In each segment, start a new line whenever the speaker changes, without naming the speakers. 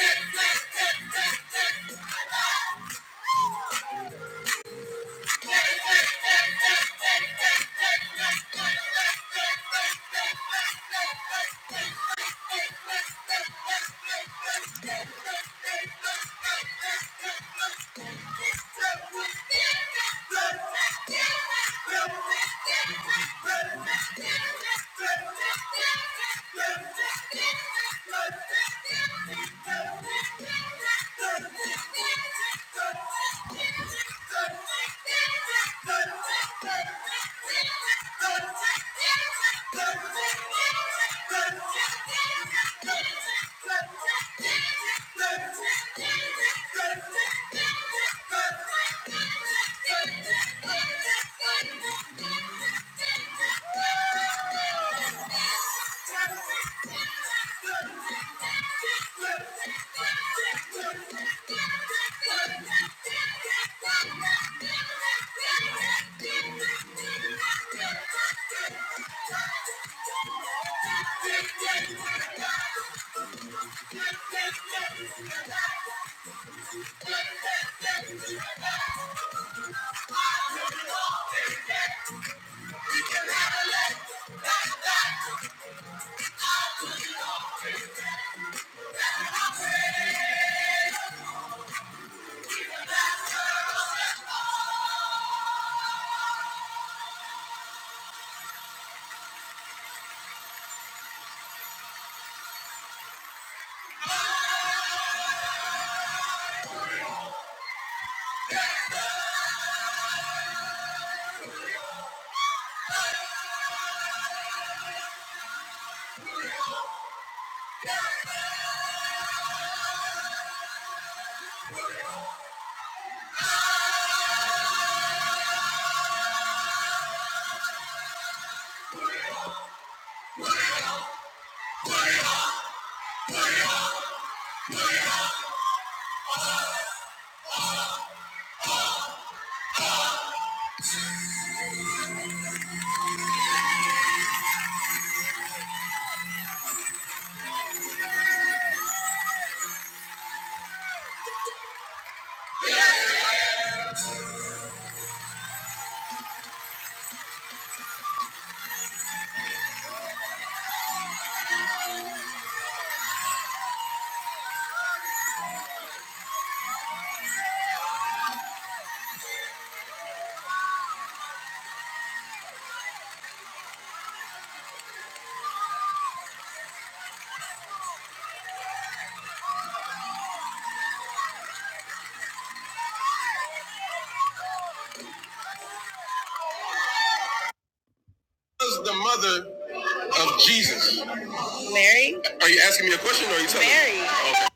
Thank you. Let's go. Thank you. Thank you was the mother of Jesus? Are you asking me a question or are you telling Mary. me? Mary. Okay.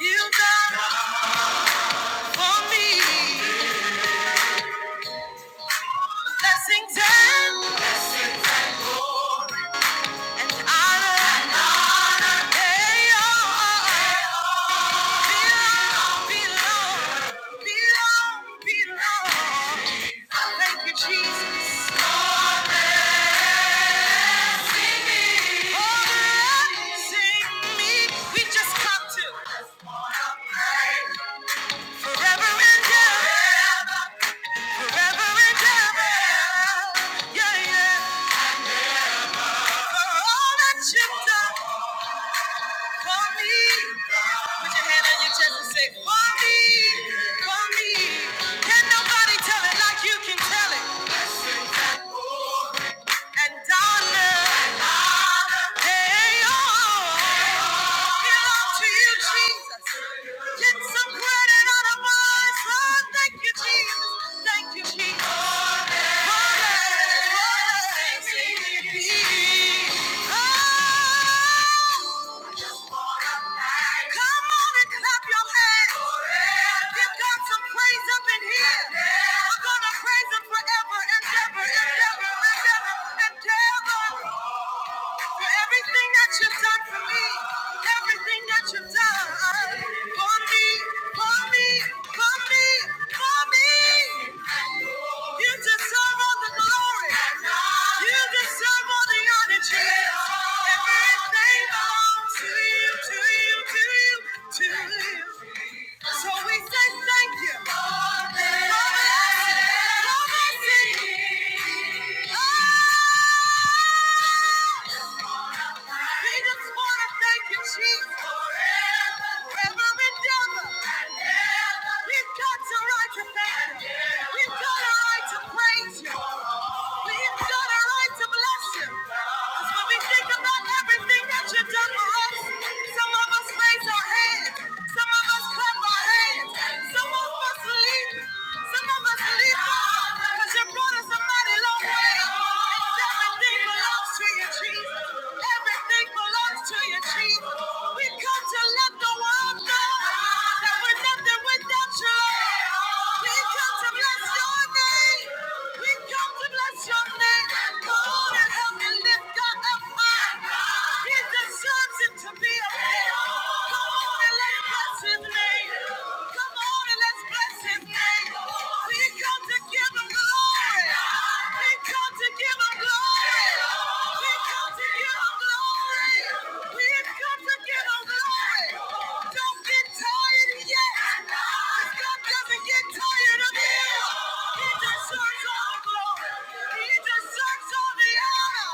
You done for me. Blessings and blessings and glory. Honor and honor. Hey, oh, oh, oh. Forever and ever, Yeah, yeah, for all that you've done. For me. Put your hand on your chest and say, For me. For me. Can nobody tell it like you can tell it? And Donna. Hey, oh. Belong to you, Jesus. Get some credit out of us. Oh, thank you, Jesus. Thank you, Jesus. For me. For me. For me. Oh. Come on and clap your hands. Give God some praise up in here. We're gonna praise Him forever and ever and ever and ever and ever. For everything that you've done for me, everything that you've done for me, for me, for me. So we say thank you. For blessing, for blessing. We just want to thank you, Jesus, forever, forever and ever. We've got the right to thank you. We've got a right to praise you. We've got a right to bless you. Because when we think about everything that you've done for us, some of us raise our hands, some of us clap our hands, some of us leap, some of us leap because you brought us a mighty long way. Everything belongs to you, Jesus. Everything belongs to you, Jesus. We come to let the world know that we're nothing without you. We come to bless your name. We come to bless your name. Come on and help me lift God up high. He deserves it to be a man. Come on and let's bless his name. Come on and let's bless his name. We come to give him glory. We come to give him glory. We come to give him glory. We come to give him glory. Don't get tired yet. God doesn't get tired of you. He deserves all the glory. He deserves all the honor.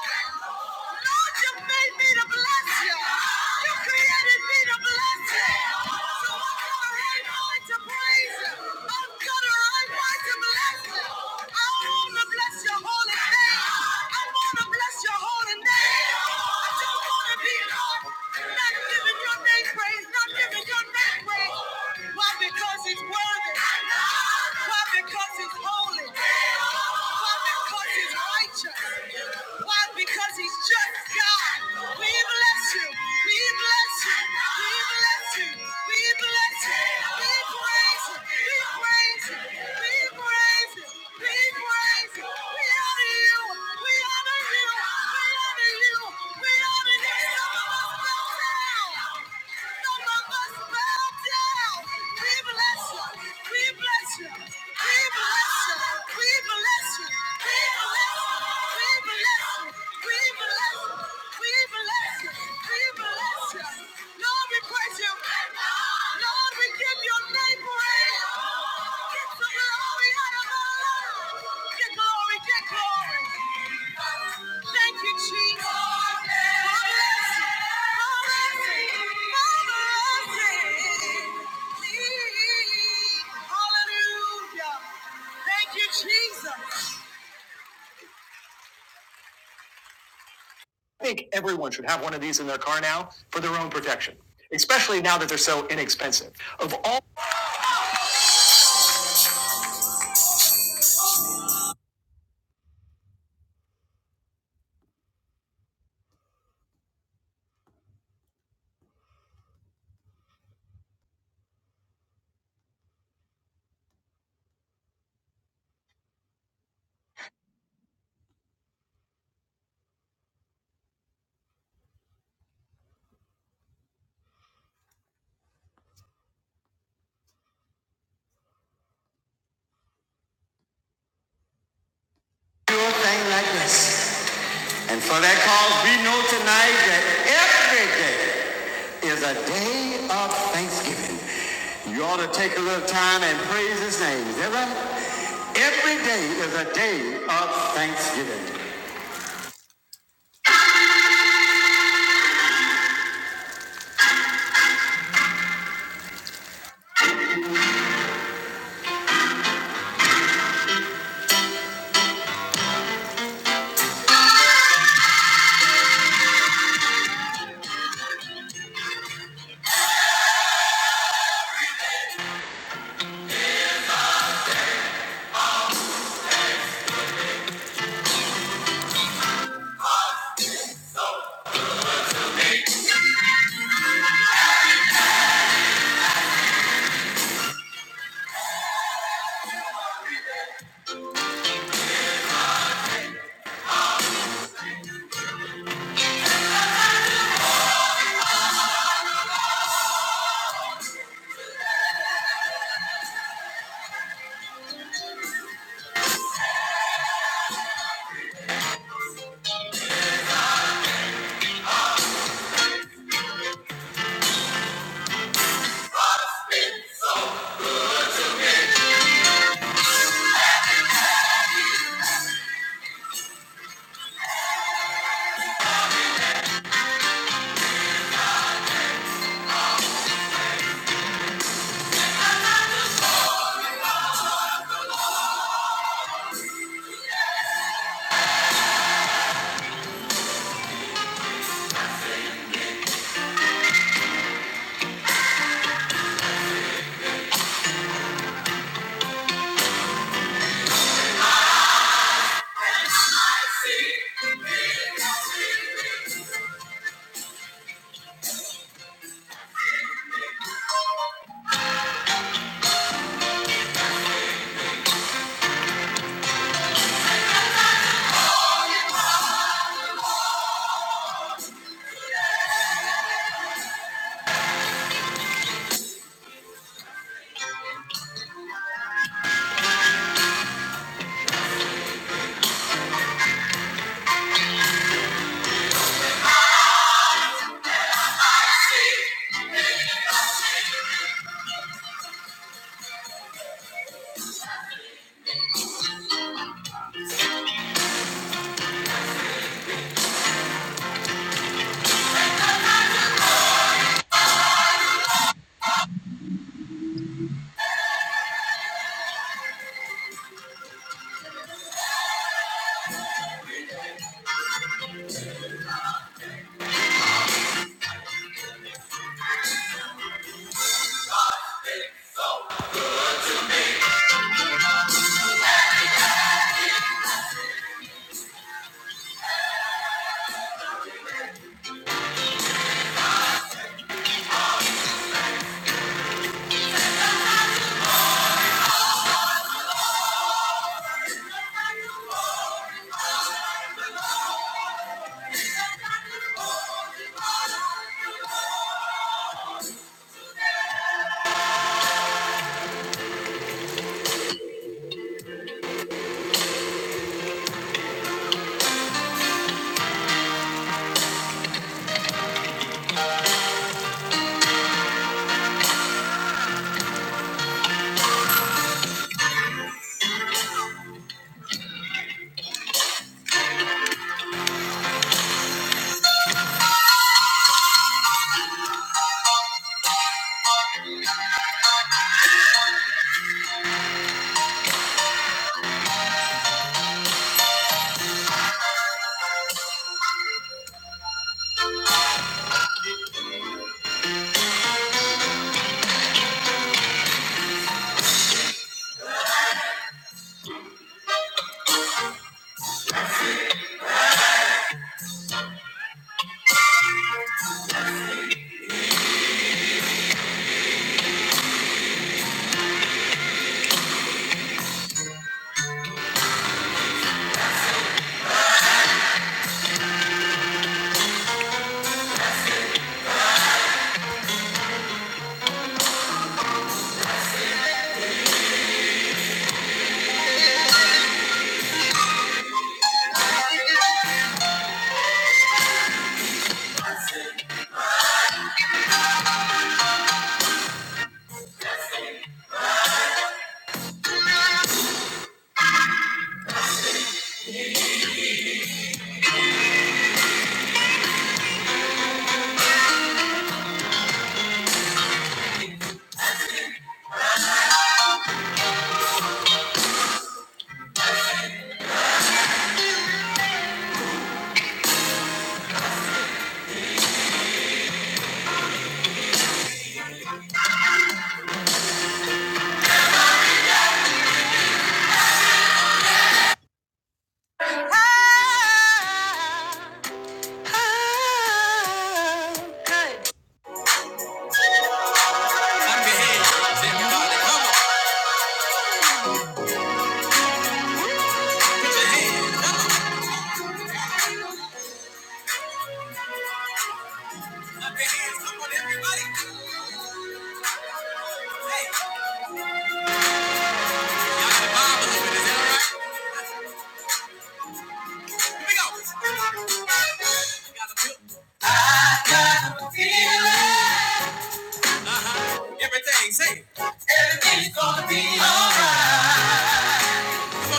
Lord, you made me to bless you. You created me to bless you. So I because it's worthy. Why? Because it's holy. Why? Because it's righteous. Why? Because he's just God. We bless you. We we bless you. We bless you. We bless you. We praise you. We praise you. We praise you. We praise you. We honor you. We honor you. We honor you. We honor you. Some of us fell down. Some of us fell down. We bless you. We bless you. We bless you. We bless you. We bless you. Should have one of these in their car now for their own protection. especially. They're so inexpensive. do a thing like this. And for that cause, we know tonight that every day is a day of thanksgiving. You ought to take a little time and praise his name. Is that right? Every day is a day of thanksgiving. Everything, say it. Everything's So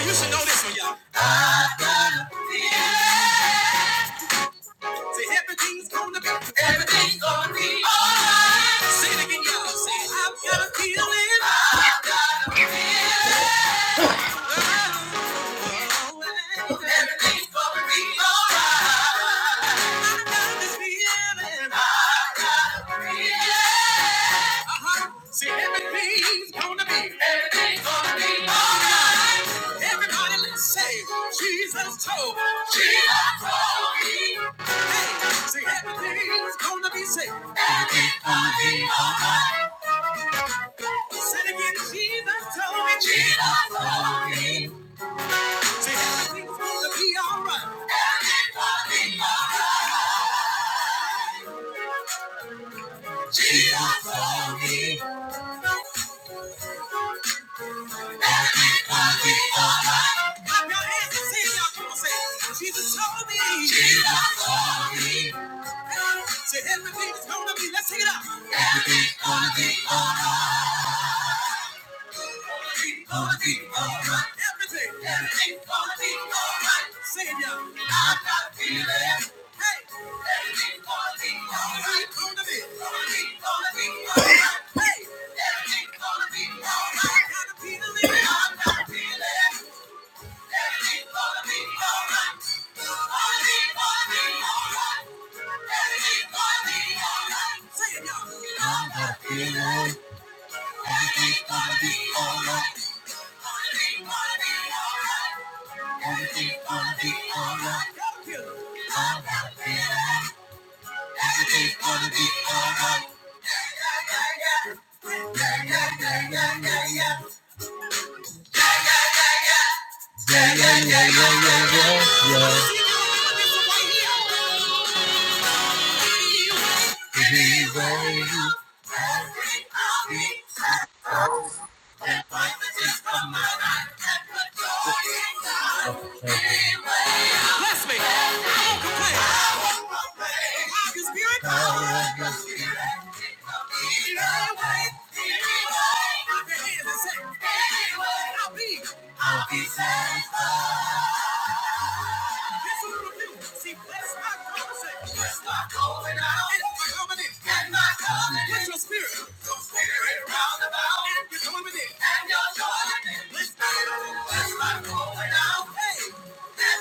everything's gonna be, everything's gonna be alright. Say it again, y'all. Say I've got a feeling. I've got a feeling. Everything's gonna be alright. I got this feeling. I got a feeling. Uh-huh. See, everything's gonna be, everything's gonna be alright. Everybody, let's say, Jesus told me. Jesus told me. Hey, see, everything's gonna be safe. Everything's gonna be alright. Said again, Jesus told me. Jesus told me. Everything's Jesus told me everything be alright. Clap your hands and sing, y'all. Come on, say Jesus told me. Jesus told me. Say everything's gonna be. Let's sing it out. Everything's gonna be alright. Everything's gonna be alright. Everything, everything's gonna be alright. Sing it out. I got a feeling. Hey, everything's gonna be alright. Come to me. Everything's gonna be alright. Hey, everything's gonna be alright. I got a feeling. I got a feeling. Everything's gonna be alright. Yeah, yeah, yeah, yeah, yeah. yeah. Yeah, yeah, yeah, yeah, yeah, yeah, yeah. If he were Bless me. I won't complain. I won't complain. "Anyway, be I'll be satisfied. This is what See, bless my conversation. Bless my coming in. my coming in. your spirit. Your spirit round about. And your coming in. And your going in. Bless my, bless my going out. Hey.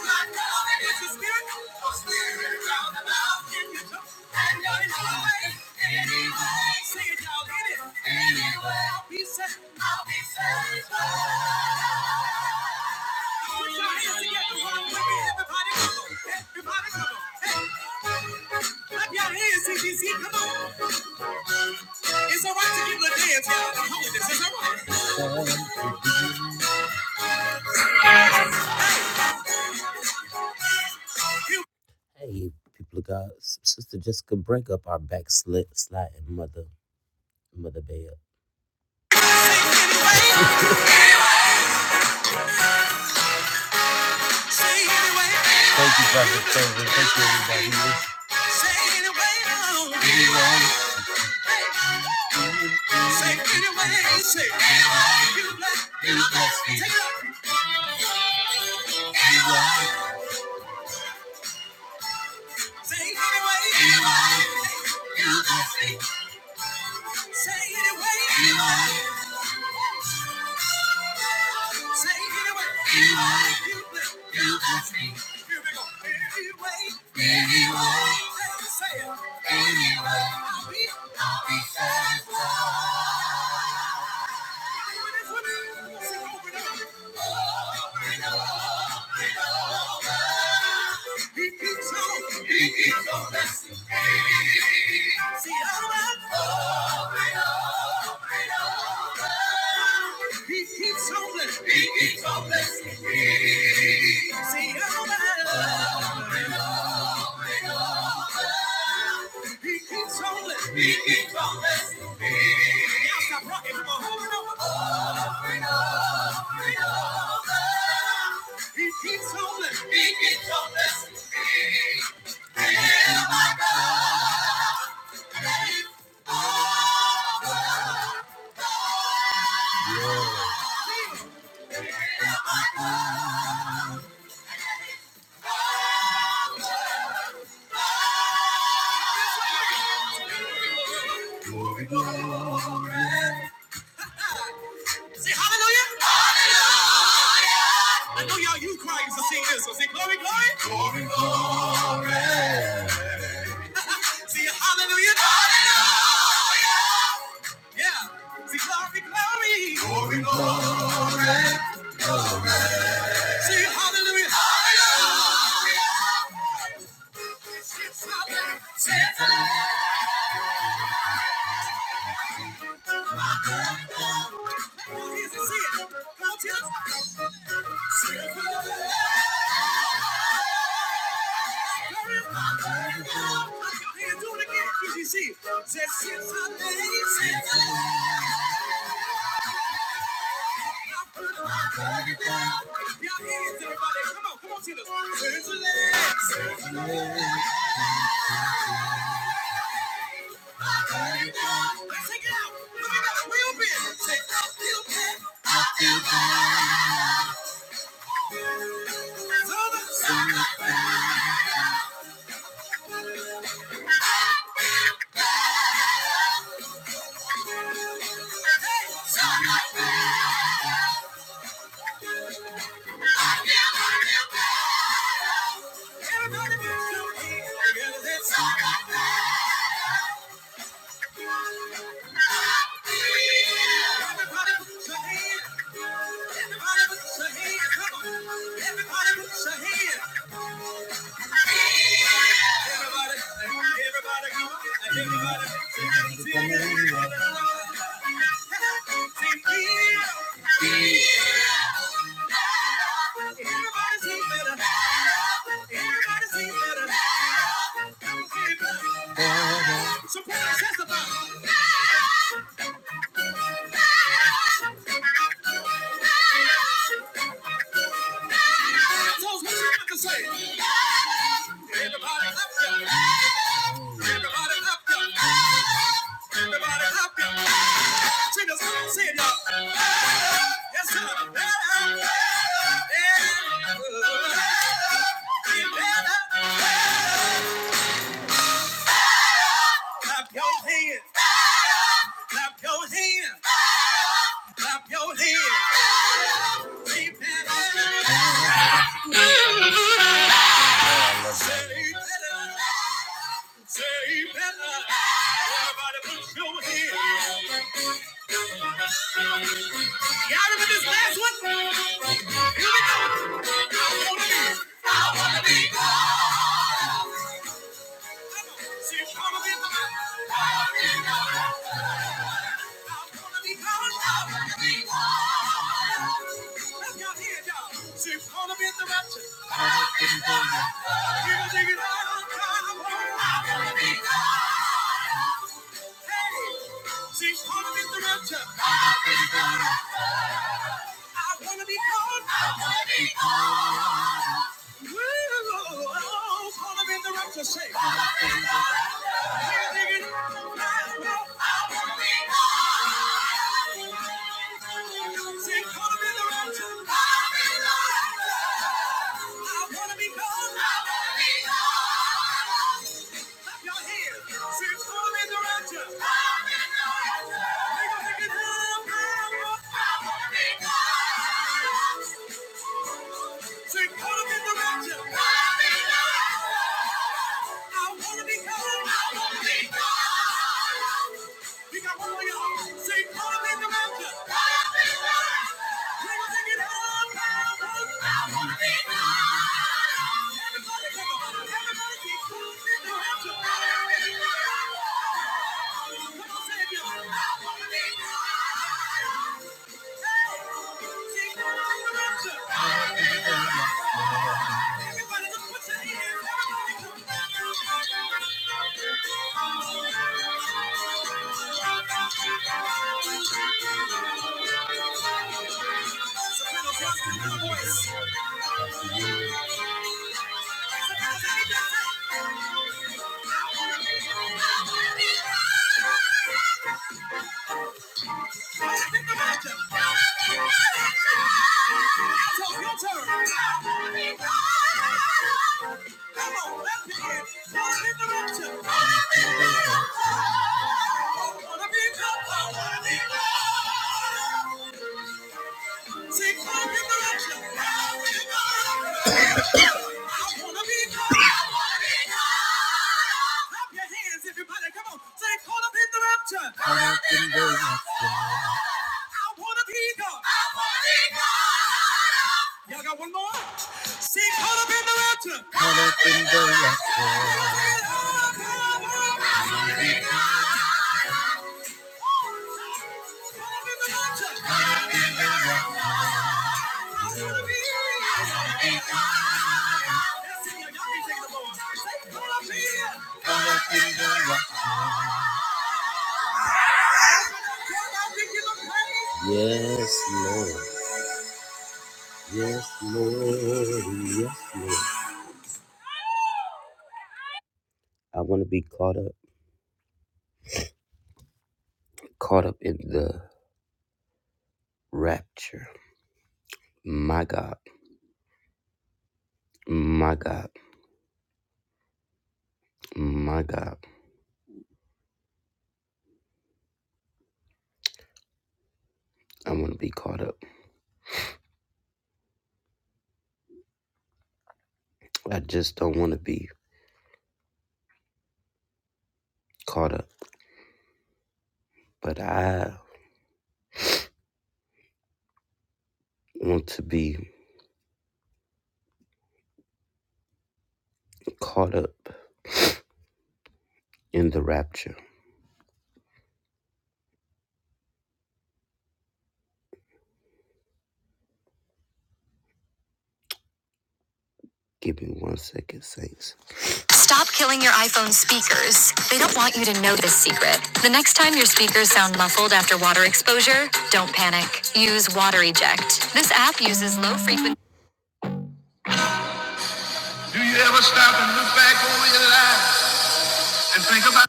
my coming in. Bless spirit. Your spirit round about. Hey, people of God, S- Sister Jessica, break up our backslid sliding mother, mother bell. Thank you, Prophet Thursday. Thank you, everybody. Say anyway, say anyway, Anyway. anyway, you'll be, I'll he keeps on blessing. me. See how I'm he keeps on blessing. He keeps on blessing. Y'all stop rocking. Come on, hold it over. Over and over He keeps on blessing. He keeps on blessing. And my God is over. Yeah. And my God Say hallelujah. Hallelujah. I know y'all you crying to sing this. So say glory, glory. Glory, glory. Say hallelujah. Hallelujah. Yeah. Say glory, glory. Glory, glory. Say hallelujah. Hallelujah. Say hallelujah. Y'all hands, everybody. Come on, come on, Tina. Since the last. I feel, I feel bad. Everybody, everybody, Everybody, Tell us what you got to say. Everybody up there. Clap your hands, clap your hands, clap your hands. I wanna be, I wanna be, I wanna be. Hey, She's gonna be the rapture. I wanna be called. I wanna be called. Thank you. Say, call him in direction. Call me now. I wanna be called. I wanna be called. You got one more, y'all. Say, call him in direction. Call me now. We're gonna take it all down. I wanna be called. Everybody, come on. Everybody, keep calling in direction. I wanna be called. Come on, say it, y'all. I wanna be called. Hey, Thank you. Come on, I wanna be God. I wanna be God. Y'all got one more? See, caught up in the rapture. Caught up in the rapture. Yes, Lord. Yes, Lord. Yes, Lord. I want to be caught up, caught up in the rapture. My God, my God, my God. I want to be caught up. I just don't want to be caught up, but I want to be caught up in the rapture. Give me one second, saints. Stop killing your iPhone speakers. They don't want you to know this secret. The next time your speakers sound muffled after water exposure, don't panic. Use Water Eject. This app uses low frequency. Do you ever stop and look back over your life and think about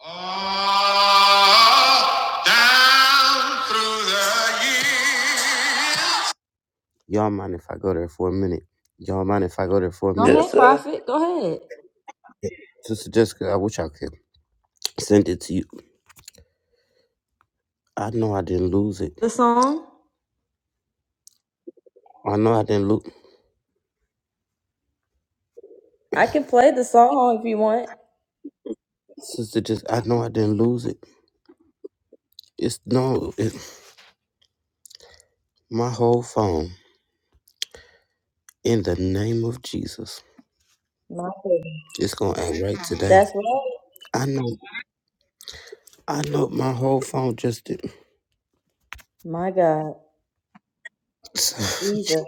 all down through the years? Y'all mind if I go there for a minute? Y'all mind if I go there for a
Go
minute?
ahead,
Yes, sir.
Prophet. Go ahead.
Sister Jessica, I wish I could send it to you. I know I didn't lose it.
The song.
I know I didn't lose.
I can play the song if you want.
Sister, just I know I didn't lose it. It's no, it, my whole phone. In the name of Jesus,
My goodness.
it's gonna act right today.
That's right.
I know, I know, my whole phone just did.
My God. Jesus.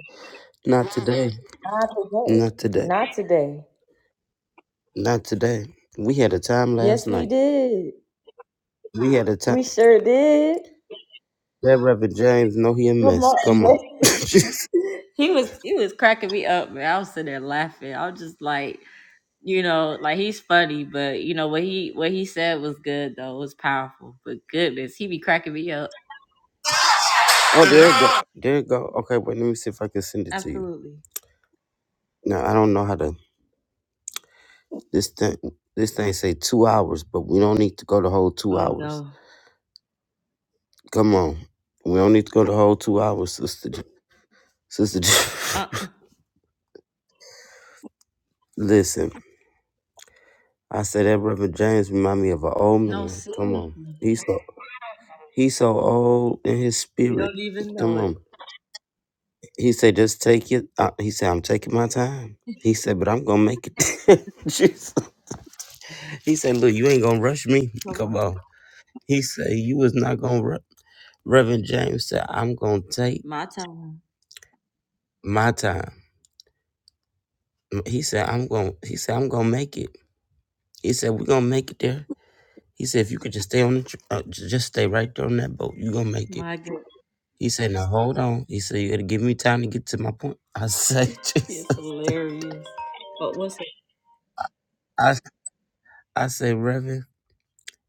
not today,
Not today.
not today,
Not today.
not today. We had a time last
Yes, we
night.
did.
We had a time.
We sure did.
That Reverend James, no, he a
Come
mess.
on.
Come on.
man.
oh,
he was he was cracking me up, man. I was sitting there laughing. I was just like, you know, like he's funny, but you know what he what he said was good though. It was powerful. But goodness, he be cracking me up.
there it go. There it go. Okay, wait. Let me see if I can send it to you.
Absolutely.
Now I don't know how to. This thing, this thing say two hours, but we don't need to go the whole two
Oh
hours.
no.
Come on. We don't need to go the whole two hours, sister. Sister,
Uh,
J-
uh
listen. I said that Reverend James remind me of an old
no,
man. Come on.
seriously.
He's so, he's so old in his
You
spirit.
don't even know
Come
it.
on. He said, just take it. Uh, he said, I'm taking my time. He said, but I'm going to make it. Jesus. He said, look, you ain't going to rush me.
Come
Come
on.
on. He said, you was not going to rush. Reverend James said, I'm gonna take
My time.
my time. He said, I'm gonna he said, I'm gonna make it. He said, We're gonna make it there. He said, if you could just stay on the, tr- uh, j- just stay right there on that boat, you gonna make it.
My good.
He said, now hold on. He said, you gotta give me time to get to my point. I say, Jesus.
It's hilarious. But what's it?
I I say, Reverend,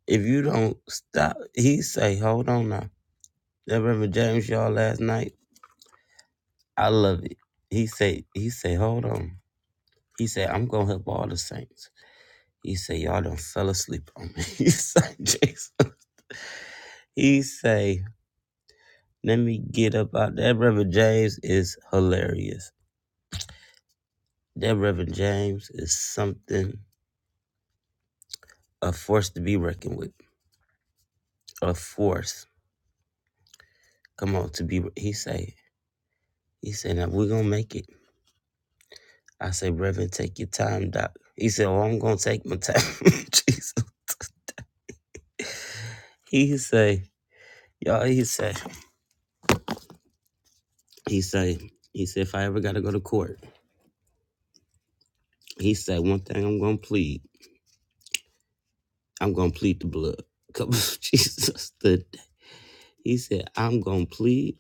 if you don't stop, he say, hold on now. That Reverend James y'all last night, I love it. He say, he say, hold on. He said, I'm gonna help all the saints. He say, y'all done fell asleep on me. He say, Jesus. He say, let me get up out. That Reverend James is hilarious. That Reverend James is something a force to be reckoned with. A force. Come on, to be. He say. He say now we're gonna make it. I say, Reverend, take your time, Doc. He said, Well, I'm gonna take my time, Jesus. He say, y'all. He say, he say, he said, if I ever gotta go to court, he said one thing I'm gonna plead. I'm gonna plead the blood. Come on, Jesus. The, he said, I'm gonna plead.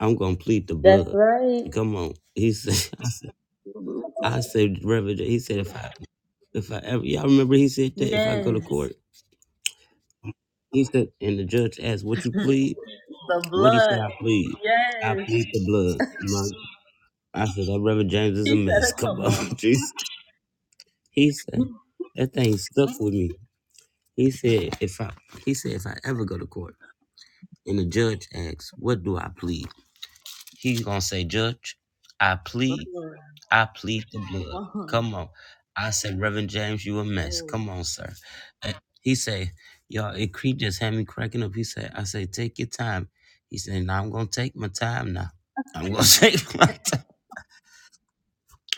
I'm gonna plead the
That's
blood.
right.
Come on. He said. I said, Reverend, he said, if I, if I ever, y'all remember he said that if I go to
Yes.
court, he said, and the judge asked, what you plead?
the
What he say?
blood.
I plead. I
Yes.
plead the blood. My, I said, that Reverend James is
He
a
said
mess.
it.
Come
Come
on,
on.
Jesus. He said, that thing stuck with me. He said, if I, he said, if I ever go to court and the judge asks, what do I plead? He's going to say, judge, I
The
plead
blood.
I plead the blood.
Come on.
Come on. I said, Reverend James, you a mess.
Hey.
Come on, sir. And he said, y'all, it creep just had me cracking up. He said, I said, take your time. He said, now I'm going to take my time now. I'm going to take my time.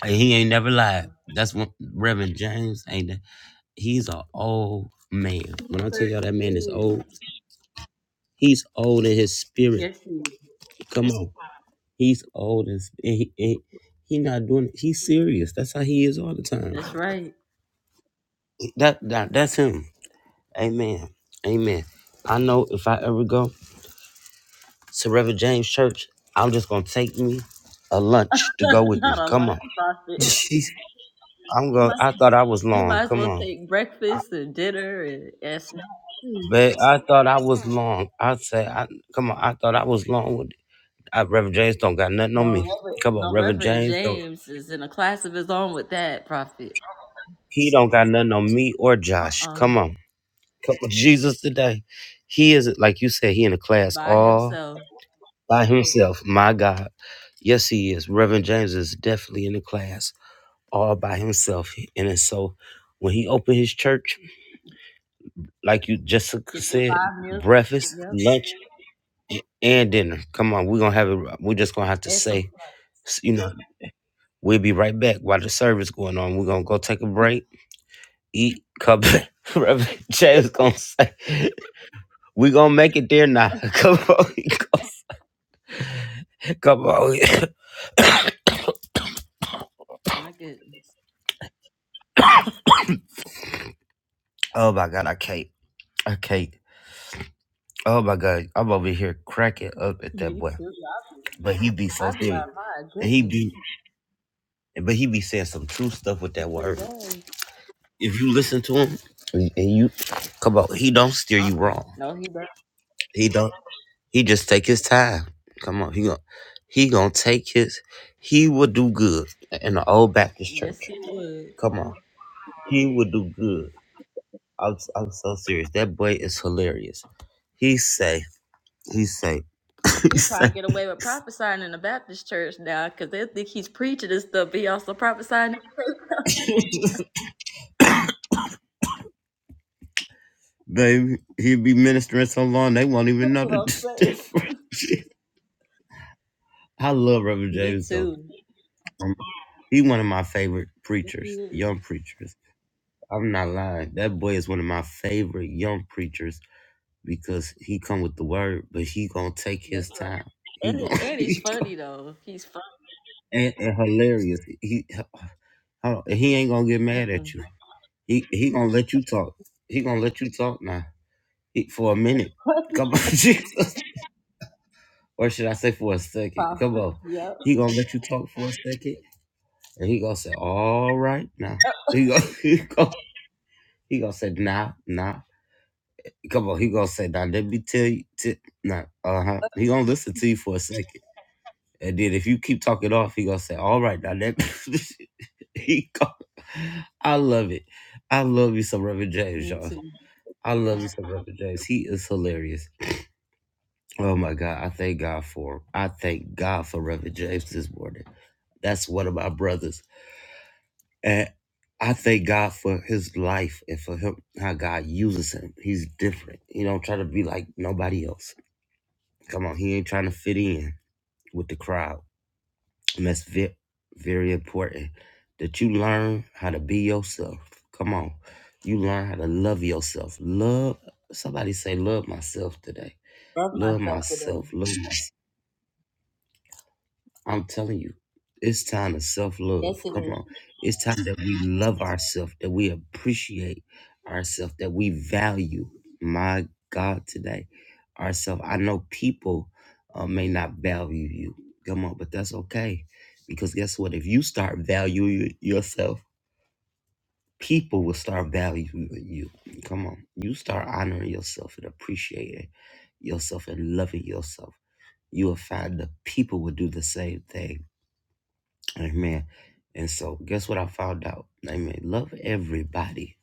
And he ain't never
Uh,
lied. That's what Reverend James ain't. that- He's an old man. When I tell
There
y'all that man is
is.
old, he's old in his spirit.
Yes, he is.
Come on. He's old in sp- and he, and he he not doing it. He's serious. That's how he is all the time.
That's right.
That, that that's him. Amen. Amen. I know if I ever go to Reverend James Church, I'm just gonna take me a lunch to go with me.
Not a
Come
lunch
on.
profit.
Jesus. I'm
you
going
might
I thought I was
you
long.
might as
Come
well
on.
take breakfast and dinner and, and snacks.
But I thought I was long. I say I come on, I thought I was long with it. I, Reverend James don't got nothing
No,
on me.
Reverend,
Come on,
no,
Reverend
Reverend
James don't
James is in a class of his own with that prophet.
he don't got nothing on me or
Uh
Josh.
uh
Come on. Come on, Jesus today. He is like you said, he in the class
By
all.
himself.
by himself. My God. Yes, he is. Reverend James is definitely in the class all by himself. And it's so when he opened his church, like you Jessica
Get the
said,
five million.
breakfast,
Yep.
lunch, and dinner. Come on, we're gonna have it we're just gonna have to
And some.
say, you know, we'll be right back while the service going on. We're gonna go take a break, eat, come back. Reverend James gonna say, we gonna make it there now. Come on, come on.
My goodness.
Oh my God, I can't. I can't. Oh my god, I'm over here cracking up at that
Me
boy.
too.
But he be so
I be like,
serious.
my
And he be
goodness.
but he be saying some true stuff with
He
that
sure
word.
does.
If you listen to him and and you come on, he don't steer
Uh
you
uh
wrong.
No, he does.
He don't he just take his time. Come on, he gon' he gonna take his he will do good in the old Baptist
Yes,
church.
he would.
Come on. He will do good. I'm I'm so serious. That boy is hilarious. He say, he say, he
He
say
probably get away with prophesying in the Baptist church now because they think he's preaching and stuff, but he also prophesying.
They he'd be ministering so long they won't even
That's
know
what
the
I'm saying.
difference. I love Reverend
Me
James though.
too.
Um, He one of my favorite
Yes, he
preachers,
is.
young preachers. I'm not lying. That boy is one of my favorite young preachers because he come with the word, but he gonna take
That's
his time.
right.
He
And,
gonna
he- and he's funny though. He's fun.
and, and hilarious. He hold on, he ain't gonna get mad
Mm-mm.
at you. He he gonna let you talk. He gonna let you talk now. He, for a minute. Come on, Jesus. Or should I say for a second?
Prob-
Come on.
yep.
He gonna let you talk for a second. And he gonna say, all right now. He gonna he gonna, he gonna say, nah, nah. Come on, he gonna say, nah, let me tell you t- nah, uh-huh. He gonna listen to you for a second. And then if you keep talking off, he gonna say, all right now let me he gonna, I love it. I love you some Reverend James,
Me
y'all.
too.
I love you some Reverend James. He is hilarious. Oh my God. I thank God for him. I thank God for Reverend James this morning. That's one of my brothers. And I thank God for his life and for him, how God uses him. He's different. He don't try to be like nobody else. Come on, he ain't trying to fit in with the crowd. And that's very, very important that you learn how to be yourself. Come on. You learn how to love yourself. Love, somebody say, love myself today.
Love
Love
myself
myself.
today.
Love myself. I'm telling you, it's time to self
Yes,
love.
it
Come
is.
on. It's time that we love ourselves, that we appreciate ourselves, that we value, my God, today, ourselves. I know people uh, may not value you. Come on, but that's okay. Because guess what? If you start valuing yourself, people will start valuing you. Come on. You start honoring yourself and appreciating yourself and loving yourself. You will find that people will do the same thing Amen. And so guess what I found out? Amen. Love everybody.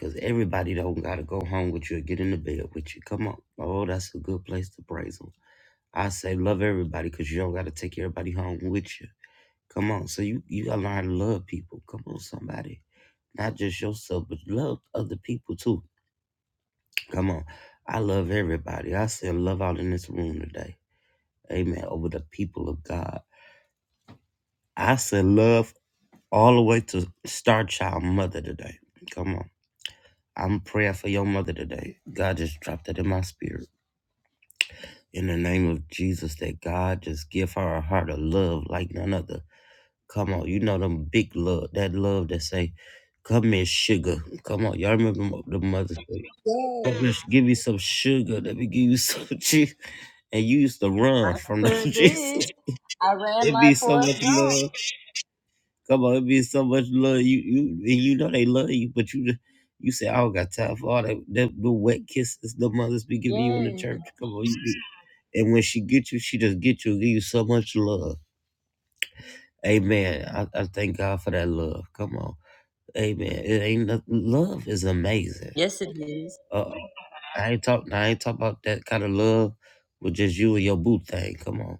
Cause everybody don't gotta go home with you or get in the bed with you. Come on. Oh, that's a good place to praise them. I say love everybody because you don't gotta take everybody home with you. Come on. So you, you gotta learn to love people. Come on, somebody. Not just yourself, but love other people too. Come on. I love everybody. I said love out in this room today. Amen. Over the people of God. I said love all the way to Star Child Mother today. Come on. I'm praying for your mother today. God just dropped it in my spirit. In the name of Jesus, that God just give her a heart of love like none other. Come on, you know them big love, that love that say, come here, sugar. Come on, y'all remember mo- the mother said, come here,
Yes.
give me some sugar, let me give you some cheese. And you used to run from the
Sure
Jesus.
did. I ran
it
like
be so much
Forrest Gump.
love. Come on, it means so much love. You you and you know they love you, but you just you say I don't got time for all that that the wet kisses the mothers be giving you in the
Yes.
church. Come on, you, and when she get you, she just get you, and give you so much love. Amen. I, I thank God for that love. Come on, Amen. It ain't nothing. Love is amazing.
Yes, it is.
Uh, I ain't talk. I ain't talk about that kind of love with just you and your boo thing. Come on,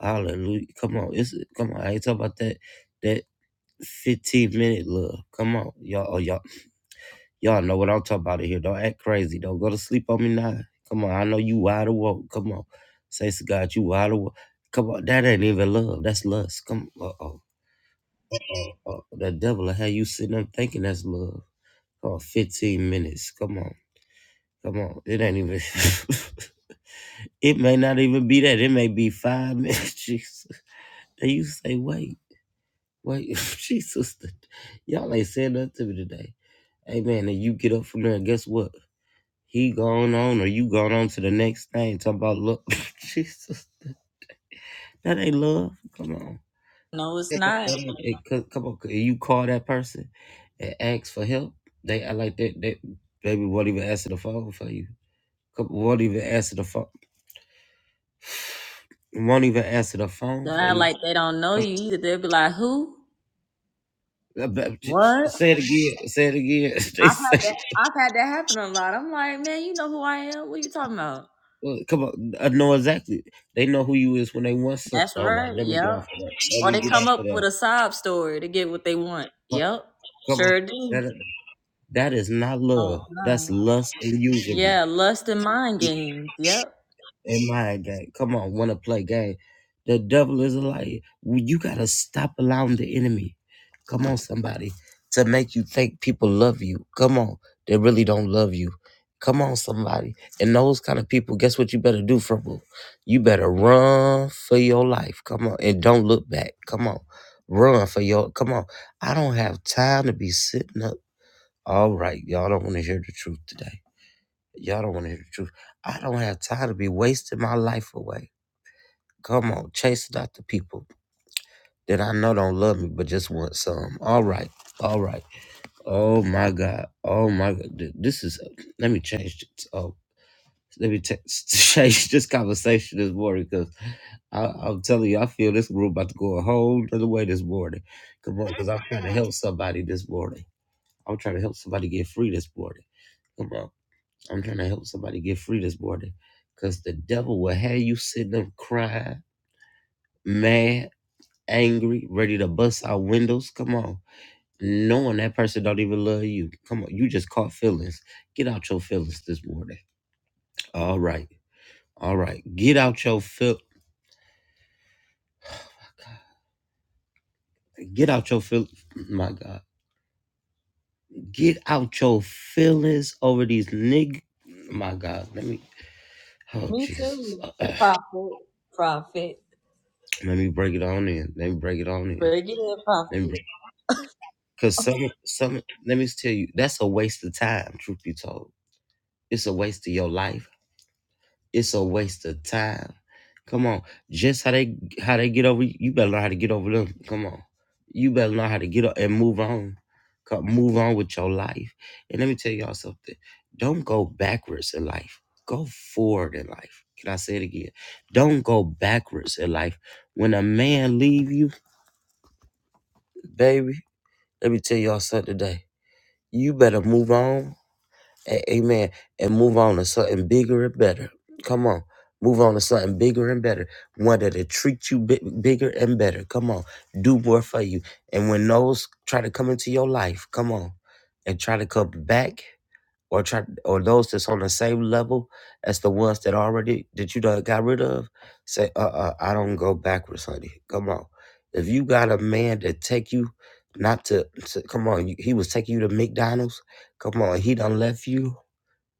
Hallelujah. Come on, it's come on. I ain't talking about that that. 15 minute love. Come on. Y'all oh, y'all y'all know what I'm talking about in here. Don't act crazy. Don't go to sleep on me now. Come on. I know you wide awoke. Come on. Say to God, you wide awoke. Come on. That ain't even love. That's lust. Come on. Uh-oh. Uh, the devil will have you sitting up thinking that's love. Oh, 15 minutes. Come on. Come on. It ain't even it may not even be that. It may be five minutes. Jesus. And you say, wait. Wait, Jesus, that, y'all ain't saying nothing to me today. Amen. and you get up from there, and guess what? He gone on, or you gone on to the next thing. Talk about love, Jesus, that that ain't love. Come on,
No, it's
that that
not.
ain't, it, co- come on. You call that person and ask for help. They, I like that. They, baby, won't even answer the phone for you. Come, won't even answer the phone. Won't even answer the phone
They're
for
not
you.
like they don't know
Come,
you either. They'll be like, who?
uh, but j-
What?
say it again. Say it again. They
I've had
say.
that. I've had that happen a lot. I'm like, man, you know who I am. What are you talking about?
Well, come on, I know exactly. They know who you is when they want some.
That's
All right,
right.
let me get
Yep.
off of that. Let
Or they
me get
come
off of
up with
that.
a sob story to get what they want.
Come
Yep.
come on,
Sure do.
that that is not
Oh
love. That's
no.
lust and usury.
Yeah, lust and mind games. Yep.
in my game. Come on, want to play game. The devil is a liar. We- You got to stop allowing the enemy, come on, somebody, to make you think people love you. Come on, they really don't love you. Come on, somebody. And those kind of people, guess what you better do, Fribble? You better run for your life. Come on, and don't look back. Come on, run for your, come on. I don't have time to be sitting up. All right, y'all don't want to hear the truth today. Y'all don't want to hear the truth. I don't have time to be wasting my life away. Come on, chasing after people that I know don't love me, but just want some. All right, all right. Oh my God. Oh my God. Th- This is. uh, Let me change this. Oh, let me ta- change this conversation this morning because I'm telling you, I feel this room about to go a whole other way this morning. Come on, because I'm trying to help somebody this morning. I'm trying to help somebody get free this morning. Come on. I'm trying to help somebody get free this morning because the devil will have you sitting up crying, mad, angry, ready to bust out windows. Come on. Knowing that person don't even love you. Come on. You just caught feelings. Get out your feelings this morning. All right. All right. Get out your feel get out your feel my God. Get out your feelings over these nigg my God. Let me oh
Me
Jesus.
too.
Let
Profit. Profit.
me break it on in. Let me break it on in.
Bring it in,
Let me
profit.
break Cause some some let me tell you, that's a waste of time, truth be told. It's a waste of your life. It's a waste of time. Come on. Just how they how they get over you, you better know how to get over them. Come on. You better know how to get up and move on. Come move on with your life. And let me tell y'all something. Don't go backwards in life. Go forward in life. Can I say it again? Don't go backwards in life. When a man leave you, baby, let me tell y'all something today. You better move on A- Amen. And move on to something bigger and better. Come on. Move on to something bigger and better. One that'll treat you bi- bigger and better. Come on. Do more for you. And when those try to come into your life, come on. And try to come back or try or those that's on the same level as the ones that already that you done got rid of, say, uh uh, I don't go backwards, honey. Come on. If you got a man that take you not to, to come on, he was taking you to McDonald's. Come on, he done left you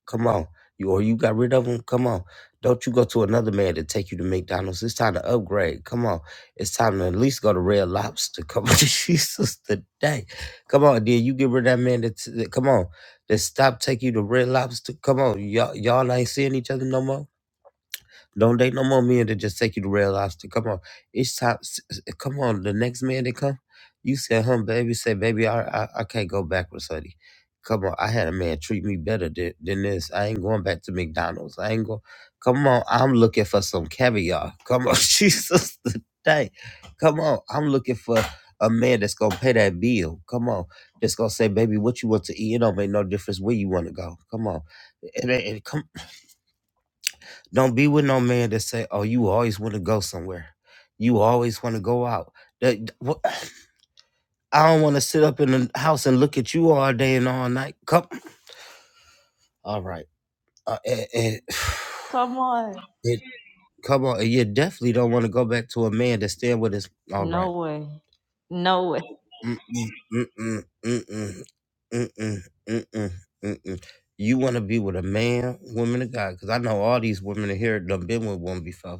Come on. You or you got rid of them. Come on. Don't you go to another man to take you to McDonald's. It's time to upgrade. Come on. It's time to at least go to Red Lobster. Come on, Jesus today. Come on, dear. You get rid of that man that, that- come on. That stop taking you to Red Lobster. Come on. Y'all y'all ain't seeing each other no more. Don't date no more men that just take you to Red Lobster. Come on, it's time. s- s- Come on, the next man that come, you say, "Huh, baby." Say, "Baby, I, I, I can't go backwards, honey." Come on, I had a man treat me better than, than this. I ain't going back to McDonald's. I ain't going. Come on, I'm looking for some caviar. Come on, Jesus today. Come on, I'm looking for a man that's gonna pay that bill. Come on, that's gonna say, "Baby, what you want to eat? It don't make no difference where you want to go." Come on, and, don't be with no man that say, "Oh, you always want to go somewhere. You always want to go out." That what- I don't want to sit up in the house and look at you all day and all night. Come, all right. Uh, and, and-
Come on.
it, come on, and you definitely don't want to go back to a man that's staying with his. All right.
No way. No way.
Mm-mm, mm-mm, mm-mm, mm-mm, mm-mm, mm-mm. You want to be with a man, woman of God, because I know all these women in here done been with one before.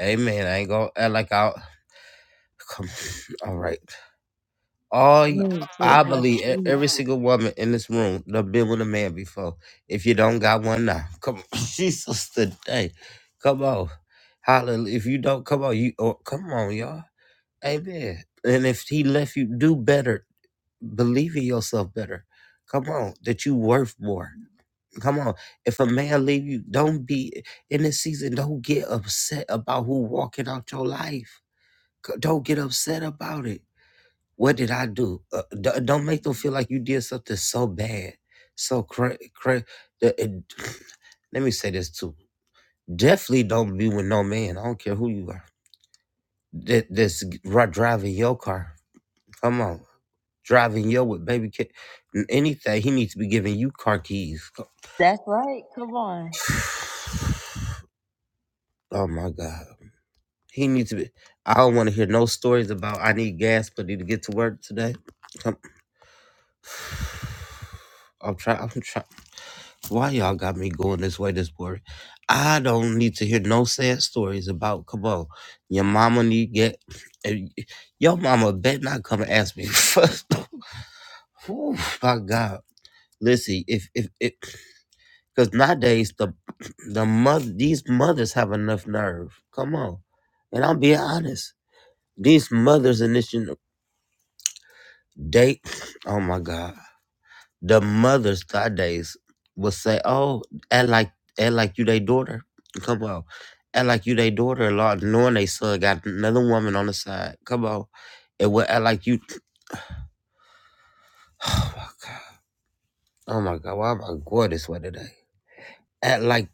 Amen. I ain't gonna act like I. Come, on. all right. all y-
Someone
I
said like
believe
it
e-
is.
every single woman in this room done been with a man before. If you don't got one now, come on, Jesus today, come on, hallelujah. If you don't, come on, you oh, come on, y'all, amen. And if he left you, do better. Believe in yourself better. Come on, that you worth more. Come on, if a man leave you, don't be in this season. Don't get upset about who walking out your life. C- Don't get upset about it. What did I do? Uh, d- uh, don't make them feel like you did something so bad, so cra cra- the- it- let me say this too. Definitely don't be with no man. I don't care who you are. That that's ri- driving your car. Come on, driving your with baby kid. Anything he needs to be giving you car keys. Oh
That's right. Come on.
oh my god, he needs to be. I don't want to hear no stories about I need gas but need to get to work today. Come, I'm trying. I'm trying. Why y'all got me going this way this morning? I don't need to hear no sad stories about. Come on, your mama need get. eh, Your mama bet not come and ask me first. Whew, my God, listen, if if it, because nowadays the the mother these mothers have enough nerve. Come on, and I'm being honest. These mothers in this gen- they, oh my God. the mothers nowadays will say, "Oh, act like act like you they daughter. Come on, act like you they daughter Lord, knowing they son got another woman on the side. Come on, and will act like you. Oh my God, why am I going this way today? Act like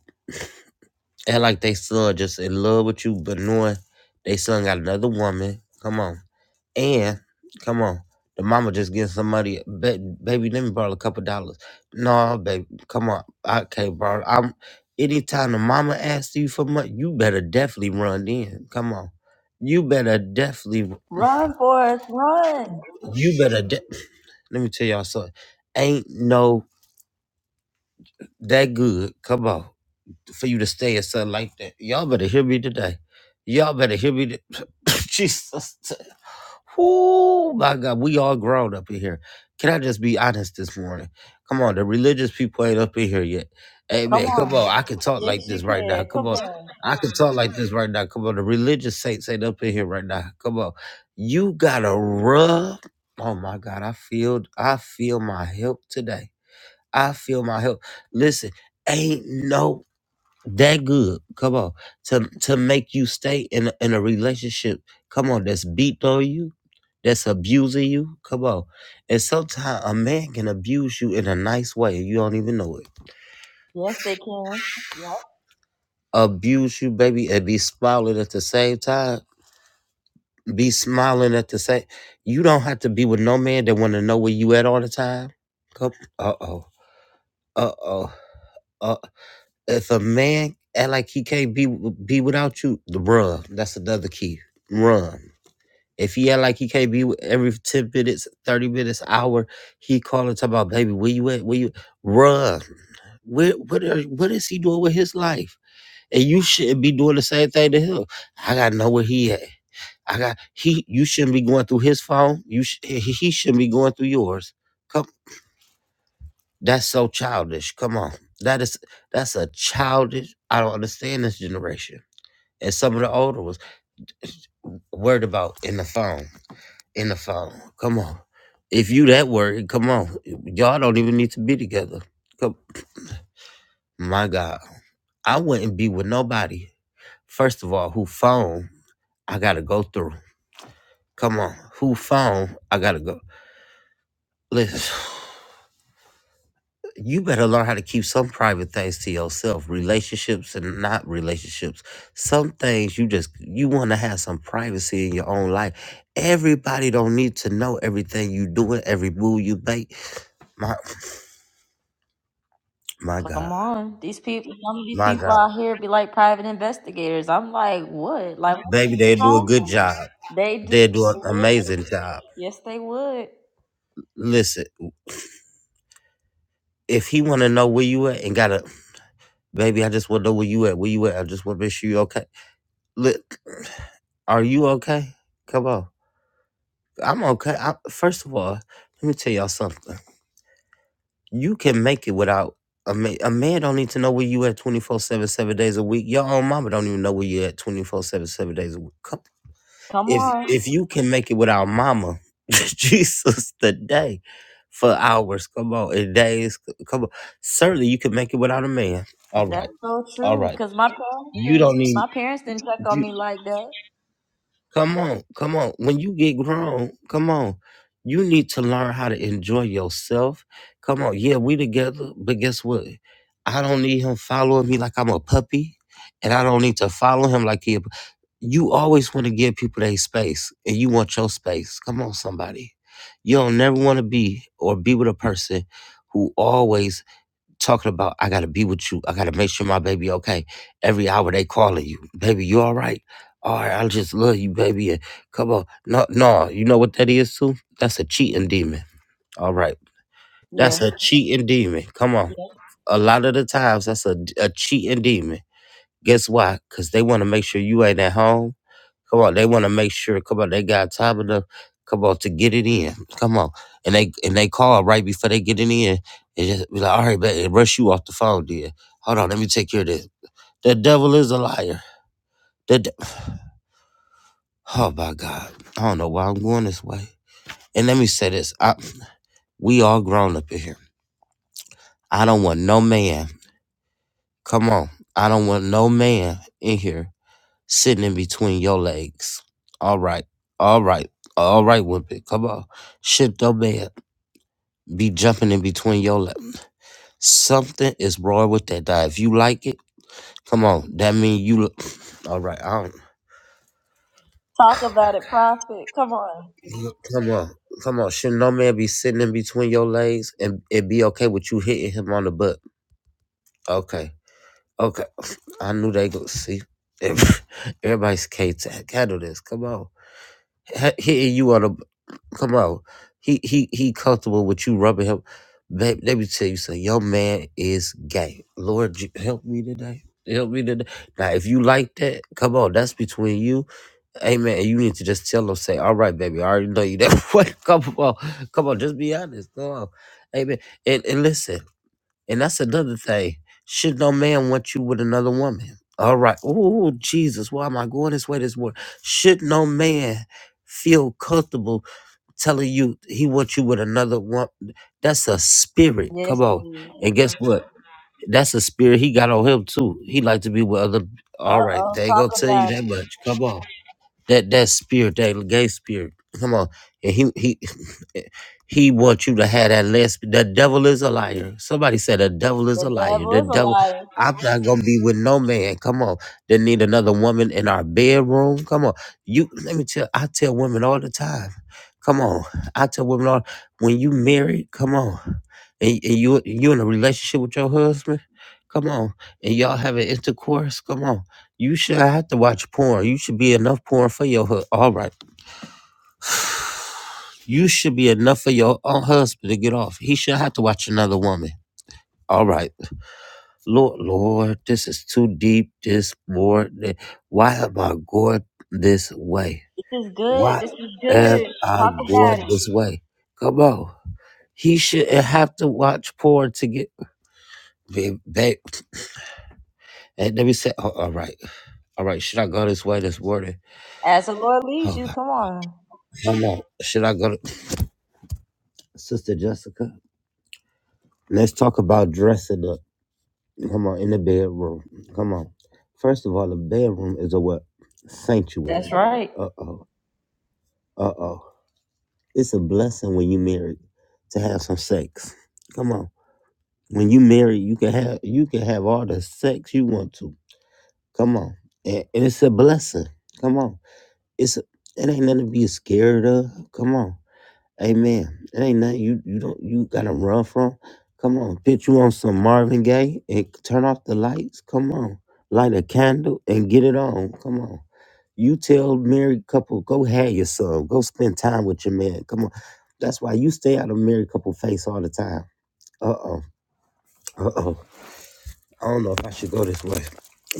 act like they son just in love with you, but knowing they son got another woman. Come on." And come on, the mama just getting some money. Ba- baby, let me borrow a couple dollars. No, baby, come on, I can't borrow. I'm anytime the mama asks you for money, you better definitely run in. Come on, you better definitely,
Run, Forrest, run.
you better. De- let me tell y'all something. Ain't no that good. Come on. for you to stay and something like that. Y'all better hear me today. Y'all better hear me. To- Jesus. Oh my God, we all grown up in here. Can I just be honest this morning? Come on, the religious people ain't up in here yet.
Come
Amen. Come
on.
on, I can talk
Yes,
like
you
this right now.
can.
Come
Come
on,
on.
I can talk like this right now. Come on, the religious saints ain't up in here right now. Come on, you gotta rub. Oh my God, I feel, I feel my help today. I feel my help. Listen, ain't no that good. Come on, to to make you stay in a- in a relationship. Come on, that's beat on you, that's abusing you. Come on, and sometimes a man can abuse you in a nice way. You don't even know it.
Yes, they can. Yep.
Abuse you, baby, and be smiling at the same time. Be smiling at the same. You don't have to be with no man that want to know where you at all the time. Come, uh oh, uh oh, uh. If a man act like he can't be be without you, the bruh, that's another key. Run If he act like he can't be with every 10 minutes, 30 minutes, hour, he calling talking about, baby, where you at? Where you run? Where, what, are, what is he doing with his life? And you shouldn't be doing the same thing to him. I gotta know where he at. I got he. You shouldn't be going through his phone. You sh- he he shouldn't be going through yours. Come, that's so childish. Come on, that is that's a childish. I don't understand this generation and some of the older ones worried about in the phone. in the phone. Come on. If you that worried, come on. Y'all don't even need to be together. Come. My God. I wouldn't be with nobody. First of all, who phone I gotta go through. Come on. Who phone I gotta go. Listen, you better learn how to keep some private things to yourself. Relationships and not relationships. Some things you just you wanna have some privacy in your own life. Everybody don't need to know everything you doing, every move you make. My my God.
Come on, these people. Some of these
My
people
God.
out here be like private investigators. I'm like, what? Like, what
Baby,
is the
they do a
phone?
good
for?
job.
They do.
They do an
They would.
amazing job.
Yes, they would.
Listen, if he wanna know where you at and gotta baby, I just wanna know where you at, where you at. I just wanna make sure you okay. Look, are you okay? Come on. I'm okay. I, first of all, let me tell y'all something. You can make it without a man, a man don't need to know where you at 24 7, 7 days a week. Your own mama don't even know where you at 24 7, 7 days a week. Come.
Come
if
on,
if you can make it with our mama, Jesus, today for hours, come on, in days, c- come on. Certainly, you can make it without a man. All right,
that's so
all
true.
right.
Cause my parents,
You
didn't,
don't need.
my parents didn't check on
You,
me like that.
come on, come on. When you get grown, come on. You need to learn how to enjoy yourself. Come on, yeah, we together, but guess what? I don't need him following me like I'm a puppy, and I don't need to follow him like he a you always want to give people their space and you want your space. Come on, somebody. You don't never want to be or be with a person who always talking about, I gotta be with you. I gotta make sure my baby okay. Every hour they calling you. Baby, you all right? All right, I just love you, baby. And come on. No, no, you know what that is too? That's a cheating demon. All right. That's
Yeah.
a cheating demon. Come on.
yeah.
A lot of the times that's a, a cheating demon Guess why? Because they want to make sure you ain't at home. Come on, they want to make sure. Come on, they got time enough. Come on, to get it in. Come on, and they and they call right before they get it in. And just be like, all right, man, and rush you off the phone, dear. Hold on, let me take care of this. The devil is a liar. The de- oh my God, I don't know why I'm going this way. And let me say this: I, we all grown up in here. I don't want no man. Come on, I don't want no man in here sitting in between your legs. All right, all right, all right, Wimpy, come on. Shit don't bad. Be jumping in between your legs. Something is wrong with that guy. If you like it, come on. That mean you. Look, all right, I don't.
Talk about it, prophet. Come on.
Come on, come on. Should no man be sitting in between your legs and it be okay with you hitting him on the butt? Okay, okay. I knew they go see. Everybody's K tag. Handle this. Come on. H- hitting you on the Come on. He he he comfortable with you rubbing him. Babe, let me tell you something. Your man is gay. Lord, j- help me today. Help me today. Now, if you like that, come on. That's between you. Amen. And you need to just tell him, say, all right, baby, I already know you that way. Come on. Come on. Just be honest. Come on. Amen. And, and listen. And that's another thing. Should no man want you with another woman? All right. Oh, Jesus, why am I going this way this morning? Should no man feel comfortable telling you he wants you with another one? That's a spirit.
Yes,
Come on.
indeed.
And guess what? That's a spirit he got on him too. He like to be with other
Uh
all right,
oh,
they ain't gonna
talk
tell you
about
that
it.
much. Come on. That that spirit, that gay spirit. Come on. And he he he wants you to have that less. The devil is a liar. Somebody said the devil is
The
a liar.
devil
The
is a
devil.
liar.
I'm not gonna be with no man. Come on. They need another woman in our bedroom. Come on. You let me tell I tell women all the time. Come on. I tell women all when you married, come on. And, and you you in a relationship with your husband, come on. And y'all having intercourse, come on. You should have to watch porn. You should be enough porn for your hu- all right. You should be enough for your own husband to get off. He should have to watch another woman. All right, Lord, Lord, this is too deep. This more. th- Why am I going this way?
This is good.
Why
This is
am
good.
I
Talk
going
about it.
this way? Come on. He shouldn't have to watch porn to get. Ba- ba- And let me say, oh, all right, all right. Should I go this way this morning?
As the Lord leads
Oh
you,
my,
come on.
come on. Should I go to Sister Jessica? Let's talk about dressing up. Come on, in the bedroom. Come on. First of all, the bedroom is a what?
That's
Sanctuary.
right.
Uh oh. Uh oh. It's a blessing when you married to have some sex. Come on. When you married, you can have you can have all the sex you want to. Come on. And, and it's a blessing. Come on. It's a, it ain't nothing to be scared of. Come on. Amen. It ain't nothing you you don't you gotta run from. Come on, bitch, you on some Marvin Gaye and turn off the lights. Come on, light a candle and get it on. Come on. You tell married couple, go have your son. Go spend time with your man. Come on. That's why you stay out of married couple face all the time. Uh oh. Uh oh. I don't know if I should go this way,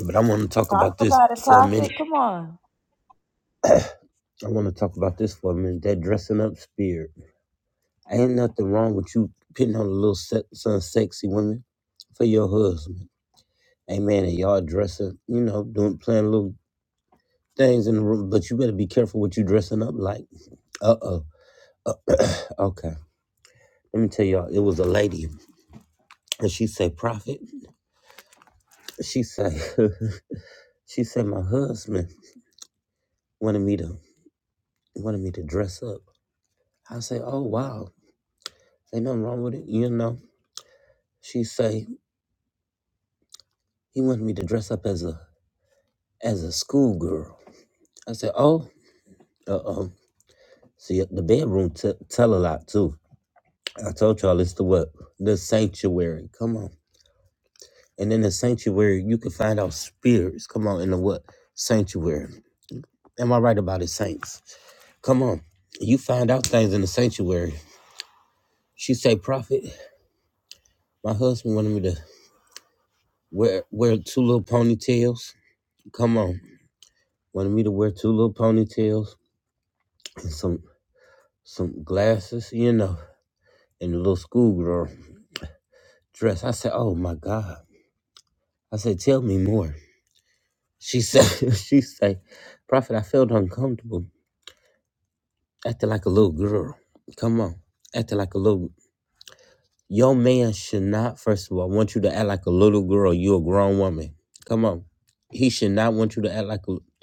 but I want to talk
Talk
about this
about it,
for a minute.
prophet. Come on.
I want to talk about this for a minute. That dressing up spirit. Ain't nothing wrong with you putting on a little se- some sexy women for your husband. Amen. And y'all dressing, you know, doing playing little things in the room, but you better be careful what you dressing up like. Uh oh. Okay. Let me tell y'all, it was a lady. And she say Prophet, she say she said, my husband wanted me to wanted me to dress up. I say, Oh wow. Ain't nothing wrong with it. You know. She say, he wanted me to dress up as a as a schoolgirl. I said, Oh, uh oh. See, the bedroom t- tell a lot too. I told y'all it's the what the sanctuary. Come on, and in the sanctuary you can find out spirits. Come on, in the what sanctuary? Am I right about it, saints? Come on, you find out things in the sanctuary. She say, "Prophet, my husband wanted me to wear wear two little ponytails. Come on, wanted me to wear two little ponytails and some some glasses, you know, and a little schoolgirl dress." I said, "Oh my God." I said, "Tell me more." She said, she say, Prophet, I felt uncomfortable acting like a little girl. Come on, acting like a little. Your man should not, first of all, want you to act like a little girl. you a grown woman. Come on. He should not want you to act like a, oh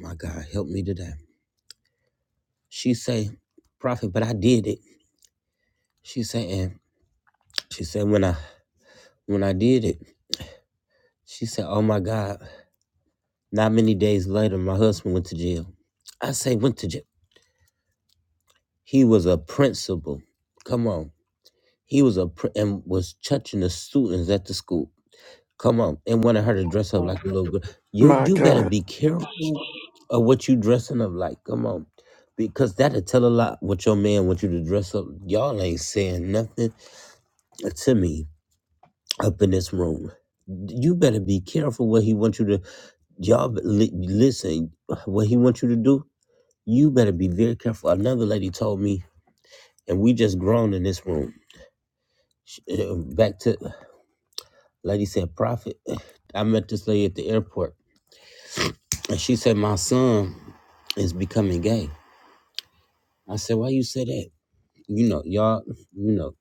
my God, help me today. She say, Prophet, but I did it. She say, and she said, when I, when I did it, she said, oh my God, not many days later, my husband went to jail. I say went to jail. He was a principal. Come on. He was a pr- and was touching the students at the school. Come on, and wanted her to dress up
Oh,
like a little girl. You
My
you better
God.
be careful of what you dressing up like. Come on, because that'll tell a lot what your man wants you to dress up. Y'all ain't saying nothing to me up in this room. You better be careful what he wants you to. Y'all be- li- listen. What he wants you to do, you better be very careful. Another lady told me, and we just grown in this room. She- uh, Back to Lady said, Prophet, I met this lady at the airport. And she said, My son is becoming gay. I said, Why you say that? You know, y'all, you know,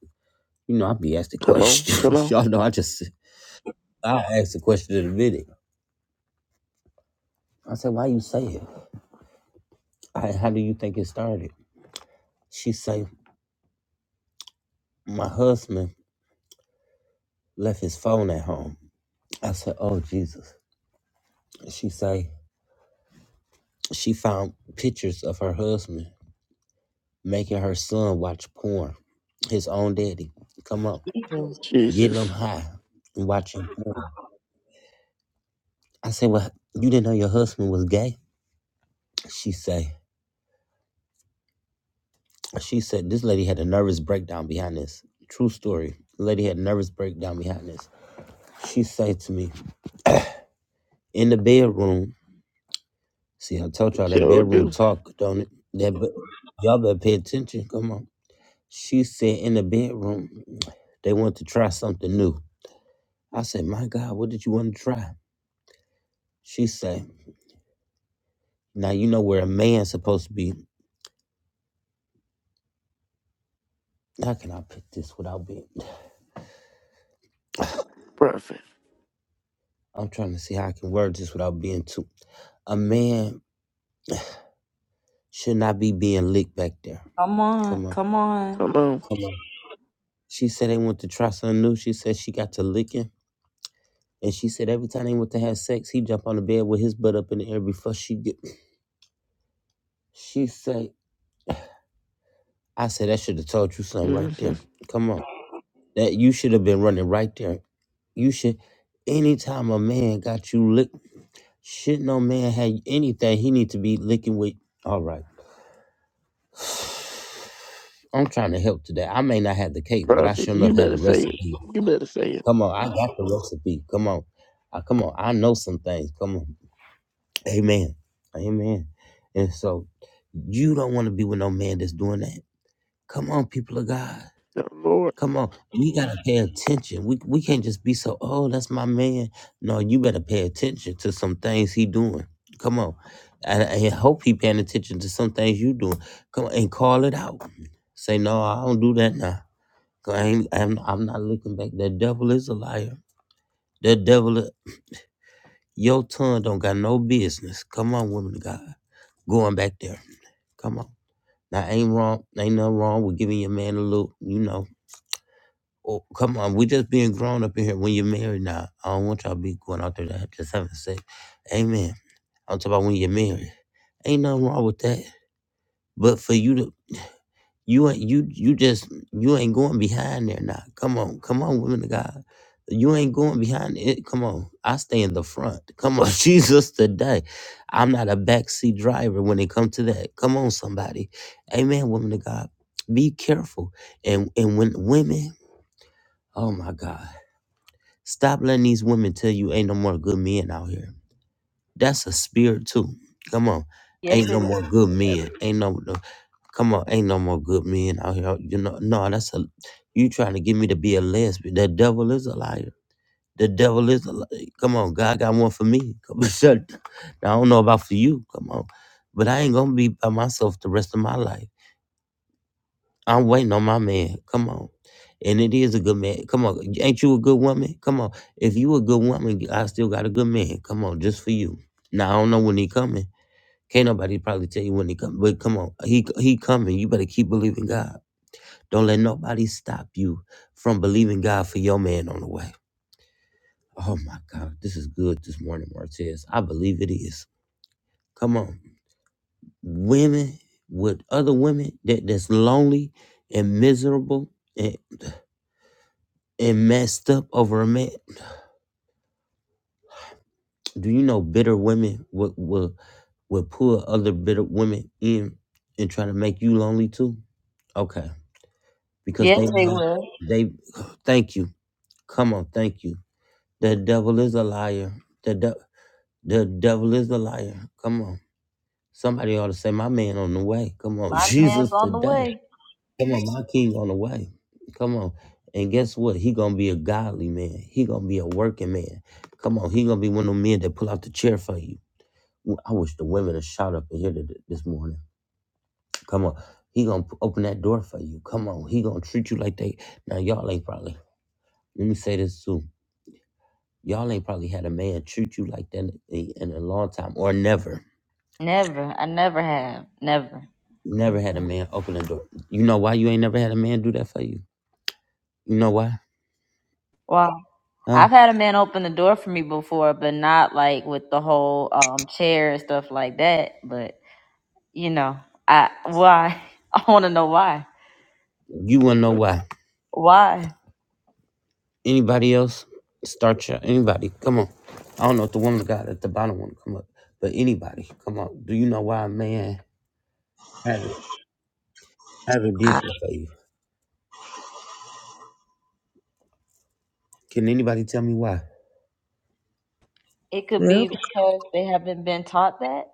you know, I be asked the
Come on. Come
questions.
on.
y'all know I just I asked the question in a minute. I said, Why you say it? I, how do you think it started? She say, My husband left his phone at home. I said, Oh Jesus. She say she found pictures of her husband making her son watch porn. His own daddy. Come on.
Jesus.
getting them
Jesus.
high and watching porn. I said, Well, you didn't know your husband was gay? She say, she said this lady had a nervous breakdown behind this. True story. The lady had a nervous breakdown behind this. She say to me, in the bedroom, see I told y'all that
Sure
bedroom
do.
talk, don't it? That be- y'all better pay attention. Come on. She said in the bedroom, they want to try something new. I said, My God, what did you want to try? She say, Now you know where a man's supposed to be. How can I put this without being?
Prophet.
I'm trying to see how I can word this without being too. A man should not be being licked back there.
Come on.
Come on.
Come on.
Come on.
Come on. She said they went to try something new. She said she got to licking. And she said every time they went to have sex, he jump on the bed with his butt up in the air before she get. She said, I said, that should have told you something right
hmm
there. Come on. That you should have been running right there. You should, anytime a man got you licked, shit, no man had anything he need to be licking with. All right. I'm trying to help today. I may not have the cake, but I
Prophet,
sure
you
enough have
better
the
say it.
recipe.
You better say it.
Come on, I got the recipe. Come on, I, come on. I know some things. Come on, Amen, Amen. And so you don't want to be with no man that's doing that. Come on, people of God.
The Lord.
Come on, we gotta pay attention. We we can't just be so. Oh, that's my man. No, you better pay attention to some things he doing. Come on, and I hope he paying attention to some things you doing. Come on and call it out. Say no, I don't do that now. 'Cause I ain't, I'm, I'm not looking back. The devil is a liar. The devil, i- your tongue don't got no business. Come on, women of God, going back there. Come on. Now ain't wrong, ain't nothing wrong with giving your man a little, you know. Oh, come on, we just being grown up in here. When you're married now, I don't want y'all to be going out there to have just having sex. Amen. I'm talking about when you're married. Ain't nothing wrong with that. But for you to You ain't you you just you ain't going behind there now. Come on, come on, women of God. You ain't going behind it. Come on. I stay in the front. Come on, Jesus today. I'm not a backseat driver when it comes to that. Come on, somebody. Amen, women of God. Be careful. And and when women, oh my God. Stop letting these women tell you ain't no more good men out here. That's a spirit too. Come on.
Yes,
Ain't no
it is.
more good men. Ain't no, no come on, ain't no more good men out here. You know, no, that's a you trying to get me to be a lesbian. The devil is a liar. The devil is a liar. Come on, God got one for me. Come on, shut. Now, I don't know about for you. Come on. But I ain't gonna be by myself the rest of my life. I'm waiting on my man. Come on. And it is a good man. Come on. Ain't you a good woman? Come on. If you a good woman, I still got a good man. Come on, just for you. Now I don't know when he coming. Can't nobody probably tell you when he come, but come on, he he coming. You better keep believing God. Don't let nobody stop you from believing God for your man on the way. Oh my God, this is good this morning, Martez. I believe it is. Come on, women with other women that, that's lonely and miserable and and messed up over a man. Do you know bitter women will will, will pull other bitter women in and try to make you lonely too? Okay. because
Yes,
they
they
want-
will.
they thank you. Come on, thank you. The devil is a liar. The de- the devil is a liar. Come on. Somebody ought to say my man on the way. Come on.
My man's
Jesus
on the
today.
way.
Come on, my king on the way. Come on. And guess what? He gonna be a godly man. He gonna be a working man. Come on, he gonna be one of them men that pull out the chair for you. Well, I wish the women would shout up and hear th- this morning. Come on, he gonna p- open that door for you. Come on, he gonna treat you like they now y'all ain't probably Let me say this too. Y'all ain't probably had a man treat you like that in in a long time or never.
Never. I never have. Never.
Never had a man open the door. You know why you ain't never had a man do that for you? You know why?
Wow.
Huh?
I've had a man open the door for me before, but not like with the whole um chair and stuff like that. But you know, I why? I want to know why.
You wanna know why?
Why?
Anybody else? Start your anybody. Come on. I don't know if the woman got at the bottom wanna come up, but anybody, come on. Do you know why a man haven't haven't did
I
this for you? Can anybody tell me why?
It could
yep.
be because they haven't been taught that.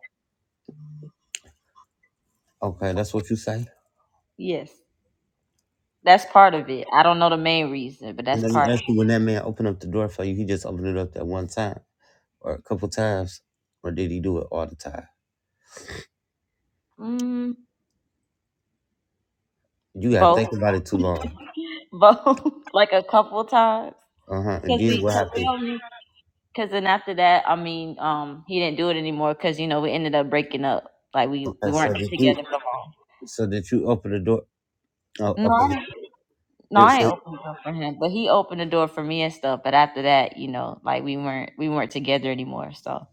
Okay, that's what you say.
Yes, that's part of it. I don't know the main reason, but that's
Let me
part.
ask you when that man opened up the door for you, he just opened it up that one time. or a couple times, or did he do it all the time?
Mm,
You gotta
both.
think about it too long.
both like a couple times
Uh huh. And
because
this is
we
what
because we
happened.
only because then after that I mean um he didn't do it anymore because you know we ended up breaking up like we
Okay,
we
so
weren't
did you
together for long.
so did you open the door. Oh,
No, I
open
didn't, no,
this.
I ain't opened the door for him, but he opened the door for me and stuff. But after that, you know, like we weren't we weren't together anymore. So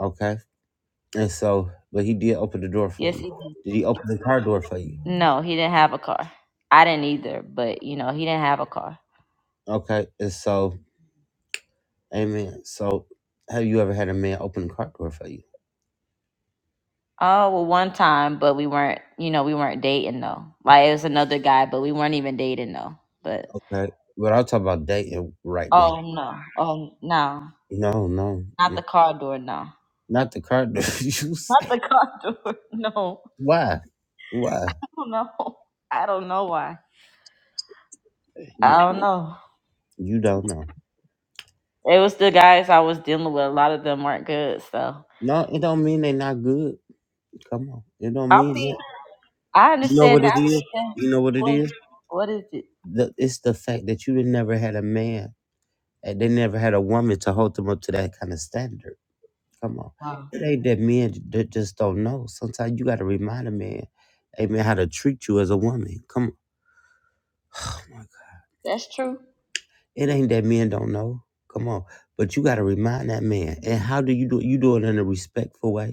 Okay. And so, but he did open the door for
yes,
you.
he did.
Did he open the car door for you?
No, he didn't have a car. I didn't either, but you know, he didn't have a car.
Okay. And so, amen. So, have you ever had a man open the car door for you?
Oh well, one time, but we weren't, you know, we weren't dating though. Like it was another guy, but we weren't even dating though. But
Okay. But I'll talk about dating right now.
Oh no. Oh no.
No, no,
Not
no
the car door, no.
not the car door. you
Not
say,
the car door. No.
why? Why?
I don't know. I don't know why.
You
I don't know.
you don't know.
It was the guys I was dealing with. A lot of them weren't good, so
No, it don't mean they not good. Come on, it don't
I'll
mean that.
I
You know
understand
what
I
it is?
understand
You know what it
what
is?
what is it?
The, it's the fact that you done never had a man, and they never had a woman to hold them up to that kind of standard. Come on,
Wow.
it ain't that men j- that just don't know. Sometimes you got to remind a man, hey man, how to treat you as a woman. Come on, oh my God.
That's true.
it ain't that men don't know. Come on, but you got to remind that man. And how do you do? it? You do it in a respectful way.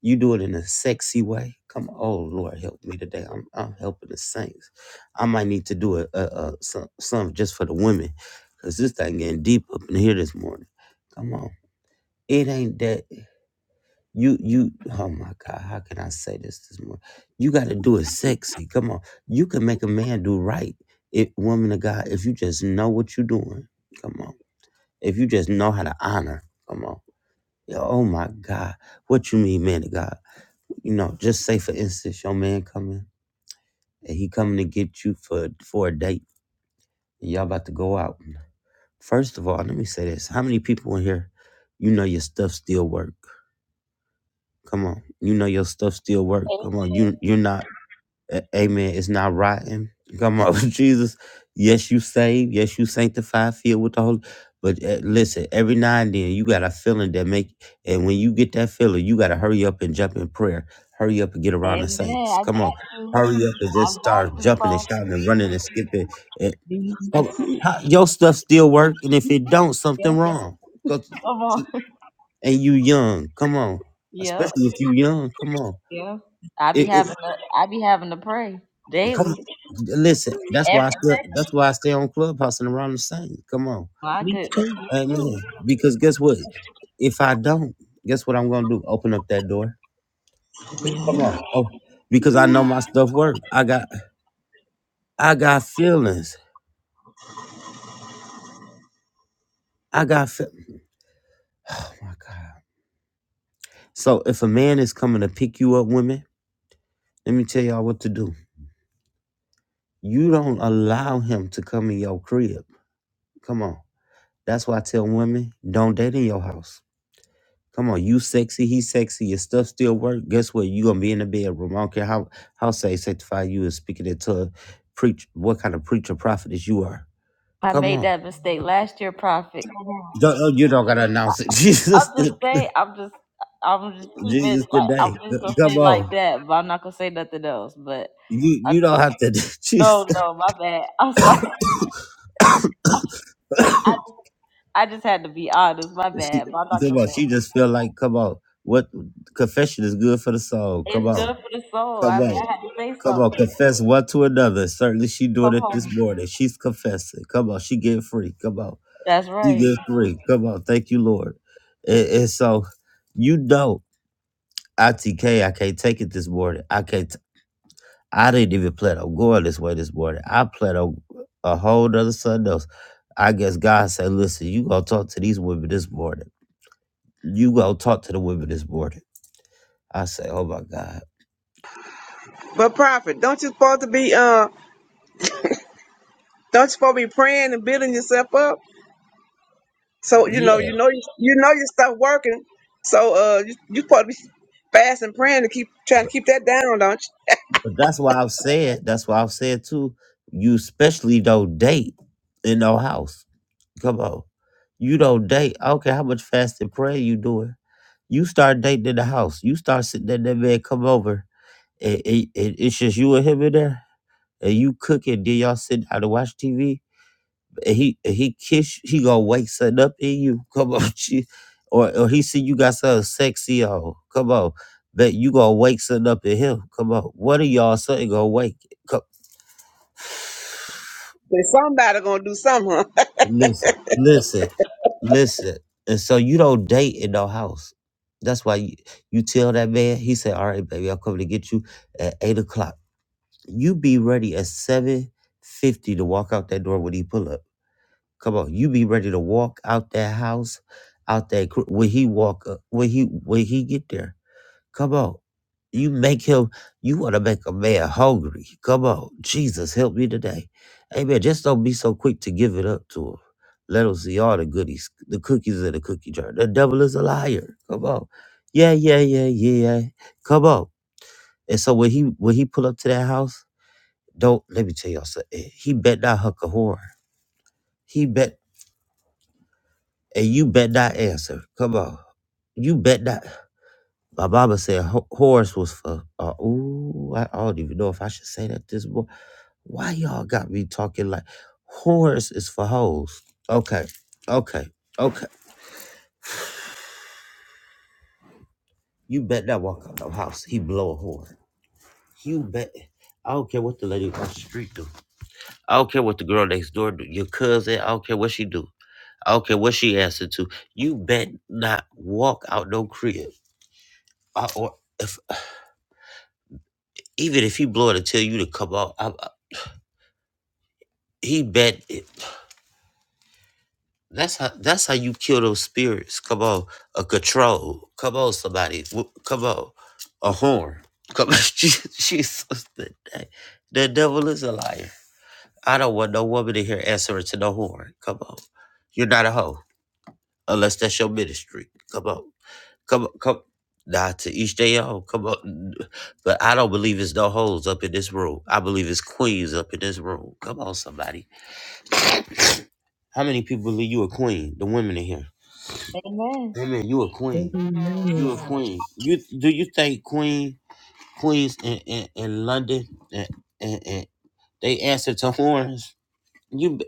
You do it in a sexy way. Come on, oh Lord, help me today. I'm I'm helping the saints. I might need to do a, a, a some some just for the women, cause this thing getting deep up in here this morning. Come on, it ain't that you you. Oh my God, how can I say this this morning? You got to do it sexy. Come on, you can make a man do right. If woman of God, if you just know what you're doing, come on. If you just know how to honor, come on. Yeah, Oh my God, what you mean, man of God? You know, just say for instance, your man coming and he coming to get you for for a date and y'all about to go out. First of all, let me say this. How many people in here, you know your stuff still work? Come on. You know your stuff still work. Come on. You
Amen.
you're not A- Amen. It's not rotten. Come on, Jesus. Yes, you saved. Yes, you sanctified, filled with the Holy. But uh, listen, every now and then you got a feeling that make, and when you get that feeling, you got to hurry up and jump in prayer. Hurry up and get around the
Amen.
saints.
I got
Come on,
you.
hurry up and
I
just
got
start
you,
jumping and
Father.
shouting and running and skipping. And,
These
oh, how- your stuff still work, and if it don't,
Yeah.
something wrong. 'Cause-
Come on.
and you young. Come on,
Yep.
especially if you young. Come on
Yeah. I be having to I be having to pray
Come on.
daily.
Listen, that's why I
Every
still, that's why I stay on Clubhouse and around the same. Come on.
my
We
goodness.
could
Me
Amen.
too.
Because guess what? If I don't, guess what I'm gonna do? Open up that door.
Me
bring
Come
too.
it
on.
up.
Oh, because I know
Amen.
my stuff work. I got I got feelings. I got fe- oh my God. So if a man is coming to pick you up, women, let me tell y'all what to do. You don't allow him to come in your crib. Come on. That's why I tell women, don't date in your house. Come on, you sexy, he sexy, your stuff still work. Guess what? you gonna be in the bedroom. I don't care how how say sanctify you is speaking it to a preach what kind of preacher prophetess you are.
I
Come
made
on.
that mistake last year, Prophet.
Don't, oh, you don't gotta announce it.
I'm
Jesus the,
just saying. I'm just. I'm just keeping
Jesus
like
today.
I'm just gonna say
Come
it
on.
like that, but I'm not gonna say nothing else. But
You you don't have to Jesus.
no, no, my bad. I'm sorry. I just, I just had to be honest. My
She,
bad. But I'm not
come
gonna
on,
say it.
she just feel like come on. What confession is good for the soul. Come
it's
on.
good for the soul.
Come
I mean,
on.
I had to say
Come on,
something.
confess one to another. Certainly she doing
Come
it this
on.
morning. She's confessing. Come on, she getting free. Come on.
That's
You
right.
get three. Come on. Thank you, Lord. And, and so, you know, ITK, I can't take it this morning. I can't. T- I didn't even plan on going this way this morning. I plan on a whole nother something else. I guess God said, listen, you going to talk to these women this morning. You going to talk to the women this morning. I say, oh my God.
But prophet, don't you supposed to be uh don't you supposed to be praying and building yourself up? So you know, you know you know your stuff working. So uh you you supposed to be fasting praying to keep trying to keep that down, don't you?
But that's why I've said, that's why I've said too, you especially don't date in no house. Come on. You don't date. I don't care how much fast and prayer you doing. You start dating in the house. You start sitting there, that man come over. And, and- and it's just you and him in there. And you cooking. and then y'all sit down to watch TV. And he and he kiss you, he gonna wake something up in you. Come on, she, or or he see you got something sexy on. Come on. But you gonna wake something up in him. Come on. One of y'all something gonna wake.
But somebody gonna do something, huh?
Listen, listen, listen. And so you don't date in no house. That's why you, you tell that man, he said, All right, baby, I'm coming to get you at eight o'clock. You be ready at seven fifty to walk out that door when he pull up. Come on, you be ready to walk out that house, out that cr- when he walk up, when he when he get there. Come on. You make him, you want to make a man hungry. Come on. Jesus, help me today. Amen. Just don't be so quick to give it up to him. Let him see all the goodies, the cookies in the cookie jar. The devil is a liar. Come on. Yeah, yeah, yeah, yeah. Come on. And so when he when he pull up to that house, don't let me tell y'all something. He bet not huck a horn. He bet and you bet not answer. Come on. You bet not. My Baba said ho- horse was for. Uh, ooh, I, I don't even know if I should say that this boy. Why y'all got me talking like horse is for hoes? Okay, okay, okay. You bet that walk out the house, he blow a horn. You bet. I don't care what the lady across the street do. I don't care what the girl next door do. Your cousin, I don't care what she do. I don't care what she answered to. You bet not walk out no crib. I, or if even if he blow it and tell you to come out, I, I- he bet. That's how that's how you kill those spirits. Come on, a control. Come on, somebody. W- Come on, a horn. Come on, Je- Jesus. The, de- the devil is a liar. I don't want no woman in here answering to no horn. Come on, you're not a hoe unless that's your ministry. Come on, come on, come. Nah, to each day own. Come on, but I don't believe it's no hoes up in this room. I believe it's queens up in this room. Come on, somebody. How many people believe you a queen? The women in here.
Amen.
Women, you a queen. You a queen. You do you think queen queens in, in, in London and, and, and they answer to horns? You b-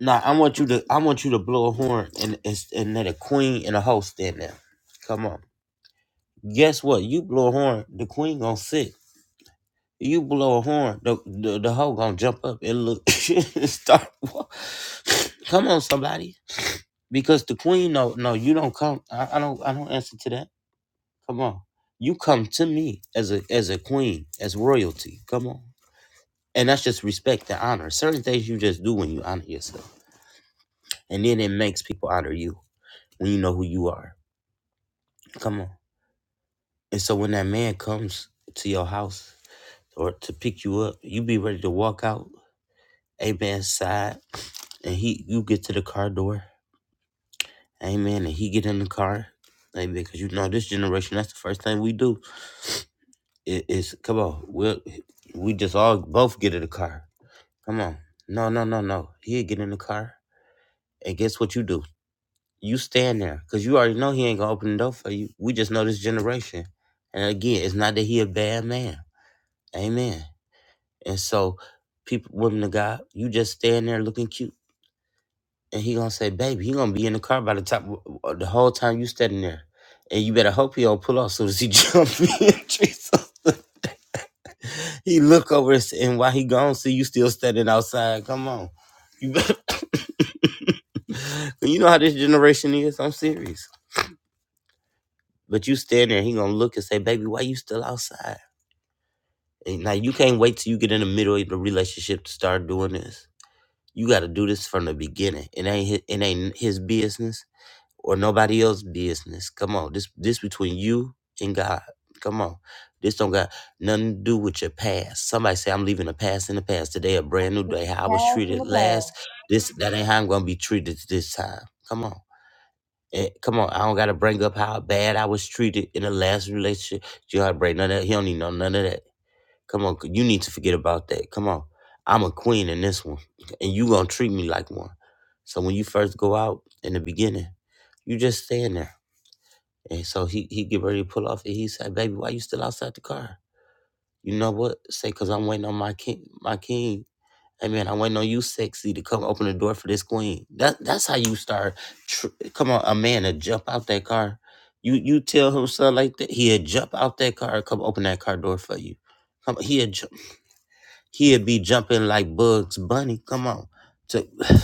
nah. I want you to I want you to blow a horn and it's- and let a queen and a host stand there. Come on. Guess what? You blow a horn, the queen gonna sit. You blow a horn, the the, the hoe gonna jump up and look and start. wa- Come on, somebody. Because the queen, no, no, you don't come. I, I don't, I don't answer to that. Come on. You come to me as a as a queen, as royalty. Come on. And that's just respect and honor. Certain things you just do when you honor yourself. And then it makes people honor you when you know who you are. Come on. And so when that man comes to your house or to pick you up, you be ready to walk out, amen, side, and he you get to the car door, amen, and he get in the car. Amen. Because you know this generation, that's the first thing we do. It is come on, we we just all both get in the car. Come on. No, no, no, no. He'll get in the car. And guess what you do? You stand there. Cause you already know he ain't gonna open the door for you. We just know this generation. And again, it's not that he a bad man. Amen. And so people women of God, you just stand there looking cute. And he gonna say, baby, he gonna be in the car by the time the whole time you standing there. And you better hope he don't pull off as soon as he jump in. Jesus. He look over and say, and while he gone, see you still standing outside. Come on, you better. you know how this generation is. I'm serious. But you stand there, he gonna look and say, "Baby, why you still outside?" And now you can't wait till you get in the middle of the relationship to start doing this. You got to do this from the beginning. It ain't his, it ain't his business or nobody else's business. Come on, this this between you and God. Come on, this don't got nothing to do with your past. Somebody say I'm leaving the past in the past. Today a brand new day. How I was
Past in
treated
the
last.
past.
This that ain't how I'm gonna be treated this time. Come on. Eh, come on, I don't gotta bring up how bad I was treated in the last relationship. You gotta bring none of that. He don't need no none of that. Come on, you need to forget about that. Come on. I'm a queen in this one. And you gonna treat me like one. So when you first go out in the beginning, you just stand there. And so he he get ready to pull off and he said, Baby, why you still outside the car? You know what? Say, cause I'm waiting on my king my king. Hey man, I'm waiting on you sexy to come open the door for this queen. That that's how you start tr- come on, a man to jump out that car. You you tell him something like that, he'll jump out that car, come open that car door for you. Come, he'll jump. He'd be jumping like Bugs Bunny. Come on, to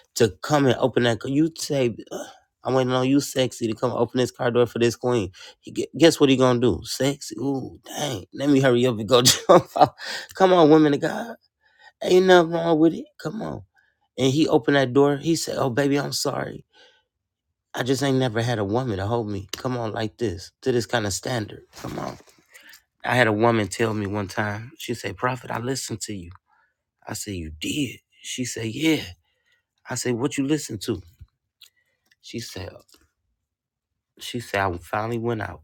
to come and open that. You say, "Ugh, I waiting on you, sexy, to come open this car door for this queen. He, gu- guess what he gonna do? Sexy. Ooh, dang. Let me hurry up and go jump out. Come on, women of God. Ain't nothing wrong with it. Come on. And he opened that door. He said, "Oh, baby, I'm sorry. I just ain't never had a woman to hold me. Come on, like this, to this kind of standard. Come on." I had a woman tell me one time. She said, "Prophet, I listened to you." I said, You did? She said, Yeah. I said, What you listen to? She said, She said, I finally went out.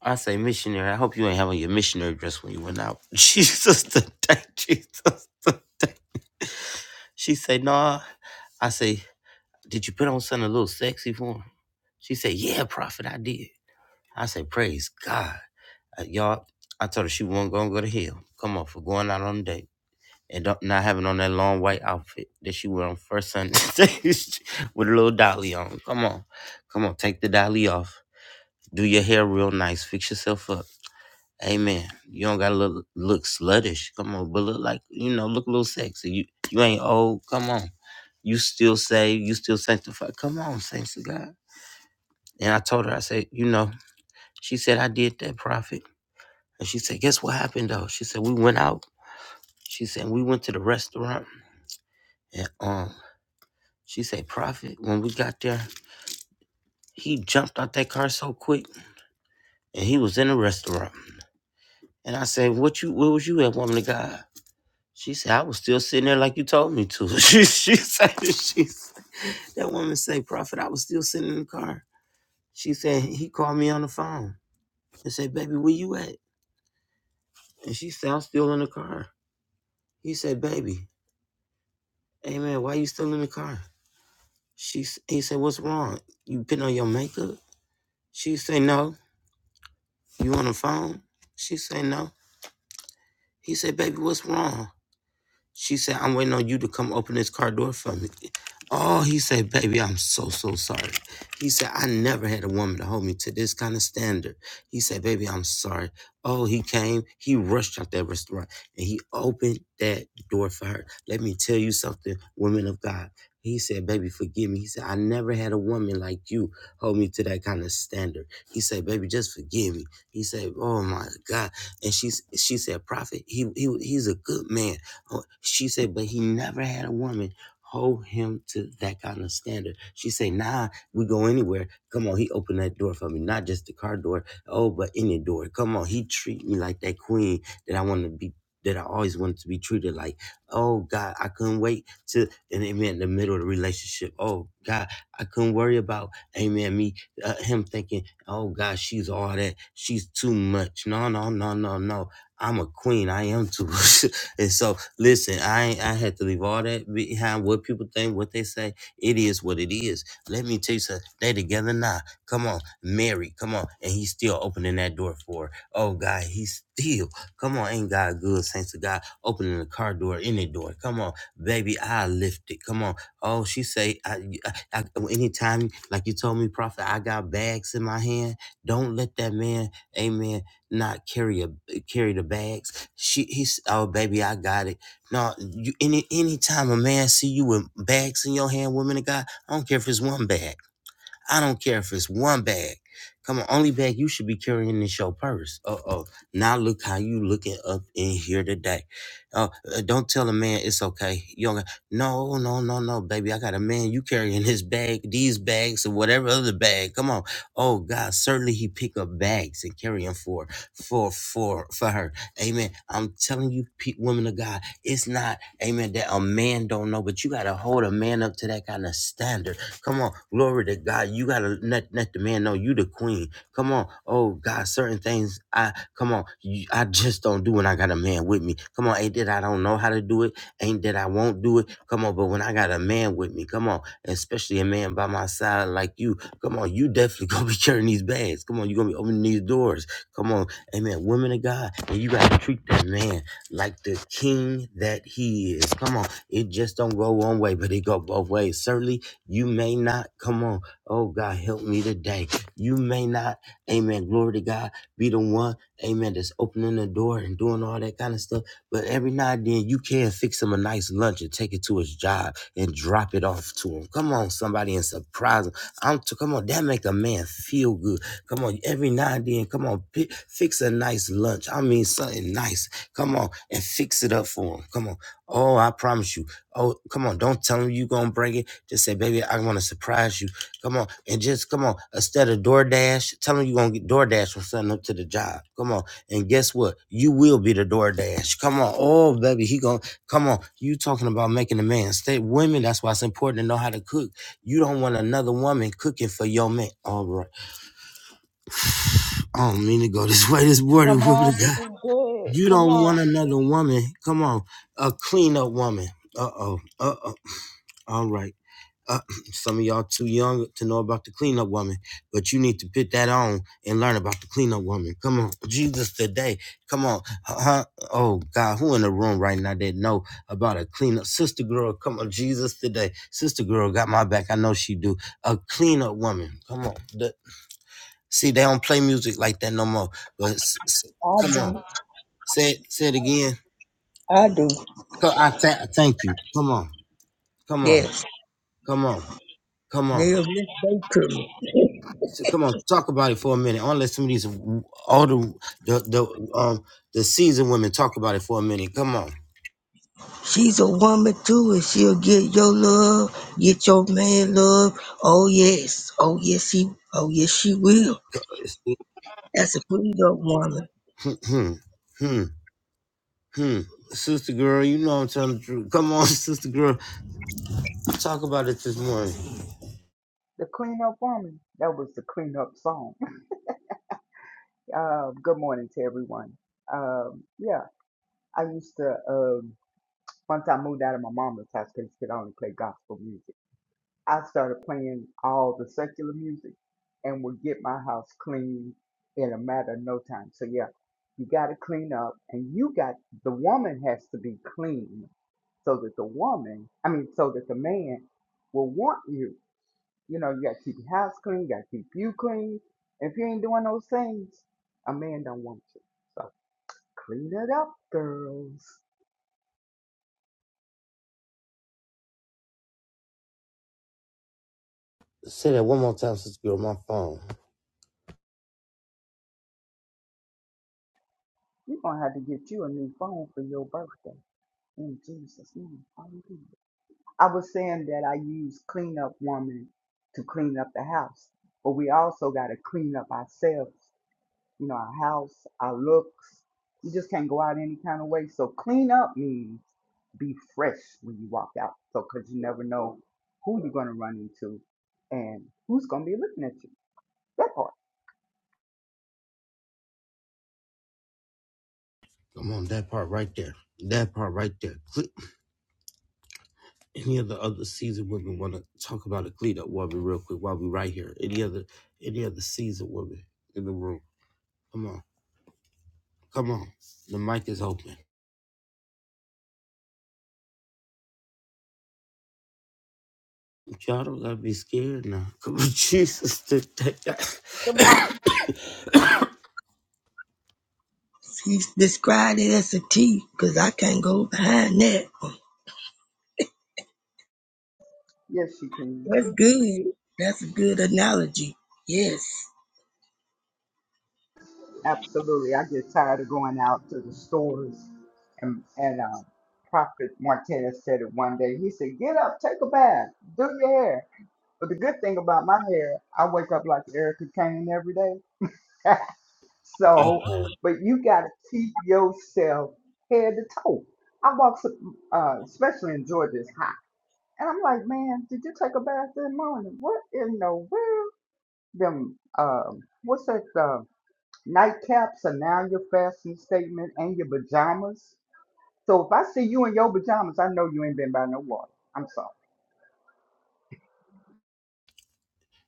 I say, missionary, I hope you ain't having your missionary dress when you went out. Jesus the day, Jesus the day. She say, Nah. I say, Did you put on something a little sexy for him? She said, Yeah, prophet, I did. I said, Praise God. Uh, y'all, I told her she wasn't gonna go to hell. Come on, for going out on a date. and don't- not having on that long white outfit that she wore on first Sunday with a little dolly on. Come on, come on, take the dolly off. Do your hair real nice. Fix yourself up. Amen. You don't gotta look look sluttish. Come on, but look like you know, look a little sexy. You you ain't old. Come on, you still saved. You still sanctified. Come on, saints of God. And I told her, I said, you know, she said I did that prophet, and she said, guess what happened though? She said we went out. She said we went to the restaurant, and um. She said, Prophet, when we got there, he jumped out that car so quick and he was in a restaurant. And I said, What you where was you at, woman of God? She said, I was still sitting there like you told me to. she she said she, s- that woman said, Prophet, I was still sitting in the car. She said, he called me on the phone and said, Baby, where you at? And she said, I'm still in the car. He said, Baby, hey man, why you still in the car? She s- he said, What's wrong? You putting on your makeup? She said, No. You on the phone? She said, No. He said, Baby, what's wrong? She said, I'm waiting on you to come open this car door for me. Oh, he said, baby, I'm so, so sorry. He said, I never had a woman to hold me to this kind of standard. He said, baby, I'm sorry. Oh, he came, he rushed out that restaurant and he opened that door for her. Let me tell you something, women of God. He said, baby, forgive me. He said, I never had a woman like you hold me to that kind of standard. He said, baby, just forgive me. He said, oh my God. And she, she said, prophet, he, he, he's a good man. Oh, She said, but he never had a woman hold him to that kind of standard. She said, nah, we go anywhere. Come on, he opened that door for me, not just the car door. Oh, but any door. Come on, he treat me like that queen that I want to be. That I always wanted to be treated like, oh God, I couldn't wait to, and amen, the middle of the relationship. Oh God, I couldn't worry about, amen, me, uh, him thinking, oh God, she's all that. She's too much. No, no, no, no, no. I'm a queen. I am too. And so, listen, I ain't- I had to leave all that behind. What people think, what they say, it is what it is. Let me tell you something. They together now. Come on, Mary. Come on, and he's still opening that door for. Her. Oh God, he's still. Come on, ain't God good? Saints of God, opening the car door, any door. Come on, baby, I lift it. Come on. Oh, she say, I, I, I, anytime, like you told me, prophet, I got bags in my hand. Don't let that man, Amen, not carry a carry the bags she he's oh baby, I got it. No, you any anytime a man see you with bags in your hand, women and guy I don't care if it's one bag. I don't care if it's one bag. Come on, only bag you should be carrying is your purse. Uh oh. Now look how you looking up in here today. Oh, uh, don't tell a man it's okay. You don't. No, no, no, no, baby. I got a man. You carrying his bag, these bags, or whatever other bag. Come on. Oh God, certainly he pick up bags and carry them for, for, for, for her. Amen. I'm telling you, pe- women of God, it's not, amen, that a man don't know, but you got to hold a man up to that kind of standard Come on, glory to God. You gotta let, let the man know you the queen. Come on, oh God, certain things I come on, you, I just don't do when I got a man with me. Come on, ain't that I don't know how to do it, ain't that I won't do it. Come on, but when I got a man with me, come on, especially a man by my side like you, come on, you definitely gonna be carrying these bags. Come on, you gonna be opening these doors. Come on, amen. Women of God, and you gotta treat that man like the king that he is. Come on, it just don't go one way, but it go both ways. Certainly you may not, come on. Oh God, help me today. You may not, amen. Glory to God, be the one, amen, that's opening the door and doing all that kind of stuff. But every now and then you can fix him a nice lunch and take it to his job and drop it off to him. Come on, somebody and surprise him. I'm t- come on, that make a man feel good. Come on, every now and then, come on, pi fix a nice lunch. I mean something nice. Come on and fix it up for him. Come on. Oh, I promise you. Oh, come on. Don't tell him you gonna break it. Just say, baby, I wanna surprise you. Come on. And just come on. Instead of DoorDash, tell him you gonna get DoorDash or something up to the job. Come on. And guess what? You will be the DoorDash. Come on. Oh, baby, he gonna come on. You talking about making a man stay women. That's why it's important to know how to cook. You don't want another woman cooking for your man. All right. I don't mean to go this way this morning,
Come
woman of
on, this
God.
is good.
You
Come
don't
on.
want another woman. Come on. A clean up woman. Uh oh. Uh oh. All right. Uh, some of y'all too young to know about the cleanup woman, but you need to put that on and learn about the cleanup woman. Come on, Jesus today. Come on, huh? Oh God, who in the room right now that know about a cleanup sister girl? Come on, Jesus today. Sister girl got my back. I know she do. A cleanup woman. Come on. The- see, they don't play music like that no more. But s- s-
I
come on,
do.
say it, say it again.
I do.
Co- I tha- thank you. Come on, come on,
Yes.
come on, come on.
They'll listen they to me.
So come on, talk about it for a minute. I want to let some of these older, the the, the um the seasoned women talk about it for a minute. Come on.
She's a woman too, and she'll get your love, get your man love. Oh yes. Oh yes he oh yes she will. That's a freed up woman.
Hmm, hmm, hmm, hmm. Sister girl, you know I'm telling the truth. Come on, sister girl. Talk about it this morning.
The cleanup woman. That was the cleanup song. Um, good morning to everyone. Um, yeah, I used to, um, once I moved out of my mama's house, because she could only play gospel music, I started playing all the secular music and would get my house clean in a matter of no time. So, yeah, you got to clean up, and you got, the woman has to be clean so that the woman, I mean, so that the man will want you You know, you got to keep your house clean, you got to keep you clean. If you ain't doing those things, a man don't want you. So clean it up, girls.
Say that one more time, sister girl, my phone.
You're going to have to get you a new phone for your birthday. In Jesus' name. Hallelujah. I was saying that I use clean up woman to clean up the house, but we also got to clean up ourselves, you know, our house, our looks. You just can't go out any kind of way. So clean up means be fresh when you walk out. So, because you never know who you're going to run into and who's going to be looking at you. That part.
Come on, that part right there. That part right there. Cle- Any of the other seasoned women want to talk about a Cleat up woman real quick while we right here. Any other any other seasoned woman in the room. Come on. Come on. The mic is open. Y'all don't gotta be scared now. Come on, Jesus, to take that.
The mom.
She's described it as a T, because I can't go behind that.
Yes, you can.
That's good. That's a good analogy. Yes.
Absolutely. I get tired of going out to the stores. And, and um, Prophet Martinez said it one day. He said, Get up, take a bath, do your hair. But the good thing about my hair, I wake up like Erica Kane every day. So,
Uh-huh.
but you got to keep yourself head to toe. I walk, some- uh, especially in Georgia, it's hot. And I'm like, man, did you take a bath this morning? What in the world? Them, um, what's that, uh, nightcaps are now your fashion statement and your pajamas. So if I see you in your pajamas, I know you ain't been by no water. I'm sorry.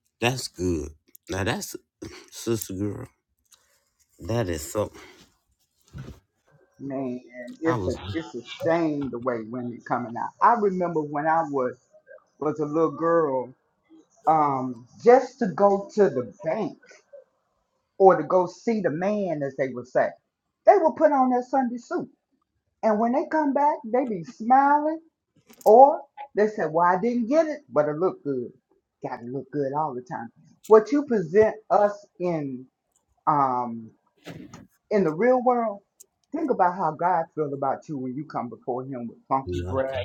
That's good. Now that's sister girl. That is so.
Man,
I
it's
was.
a, it's a shame the way women coming out. I remember when I was, was a little girl um, just to go to the bank or to go see the man, as they would say, they will put on their Sunday suit. And when they come back, they be smiling or they say, Well, I didn't get it, but it looked good. Gotta look good all the time. What you present us in um in the real world, think about how God feels about you when you come before him with funky breath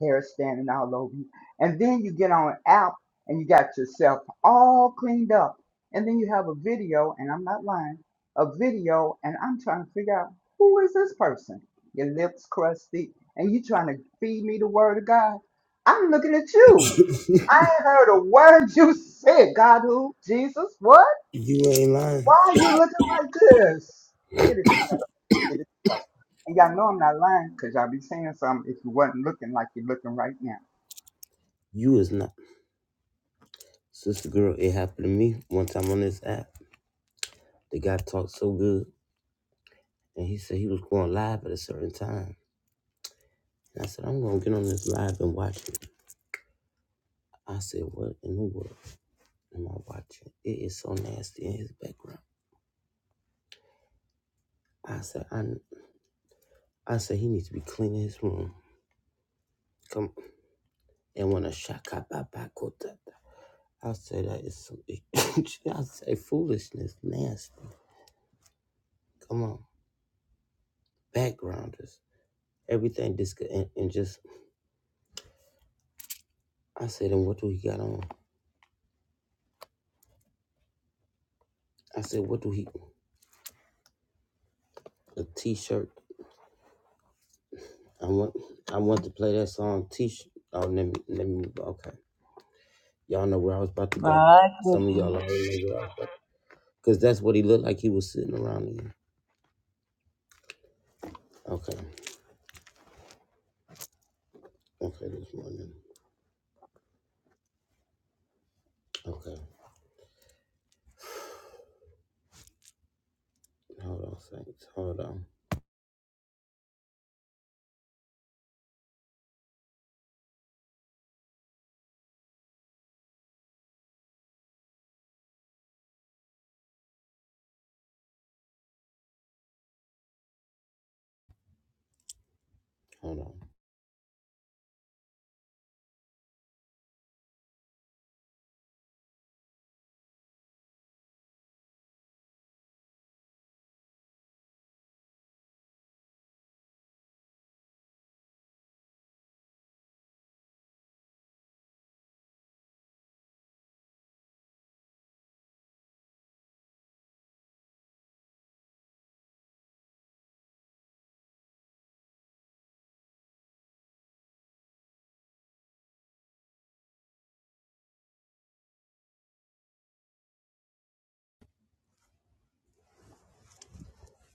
hair standing all over you. And then you get on an app and you got yourself all cleaned up. And then you have a video, and I'm not lying, a video, and I'm trying to figure out who is this person? Your lips crusty, and you trying to feed me the word of God. I'm looking at you. I ain't heard a word you said. God who? Jesus? What?
You ain't
Why
lying.
are you looking like this? Get it together. Get it together. And y'all know I'm not lying because y'all be saying something if you wasn't looking like you're looking right now.
You is not. Sister girl, it happened to me one time on this app. The guy talked so good, and he said he was going live at a certain time. And I said, I'm gonna get on this live and watch it. I said, What in the world am I watching? It is so nasty in his background. I said, I, I said he needs to be cleaning his room. Come on. and when a shaka baba kota. I said that is some I say foolishness, nasty. Come on. Backgrounders. Everything this and, and just I said, and what do he got on? I said, what do he a t shirt. I want I want to play that song t shirt. Oh let me let me okay. Y'all know where I was about to go.
My
Some of
goodness.
y'all already know where I was about to Because that's what he looked like he was sitting around in. Okay. Okay, this morning. Okay. Hold on, Saints. Hold on. Hold on.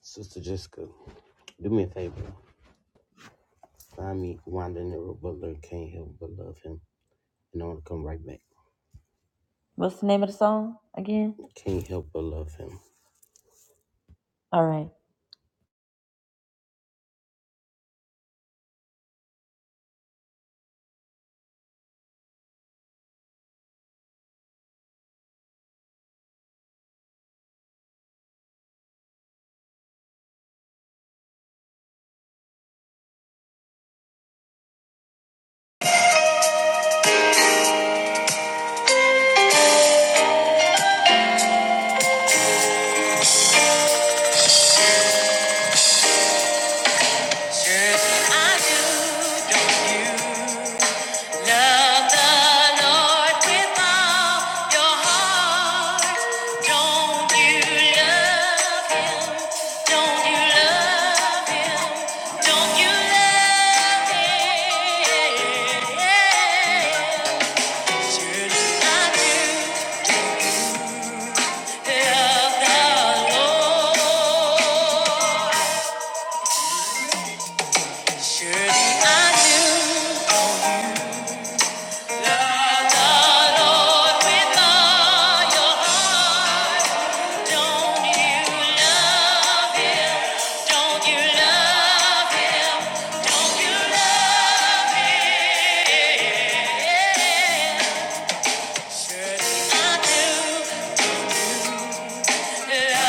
Sister Jessica, do me a favor. Find me Wanda Nero Butler. Can't help but love him. And I want to come right back.
What's the name of the song again?
Can't help but love him.
All right. Surely I do. Surely I do Love the Don't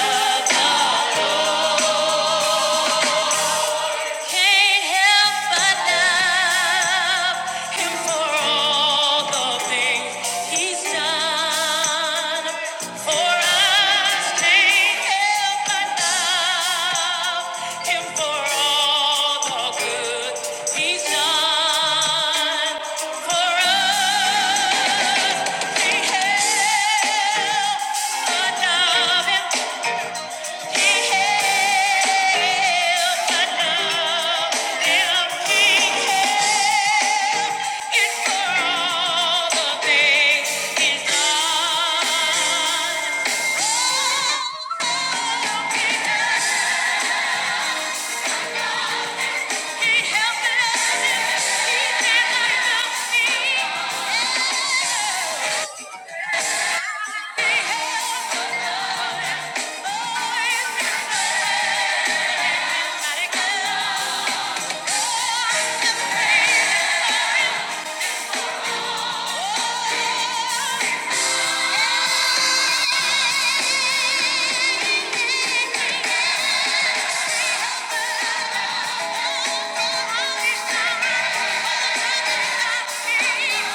I Lord. Can't help but love him for all the things he's done for us. Can't help but love him for all the good he's done for us. Can't help but love him he helped us. He can't can't help. me. Oh, Thank you.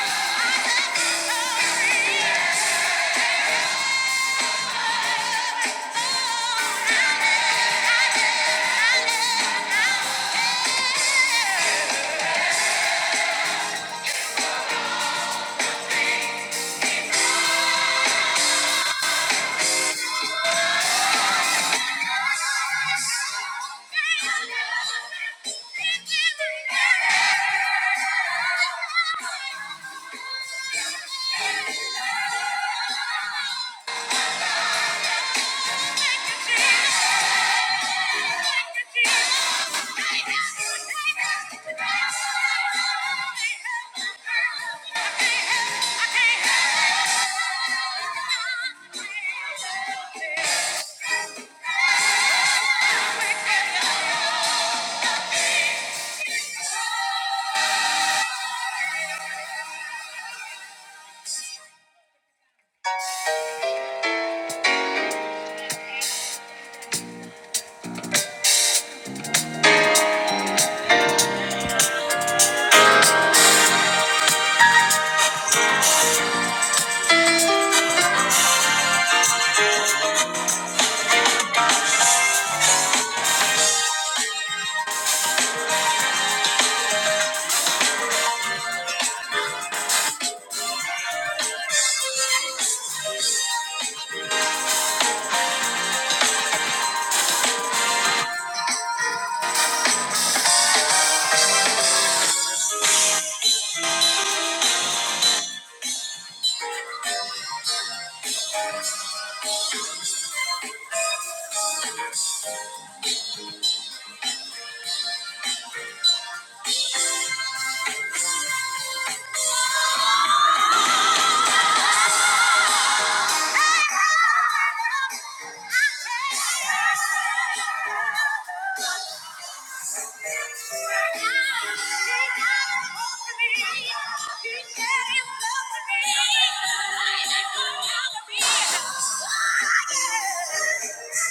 Yeah.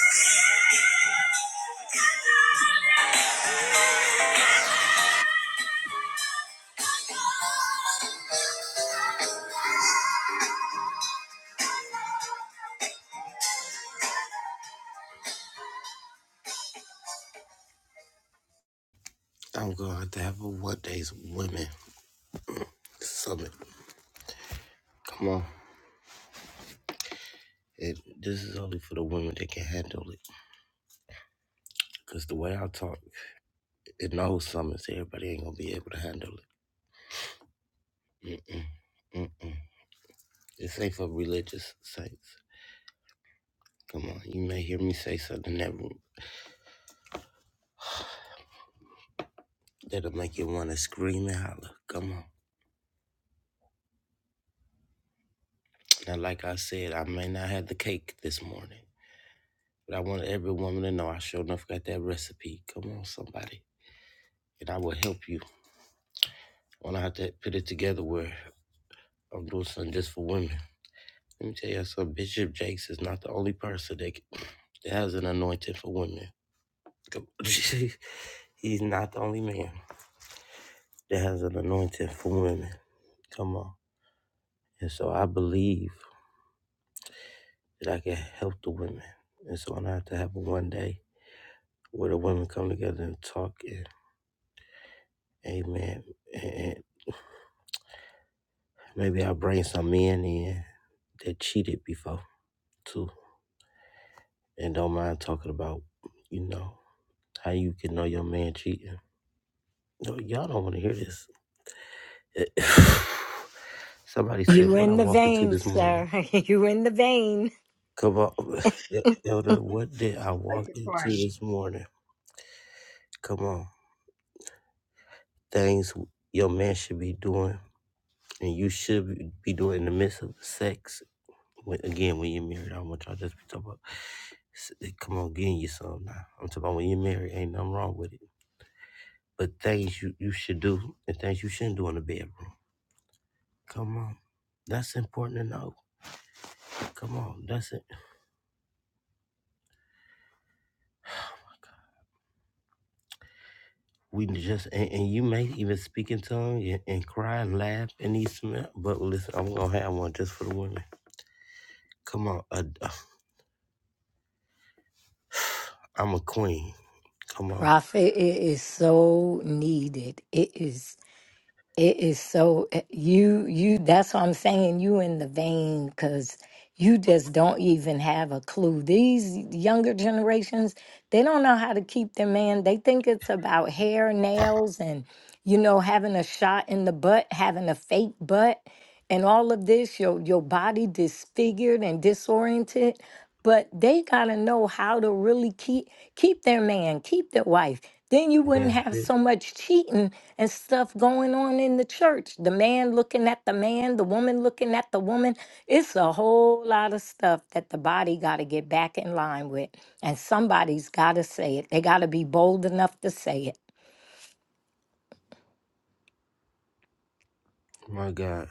I'm going to have a What Days Women Summit. Come on. It, this is only for the women that can handle it. Because the way I talk, it knows summits. Everybody ain't going to be able to handle it. Mm-mm. This ain't for religious saints. Come on. You may hear me say something that, that'll make you want to scream and holler. Come on. Now, like I said, I may not have the cake this morning, but I want every woman to know I sure enough got that recipe. Come on, somebody. And I will help you. I want to have to put it together where I'm doing something just for women. Let me tell you something. Bishop Jakes is not the only person that, that has an anointing for women. Come- He's not the only man that has an anointing for women. Come on. And so I believe that I can help the women. And so I have to have one day. where the women come together and talk and amen and maybe i bring some men in that cheated before too and don't mind talking about you know how you can know your man cheating no y'all don't want to hear this somebody said
You
what i
in the
walk into
vein,
this morning
sir. You in the vein.
come on elder what did i walk
Make it
into
plain.
this morning come on things your man should be doing and you should be doing in the midst of sex When, again, when you're married, I don't want y'all just be talking about, s- eh, come on, getting you some now. I'm talking about when you're married, ain't nothing wrong with it. But things you, you should do and things you shouldn't do in the bedroom. Come on. That's important to know. Come on. That's it. We just, and, and you may even speak in tongue and, and cry and laugh and eat some, but listen, I'm going to have one just for the women. Come on. i I'm a queen. Come on.
Prophet, it is so needed. It is it is so eh, you you that's what I'm saying. You in the vein because you just don't even have a clue. These younger generations, they don't know how to keep their man. They think it's about hair, nails, and you know, having a shot in the butt, having a fake butt, and all of this, your your body disfigured and disoriented. but they gotta know how to really keep keep their man, keep their wife. Then you wouldn't
That's
have
it.
so much cheating and stuff going on in the church. The man looking at the man, the woman looking at the woman. It's a whole lot of stuff that the body gotta get back in line with. And somebody's gotta say it. They gotta be bold enough to say it.
My God.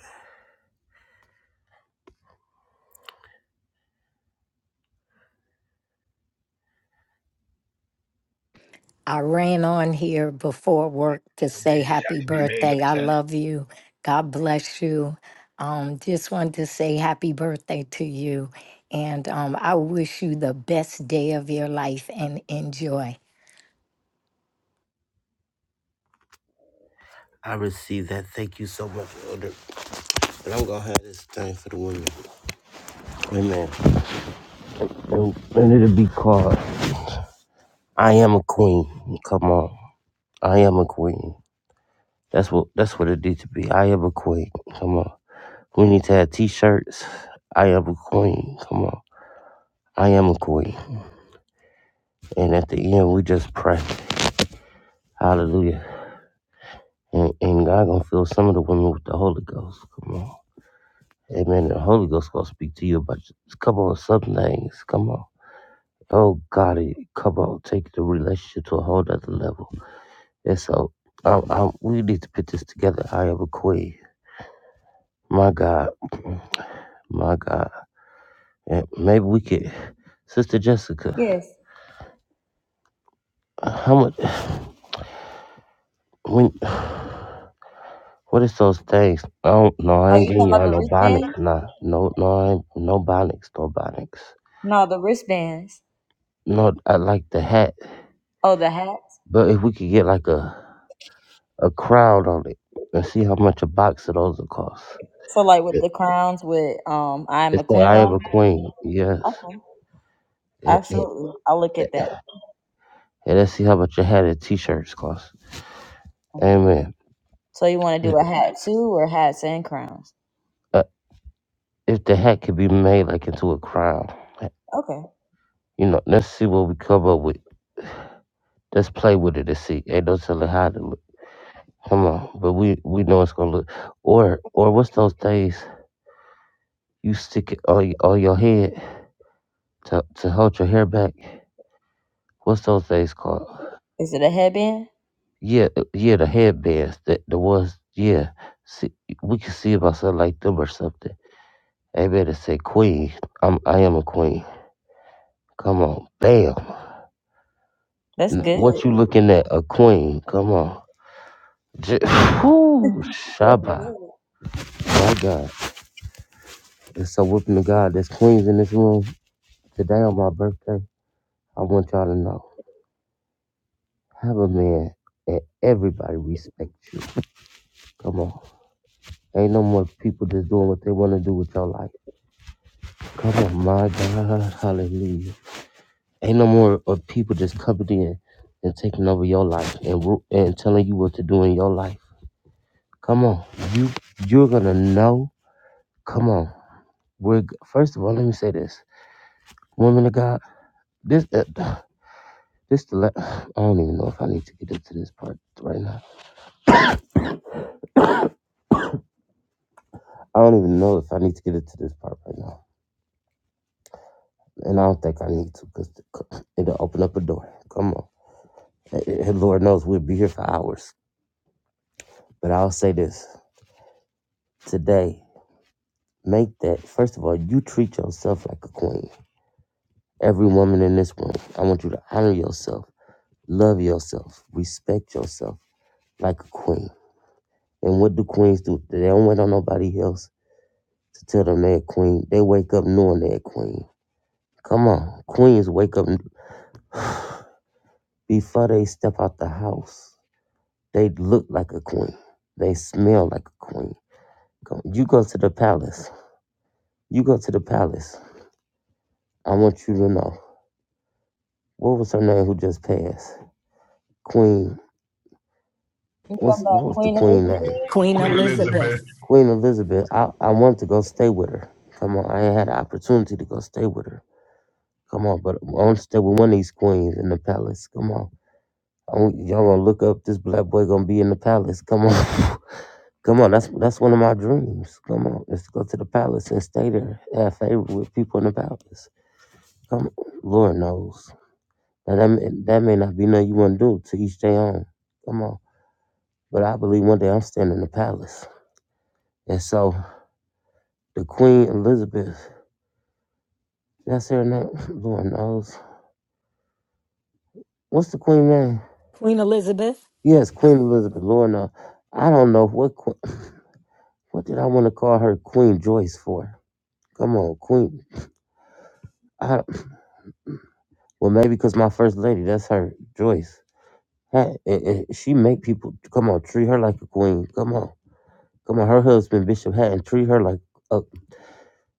I ran on here before work to
So They
say
just have
happy
to be made
birthday. I
upset.
love you. God bless you. Um, just wanted to say happy birthday to you. And um, I wish you the best day of your life and enjoy.
I received that. Thank you so much, Elder But I'm gonna have this thing for the women. Amen. And, and it'll be called I Am a Queen. Come on. I am a queen. That's what that's what it needs to be. I am a queen. Come on. We need to have t shirts. I am a queen. Come on. I am a queen. And at the end we just pray. Hallelujah. And and God gonna fill some of the women with the Holy Ghost. Come on. Amen. The Holy Ghost gonna speak to you about come on, some things. Come on. Oh God, it- come on, take the relationship to a whole nother level. And so, um, um, we need to put this together. I am a queen. My God, my God. And maybe we could, Sister Jessica.
Yes.
How much? When? What is those things? Oh no, I
Oh,
ain't
you
getting
talking about
y'all
the
no
wristbands?
bonics. Nah, no, no, I ain't, no bonics, no bonics.
No, the wristbands.
No, I like the hat,
Oh, the hats.
but if we could get like a a crowd on it and see how much a box of those will cost.
So like with the crowns with um, I'm a
It's the
queen
I am
on.
a
'em?
queen. Yes.
Okay,
And and-
absolutely. I'll look at that.
and let's see how much you hat and t-shirts cost.
Mhm.
Amen.
So you want to do a hat too, or hats and crowns?
Uh, if the hat could be made like into a crown,
Okay.
you know, let's see what we come up with. Let's play with it and see. Ain't no telling how to look. Come on, but we we know it's gonna look. Or or what's those things you stick it on y- on your head to to hold your hair back? What's those things called?
Is it a headband?
Yeah, uh, yeah, the headbands. that the ones. Yeah, see, we can see about something like them or something. They better say queen. I'm I am a queen. Come on, bam.
That's
N-
good.
What you looking at? A queen. Come on. J- Whoo,
That's
Shabba.
good.
My God. It's so whooping the God. There's queens in this room. Today on my birthday, I want y'all to know. Have a man and everybody respect you. Come on. Ain't no more people just doing what they want to do with your life. Come on, my God. Hallelujah. Ain't no more of people just coming in and taking over your life and ru- and telling you what to do in your life. Come on, you you're gonna know. Come on, we're g- first of all. Let me say this, woman of God. This uh, this the la- I don't even know if I need to get into this part right now. I don't even know if I need to get into this part right now, and I don't think I need to because it'll open up a door. Come on, Eh, eh, Lord knows we'll be here for hours. But I'll say this today. Make that first of all, you treat yourself like a queen. Every woman in this room, I want you to honor yourself, love yourself, respect yourself like a queen. And what do queens do? They don't wait on nobody else to tell them they're a queen. They wake up knowing they're a queen. Come on, queens wake up before they step out the house. They look like a queen. They smell like a queen. Come- You go to the palace. You go to the palace. I want you to know what was her name who just passed? Queen.
You talking
what's what
about
was the
Queen
queen name?
Elizabeth?
Queen
Queen
Elizabeth.
Elizabeth,
Elizabeth.
Queen Elizabeth. I, I wanted to go stay with her. Come on, I ain't had an opportunity to go stay with her. Come on, but I want to stay with one of these queens in the palace. Come on, I want, y'all gonna look up. This black boy gonna be in the palace. Come on, come on. That's that's one of my dreams. Come on, let's go to the palace and stay there. Have favor with people in the palace. Come, on. Lord knows. Now that may, that may not be nothing you want to do to each their own. Come on, but I believe one day I'm staying in the palace, and so. The Queen Elizabeth. That's her name. Lord knows. What's the Queen name?
Queen Elizabeth?
Yes, Queen Elizabeth. Lord knows. I don't know what que- what did I want to call her Queen Joyce for. Come on, Queen. I don't, well maybe because my first lady. That's her Joyce. Hey, and eh, she make people come on treat her like a queen. Come on, come on. Her husband Bishop Hatton treat her like a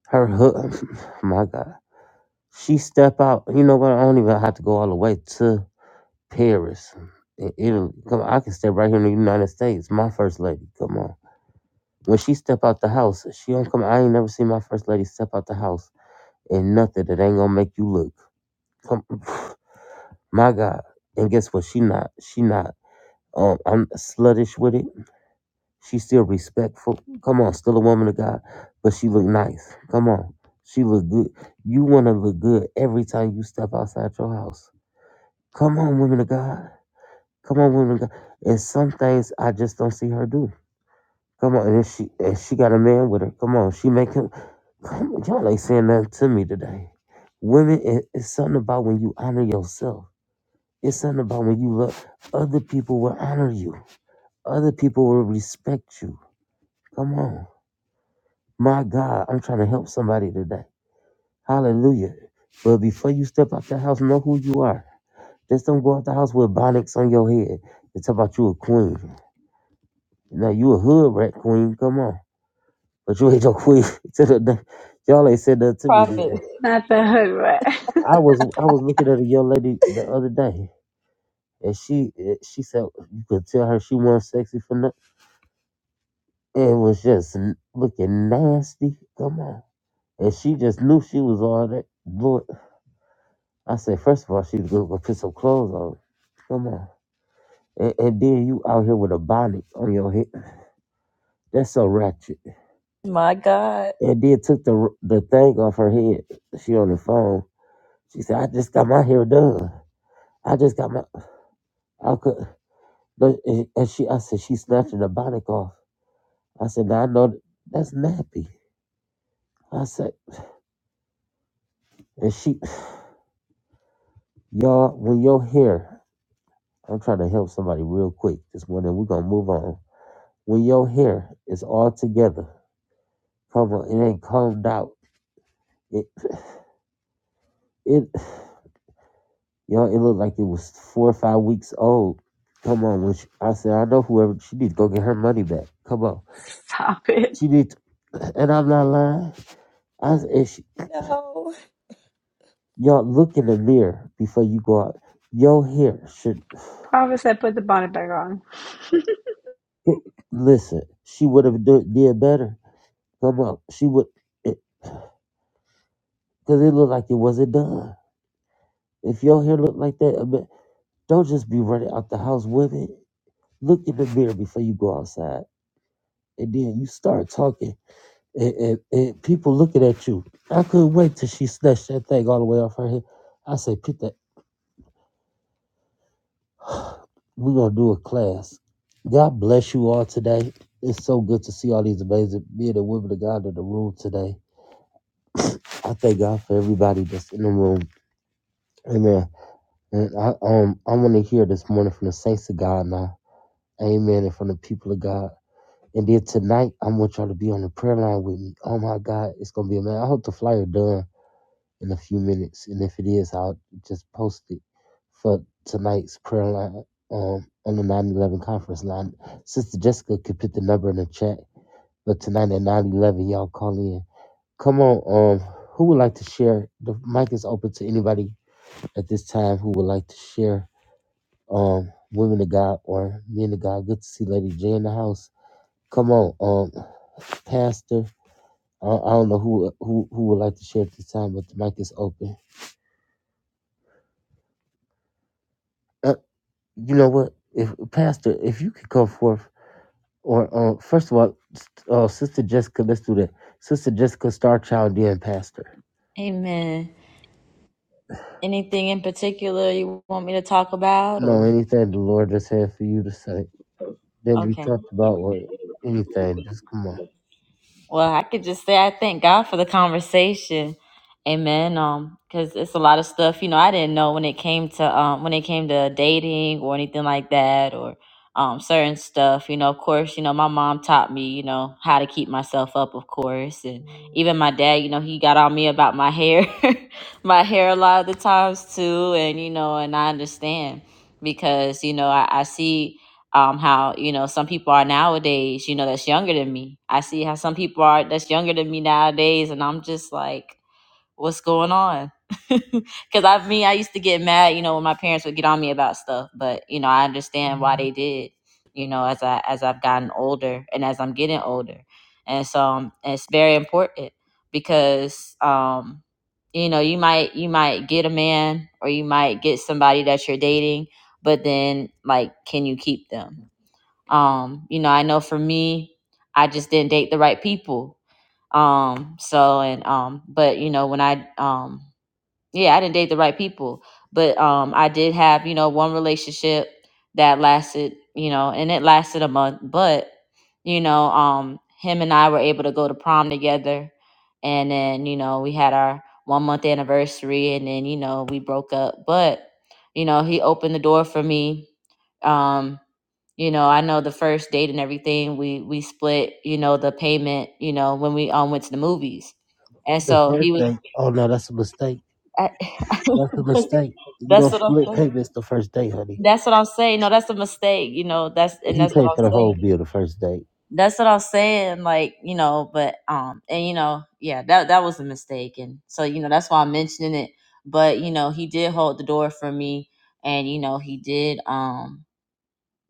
her. hu- My God, she step out. You know what? I don't even have to go all the way to. Paris, in Italy. Come on, I can step right here in the United States. My first lady, come on. When she step out the house, she don't come. I ain't never seen my first lady step out the house and nothing that ain't gonna make you look. Come, my God. And guess what? She not. She not. Um, I'm sluttish with it. She still respectful. Come on, still a woman of God, but she look nice. Come on, she look good. You wanna look good every time you step outside your house. Come on, women of God. Come on, women, God. And some things I just don't see her do. Come on, and if she if she got a man with her, come on, she make him. Come on, y'all ain't saying nothing to me today. Women, it, it's something about when you honor yourself. It's something about when you love other people will honor you. Other people will respect you. Come on, my God, I'm trying to help somebody today. Hallelujah. But before you step out the house, know who you are. Just don't go out the house with bonnets on your head and talk about you a queen. Now you a hood rat queen. Come on, but you ain't no queen. to the day. Y'all ain't said nothing to me.
Prophet.
Today.
Not the hood rat.
I was I was looking at a young lady the other day, and she eh, she said you could tell her she wasn't sexy for nothing. It was just n- looking nasty. Come on, and she just knew she was all that. Lord, I said first of all she was gonna go put some clothes on. Come on, and, and then you out here with a bonnet on your head. That's so ratchet.
My God.
And then took the the thing off her head. She on the phone She said, I just got my hair done. I just got my, I could, but, and, and she, I said, she's snatching the bonnet off. I said, now I know that, that's nappy. I said, and she, y'all, when your hair, I'm trying to help somebody real quick this morning, we're going to move on. When your hair is all together, come on, it ain't combed out. It, it, y'all, it looked like it was four or five weeks old. Come on, when she, I said, I know whoever, she need to go get her money back. Come on.
Stop it.
She need to, and I'm not lying. I if
No.
y'all look in the mirror before you go out, your hair should
Prophet said put the bonnet back on.
listen. She would have do, did better. Come on, she would, because it, 'cause it looked like it wasn't done. If your hair looked like that, I mean, don't just be running out the house, women. Look in the mirror before you go outside, and then you start talking, and, and, and people looking at you. I couldn't wait till she snatched that thing all the way off her head. I said, "Put that." We're gonna do a class. God bless you all today. It's so good to see all these amazing men and women of God in the room today. I thank God for everybody that's in the room. Amen. And I um I want to hear this morning from the saints of God now. Amen. And from the people of God. And then tonight I want y'all to be on the prayer line with me. Oh my God, it's gonna be amazing. I hope the flyer done. in a few minutes, and if it is, I'll just post it for tonight's prayer line um, on the nine eleven conference line. Sister Jessica could put the number in the chat, but tonight at nine eleven, y'all call in. Come on, um, who would like to share? The mic is open to anybody at this time who would like to share. Um, women of God or men of God. Good to see Lady J in the house. Come on, um, Pastor. I, I don't know who who who would like to share at this time, but the mic is open. Uh, you know what, if Pastor, if you could come forth, or uh, first of all, s- uh, Sister Jessica, let's do that. Sister Jessica, Star Child, then Pastor.
Amen. Anything in particular you want me to talk about
No,
or?
anything the Lord just had for you to say that we
Okay.
talked about, or anything, just come on.
Well, I could just say I thank God for the conversation. Amen. Um, because it's a lot of stuff, you know, I didn't know when it came to um when it came to dating or anything like that or um certain stuff. You know, of course, you know, my mom taught me, you know, how to keep myself up, of course. And even my dad, you know, he got on me about my hair, my hair a lot of the times too. And, you know, and I understand because, you know, I, I see um, how you know some people are nowadays you know that's younger than me i see how some people are that's younger than me nowadays and i'm just like what's going on because i mean i used to get mad you know when my parents would get on me about stuff but you know i understand why they did you know as i as i've gotten older and as i'm getting older and so um, it's very important because um you know you might you might get a man or you might get somebody that you're dating but then like can you keep them um, you know, I know for me, I just didn't date the right people. Um, so and um, but you know, when I um yeah, I didn't date the right people, but um, I did have you know one relationship that lasted you know, and it lasted a month, but you know, um, him and I were able to go to prom together, and then you know we had our one month anniversary, and then you know we broke up, but you know he opened the door for me. Um, you know, I know the first date and everything, we we split, you know, the payment, you know, when we um went to the movies. And
The
so
first
he was
thing, oh no, that's a mistake.
I,
That's a mistake. You
that's
don't
what I'm
split
saying.
payments the first day, honey.
That's what I'm saying. No, that's a mistake. You know, that's and
He
that's what
paid for the
I'm
whole
saying.
bill the first day.
That's what I'm saying. Like you know, but um, and you know, yeah, that that was a mistake, and so you know that's why I'm mentioning it. But you know, he did hold the door for me, and you know, he did um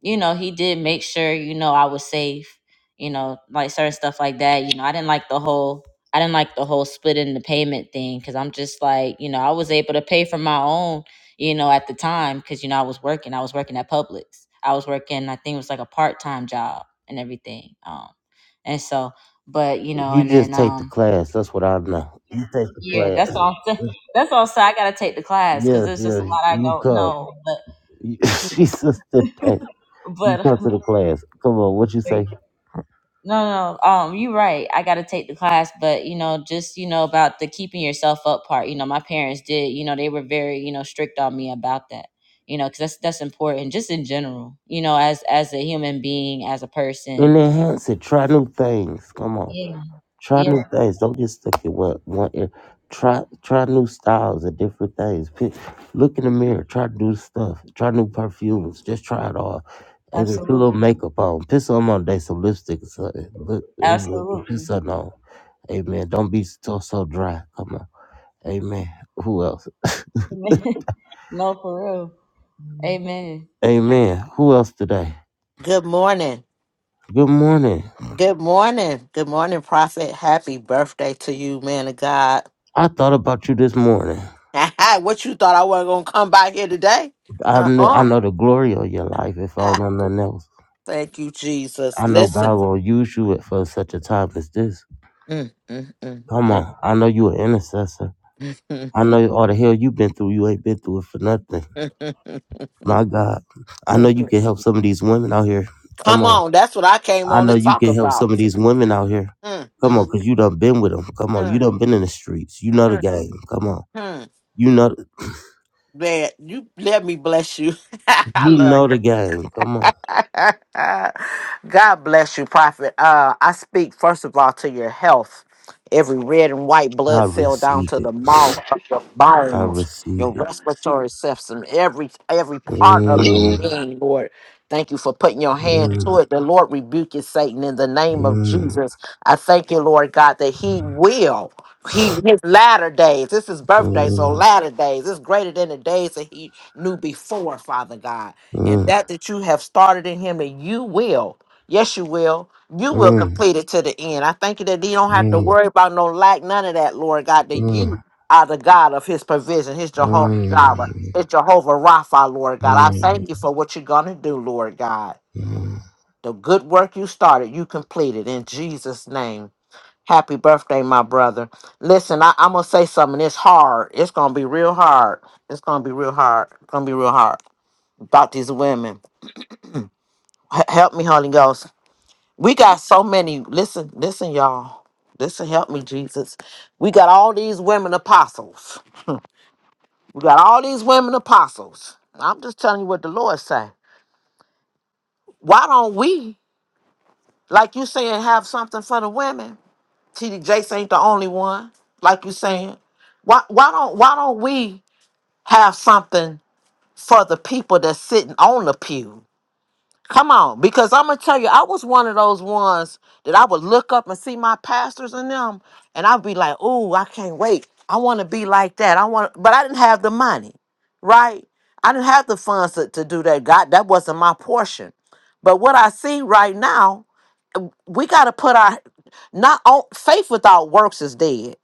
you know, he did make sure, you know, I was safe, you know, like certain stuff like that. You know, I didn't like the whole I didn't like the whole splitting the payment thing cuz I'm just like, you know, I was able to pay for my own, you know, at the time cuz you know, I was working. I was working at Publix. I was working, I think it was like a part-time job and everything. Um and so but, you know,
You
and
just
then
take the
um
class. That's what I know. You take the
yeah,
class.
that's all that's also I got to take the class cuz
Yes,
there's just
yes,
a lot I
you
don't
come.
know, but
She's sister. You
but
come to the class. Come on, what you say?
No, no, no. um, you're right. I got to take the class, but you know, just you know about the keeping yourself up part. You know, my parents did. You know, they were very you know strict on me about that. You know, because that's that's important, just in general. You know, as as a human being, as a person.
And enhance it. Try new things. Come on.
Yeah,
Try
yeah,
new things. Don't get stuck in what. one. area. Try try new styles and different things. Pick, look in the mirror. Try new stuff. Try new perfumes. Just try it all. Amen. Put a little
absolutely,
makeup on. Put some on day, some lipstick or something. Look, amen. Put
absolutely.
something on. Amen. Don't be so so dry. Come on. Amen. Who else?
no, for real. Amen.
Amen. Who else today?
Good morning.
Good morning.
Good morning. Good morning, Prophet. Happy birthday to you, man of God.
I thought about you this morning.
what you thought I wasn't going to come by here today?
I
Uh
know I
uh
know the glory of your life if I don't know nothing else.
Thank you, Jesus.
I know God
Listen.
will use you for such a time as this.
Mm, mm,
Come
mm,
on. I know you an intercessor. I
mm.
know all the hell you've been through, you ain't been through it for nothing. My God. I know you can help some of these women out here. Come
come
on.
on. That's what I came
I
on to
know you
talk
can help
about.
some of these
Mm,
women out here.
mm,
Come on,
mm,
cause you done been with them. Come on, you
mm,
done been in the streets. You know the game. Come on.
mm.
You know.
Man, you let me bless you. I
You
love
know
you.
the game. Come on.
God bless you, Prophet. Uh, I speak first of all to your health. Every red and white
I
blood cell down
receive
to the
it.
mouth your
I
bones,
receive
your
it.
respiratory system, every every part of your
Mm,
being, Lord. Thank you for putting your hand to
mm,
it. The Lord rebuke you, Satan, in the name of
mm,
Jesus. I thank you, Lord God, that He will. He his latter days. This is birthday, so
mm,
latter days. It's greater than the days that he knew before, Father God and
mm, mm,
that that you have started in him and you will yes you will you will
mm,
complete it to the end i thank you that you don't have to worry about no lack none of that lord god that you
mm,
are the god of his provision his jehovah
mm,
jireh his jehovah rapha lord god i
mm,
thank you for what you're gonna do lord god
mm.
the good work you started you completed in jesus name happy birthday my brother listen I, i'm gonna say something it's hard it's gonna be real hard it's gonna be real hard it's gonna be real hard about these women H- help me, Holy Ghost. We got so many. Listen, listen, y'all. Listen, help me, Jesus. We got all these women apostles. We got all these women apostles. I'm just telling you what the Lord say. Why don't we, like you saying, have something for the women? TD Jakes ain't the only one, like you saying. Why, why don't why don't we have something for the people that's sitting on the pew? Come on, because I'm gonna tell you, I was one of those ones that I would look up and see my pastors and them, and I'd be like, "Ooh, I can't wait! I want to be like that. I want," but I didn't have the money, right? I didn't have the funds to, to do that. God, that wasn't my portion. But what I see right now, we got to put our not on faith without works is dead.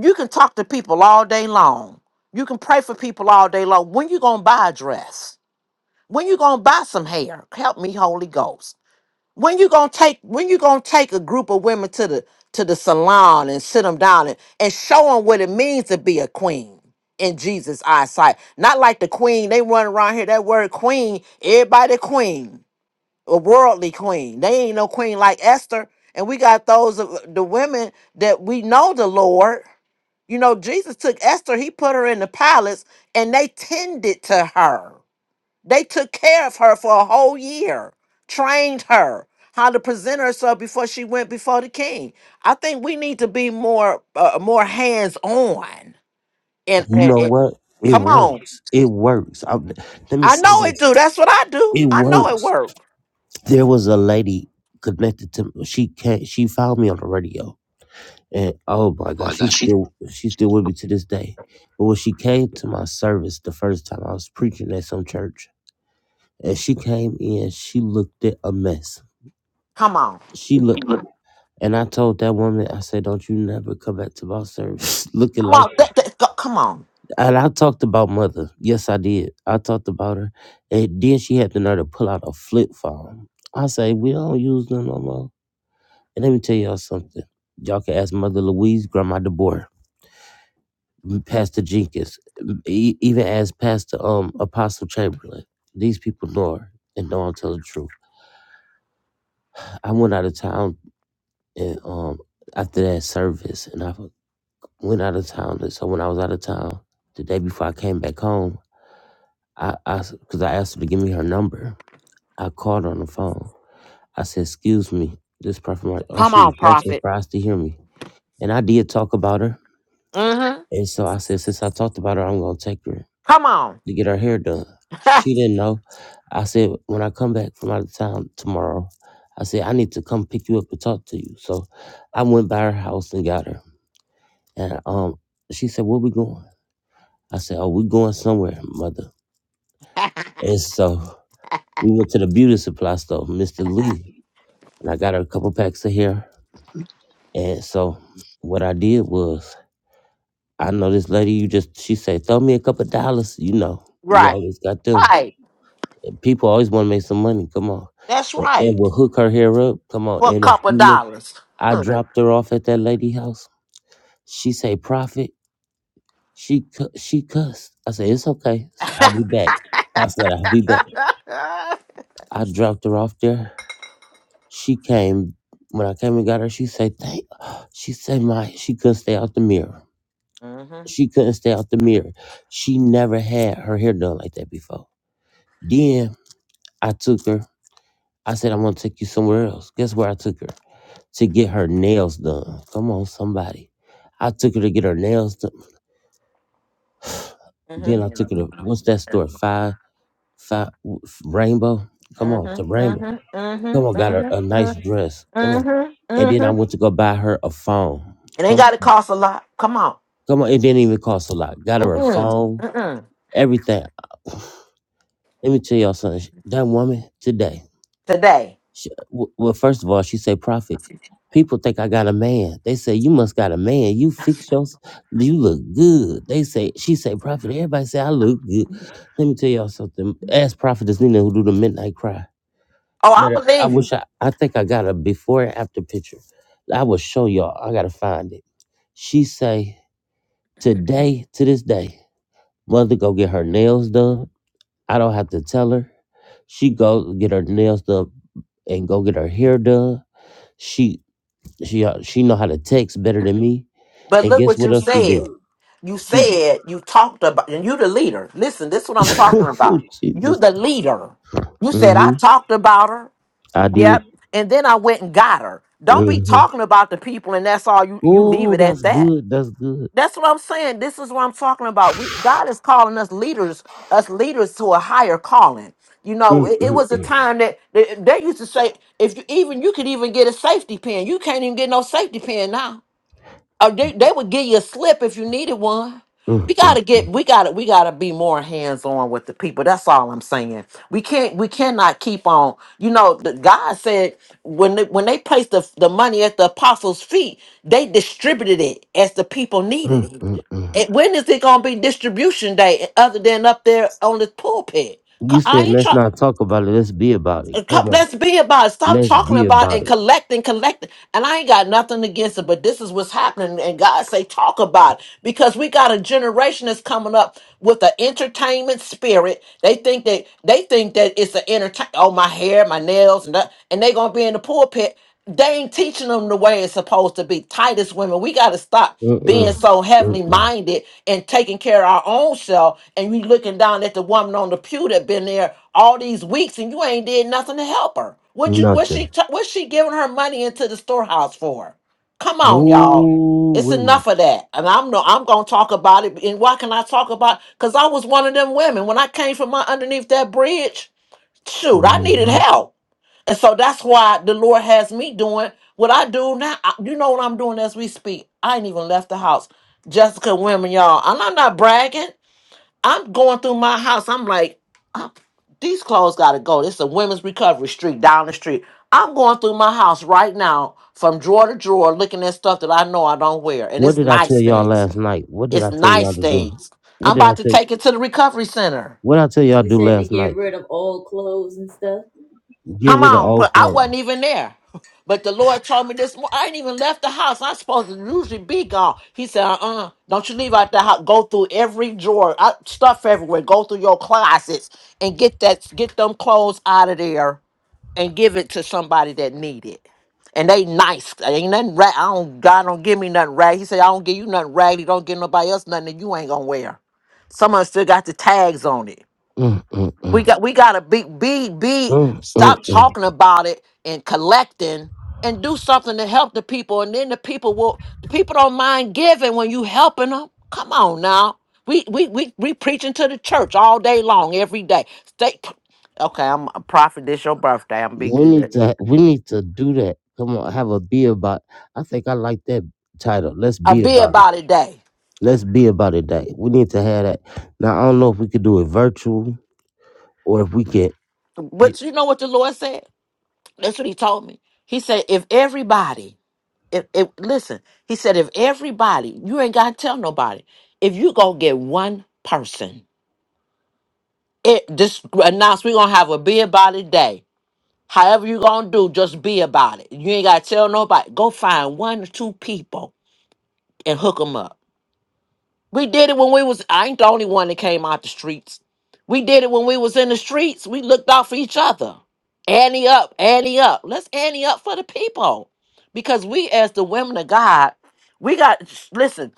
You can talk to people all day long. You can pray for people all day long. When you gonna buy a dress? When you gonna buy some hair? Help me, Holy Ghost when you gonna take when you gonna take a group of women to the to the salon and sit them down and, and show them what it means to be a queen in jesus eyesight not like the queen they run around here that word queen everybody queen a worldly queen they ain't no queen like esther and we got those of the women that we know the lord you know jesus took esther he put her in the palace and they tended to her they took care of her for a whole year, trained her how to present herself before she went before the king. I think we need to be more uh, more hands on. And,
You
and,
know
and
what? It
come
works.
on,
It works. I, let me
I
say
know it
this.
do. That's what I do.
It
I know it
works.
work.
There was a lady connected to me. She can't. she found me on the radio And oh my God, she's still she's still with me to this day. But when she came to my service the first time, I was preaching at some church, and she came in. She looked at a mess.
Come on,
She looked, and I told that woman, I said, "Don't you never come back to my service looking
come
like."
on, Th- th- go- come on,
And I talked about mother. Yes, I did. I talked about her, and then she had the nerve to pull out a flip phone. I say, "We don't use them no more." And let me tell y'all something. Y'all can ask Mother Louise, Grandma DeBoer. Pastor Jenkins, e- even as Pastor um Apostle Chamberlain. These people know her and know I'm telling the truth. I went out of town and um after that service, and I went out of town. And so when I was out of town the day before I came back home, I because I, asked her to give me her number. I called her on the phone. I said, "Excuse me, this prophet." Mar- Oh,
come
she
on,
was so
prophet.
surprised to hear me, and I did talk about her.
Mm-hmm.
And so I said, since I talked about her, I'm gonna take her.
Come on,
to get her hair done. She didn't know. I said, when I come back from out of town tomorrow, I said, I need to come pick you up and talk to you. So I went by her house and got her. And um, she said, Where we going? I said, Oh, we going somewhere, mother. And so we went to the beauty supply store, Mr. Lee. And I got her a couple packs of hair. And so what I did was, I know this lady, you just, she said, throw me a couple dollars. You know, we
right,
always got them.
right.
People always want to make some money. Come on,
That's
and, and
right.
we'll hook her hair up. Come on,
For a
in a
couple
few minutes,
dollars.
I dropped her off at that lady house. She say, "Prophet," she cu- she cussed. I said, "It's okay. I'll be back." I said, "I'll be back." I dropped her off there. She came when I came and got her. She said, "Thank." She said, "My," she couldn't stay out the mirror.
mm-hmm.
She couldn't stay out the mirror. She never had her hair done like that before. Then I took her. I said, I'm gonna take you somewhere else. Guess where I took her? To get her nails done. Come on, somebody. I took her to get her nails done. Then I took her to what's that store? Five, five w- f- Rainbow. Come on, to
Mhm,
Rainbow.
mhm, mhm,
Come on, got her
mhm,
a nice
mhm,
dress. Come on.
mhm,
And then I
mhm.
went to go buy her a phone.
It ain't
Come,
got to cost a lot. Come on.
come on. It didn't even cost a lot. Got her a
Mm-mm,
phone.
mm-mm.
Everything. Let me tell y'all something. That woman today.
Today.
She, w- well, first of all, she said prophet. People think I got a man. They say you must got a man. You fix your, you look good. They say she say prophet. Everybody say I look good. Let me tell y'all something. Ask prophetess Nina who do the midnight cry.
Oh, I
Matter, I
believe you.
wish I, I think I got a before and after picture. I will show y'all. I gotta find it. She say today to this day, mother go get her nails done. I don't have to tell her. She go get her nails done and go get her hair done. She she uh, she know how to text better than me.
But
And
look
guess
what
what
you
else she
said.
do?
You
She
said you talked about, and you the leader. Listen, this is what I'm talking about.
Ooh,
You
Jesus.
the leader. You said I
Mm-hmm.
talked about her.
I did.
Yep. And then I went and got her. Don't be
Mm-hmm.
talking about the people, and that's all you you leave
Oh,
it at
that's
that.
good. That's good.
That's what I'm saying. This is what I'm talking about. We- God is calling us leaders, us leaders to a higher calling. You know,
Mm,
it, it
mm,
was a
mm,
time that that- they used to say, if you even you could even get a safety pin, you can't even get no safety pin now. Or they, they would give you a slip if you needed one.
mm,
We
mm,
gotta get we gotta we gotta be more hands on with the people. That's all I'm saying. We can't we cannot keep on. You know, the, God said when they, when they placed the, the money at the apostles' feet, they distributed it as the people
mm,
needed it.
mm.
And when is it gonna be distribution day other than up there on the pulpit? Co-
You
I
said
ain't
let's
try,
not talk about it. Let's be about it.
and co-
Come on.
Let's be about it. Stop
Let's
talking
be
about
about
and
it.
collecting, collecting. And I ain't got nothing against it, but this is what's happening. And God say, talk about it. Because we got a generation that's coming up with an entertainment spirit. They think that they think that it's an entertain oh my hair, my nails, and that, and they gonna be in the pulpit they ain't teaching them the way it's supposed to be. Titus women, we got to stop being
Mm-mm.
so heavily
Mm-mm.
minded and taking care of our own self. And we looking down at the woman on the pew that been there all these weeks, and you ain't did nothing to help her. What you? What
Nothing.
she? t- What she giving her money into the storehouse for? Come on, y'all.
Ooh,
It's
wee.
enough of that. And I'm no. I'm gonna talk about it. And why can I talk about? Because I was one of them women when I came from my underneath that bridge. Shoot, I needed
hmm
help. And so that's why the Lord has me doing what I do now. I- You know what I'm doing as we speak. I ain't even left the house. Jessica women, y'all. And I'm not bragging. I'm going through my house. I'm like, "Ah, these clothes gotta go. This is a women's recovery street down the street. I'm going through my house right now from drawer to drawer looking at stuff that I know I don't wear. And
What
it's
did I tell
nice
y'all
things.
last night? What did
It's
I tell y'all
nice
to do?
things.
What
I'm
did I
about to
tell?
take it to the recovery center.
What did I tell y'all to
You
do
said to
last
get
night?
rid of old clothes and stuff.
Get
Come
rid of
on,
old
but I
clothes.
wasn't even there. But the Lord told me this morning, I ain't even left the house. I'm supposed to usually be gone. He said, uh uh-uh, uh, do not you leave out the house. Go through every drawer, uh, stuff everywhere. Go through your closets and get that, get them clothes out of there and give it to somebody that need it. And they nice. Ain't nothing rag. I don't, God don't give me nothing rag. He said, I don't give you nothing raggedy. Don't give nobody else nothing that you ain't gonna wear. Some of them still got the tags on it.
Mm, mm,
We got we gotta be be be
mm, mm,
stop
mm.
talking about it and collecting and do something to help the people and then the people will the people don't mind giving when you helping them. Come on now. We we we we preaching to the church all day long, every day. Stay okay, I'm a prophet, this your birthday. I'm be
We
good.
need to we need to do that. Come on, have a be about. I think I like that title. Let's
I
be
be
about it.
about it day.
Let's be about it. Day. We need to have that. Now I don't know if we could do it virtual or if we can. Yeah,
But you know what the Lord said? That's what he told me. He said, if everybody If, if listen, he said, if everybody, you ain't gotta tell nobody. If you gonna get one person, it just announce we gonna have a be about it day. However you gonna do, just be about it. You ain't gotta tell nobody. Go find one or two people and hook them up. We did it when we was. I ain't the only one that came out the streets. We did it when we was in the streets. We looked out for each other. Annie up, Annie up. Let's Annie up for the people, because we as the women of God, we got listen.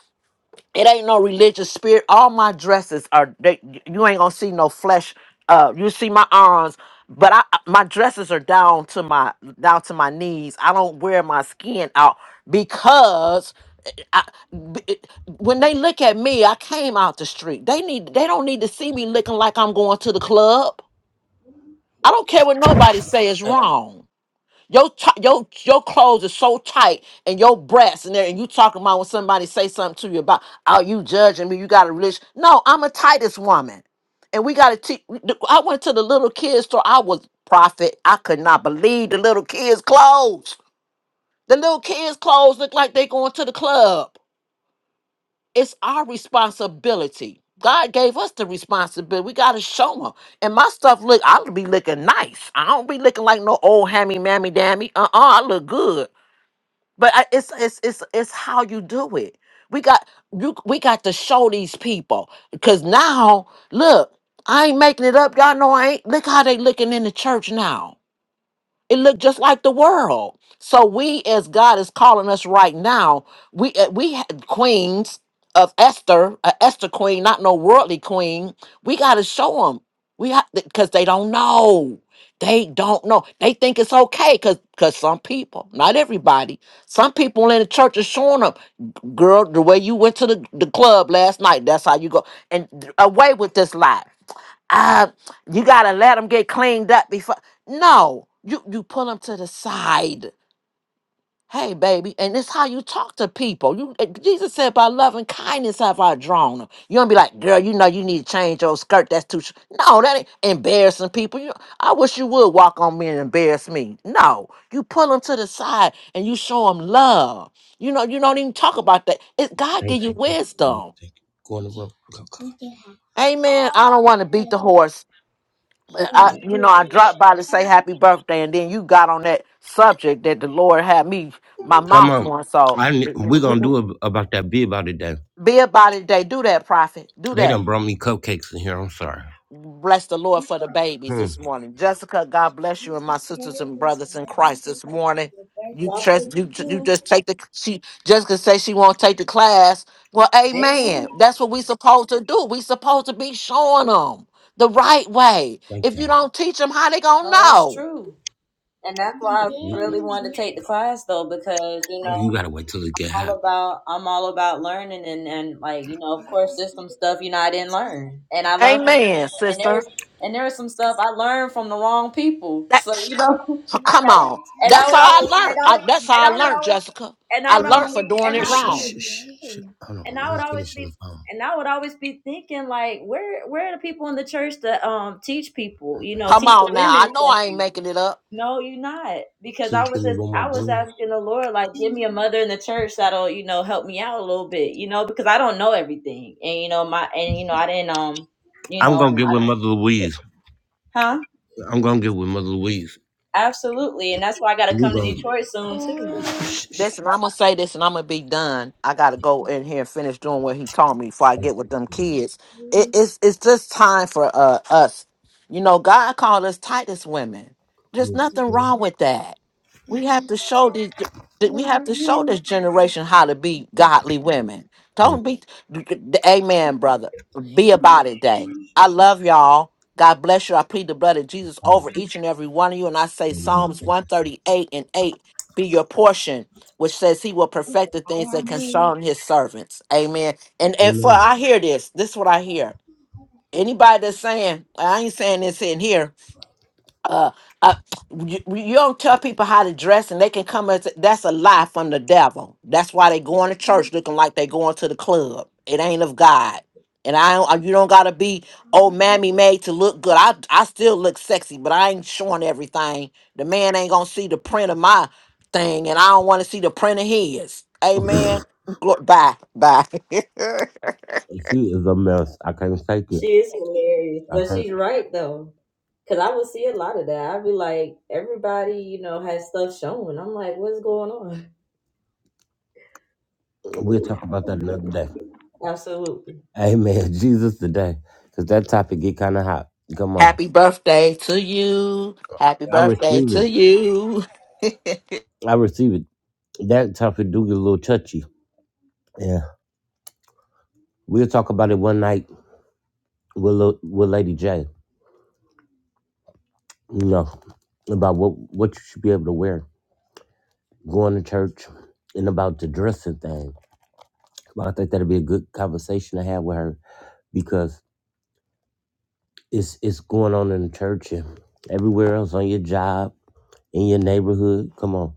It ain't no religious spirit. All my dresses are they you ain't gonna see no flesh. Uh you see my arms, but I I- my dresses are down to my down to my knees. I don't wear my skin out because I, b- it- when they look at me, I came out the street. They need they don't need to see me looking like I'm going to the club. I don't care what nobody say is wrong. Your t- your your clothes are so tight and your breasts in there and you talking about when somebody say something to you about oh you judging me you got a religion no I'm a tightest woman and we got to teach I went to the little kids store I was prophet I could not believe the little kids clothes the little kids clothes look like they going to the club it's our responsibility God gave us the responsibility we got to show them and my stuff look I be looking nice I don't be looking like no old hammy mammy dammy uh uh I look good but I, it's it's it's it's how you do it. We got you. We got to show these people because now look, I ain't making it up. Y'all know I ain't. Look how they looking in the church now it looked just like the world. So we, as God is calling us right now, we uh, we had queens of Esther, a Esther queen, not no worldly queen. We got to show them. We because they don't know. They don't know. They think it's okay because because some people, not everybody, some people in the church are showing up. Girl, the way you went to the, the club last night, that's how you go. And away with this lie uh, you gotta let them get cleaned up before. No, you you pull them to the side. Hey, baby, and this how you talk to people. You eh, Jesus said, "By love and kindness have I drawn them." You don't be like, "Girl, you know you need to change your skirt. That's too." Sh-. No, that ain't embarrassing people. You, I wish you would walk on me and embarrass me. No, you pull them to the side and you show them love. You know, you don't even talk about that. It, God
thank
give you
you. Thank you.
wisdom.
Thank you. Go on the road. Go,
Amen. I don't want to beat the horse. I, you know, I dropped by to say happy birthday, and then you got on that subject that the Lord had me my
go. Come
mouth
on.
on. So
I
w-
ne- we
w-
gonna
w-
do it about that. Be about it. Day.
be about it today. Do that, prophet. Do
They
that.
done brought me cupcakes in here. I'm sorry.
Bless the Lord for the babies
Hmm.
this morning, Jessica. God bless you and my sisters and brothers in Christ this morning. You
God bless
trust you. You just take the she. Jessica say she won't take the class. Well,
Amen.
Amen. That's what we supposed to do. We supposed to be showing them the right way.
Thank
If you
y'all.
don't teach them, how they gonna
No, that's
know?
true. And that's why I really
You,
wanted to take the class though, because you know,
you gotta wait till it get hot.
all about I'm all about learning and and like you know of course there's some stuff you know I didn't learn and I learned from
Amen,
and there
sister.
was and there was some stuff I learned from the wrong people so
That's
you know I
come
got
on.
and I
That's how
would
I
always
learned.
and I
I,
would,
that's
and
how I
I would
learned,
always
Jessica.
and I
I
would always
learned for
be
doing
and
Oh,
it
I
shit,
wrong.
shit, shit, shit. Hold on,
and
let
I
me
would always
finish on the
be
phone.
and I would always be thinking like where where are the people in the church that um teach people you know
Come
teach the
on now.
women
I know I
especially
ain't making it up.
no, you're not. Because
Can you
I
give
was
me
just
one more
I was
bean?
asking the Lord, like, give me a mother in the church that'll, you know, help me out a little bit, you know, because I don't know everything. And you know, my and you know, I didn't um, you
I'm
know, I
gonna get with
don't-
Mother Louise.
huh?
I'm gonna get with Mother Louise.
Absolutely. And that's why I gotta
You
come to
gonna-
Detroit soon too.
Listen, I'm gonna say this, and I'm gonna be done. I gotta go in here and finish doing what he told me before I get with them kids. It, it's it's just time for uh, us. You know, God called us Titus women. There's nothing wrong with that. We have to show these. that We have to show this generation how to be godly women. Don't be, Amen, brother. Be about it, day. I love y'all. God bless you. I plead the blood of Jesus over each and every one of you, and I say Psalms 138 and 8 be your portion which says he will perfect the things that concern his servants. Amen. And and for I hear this. This is what I hear. Anybody that's saying, I ain't saying this in here, uh, uh you, you don't tell people how to dress and they can come as that's a lie from the devil that's why they going to church looking like they going to the club it ain't of god and i don't uh, you don't gotta be old mammy made to look good i i still look sexy but i ain't showing everything the man ain't gonna see the print of my thing and i don't want to see the print of his amen Glo- bye bye
She is a mess. I can't take it.
She is hilarious,
I
but
can't.
she's right though. Cause I would see a lot of that. I'd be like, everybody, you know, has stuff showing. I'm like, what's going on?
We'll talk about that another day.
Absolutely.
Amen. Jesus today, because that topic get kind of hot. Come on.
happy birthday to you happy
I
birthday
receive
to
it.
you
I receive it. That topic do get a little touchy. Yeah. We'll talk about it one night with Lil- with Lady J. You know about what what you should be able to wear. going to church and about the dressing thing. Well, I think that'd be a good conversation to have with her because it's it's going on in the church and everywhere else on your job, in your neighborhood. Come on,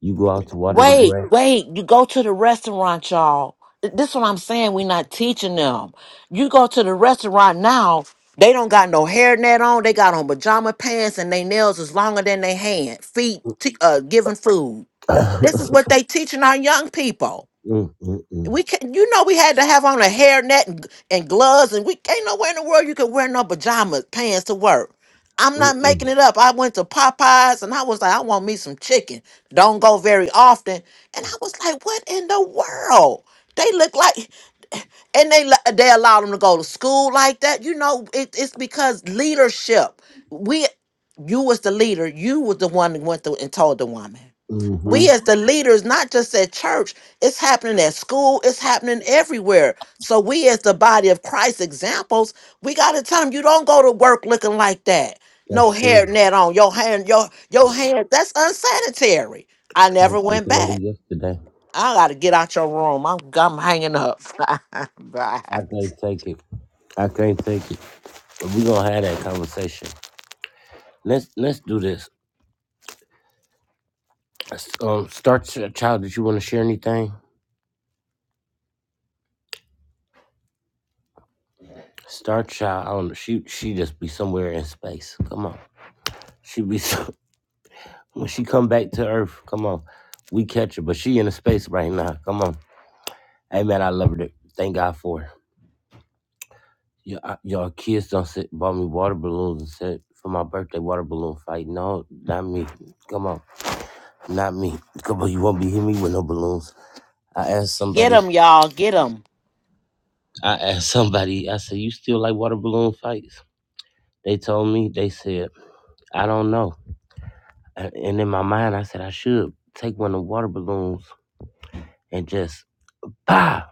you go out to water the
Wait,
grass.
wait. You go to the restaurant, y'all. This is what I'm saying. we not teaching them. You go to the restaurant now, they don't got no hairnet on. They got on pajama pants and they nails is longer than they hand, feet, t- uh, giving food. This
mm,
is what they teaching our young people
mm, mm,
we can you know we had to have on a hairnet and, and gloves and we ain't nowhere in the world you can wear no pajamas pants to work i'm
mm,
not
mm.
making it up i went to popeyes and i was like i want me some chicken don't go very often and i was like what in the world they look like and they li- they allow them to go to school like that you know it, it's because leadership we you was the leader you was the one that went through and told the woman
Mm-hmm.
we as the leaders, not just at church, it's happening at school, it's happening everywhere. So we as the body of Christ examples, we gotta tell them you don't go to work looking like that. No
That's true.
hairnet on your hand, your your hair. That's unsanitary. I
I
never
was
went
looking at it
back.
yesterday.
I gotta get out your room. I'm I'm hanging up.
I
Bye.
can't take it. I can't take it. But we gonna have that conversation. Let's let's do this. S- Um, start Ch- child. Did you want to share anything? Star Child, I don't know. She she just be somewhere in space. Come on, she be so, when she come back to Earth. Come on, we catch her, but she in the space right now. Come on, hey man, I love her. to- Thank God for her. Y- I- Y'all kids don't sit, bought me water balloons and said for my birthday water balloon fight. No, not me. Come on, not me. Come on, you won't be hitting me with no balloons. I asked
Get
somebody.
them, y'all. Get them.
I asked somebody. I said, you still like water balloon fights? They told me. They said, I don't know. And and in my mind, I said I should take one of the water balloons and just bah,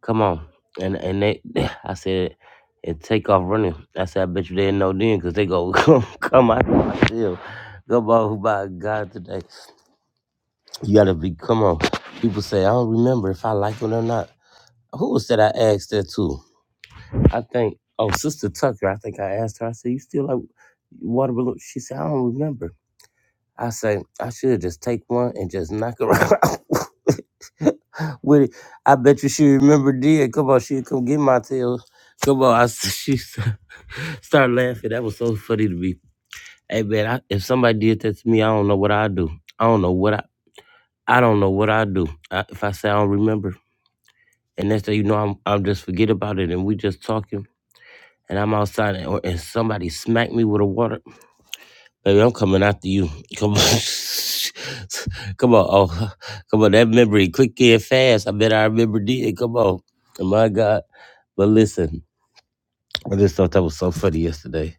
come on. And and they, I said, and take off running. I said, I bet you they didn't know then, cause they go come come out my shell. Come on, by God today, you gotta be. Come on, people say I don't remember if I like it or not. Who was that I asked that to? I think oh, Sister Tucker. I think I asked her. I said, you still like water balloon? She said, I don't remember. I say, I should just take one and just knock her out with it. I bet you she remember did. Come on, she come get my tail. Come on, I s- she st- started laughing. That was so funny to me. Hey man, I, if somebody did that to me, I don't know what I do. I don't know what I. I don't know what I do. I, if I say I don't remember, and next thing you know, I'm I'm just forget about it, and we just talking, and I'm outside, and, or, and somebody smacked me with a water. Baby, I'm coming after you. Come on. Come on. Oh, come on. That memory, quick and fast. I bet I remember did. Come on. Oh, My God. But listen, I just thought that was so funny yesterday.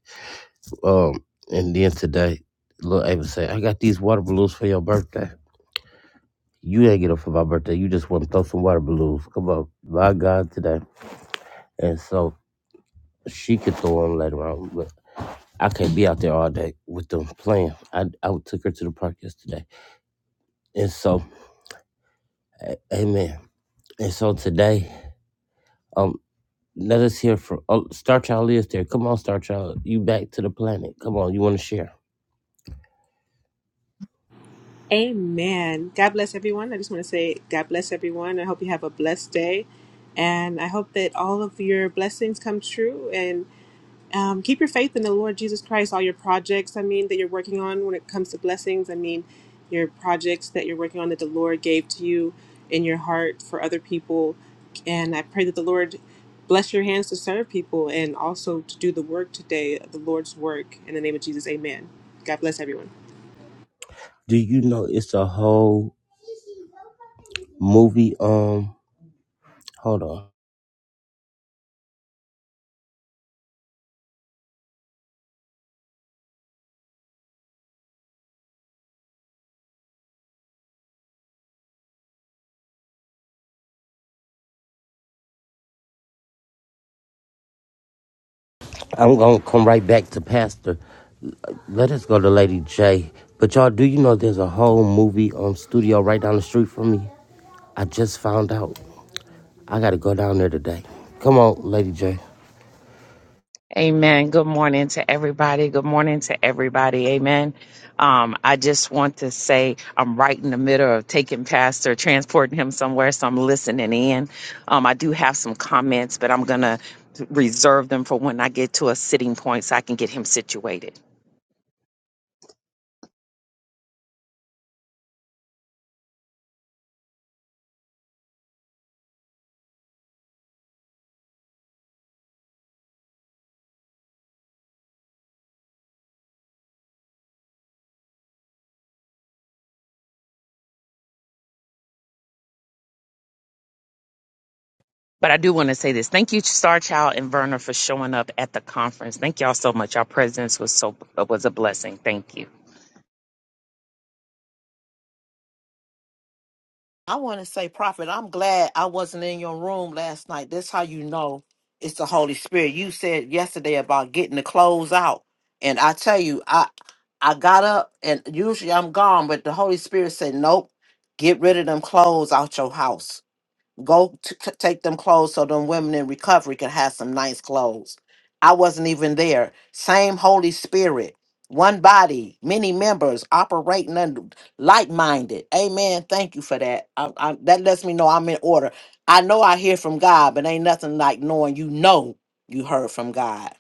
Um, and then today, Lil Ava said, I got these water balloons for your birthday. You ain't get up for my birthday. You just want to throw some water balloons. Come on. My God, today. And so she could throw them later on, but I can't be out there all day with them playing. I, I took her to the park yesterday. And so Amen. And so today, um, let us hear from um, Star Child is there. Come on, Star Child, you back to the planet. Come on, you want to share?
Amen. God bless everyone. I just want to say, God bless everyone. I hope you have a blessed day. And I hope that all of your blessings come true. And um, keep your faith in the Lord Jesus Christ, all your projects, I mean, that you're working on when it comes to blessings. I mean, your projects that you're working on that the Lord gave to you in your heart for other people. And I pray that the Lord bless your hands to serve people and also to do the work today, the Lord's work. In the name of Jesus, amen. God bless everyone.
Do you know it's a whole movie? Um, hold on. I'm gonna come right back to Pastor. Let us go to Lady J. But y'all, do you know there's a whole movie um studio right down the street from me? I just found out. I got to go down there today. Come on, Lady J.
Amen. Good morning to everybody. Good morning to everybody. Amen. Um, I just want to say I'm right in the middle of taking Pastor, transporting him somewhere, so I'm listening in. Um, I do have some comments, but I'm going to reserve them for when I get to a sitting point so I can get him situated. But I do want to say this. Thank you, Star Child and Verna, for showing up at the conference. Thank y'all so much. Our presence was so was a blessing. Thank you.
I want to say, Prophet, I'm glad I wasn't in your room last night. That's how you know it's the Holy Spirit. You said yesterday about getting the clothes out, and I tell you, I I got up, and usually I'm gone, but the Holy Spirit said, "Nope, get rid of them clothes out your house." go to c- take them clothes so them women in recovery can have some nice clothes. I wasn't even there. Same Holy Spirit, one body, many members operating under like-minded. Amen. Thank you for that. I, I, that lets me know I'm in order. I know I hear from God, but ain't nothing like knowing you know you heard from God.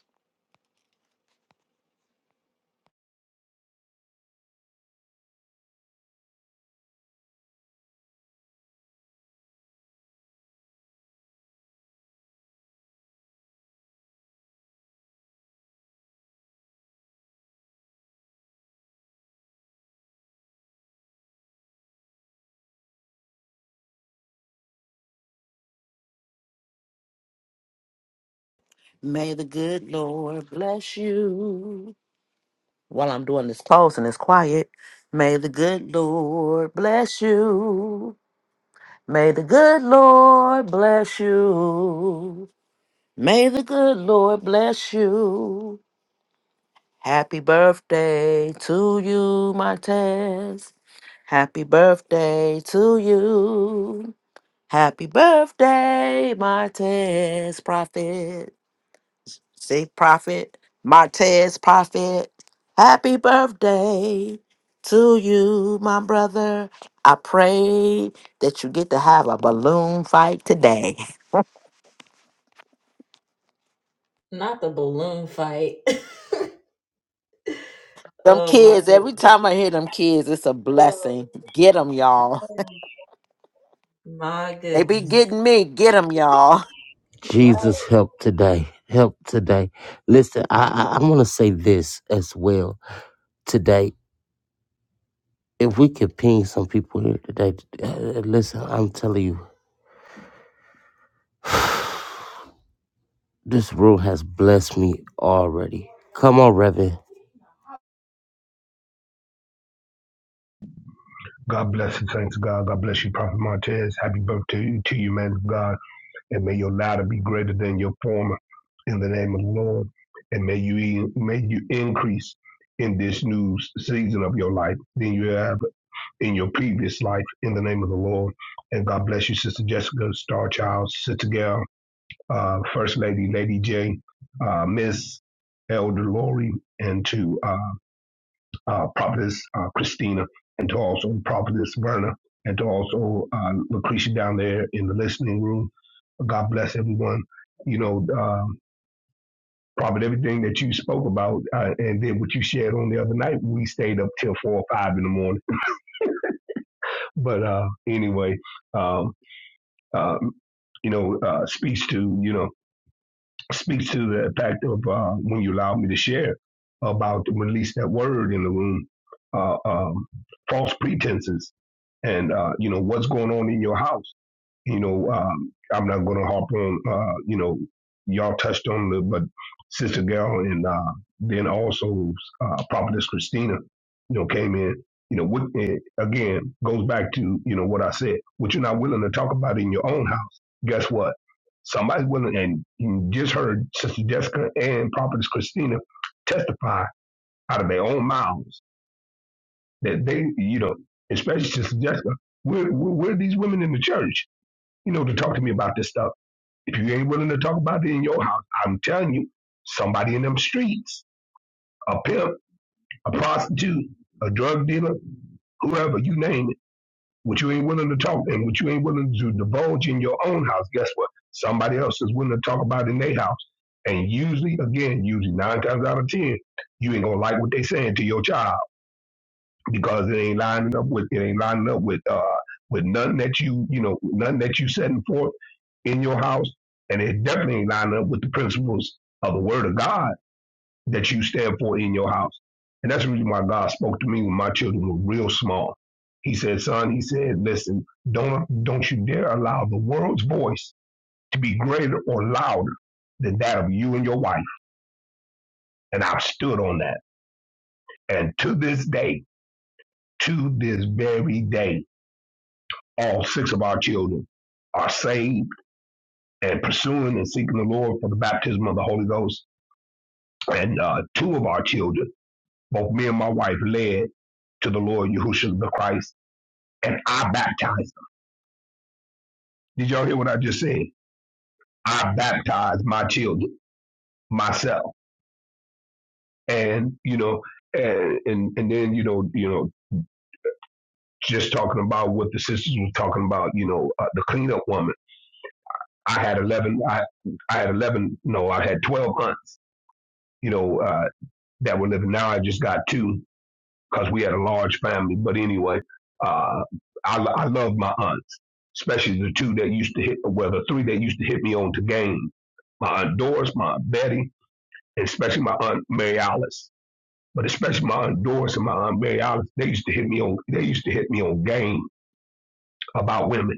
May the good Lord bless you. While I'm doing this close and it's quiet, may the good Lord bless you. May the good Lord bless you. May the good Lord bless you. Happy birthday to you, Martez. Happy birthday to you. Happy birthday, Martez Prophet. See, Prophet, Martez Prophet. Happy birthday to you, my brother. I pray that you get to have a balloon fight today.
Not the balloon fight.
Them
oh my
kids,
goodness.
every time I hear them kids, it's a blessing.
Yo.
Get them, y'all.
My
They be
goodness.
getting me. Get them, y'all.
Right.
Jesus, help today. Help today. Listen, I, I, I want to say this as well today. If we could ping some people here today, uh, listen, I'm telling you, this room has blessed me already. Come on, Reverend.
God bless you, thanks God. God bless you, Prophet Montez. Happy birthday to you, man of God. And may your latter be greater than your former in the name of the Lord. And may you may you increase in this new season of your life than you have in your previous life in the name of the Lord. And God bless you, Sister Jessica, Starchild, Child, Sister Gail, uh, First Lady, Lady J, uh, Miss Elder Lori, and to uh, uh, Prophetess uh, Christina, and to also Prophetess Verna, and to also uh, Lucretia down there in the listening room. God bless everyone. You know, um, Prophet, everything that you spoke about uh, and then what you shared on the other night, we stayed up till four or five in the morning. But uh, anyway, um, um, you know, uh, speaks to, you know, speaks to the fact of uh, when you allowed me to share about to release that word in the room, uh, um, false pretenses, and uh, you know what's going on in your house. You know, um, I'm not going to harp on, uh, you know, y'all touched on the, but Sister Gal and uh, then also uh, Prophetess Christina, you know, came in. You know, what, eh, again, goes back to, you know, what I said. What you're not willing to talk about in your own house, guess what? Somebody's willing, and you just heard Sister Jessica and Prophetess Christina testify out of their own mouths that they, you know, especially Sister Jessica, where, where, where are these women in the church, you know, to talk to me about this stuff? If you ain't willing to talk about it in your house, I'm telling you, somebody in them streets, a pimp, a prostitute, a drug dealer, whoever, you name it, what you ain't willing to talk and what you ain't willing to divulge in your own house, guess what? Somebody else is willing to talk about it in their house. And usually, again, usually nine times out of ten, you ain't gonna like what they saying to your child because it ain't lining up with it ain't lining up with uh with nothing that you you know nothing that you setting forth in your house, and it definitely ain't lining up with the principles of the Word of God that you stand for in your house. And that's the reason why God spoke to me when my children were real small. He said, "Son," he said, "Listen, don't don't you dare allow the world's voice to be greater or louder than that of you and your wife." And I stood on that, and to this day, to this very day. all six of our children are saved and pursuing and seeking the Lord for the baptism of the Holy Ghost. And uh, two of our children, both me and my wife, led to the Lord Yahushua the Christ, and I baptized them. Did y'all hear what I just said? I baptized my children myself, and you know, and and, and then you know, you know, just talking about what the sisters were talking about, you know, uh, the cleanup woman. I had eleven. I I had eleven. No, I had twelve aunts. You know, uh, that were living. Now I just got two because we had a large family. But anyway, uh, I, I love my aunts, especially the two that used to hit, well, the three that used to hit me on to game. My aunt Doris, my aunt Betty, and especially my aunt Mary Alice. But especially my aunt Doris and my aunt Mary Alice, they used to hit me on, they used to hit me on game about women.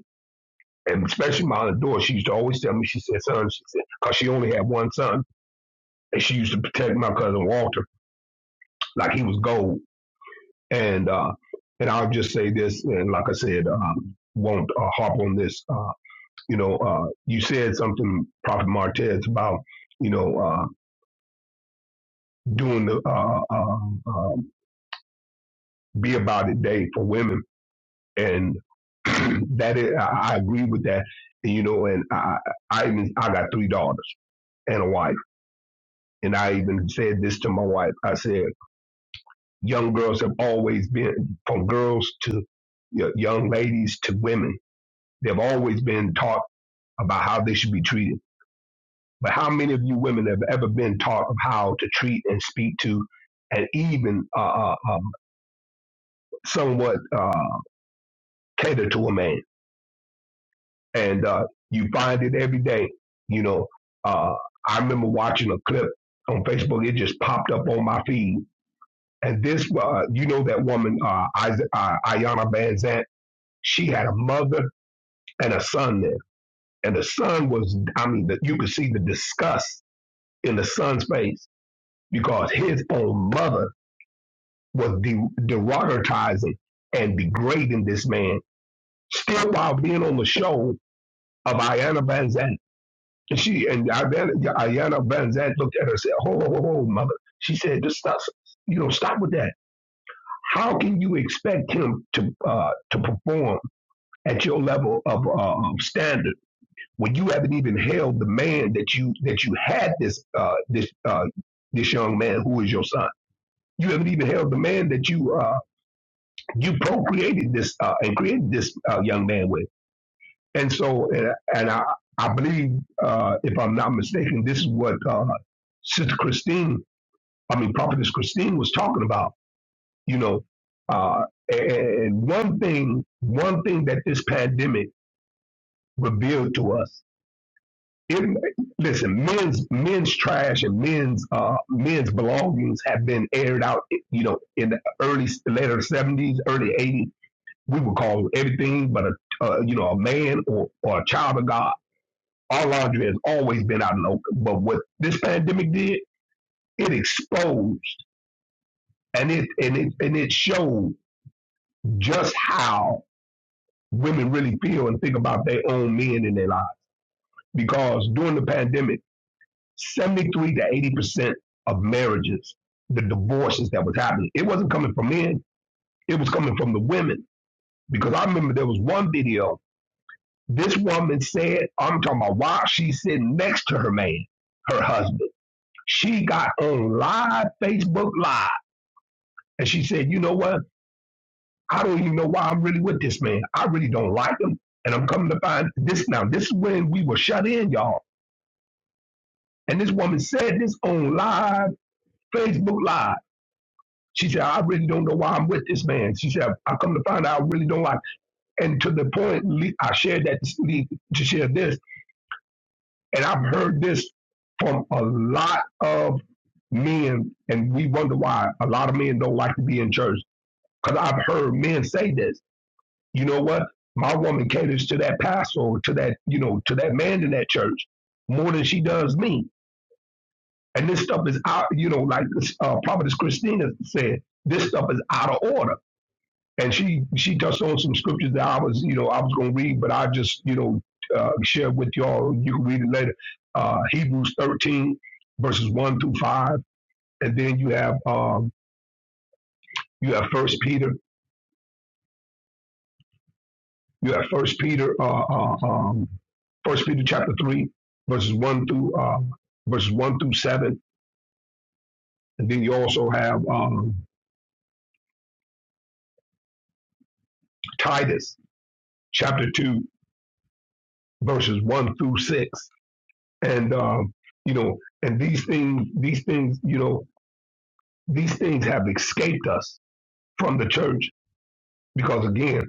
And especially my aunt Doris, she used to always tell me, she said, son, she said, because she only had one son. And she used to protect my cousin Walter like he was gold And uh, and I'll just say this, and like I said, um, won't uh, harp on this. Uh, you know, uh, you said something, Prophet Martez, about you know uh, doing the uh, uh, uh, be about it day for women, and that is, I, I agree with that. And, you know, and I I even I got three daughters and a wife, and I even said this to my wife. I said, young girls have always been from girls to y- young ladies to women. They've always been taught about how they should be treated. But how many of you women have ever been taught of how to treat and speak to, and even uh, uh, um, somewhat uh, cater to a man? And uh, you find it every day. You know, uh, I remember watching a clip on Facebook. It just popped up on my feed. And this, uh, you know, that woman, uh, Isa- uh, Ayana Van Zant, she had a mother and a son there. And the son was, I mean, the, you could see the disgust in the son's face because his own mother was de- derogatizing and degrading this man, still while being on the show of Ayanna Van Zandt. And she and Ayanna, Van Zandt looked at her and said, "Ho, ho, ho, ho, mother." She said, "Just stop, you know, stop with that. How can you expect him to uh, to perform at your level of uh, standard when you haven't even held the man that you that you had this uh, this uh, this young man who is your son? You haven't even held the man that you." Uh, you procreated this uh, and created this uh, young man with. And so, and, and I, I believe, uh, if I'm not mistaken, this is what uh, Sister Christine, I mean, Prophetess Christine was talking about. You know, uh, and and one thing, one thing that this pandemic revealed to us. It, listen, men's men's trash and men's uh, men's belongings have been aired out, you know, in the early later seventies, early eighties We would call him everything but a uh, you know a man or, or a child of God. Our laundry has always been out in the open, but what this pandemic did, it exposed and it and it and it showed just how women really feel and think about their own men in their lives. Because during the pandemic, seventy-three to eighty percent of marriages, the divorces that was happening, it wasn't coming from men; it was coming from the women. Because I remember there was one video This woman said, I'm talking about while she's sitting next to her man, her husband. She got on live Facebook Live and she said, You know what? I don't even know why I'm really with this man. I really don't like him. And I'm coming to find this now. This is when we were shut in, y'all. And this woman said this on live Facebook Live. She said, I really don't know why I'm with this man. She said, I come to find out I really don't like. him. And to the point, Lee, I shared that to Lee- to share this. And I've heard this from a lot of men, and we wonder why a lot of men don't like to be in church. Because I've heard men say this. You know what? My woman caters to that pastor, or to that you know, to that man in that church more than she does me. And this stuff is out. You know, like uh, Prophetess Christina said, this stuff is out of order. And she she touched on some scriptures that I was you know I was going to read, but I just you know uh, share with y'all. You can read it later. Uh, Hebrews thirteen verses one through five, and then you have. Um, You have First Peter. You have First Peter. Uh, uh, um, First Peter chapter three, verses one through uh, verses one through seven, and then you also have um, Titus chapter two, verses one through six, and um, you know, and these things, these things, you know, these things have escaped us from the church because again,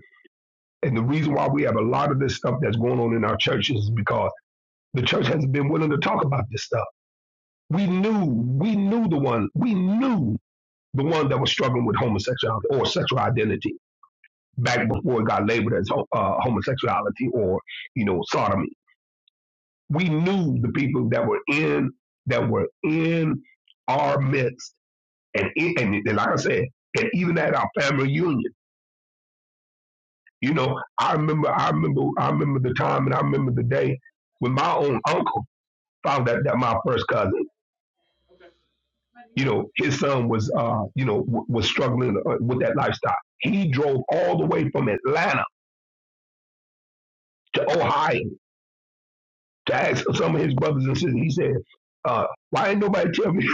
and the reason why we have a lot of this stuff that's going on in our churches is because the church hasn't been willing to talk about this stuff We knew, we knew the one, we knew the one that was struggling with homosexuality or sexual identity back before it got labeled as ho- uh, homosexuality or, you know, sodomy. We knew the people that were in, that were in our midst. And, it, and, it- and like I said, and even at our family reunion, you know, I remember, I remember, I remember the time and I remember the day when my own uncle found out that my first cousin. you know his son was uh you know w- was struggling uh, with that lifestyle he drove all the way from atlanta to ohio to ask some of his brothers and sisters he said uh why ain't nobody tell me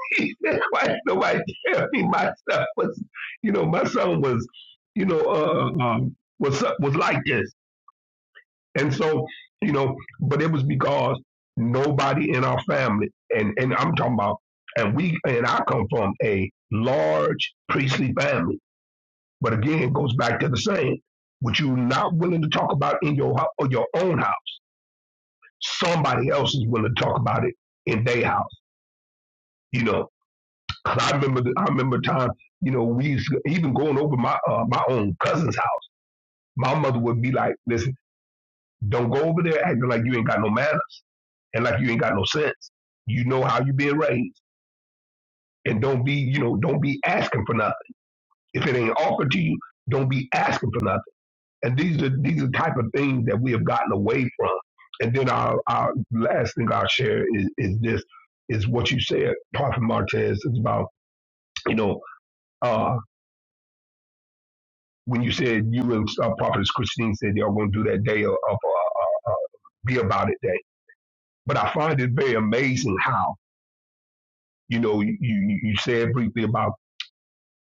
he said, why ain't nobody tell me my son was you know my son was you know uh um, was was like this and so you know but it was because nobody in our family and and i'm talking about and we and i come from a large priestly family But again, it goes back to the saying: what you're not willing to talk about in your hou- or your own house, somebody else is willing to talk about it in their house. You know, 'Cause I remember, the- I remember time. You know, we used to, even going over my uh, my own cousin's house. My mother would be like, "Listen, don't go over there acting like you ain't got no manners and like you ain't got no sense. You know how you being raised, and don't be, you know, don't be asking for nothing. If it ain't offered to you, don't be asking for nothing." And these are these are the type of things that we have gotten away from. And then our, our last thing I'll share is, is this is what you said, Prophet Martez, it's about, you know, uh, when you said you and uh, Prophet Christine said y'all going to do that day of, of uh, uh, uh, Be About It Day. But I find it very amazing how, you know, you, you, you said briefly about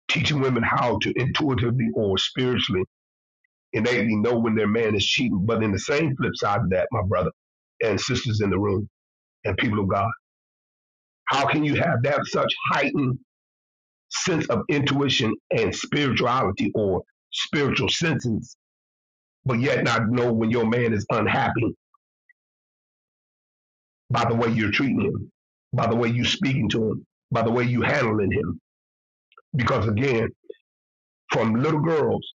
teaching women how to intuitively or spiritually innately know when their man is cheating. But in the same flip side of that, my brother and sisters in the room and people of God How can you have that such heightened sense of intuition and spirituality or spiritual senses, but yet not know when your man is unhappy by the way you're treating him, by the way you're speaking to him, by the way you are handling him? Because again, from little girls,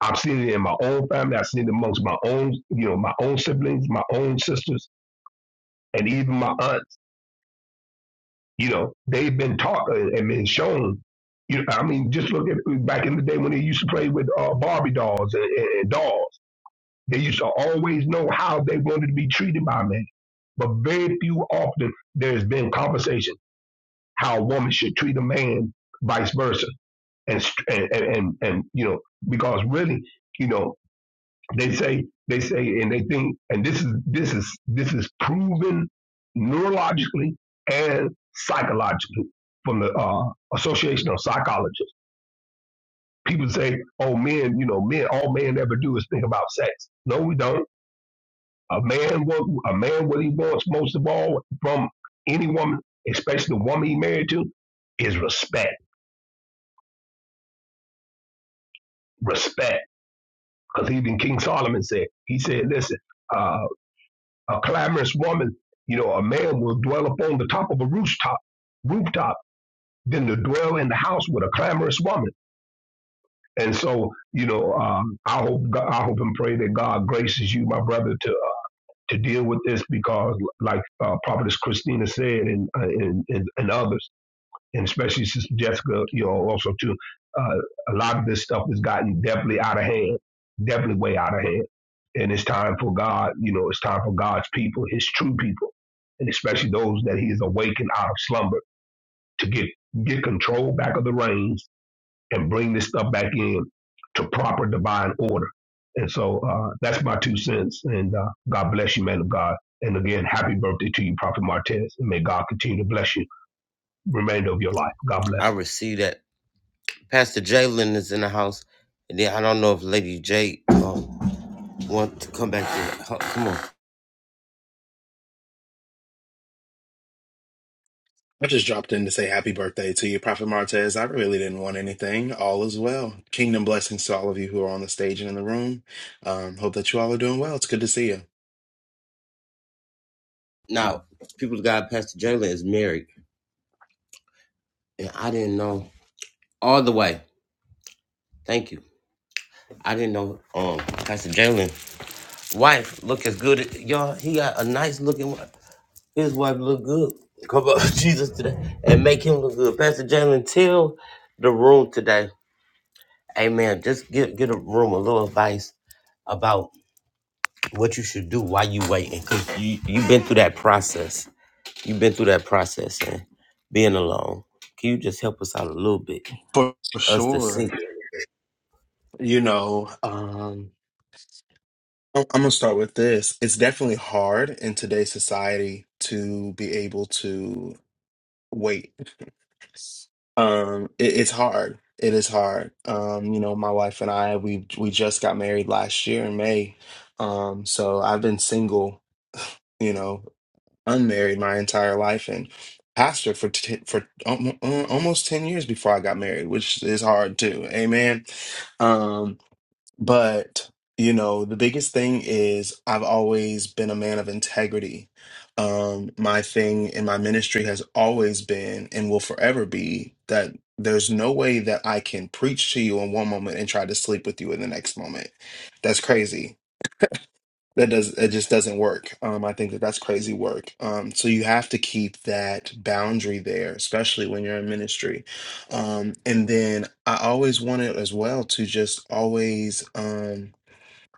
I've seen it in my own family. I've seen it amongst my own, you know, my own siblings, my own sisters, and even my aunt You know, they've been taught uh, and been shown. You know, I mean, just look at back in the day when they used to play with uh, Barbie dolls and, and, and dolls. They used to always know how they wanted to be treated by men. But very few often there's been conversation how a woman should treat a man, vice versa, and st- and and, and, and you know because really, you know. They say they say and they think and this is this is this is proven neurologically and psychologically from the uh, Association of Psychologists. People say, "Oh, men, you know, men. All men ever do is think about sex." No, we don't. A man, what a man, what he wants most of all from any woman, especially the woman he married to, is respect. Respect, because even King Solomon said, he said, "Listen." uh, a clamorous woman, you know, a man will dwell upon the top of a rooftop, rooftop, than to dwell in the house with a clamorous woman. And so, you know, um, I hope, I hope and pray that God graces you, my brother, to to deal with this because, like uh, Prophetess Christina said, and, uh, and and and others and especially since Jessica, you know, also too, uh, a lot of this stuff has gotten definitely out of hand, definitely way out of hand. And it's time for God, you know, it's time for God's people, His true people, and especially those that He has awakened out of slumber to get get control back of the reins and bring this stuff back in to proper divine order. And so uh, that's my two cents. And uh, God bless you, man of God. And again, happy birthday to you, Prophet Martez. And may God continue to bless you the remainder of your life. God bless.
I receive that. Pastor Jalen is in the house. And then I don't know if Lady J um, want to come back to the house. Come on.
I just dropped in to say happy birthday to you, Prophet Martez. I really didn't want anything. All is well. Kingdom blessings to all of you who are on the stage and in the room. Um, hope that you all are doing well. It's good to see you.
Now, people got Pastor Jalen is married. And I didn't know all the way. Thank you. I didn't know um Pastor Jalen wife look as good as y'all. He got a nice looking wife. His wife look good. Come up Jesus today and make him look good. Pastor Jalen, tell the room today. Amen. Just get get a room a little advice about what you should do while you waiting. Cause you you've been through that process. You've been through that process and being alone. Can you just help us out a little bit?
For
Us to see.
sure. You know, um, I'm I'm gonna start with this. It's definitely hard in today's society to be able to wait. Um, it, it's hard. It is hard. Um, you know, my wife and I, we we just got married last year in May. Um, so I've been single. You know, unmarried my entire life and pastored for t- for almo- uh, almost 10 years before I got married, which is hard too. Amen. Um but you know, the biggest thing is I've always been a man of integrity. Um my thing in my ministry has always been and will forever be that there's no way that I can preach to you in one moment and try to sleep with you in the next moment. That's crazy that does it just doesn't work um i think that that's crazy work um so you have to keep that boundary there especially when you're in ministry um and then i always wanted as well to just always Um,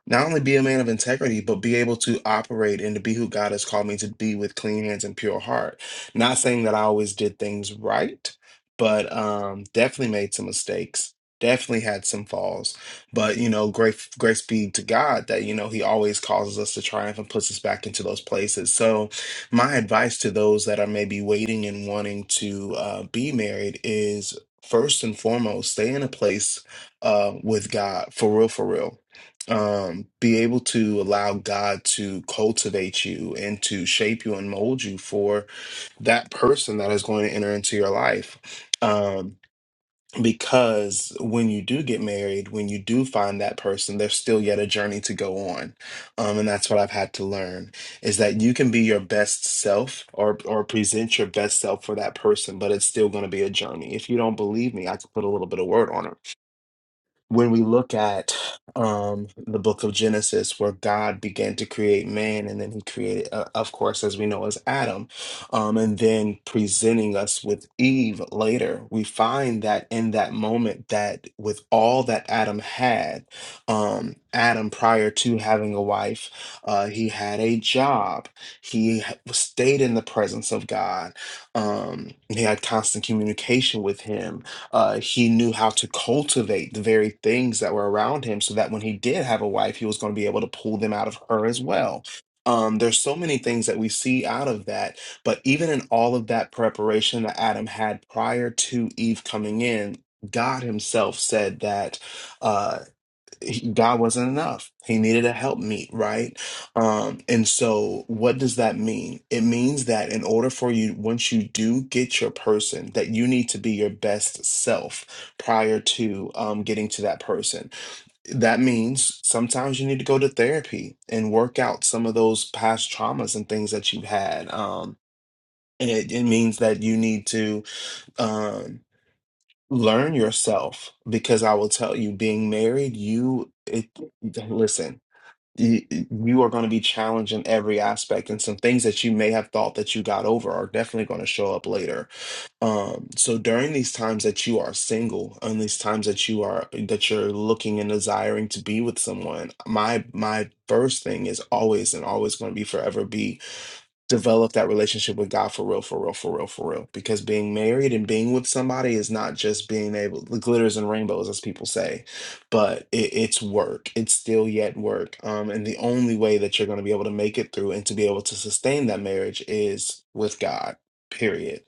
not only be a man of integrity, but be able to operate and to be who God has called me to be with clean hands and pure heart. Not saying that I always did things right, but um, definitely made some mistakes. Definitely had some falls, but you know, grace grace be to God that you know He always causes us to triumph and puts us back into those places. So, my advice to those that are maybe waiting and wanting to uh, be married is first and foremost, stay in a place uh, with God for real, for real um, be able to allow God to cultivate you and to shape you and mold you for that person that is going to enter into your life. Um, because when you do get married, when you do find that person, there's still yet a journey to go on. Um, and that's what I've had to learn is that you can be your best self or or present your best self for that person, but it's still going to be a journey. If you don't believe me, I could put a little bit of word on it when we look at um, the book of Genesis, where God began to create man, and then he created, uh, of course, as we know, as Adam, um, and then presenting us with Eve later, we find that in that moment, that with all that Adam had, um, Adam, prior to having a wife, uh, he had a job, he h- stayed in the presence of God, um, he had constant communication with him uh, he knew how to cultivate the very things that were around him so that when he did have a wife, he was going to be able to pull them out of her as well. Um, there's so many things that we see out of that, but even in all of that preparation that Adam had prior to Eve coming in, God Himself said that uh, he- God wasn't enough. He needed a helpmeet, right? Um, and so, what does that mean? It means that in order for you, once you do get your person, that you need to be your best self prior to um, getting to that person. That means sometimes you need to go to therapy and work out some of those past traumas and things that you've had. Um, and it, it means that you need to um, learn yourself because I will tell you, being married, you it listen you, you are going to be challenged in every aspect and some things that you may have thought that you got over are definitely going to show up later um so during these times that you are single and these times that you are that you're looking and desiring to be with someone my my first thing is always and always going to be forever be develop that relationship with God for real, for real, for real, for real. Because being married and being with somebody is not just being able the glitters and rainbows, as people say, but it, it's work. It's still yet work. Um, and the only way that you're going to be able to make it through and to be able to sustain that marriage is with God. Period.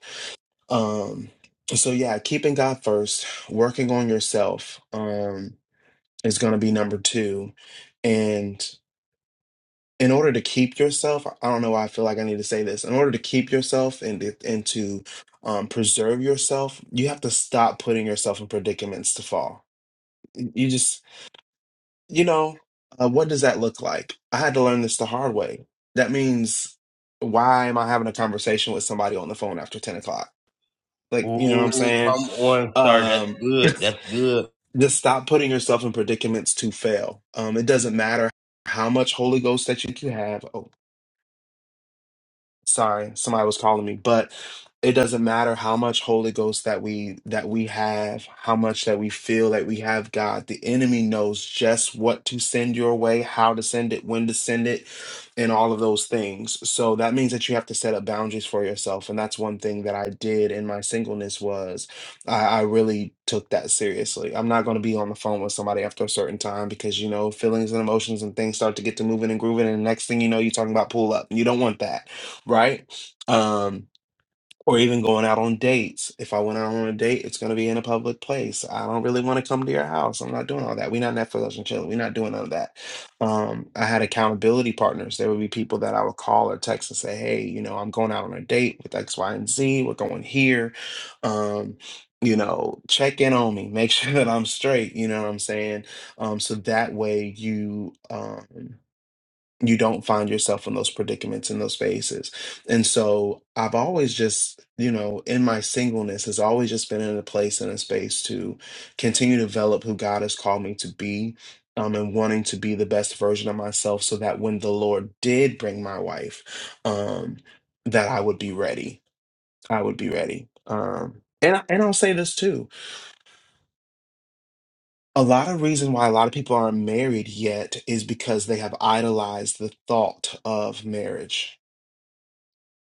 Um, so yeah, keeping God first, working on yourself, um, is going to be number two, and in order to keep yourself, I don't know why I feel like I need to say this. In order to keep yourself and to- and to um, preserve yourself, you have to stop putting yourself in predicaments to fall. You just, you know, uh, what does that look like? I had to learn this the hard way. That means, why am I having a conversation with somebody on the phone after ten o'clock? Like, you know what
Ooh,
I'm saying?
come on, sir. That's
Um,
good. That's good.
just stop putting yourself in predicaments to fail. Um, it doesn't matter how much Holy Ghost that you can have. Oh, sorry somebody was calling me but it doesn't matter how much holy ghost that we that we have how much that we feel that we have god the enemy knows just what to send your way how to send it when to send it and all of those things so that means that you have to set up boundaries for yourself and that's one thing that i did in my singleness was i, I really took that seriously i'm not going to be on the phone with somebody after a certain time because you know feelings and emotions and things start to get to moving and grooving and the next thing you know you're talking about pull up you don't want that right? Um, or even going out on dates. If I went out on a date, it's going to be in a public place. I don't really want to come to your house. I'm not doing all that. We're not Netflix and chill. We're not doing none of that. Um, I had accountability partners. There would be people that I would call or text and say, hey, you know, I'm going out on a date with X, Y, and Z. We're going here. Um, you know, check in on me, make sure that I'm straight. You know what I'm saying? Um, so that way you. Um, you don't find yourself in those predicaments in those spaces and so i've always just you know in my singleness has always just been in a place and a space to continue to develop who god has called me to be um, and wanting to be the best version of myself so that when the lord did bring my wife um, that i would be ready i would be ready um, and, and i'll say this too a lot of reason why a lot of people aren't married yet is because they have idolized the thought of marriage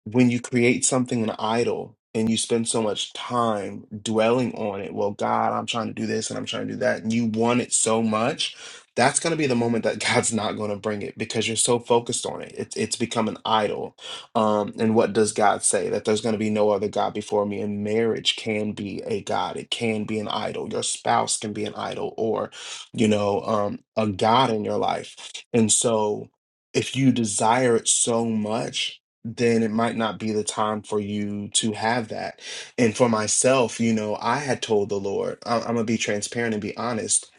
when you create something an idol and you spend so much time dwelling on it, well, God, I'm trying to do this and I'm trying to do that, and you want it so much, that's going to be the moment that God's not going to bring it because you're so focused on it. It's it's become an idol. Um, and what does God say? That there's going to be no other God before me. And marriage can be a God. It can be an idol. Your spouse can be an idol, or you know, um, a God in your life. And so, if you desire it so much then it might not be the time for you to have that. And for myself, you know, I had told the Lord, I- I'm gonna be transparent and be honest.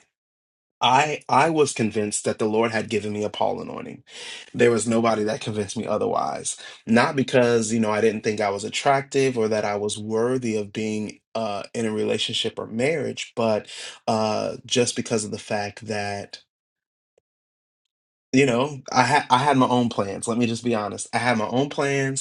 I I was convinced that the Lord had given me a Paul anointing. There was nobody that convinced me otherwise. Not because you know I didn't think I was attractive or that I was worthy of being uh, in a relationship or marriage, but uh, just because of the fact that you know I had I had my own plans. Let me just be honest. I had my own plans.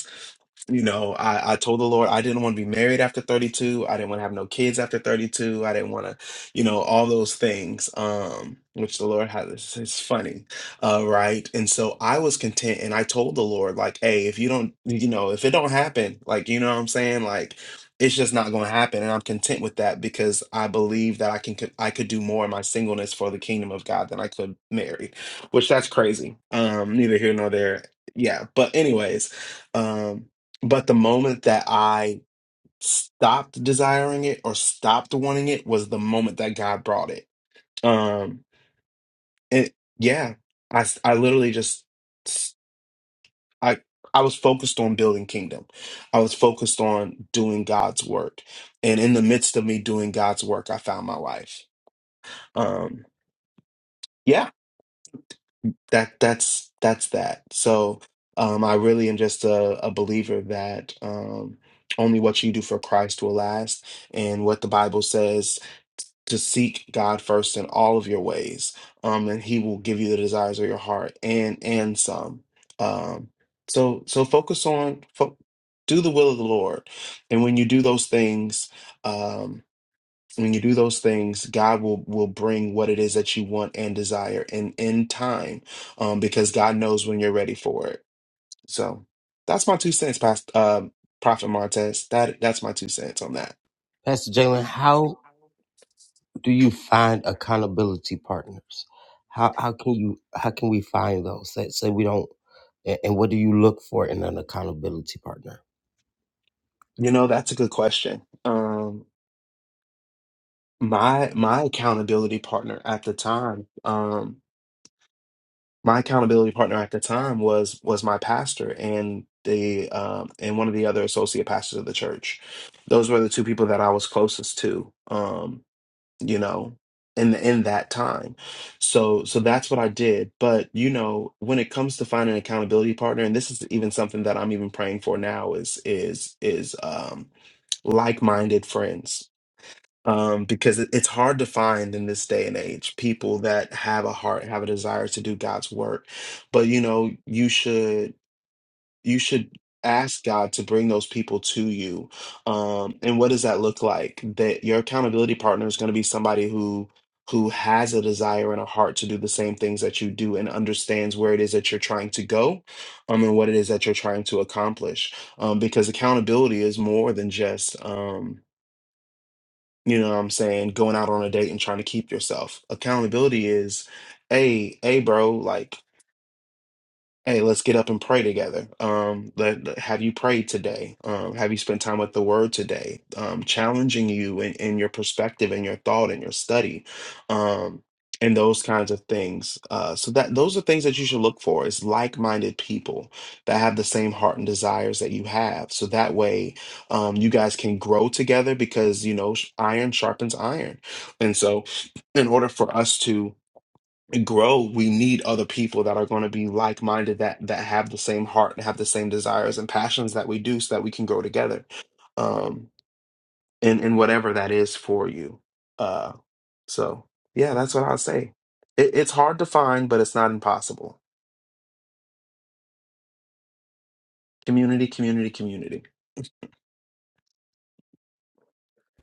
You know, I, I told the Lord I didn't want to be married after 32. I didn't want to have no kids after 32. I didn't want to, you know, all those things, um, which the Lord has. It's, it's funny, uh, right? And so I was content, and I told the Lord, like, hey, if you don't, you know, if it don't happen, like, you know what I'm saying, like, it's just not going to happen, and I'm content with that because I believe that I can, could- I could do more in my singleness for the kingdom of God than I could married, which that's crazy. Um, neither here nor there. Yeah, but anyways. Um, but the moment that I stopped desiring it or stopped wanting it was the moment that God brought it. Um, and yeah, I s- I literally just s- I I was focused on building kingdom. I was focused on doing God's work, and in the midst of me doing God's work, I found my life. Um, yeah. that that's that's that. So um, I really am just a, a believer that um, only what you do for Christ will last, and what the Bible says to seek God first in all of your ways, um, and He will give you the desires of your heart and and some. Um, so so focus on fo- do the will of the Lord, and when you do those things. Um, when you do those things god will will bring what it is that you want and desire and in time um because god knows when you're ready for it so that's my two cents past uh prophet martez that that's my two cents on that
Pastor Jalen, how do you find accountability partners? How how can you how can we find those? That say we don't and, and what do you look for in an accountability partner?
you know that's a good question um my my accountability partner at the time Um, my accountability partner at the time was was my pastor and the um, and one of the other associate pastors of the church. Those were the two people that I was closest to, um, you know, in in that time. So so that's what I did. But you know, when it comes to finding an accountability partner, and this is even something that I'm even praying for now is is is um, like minded friends um, because it- it's hard to find in this day and age people that have a heart, have a desire to do God's work. But you know, you should you should ask God to bring those people to you. Um, and what does that look like? That your accountability partner is going to be somebody who who has a desire and a heart to do the same things that you do and understands where it is that you're trying to go um, and what it is that you're trying to accomplish um, because accountability is more than just Um, you know what I'm saying? Going out on a date and trying to keep yourself. Accountability is, hey, hey, bro, like Hey, let's get up and pray together. Um, let, let- have you prayed today? Um, have you spent time with the Word today? Um, challenging you in, in your perspective and your thought and your study, um, and those kinds of things. Uh, so that those are things that you should look for is like-minded people that have the same heart and desires that you have. So that way, um, you guys can grow together because you know sh- iron sharpens iron, and so in order for us to grow, we need other people that are going to be like-minded that that have the same heart and have the same desires and passions that we do so that we can grow together. Um in in whatever that is for you. Uh so yeah, that's what I'll say. It, it's hard to find, but it's not impossible. Community, community, community.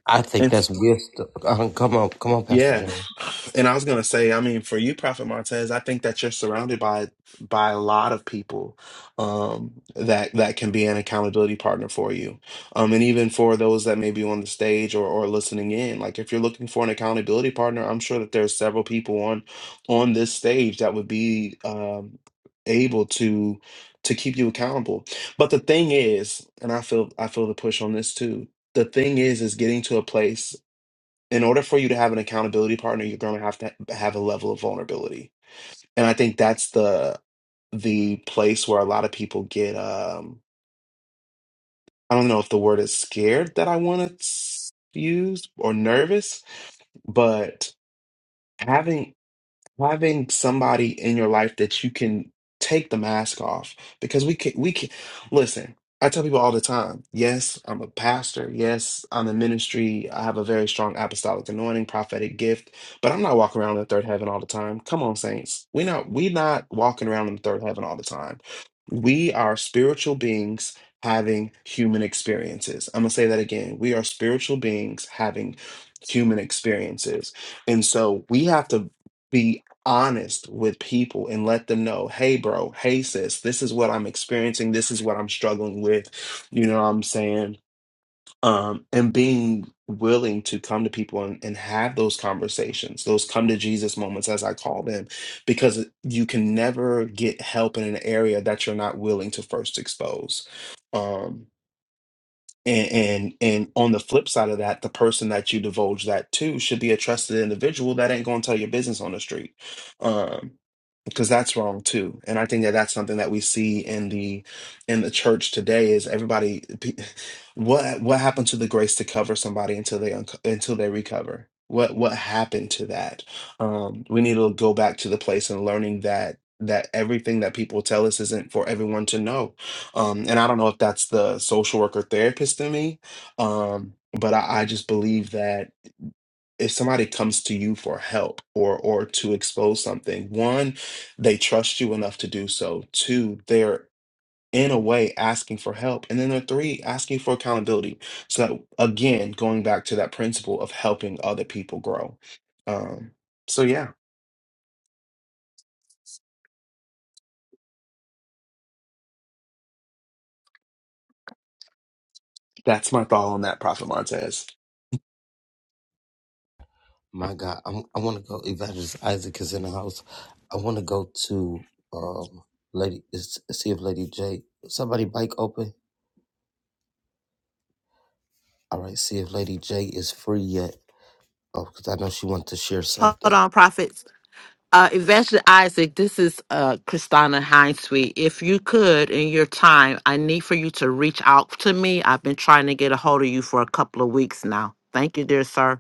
I think that's wisdom. Uh, come on, come on, Pastor
Yeah.
Jalen.
And I was gonna say, I mean, for you, Prophet Martez, I think that you're surrounded by by a lot of people um that that can be an accountability partner for you. Um and even for those that may be on the stage or or listening in, like if you're looking for an accountability partner, I'm sure that there's several people on on this stage that would be um able to to keep you accountable. But the thing is, and I feel I feel the push on this too. The thing is is getting to a place in order for you to have an accountability partner, you're going to have to have a level of vulnerability. And I think that's the the place where a lot of people get um I don't know if the word is scared that I want to use or nervous, but having having somebody in your life that you can take the mask off because we can we can listen i tell people all the time yes i'm a pastor yes i'm in ministry i have a very strong apostolic anointing prophetic gift but i'm not walking around in the third heaven all the time come on saints we not we not walking around in the third heaven all the time we are spiritual beings having human experiences i'm gonna say that again we are spiritual beings having human experiences and so we have to be honest with people and let them know, hey, bro, hey, sis, this is what I'm experiencing. This is what I'm struggling with. You know what I'm saying? Um, and being willing to come to people and, and have those conversations, those come to Jesus moments, as I call them, because you can never get help in an area that you're not willing to first expose. Um, and, and and on the flip side of that, the person that you divulge that to should be a trusted individual that ain't gonna tell your business on the street. Um, because that's wrong too and i think that that's something that we see in the in the church today is everybody pe- what what happened to the grace to cover somebody until they unco- until they recover what what happened to that um we need to go back to the place and learning that that everything that people tell us isn't for everyone to know um and i don't know if that's the social worker therapist in me um but i, I just believe that if somebody comes to you for help or or to expose something one they trust you enough to do so two they're in a way asking for help and then there three asking for accountability so that again going back to that principle of helping other people grow um so yeah that's my thought on that prophet montez
My God, I'm, I want to go. Evangelist Isaac is in the house. I want to go to um, Lady. is- See if Lady J. Somebody bike open. All right. See if Lady J is free yet. Oh, because I know she wanted to share
Hold
something.
on, prophets. Uh, Evangelist Isaac, this is uh, Kristana Hinesweet. If you could, in your time, I need for you to reach out to me. I've been trying to get a hold of you for a couple of weeks now. Thank you, dear sir.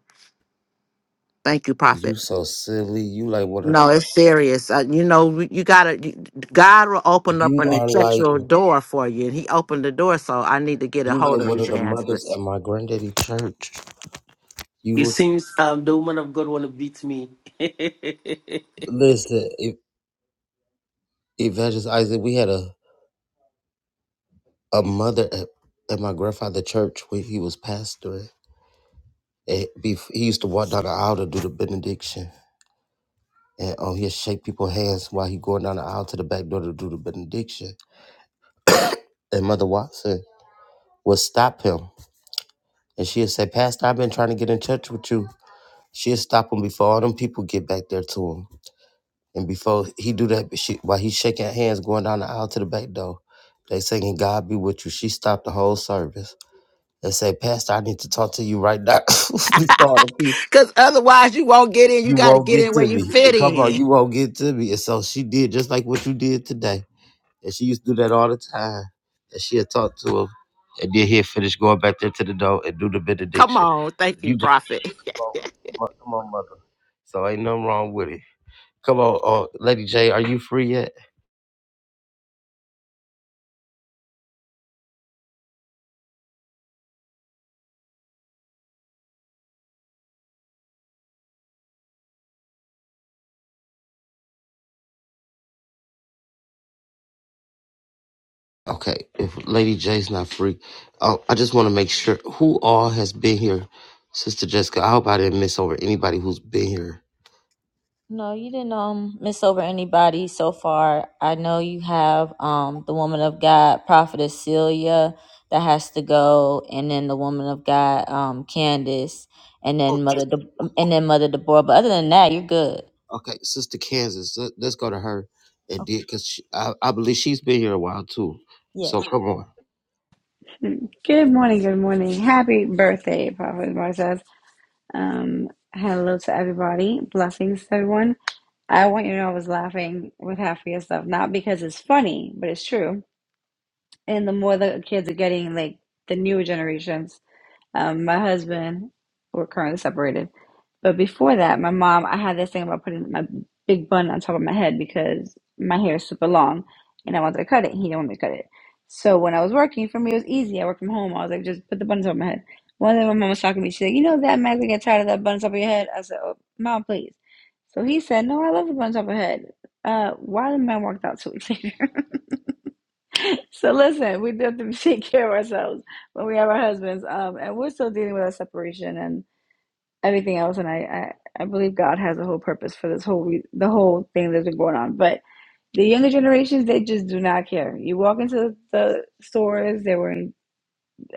Thank you,
You
prophet.
so silly. You like one of.
No, it's serious. Uh, you know, we- you gotta. you- God will open up
You
an
are like
effectual door for you, and He opened the door, so I need to get a
you
hold
like
of
one of the mothers
Evangelist.
at my granddaddy church.
It
You
seems um, the woman of God want to beat me.
listen, if Evangelist Isaac, we had a, a mother at, at my grandfather church when he was pastoring. And bef- he used to walk down the aisle to do the benediction. And um, he'd shake people's hands while he going down the aisle to the back door to do the benediction. And Mother Watson would stop him. And she'd say, Pastor, I've been trying to get in touch with you. She'd stop him before all them people get back there to him. And before he do that, she, while he's shaking hands, going down the aisle to the back door, they singing "God be with you." She stopped the whole service and said, "Pastor, I need to talk to you right now before the people."
Because otherwise, you won't get in. You
You
got to
won't
get
get
in where
to
you
me.
fit
And come on,
in.
you won't get to me. And so she did just like what you did today. And she used to do that all the time. And she had talked to him. And then he'll finish going back there to the door and do the
Come
benediction.
on. Thank you,
You just
Prophet.
come on, come on, come on, mother. So ain't nothing wrong with it. Come on, uh, Lady J, are you free yet? Okay, if Lady J's not free, oh, I just want to make sure who all has been here, Sister Jessica. I hope I didn't miss over anybody who's been here.
No, you didn't um miss over anybody so far. I know you have um the woman of God, prophetess Celia, that has to go, and then the woman of God, um Candace, and
Oh,
then mother De- and then mother Deborah. But other than that, you're good.
Okay, Sister Kansas, let, us go to her and did because I, I believe she's been here a while too.
Okay.
So come on.
good morning, good morning. Happy birthday, Prophet Marcel. Um hello to everybody. Blessings to everyone. I want you to know I was laughing with half of your stuff. Not because it's funny, but it's true. And the more the kids are getting, like the newer generations, Um, my husband, we're currently separated. But before that, my mom, I had this thing about putting my big bun on top of my head because my hair is super long and I wanted to cut it. He didn't want me to cut it. So when I was working, for me, it was easy. I worked from home. I was like, just put the bun on top of my head. One day my mom was talking to me. She said, You know that man's gonna get tired of that bun on top of your head? I said, Oh, mom, please. So he said, No, I love the bun on top of my head. Uh, why the man walked out two weeks later? So listen, we do have to take care of ourselves when we have our husbands, um, and we're still dealing with our separation and everything else. And I, I, I believe God has a whole purpose for this whole re- the whole thing that's been going on. But the younger generations, they just do not care. You walk into the stores, they were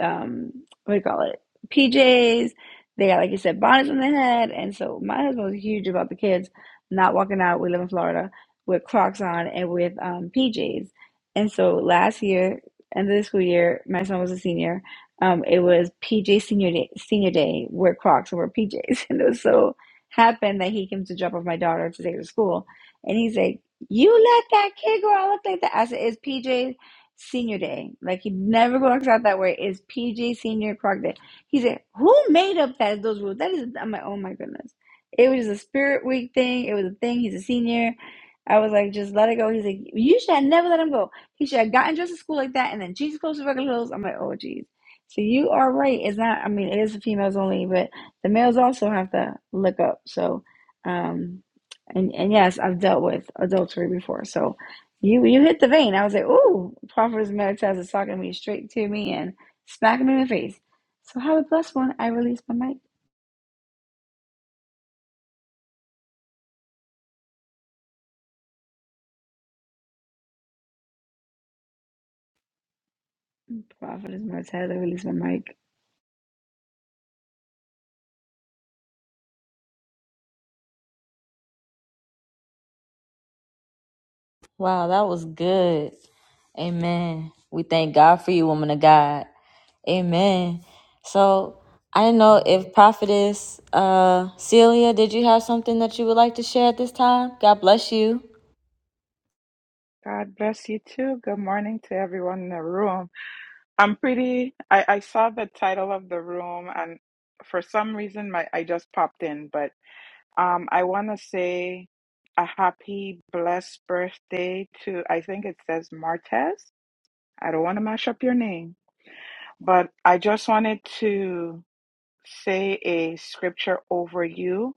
um, what do you call it? PJs. They got, like you said, bonnets on their head. And so my husband was huge about the kids not walking out. We live in Florida with Crocs on and with um, PJs. And so last year, end of the school year, my son was a senior. Um, it was PJ senior day, senior day, wear Crocs and wear PJs. And it was so happened that he came to drop off my daughter to take her to school. And he's like, You let that kid go out look like that? I said, It's PJs senior day. Like he never works out that way. It's PJ senior croc day. He said, Who made up that those rules? That is I'm like, oh my goodness. It was a spirit week thing. It was a thing. He's a senior. I was like, just let it go. He's like, you should have never let him go. He should have gotten dressed to school like that and then Jesus close to regular clothes. I'm like, oh geez. So you are right. It's not I mean it is the females only, but the males also have to look up. So um and, and yes, I've dealt with adultery before. So you you hit the vein. I was like, ooh, Proverbs Meditas is talking to me straight to me and smacking me in the face. So have a blessed one. I release my mic. Prophetess Martez, I release my mic.
Wow, that was good. Amen. We thank God for you, woman of God. Amen. So I don't know if Prophetess uh, Celia, did you have something that you would like to share at this time? God bless you.
God bless you too. Good morning to everyone in the room. I'm pretty, I, I saw the title of the room and for some reason my I just popped in, but um I want to say a happy blessed birthday to I think it says Martez. I don't want to mash up your name, but I just wanted to say a scripture over you,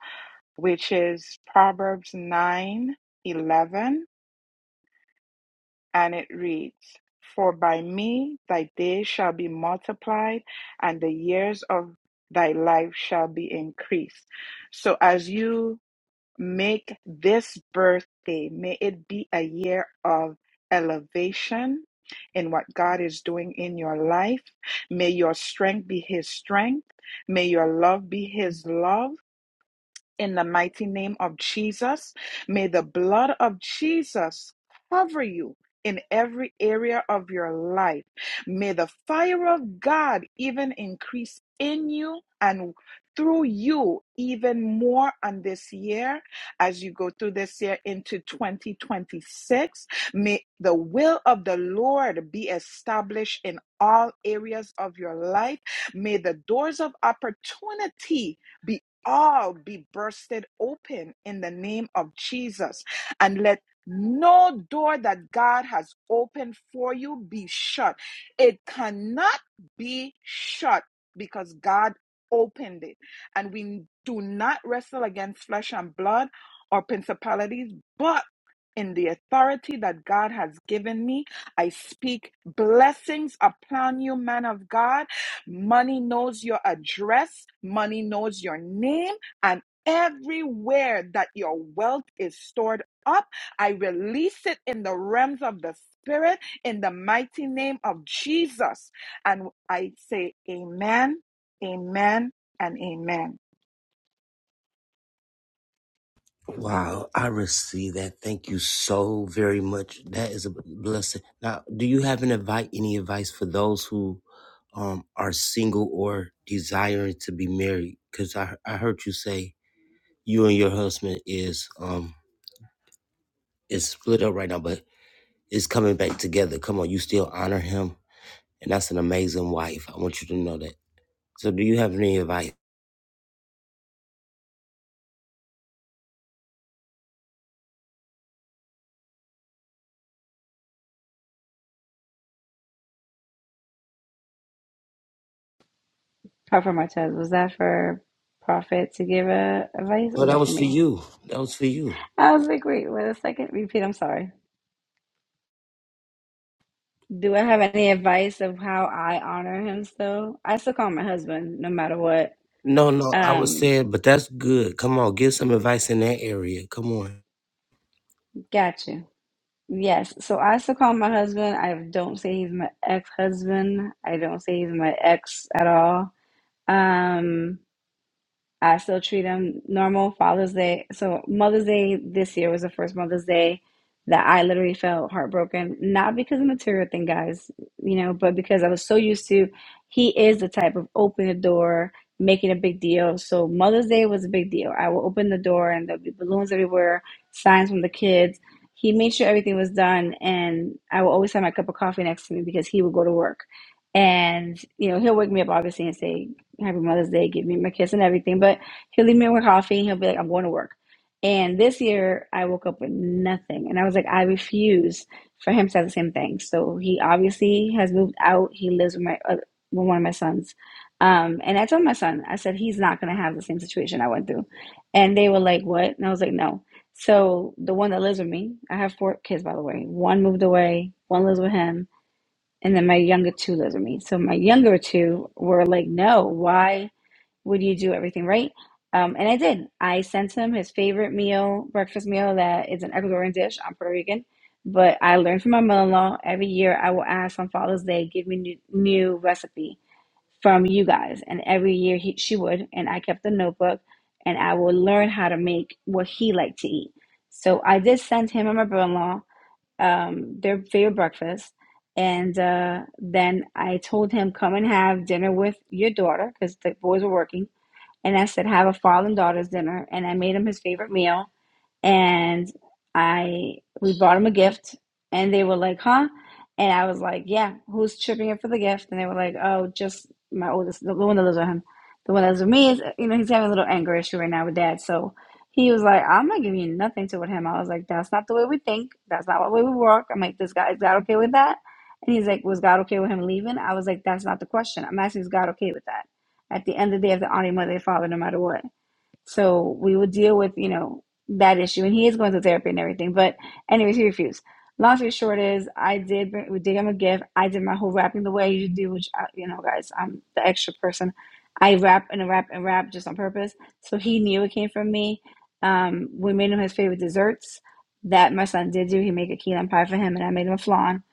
which is Proverbs 9:11. and it reads, For by me thy days shall be multiplied, and the years of thy life shall be increased. So as you make this birthday, may it be a year of elevation in what God is doing in your life. May your strength be his strength. May your love be his love in the mighty name of Jesus. May the blood of Jesus cover you in every area of your life. May the fire of God even increase in you and through you even more on this year as you go through this year into 2026. May the will of the Lord be established in all areas of your life. May the doors of opportunity be all be bursted open in the name of Jesus. And let no door that God has opened for you be shut. It cannot be shut because God opened it. And we do not wrestle against flesh and blood or principalities, but in the authority that God has given me. I speak blessings upon you, man of God. Money knows your address, money knows your name, and everywhere that your wealth is stored up, I release it in the realms of the Spirit in the mighty name of Jesus. And I say, Amen, Amen, and Amen.
Wow, I receive that. Thank you so very much. That is a blessing. Now, do you have an advice, any advice for those who um, are single or desiring to be married? Because I I heard you say you and your husband is um is split up right now, but it's coming back together. Come on, you still honor him, and that's an amazing wife. I want you to know that. So, do you have any advice?
Prophet Martez, was that for Prophet to give a advice or
Well,
was
that
that for
was for
me?
you. That was for you.
I was like, wait, wait a second. Repeat, I'm sorry. Do I have any advice of how I honor him still? I still call him my husband, no matter what.
No, no, I was
Um,
saying, but that's good. Come on, give some advice in that area. Come on.
gotcha. Yes, so I still call him my husband. I don't say he's my ex-husband. I don't say he's my ex at all. Um, I still treat them normal Father's Day. So Mother's Day this year was the first Mother's Day that I literally felt heartbroken, not because of material thing, guys, you know, but because I was so used to he is the type of open the door, making a big deal. So Mother's Day was a big deal. I will open the door and there'll be balloons everywhere, signs from the kids. He made sure everything was done and I will always have my cup of coffee next to me because he would go to work. And, you know, he'll wake me up obviously and say, happy Mother's Day, give me my kiss and everything. But he'll leave me with coffee and he'll be like, I'm going to work. And this year I woke up with nothing. And I was like, I refuse for him to have the same thing. So he obviously has moved out. He lives with my uh, with one of my sons. Um, and I told my son, I said, he's not going to have the same situation I went through. And they were like, what? And I was like, no. So the one that lives with me, I have four kids, by the way. One moved away, one lives with him and then my younger two lives with me. So my younger two were like, no, why? would you do everything right? Um, and I did. I sent him his favorite meal, breakfast meal that is an Ecuadorian dish. I'm Puerto Rican, but I learned from my mother-in-law every year. I will ask on Father's Day, give me new, new recipe from you guys, and every year he, she would, and I kept the notebook, and I would learn how to make what he liked to eat. So I did send him and my brother-in-law um, their favorite breakfast. And uh, then I told him, come and have dinner with your daughter because the boys were working and I said, Have a father and daughter's dinner. And I made him his favorite meal and I we bought them a gift, and they were like, "Huh?" And I was like, "Yeah, who's chipping in for the gift?" And they were like, "Oh, just my oldest, the one that lives with him, the one that lives with me is, you know, he's having a little anger issue right now with dad." So he was like, "I'm not giving you nothing to with him." I was like, "That's not the way we think. That's not the way we work." I'm like, "This guy is God okay with that?" And he's like, "Was God okay with him leaving?" I was like, "That's not the question. I'm asking, is God okay with that?" At the end of the day, if the honor your mother and father, no matter what. So we will deal with, you know, that issue. And he is going to therapy and everything. But anyways, he refused. Long story short is I did bring, we did give him a gift. I did my whole wrapping the way you do, which, I, you know, guys, I'm the extra person. I wrap and wrap and wrap just on purpose. So he knew it came from me. Um, we made him his favorite desserts that my son did do. He made a key lime pie for him and I made him a flan.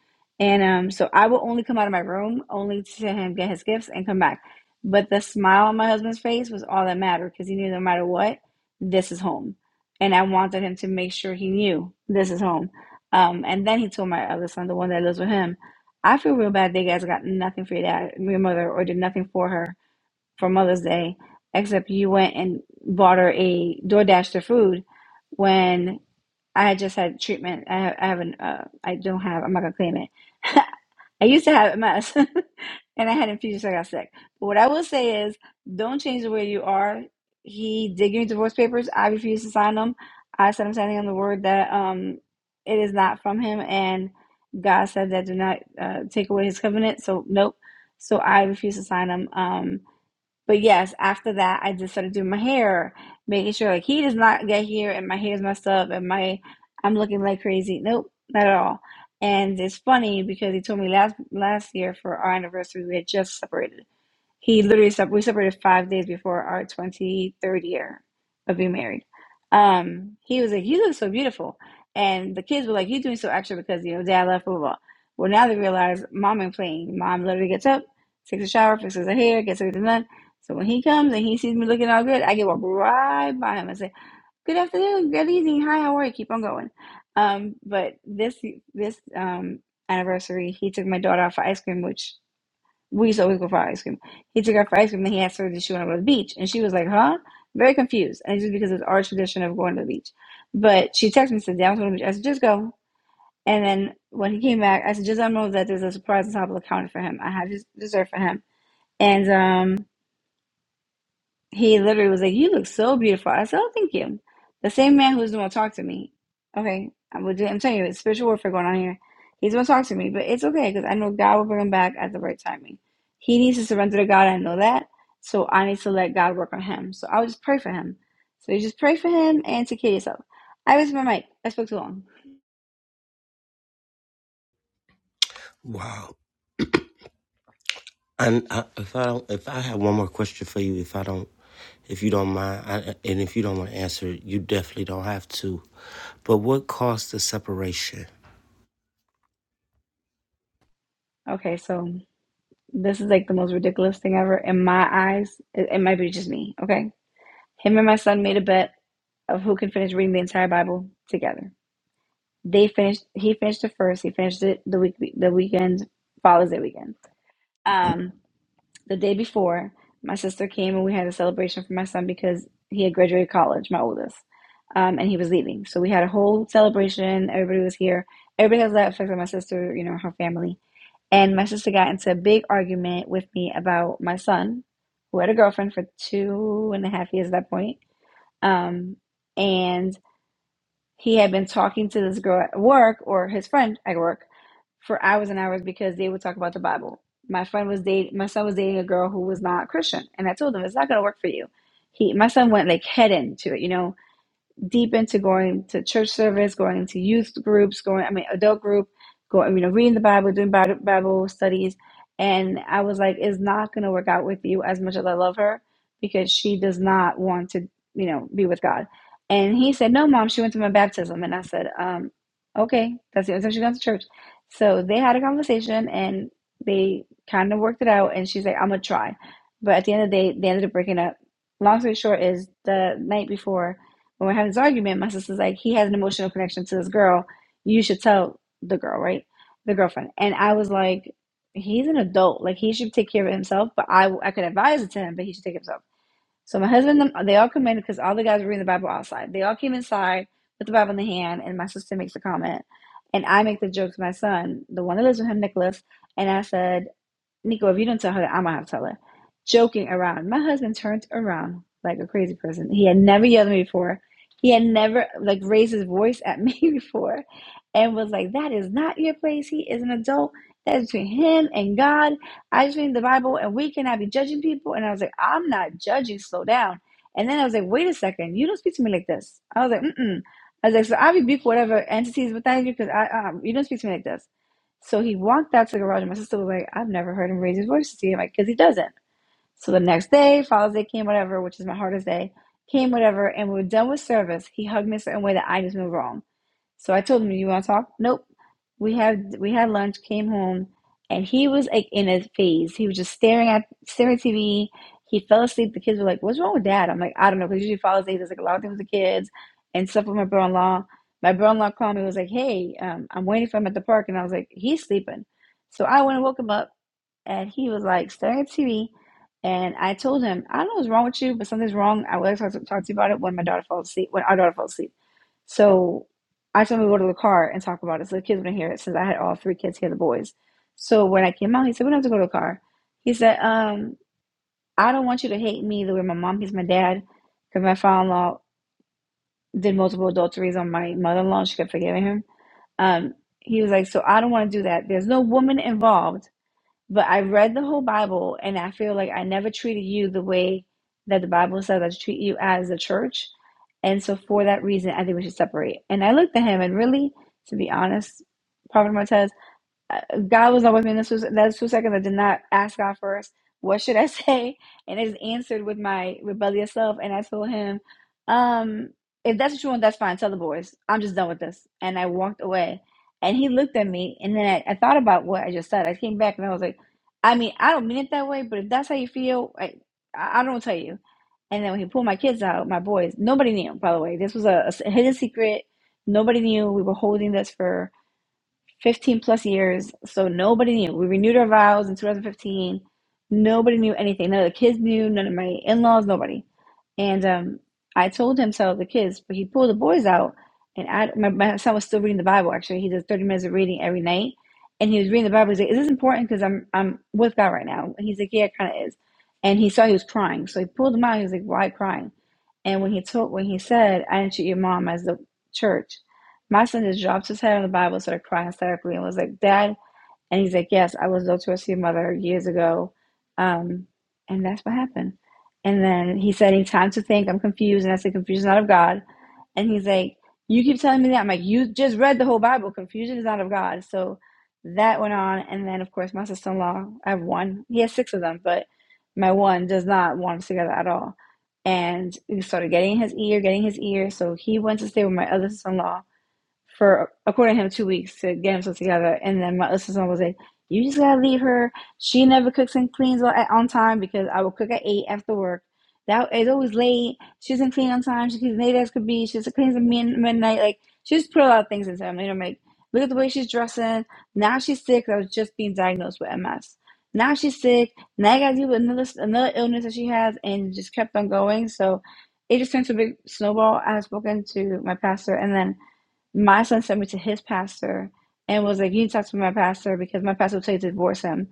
And um, so I will only come out of my room only to him get his gifts and come back. But the smile on my husband's face was all that mattered because he knew no matter what, this is home. And I wanted him to make sure he knew this is home. Um, and then he told my other son, the one that lives with him, I feel real bad that you guys got nothing for your dad, your mother, or did nothing for her for Mother's Day, except you went and bought her a DoorDash to food when I just had treatment. I have, I haven't. Uh, I don't have. I'm not gonna claim it. I used to have MS, and I had infusions. So I got sick. But what I will say is, don't change the way you are. He did give me divorce papers. I refused to sign them. I said I'm standing on the word that um, it is not from him, and God said that do not uh, take away His covenant. So nope. So I refused to sign them. Um, but yes, after that, I just started doing my hair, making sure like he does not get here and my hair's messed up and my I'm looking like crazy. Nope, not at all. And it's funny because he told me last last year for our anniversary we had just separated he literally sep- we separated five days before our twenty third year of being married. Um, he was like, "You look so beautiful," and the kids were like, "You doing so extra because you know dad left." Blah blah. blah. Well, now they realize mom ain't playing. Mom literally gets up, takes a shower, fixes her hair, gets everything done. So when he comes and he sees me looking all good, I get walk right by him and say, "Good afternoon, good evening, hi, how are you?" Keep on going. Um, but this this um, anniversary, he took my daughter out for ice cream, which we used to always go for ice cream. He took her for ice cream and he asked her if she wanted to go to the beach. And she was like, huh? Very confused. And it's just because it's our tradition of going to the beach. But she texted me and said, yeah, I'm going to the beach. I said, just go. And then when he came back, I said, just I know that there's a surprise on top of the counter for him. I have just dessert for him. And um he literally was like, You look so beautiful. I said, Oh, thank you. The same man who's the one to talk to me. Okay, I'm, I'm telling you, it's spiritual warfare going on here. He's going to talk to me, but it's okay because I know God will bring him back at the right timing. He needs to surrender to God. I know that. So I need to let God work on him. So I will just pray for him. So you just pray for him and take care of yourself. I was my mic. I spoke too long.
Wow. And I, if I don't, if I have one more question for you, if I don't, if you don't mind, I, and if you don't want to answer, it, you definitely don't have to. But what caused the separation?
Okay, so this is like the most ridiculous thing ever in my eyes. It, it might be just me. Okay. Him and my son made a bet of who can finish reading the entire Bible together. They finished. He finished it first. He finished it the week. The weekend follows that weekend. Um, the day before, my sister came and we had a celebration for my son because he had graduated college, my oldest, um, and he was leaving. So we had a whole celebration. Everybody was here. Everybody has that effect on my sister, you know, her family. And my sister got into a big argument with me about my son, who had a girlfriend for two and a half years at that point um, and he had been talking to this girl at work or his friend at work for hours and hours because they would talk about the Bible. My friend was dating my son was dating a girl who was not Christian, and I told him it's not going to work for you. He my son went like head into it, you know deep into going to church service, going to youth groups, going, I mean, adult group, going, you know, reading the Bible, doing Bible, Bible studies. And I was like, it's not going to work out with you as much as I love her because she does not want to, you know, be with God. And he said, no, mom, she went to my baptism. And I said, um, okay, that's the only time she goes to church. So they had a conversation and they kind of worked it out. And she's like, I'm going to try. But at the end of the day, they ended up breaking up. Long story short is the night before when we're having this argument, my sister's like, he has an emotional connection to this girl. You should tell the girl, right? The girlfriend. And I was like, he's an adult. Like, he should take care of himself, but I, I could advise it to him, but he should take himself. So my husband, and them, they all come in because all the guys were reading the Bible outside. They all came inside with the Bible in the hand, and my sister makes a comment. And I make the joke to my son, the one that lives with him, Nicholas. And I said, Nico, if you don't tell her, that, I'm gonna have to tell her. Joking around. My husband turned around like a crazy person. He had never yelled at me before. He had never like raised his voice at me before and was like, That is not your place. He is an adult. That is between him and God. I just read the Bible and we cannot be judging people. And I was like, I'm not judging, slow down. And then I was like, wait a second, you don't speak to me like this. I was like, mm mm. I was like, so I rebuke whatever entities with that because I um, you don't speak to me like this. So he walked out to the garage, and my sister was like, I've never heard him raise his voice to you. I'm like, because he doesn't. So the next day, Father's Day came, whatever, which is my hardest day, came, whatever, and we were done with service. He hugged me a certain way that I just knew wrong. So I told him, "You want to talk?" Nope. We had we had lunch, came home, and he was like in a phase. He was just staring at staring at TV. He fell asleep. The kids were like, "What's wrong with dad?" I'm like, "I don't know." Because usually fall asleep. There's like a lot of things with the kids and stuff with my brother-in-law. My brother-in-law called me. Was like, "Hey, um, I'm waiting for him at the park," and I was like, "He's sleeping." So I went and woke him up and he was like staring at TV. And I told him, I don't know what's wrong with you, but something's wrong. I will talk to, talk to you about it when my daughter falls asleep, when our daughter falls asleep. So I told him to go to the car and talk about it. So the kids wouldn't hear it since I had all three kids here, the boys. So when I came out, he said, We don't have to go to the car. He said, um, I don't want you to hate me the way my mom hates my dad because my father in law did multiple adulteries on my mother in law. She kept forgiving him. Um, he was like, So I don't want to do that. There's no woman involved but I read the whole Bible and I feel like I never treated you the way that the Bible says I should treat you as a church. And so for that reason, I think we should separate. And I looked at him and really, to be honest, Prophet Martez, uh, God was not with me in this was that's two seconds. I did not ask God first. What should I say? And it is answered with my rebellious self. And I told him, um, if that's what you want, that's fine. Tell the boys. I'm just done with this. And I walked away. And he looked at me and then I, I thought about what I just said. I came back and I was like, I mean, I don't mean it that way, but if that's how you feel, I I I don't tell you. And then when he pulled my kids out, my boys, nobody knew, by the way. This was a, a hidden secret. Nobody knew. We were holding this for 15 plus years. So nobody knew. We renewed our vows in 2015. Nobody knew anything. None of the kids knew, none of my in laws, nobody. And um, I told him to tell the kids, but he pulled the boys out. And I, my, my son was still reading the Bible, actually. He does 30 minutes of reading every night. And he was reading the Bible. He's like, Is this important? Because I'm, I'm with God right now. And he's like, Yeah, it kind of is. And he saw he was crying. So he pulled him out. He was like, Why crying? And when he told, when he said, I didn't treat your mom as the church, my son just dropped his head on the Bible, started crying hysterically, and was like, Dad. And he's like, Yes, I was adulterous to your mother years ago. Um, and that's what happened. And then he said, Any time to think, I'm confused. And I said, Confusion is not of God. And he's like, You keep telling me that. I'm like, You just read the whole Bible. Confusion is not of God. So that went on. And then, of course, my sister in law, I have one. He has six of them, but my one does not want us together at all. And we started getting his ear, getting his ear. So he went to stay with my other sister in law for according to him two weeks to get himself together and then my other sister was like you just gotta leave her she never cooks and cleans on, on time because i will cook at eight after work that is always late she doesn't clean on time she's late as could be she just cleans at min- midnight like she just put a lot of things into him you know like look at the way she's dressing now she's sick i was just being diagnosed with ms now she's sick now i gotta deal with another another illness that she has and just kept on going so it just turned to a big snowball i had spoken to my pastor and then my son sent me to his pastor and was like, You need to talk to my pastor because my pastor will tell you to divorce him.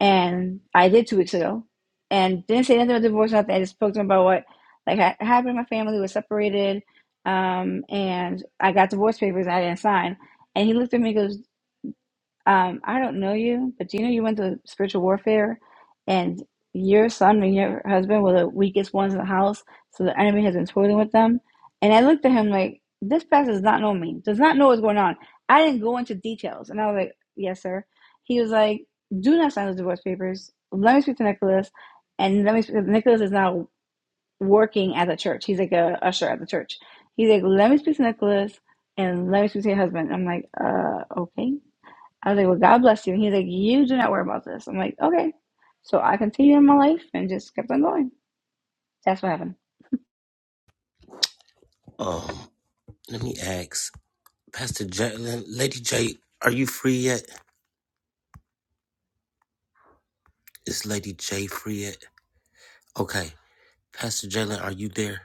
And I did two weeks ago and didn't say anything about divorce, nothing. I just spoke to him about what like ha- happened in my family, was separated, um, and I got divorce papers I didn't sign. And he looked at me and goes, um, I don't know you, but do you know you went through spiritual warfare and your son and your husband were the weakest ones in the house, so the enemy has been toiling with them. And I looked at him like, this pastor does not know me, does not know what's going on. I didn't go into details. And I was like, yes, sir. He was like, do not sign those divorce papers. Let me speak to Nicholas. And let me speak, Nicholas is now working at the church. He's like a usher at the church. He's like, let me speak to Nicholas and let me speak to your husband. I'm like, uh, okay. I was like, well, God bless you. And he's like, you do not worry about this. I'm like, okay. So I continued in my life and just kept on going. That's what happened.
Um, let me ask, Pastor J, Lady J, are you free yet? Is Lady J free yet? Okay, Pastor Jalen, are you there?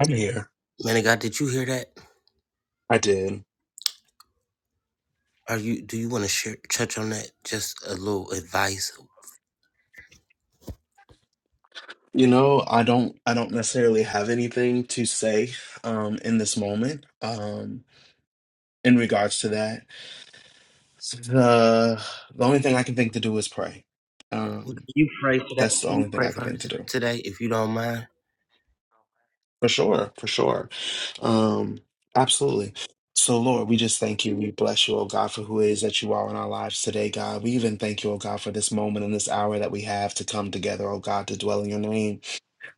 i'm here
Man of God, did you hear that?
i did
Are you? Do you want to share, touch on that? Just a little advice.
you know i don't i don't necessarily have anything to say um in this moment um in regards to that The the only thing I can think to do is pray.
Well, Can
Um,
you pray for that?
that's the
Can
only
you
thing
pray
I can
for her
think to
t-
do.
today, if you don't mind?
For sure, for sure. Um, absolutely. So, Lord, we just thank you. We bless you, oh God, for who it is that you are in our lives today, God. We even thank you, oh God, for this moment and this hour that we have to come together, oh God, to dwell in your name.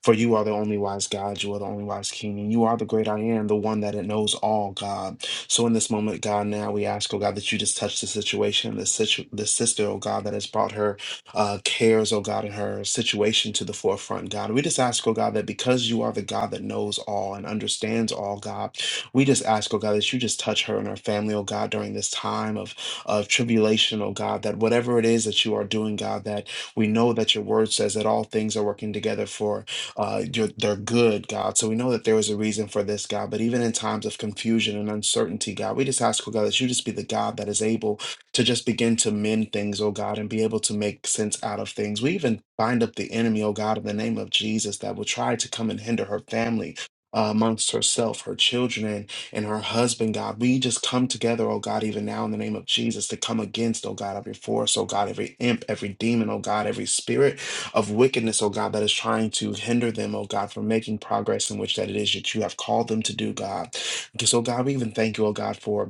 For you are the only wise God, you are the only wise King, and you are the great I am, the one that it knows all, God. So in this moment, God, now we ask, oh God, that you just touch the situation, the situ- the sister, oh God, that has brought her uh, cares, oh God, and her situation to the forefront, God. We just ask, oh God, that because you are the God that knows all and understands all, God, we just ask, oh God, that you just touch her and her family, oh God, during this time of of tribulation, oh God, that whatever it is that you are doing, God, that we know that your word says that all things are working together for uh, you're, they're good, God. So we know that there was a reason for this, God. But even in times of confusion and uncertainty, God, we just ask, oh God, that you just be the God that is able to just begin to mend things, oh God, and be able to make sense out of things. We even bind up the enemy, oh God, in the name of Jesus, that will try to come and hinder her family. Uh, amongst herself, her children, and, and her husband, God. We just come together, oh God, even now in the name of Jesus, to come against, oh God, every force, oh God, every imp, every demon, oh God, every spirit of wickedness, oh God, that is trying to hinder them, oh God, from making progress in which that it is that you have called them to do, God. Because, oh God, we even thank you, oh God, for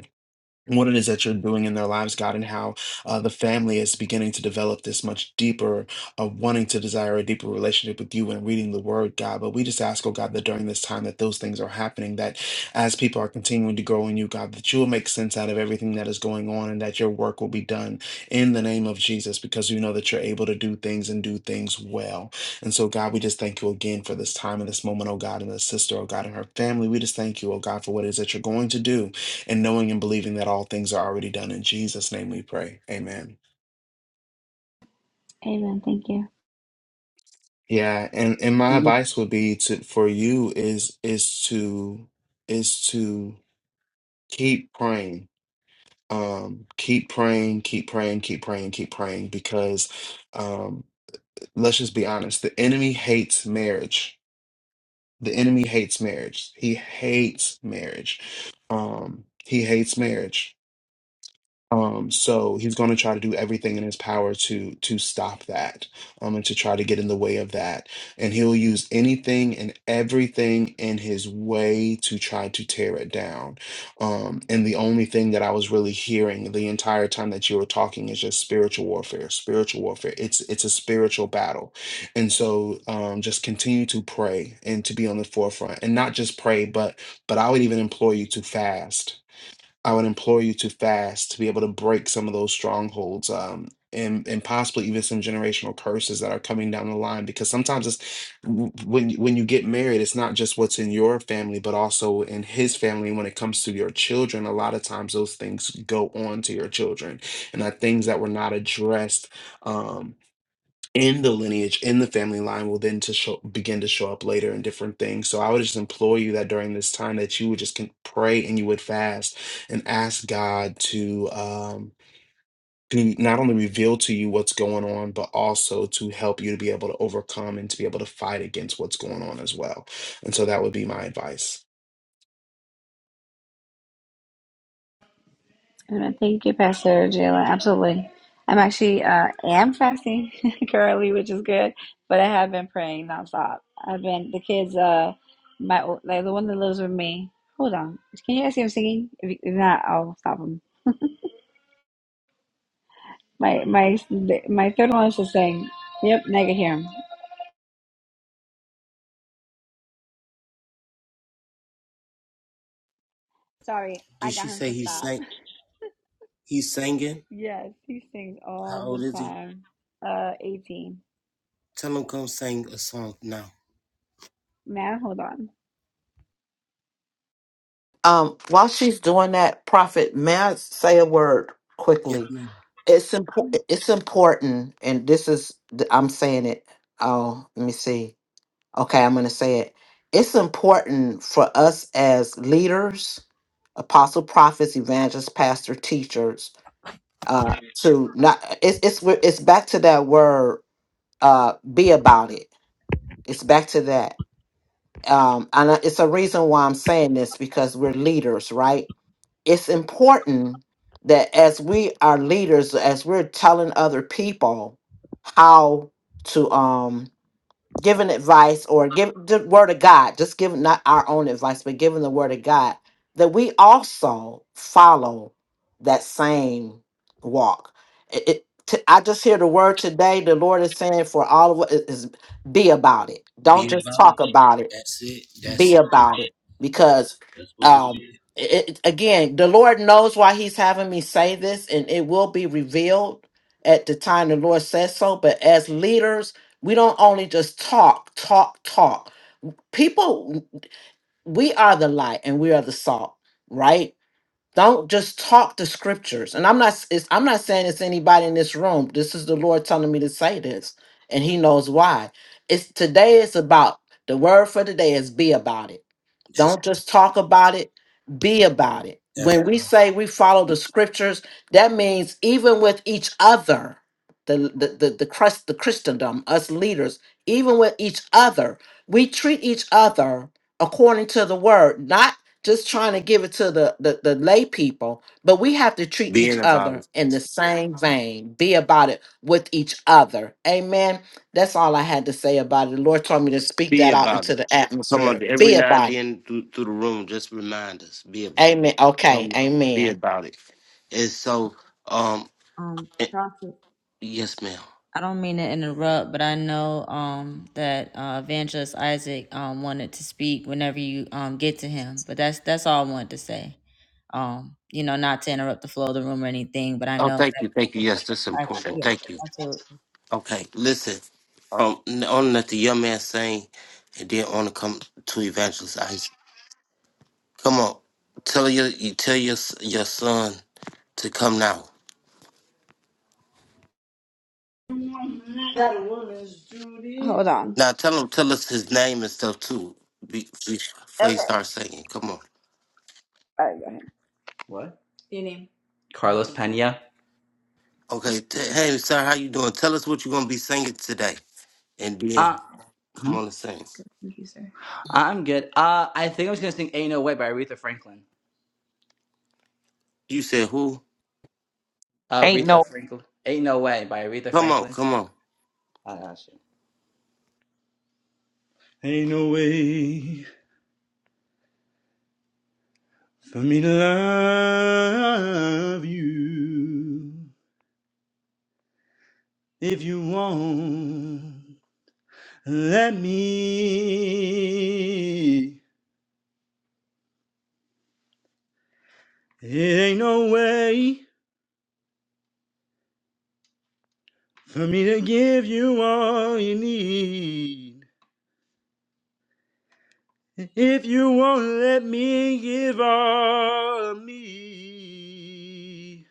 what it is that you're doing in their lives, God, and how uh, the family is beginning to develop this much deeper, uh, wanting to desire a deeper relationship with you and reading the word, God. But we just ask, oh God, that during this time that those things are happening, that as people are continuing to grow in you, God, that you will make sense out of everything that is going on and that your work will be done in the name of Jesus because we know that you're able to do things and do things well. And so, God, we just thank you again for this time and this moment, oh God, and the sister, oh God, and her family. We just thank you, oh God, for what it is that you're going to do and knowing and believing that all things are already done. In Jesus' name we pray. Amen.
Amen. Thank you.
Yeah, and, and my advice would be to for you is is to is to keep praying. Um, keep praying, keep praying, keep praying, keep praying, because um, let's just be honest, the enemy hates marriage. The enemy hates marriage. He hates marriage. Um, he hates marriage Um, so he's going to try to do everything in his power to to stop that, um, and to try to get in the way of that. And he'll use anything and everything in his way to try to tear it down. Um, and the only thing that I was really hearing the entire time that you were talking is just spiritual warfare, spiritual warfare. It's it's a spiritual battle, and so um, just continue to pray and to be on the forefront, and not just pray, but but I would even implore you to fast I would implore you to fast to be able to break some of those strongholds um, and and possibly even some generational curses that are coming down the line because sometimes it's w- when you- when you get married it's not just what's in your family but also in his family when it comes to your children a lot of times those things go on to your children and are things that were not addressed Um, in the lineage, in the family line, will then to show, begin to show up later in different things. So I would just implore you that during this time that you would just can pray and you would fast and ask God to um, to not only reveal to you what's going on, but also to help you to be able to overcome and to be able to fight against what's going on as well. And so that would be my advice.
Amen. Thank you, Pastor Jalen. Absolutely. I'm actually uh, am fasting currently, which is good. But I have been praying nonstop. I've been the kids. Uh, my like the one that lives with me. Hold on. Can you guys hear him singing? If, you- if not, I'll stop him. My my my third one is just saying. Yep, now I can hear him. Sorry, I
Did
got
she
him
say
to
he
stop.
sang? He's singing.
Yes, he sings all
How old
the
is he?
time. Uh, 18.
Tell him come sing a song now.
Man, hold on.
Um, while she's doing that, Prophet, may I say a word
Yes,
quickly?
ma'am.
It's important. It's important, and this is th- I'm saying it. Oh, let me see. Okay, I'm going to say it. It's important for us as leaders, apostle, prophets, evangelists, pastor, teachers, uh, to not. It's it's it's back to that word. Uh, be about it. It's back to that. Um, and I- it's a reason why I'm saying this because we're leaders, right? It's important that as we are leaders, as we're telling other people how to um, giving advice or give the word of God, just giving not our own advice, but giving the word of God, that we also follow that same walk. It, it- t- I just hear the word today. The Lord is saying for all of us is is be about it. Don't
Be
just
about it.
talk about it
That's it.
be
That's it.
about it because
That's what was
um
said.
it, it- again the lord knows why he's having me say this and it will be revealed at the time the lord says so but as leaders we don't only just talk talk talk people we are the light and we are the salt right don't just talk the scriptures and i'm not it's, i'm not saying it's anybody in this room this is the lord telling me to say this and he knows why it's today is about the word for today is be about it
That's
don't just talk about it, be about it.
that's.
When we say we follow the scriptures, that means even with each other, the the the, the Christ the Christendom, us leaders, even with each other, we treat each other according to the word, not just trying to give it to the, the the lay people, but we have to treat each other in the same vein. Be about it with each other. Amen. That's all I had to say about it. The Lord told me to speak
Be
that out
about
into
it.
the
Come on,
atmosphere. Be
every now
about
and
it.
then through, through the room, just remind us. Be about
Amen.
it.
Okay.
Come on, be
Amen.
about it. And so, um,
Um,
eh,
Prophet.
yes, ma'am.
I don't mean to interrupt, but I know um, that uh, Evangelist Isaac um, wanted to speak whenever you um, get to him. But that's that's all I wanted to say. Um, you know, not to interrupt the flow of the room or anything, but I
Oh,
know
thank
that
you, thank you. Yes, that's
I,
important. Thank you.
yeah,
Okay, listen. Um, n- on that the young man saying, and then on to come to evangelist Isaac. Come on, tell your you tell your s- your son to come now.
Hold on.
Now tell him tell us his name and stuff too. Be, be- before
Okay.
he starts singing, come on.
All right, go ahead. What? Your name. Carlos Pena.
Okay, t- hey sir, how you doing? Tell us what you're gonna be singing today, and then
Uh, hmm?
come on and sing.
Thank you, sir. I'm good. Uh, I think I was gonna sing "Ain't No Way" by Aretha Franklin.
You said who?
Uh,
Ain't
Aretha
no
Franklin. "Ain't No Way" by Aretha
Come on,
Franklin.
come on.
I got you. Ain't no way for me to love you if you won't. Let me. It ain't no way for me to give you all you need. If you won't let me give all of me.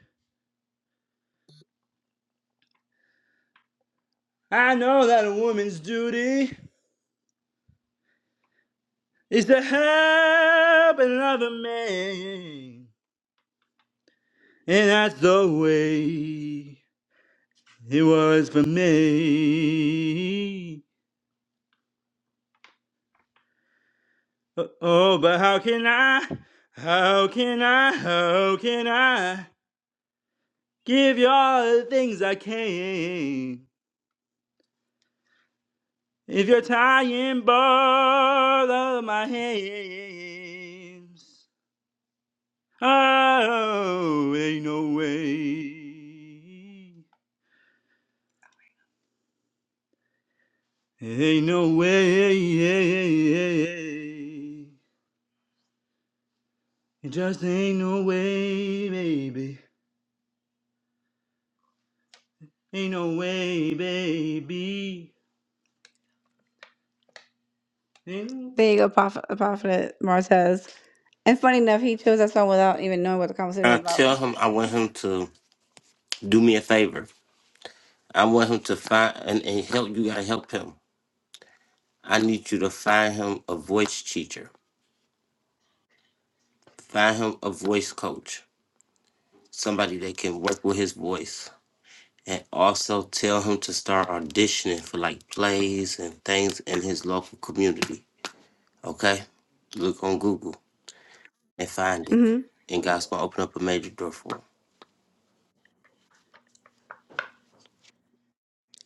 I know that a woman's duty is to help another man. And that's the way it was for me. Oh, oh, but how can I? How can I? How can I give you all the things I can if you're tying both of my hands? Oh, ain't no way. Ain't no way. It just ain't no way, baby. Ain't no way, baby. Mm. There you go, Prof- Prophet Martez. And funny enough, he chose that song without even knowing what the conversation
I
was about.
tell him I want him to do me a favor. I want him to find and, and help you gotta help him. I need you to find him a voice teacher. Find him a voice coach. Somebody that can work with his voice. And also tell him to start auditioning for like plays and things in his local community. Okay? Look on Google and find it.
hmm
And God's gonna open up a major door for him.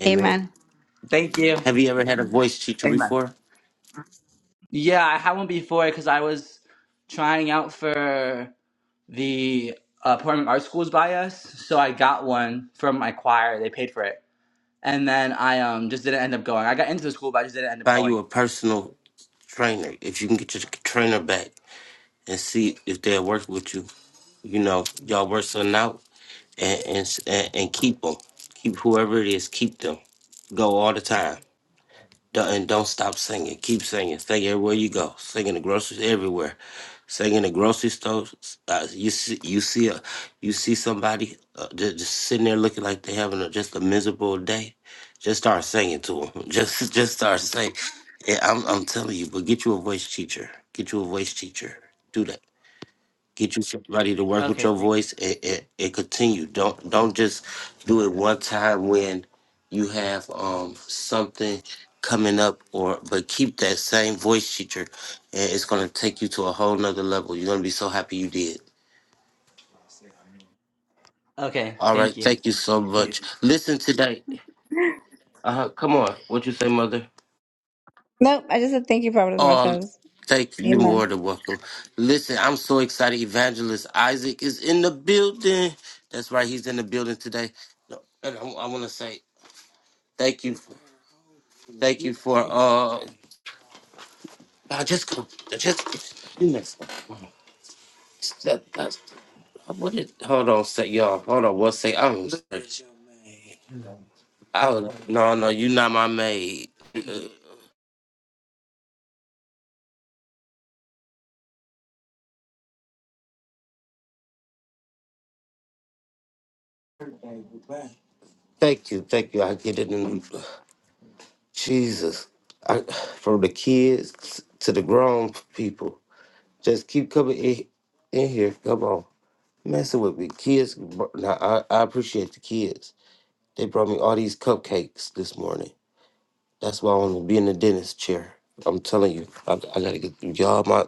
Amen.
Amen. Thank you.
Have you ever
Say
had a
amen.
voice teacher
Amen.
before?
Yeah, I had one before because I was trying out for the uh, performing arts schools bias, so I got one from my choir. They paid for it, and then I um just didn't end up going. I got into the school, but I just didn't end up
Find you
going.
a personal trainer. If you can get your trainer back and see if they'll work with you you know, y'all work something out and and s- and, and keep them. Keep whoever it is, keep them. Go all the time. Don't, and don't stop singing. Keep singing. Sing everywhere you go. Sing in the grocery everywhere. Sing in the grocery store. Uh, you see, you see a, you see somebody uh, just, just sitting there looking like they having a, just a miserable day. Just start singing to them. Just, just start singing. Yeah, I'm, I'm telling you. But get you a voice teacher. Get you a voice teacher. Do that get you somebody to work with
Okay,
your
thank.
voice and, and, and continue. Don't don't just do it one time when you have um something coming up or but keep that same voice teacher and it's gonna take you to a whole nother level. You're gonna be so happy you did.
Okay,
All right,
thank you. Yes,
thank you
sir.
so
Thank you.
much. Listen today. Uh huh. Come on. What you say, mother?
Nope, I just said thank you, Prophet
Oh,
Martez.
thank you. You're
Amen.
more than welcome. Listen, I'm so excited. Evangelist Isaac is in the building. That's right. He's in the building today. No, and I, want to say thank you. Thank you for uh. I just go. Just you next. That, that's, what did, hold on, say y'all. Hold on, one sec. I'm. Sorry. I was, no, no, you not my maid. Thank you, thank you. I get it in Jesus. I, from the kids to the grown people. Just keep coming in, in here. Come on. Messing with me. Kids, br- now I, I appreciate the kids. They brought me all these cupcakes this morning. That's why I want to be in the dentist chair. I'm telling you, I, I gotta get through y'all. My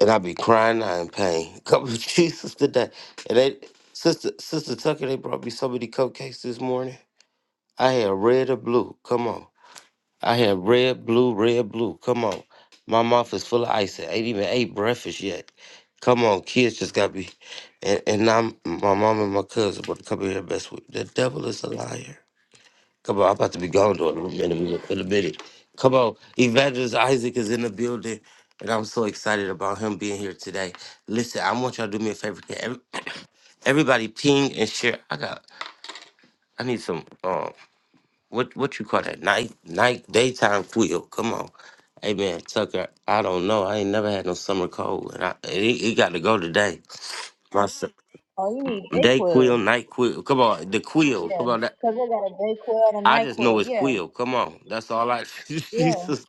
and I be crying, I in pain. Come to Jesus today. And they, sister, sister Tucker, they brought me so many cupcakes this morning. I had red or blue. Come on. I had red, blue, red, blue. Come on. My mouth is full of ice. I ain't even ate breakfast yet. Come on, kids just got me. And, and now my mom and my cousin about to come in here and mess with me. The devil is a liar. Come on, I'm about to be gone though in a little minute. In a minute. Come on. Evangelist Isaac is in the building. And I'm so excited about him being here today. Listen, I want y'all to do me a favor. Can every- Everybody ping and share. I got I need some um what what you call that night night daytime quill? Come on, hey man, Tucker. I don't know. I ain't never had no summer cold, and I and it, it got to go today. My s-
Oh, you need
day quill,
Dayquil.
night quill. Come on, the quill.
Yeah,
Come on, that,
because they got a Dayquil and a
I just know
Nyquil.
it's
Yeah,
quill. Come on, that's all I.
yeah.
Jesus.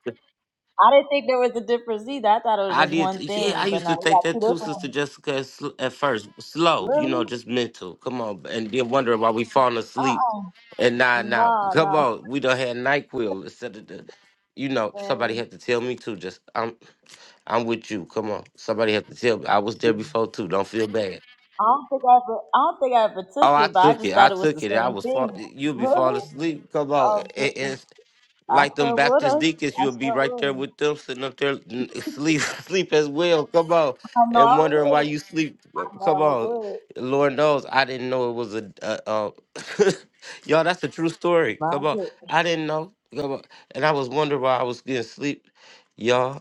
I didn't think there was a difference either. I thought it was
I
just
did.
one
Yeah, I
thing, but
used
no,
to
they
think
got two
that too,
different
Sister
ones.
Jessica. At, sl- at first, slow, you know,
Really?
just mental. Come on, and then wondering why we falling
Uh
asleep
uh
and nodding out.
Nah,
Come
nah,
on, we done had Nyquil instead of the, you know, somebody
man.
had to tell me too. Just I'm, I'm with you. Come on, somebody had to tell me. I was there before too. Don't feel bad.
I don't think I ever, I don't think I ever took
Oh, I
it, but I
took
just
it. I
thought it was
took
the
it. I
same
was fall.
thing.
You'll be falling
Really?
asleep. Come on,
Oh,
It-
goodness.
it's
I
like them
sure
Baptist
would've.
deacons.
I
You'll be
sure
right there
would've.
with them, sitting up there n- sleep, sleep as well. Come on,
I know
and
I
wondering why
would.
you sleep.
I
Uh,
know
Come
I
on,
would.
Lord knows I didn't know it was a. Uh, uh, y'all, that's a true story.
My
Come on,
goodness.
I didn't know. Come on, and I was wondering why I was getting sleep, y'all.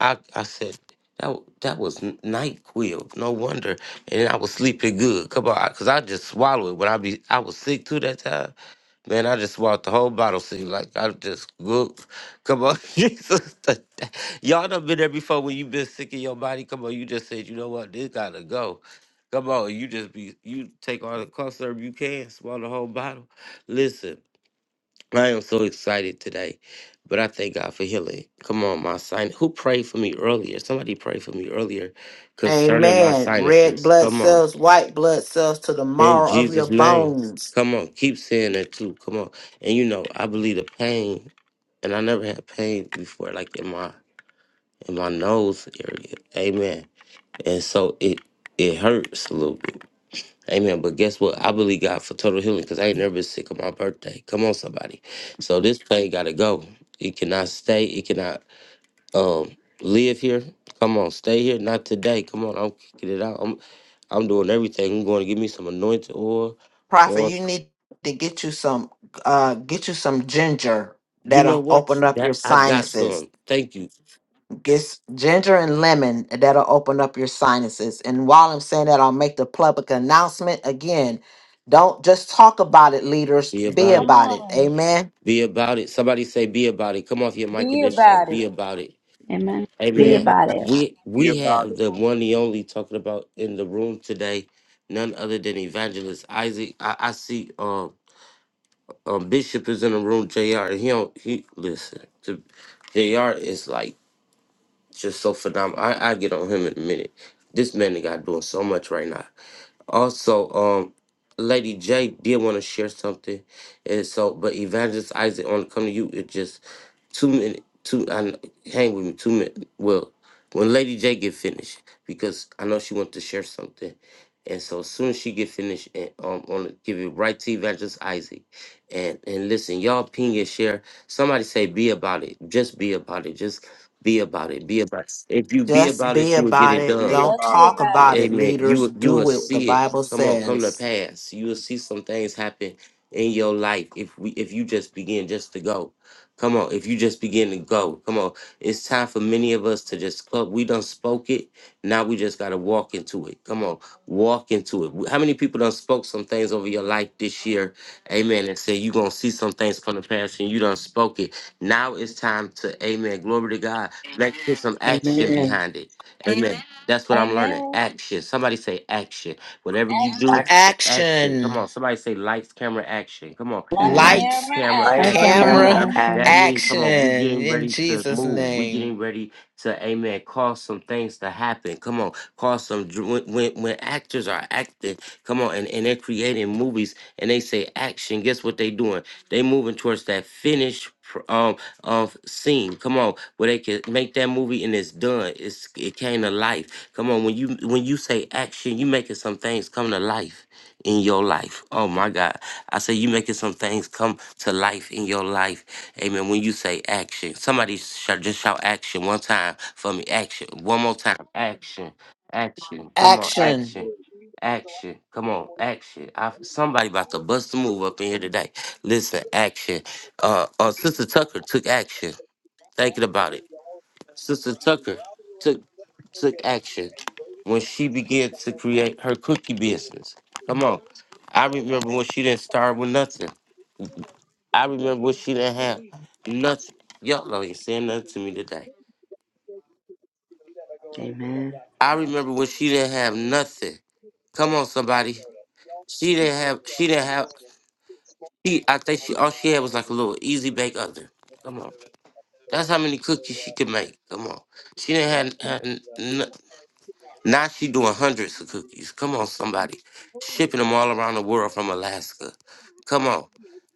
I, I said that w- that was n- Nyquil. No wonder, and I was sleeping good. Come on, cause I just swallowed it when I be I was sick too that time. Man, I just swallowed the whole bottle. See, like I just good. Come on, Jesus, that- that- y'all done been there before when you been sick in your body. Come on, you just said you know what this gotta go. Come on, you just be you take all the cough syrup you can, swallow the whole bottle. Listen. I am so excited today, but I thank God for healing. Come on, my sinus. Who prayed for me earlier? Somebody prayed for me earlier concerning my
Amen. Red
sinuses.
blood
Come on.
cells, white blood cells to the
In
marrow of your
Jesus' name.
bones.
Come on. Keep saying that too. Come on. And you know, I believe the pain, and I never had pain before, like in my in my nose area. Amen. And so it it hurts a little bit. Amen. But guess what? I believe God for total healing because I ain't never been sick on my birthday. Come on, somebody. So this thing gotta go. It cannot stay. It cannot um live here. Come on, stay here. Not today. Come on, I'm kicking it out. I'm I'm doing everything. I'm going to give me some anointed oil.
Prophet,
Lord,
you need to get you some uh get you some ginger
You know
that'll
what?
open up your
That I got
sinuses.
some. Thank you.
It's ginger and lemon that'll open up your sinuses. And while I'm saying that, I'll make the public announcement again. Don't just talk about it, leaders.
Be
Be
about it.
Come
about it.
on.
Amen.
Be about it. Somebody say be about it. Come off your mic and
Be
just shout,
about it.
be about it.
Amen.
be
Be
Amen.
about.
about it.
We we have the one and only talking about in the room today, none other than Evangelist Isaac. I, I see um, um Bishop is in the room. Jr. and He don't he listen. To, Jr. is like just so phenomenal. I I get on him in a minute. This man got doing so much right now. Also, um, Lady J did want to share something, and so but Evangelist Isaac on come to you. It just two minute two. I kn- hang with me two minute. Well, when Lady J get finished, because I know she want to share something, and so as soon as she get finished, and um, want to give it right to Evangelist Isaac, and and listen, y'all ping and share. Somebody say be about it. Just be about it. Just be about it. Be about. it. If you be
Just
about
be
it, you will get
about
it
it.
done.
Don't
Let's be
talk
about
about it,
Amen. You
leaders.
will- you will
Do it. The
see it.
Bible
Come on, come to
says.
pass. You will see some things happen in your life if we if you just begin just to go. Come on, if you just begin to go. Come on. It's time for many of us to just club. We done spoke it. Now we just gotta walk into it. Come on walk into it. How many people done spoke some things over your life this year? Amen. And say you gonna see some things from the past and you done spoke it. Now it's time to amen. Glory to God. Let's put some action
Amen.
behind it. Amen. Amen. That's
it.
what I'm learning.
Amen.
Action. Somebody say action. Whatever you do,
Action.
Act
action. Come
Action.
on. Somebody say lights, camera, action. Come on.
Light,
Turn
Lights,
Lights,
camera,
camera,
action.
light,
life
action.
camera
Come
camera,
on.
camera,
That
action.
action.
means,
action
come on, we getting
in
ready to
Jesus'
move. We
name.
getting ready to, amen, cause some things to happen. Come on, cause some, dr- when, when, when actors are acting, come on, and, and they're creating movies and they say action, guess what they doing? They moving towards that finished pr- um, of scene. Come on, where they can make that movie and it's done done. It's it came to life. Come on, when you when you say action, you making some things come to life in your life. Oh my God. I say you making some things come to life in your life. Amen. When you say action. Somebody shout, just shout action one time for me. Action. One more time. Action. Action. Come on,
Action.
action. Action. Come on, action. I, somebody about to bust a move up in here today. Listen, action. Uh, uh Sister Tucker took action. Thinking about it. Sister Tucker took took action when she began to create her cookie business. Come on. I remember when she didn't start with nothing. I remember when she didn't have nothing. Y'all know you saying nothing to me today.
Amen.
I remember when she didn't have nothing. Come on, somebody. She didn't have she didn't have she I think she all she had was like a little easy bake oven. Come on. That's how many cookies she could make. Come on. She didn't have, have Now she doing hundreds of cookies. Come on, somebody, shipping them all around the world from Alaska. Come on,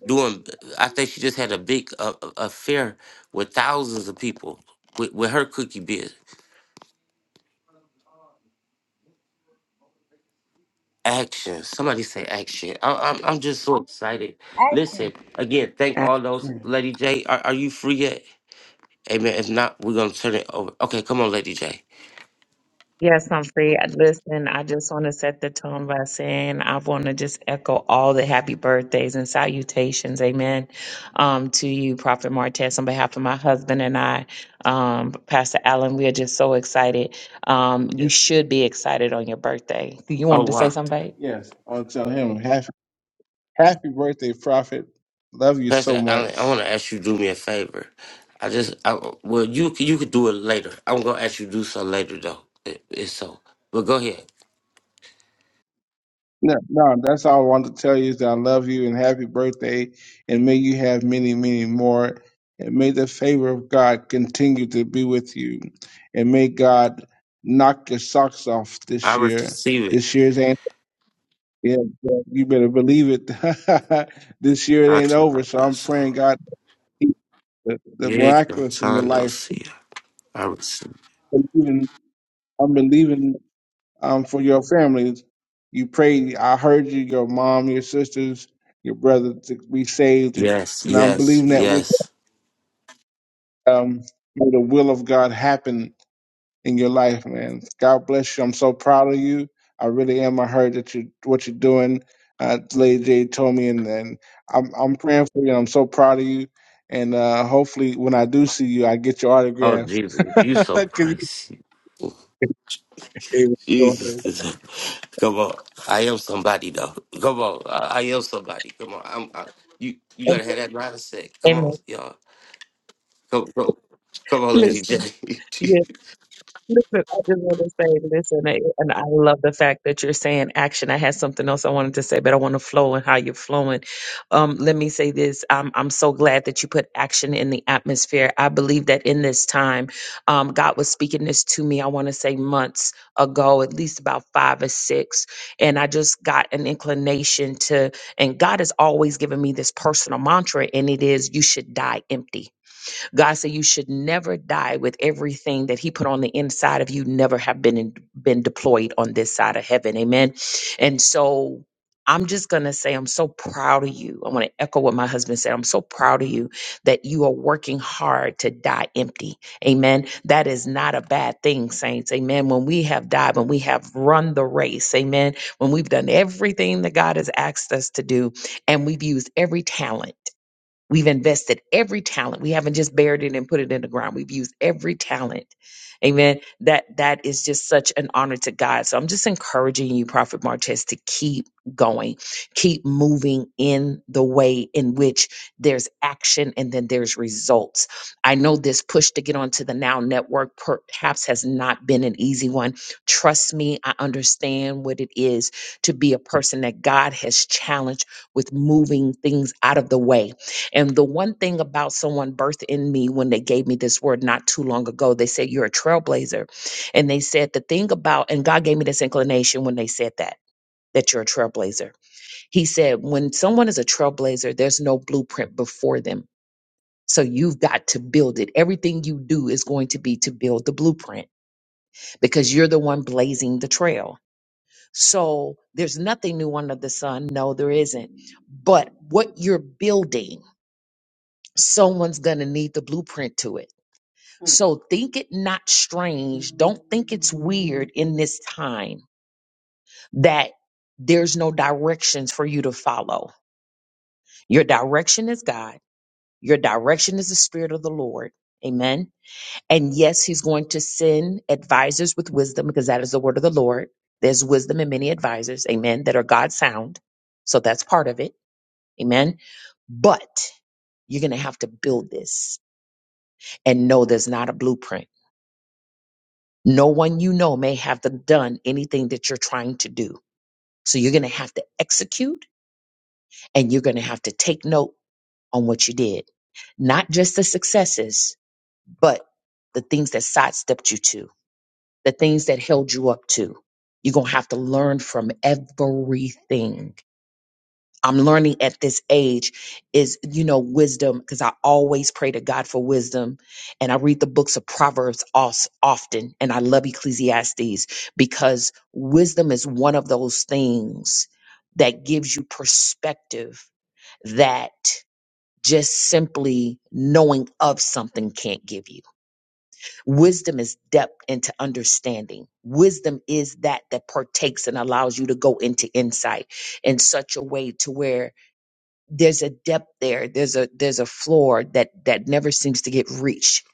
doing. I think she just had a big uh, uh, affair with thousands of people with, with her cookie biz. Action. Somebody say action. I, I'm I'm just so excited. Listen
Action.
again. Thank all those.
Action.
Lady J, are, are you free yet? Amen. If not, we're gonna turn it over. Okay, come on, Lady J.
yes, Humphrey. I- Listen, I just want to set the tone by saying I want to just echo all the happy birthdays and salutations, amen, um, to you, Prophet Martez, on behalf of my husband and I, um, Pastor Allen. We are just so excited. Um, you Yes. should be excited on your birthday. You
Oh
wanted to say
wow.
something, babe? Yes, I'll tell him Happy birthday, Prophet. Love you so
Pastor Allen, I want
much.
to ask you to do me a favor. I just, I, well, you c- you could do it later. I'm gonna ask you to do so later though. It, it's so, but go ahead.
No, no, that's all I wanted to tell you is that I love you and happy birthday, and may you have many, many more. And may the favor of God continue to be with you. And may God knock your socks off
I
this year.
receive it.
This year's ain't, yeah, yeah, you better believe it. this year it
I
ain't
turn my
over, so I'm
glass
praying
off.
God the, the
Yes, your
miraculous in your
Tondo
life.
see ya. I receive. it.
Believing, I'm believing. um, for your families. You prayed. I heard you, your mom, your sisters, your brother to be saved,
Yes,
and I'm
yes,
believing that with
yes.
um, may the will of God happen in your life, man. God bless you. I'm so proud of you. I really am. I heard that you what you're doing. Uh, Lady J told me, and, and I'm I'm praying for you. and I'm so proud of you. And uh, hopefully, when I do see you, I get your
Oh
autograph.
Jesus, you so
'Cause-
crazy.
Amen. Go
Jesus,
ahead.
this- come on. I am somebody though. Come on, I, I am somebody. Come on, I'm. I, you you gotta have that mindset. Come
Amen.
on, y'all. Come, come, come on, Lady
Listen.
J.
Listen, I just want to say, listen, I- and I love the fact that you're saying action. I had something else I wanted to say, but I want to flow and how you're flowing. Um, let me say this. I'm, I'm so glad that you put action in the atmosphere. I believe that in this time, um, God was speaking this to me, I want to say months ago, at least about five or six. And I just got an inclination to, and God has always given me this personal mantra, and it is, you should die empty God said you should never die with everything that He put on the inside of you, never have been in, been deployed on this side of heaven. Amen. And so I'm just gonna say I'm so proud of you. I want to echo what my husband said. I'm so proud of you that you are working hard to die empty. Amen. That is not a bad thing, saints. Amen. When we have died, when we have run the race, amen. When we've done everything that God has asked us to do, and we've used every talent. We've invested every talent. We haven't just buried it and put it in the ground. We've used every talent. Amen. That that is just such an honor to God. So I'm just encouraging you, Prophet Martez, to keep going, keep moving in the way in which there's action and then there's results. I know this push to get onto the Now Network perhaps has not been an easy one. Trust me, I understand what it is to be a person that God has challenged with moving things out of the way and the one thing about someone birthed in me when they gave me this word not too long ago, they said, You're a trailblazer. And they said, The thing about, and God gave me this inclination when they said that. That you're a trailblazer. He said, when someone is a trailblazer, there's no blueprint before them. So you've got to build it. Everything you do is going to be to build the blueprint because you're the one blazing the trail. So there's nothing new under the sun. No, there isn't. But what you're building, someone's going to need the blueprint to it So think it not strange. Don't think it's weird in this time that there's no directions for you to follow. Your direction is God, your direction is the Spirit of the Lord. Amen. And yes, He's going to send advisors with wisdom because that is the word of the Lord. There's wisdom in many advisors, amen, that are God sound. So that's part of it. Amen. But you're going to have to build this and know there's not a blueprint No one you know may have the- done anything that you're trying to do. So you're going to have to execute and you're going to have to take note on what you did, not just the successes, but the things that sidestepped you to, the things that held you up to. You're going to have to learn from everything I'm learning at this age is, you know, wisdom, because I always pray to God for wisdom. And I read the books of Proverbs os- often, and I love Ecclesiastes because wisdom is one of those things that gives you perspective that just simply knowing of something can't give you. Wisdom is depth into understanding. Wisdom is that that partakes and allows you to go into insight in such a way to where there's a depth there there's a there's a floor that that never seems to get reached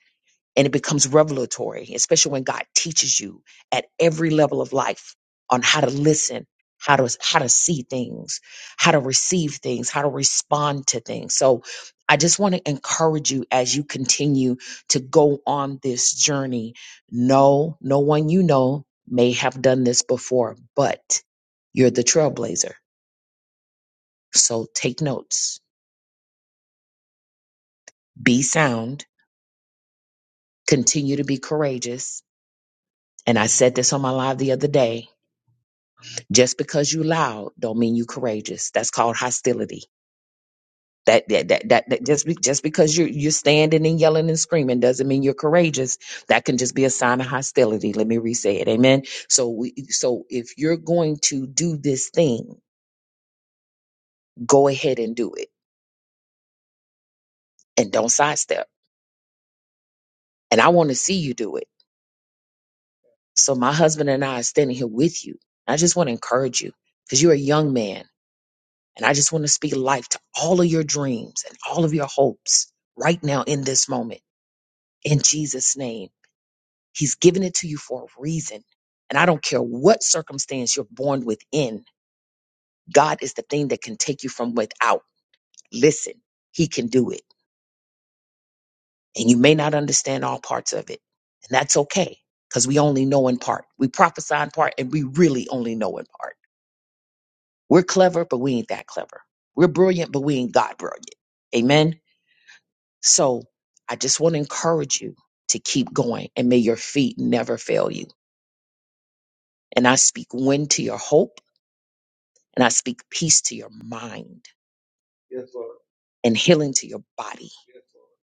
and it becomes revelatory especially when god teaches you at every level of life on how to listen how to how to see things how to receive things how to respond to things so i just want to encourage you as you continue to go on this journey no no one you know may have done this before but you're the trailblazer so take notes be sound Continue to be courageous. And I said this on my live the other day. Just because you loud don't mean you courageous. That's called hostility. That that that, that, that just be, just because you are you're standing and yelling and screaming doesn't mean you're courageous. That can just be a sign of hostility. Let me re-say it. Amen. So we so if you're going to do this thing, go ahead and do it and don't sidestep. And I want to see you do it. So my husband and I are standing here with you. I just want to encourage you because you're a young man And I just want to speak life to all of your dreams and all of your hopes right now in this moment. In Jesus' name, He's given it to you for a reason. And I don't care what circumstance you're born within, God is the thing that can take you from without. Listen, He can do it. And you may not understand all parts of it. And that's okay because we only know in part. We prophesy in part and we really only know in part. We're clever, but we ain't that clever. We're brilliant, but we ain't God brilliant. Amen. So I just want to encourage you to keep going and may your feet never fail you. And I speak wind to your hope and I speak peace to your mind Yes, Lord. and healing to your body Yes, Lord.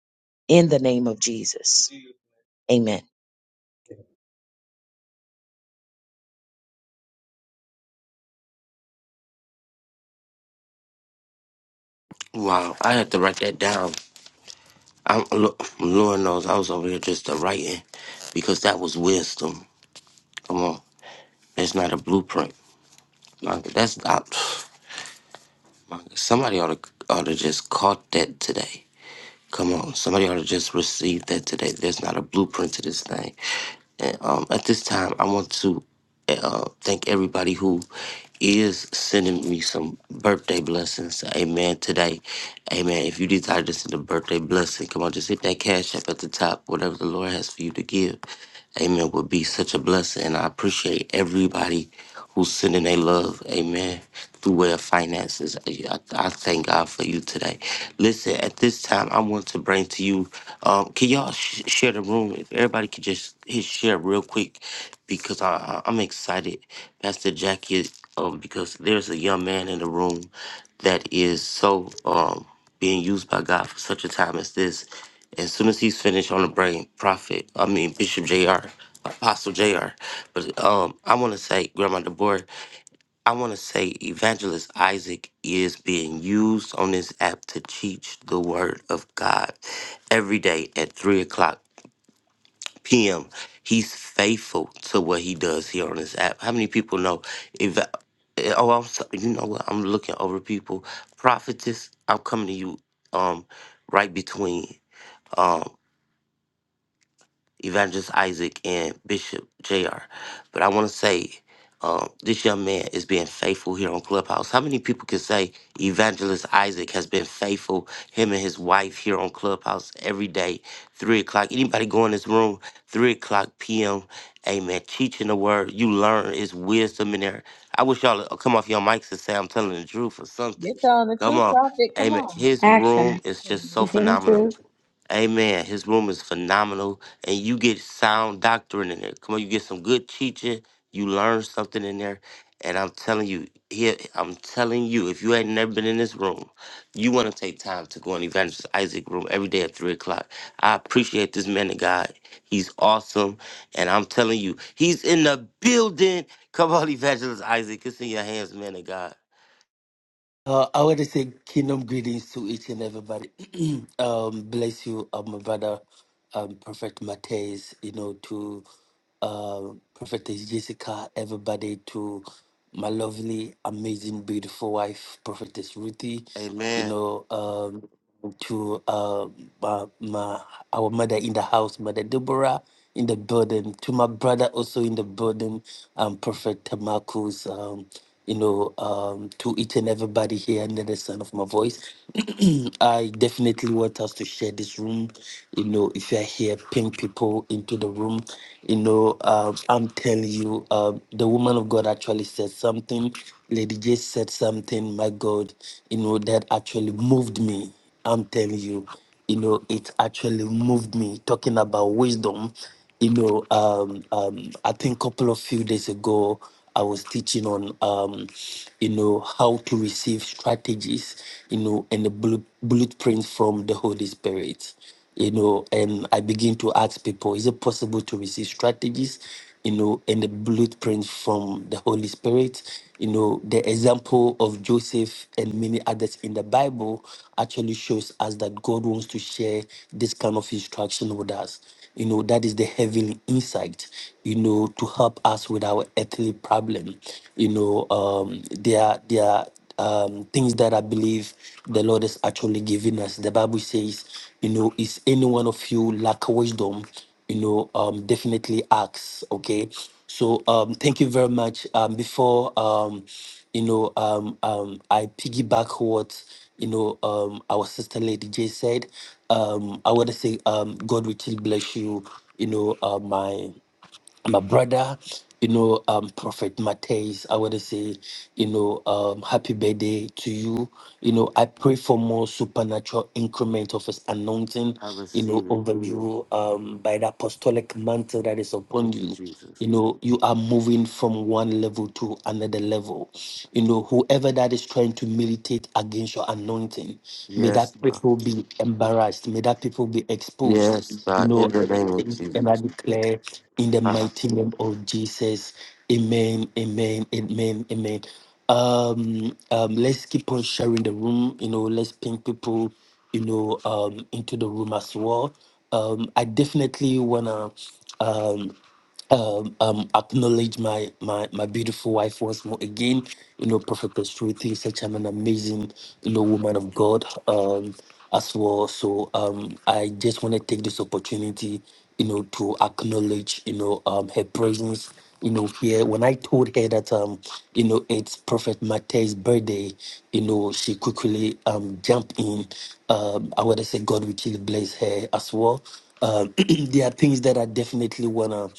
in the name of Jesus. Amen.
wow, I had to write that down. I'm, look, Lord knows I was over here just a writing because that was wisdom. Come on, that's not a blueprint. My- That's not. Somebody ought to ought to just caught that today. Come on, somebody ought to just receive that today. There's not a blueprint to this thing. And um, at this time, I want to uh, thank everybody who is sending me some birthday blessings. Amen. Today, amen. If you desire to send a birthday blessing, come on, just hit that cash app at the top. Whatever the Lord has for you to give, amen, would be such a blessing. And I appreciate everybody who's sending their love, amen, through their finances. I, I thank God for you today. Listen, at this time, I want to bring to you, um, can y'all sh- share the room? If everybody could just hit share real quick, because I, I, I'm excited, Pastor Jackie, um, because there's a young man in the room that is so. Um, being used by God for such a time as this. As soon as he's finished on the brain, Prophet, I mean Bishop Jr., Apostle Jr. But um, I want to say, Grandma Deborah, I want to say Evangelist Isaac is being used on this app to teach the Word of God every day at three o'clock. PM. He's faithful to what he does here on this app. How many people know? If eh, oh, I'm sorry, you know what? I'm looking over people. Prophetess, I'm coming to you. Um, right between. um, Evangelist Isaac and Bishop JR. But I want to say um, this young man is being faithful here on Clubhouse. How many people can say Evangelist Isaac has been faithful, him and his wife here on Clubhouse every day, 3 o'clock? Anybody go in this room, 3 o'clock p.m., amen, teaching the word. You learn, it's wisdom in there. I wish y'all would come off your mics and say I'm telling the truth or something.
You're telling the
Come
truth,
on.
prophet. Come
Amen.
on.
His
Action.
room is just so
You
Amen.
see the
phenomenal.
truth?
Amen. His room is phenomenal, and you get sound doctrine in there. Come on, you get some good teaching. You learn something in there, and I'm telling you, here I'm telling you, if you had never been in this room, you want to take time to go in Evangelist Isaac room every day at three o'clock. I appreciate this man of God. He's awesome, and I'm telling you, he's in the building. Come on, Evangelist Isaac, it's in your hands, man of God.
Uh, I want to say kingdom greetings to each and everybody. um, bless you, uh, my brother, um, Prophet Matthias, you know, to uh, Prophetess Jessica, everybody, to my lovely, amazing, beautiful wife, Prophetess Ruthie, you
Amen.
know, um, to uh, my, my, our mother in the house, Mother Deborah, in the building, to my brother also in the building, um, Prophet Marcus. Um, you know, um, to each and everybody here under the sound of my voice. I definitely want us to share this room. You know, if you're here, ping people into the room. You know, um, I'm telling you, um, the woman of God actually said something. Lady J said something, my God, you know, that actually moved me. I'm telling you, you know, it actually moved me talking about wisdom you know, um, um, I think a couple of few days ago, I was teaching on, um, you know, how to receive strategies, you know, and the blu- blueprints from the Holy Spirit, you know, and I begin to ask people, is it possible to receive strategies, you know, and the blueprints from the Holy Spirit? You know, the example of Joseph and many others in the Bible actually shows us that God wants to share this kind of instruction with us you know, that is the heavenly insight, you know, to help us with our earthly problem. You know, um, there are, there are um, things that I believe the Lord is actually giving us. The Bible says, you know, is any one of you lack wisdom? you know, um, definitely ask. Okay. So um, thank you very much. Um, before um, you know, um, um, I piggyback what you know um, our sister Lady J said. Um, I want to say um, God richly bless you. You know, uh, my my brother, you know, um, Prophet Mateus, I want to say, you know, um, happy birthday to you. You know, I pray for more supernatural increment of his anointing,
I
you know,
receive it.
over you um, by the apostolic mantle that is upon
Thank you,
you
Jesus.
you know you are moving from one level to another level you know whoever that is trying to militate against your anointing may that
Yes.
people be embarrassed may that people be exposed
Yes,
you
God,
know
in the name of
and i
Jesus.
declare in the
Uh,
mighty name of jesus amen amen amen amen um um let's keep on sharing the room you know let's ping people you know um into the room as well um i definitely wanna um um, um, acknowledge my, my my beautiful wife once more again. You know, Prophet Pestruti is such an amazing, you know, woman of God um, as well. So um, I just want to take this opportunity, you know, to acknowledge, you know, um, her presence. You know, here when I told her that um, you know, it's Prophet Matthew's birthday, you know, she quickly um jumped in. Um, I want to say God will bless her as well um, there are things that I definitely wanna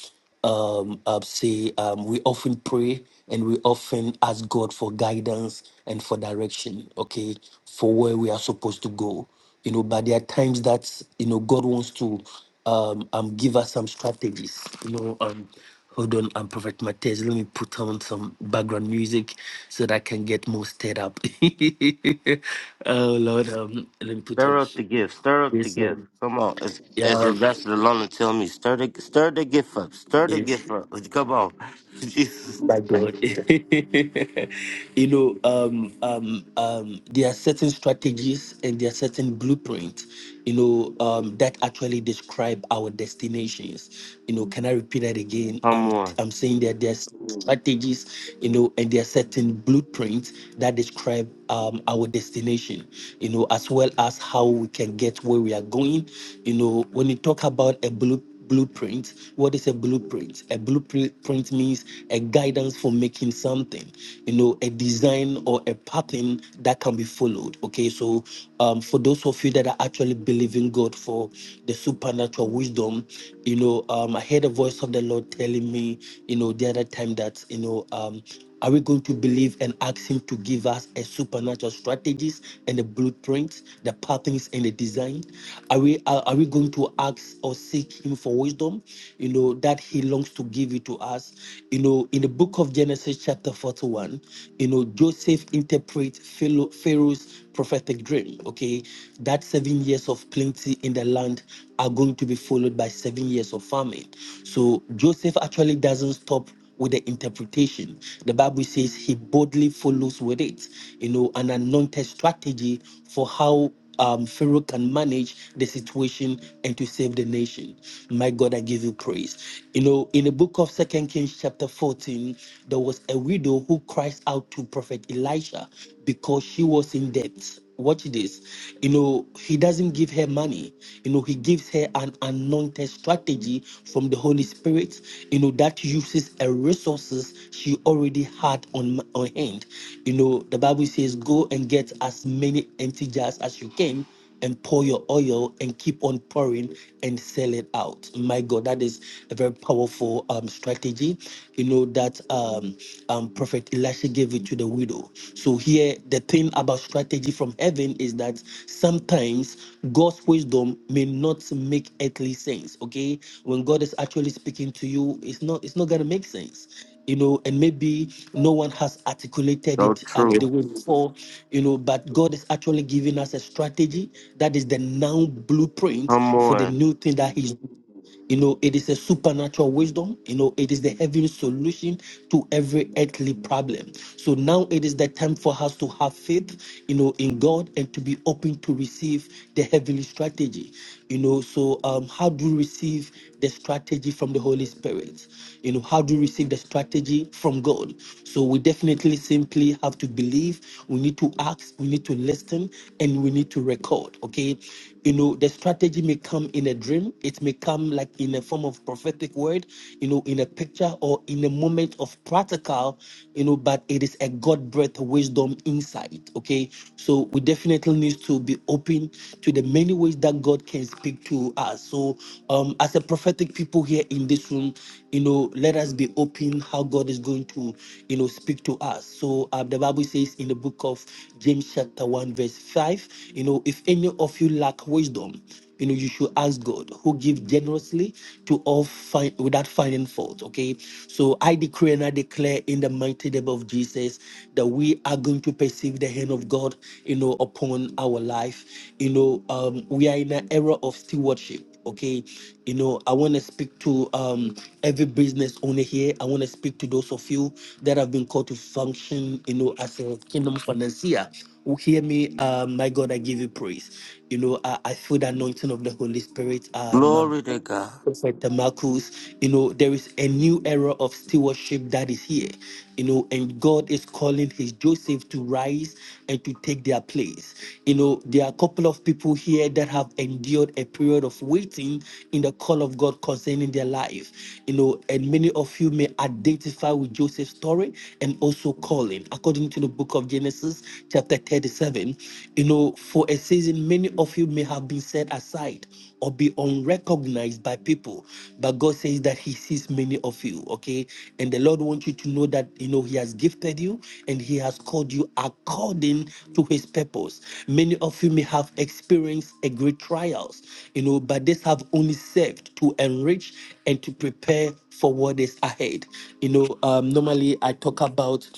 um, uh, say um, we often pray and we often ask God for guidance and for direction, okay, for where we are supposed to go. You know, but there are times that you know God wants to um, um give us some strategies. You know, um, hold on, um, Prophet Matthias, let me put on some background music so that I can get more stirred up. oh Lord, um, let me put
stir
on.
up the gift. Stir up the gift. Come on. As, as
Yeah,
Ambassador Lona tell me, stir the, stir the gift up. Stir the
yes.
gift up. Come on. Jesus.
God. you know, um, um, um, there are certain strategies and there are certain blueprints, you know, um, that actually describe our destinations. You know, can I repeat that again?
Come
I'm,
on.
I'm saying that there's strategies, you know, and there are certain blueprints that describe um, our destination, you know, as well as how we can get where we are going. You know, when you talk about a blueprint, blueprint. What is a blueprint? A blueprint means a guidance for making something, you know, a design or a pattern that can be followed. Okay, so um, for those of you that are actually believing God for the supernatural wisdom, you know, um, I heard a voice of the Lord telling me, you know, the other time that, you know, um, are we going to believe and ask Him to give us a supernatural strategies and the blueprints, the patterns and the design? Are we are, are we going to ask or seek Him for wisdom? You know that He longs to give it to us. You know, in the book of Genesis chapter forty-one, you know Joseph interprets Pharaoh- Pharaoh's prophetic dream. Okay, that seven years of plenty in the land are going to be followed by seven years of famine. So Joseph actually doesn't stop with the interpretation. The Bible says he boldly follows with it, you know, an anointed strategy for how um, Pharaoh can manage the situation and to save the nation. My God, I give you praise. You know, in the book of Second Kings, chapter 14, there was a widow who cries out to Prophet Elisha because she was in debt. Watch this. You know, he doesn't give her money. You know, he gives her an anointed strategy from the Holy Spirit, you know, that uses a resources she already had on, on hand. You know, the Bible says, go and get as many empty jars as you can and pour your oil and keep on pouring and sell it out. My God, that is a very powerful um, strategy. You know that um, um, Prophet Elisha gave it to the widow. So here, the thing about strategy from heaven is that sometimes God's wisdom may not make earthly sense. Okay, when God is actually speaking to you, it's not it's not gonna make sense you know, and maybe no one has articulated
So
it um, the
true.
way before, you know, but God is actually giving us a strategy that is the now blueprint
Come
for the
on.
new thing that He's doing. You know, it is a supernatural wisdom. You know, it is the heavenly solution to every earthly problem. So now it is the time for us to have faith, you know, in God and to be open to receive the heavenly strategy. You know, so um, how do you receive the strategy from the Holy Spirit? You know, how do you receive the strategy from God? So we definitely simply have to believe, we need to ask, we need to listen, and we need to record. Okay you know the strategy may come in a dream it may come like in a form of prophetic word you know in a picture or in a moment of practical you know but it is a god breathed wisdom insight okay so we definitely need to be open to the many ways that god can speak to us so um as a prophetic people here in this room you know let us be open how god is going to you know speak to us so um, the bible says in the book of james chapter 1 verse 5 you know if any of you lack wisdom you know you should ask god who gives generously to all find without finding fault okay so i decree and i declare in the mighty name of jesus that we are going to perceive the hand of god you know upon our life you know um we are in an era of stewardship Okay, you know, I want to speak to um, every business owner here. I want to speak to those of you that have been called to function, you know, as a kingdom financier. Who hear me? Uh, my God, I give you praise. You know, I, I feel the anointing of the Holy Spirit. Um,
Glory to God.
Prophet Marcus, you know, there is a new era of stewardship that is here, you know, and God is calling his Joseph to rise and to take their place. You know, there are a couple of people here that have endured a period of waiting in the call of God concerning their life, you know, and many of you may identify with Joseph's story and also calling, according to the book of Genesis, chapter 37. You know, for a season, many of you may have been set aside or be unrecognized by people. But God says that He sees many of you, okay? And the Lord wants you to know that, you know, He has gifted you and He has called you according to His purpose. Many of you may have experienced a great trials, you know, but this have only served to enrich and to prepare for what is ahead. You know, um, normally I talk about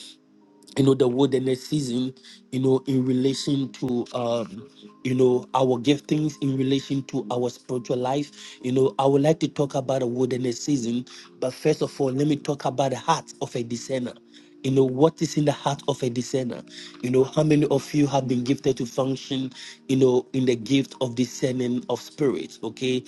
you know the wilderness season you know in relation to um you know our giftings in relation to our spiritual life you know i would like to talk about a wilderness season but first of all let me talk about the heart of a discerner you know what is in the heart of a discerner you know how many of you have been gifted to function you know in the gift of discerning of spirits okay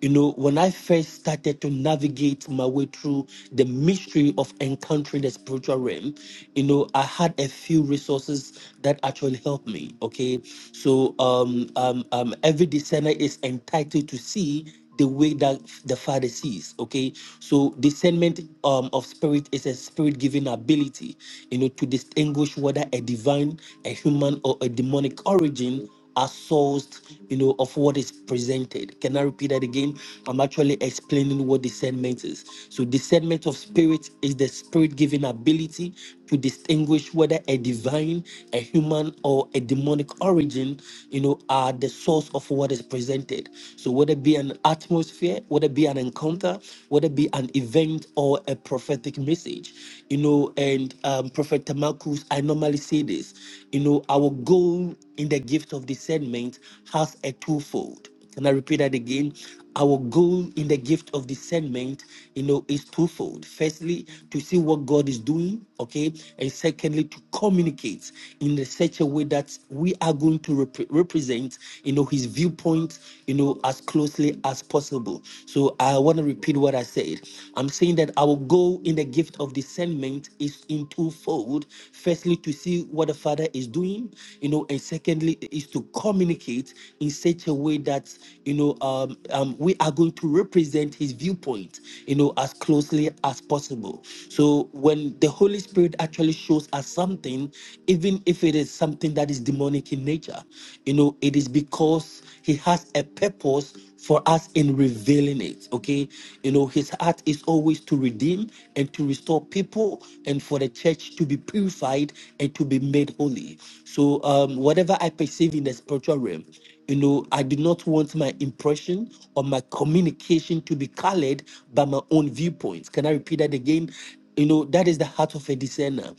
you know, when I first started to navigate my way through the mystery of encountering the spiritual realm, you know, I had a few resources that actually helped me. Okay. So um, um, um, every discerner is entitled to see the way that the father sees okay so discernment um, of spirit is a spirit given ability you know to distinguish whether a divine a human or a demonic origin are sourced, you know, of what is presented. Can I repeat that again? I'm actually explaining what discernment is. So, discernment of spirit is the spirit given ability to distinguish whether a divine, a human, or a demonic origin, you know, are the source of what is presented. So, whether it be an atmosphere, whether it be an encounter, whether it be an event or a prophetic message, you know, and um, Prophet Tamakus, I normally say this, you know, our goal in the gift of discernment has a twofold. Can I repeat that again? Our goal in the gift of discernment, you know, is twofold. Firstly, to see what God is doing, okay, and secondly, to communicate in a- such a way that we are going to repre- represent, you know, His viewpoint, you know, as closely as possible. So I want to repeat what I said. I'm saying that our goal in the gift of discernment is in twofold. Firstly, to see what the Father father is doing you know and secondly is to communicate in such a way that you know um, um we are going to represent his viewpoint you know as closely as possible so when the holy spirit actually shows us something even if it is something that is demonic in nature you know it is because he has a purpose for us in revealing it. Okay. You know, his heart is always to redeem and to restore people and for the church to be purified and to be made holy. So, um, whatever I perceive in the spiritual realm, you know, I do not want my impression or my communication to be colored by my own viewpoints. Can I repeat that again? You know, that is the heart of a discerner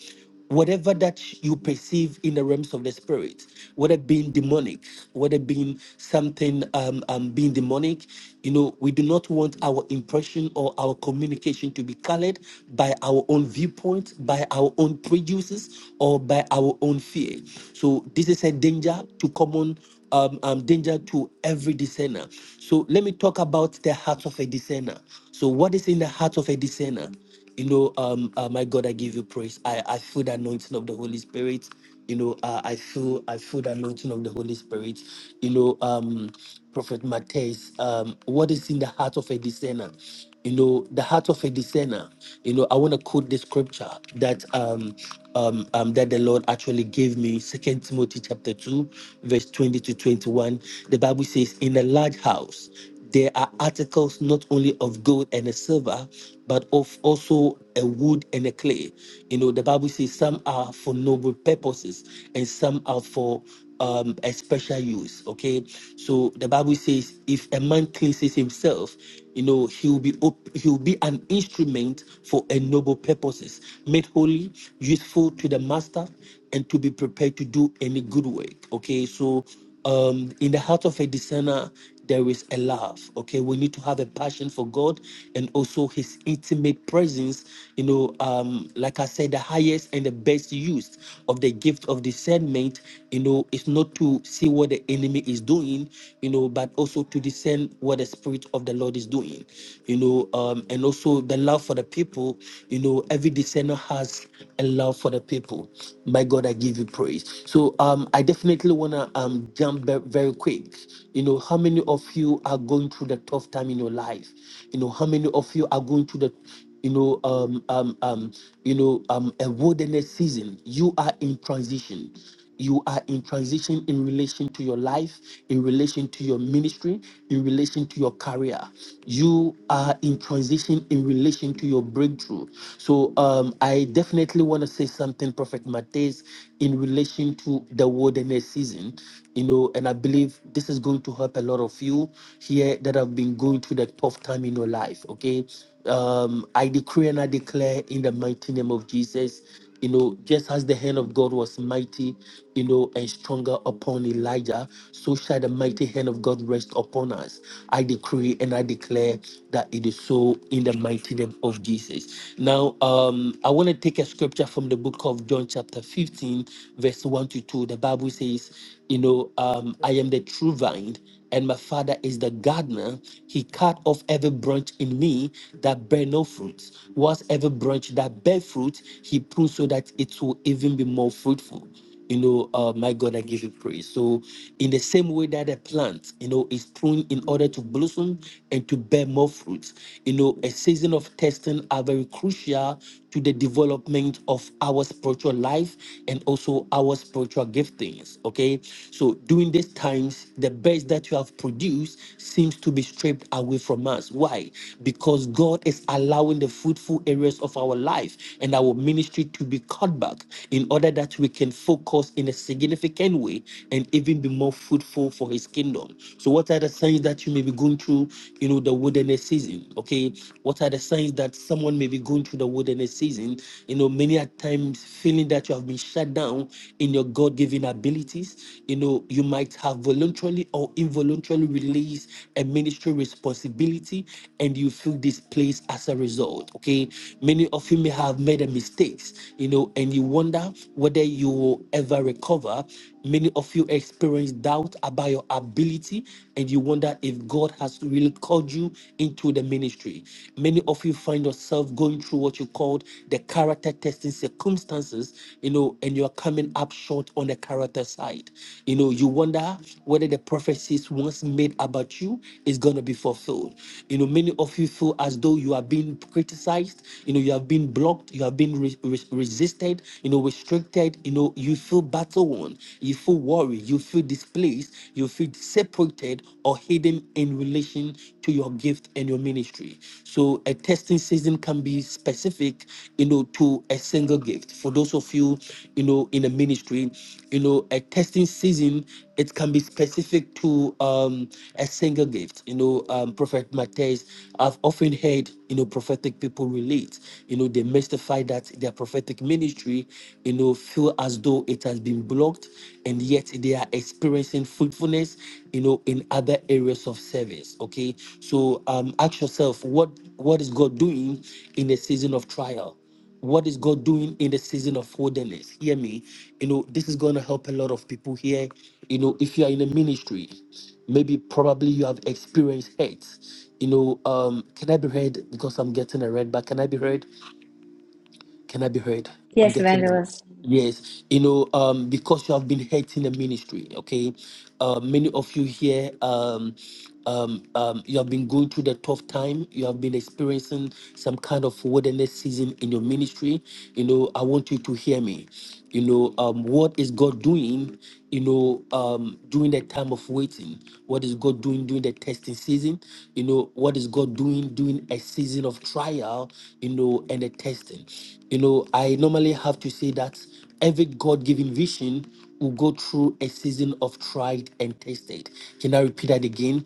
whatever that you perceive in the realms of the spirit, whether being demonic, whether being something um, um being demonic, you know, we do not want our impression or our communication to be colored by our own viewpoint, by our own prejudices, or by our own fear. So this is a danger to common um, um, danger to every discerner. So let me talk about the heart of a discerner. So what is in the heart of a discerner? You know, um, uh, my God, I give you praise. I, I feel the anointing of the Holy Spirit. You know, uh, I feel I feel the anointing of the Holy Spirit. You know, um, Prophet Matthias, um, what is in the heart of a discerner? You know, the heart of a discerner. You know, I want to quote the scripture that um, um, um, that the Lord actually gave me, Second Timothy chapter two, verse twenty to twenty-one. The Bible says, "In a large house." There are articles not only of gold and a silver, but of also a wood and a clay. You know, the Bible says some are for noble purposes and some are for um, a special use. Okay, so the Bible says if a man cleanses himself, you know, he will be op- he will be an instrument for a noble purposes, made holy, useful to the master, and to be prepared to do any good work. Okay, so um, in the heart of a discerner, there is a love. Okay, we need to have a passion for God and also His intimate presence. You know, um, like I said, the highest and the best use of the gift of discernment, you know, is not to see what the enemy is doing, you know, but also to discern what the Spirit of the Lord is doing, you know, um, and also the love for the people. You know, every discerner has a love for the people. My God, I give you praise stories. So um, I definitely wanna um jump ve- very quick. You know, how many of you are going through the tough time in your life? You know, how many of you are going through the you know um um um you know um a wilderness season? You are in transition you are in transition in relation to your life, in relation to your ministry, in relation to your career. You are in transition in relation to your breakthrough. So um, I definitely want to say something, Prophet Matthias, in relation to the wilderness season. You know, and I believe this is going to help a lot of you here that have been going through the tough time in your life. Okay. Um, I decree and I declare in the mighty name of Jesus you know, just as the hand of God was mighty, you know, and stronger upon Elijah, so shall the mighty hand of God rest upon us. I decree and I declare that it is so in the mighty name of Jesus. Now, um, I want to take a scripture from the book of John, chapter 15, verse 1 to 2. The Bible says, you know, um, I am the true vine, and my father is the gardener. He cut off every branch in me that bear no fruit. Whilst every branch that bear fruit, he prunes so that it will even be more fruitful. You know, uh, my God, I give you praise. So, in the same way that a plant, you know, is pruned in order to blossom and to bear more fruit, you know, a season of testing are very crucial to the development of our spiritual life and also our spiritual spiritual giftings. Okay. So during these times, the best that you have produced seems to be stripped away from us. Why? Because God is allowing the fruitful areas of our life and our ministry to be cut back in order that we can focus in a significant way and even be more fruitful for his kingdom. So what are the signs that you may be going through, you know, the wilderness season? Okay. What are the signs that someone may be going through the wilderness season? season, you know, many a times feeling that you have been shut down in your God given abilities, you know, you might have voluntarily or involuntarily released a ministry responsibility and you feel displaced as a result. Okay. Many of you may have made a mistakes, you know, and you wonder whether you will ever recover Many of you experience doubt about your ability and you wonder if God has really called you into the ministry. Many of you find yourself going through what you called the character testing circumstances, you know, and you're coming up short on the character side. You know, you wonder whether the prophecies once made about you is going to be fulfilled. You know, many of you feel as though you are being criticized, you know, you have been blocked, you have been re- re- resisted, you know, restricted you know, you feel battle worn, you feel worried, you feel displaced, you feel separated or hidden in relation to your gift and your ministry. So a testing season can be specific, you know, to a single gift. For those of you, you know, in a ministry, you know, a testing season it can be specific to um, a single gift. You know, um, Prophet Matthias, I've often heard, you know, prophetic people relate. You know, they mystify that their prophetic ministry, you know, feel as though it has been blocked and yet they are experiencing fruitfulness, you know, in other areas of service. Okay. So um, ask yourself, what what is God doing in a season of trial? What is God doing in the season of wilderness? Hear me. You know, this is going to help a lot of people here. You know, if you are in a ministry, maybe probably you have experienced hate. You know, um, can I be heard? Because I'm getting a red, back. can I be heard? Can I be heard? I'm
Yes,
getting
evangelist.
yes. You know, um, because you have been hating the ministry, okay. Uh, many of you here, um, um, um, you have been going through the tough time. You have been experiencing some kind of wilderness season in your ministry. You know, I want you to hear me you know um, what is god doing you know um, during the time of waiting what is god doing during the testing season you know what is god doing during a season of trial you know and the testing you know i normally have to say that every god-given vision will go through a season of tried and tested can i repeat that again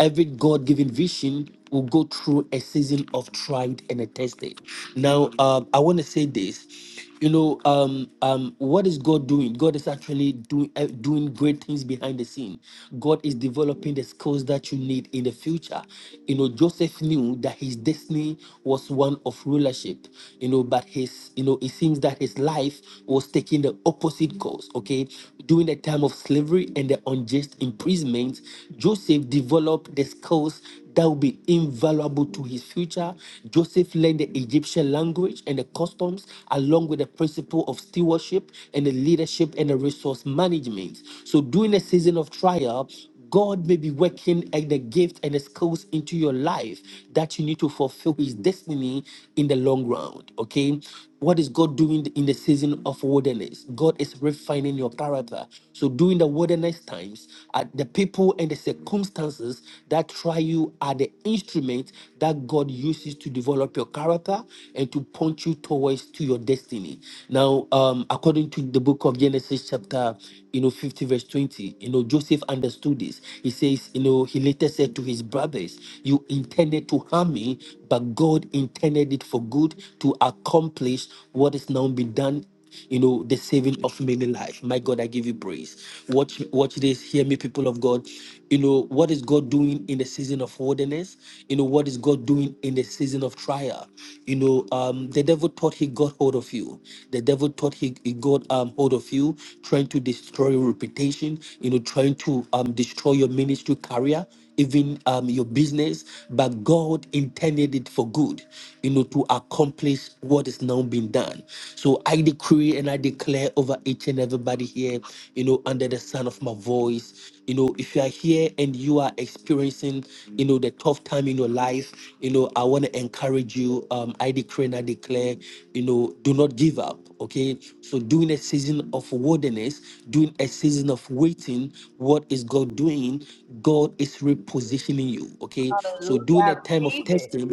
every god-given vision will go through a season of tried and tested now um, i want to say this you know um um what is god doing god is actually doing uh, doing great things behind the scene god is developing the skills that you need in the future you know joseph knew that his destiny was one of rulership you know but his you know it seems that his life was taking the opposite course okay during the time of slavery and the unjust imprisonment joseph developed the skills that will be invaluable to his future. Joseph learned the Egyptian language and the customs, along with the principle of stewardship and the leadership and the resource management. So, during a season of trial, God may be working at the gift and the skills into your life that you need to fulfill his destiny in the long run. Okay. What is God doing in the season of wilderness? God is refining your character. So during the wilderness times, uh, the people and the circumstances that try you are the instrument that God uses to develop your character and to point you towards to your destiny. Now, um, according to the book of Genesis chapter, you know, 50 verse 20, you know, Joseph understood this. He says, you know, he later said to his brothers, you intended to harm me, but God intended it for good to accomplish what is now been done you know the saving of many life. my god i give you praise watch watch this hear me people of god you know what is god doing in the season of wilderness you know what is god doing in the season of trial you know um the devil thought he got hold of you the devil thought he, he got um hold of you trying to destroy your reputation you know trying to um destroy your ministry career even um, your business, but God intended it for good, you know, to accomplish what is now being done. So I decree and I declare over each and everybody here, you know, under the sound of my voice, you know, if you are here and you are experiencing, you know, the tough time in your life, you know, I want to encourage you. Um, I decree and I declare, you know, do not give up. Okay. So during a season of wilderness, during a season of waiting, what is God doing? God is repositioning you. Okay. So
Hallelujah. I
during a time of
receive it.
testing,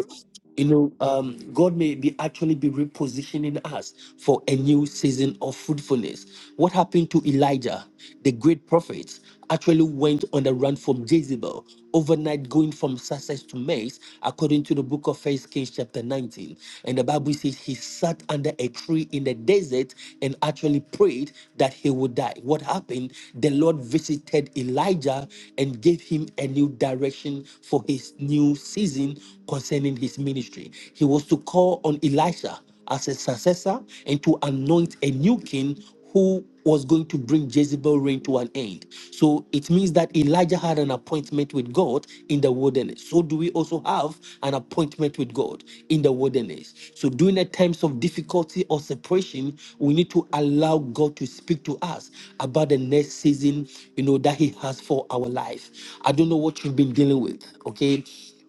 you know, um, God may be actually be repositioning us for a new season of fruitfulness. What happened to Elijah, the great prophet, actually went on the run from Jezebel, overnight going from success to mess, according to the book of First Kings chapter 19. And the Bible says he sat under a tree in the desert and actually prayed that he would die die. What happened? The Lord visited Elijah and gave him a new direction for his new season concerning his ministry. He was to call on Elisha as a successor and to anoint a new king who was going to bring Jezebel reign to an end. So it means that Elijah had an appointment with God in the wilderness. So do we also have an appointment with God in the wilderness? So during the times of difficulty or separation, we we need to allow God to speak to us about the next season, you know, that He has for our life. I don't know what you've been dealing with, okay?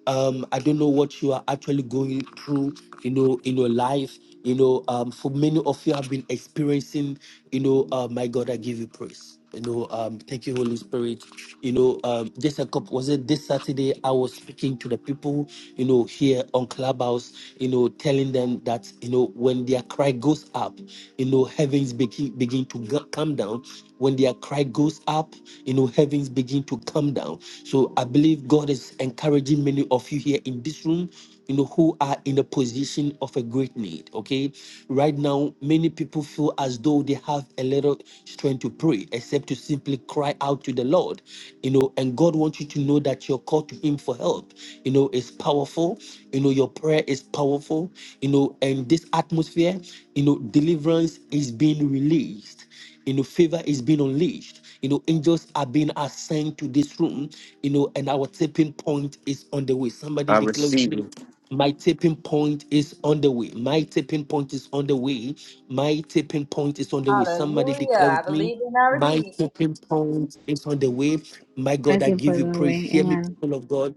Um, I don't know what you are actually going through, you know, in your life. You know, um, for many of you have been experiencing, you know, uh, my God, I give you praise. You know, um, thank you, Holy Spirit. You know, um, this a couple was it this Saturday? I was speaking to the people, you know, here on Clubhouse, you know, telling them that you know when their cry goes up, you know, heavens begin begin to go- come down. When their cry goes up, you know, heavens begin to come down. So I believe God is encouraging many of you here in this room you know, who are in a position of a great need. Okay. Right now, many people feel as though they have a little strength to pray, except to simply cry out to the Lord, you know, and God wants you to know that your call to Him for help, you know, is powerful. You know, your prayer is powerful, you know, and this atmosphere, you know, deliverance is being released you know, favor is being unleashed. You know, angels are being assigned to this room. You know, and our tipping point is on the way. Somebody
I
declare.
receive it.
My tipping point is on the way. My tipping point is on the way. My tipping point is on the way. Somebody declare
Hallelujah. I
with me.
believe and I
My
receive it.
tipping point is on the way. My God, I
Mercy put
give you
it
praise.
away.
Hear me,
Amen.
people of God.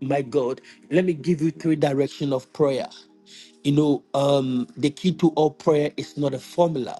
My God, let me give you three direction of prayer. You know, um, the key to all prayer is not a formula.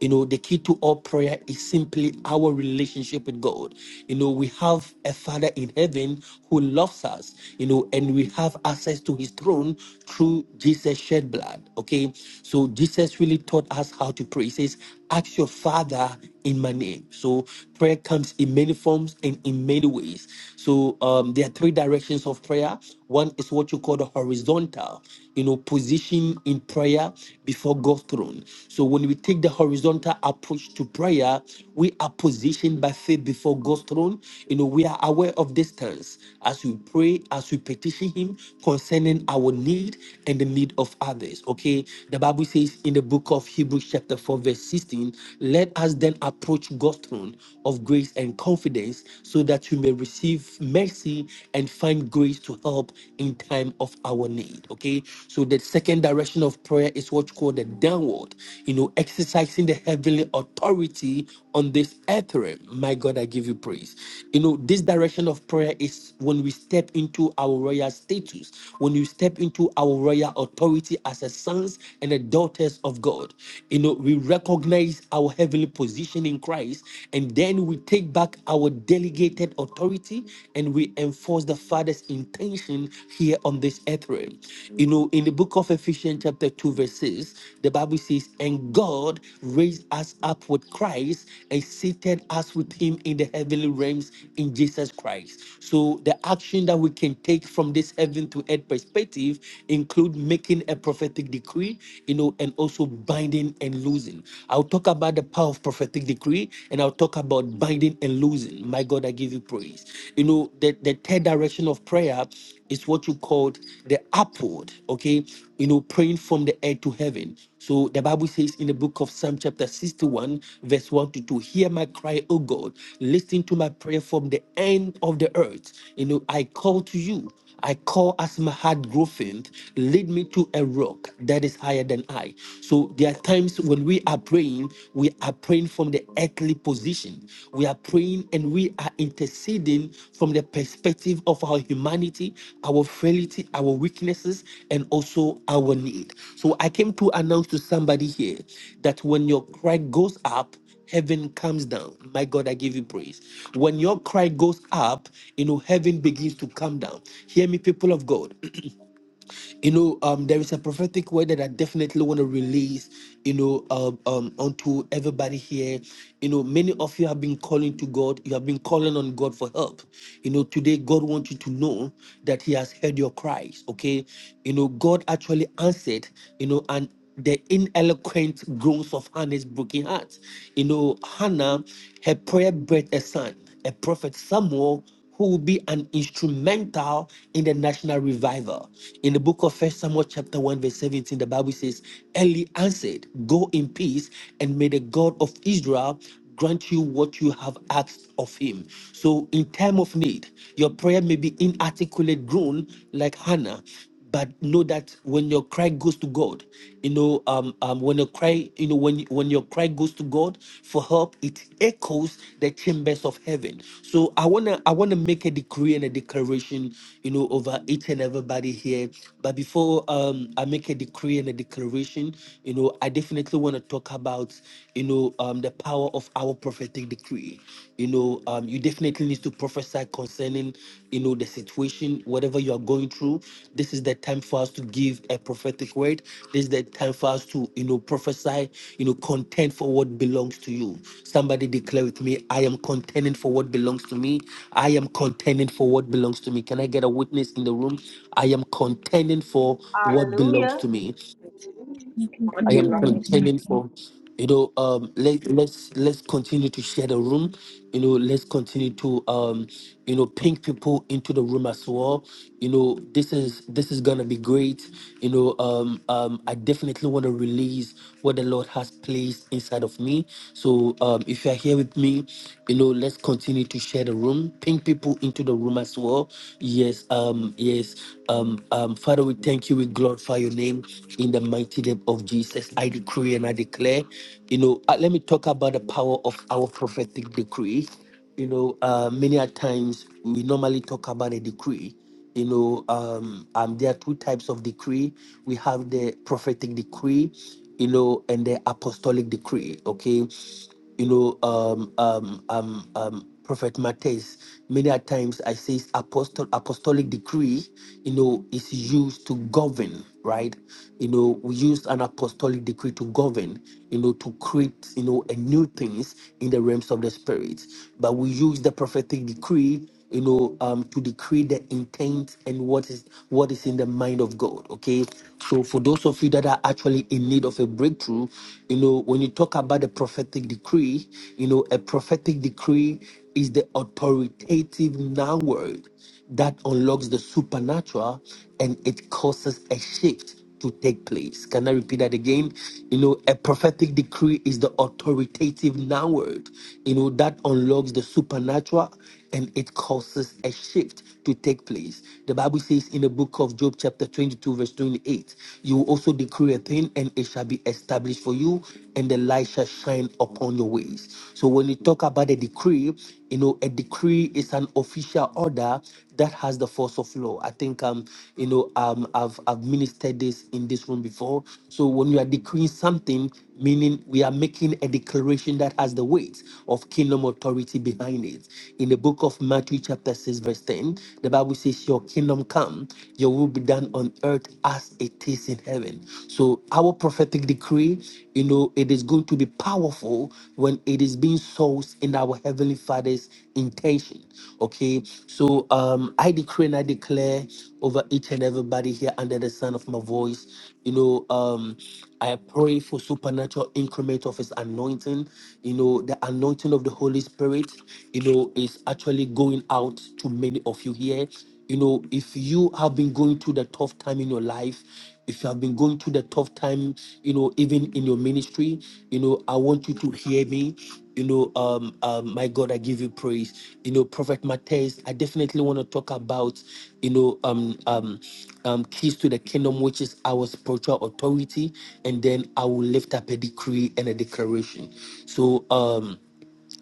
You know, the key to all prayer is simply our relationship with God. You know, we have a Father in heaven who loves us, you know, and we have access to his throne through Jesus' shed blood. Okay. So Jesus really taught us how to pray. He says, Ask your Father in my name. So prayer comes in many forms and in many ways. So um, there are three directions of prayer. One is what you call the horizontal, you know, position in prayer before God's throne. So when we take the horizontal approach to prayer, we are positioned by faith before God's throne. You know, we are aware of distance as we pray, as we petition Him concerning our need and the need of others. Okay, the Bible says in the book of Hebrews. Hebrews chapter 4, verse 16, let us then approach God's throne of grace and confidence so that we may receive mercy and find grace to help in time of our need. Okay. So the second direction of prayer is what's called the downward, you know, exercising the heavenly authority on this earth realm. My God, I give you praise. You know, this direction of prayer is when we step into our royal status, when you step into our royal authority as a sons and a daughters daughters of God. You know, we recognize our heavenly position in Christ, and then we take back our delegated authority and we enforce the Father's intention here on this earth realm. You know, in the book of Ephesians, chapter 2, verse 6, the Bible says, And God raised us up with Christ and seated us with him in the heavenly realms in Jesus Christ. So the action that we can take from this heaven to earth perspective include making a prophetic prophetic decree, you know, and also binding and losing. I'll talk about the power of prophetic decree and I'll talk about binding and losing. My God, I give you praise. You know, the, the third direction of prayer is what you called the upward, okay? You know, praying from the earth to heaven. So the Bible says in the book of Psalm chapter 61, verse 1 to 2, hear my cry, O God, listen to my prayer from the end of the earth. You know, I call to you. I call as my heart grow faint, lead me to a rock that is higher than I. So there are times when we are praying, we are praying from the earthly position. We are praying and we are interceding from the perspective of our humanity, our frailty, our weaknesses, and also our need. So I came to announce to somebody here that when your cry goes up, heaven comes down. My God, I give you praise. When your cry goes up, you know, heaven begins to come down. Hear me, people of God. You know, um, there is a prophetic word that I definitely want to release, you know, um, um, onto everybody here. You know, many of you have been calling to God, you have been calling on God for help. You know, today God wants you to know that He has heard your cries, okay? You know, God actually answered, you know, and the ineloquent groans of Hannah's broken heart. You know, Hannah, her prayer bred a son, a prophet Samuel who will be an instrumental in the national revival. In the book of First Samuel chapter 1 verse 17, the Bible says, Eli answered, go in peace and may the God of Israel grant you what you have asked of him. So in time of need, your prayer may be inarticulate groan like Hannah but know that when your cry goes to God, you know, um, um, when your cry, you know, when when your cry goes to God for help, it echoes the chambers of heaven. So I wanna I wanna make a decree and a declaration, you know, over each and everybody here. But before um I make a decree and a declaration, you know, I definitely wanna talk about, you know, um the power of our prophetic decree you know um, you definitely need to prophesy concerning you know the situation whatever you are going through this is the time for us to give a prophetic word this is the time for us to you know prophesy you know contend for what belongs to you somebody declare with me i am contending for what belongs to me i am contending for what belongs to me can i get a witness in the room i am contending for what belongs
Hallelujah.
to me
I can
What
I
send us
am
over
belongs
to
to
contending for, you know, um, let let's let's continue to share the room, you know, let's continue to um, you know, ping people into the room as well. You know, this is this is gonna be great. You know, um, um, I definitely want to release what the Lord has placed inside of me. So, um, if you are here with me, you know, let's continue to share the room, ping people into the room as well. Yes, um, yes, um, um, um, Father, we thank you. We glorify your name in the mighty name of Jesus. I decree and I declare, you know, uh, let me talk about the power of our prophetic decree. You know, uh, many a times we normally talk about a decree. You know, um, um, there are two types of decree. We have the prophetic decree, you know, and the apostolic decree. Okay, you know, um, um, um, um, Prophet Matthias, many a times I say it's apostle, apostolic decree, you know, is used to govern, right? You know, we use an apostolic decree to govern, you know, to create, you know, a new things in the realms of the spirit. But we use the prophetic decree you know, um, to decree the intent and what is what is in the mind of God. Okay, so for those of you that are actually in need of a breakthrough, you know, when you talk about the prophetic decree, you know, a prophetic decree is the authoritative noun word that unlocks the supernatural and it causes a shift to take place. Can I repeat that again? You know, a prophetic decree is the authoritative now word, you know, that unlocks the supernatural and it causes a shift to take place. The Bible says in the book of Job, chapter 22, verse 28, you will also decree a thing and it shall be established for you, and the light shall shine upon your ways. So when you talk about a decree, you know, a decree is an official order that has the force of law. I think um, you know, um, I've I've ministered this in this room before. So when you are decreeing something, meaning we are making a declaration that has the weight of kingdom authority behind it. In the book of Matthew, chapter 6, verse 10, the Bible says, Your kingdom come, your will be done on earth as it is in heaven. So our prophetic decree, you know, it is going to be powerful when it is being sourced in our heavenly Father's intention. Okay, so um, I decree and I declare over each and everybody here under the sound of my voice. You know, um, I pray for supernatural increment of His anointing. You know, the anointing of the Holy Spirit. You know, is actually going out to many of you here you know if you have been going through the tough time in your life if you have been going through the tough time, you know, even in your ministry, you know, I want you to hear me. You know, um, um, my God, I give you praise. You know, Prophet Matthias, I definitely want to talk about, you know, um, um, um, keys to the kingdom, which is our spiritual authority, and then I will lift up a decree and a declaration. So, um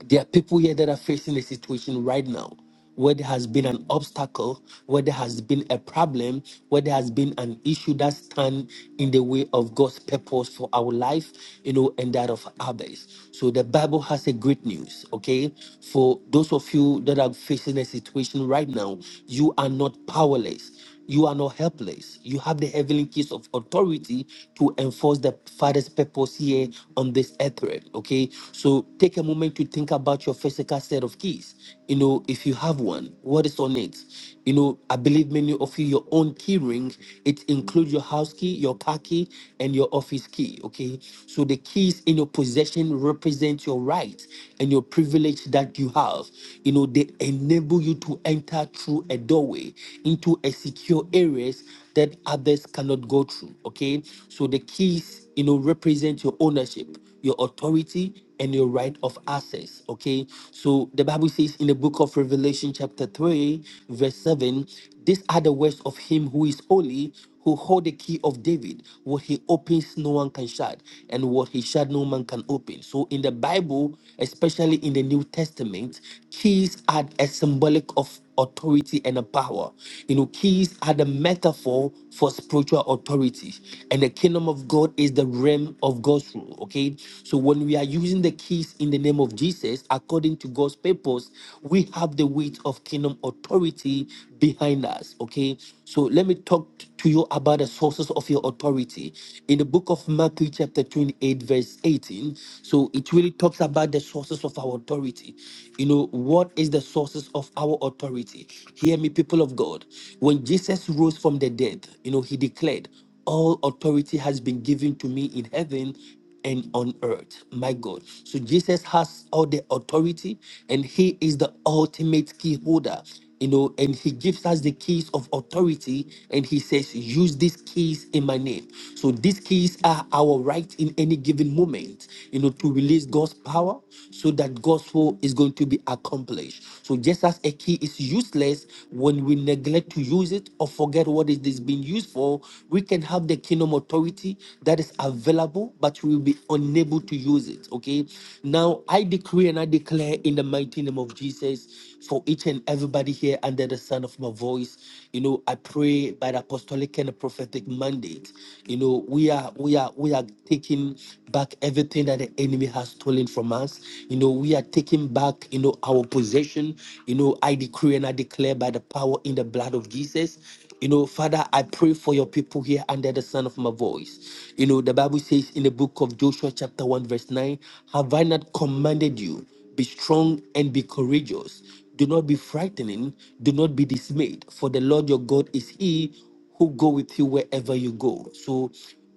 there are people here that are facing a situation right now where there has been an obstacle, where there has been a problem, where there has been an issue that stand in the way of God's purpose for our life, you know, and that of others. So the Bible has a great news, okay? For those of you that are facing a situation right now, you are not powerless. You are not helpless. You have the heavenly keys of authority to enforce the Father's purpose here on this earth realm. Okay, so take a moment to think about your physical set of keys. You know, if you have one, what is on it? You know, I believe many of you your own key ring. It includes your house key, your car key, and your office key. Okay, so the keys in your possession represent your right and your privilege that you have. You know, they enable you to enter through a doorway into a and secure areas that others cannot go through. Okay, so the keys, you know, represent your ownership, your authority, and your right of access. Okay, so the Bible says in the book of Revelation, chapter 3, verse 7, these are the words of him who is holy who hold the key of David. What he opens, no one can shut, and what he shut, no man can open. So, in the Bible, especially in the New Testament, keys are a symbolic of authority and a power. You know, keys are the metaphor for spiritual authority, and the kingdom of God is the realm of God's rule. Okay, so when we are using the keys in the name of Jesus, according to God's purpose, we have the weight of kingdom authority behind us. Okay, so let me talk to you about the sources of your authority. In the book of Matthew, chapter 28, verse 18, so it really talks about the sources of our authority. You know, what is the sources of our authority? Hear me, people of God. When Jesus rose from the dead, you know, he declared, All authority has been given to me in heaven and on earth. My God. So Jesus has all the authority and he is the ultimate key holder. You know, and he gives us the keys of authority and he says, use these keys in my name. So these keys are our right in any given moment, you know, to release God's power so that God's will is going to be accomplished. So just as a key is useless when we neglect to use it or forget what it is being used for, we can have the kingdom authority that is available available, but we will be unable to use it. Okay. Now I decree and I declare in the mighty name of Jesus for each and everybody here under the sound of my voice. You know, I pray by the apostolic and the prophetic mandate. You know, we are we are we are taking back everything that the enemy has stolen from us. You know, we are taking back, you know, our possession. You know, I decree and I declare by the power in the blood of Jesus. You know, Father, I pray for your people here under the sound of my voice. You know, the Bible says in the book of Joshua, chapter 1, verse 9, Have I not commanded you, be strong and be courageous? Do not be frightening, do not be dismayed, for the Lord your God is He who go with you wherever you go. So,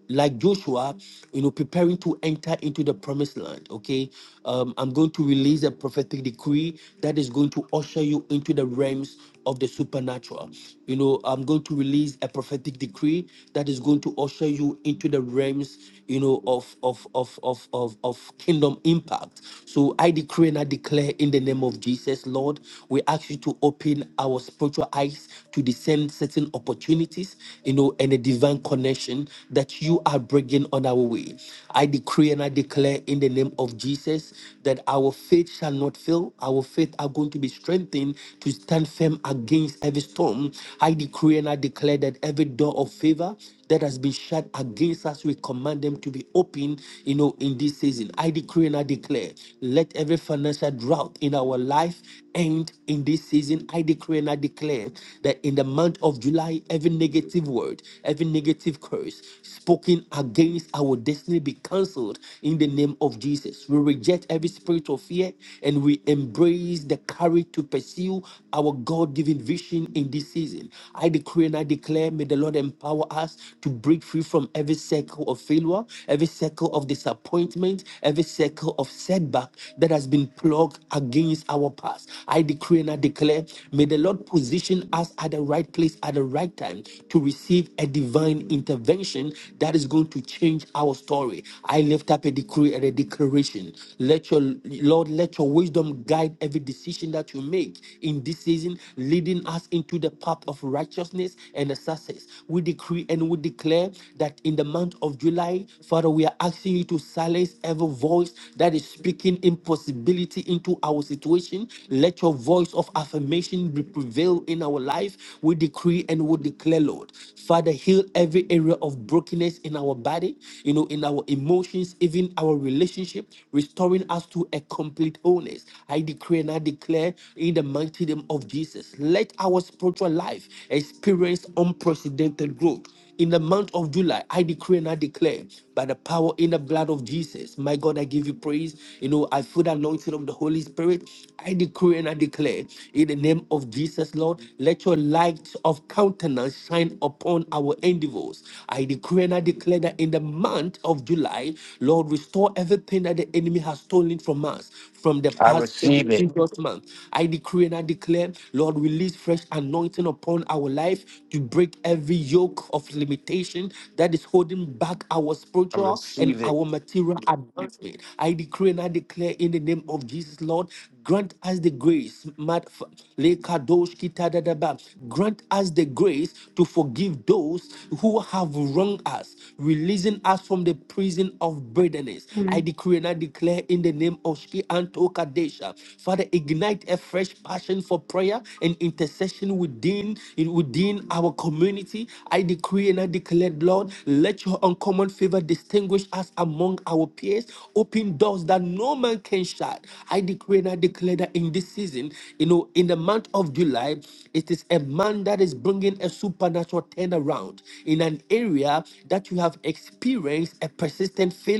like Joshua, you know, preparing to enter into the promised land. Okay, um, I'm going to release a prophetic decree that is going to usher you into the realms of the supernatural. You know, I'm going to release a prophetic decree that is going to usher you into the realms, you know, of of of of of, of kingdom impact. So I decree and I declare in the name of Jesus, Lord, we ask you to open our spiritual eyes to discern certain opportunities, you know, and a divine connection that you are bringing on our way. I decree and I declare in the name of Jesus that our faith shall not fail. Our faith are going to be strengthened to stand firm against every storm. I decree and I declare that every door of favor that has been shut against us, we command them to be open, you know, in this season. I decree and I declare, let every financial drought in our life end point in this season, I decree and I declare that in the month of July, every negative word, every negative curse spoken against our destiny be cancelled in the name of Jesus. We reject every spirit of fear and we embrace the courage to pursue our God given vision in this season. I decree and I declare, may the Lord empower us to break free from every circle of failure, every circle of disappointment, every circle of setback that has been plugged against our past. I decree and I declare, may the Lord position us at the right place at the right time to receive a divine intervention that is going to change our story. I lift up a decree and a declaration. Let your Lord, let your wisdom guide every decision that you make in this season, leading us into the path of righteousness and the success. We decree and we declare that in the month of July, Father, we are asking you to silence every voice that is speaking impossibility into our situation. Let your voice of affirmation be prevail in our life. We decree and we declare, Lord, Father, heal every area of brokenness in our body, you know, in our emotions, even our relationship, restoring us to a complete wholeness. I decree and I declare in the mighty name of Jesus. Let our spiritual life experience experience unprecedented growth. In the month of July, I decree and I declare by the power in the blood of Jesus. My God, I give you praise. You know, I feel the anointing of the Holy Spirit. I decree and I declare in the name of Jesus, Lord, let your light of countenance shine upon our endeavors. I decree and I declare that in the month of July, Lord, restore everything that the enemy has stolen from us from the
I
past and the
receive it.
previous month. I decree and I declare, Lord, release fresh anointing upon our life to break every yoke of limitation that is holding back our
I
spiritual and
receive it.
our material advancement. I decree and I declare in the name of Jesus, Lord, Grant us the grace, Mat- F- Lekadosh Kitadadaba. grant us the grace to forgive those who have wronged us, releasing us from the prison of bitterness. I
Amen.
decree and I declare in the name of Shki Anto Kadesha. Father, ignite a fresh passion for prayer and intercession within, within our community. I decree and I declare, Lord, let your uncommon favor distinguish us us among our peers. Open doors that no man can shut. I decree and I declare that in this season, you know, in the month of July, it is a man that is bringing a supernatural turnaround in an area that you have experienced a persistent failure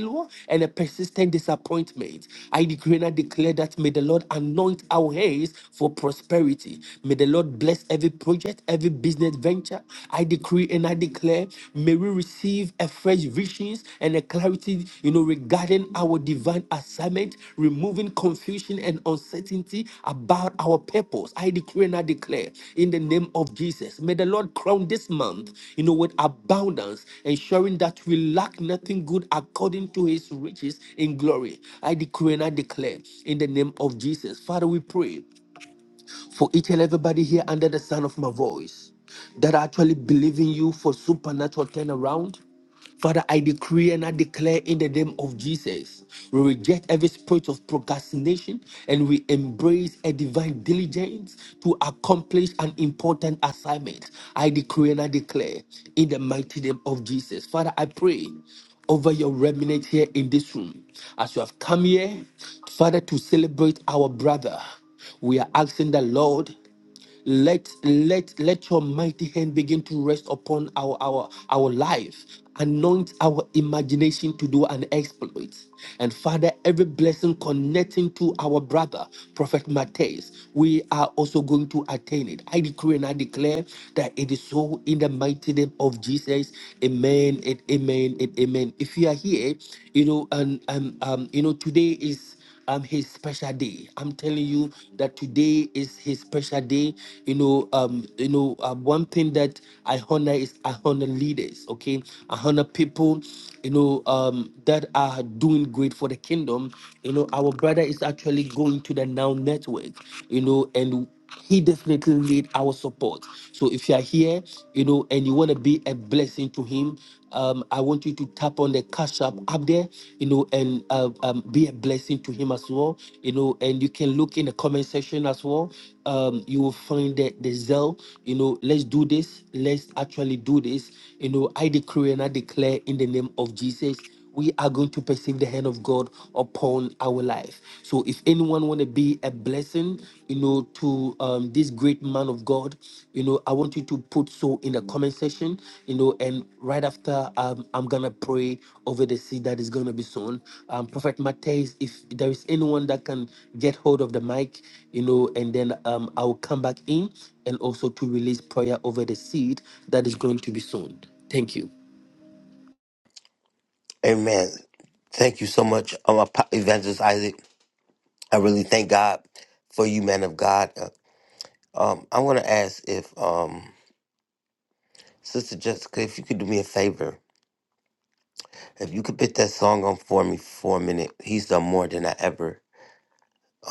and a persistent disappointment. I decree and I declare that may the Lord anoint our hands for prosperity. May the Lord bless every project, every business venture. I decree and I declare, may we receive a fresh visions and a clarity, you know, regarding our divine assignment, removing confusion and uncertainty about our purpose. I decree and I declare in the name of Jesus. May the Lord crown this month, you know, with abundance, ensuring that we lack nothing good according to his riches in glory. I decree and I declare in the name of Jesus. Father, we pray for each and everybody here under the sound of my voice that are actually believe in you for supernatural turnaround. Father, I decree and I declare in the name of Jesus, we reject every spirit of procrastination and we embrace a divine diligence to accomplish an important assignment. I decree and I declare in the mighty name of Jesus. Father, I pray over your remnant here in this room as you have come here, Father, to celebrate our brother. We are asking the Lord let let let your mighty hand begin to rest upon our our our life anoint our imagination to do an exploit and father every blessing connecting to our brother prophet matthias we are also going to attain it i decree and i declare that it is so in the mighty name of jesus amen and amen and amen if you are here you know and um, um you know today is um his special day. I'm telling you that today is his special day. You know, um, you know, uh, one thing that I honor is I honor leaders. Okay, I honor people. You know, um, that are doing great for the kingdom. You know, our brother is actually going to the Now Network. You know, and he definitely need our support. So if you are here, you know, and you want to be a blessing to him, um, I want you to tap on the cash app up there, you know, and uh, um, be a blessing to him as well, you know. And you can look in the comment section as well. Um, you will find the the zeal, you know. Let's do this. Let's actually do this. You know, I decree and I declare in the name of Jesus we are going to perceive the hand of God upon our life. So if anyone want to be a blessing, you know, to um, this great man of God, you know, I want you to put so in the comment section, you know, and right after um, I'm gonna pray over the seed that is gonna be sown. Um, Prophet Matthias, if there is anyone that can get hold of the mic, you know, and then um, I will come back in and also to release prayer over the seed that is going to be sown. Thank you.
Amen. Thank you so much, um, Ap- Evangelist Isaac. I really thank God for you, man of God. Uh, Um, I want to ask if um, Sister Jessica, if you could do me a favor, if you could put that song on for me for a minute, he's done more than I ever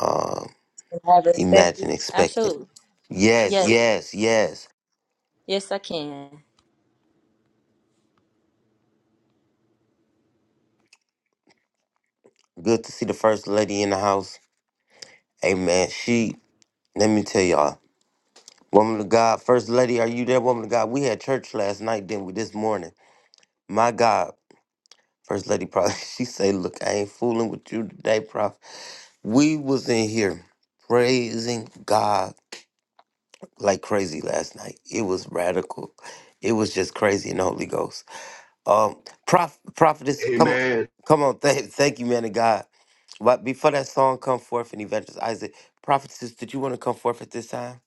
um,
And I respect
imagined,
you.
expected.
Absolutely.
Yes,
Yes.
yes, yes.
Yes, I can.
Good to see the first lady in the house. Amen. She, let me tell y'all, woman of God, first lady, are you there, woman of God? We had church last night, didn't we? This morning. My God, first lady, probably, she say, look, I ain't fooling with you today, prof. We was in here praising God like crazy last night. It was radical. It was just crazy in the Holy Ghost. Um, prof, prophetess, come on,
Amen.
come on. Thank, thank you, man of God. But before that song come forth and Evangelist Isaac, prophetess, did you want to come forth at this time?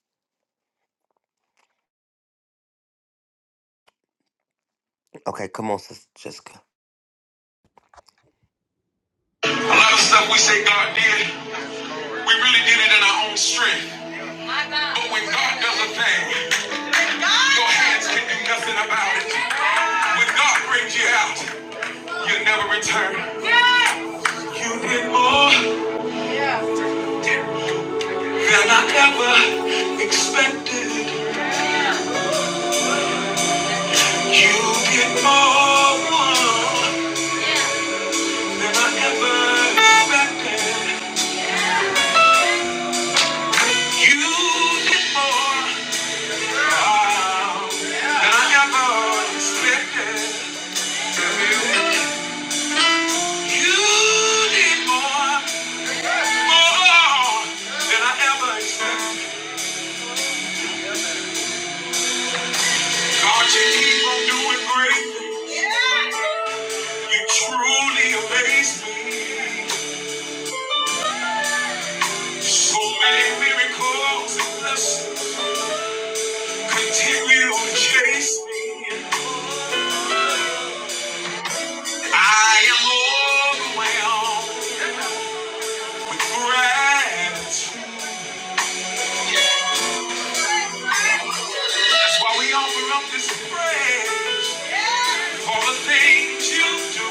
Okay, come on, Sister Jessica.
A lot of stuff we say God did, we really did it in our own strength. But when God does a thing, your hands can do nothing about it. When God brings you out, you never return. You did more than I ever expected. You did more than I ever expected. You did more wow, than I ever expected. You did more, more than I ever expected. God, you keep on doing great. You truly amaze me. So many miracles continue to chase me. I am overwhelmed with gratitude. That's why we offer up this praise for the things you do,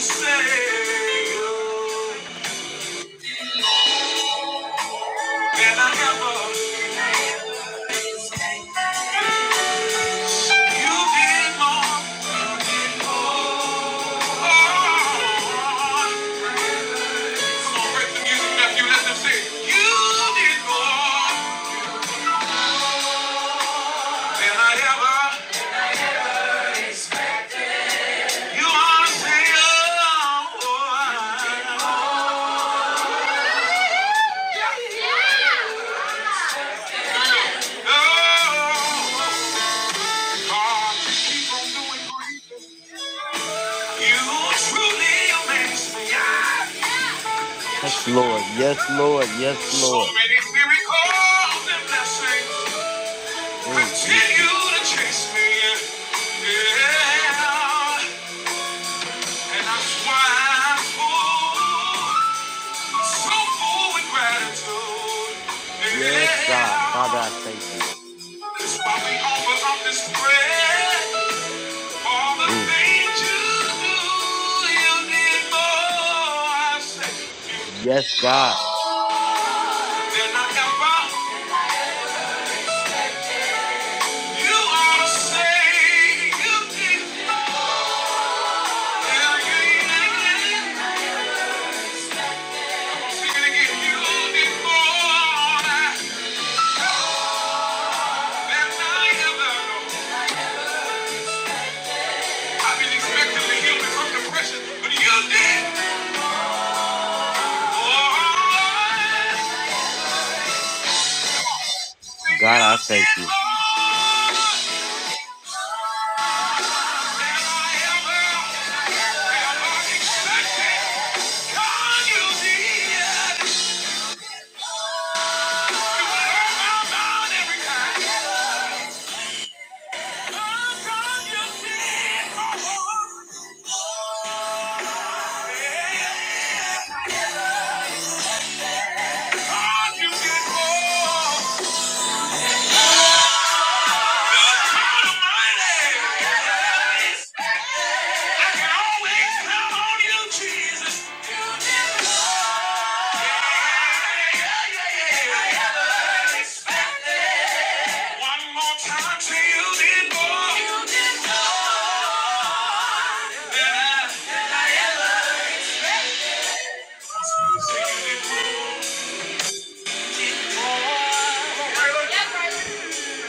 Savior, than I ever. You did more. Oh, come on, break the music, Matthew. Let them sing. You did more than I ever. You are Savior. Oh, You truly amaze me.
Yes, Lord. Yes, Lord. Yes,
So
Lord.
many miracles and blessings
Mm, mm.
continue to chase me. Yeah, and that's why I'm full, so full with gratitude.
Yes, God. Father, I thank you.
Yeah, that's why we offer up this prayer. All the
Mm, mm.
things you do, you did more. I say.
Yes, God.
Then I can you You did. more than I ever know. I've been expecting to heal me from depression, but you did. more.
God,
You
I
did
thank you.
more than I ever, ever expected. God, you did. You were about Yeah.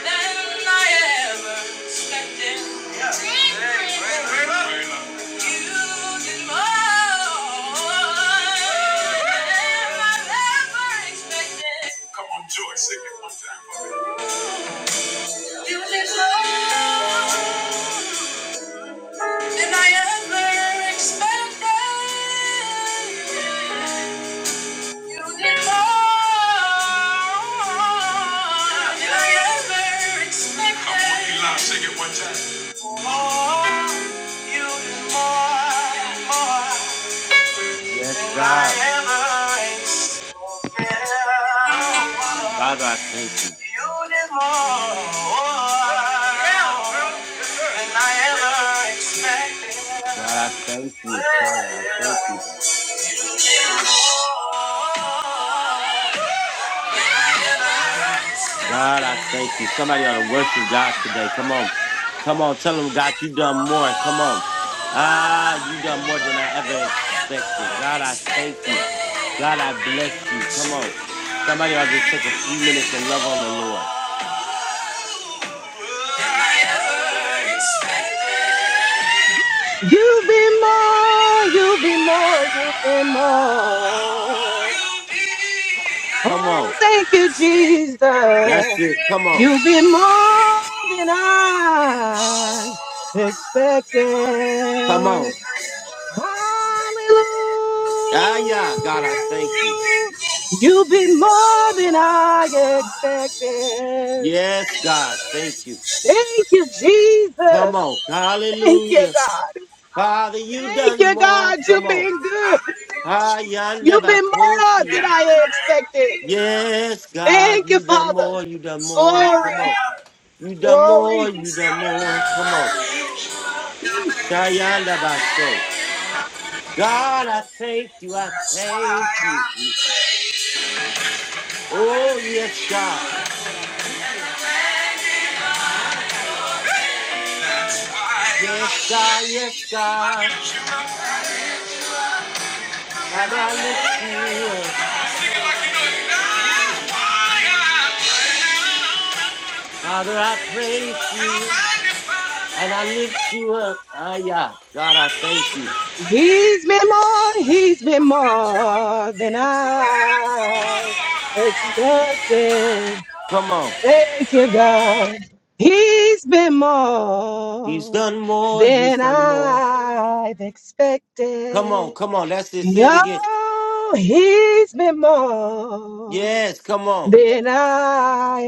than I ever expected. Yeah. You did more than I ever expected. You did more than I ever expected. You did more than I ever expected. Come on, Eli, sing it one time. You do more, more than I ever expected.
Father, I thank you.
You did more than I ever expected.
God, I thank you. Father, I thank you. God, I thank you. Somebody ought to worship God today. Come on. Come on. Tell him, God, you done more. Come on. Ah, you done more than I ever expected. God, I thank you. God, I bless you. Come on. Somebody ought to just take a few minutes and love on the Lord.
You've been more, you've been more, you've been more.
Come on.
Oh, thank you,
That's
Jesus.
it. Come on.
You've been more than I
Come
expected.
on.
Hallelujah.
Ah, yeah. God, I thank you.
You've been more than I expected.
Yes, God, thank you.
Thank you,
Thank you. I sing it like
Come on.
Jesus.
you
Thank you,
Hallelujah.
God.
Father, you
Thank
done
you,
more.
God.
Come
You've
on.
been good.
Ah,
You've been more than
yonder
I expected.
Yes, God,
Thank you,
you done
Father.
more, you done more. Come on.
Glory,
You done more,
glory.
you done more. Shayanda Baso. God, I, you, I thank you. Oh, yes, God. Yes, God, yes, God. Father, I lift you up.
know it. That's why I play now?
Father, I praise you. And I lift you up. Ah, yeah. God, I thank you.
He's been more, he's been more than I expected.
Come on.
Thank you, God. He's been
He's
more
done more. He's
than
done more.
I've
Come on,
expected.
come on. That's it. Say it
Yo,
again.
he's been more
Yes, come on.
than I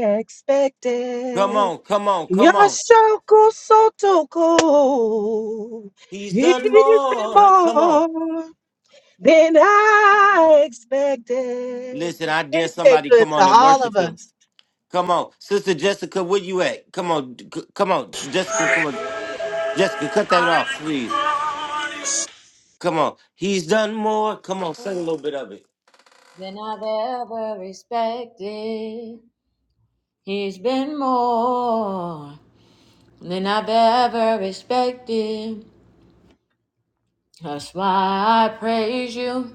Come
expected.
on, come on, come on.
Yashako Sotoko
He's
even
done more. Come on.
more than I expected.
Listen, I dare
He's been
somebody
good
come
to
on and
all
worship
of
him.
us.
Come on. Sister Jessica, where you at? Come on. c- Come on. Jessica, come on. Jessica, cut that off, please. Come on. He's done more. Come on. Sing a little bit of it.
Than I've ever respected. He's been more than I've ever respected. That's why I praise you.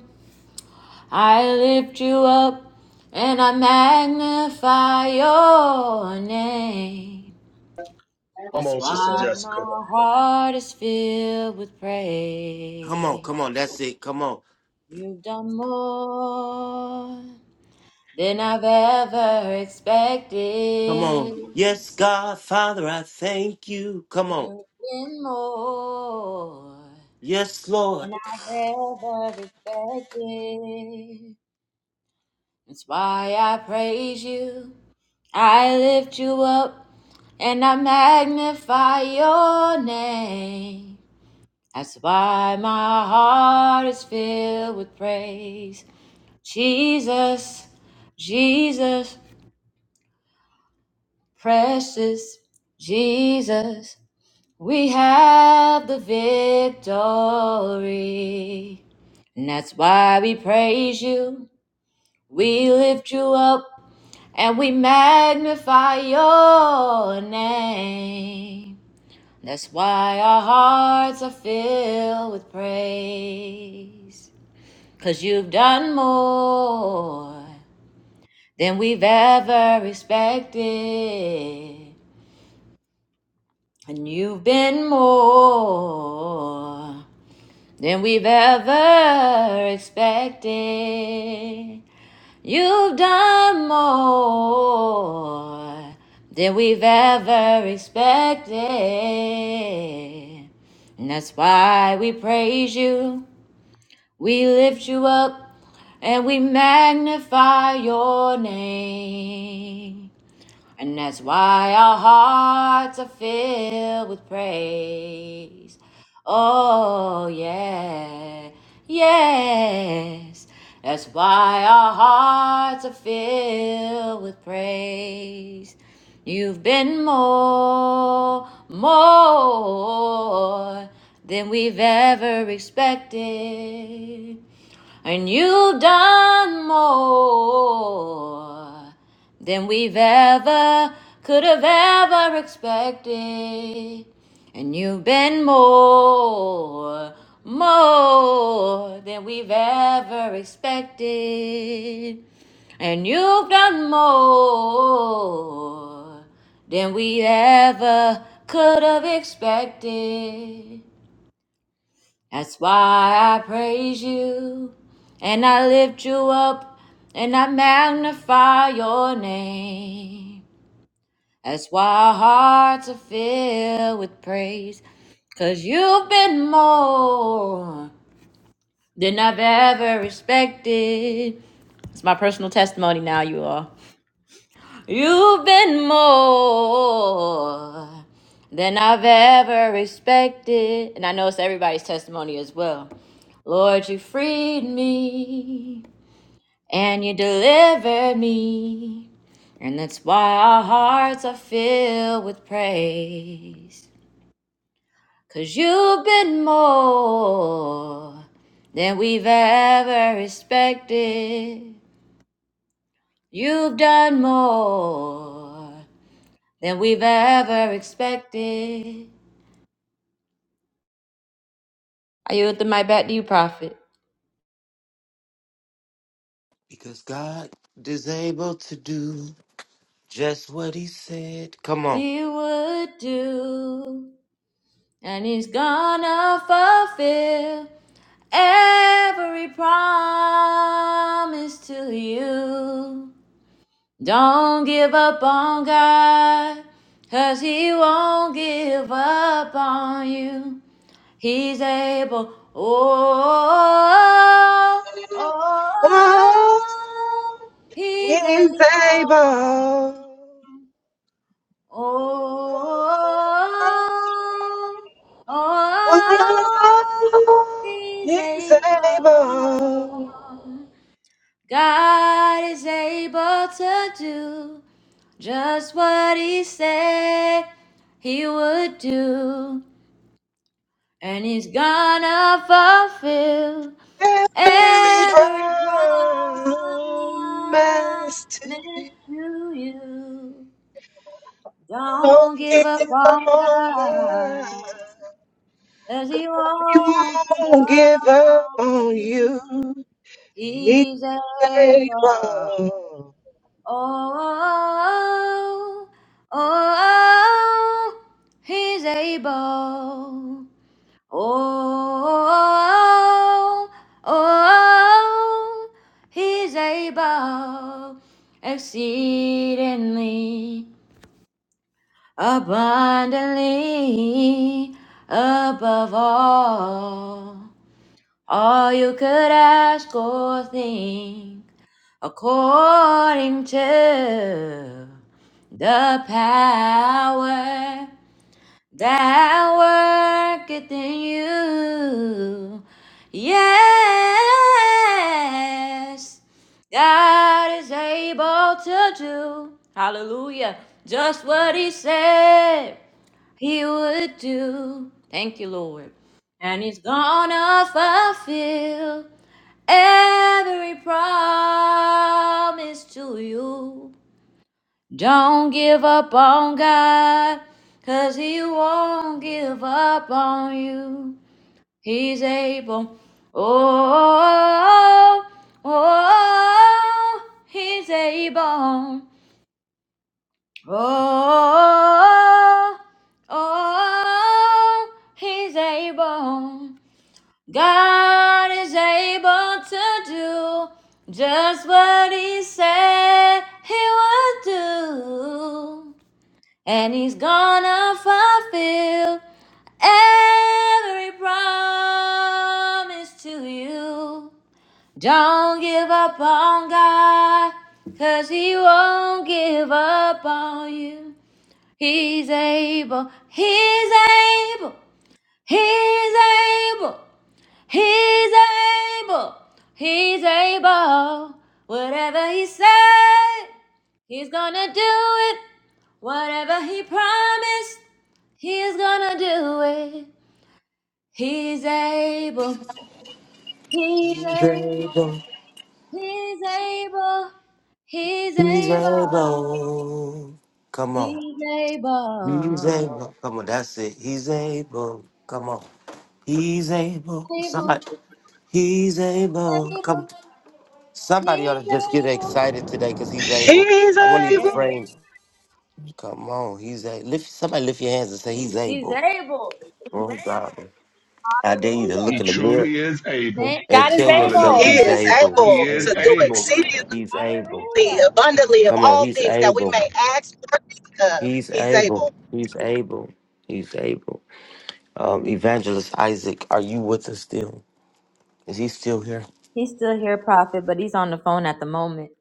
I lift you up and I magnify your name.
Come
That's
on, Sister
why my
Jessica.
heart is filled with
Come on.
praise.
Come on. That's it. Come on.
You've done more than I've ever
Come on.
expected,
Yes, God, Father, I thank you. Come on.
and more
Yes, Lord.
ever expected. That's why I praise you. I lift you up and I magnify your name. That's why my heart is filled with praise. Jesus, Jesus, precious Jesus, we have the victory. And that's why we praise you, we lift you up, and we magnify your name. That's why our hearts are filled with praise, you you've done more than we've ever expected. And you've been more than we've ever expected. You've done more than we've ever expected. And that's why we praise you, we lift you up, and we magnify your name. And that's why our hearts are filled with praise. Oh, yeah, yes. That's why our hearts are filled with praise. You've been more, more than we've ever expected. And you've done more than we've ever could have ever expected. And you've been more, more than we've ever expected. And you've done more than we ever could have expected. That's why I praise you and I lift you up and I magnify your name. That's why our hearts are filled with praise. Cause you've been more than I've ever expected. It's my personal testimony now, you all. You've been more than I've ever expected. And I know it's everybody's testimony as well. Lord, you freed me and you delivered me. And that's why our hearts are filled with praise. Cause you've been more than we've ever expected. You've done more. than we've ever expected. I yield the mic back to you, Prophet.
Because God is able to do just what he said. Come on.
He would do, and he's gonna fulfill every promise to you. Don't give up on God, cause he won't give up on you. He's able. Oh, oh,
Oh,
oh, he's able.
he's able.
Oh, oh,
Oh,
he's
he's
able.
able.
God is able to do just what he said he would do and he's gonna fulfill
Every
every promise
promise
to you.
Don't
Don't give
give
up
up
on
on
God,
God.
as he
He
won't give
won't
up
give
on
up on
you.
you. He's
He's able.
able.
oh, oh, oh, oh, oh, he's able. Oh, oh, oh, he's able exceedingly abundantly above all, all you could ask or think according to the power that worketh in you. Yes, God is able to do. Hallelujah. Just what He said He would do. Thank you, Lord. And He's gonna fulfill every promise to you. Don't give up on God, 'cause He won't give up on you. He's able. Oh, oh, oh, He's able. Oh, oh, He's able. God is able to do just what He said He would do and he's gonna fulfill every promise to you. Don't give up on God, cause he won't give up on you. He's able, he's able, he's able, he's able, he's able. Whatever he said, he's gonna do it. Whatever he promised, He's gonna do it. He's able. He's
He's
able.
able.
He's able. He's
He's
able.
able. Come on.
He's
He's
able.
able. Come on. That's it. He's able. Come on. He's able. Somebody.
Able.
He's able. Come.
Able.
Somebody ought
He's
to just get
able.
excited today because he's able.
He's
I want to
Yeah.
able.
phrase. Come on. He's a lift. Somebody lift your hands and say he's
He's
able.
able.
Oh God. I dare you to
Hallelujah.
look
He
in the mirror
truly is able.
Thank you,
and
God is
tell
Jesus.
yourself
He
Hallelujah.
able.
he's
is
able. He's
able
He is
to
able.
Thank
do
you,
able.
Jesus.
exceedingly
He's able.
Hallelujah.
abundantly of
Come on.
all
He's
things that we
able.
may ask or think of.
He's
He's able.
able. He's able. He's able. Um, Evangelist Isaac, are you with us still? Is he still here?
He's still here, prophet, but he's on the phone at the moment.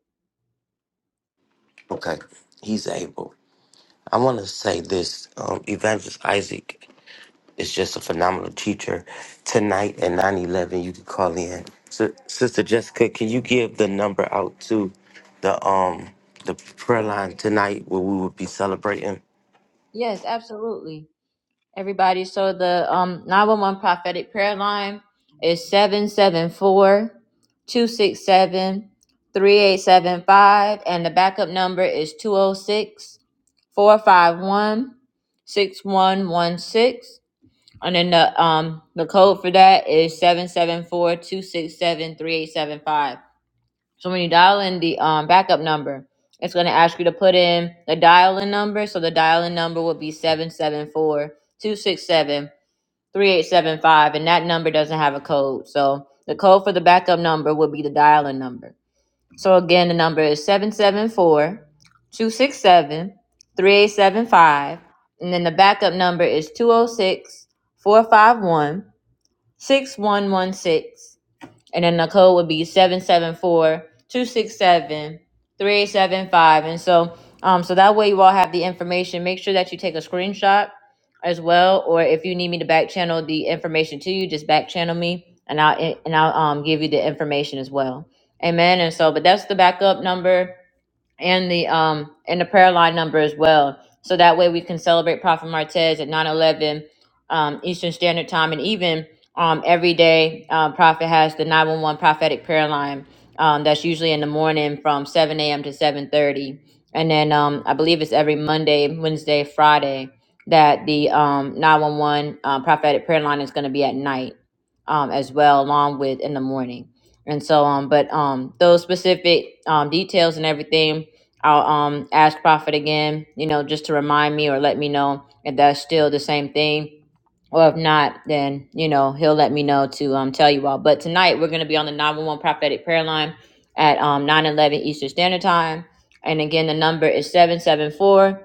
Okay, he's able. I want to say this um, Evangelist Isaac is just a phenomenal teacher. Tonight at 9:11, you can call in. So, Sister Jessica, can you give the number out to the um the prayer line tonight where we will be celebrating?
Yes, absolutely. everybody. So the um 911 prophetic prayer line is 774 267 3875, and the backup number is 206 451 6116. and then the um the code for that is seven seven four, two six seven three eight seven five. So when you dial in the um backup number, it's going to ask you to put in the dial in number. So the dial in number will be 774 3875 and that number doesn't have a code so the code for the backup number would be the dialing number so again the number is seven seven four, two six seven, three eight seven five, and then the backup number is two zero six four five one six one one six. And then the code would be 774 And so um so that way you all have the information. Make sure that you take a screenshot as well. Or if you need me to back channel the information to you, just back channel me and I'll and I'll um give you the information as well. Amen. And so but that's the backup number and the um and the prayer line number as well. So that way we can celebrate Prophet Martez at nine eleven, um, Eastern Standard Time and even um, every day um, Prophet has the 911 prophetic prayer line um, that's usually in the morning from 7 a.m. to 7.30. And then um, I believe it's every Monday, Wednesday, Friday that the um, 911 um, prophetic prayer line is going to be at night um, as well along with in the morning and so on. But um, those specific um, details and everything I'll um ask Prophet again, you know, just to remind me or let me know if that's still the same thing. Or if not, then you know he'll let me know to um tell you all. But tonight we're gonna be on the 911 prophetic prayer line at um 9:11 Eastern Standard Time, and again the number is 774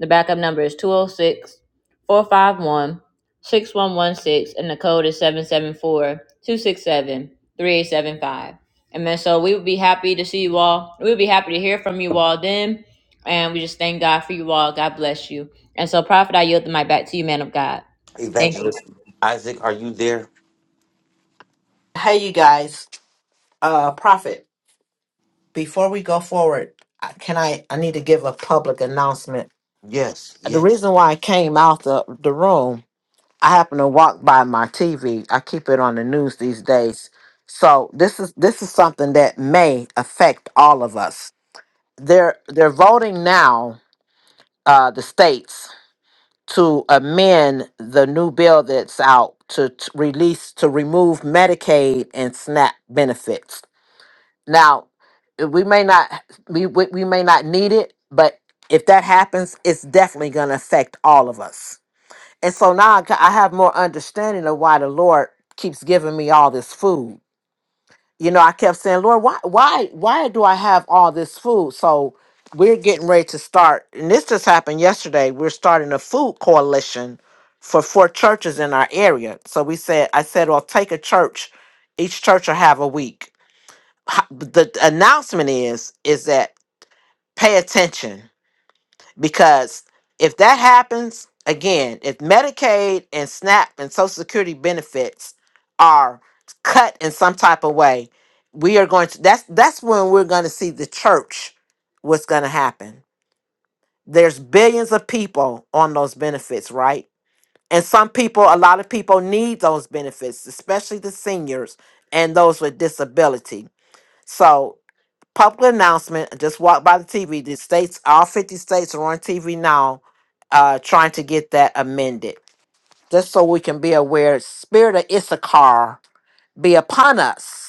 The backup number is two zero six four five one six one one six, and the code is 774 Amen. so we would be happy to see you all. We would be happy to hear from you all then. And we just thank God for you all. God bless you. And so, Prophet, I yield the mic back to you, man of God. Thank you.
Evangelist Isaac, are you there?
Hey, you guys. Uh, Prophet, before we go forward, I- can I? I need to give a public announcement.
Yes,
The
yes.
reason why I came out the, the room, I happened to walk by my TV. I keep it on the news these days. So this is this is something that may affect all of us. They're they're voting now, uh, the states to amend the new bill that's out to t- release to remove Medicaid and SNAP benefits. Now, uh, we may not we we we may not need it, but if that happens, it's definitely going to affect all of us. And so now I ca- I have more understanding of why the Lord keeps giving me all this food you know, I kept saying, Lord, why, why, why do I have all this food? So we're getting ready to start, and this just happened yesterday. We're starting a food coalition for four churches in our area. So we said, I said, well, take a church. Each church will have a week. Ho- The announcement is, is that pay attention because if that happens again if medicaid and snap and social security benefits are cut in some type of way we are going to that's that's when we're going to see the church what's going to happen there's billions of people on those benefits right and some people a lot of people need those benefits especially the seniors and those with disability So public announcement. I just walked by the TV. The states, all 50 states are on TV now, uh, trying to get that amended. Just so we can be aware, spirit of Issachar be upon us.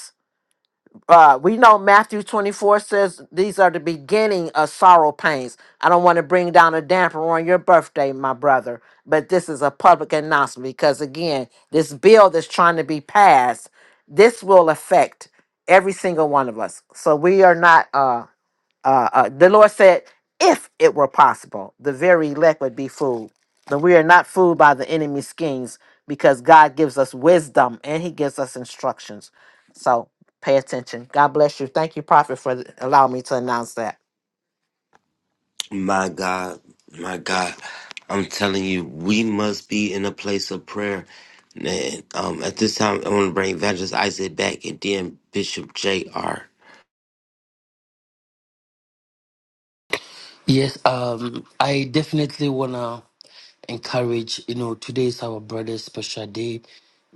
Uh, we know Matthew 24 says these are the beginning of sorrow pains. I don't want to bring down a damper on your birthday, my brother, but this is a public announcement because, again, this bill that's trying to be passed, this will affect every single one of us. So we are not. Uh, uh, uh, the Lord said, if it were possible, the very elect would be fooled. But we are not fooled by the enemy's schemes because God gives us wisdom and he gives us instructions. So pay attention. God bless you. Thank you, Prophet, for allowing me to announce that.
My God, my God, I'm telling you, we must be in a place of prayer. And um, at this time, I want to bring Evangelist Isaac back and then Bishop J.R.
Yes, um, I definitely wanna encourage. You know, today is our brother's special day.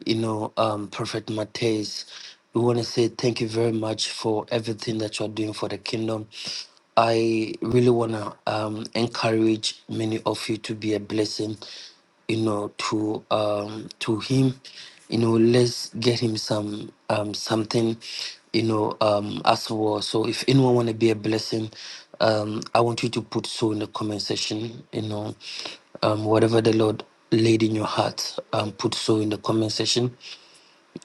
You know, um, Prophet Matthias, we wanna say thank you very much for everything that you are doing for the kingdom. I really wanna um, encourage many of you to be a blessing you know to um to him you know let's get him some um something you know um as well so if anyone want to be a blessing um i want you to put so in the comment section you know um whatever the lord laid in your heart um put so in the comment section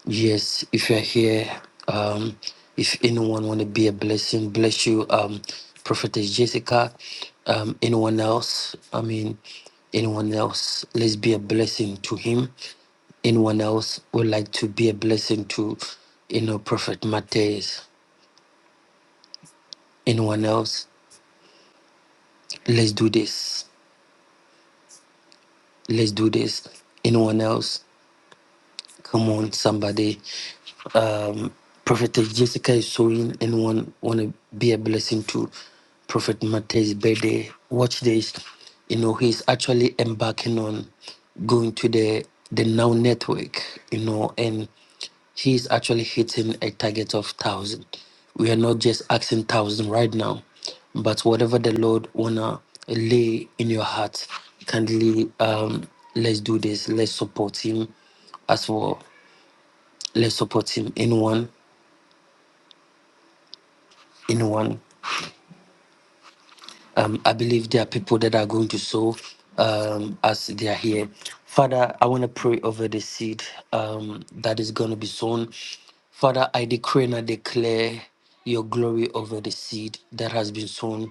Yes, if you're here, um, if anyone want to be a blessing, bless you, um, Prophetess Jessica, um, anyone else, I mean, anyone else, let's be a blessing to him. Anyone else would like to be a blessing to, you know, Prophet Matthias. Anyone else, let's do this. Let's do this. Anyone else, come on, somebody. um, Prophet Jessica is sewing. Anyone want to be a blessing to Prophet Matthew's birthday? Watch this. You know, he's actually embarking on going to the the Now Network, you know, and he's actually hitting a target of 1,000. We are not just asking 1,000 right now, but whatever the Lord want to lay in your heart, kindly um, let's do this. Let's support him as well. Let's support him. Anyone? you know one um, i believe there are people that are going to sow um, as they are here father i want to pray over the seed um, that is going to be sown father i decree and i declare your glory over the seed that has been sown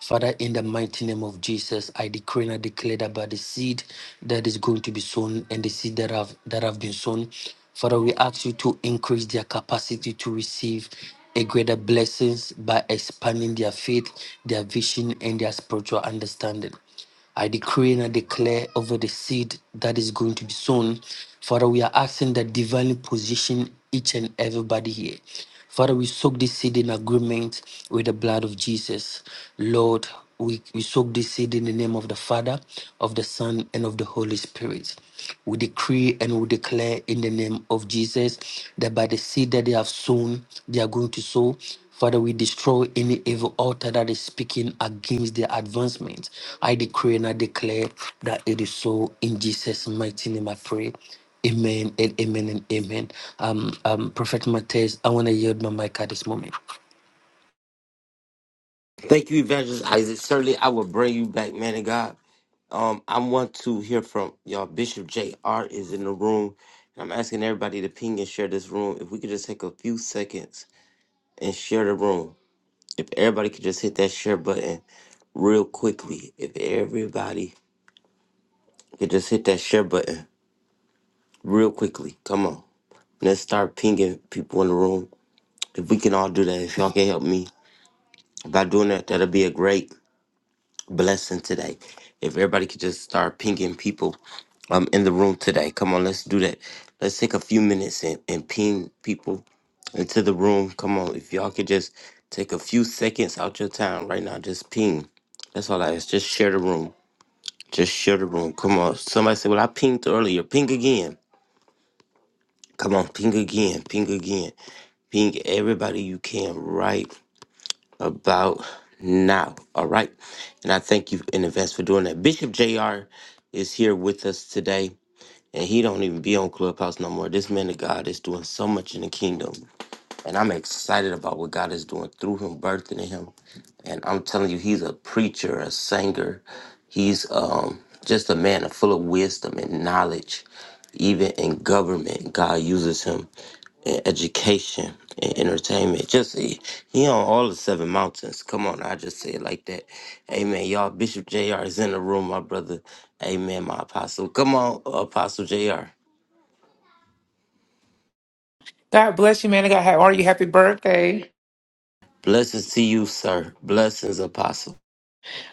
Father, in the mighty name of Jesus, I decree and I declare that by the seed that is going to be sown and the seed that have that have been sown, Father, we ask you to increase their capacity to receive a greater blessings by expanding their faith, their vision, and their spiritual understanding. I decree and I declare over the seed that is going to be sown. Father, we are asking that divinely position each and everybody here. Father, we soak this seed in agreement with the blood of Jesus. Lord, we, we soak this seed in the name of the Father, of the Son, and of the Holy Spirit. We decree and we declare in the name of Jesus that by the seed that they have sown, they are going to sow. Father, we destroy any evil altar that is speaking against their advancement. I decree and I declare that it is so in Jesus' mighty name. I pray. Amen and amen and amen. Um, um, Prophet Matthias, I want to yield my mic at this moment.
Thank you, Evangelist Isaac. Certainly, I will bring you back, man of God. Um, I want to hear from y'all. Bishop J.R. is in the room. And I'm asking everybody to ping and share this room. If we could just take a few seconds and share the room. If everybody could just hit that share button real quickly. If everybody You just hit that share button real quickly. Come on. Let's start pinging people in the room. If we can all do that, if y'all can help me by doing that, that'll be a great blessing today. If everybody could just start pinging people um in the room today. Come on, let's do that. Let's take a few minutes and, and ping people into the room. Come on, if y'all could just take a few seconds out your time right now, just ping. That's all I ask. Just share the room. Just share the room. Come on. Somebody said, Well, I pinged earlier. Ping again. Come on, ping again, ping again, ping everybody you can right about now. All right. And I thank you in advance for doing that. Bishop JR is here with us today, and he don't even be on Clubhouse no more. This man of God is doing so much in the kingdom. And I'm excited about what God is doing through him, birthing in him. And I'm telling you, he's a preacher, a singer. He's um, just a man full of wisdom and knowledge. Even in government, God uses him in education and entertainment. Just he, he on all the seven mountains. Come on, I just say it like that. Amen. Y'all, Bishop JR is in the room, my brother. Amen, my apostle. Come on, Apostle JR.
God bless you, man. I got how are you? Happy birthday.
Blessings to you, sir. Blessings, Apostle.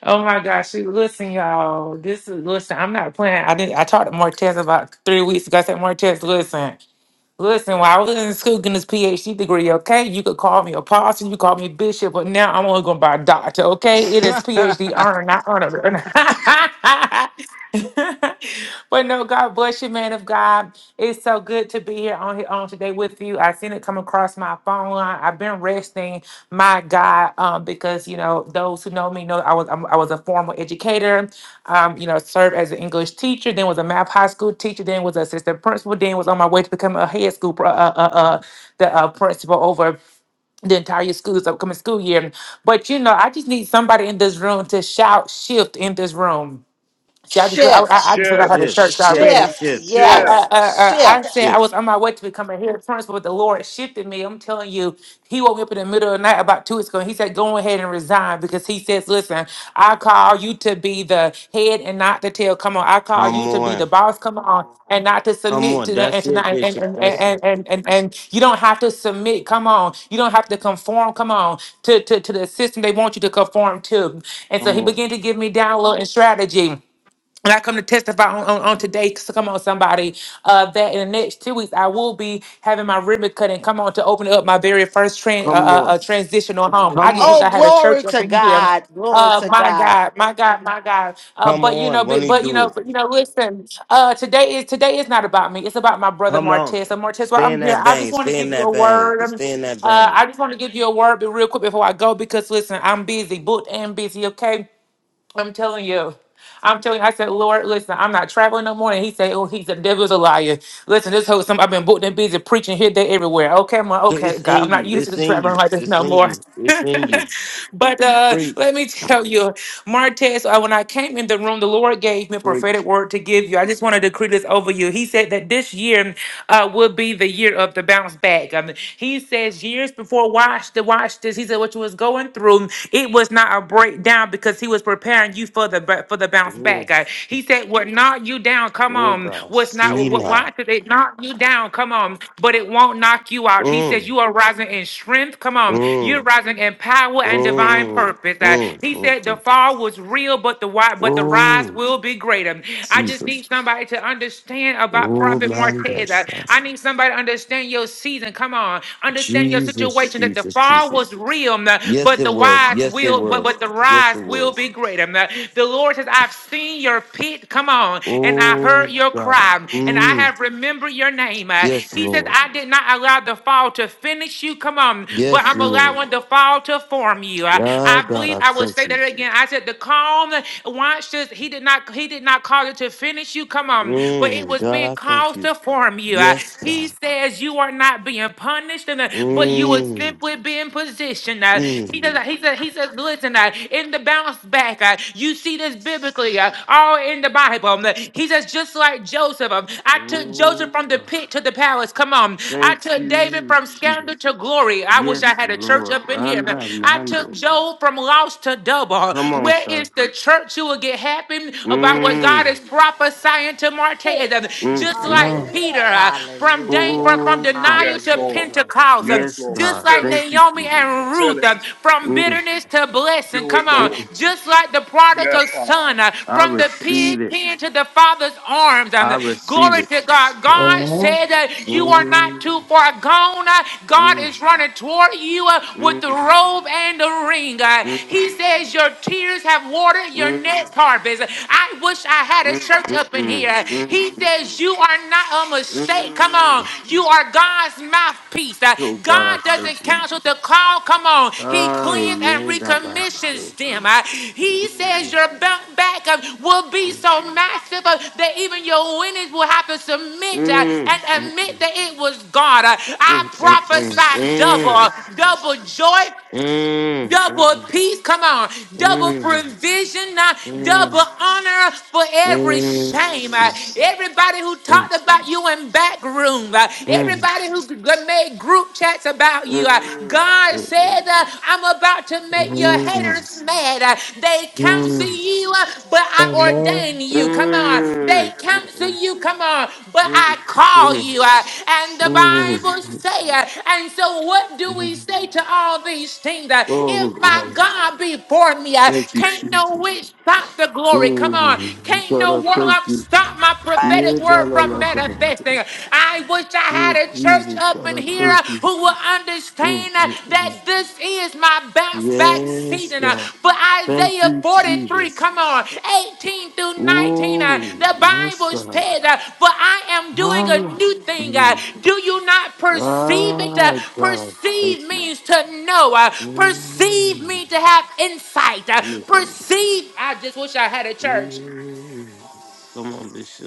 Oh my gosh. See, listen, y'all. This is listen, I'm not playing. I didn't I talked to Martez about three weeks ago. I said, Martez, listen. Listen, while I was in school getting this PhD degree, okay, you could call me apostle, you call me bishop, but now I'm only going by doctor, okay? It is PhD earner, not honor. but no, God bless you, man of God. It's so good to be here on here on today with you. I seen come across my phone line. I've been resting, my God, um, because you know those who know me know I was I'm, I was a formal educator. Um, you know, served as an English teacher, then was a math high school teacher, then was assistant principal, then was on my way to become a head school pr- uh, uh, uh, uh, the uh, principal over the entire school this upcoming school year. But you know, I just need somebody in this room to shout shift in this room See, I just, I,
Shift.
I I just wish I had a
Shift,
church already.
shift,
Shift.
shift,
I, I,
Yes.
shift,
I, I I
Shift.
said I was
shift.
on my way to becoming head principal, but the Lord shifted me. I'm telling you, He woke me up in the middle of the night about two weeks ago. And he said, "Go ahead and resign," because He says, "Listen, I call you to be the head and not the tail. Come on, I call
Come
you to be the
on.
boss. Come on, and not to
Come
submit
on.
to that and
That's
to
it,
not and
Bishop.
and
That's it.
and and, and, and you don't have to submit. Come on, you don't have to conform. Come on to to to the system they want you to conform to." And so
Come
He
on.
began to give me download and strategy. And I come to testify on, on, on today. So come on, somebody. Uh, that in the next two weeks, I will be having my ribbon cut and come on to open up my very first tran- uh,
Come
uh,
on.
uh, transitional home. I
Come
just wish
Oh,
on.
I had a
glory
church up
to
in here.
God. Glory
Uh,
to
my
God.
God, my God, my God. Uh,
Come
but you
on.
know,
When
but,
he
but you
do
know,
it.
but you know. Listen, uh, today is today is not about me. It's about my brother
Come on.
Martez. So Martez, while
Stay in
I'm here,
that
I
vein.
just want to
Stay in
give you
that
a
vein.
word. I mean,
Stay in that
uh, I
vein.
just want to give you a word, but real quick before I go, because listen, I'm busy, booked and busy. Okay, I'm telling you. I'm telling you, I said, Lord, listen, I'm not traveling no more. And he said, Oh, he's a devil's a liar. Listen, this whole some I've been booked and busy preaching here, there, everywhere. Okay, I'm like,
'Cause
okay,
It's
God,
in
I'm not
you.
used to
It's
this
in you.
traveling like this
It's
no
in
more.
you. It's in you.
but uh
Preach.
let me tell you, Martez, uh, when I came in the room, the Lord gave me a prophetic
Preach.
word to give you. I just want to decree this over you. He said that this year uh will be the year of the bounce back. Um, he says years before watch the watch this, he said what you was going going through, it was not a breakdown because he was preparing you for the ba- for the bounce back.
Oh,
Uh, He said, "What knocked you down? Come
oh,
on.
God.
What's not?
See
What? what- Why
now.
did it knock you down? Come on. But it won't knock you out." He says,
Mm,
"You are rising in strength. Come on. You're
mm,
rising in power and divine
mm,
purpose." Uh,
mm,
He
mm,
said, "The
mm.
fall was real, but the wi- but the rise
Oh,
will be greater." I just
Jesus.
need somebody to understand about
Oh,
Prophet
my
Martez. Uh,
gosh.
I need somebody to understand your season. Come on. Understand your
Jesus,
situation that the
Jesus,
fall
Jesus.
was real, um,
Yes,
but
it
the
was.
wise
Yes, it
will, but
was.
but the
Yes,
rise
it
will be
was.
great. Um, The Lord says, I've seen your pit, come on, and I heard
Oh,
your
God.
cry, and I
Mm.
have remembered your name. Uh,
Yes,
He says,
Lord.
I did not allow the fall to finish you, come on, but
Yes,
I'm
Lord.
allowing the fall to form you. I,
Ah,
I
God,
believe
I
I will
thank
say
you.
that again. I said, the calm, watch this. He did not, he did not cause it to finish you, come on, but it
Mm.
was
God,
being
I thank
caused
you.
to form harm you. Uh,
Yes,
He
God.
says you are not being punished, and uh, but you are
Mm.
simply being positioned. Uh, He says,
Mm.
he says, he says, listen, uh, in the bounce back, uh, you see this biblically, uh, all in the Bible. Um, He says, just like Joseph, um, I took Joseph
Oh,
from the
God.
pit to the palace. Come on. I
Thank
took David
you,
from
Jesus.
scandal to glory. I wish I
Yes,
had a church
Lord.
up in here.
Anda
I took
mando.
Job from lost to double.
Come on,
Where is
sir.
the church? You will get happy about what God is?
Mm.
is prophesying to Marte, uh,
Mm,
just
mm,
like
mm.
Amen.
Peter uh, from, Dan-
Hallelujah.
from from
Oh, God.
denial to
Hallelujah.
Pentecost, um,
Yes,
just
God.
like
Thank you,
Naomi
Jesus.
and Ruth um, from
Mm,
bitterness to blessing. Come on,
mm, mm.
just like the prodigal son uh,
I
from the pig
receive it.
pen to the father's arms. Um,
I receive
glory
it.
to God. God
Amen.
said that you are not
Mm,
too far gone. Uh, God
mm,
is running toward you uh, with
mm,
the robe and the ring. Uh,
mm,
he
mm,
says your tears rivers have watered your
mm,
next harvest. I wish I
mm,
had a
mm,
church up in
mm,
here.
mm,
He
mm,
says, You are not a mistake. Come on.
mm.
You are God's mouthpiece. Uh,
Oh, God, I
God
thank
doesn't
you.
cancel the call. Come on. He
Ah, yeah,
cleans and
yeah, that by
recommissions
so.
them. Uh, He says,
Mm,
Your bounce back uh, will be
mm,
so massive uh, that even your winnings will have to
mm,
submit uh,
mm,
and
mm,
admit that it was God. Uh,
mm, mm, mm, mm,
I
mm,
prophesy double, uh, double joy, double peace, come on, double provision, uh, double honor for every shame. uh, everybody who
mm,
talked about you in back room, uh,
mm, mm,
everybody who g- g- made group chats about you, uh,
mm,
God
mm.
said, uh, I'm about to
Mm,
make your
mm,
haters mad. uh, they counsel
mm,
you, uh, but I
Amen.
ordain you. Come on,
mm,
they cancel you, come on, but I call you. uh, And
mm,
the Bible
mm,
say, uh, and so what do we
mm.
say to all these things? uh, If
Oh
my
God,
God be for me, uh,
thank you,
can't no
Jesus.
witch stop the glory. Come on,
Mm,
can't
God,
no
I thank
warlock
you.
stop my
Right.
prophetic
Yeah, da,
word
la,
from
la, la.
manifesting. I wish I had
Oh,
a church
Jesus,
up
God,
in
I
here uh,
thank you.
who would
Mm,
understand uh,
mm,
that
mm.
this is my bounce back
Yes,
season. uh,
God,
But
thank
Isaiah
you,
43,
Jesus.
come on, 18 through 19, uh,
Oh,
the
yes,
Bible
God.
said, uh, For I am doing
Ah,
a
yeah.
new thing. uh,
Mm.
Do you not perceive it? Uh,
Ah, God, thank
Perceive
you.
means to know. uh, Perceive means to have insight. uh,
Mm.
Perceive, I just wish I had a church.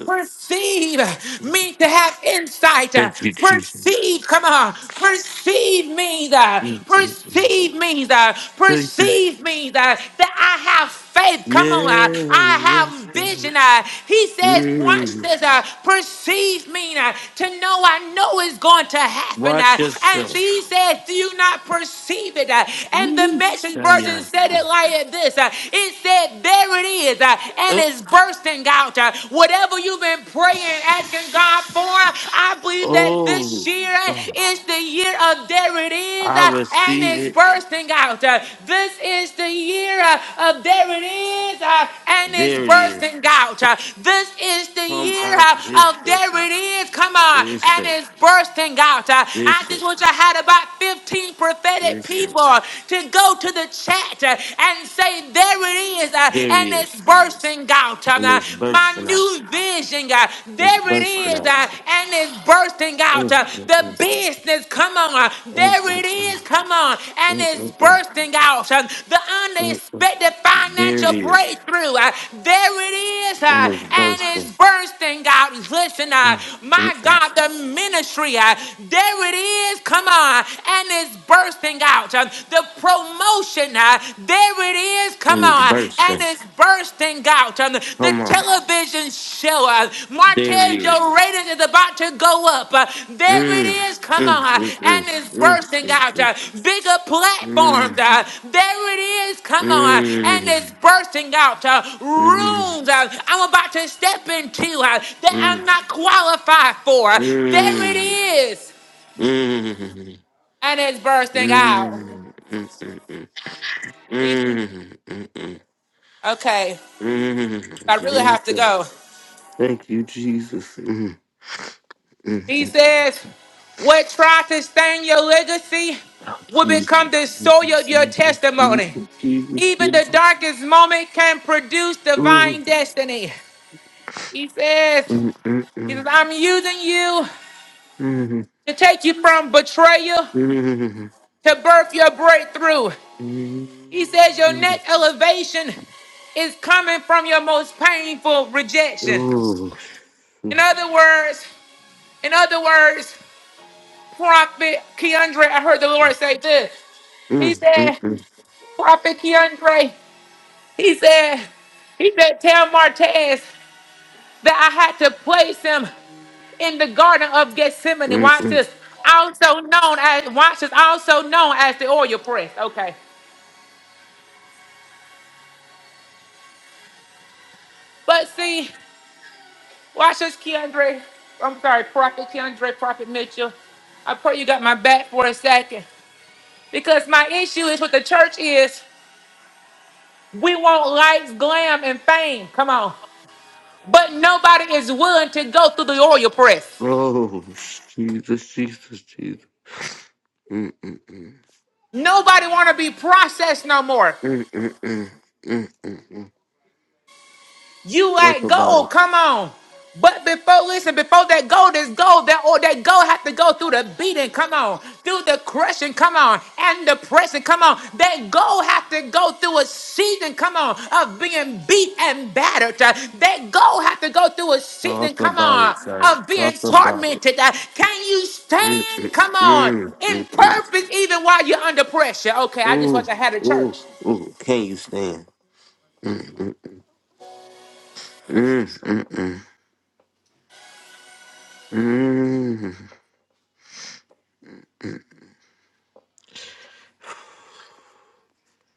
Perceive me to have insight. Perceive, come on. Perceive me that. Perceive me that. Perceive me that. That I have faith. Come on. uh, I
Yes,
have vision. uh. He says, watch
mm.
this. uh, Perceive me uh, to know I know it's going to happen. uh.
Watch
And
yourself.
he says, do you not perceive it? uh? And the
Yes,
message
I
version
am.
said it like this. uh, It said, there it is is, uh, and
Uh,
it's bursting out. uh, Whatever you've been praying, asking God for, I believe that this
oh,
year
God.
is the year of there it is,
I
uh, and
receive
it's
it.
bursting out. uh, This is the year uh, of there it is, uh, and it's
There it is.
bursting out. uh, This is the
Come
year
on,
uh, of there
Bishop.
it is, come on, and
Bishop.
it's bursting out. uh, I just
Bishop.
wish I had about 15 prophetic
Bishop.
people to go to the chat uh, uh, and say, There it is, uh,
There it
and it's
is.
bursting out. Um,
And
uh,
it's
My
bursting out.
new vision, uh,
It's
there it
bursting
is,
out.
uh, and it's bursting out.
Mm,
Uh, The business, come on, uh,
mm,
there
mm,
it
mm,
is, come on, and
mm,
it's
mm, mm.
bursting out. Um, The unexpected financial breakthrough, uh, there it is, uh, and it's bursting out. Listen, uh, my God, the ministry, uh, there it is, come on, and it's bursting thing out, uh, the promotion, uh, there it is, come on, and it's bursting out. uh, The
Come on.
television show, uh,
There it
Martez,
is.
your rating is about to go up. uh, There it
Mm,
is, come on,
mm,
uh,
mm, mm,
and it's
mm,
bursting
mm,
out.
mm.
uh, Bigger
mm.
platforms, uh, there it is, come on, uh, and it's
Mm,
bursting out. uh,
mm,
Rooms uh, I'm about to step into uh,
mm,
that
mm,
I'm not qualified for. uh, There it
mm,
is,
mm,
and it's
mm,
bursting out.
mm, mm, mm.
Okay,
mm.
I really have to
Jesus.
go.
Thank you, Jesus. Mm, mm,
He says, What tries to stain your legacy will become
Jesus.
the soil
Jesus,
of your
Jesus, Jesus,
testimony.
Jesus,
Even the
Jesus.
darkest moment can produce
Mm,
divine destiny. He says,
mm, mm, mm,
he
mm, mm.
says I'm using you
Oh,
to take you from betrayal to birth your breakthrough. He says, Your next elevation is coming from your most painful rejection. In other words, in other words, Prophet Keandre, I heard the Lord say this. He said, Prophet Keandre, he said, he said, tell Martez that I had to place him in the garden of Gethsemane. Watch this. Also known as watch this, also known as the oil press. Okay. But see, watch this, Keandre. I'm sorry, Prophet Keandre, Prophet Mitchell. I pray you got my back for a second. Because my issue is with the church is we want lights, glam, and fame. Come on. But nobody is willing to go through the oil press.
oh, Jesus, Jesus, Jesus. Mm,
Nobody want to be processed no more.
mm, mm, mm.
You like gold,
What
come on. But before, listen, before that gold is gold, that or that gold have to go through the beating, come on, through the crushing, come on, and the pressing, come on. That gold have to go through a season, come on, of being beat and battered. Uh, That gold have to go through a season, come
about
on,
it, sir?
of being tormented. Uh, Can you
Mm, mm,
stand, come on,
mm,
in
mm, mm.
purpose even while you're under pressure? Okay, I just
Ooh,
wish I had a
ooh,
church.
ooh. Can you stand? Mm.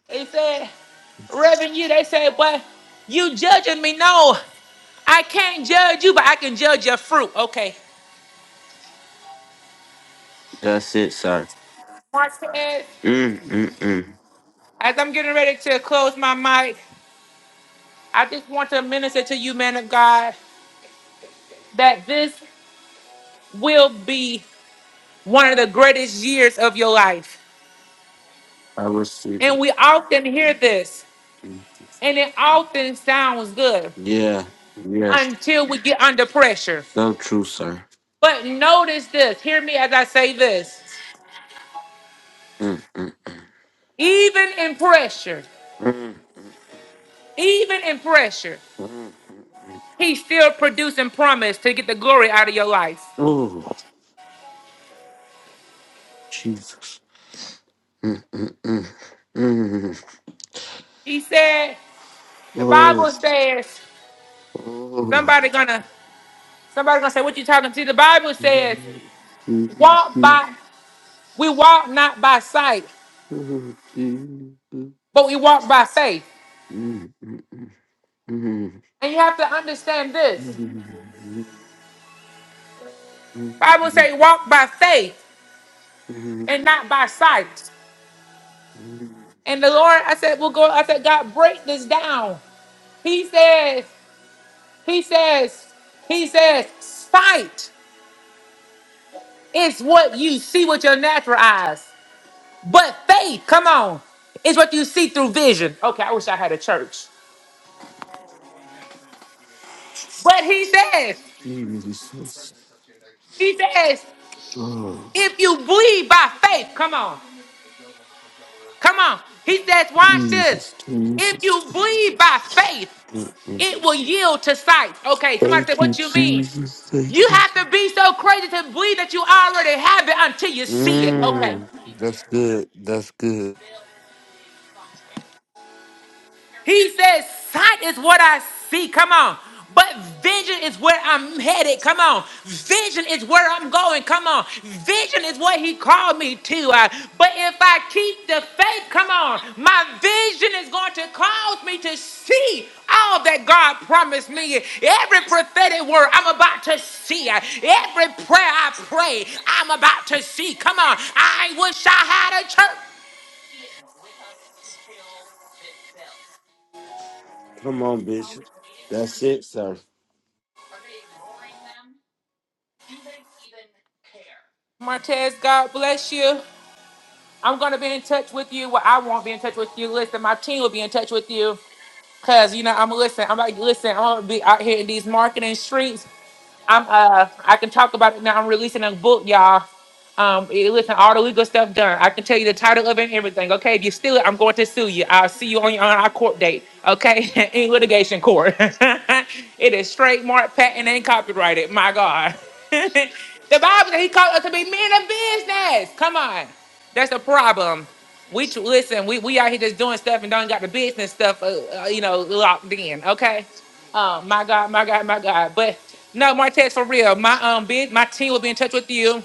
They said, Reverend, you, they said, but you judging me. No, I can't judge you, but I can judge your fruit. Okay.
That's it, sir.
Marquez,
Mm, mm, mm.
as I'm getting ready to close my mic, I just want to minister to you, man of God, that this will be one of the greatest years of your life.
I receive
And
it.
we often hear this, and it often sounds good
Yeah, yes.
until we get under pressure.
So true, sir.
But notice this, hear me as I say this.
Mm,
Even in pressure.
mm.
Even in pressure, he still produced and promised to get the glory out of your life.
Ooh,
He said, the Bible says,
oh,
somebody gonna somebody gonna say, What you talking to? The Bible says, walk by we walk not by sight,
Jesus.
but we walk by faith. And you have to understand this. Bible say walk by faith and not by sight. And the Lord, I said, we'll go, I said, God, break this down. He says, he says, he says, sight. It's what you see with your natural eyes. But faith, come on, is what you see through vision. Okay, I wish I had a church. But he says, he says, if you believe by faith, come on, come on. He says, watch this. If you believe by faith, it will yield to sight. Okay, somebody said,
Thank you,
what you mean?
Jesus.
You
Thank you.
have to be so crazy to believe that you already have it until you see it. Okay.
Mm. That's good. That's good.
He says, Sight is what I see. Come on. But vision is where I'm headed. Come on. Vision is where I'm going. Come on. Vision is what he called me to. Uh, but if I keep the faith, come on, my vision is going to cause me to see all that God promised me. Every prophetic word I'm about to see. Uh, Every prayer I pray, I'm about to see. Come on. I wish I had a church.
Come on, Bishop. That's it, sir.
Martez, God bless you. I'm gonna be in touch with you. Well, I won't be in touch with you. Listen, my team will be in touch with you. Cause you know, I'm listen, I'm like, listen, I'm gonna be out here in these marketing streets. I'm uh I can talk about it now. I'm releasing a book, y'all. Um eh, listen, all the legal stuff done. I can tell you the title of it and everything. Okay, if you steal it, I'm going to sue you. I'll see you on your on our court date, okay? in litigation court. it is trademark, patent, and copyrighted. My God. the Bible said he called us to be men of business. Come on. That's a problem. We tr- listen. We we out here just doing stuff and don't got the business stuff, uh, uh, you know, locked in. Okay. Um, my God, my God, my God. But no, Martez, for real. My um, big my team will be in touch with you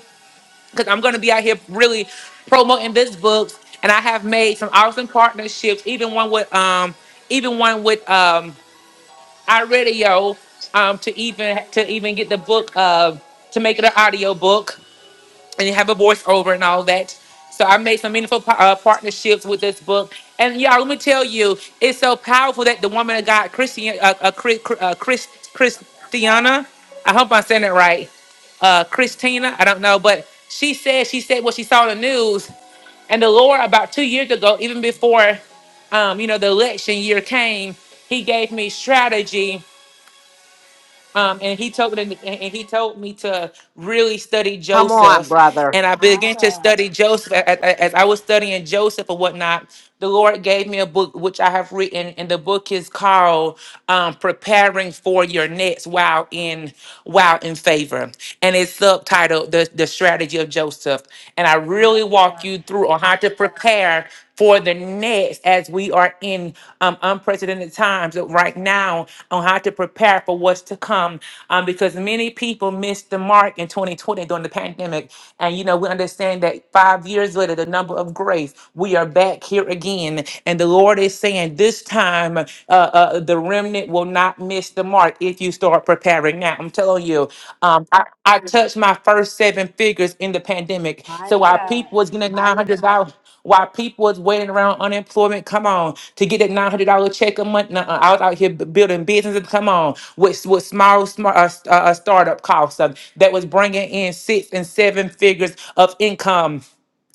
because I'm gonna be out here really promoting this book, and I have made some awesome partnerships, even one with um, even one with um, iRadio, um, to even to even get the book uh, to make it an audio book and you have a voiceover and all that. So I made some meaningful par- uh, partnerships with this book. And y'all, let me tell you, it's so powerful that the woman of God, Christian, uh, uh, Chris, uh, Chris, Christiana, I hope I'm saying it right, uh, Christina, I don't know, but she said, she said what she saw in the news. And the Lord, about two years ago, even before, um, you know, the election year came, he gave me strategy um, and he told and and he told me to really study
Come on,
Joseph,
brother.
and I began to study Joseph. A- a- As I was studying Joseph and whatnot, the Lord gave me a book which I have written, and the book is called um, "Preparing for Your Next Wow in Wow in Favor," and it's subtitled "The the Strategy of Joseph." And I really walk you through or how to prepare for the next as we are in um, unprecedented times right now on how to prepare for what's to come um, because many people missed the mark in 2020 during the pandemic and you know we understand that five years later the number of grace we are back here again and the lord is saying this time uh, uh, the remnant will not miss the mark the mark if you start preparing now. I'm telling you, um, I, I touched my first seven figures in the pandemic. So
Mighty
while
God.
people was getting nine hundred dollars, while people was waiting around unemployment, come on, to get that nine hundred dollar check a month. nuh-uh, I was out here b- building businesses. Come on, with with small smart uh, s- uh, uh, startup costs um, that was bringing in six and seven figures of income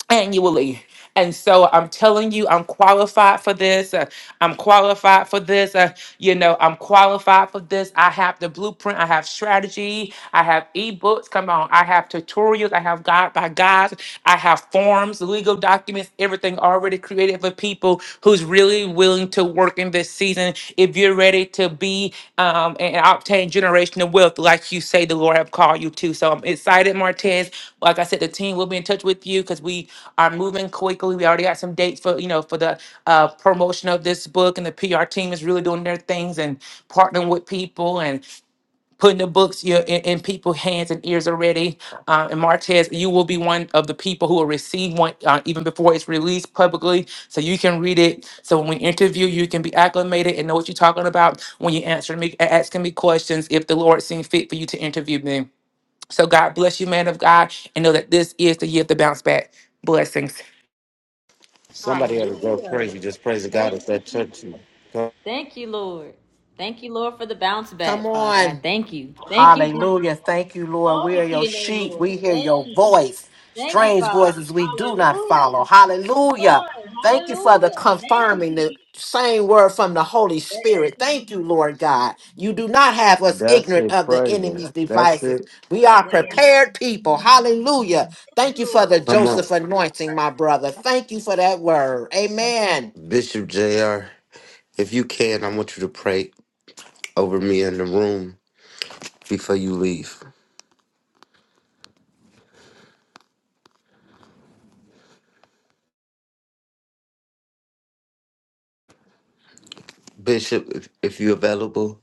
annually. And so I'm telling you, I'm qualified for this. uh, I'm qualified for this. uh, you know, I'm qualified for this. I have the blueprint. I have strategy. I have ebooks. Come on. I have tutorials. I have guide by guides. I have forms, legal documents, everything already created for people who's really willing willing to work in this season, if you're ready to be um, and obtain generational wealth, like you say, the Lord have called you to. So I'm excited, Martez. Like I said, the team will be in touch with you because we are moving quickly. We already got some dates for you know for the uh, promotion of this book, and the PR team is really doing their things and partnering with people. and putting the books you know, in, in people's hands and ears already. Uh, and Martez, you will be one of the people who will receive one uh, even before it's released publicly. So you can read it. So when we interview, you can be acclimated and know what you're talking about when you answer me, a- asking me questions if the Lord seems fit for you to interview me. So God bless you, man of God, and know that this is the year of the bounce back blessings.
Somebody ought to go
Hallelujah.
crazy. Just praise God
Thank
if
you,
that
Jesus.
touched you. Come-
Thank you, Lord. Thank you, Lord, for the bounce
Come
back, Father. I
on.
thank you. Thank you, Jesus.
Hallelujah. Thank you, Lord. We are
Glory to
your
your name,
sheep.
Lord.
We
We
hear
Thank
your
you.
voice.
Thank you,
Strange
Father.
voices we do not
Hallelujah.
follow.
Come
Hallelujah.
on.
Thank you for the
Hallelujah. Thank you,
confirming the
Jesus.
same word from the Holy
Yes. Yes.
Spirit. Thank you, Lord God. You do not have us
That's
ignorant
it,
of the
praise him.
enemy's
That's
devices.
it.
We are
Thank
prepared people. Hallelujah. Thank
you,
you for
Lord.
the
Come on.
Joseph anointing, my brother. Thank you for that word. Amen.
Bishop JR, if you can, I want you to pray over me in the room before you leave. Bishop, if, if you're available.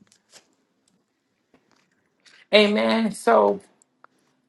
Amen. So.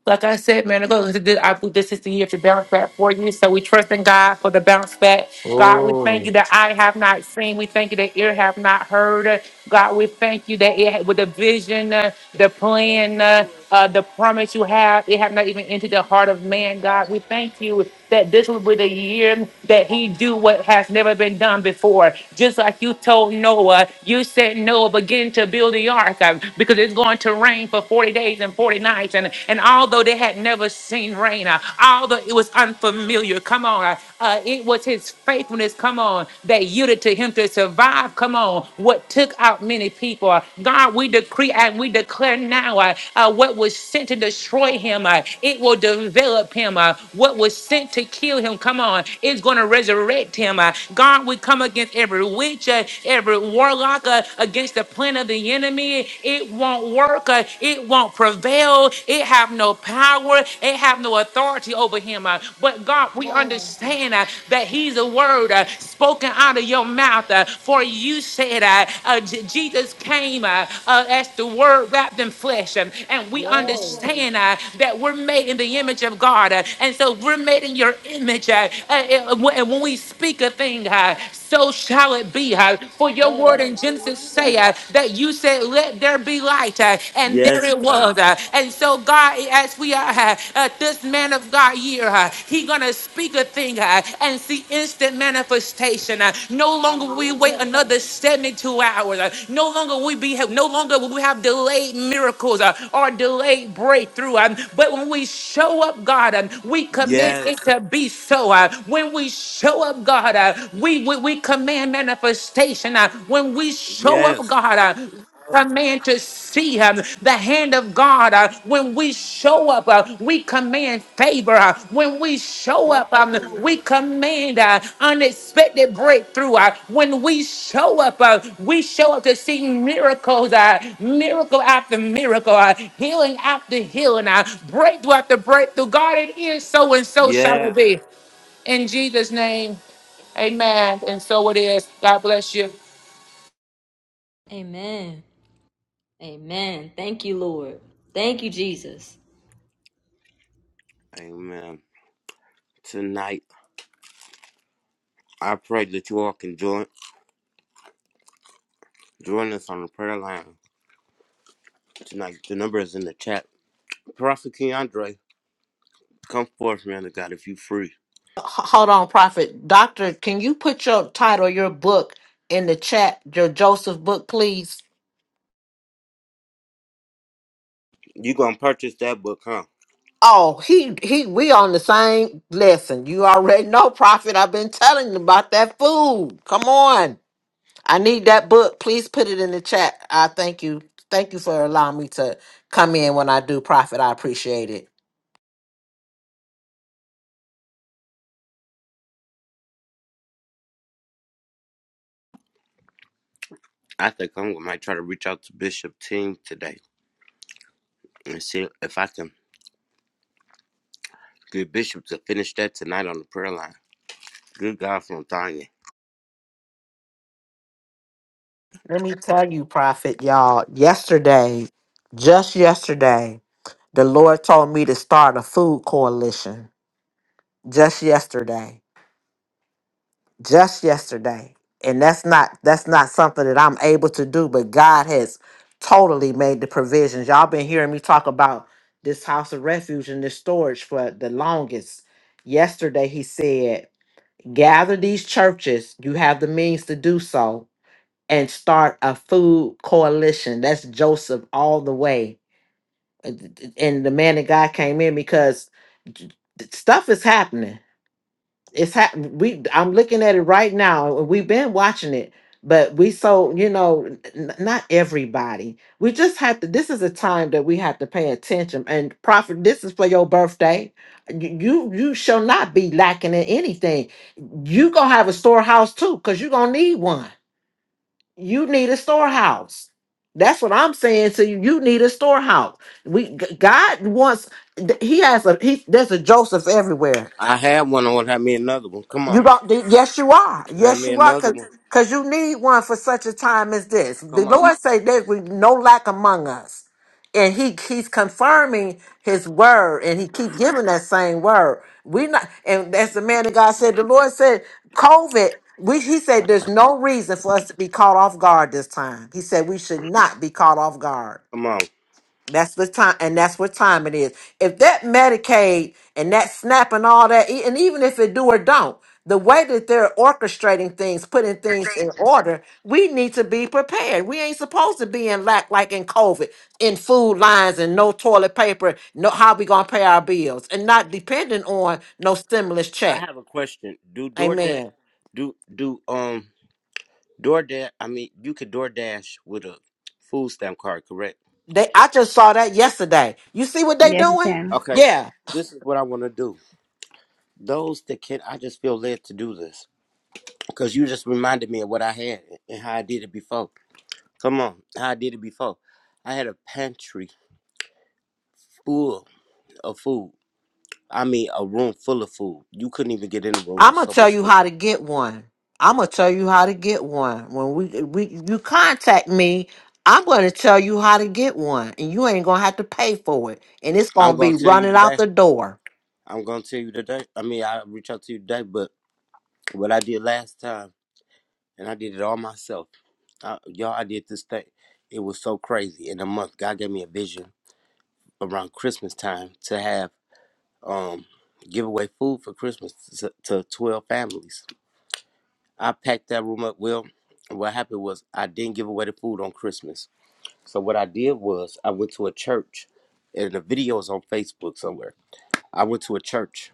Like I said, man, ago, this is the- I believe this is the year to bounce back for you. So we trust in God for the bounce back. God, we thank you
Oh.
that eye have not seen. We thank you that ear have not heard. God, we thank you that it with the vision, uh, the
Yes,
plan, uh,
Lord.
uh, the promise you have, it have not even entered
Thank
the
you,
heart of
Jesus.
man. God, we thank you that this would be the year that he do what has never been done before. Just like you told Noah, you said Noah begin to build the ark uh, because it's going to rain for 40 days and 40 nights. And, and although they had never seen rain, uh, although it was unfamiliar, come on, uh, uh, it was his faithfulness, come on, that yielded to him to survive, come on, what took out many people. Uh, God, we decree and we declare declare now uh, uh, what was sent to destroy him, uh, it will develop him. Uh, what was sent to kill him, come on, it's going to resurrect him. Uh, God, we come against every witch, uh, every warlock, uh, against the plan of the enemy. It won't work. Uh, it won't prevail. It have no power. It have no authority over him. Uh, but God,
Come
we
on.
understand uh, that he's a word uh, spoken spoken out of your mouth. uh, For you said, uh, uh, J- Jesus came uh, uh, as the word wrapped in flesh. um, And we
Yes,
understand uh, that we're made in the image of God. uh, And so we're made in your image. uh, uh, uh, wh- And when we speak a thing, uh, so shall it be. uh, For your word
yes.
in Genesis say
Hallelujah.
uh, that you said, Let there be light. uh, And there
Yes,
it
God.
was. uh, And so, God, as we are uh, uh, this man of God here, uh, he gonna speak a thing uh, and see instant manifestation. uh. no longer will we wait
Hallelujah.
another 72 hours. uh. no longer will we be no longer will we have delayed miracles uh, or delayed breakthrough. um, but when we show up, God, um, we command it
Yes.
to be so. uh. when we show up, God, uh, we, we we command manifestation. uh. when we show up,
Yes.
God. Uh, command to see uh, the hand of God. uh, when we show up, uh, we command favor. uh, when we show
Yes,
up, um,
Lord.
we command uh, unexpected breakthrough. uh, when we show up, uh, we show up to see miracles, uh, miracle after miracle, uh, healing after healing, uh, breakthrough after breakthrough. God, it is so and so shall it
Yes.
be. In Jesus' name, amen. And so it is. God bless you.
Amen. Amen. Thank you, Lord. Thank you, Jesus.
Amen. Tonight, I pray that you all can join join us on the prayer line tonight. The number is in the chat. Prophet Keandre, come forth, man of God, if you free.
hold on, Prophet. Doctor, can you put your title, your book in the chat, your Joseph book, please?
You gonna purchase that book, huh?
Oh, he he we on the same lesson. You already know, Prophet. I've been telling you about that food. Come on. I need that book. Please put it in the chat. I thank you. Thank you for allowing me to come in when I do profit. I appreciate it.
I think I'm gonna might try to reach out to Bishop Team today and see if I can get Bishop to finish that tonight on the prayer line. Good God from Tanya.
Let me tell you, Prophet, y'all, yesterday, just yesterday, the Lord told me to start a food coalition. just yesterday just yesterday and that's not that's not something that i'm able to do but god has totally made the provisions y'all been hearing me talk about this house of refuge and this storage for the longest yesterday he said gather these churches you have the means to do so and start a food coalition that's joseph all the way and the man of god came in because j- j- stuff is happening it's hap- we i'm looking at it right now and we've been watching it but we so you know n- n- not everybody we just have to this is a time that we have to pay attention and prophet this is for your birthday Y- you you shall not be lacking in anything you gonna have a storehouse too because you gonna need one you need a storehouse that's what i'm saying to you you need a storehouse we G- god wants th- he has a he there's a joseph everywhere
I had one on have me another one. Come on.
you don't. th- Yes, you are.
Have
Yes,
me
you are.
another
Cause,
one.
'cause you need one for such a time as this. The
Come on.
Lord say there we no lack among us, and He He's confirming His word, and He keep giving that same word. We not, and as the man of God said, the Lord said, COVID. We, he said, there's no reason for us to be caught off guard this time. He said we should not be caught off guard.
Come on.
That's the time, and that's what time it is. If that Medicaid and that SNAP and all that, e- and even if it do or don't, the way that they're orchestrating things, putting things in order, we need to be prepared. We ain't supposed to be in lack like in COVID, in food lines and no toilet paper, no how we gonna pay our bills, and not depending on no stimulus
I
check.
have a question. Do DoorDash
Amen.
do do um DoorDash? I mean, you could DoorDash with a food stamp card, correct?
They, I just saw that yesterday. You see what they
Yes, you
doing?
can.
Okay.
Yeah.
This is what I want to do. Those that can, I just feel led to do this because you just reminded me of what I had and how I did it before. Come on, how I did it before. I had a pantry full of food. I mean, a room full of food. You couldn't even get in the room. It
I'm
was
gonna
so
tell
much
you
food.
how to get one. I'm gonna tell you how to get one. When we we you contact me, I'm gonna tell you how to get one, and you ain't gonna have to pay for it, and it's
I'm
gonna be
gonna tell you
running out
today.
the door.
I'm gonna tell you today. I mean, I'll reach out to you today, but what I did last time, and I did it all myself. I, y'all, I did this thing. It was so crazy. In a month, God gave me a vision around Christmas time to have um give away food for Christmas to, to twelve families. I packed that room up well. What happened was I didn't give away the food on Christmas. So what I did was I went to a church, and the video is on Facebook somewhere. I went to a church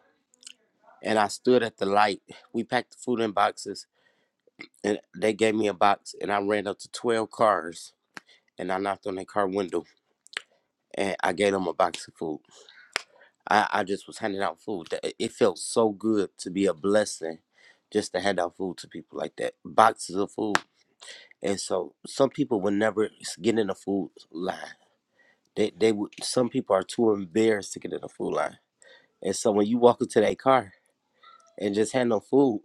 and I stood at the light. We packed the food in boxes and they gave me a box and I ran up to 12 cars and I knocked on their car window and I gave them a box of food. I, I just was handing out food. That- It felt so good to be a blessing just to hand out food to people like that. Boxes of food. And so some people would never s- get in the food line. They, they would, some people are too embarrassed to get in the food line. And so when you walk into that car and just had no food.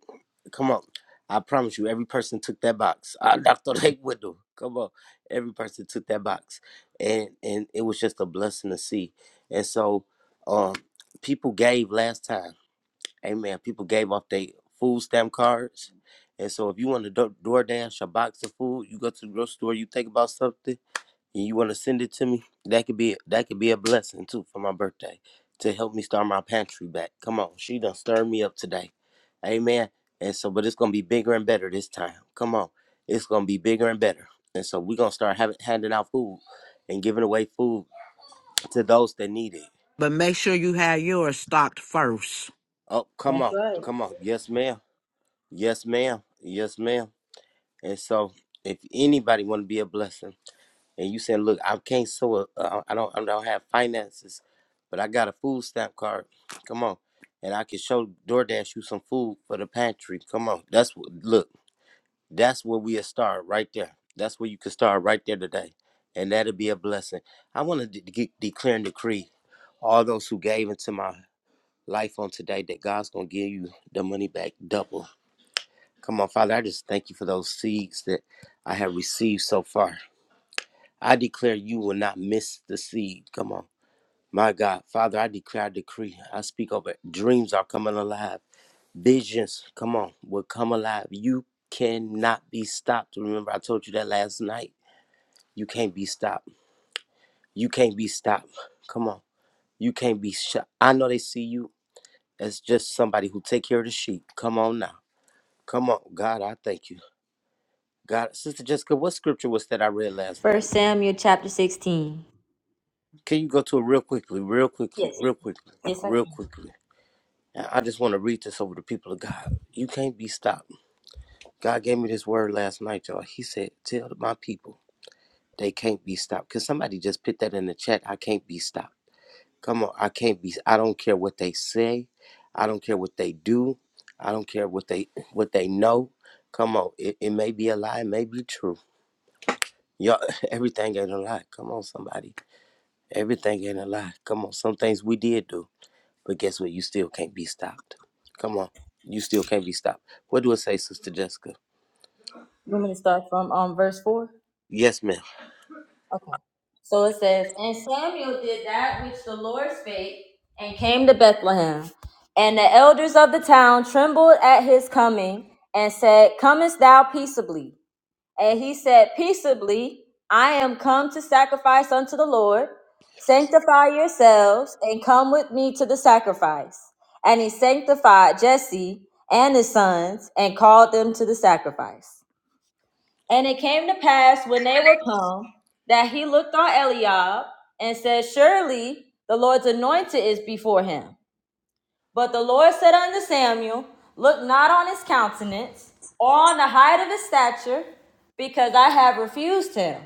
Come on. I promise you, every person took that box. I knocked on their window. Come on. Every person took that box. And and it was just a blessing to see. And so um people gave last time. Amen. People gave off their food stamp cards. And so if you want to do- DoorDash a box of food, you go to the grocery store, you think about something, and you want to send it to me, that could be that could be a blessing too for my birthday to help me start my pantry back. Come on, she done stirred me up today, amen. And so, but it's gonna be bigger and better this time. Come on, it's gonna be bigger and better. And so we are gonna start having handing out food and giving away food to those that need it.
But make sure you have yours stocked first.
Oh, come on, come on, yes ma'am, yes ma'am, yes ma'am. And so, if anybody want to be a blessing. and you saying, "Look, I can't sew. A, uh, I don't. I don't have finances, but I got a food stamp card. Come on, and I can show DoorDash you some food for the pantry. Come on, that's what. Look, that's where we will start right there. That's where you can start right there today, and that'll be a blessing. I want to de- de- declare and decree all those who gave into my life on today that God's gonna give you the money back double. Come on, Father, I just thank you for those seeds that I have received so far. I declare you will not miss the seed. Come on. My God, Father, I declare, I decree, I speak over it. Dreams are coming alive. Visions, come on, will come alive. You cannot be stopped. Remember, I told you that last night. You can't be stopped. You can't be stopped. Come on. You can't be shot. I know they see you as just somebody who take care of the sheep. Come on now. Come on. God, I thank you. God, Sister Jessica, what scripture was that I read last
First
night?
Samuel chapter 16.
Can you go to it real quickly, real quickly,
Yes,
real quickly,
yes, I can.
real quickly? I I just want to read this over the people of God. You can't be stopped. God gave me this word last night, y'all. He said, Tell my people they can't be stopped. Because somebody just put that in the chat. I can't be stopped. Come on. I can't be. I don't care what they say. I don't care what they do. I don't care what they what they know. Come on. It, it may be a lie. It may be true. Y'all, everything ain't a lie. Come on, somebody. Everything ain't a lie. Come on. Some things we did do. But guess what? You still can't be stopped. Come on. You still can't be stopped. What do it say, Sister Jessica?
You want me to start from um verse four?
Yes, ma'am.
Okay. So it says, And Samuel did that which the Lord spake, and came to Bethlehem. And the elders of the town trembled at his coming, and said, Comest thou peaceably? And he said, Peaceably, I am come to sacrifice unto the Lord. Sanctify yourselves and come with me to the sacrifice. And he sanctified Jesse and his sons and called them to the sacrifice. And it came to pass when they were come that he looked on Eliab and said, Surely the Lord's anointed is before him. But the Lord said unto Samuel, Look not on his countenance, or on the height of his stature, because I have refused him.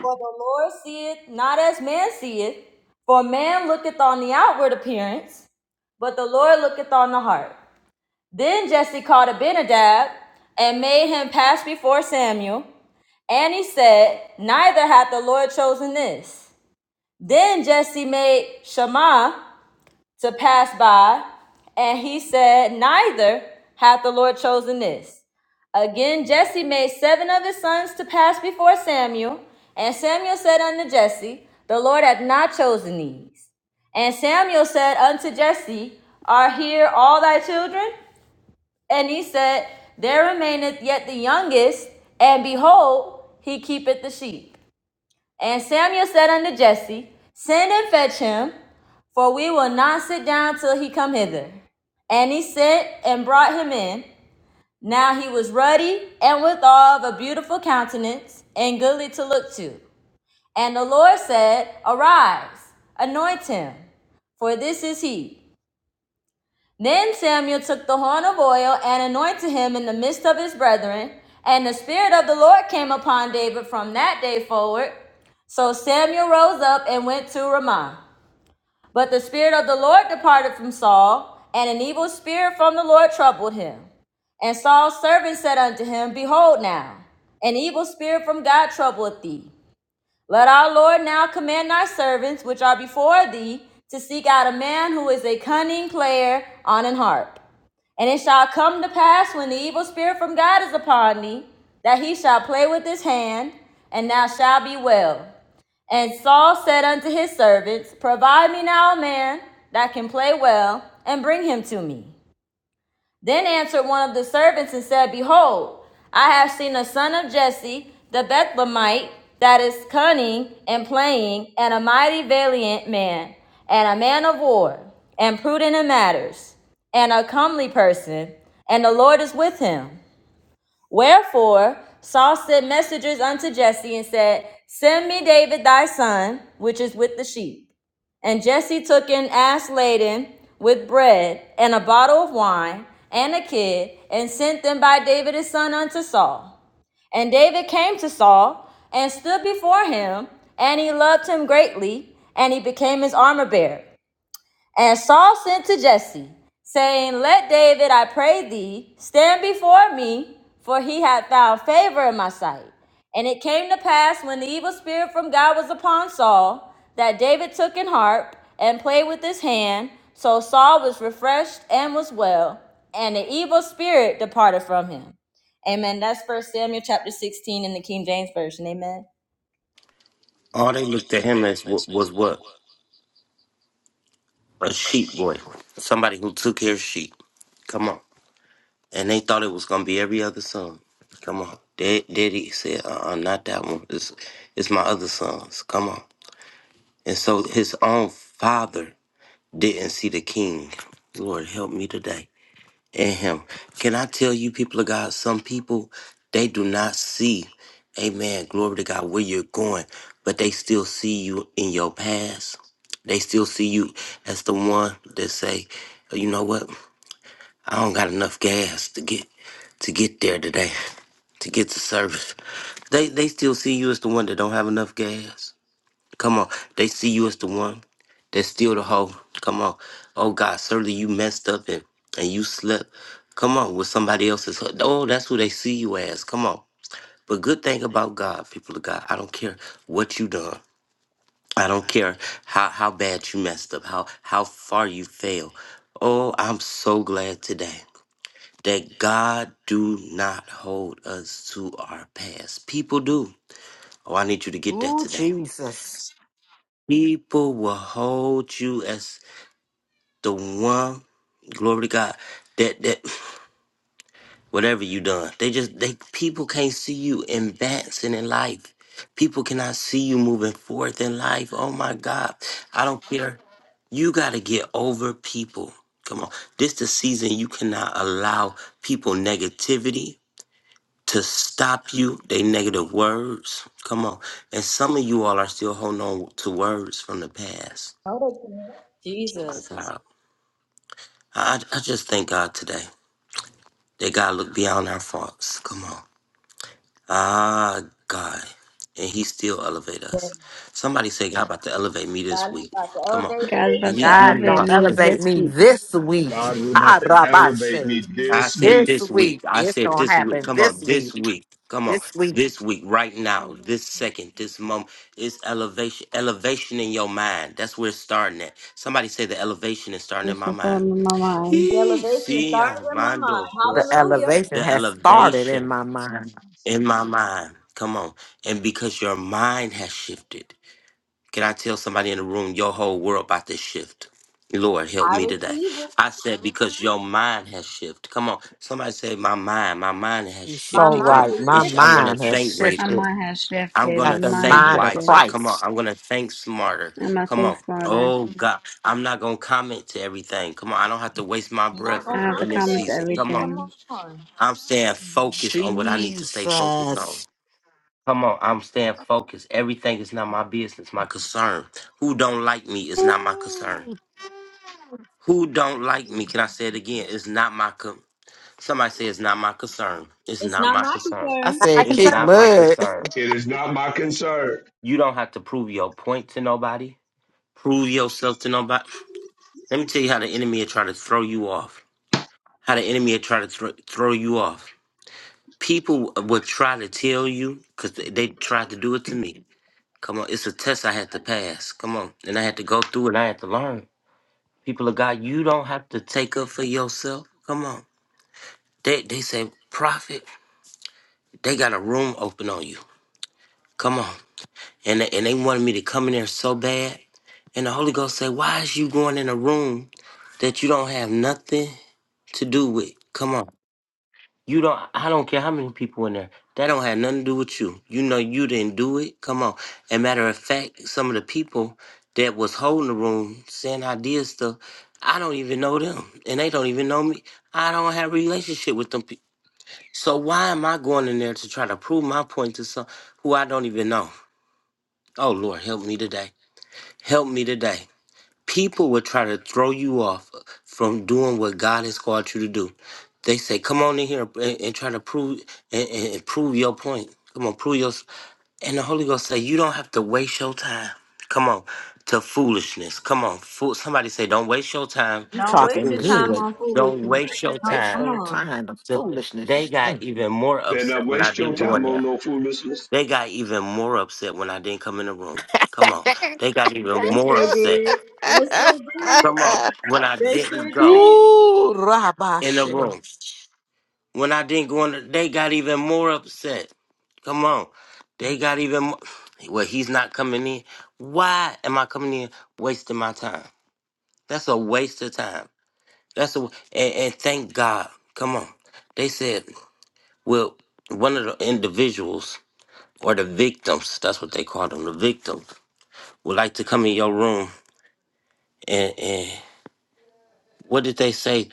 For the Lord seeth not as man seeth, for man looketh on the outward appearance, but the Lord looketh on the heart. Then Jesse called Abinadab and made him pass before Samuel. And he said, Neither hath the Lord chosen this. Then Jesse made Shammah to pass by, and he said, Neither hath the Lord chosen this. Again, Jesse made seven of his sons to pass before Samuel, and Samuel said unto Jesse, The Lord hath not chosen these. And Samuel said unto Jesse, Are here all thy children? And he said, There remaineth yet the youngest, and behold, he keepeth the sheep. And Samuel said unto Jesse, Send and fetch him, for we will not sit down till he come hither. And he sent and brought him in. Now he was ruddy and withal of a beautiful countenance and goodly to look to. And the Lord said, Arise, anoint him, for this is he. Then Samuel took the horn of oil and anointed him in the midst of his brethren, and the Spirit of the Lord came upon David from that day forward. So Samuel rose up and went to Ramah. But the Spirit of the Lord departed from Saul, and an evil spirit from the Lord troubled him. And Saul's servant said unto him, Behold now, an evil spirit from God troubleth thee. Let our Lord now command our servants, which are before thee, to seek out a man who is a cunning player on an harp. And it shall come to pass when the evil spirit from God is upon thee, that he shall play with his hand, and thou shalt be well. And Saul said unto his servants, Provide me now a man that can play well, and bring him to me. Then answered one of the servants and said, Behold, I have seen a son of Jesse, the Bethlehemite, that is cunning and playing, and a mighty valiant man, and a man of war, and prudent in matters, and a comely person, and the Lord is with him. Wherefore Saul sent messengers unto Jesse and said, Send me David thy son, which is with the sheep. And Jesse took an ass laden with bread and a bottle of wine and a kid and sent them by David his son unto Saul. And David came to Saul and stood before him, and he loved him greatly, and he became his armor bearer. And Saul sent to Jesse, saying, Let David, I pray thee, stand before me, for he hath found favor in my sight. And it came to pass when the evil spirit from God was upon Saul, that David took an harp and played with his hand. So Saul was refreshed and was well, and the evil spirit departed from him. Amen. That's First Samuel chapter 16 in the King James Version. Amen.
All they looked at him as wa- was what? A sheep boy. Somebody who took care of sheep. Come on. And they thought it was going to be every other son. Come on. Dad, Daddy said, uh-uh, not that one. It's, it's my other sons. Come on. And so his own father didn't see the king. Lord, help me today. in him. Can I tell you, people of God, some people, they do not see, amen, glory to God, where you're going, but they still see you in your past. They still see you as the one that say, you know what, I don't got enough gas to get to get there today, to get to service. They they still see you as the one that don't have enough gas. Come on. They see you as the one that's still the hoe. Come on. Oh God, certainly you messed up and, and you slept. Come on, with somebody else's. hoe. Oh, that's who they see you as. Come on. But good thing about God, people of God, I don't care what you done. I don't care how, how bad you messed up, how how far you failed. Oh, I'm so glad today that God do not hold us to our past. People do. Oh, I need you to get that
Ooh,
today.
Jesus.
People will hold you as the one glory to God that that whatever you done, they just they people can't see you advancing in life. People cannot see you moving forth in life. Oh my God, I don't care. You gotta get over people. Come on, this the season you cannot allow people negativity to stop you. They negative words. Come on, and some of you all are still holding on to words from the past.
Oh, they can't. Jesus.
God, I I just thank God today. That God look beyond our faults. Come on. Ah, God. And he still elevate us. Somebody say, God about to elevate me this
God is
week.
about to
Come on.
elevate
God's
you.
about to
He, he
God
is
elevate
don't
about
me
to.
elevate
this
me
week.
this week.
God, we're
Ah,
about to elevate me
Rabashe.
I
this
said
week.
This
this week.
week.
I
It's
said
gonna
this week.
happen
Come
this
on, this
week.
week. Come on,
This week
this week, right now, this second, this moment. It's elevation, elevation in your mind. That's where it's starting at. Somebody say the elevation is starting in
It's
my
just all
mind.
in my mind.
The
Hee,
elevation is
see,
starting in my mind.
Armando,
the
Posa.
Hallelujah.
elevation
the
has started in
elevation.
my mind.
in my mind. Come on. And because your mind has shifted, can I tell somebody in the room your whole world about to shift? Lord, help
I
me today.
receive it.
I said, because your mind has shifted. Come on. Somebody say, my mind, my mind has
You're
My
so
shifted. Come on.
mind
right.
is
My
It's, I'm
stricter.
going to
mind has
think
My
greater.
shifted.
mind has
I'm
shifted.
going
My
Got
to
the
mind
think
has
mind of
shifted.
wiser. Come on.
Christ.
I'm going to think smarter.
I'm gonna
Come
think
on.
smarter.
Oh, God. I'm not going to comment to everything. Come on. I don't have to waste my
I'm not
breath
I
going to
have to
in
comment
this
comment
season.
everything.
Come on.
Come
everything.
on.
I'm staying focused on what I need to stay focused on.
Jesus.
Come on, I'm staying focused. Everything is not my business, my concern. Who don't like me is not my concern.
Ooh.
Who don't like me, can I say it again? It's not my con- somebody say it's not my concern. It's
It's
not
not
my
my
concern.
I
concern.
said
It's
kick
not my
mud.
concern.
It is not my concern.
You don't have to prove your point to nobody. Prove yourself to nobody. Let me tell you how the enemy will try to throw you off. How the enemy will try to thro- throw you off. People will try to tell you, because they they tried to do it to me Come on, it's a test I had to pass. Come on. And I had to go through and I had to learn. People of God, you don't have to take up for yourself. Come on. They they say, prophet, they got a room open on you. Come on. And they, and they wanted me to come in there so bad. And the Holy Ghost said, why is you going in a room that you don't have nothing to do with? Come on. You don't. I don't care how many people in there. That don't have nothing to do with you. You know you didn't do it. Come on. And matter of fact, some of the people that was holding the room saying I did stuff, I don't even know them, and they don't even know me. I don't have a relationship with them. pe- So why am I going in there to try to prove my point to some who I don't even know? Oh Lord, help me today. Help me today people will try to throw you off from doing what God has called you to do. They say, "Come on in here and, and try to prove and, and and prove your point. Come on, prove your." And the Holy Ghost say, "You don't have to waste your time. Come on, to foolishness. Come on, fool." Somebody say, "Don't waste your time
You
Don't
to
waste
talking
your time
foolishness.
good.
on
Don't
foolishness.
waste your time
Come
Spatial
on.
time of
to." They
foolishness. Mm.
got even more
Better not
upset when I
waste your
didn't go in
time on
there.
no foolishness.
They got even more upset when I didn't come in the room. Come on, they got even
Yes,
more
they
upset.
did. Yes, they did.
Come on. When I
Yes, They
didn't
sure
go
did.
Ooh,
in the
rabashe.
room. When I didn't go in the, they got even more upset. Come on. They got even more. Well, he's not coming in. Why am I coming in wasting my time? That's a waste of time. That's a, and, and thank God. Come on. They said, well, one of the individuals or the victims, that's what they call them, the victims, would like to come in your room and, and what did they say?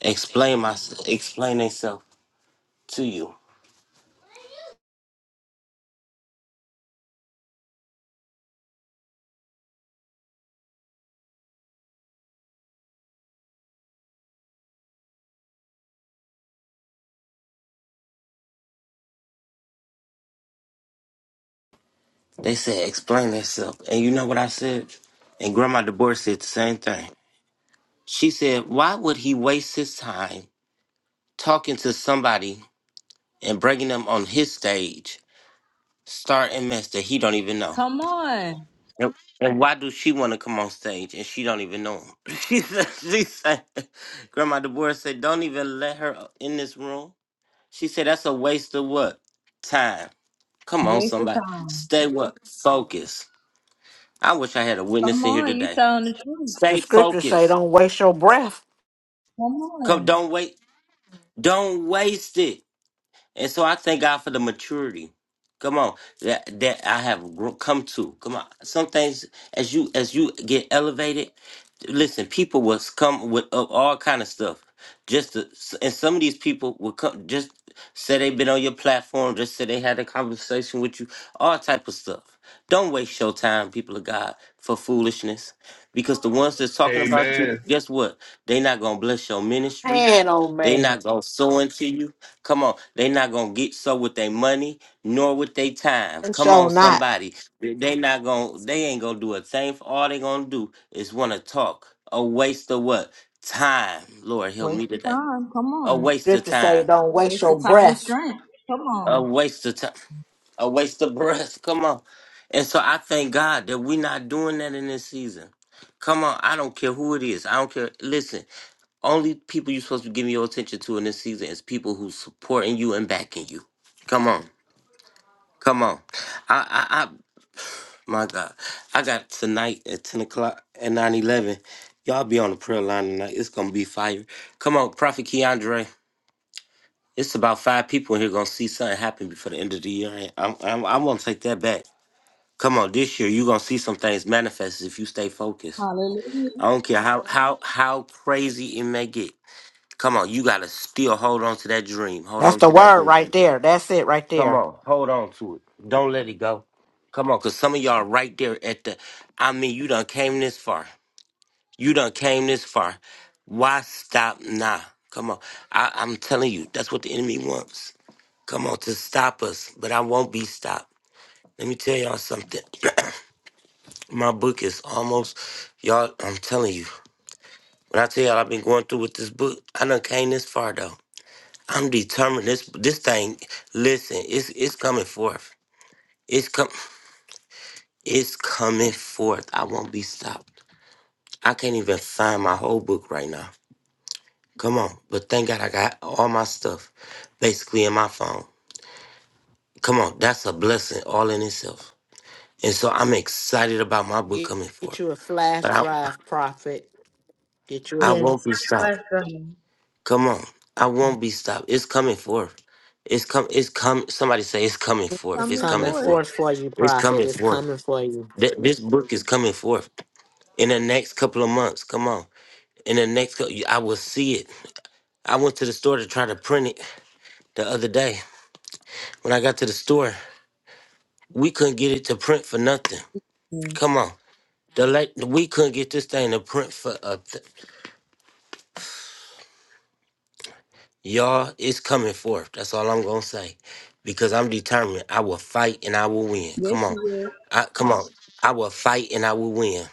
Explain my, explain themselves to you. They said, explain yourself. And you know what I said? And Grandma Deborah said the same thing. She said, why would he waste his time talking to somebody and bringing them on his stage, starting a mess that he don't even know?
Come on.
Yep. And why do she want to come on stage and she don't even know him? She said, she said Grandma Deborah said, don't even let her in this room. She said, that's a waste of what? Time. Come on,
Waste of
somebody.
time.
Stay what? Focus. I wish I had a
Come
witness in here
on. You
today.
telling the truth.
The
Stay
scriptures say,
focused.
"Don't waste your breath."
Come
Come,
on.
don't wait. Don't waste it. And so I thank God for the maturity. Come on, that that I have grow, come to. Come on, some things as you as you get elevated, listen, people will come with uh, all kind of stuff. Just to, and some of these people will come just say they've been on your platform, just say they had a conversation with you, all type of stuff. Don't waste your time, people of God, for foolishness, because the ones that's talking about you,
Amen.
guess what? They not gonna bless your ministry.
Man, oh
They
man,
not gonna sew into you. Come on, they not gonna get so with their money nor with their time.
and
Come
so
on,
not.
somebody. They they not gonna. They ain't gonna do a thing. For All they gonna do is wanna talk. A waste of what time? Lord help
Waste
me
of
today.
time. Come
A
on.
waste of
Scriptures say,
time
"Don't waste
Waste
your
of time and
breath."
strength. Come
a
on.
waste of time, a waste of breath. Come on. And so I thank God that we're not doing that in this season. Come on, I don't care who it is. I don't care. Listen, only people you're supposed to be giving your attention to in this season is people who supporting you and backing you. Come on, come on. I, I, I my God, I got tonight at ten o'clock at nine eleven. Y'all be on the prayer line tonight. It's gonna be fire. Come on, Prophet Keandre. It's about five people in here gonna see something happen before the end of the year. and I'm, I'm, I'm gonna take that back. Come on, this year you gonna see some things manifest if you stay focused. I
Hallelujah.
don't care how how how crazy it may get. Come on, you gotta still hold on to that dream. Hold
That's
on
the
to that
word right
vision.
there. That's it right
Come
there.
on, hold on to it. Don't let it go. Come on, cause some of y'all right there at the. I mean, you done came this far. You done came this far. Why stop now? Come on, I, I'm telling you, that's what the enemy wants. come on to stop us, but I won't be stopped. Let me tell y'all something. My book is almost, y'all, I'm telling you. When I tell y'all I've been going through with this book, I done came this far though. I'm determined this this thing, listen, it's it's coming forth. It's com it's coming forth. I won't be stopped. I can't even find my whole book right now. Come on. But thank God I got all my stuff basically in my phone. Come on, that's a blessing all in itself. And so I'm excited about my book
Get,
coming forth.
get you a flash
But I,
drive, prophet. Get you
I
a
Yes.
won't be stopped.
Bless God.
Come on, I won't be stopped. It's coming forth. It's come. It's come. Somebody say it's coming forth.
It's
It's
Coming
coming
coming
forth.
forth.
forth for you,
It's
prophet.
coming
It's
forth.
coming for you.
Th- This book is coming forth in the next couple of months. Come on. In the next, cou- I will see it. I went to the store to try to print it the other day. When I got to the store, we couldn't get it to print for nothing.
Yes.
Come on. The la- we couldn't get this thing to print for a Y'all, it's coming forth. That's all I'm gonna say, because I'm determined. I will fight and I will win. Come
Yes, you
on,
will.
I come on. I will fight and I will win.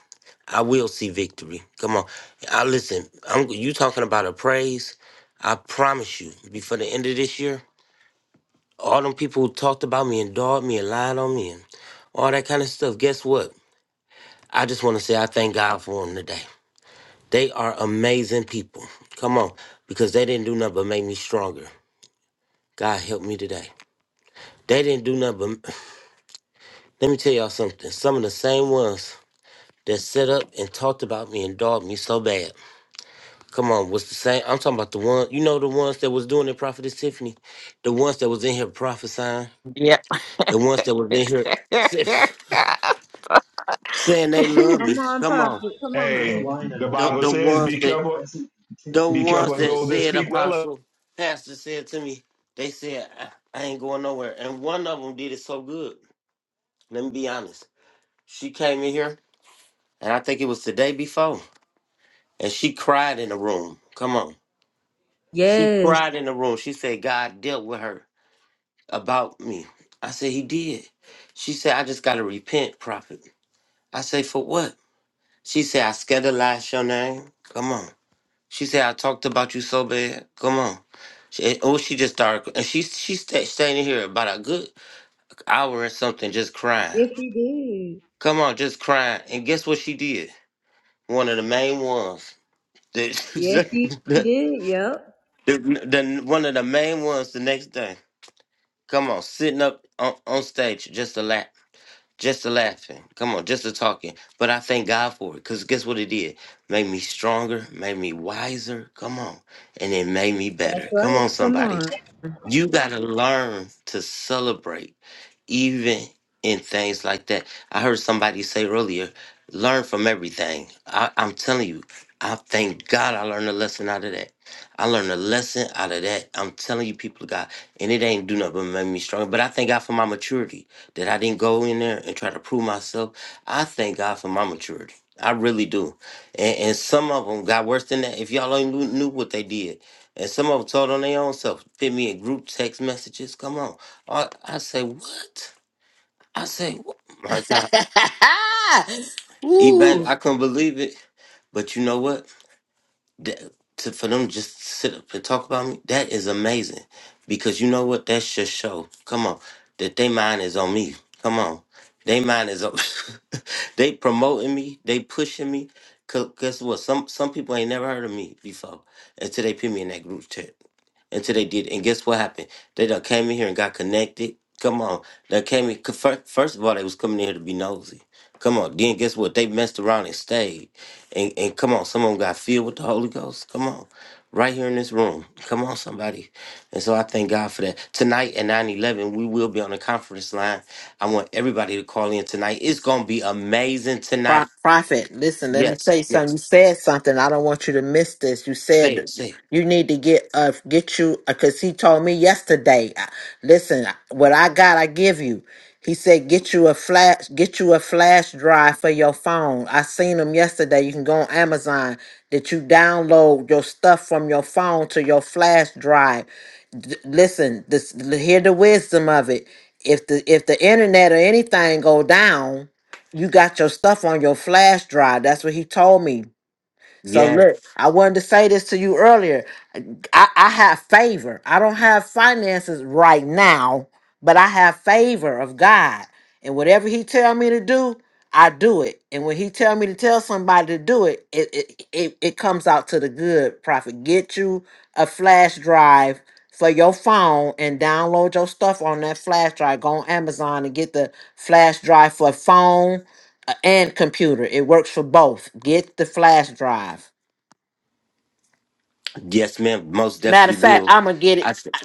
I will see victory. Come on. I listen. I'm you talking about a praise. I promise you, before the end of this year, all them people who talked about me and dogged me and lied on me and all that kind of stuff. Guess what? I just want to say I thank God for them today. They are amazing people. Come on, because they didn't do nothing but make me stronger. God help me today. They didn't do nothing but let me tell y'all something. Some of the same ones that set up and talked about me and dogged me so bad. Come on, was the same I'm talking about the one you know the ones that was doing it, Prophetess Tiffany? The ones that was in here prophesying,
Yep.
the ones that was in here sa- saying they love me.
Come on,
Come on.
prophet. Come on.
Hey, the
The,
Bible
the
says,
ones
be
that
careful.
the
Be
ones
careful of
that
those that
said
speak well of
apostle pastor said to me, they said I, I ain't going nowhere. And one of them did it so good. Let me be honest. She came in here and I think it was the day before. And she cried in the room. Come on. She
Yes.
cried in the room. She said, God dealt with her about me. I said, He did. She said, I just got to repent, prophet. I say, For what? She said, I scandalized your name. Come on. She said, I talked about you so bad. Come on. She, oh, she just started. And she, she sta standing here about a good hour or something just crying.
Yes, you did.
Come on, just crying. And guess what she did? One of the main ones. The,
Yes, you
the,
did. Yep.
the, the, one of the main ones the next day. Come on, sitting up on, on stage just to laugh, just to laughing. Come on, just to talking. But I thank God for it, cause guess what it did? Made me stronger, made me wiser. Come on, and it made me
That's
better. Come
right.
on,
Come
somebody.
on.
You got to learn to celebrate, even in things like that. I heard somebody say earlier, learn from everything. I, I'm telling you, I thank God I learned a lesson out of that. I learned a lesson out of that. I'm telling you, people of God, and it ain't do nothing but make me stronger. But I thank God for my maturity that I didn't go in there and try to prove myself. I thank God for my maturity. I really do. And, and some of them got worse than that. If y'all only knew, knew what they did. And some of them told on their own self. Fit me in group text messages. Come on. I, I say, what? I say, what? My God. Even
Ooh,
I couldn't believe it. But you know what? That, to, for them just to sit up and talk about me, that is amazing. Because you know what? That should show. Come on. That they mind is on me. Come on. They mind is on They promoting me. They pushing me. 'Cause guess what? Some some people ain't never heard of me before until they put me in that group chat. until they did. And guess what happened? They done came in here and got connected. Come on, they came in. fir- First of all, they was coming in here to be nosy. Come on. Then guess what? They messed around and stayed. And and come on, some of them got filled with the Holy Ghost. Come on, right here in this room. Come on, somebody. And so I thank God for that. Tonight at nine eleven, we will be on the conference line. I want everybody to call in tonight. It's gonna be amazing
Pro-
tonight.
Prophet, listen, let me tell
Yes,
you something. You
yes.
said something. I don't want you to miss this. You
Say it,
said
say it.
you need to get uh get you because he told me yesterday. uh, Listen, uh, what I got, I give you. He said get you a flash, get you a flash drive for your phone. I seen him yesterday. You can go on Amazon that you download your stuff from your phone to your flash drive. D- listen, this hear the wisdom of it. If the if the internet or anything go down you got your stuff on your flash drive. That's what he told me. So
Yes,
look, I wanted to say this to you earlier. I, I have favor. I don't have finances right now, but I have favor of God. And whatever he tell me to do, I do it. And when he tell me to tell somebody to do it, it it, it, it comes out to the good. Prophet, get you a flash drive for your phone and download your stuff on that flash drive. Go on Amazon and get the flash drive for phone uh, and computer. It works for both. Get the flash drive.
yes, ma'am. Most
Matter of
definitely
fact,
will.
I'm gonna get
I
it. I-
said.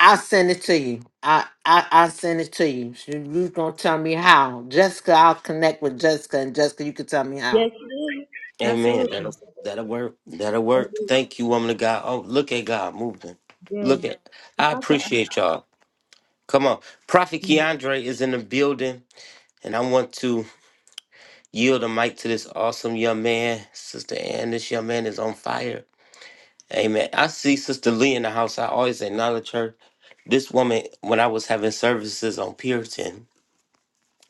I'll send it to you. I I I send it to you. So You gonna tell me how? Jessica, I'll connect with Jessica, and Jessica, you can tell me how.
Yes, you did.
Amen. That'll
Absolutely.
that'll work. That'll
Yes.
work. Thank you, woman of God. Oh, look at God moving.
yes.
Look at.
If
I
I can ask
appreciate y'all. Come on, Prophet
you,
Keandre is in the building, and I want to yield the mic to this awesome young man, Sister Ann. This young man is on fire. Amen. I see Sister Lee in the house. I always acknowledge her. This woman, when I was having services on Puritan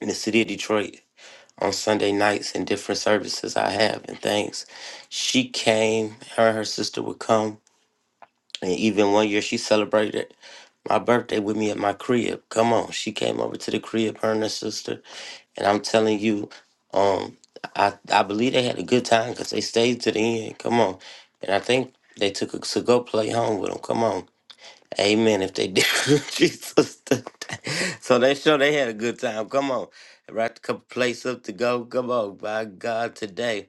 in the city of Detroit, on Sunday nights and different services I have and things. She came, her and her sister would come. And even one year she celebrated my birthday with me at my crib. Come on. She came over to the crib, her and her sister. And I'm telling you, um, I, I believe they had a good time because they stayed to the end. Come on. And I think they took a to go play home with them. Come on. Amen. If they did, Jesus. So they sure they had a good time. Come on, right? A couple places up to go. Come on, by God today.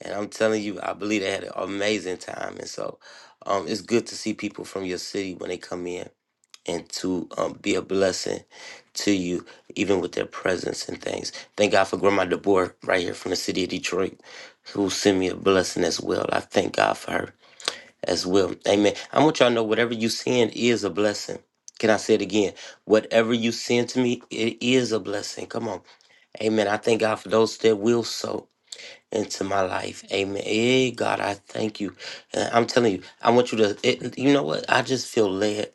And I'm telling you, I believe they had an amazing time. And so, um, it's good to see people from your city when they come in and to um, be a blessing to you, even with their presence and things. Thank God for Grandma DeBoer right here from the city of Detroit, who sent me a blessing as well. I thank God for her as well. Amen. I want y'all to know whatever you send is a blessing. Can I say it again? Whatever you send to me, it is a blessing. Come on. Amen. I thank God for those that will sow into my life. Amen. Hey, God, I thank you. And I'm telling you, I want you to, it, you know what? I just feel led.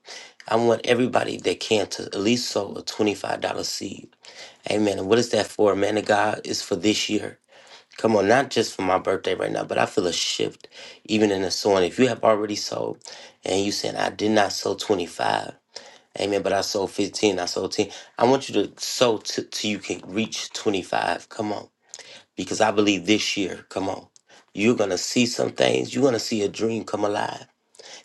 I want everybody that can to at least sow a $25 seed. Amen. And what is that for? Man of God, it's for this year. Come on, not just for my birthday right now, but I feel a shift even in the sowing. If you have already sold and you saying, I did not sow 25, amen, but I sold 15, I sold 10. I want you to sow t- till you can reach 25. Come on. Because I believe this year, come on, you're going to see some things. You're going to see a dream come alive.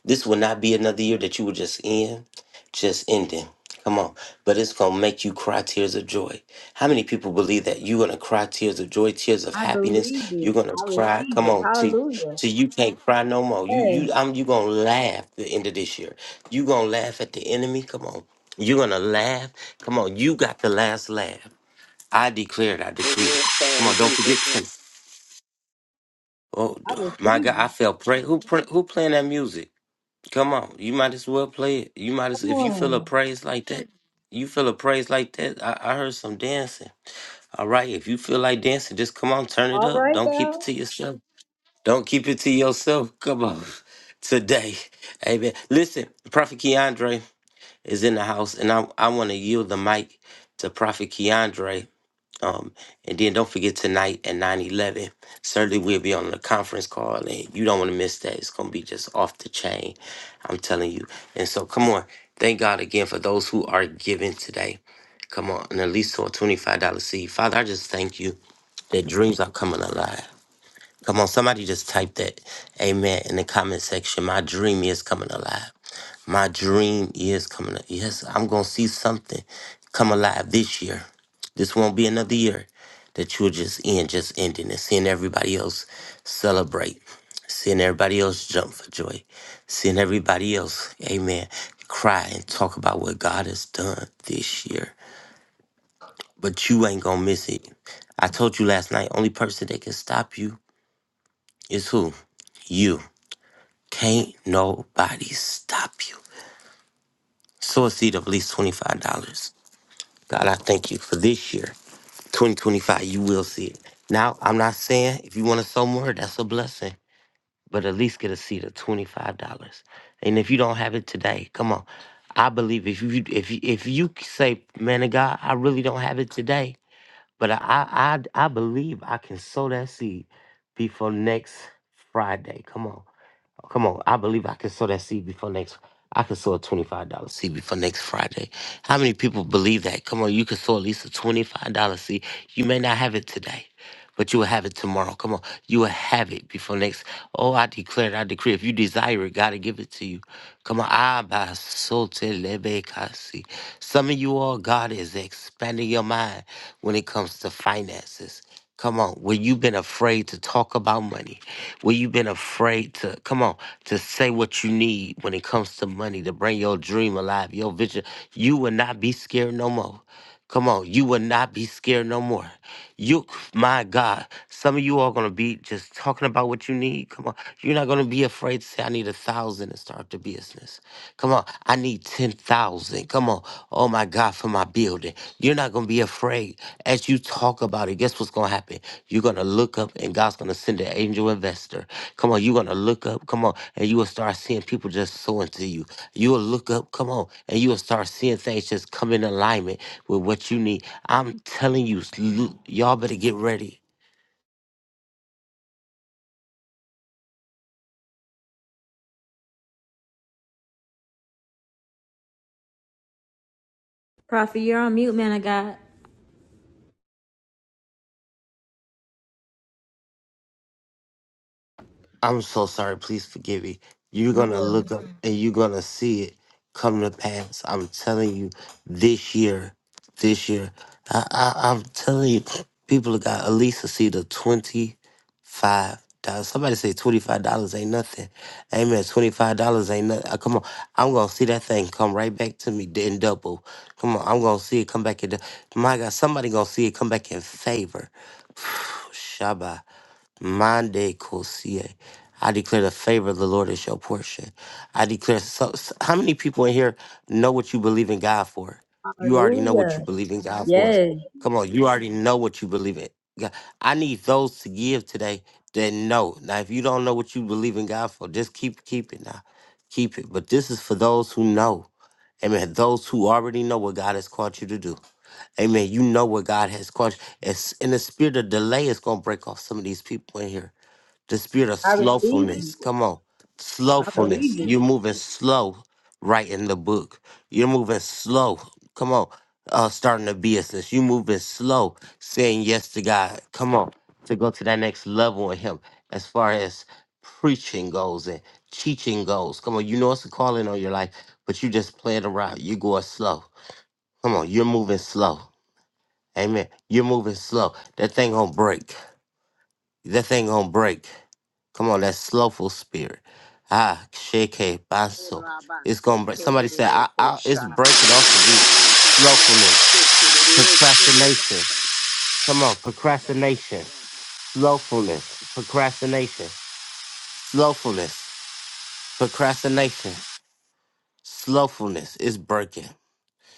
This will not be another year that you will just end, just ending. Come on. But it's going to make you cry tears of joy. How many people believe that you're going to cry tears of joy, tears of
I believe
happiness?
it.
You're going to
I
cry.
receive
Come
it.
on. Till,
Hallelujah.
till you can't cry no more. You, you,
Yes.
I'm, you going to laugh the end of this year. you going to laugh at the enemy. Come on. You're going to laugh. Come on. You got the last laugh. I declare it. I decree it. Come on. Don't forget. to. Oh,
I
d- my God.
receive
I
it.
felt pray. Who, pray, who playing that music? Come on, you might as well play it. You might as
Come
if you feel a
on.
praise like that. You feel a praise like that. I, I heard some dancing. All right, if you feel like dancing, just come on, turn it
All
up.
right
Don't keep it
now.
to yourself. Don't keep it to yourself. Come on, today, Amen. Listen, Prophet Keandre is in the house, and I I want to yield the mic to Prophet Keandre. Um, and then don't forget tonight at 9 11. Certainly, we'll be on the conference call, and you don't want to miss that. It's going to be just off the chain. I'm telling you. And so, come on. Thank God again for those who are giving today. Come on. And at least to a $25 seed. Father, I just thank you that dreams are coming alive. Come on, somebody just type that amen in the comment section. My dream is coming alive. My dream is coming. Alive. Yes, I'm going to see something come alive this year. This won't be another year that you'll just end, just ending and seeing everybody else celebrate, seeing everybody else jump for joy, seeing everybody else, amen, cry and talk about what God has done this year. But you ain't going to miss it. I told you last night, only person that can stop you is who? You. Can't nobody stop you. Sow a seed of at least $25. God, I thank you for this year. 2025, you will see it. Now, I'm not saying if you want to sow more, that's a blessing, but at least get a seed of $25. And if you don't have it today, come on. I believe if you if you, if you say, man of God, I really don't have it today. But I, I, I, I believe I can sow that seed before next Friday. Come on. Come on. I believe I can sow that seed before next. I can sow a $25 seed before next Friday. How many people believe that? Come on, you can sow at least a $25 seed. You may not have it today. But you will have it tomorrow. Come on. You will have it before next. Oh, I declare, it, I decree. If you desire it, God will give it to you. Come on. Abasotelebekasi. Some of you all, God is expanding your mind when it comes to finances. Come on, where you've been afraid to talk about money, where you've been afraid to, come on, to say what you need when it comes to money, to bring your dream alive, your vision, you will not be scared no more. Come on, you will not be scared no more. You, my God, some of you are gonna be just talking about what you need. Come on, you're not gonna be afraid to say, "I need a thousand to start the business." Come on, I need ten thousand. Come on, oh my God, for my building. You're not gonna be afraid but you talk about it, guess what's gonna happen? You're gonna look up and God's gonna send an angel investor. Come on, you're gonna look up, come on, and you will start seeing people just sowing to you. You will look up, come on, and you will start seeing things just come in alignment with what you need. I'm telling you, s- l- y'all better get ready.
Prophet, you're on mute, man of God.
I'm so sorry. Please forgive me. You're
No
going to
worries.
look up Mhm. and you're going to see it come to pass. I'm telling you, this year, this year, I, I, I'm telling you, people got at least to see the $25. Somebody say $25 ain't nothing. Amen. $25 ain't nothing. Uh, Come on. I'm going to see that thing come right back to me in double. Come on. I'm going to see it come back in. dou- My God, somebody going to see it come back in favor. Shaba. Mande kosie. I declare the favor of the Lord is your portion. I declare, so, so- how many people in here know what you believe in God for? You already know what you
Hallelujah.
believe in God for.
Yes.
Come on, you already know what you believe in. God. I need those to give today that know. Now, if you don't know what you believe in God for, just keep keep it now. Keep it. But this is for those who know. Amen. Those who already know what God has called you to do. Amen. You know what God has called. you. It's in the spirit of delay It's gonna break off some of these people in here. The spirit of
I receive
slowfulness.
it.
Come on.
I
Slowfulness.
believe it.
You're moving slow right in the book. You're moving slow. Come on. Uh starting a business. You moving slow, saying yes to God. Come on. To go to that next level in him as far as preaching goes and teaching goes. Come on, you know it's a calling on your life, but you just playing around. You're going slow. Come on, you're moving slow. Amen. You're moving slow. That thing gonna break. That thing gonna break. Come on, that slowful spirit. Ah, shake
Don't
basso. It's gonna break. Somebody said, I, I, it's breaking off of me. Slowfulness, procrastination. Come on, procrastination, slowfulness, procrastination, slowfulness, procrastination, slowfulness. It's breaking.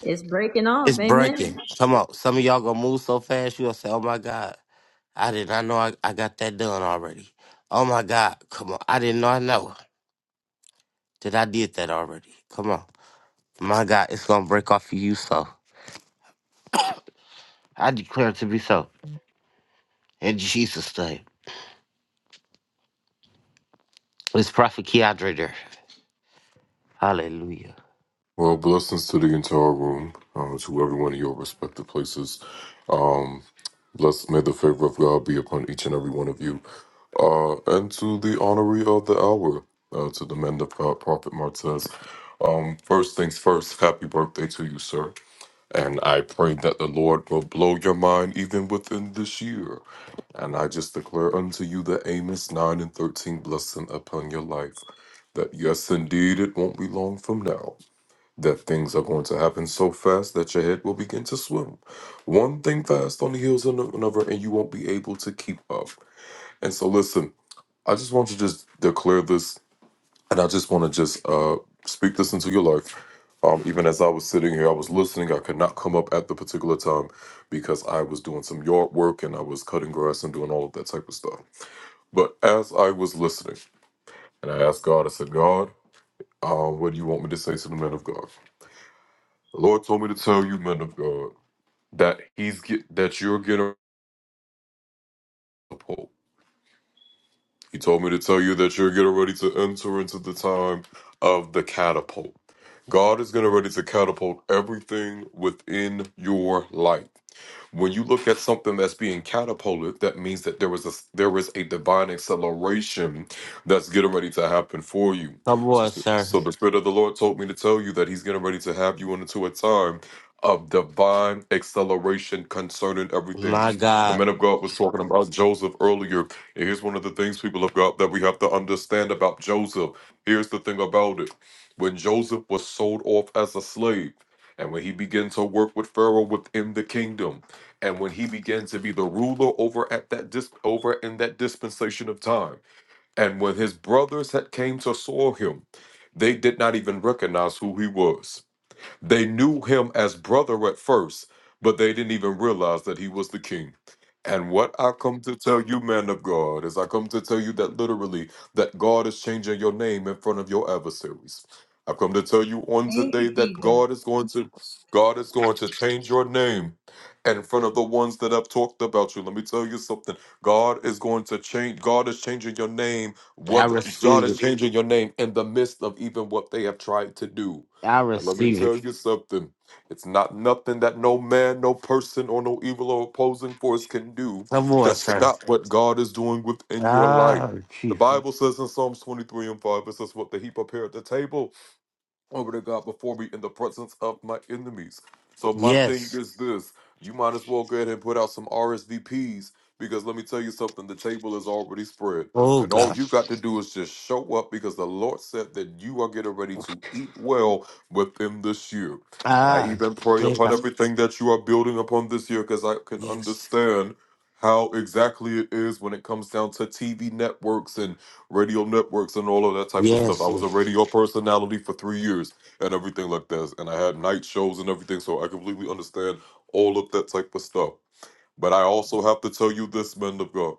It's breaking off.
It's
Amen.
breaking. Come on. Some of y'all gonna move so fast, you'll say, oh my God. I did not know I, I got that done already. Oh my God, come on. I didn't know I know that I did that already. Come on. My God, it's going to break off of you, so. I declare it to be so. In Jesus' name. It's Prophet Keandre there. Hallelujah.
Well, blessings to the entire room, uh, to everyone in your respective places. Um, blessed may the favor of God be upon each and every one of you. Uh, and to the honoree of the hour, uh, to the men of God, Prophet Martez. Um, first things first, happy birthday to you, sir. And I pray that the Lord will blow your mind even within this year. And I just declare unto you the Amos 9 and 13 blessing upon your life. That yes, indeed, it won't be long from now that things are going to happen so fast that your head will begin to swim. One thing fast on the heels of no-, another, and you won't be able to keep up. And so, listen, I just want to just declare this, and I just want to just uh, speak this into your life. Um, even as I was sitting here, I was listening. I could not come up at the particular time because I was doing some yard work and I was cutting grass and doing all of that type of stuff. But as I was listening, and I asked God, I said, God, uh, what do you want me to say to the men of God? The Lord told me to tell you, men of God that he's get, that you're getting catapult. He told me to tell you that you're getting ready to enter into the time of the catapult. God is getting ready to catapult everything within your life. When you look at something that's being catapulted, that means that there was a there was a divine acceleration that's getting ready to happen for you.
Come on,
So,
sir.
so the spirit of the Lord told me to tell you that He's getting ready to have you into a time of divine acceleration concerning everything.
My
And The
God,
man of God was talking about Joseph earlier. And here's one of the things, people of God, that we have to understand about Joseph. Here's the thing about it. When Joseph was sold off as a slave, and when he began to work with Pharaoh within the kingdom, and when he begins to be the ruler over at that dis- over in that dispensation of time and when his brothers had came to saw him they did not even recognize who he was they knew him as brother at first, but they didn't even realize that he was the king. And what I come to tell you, man of God, is I come to tell you that literally that God is changing your name in front of your adversaries. I come to tell you on today that God is going to God is going to change your name in front of the ones that have talked about you. Let me tell you something. God is going to change God is changing your name.
I
What God
receive
is
it.
changing your name in the midst of even what they have tried to do.
I
And let me
receive
tell
it.
you something. It's not nothing that no man, no person, or no evil or opposing force can do
Come
to
on, sir.
stop what God is doing within your life.
Ah,
The
Jesus.
Bible says in Psalms 23 and 5, it says, What the heap appear at the table over to God before me in the presence of my enemies. So my thing
Yes.
is this: you might as well go ahead and put out some RSVPs because let me tell you something, the table is already spread.
Oh,
And all
God.
you got to do is just show up because the Lord said that you are getting ready to eat well within this year. And I
Ah,
even pray
yes.
upon
God.
everything that you are building upon this year because I can
Yes.
understand how exactly it is when it comes down to TV networks and radio networks and all of that type of stuff. I
Yes.
was a
yes.
radio personality for three years and everything like that. And I had night shows and everything, so I completely understand all of that type of stuff. But I also have to tell you this, men of God.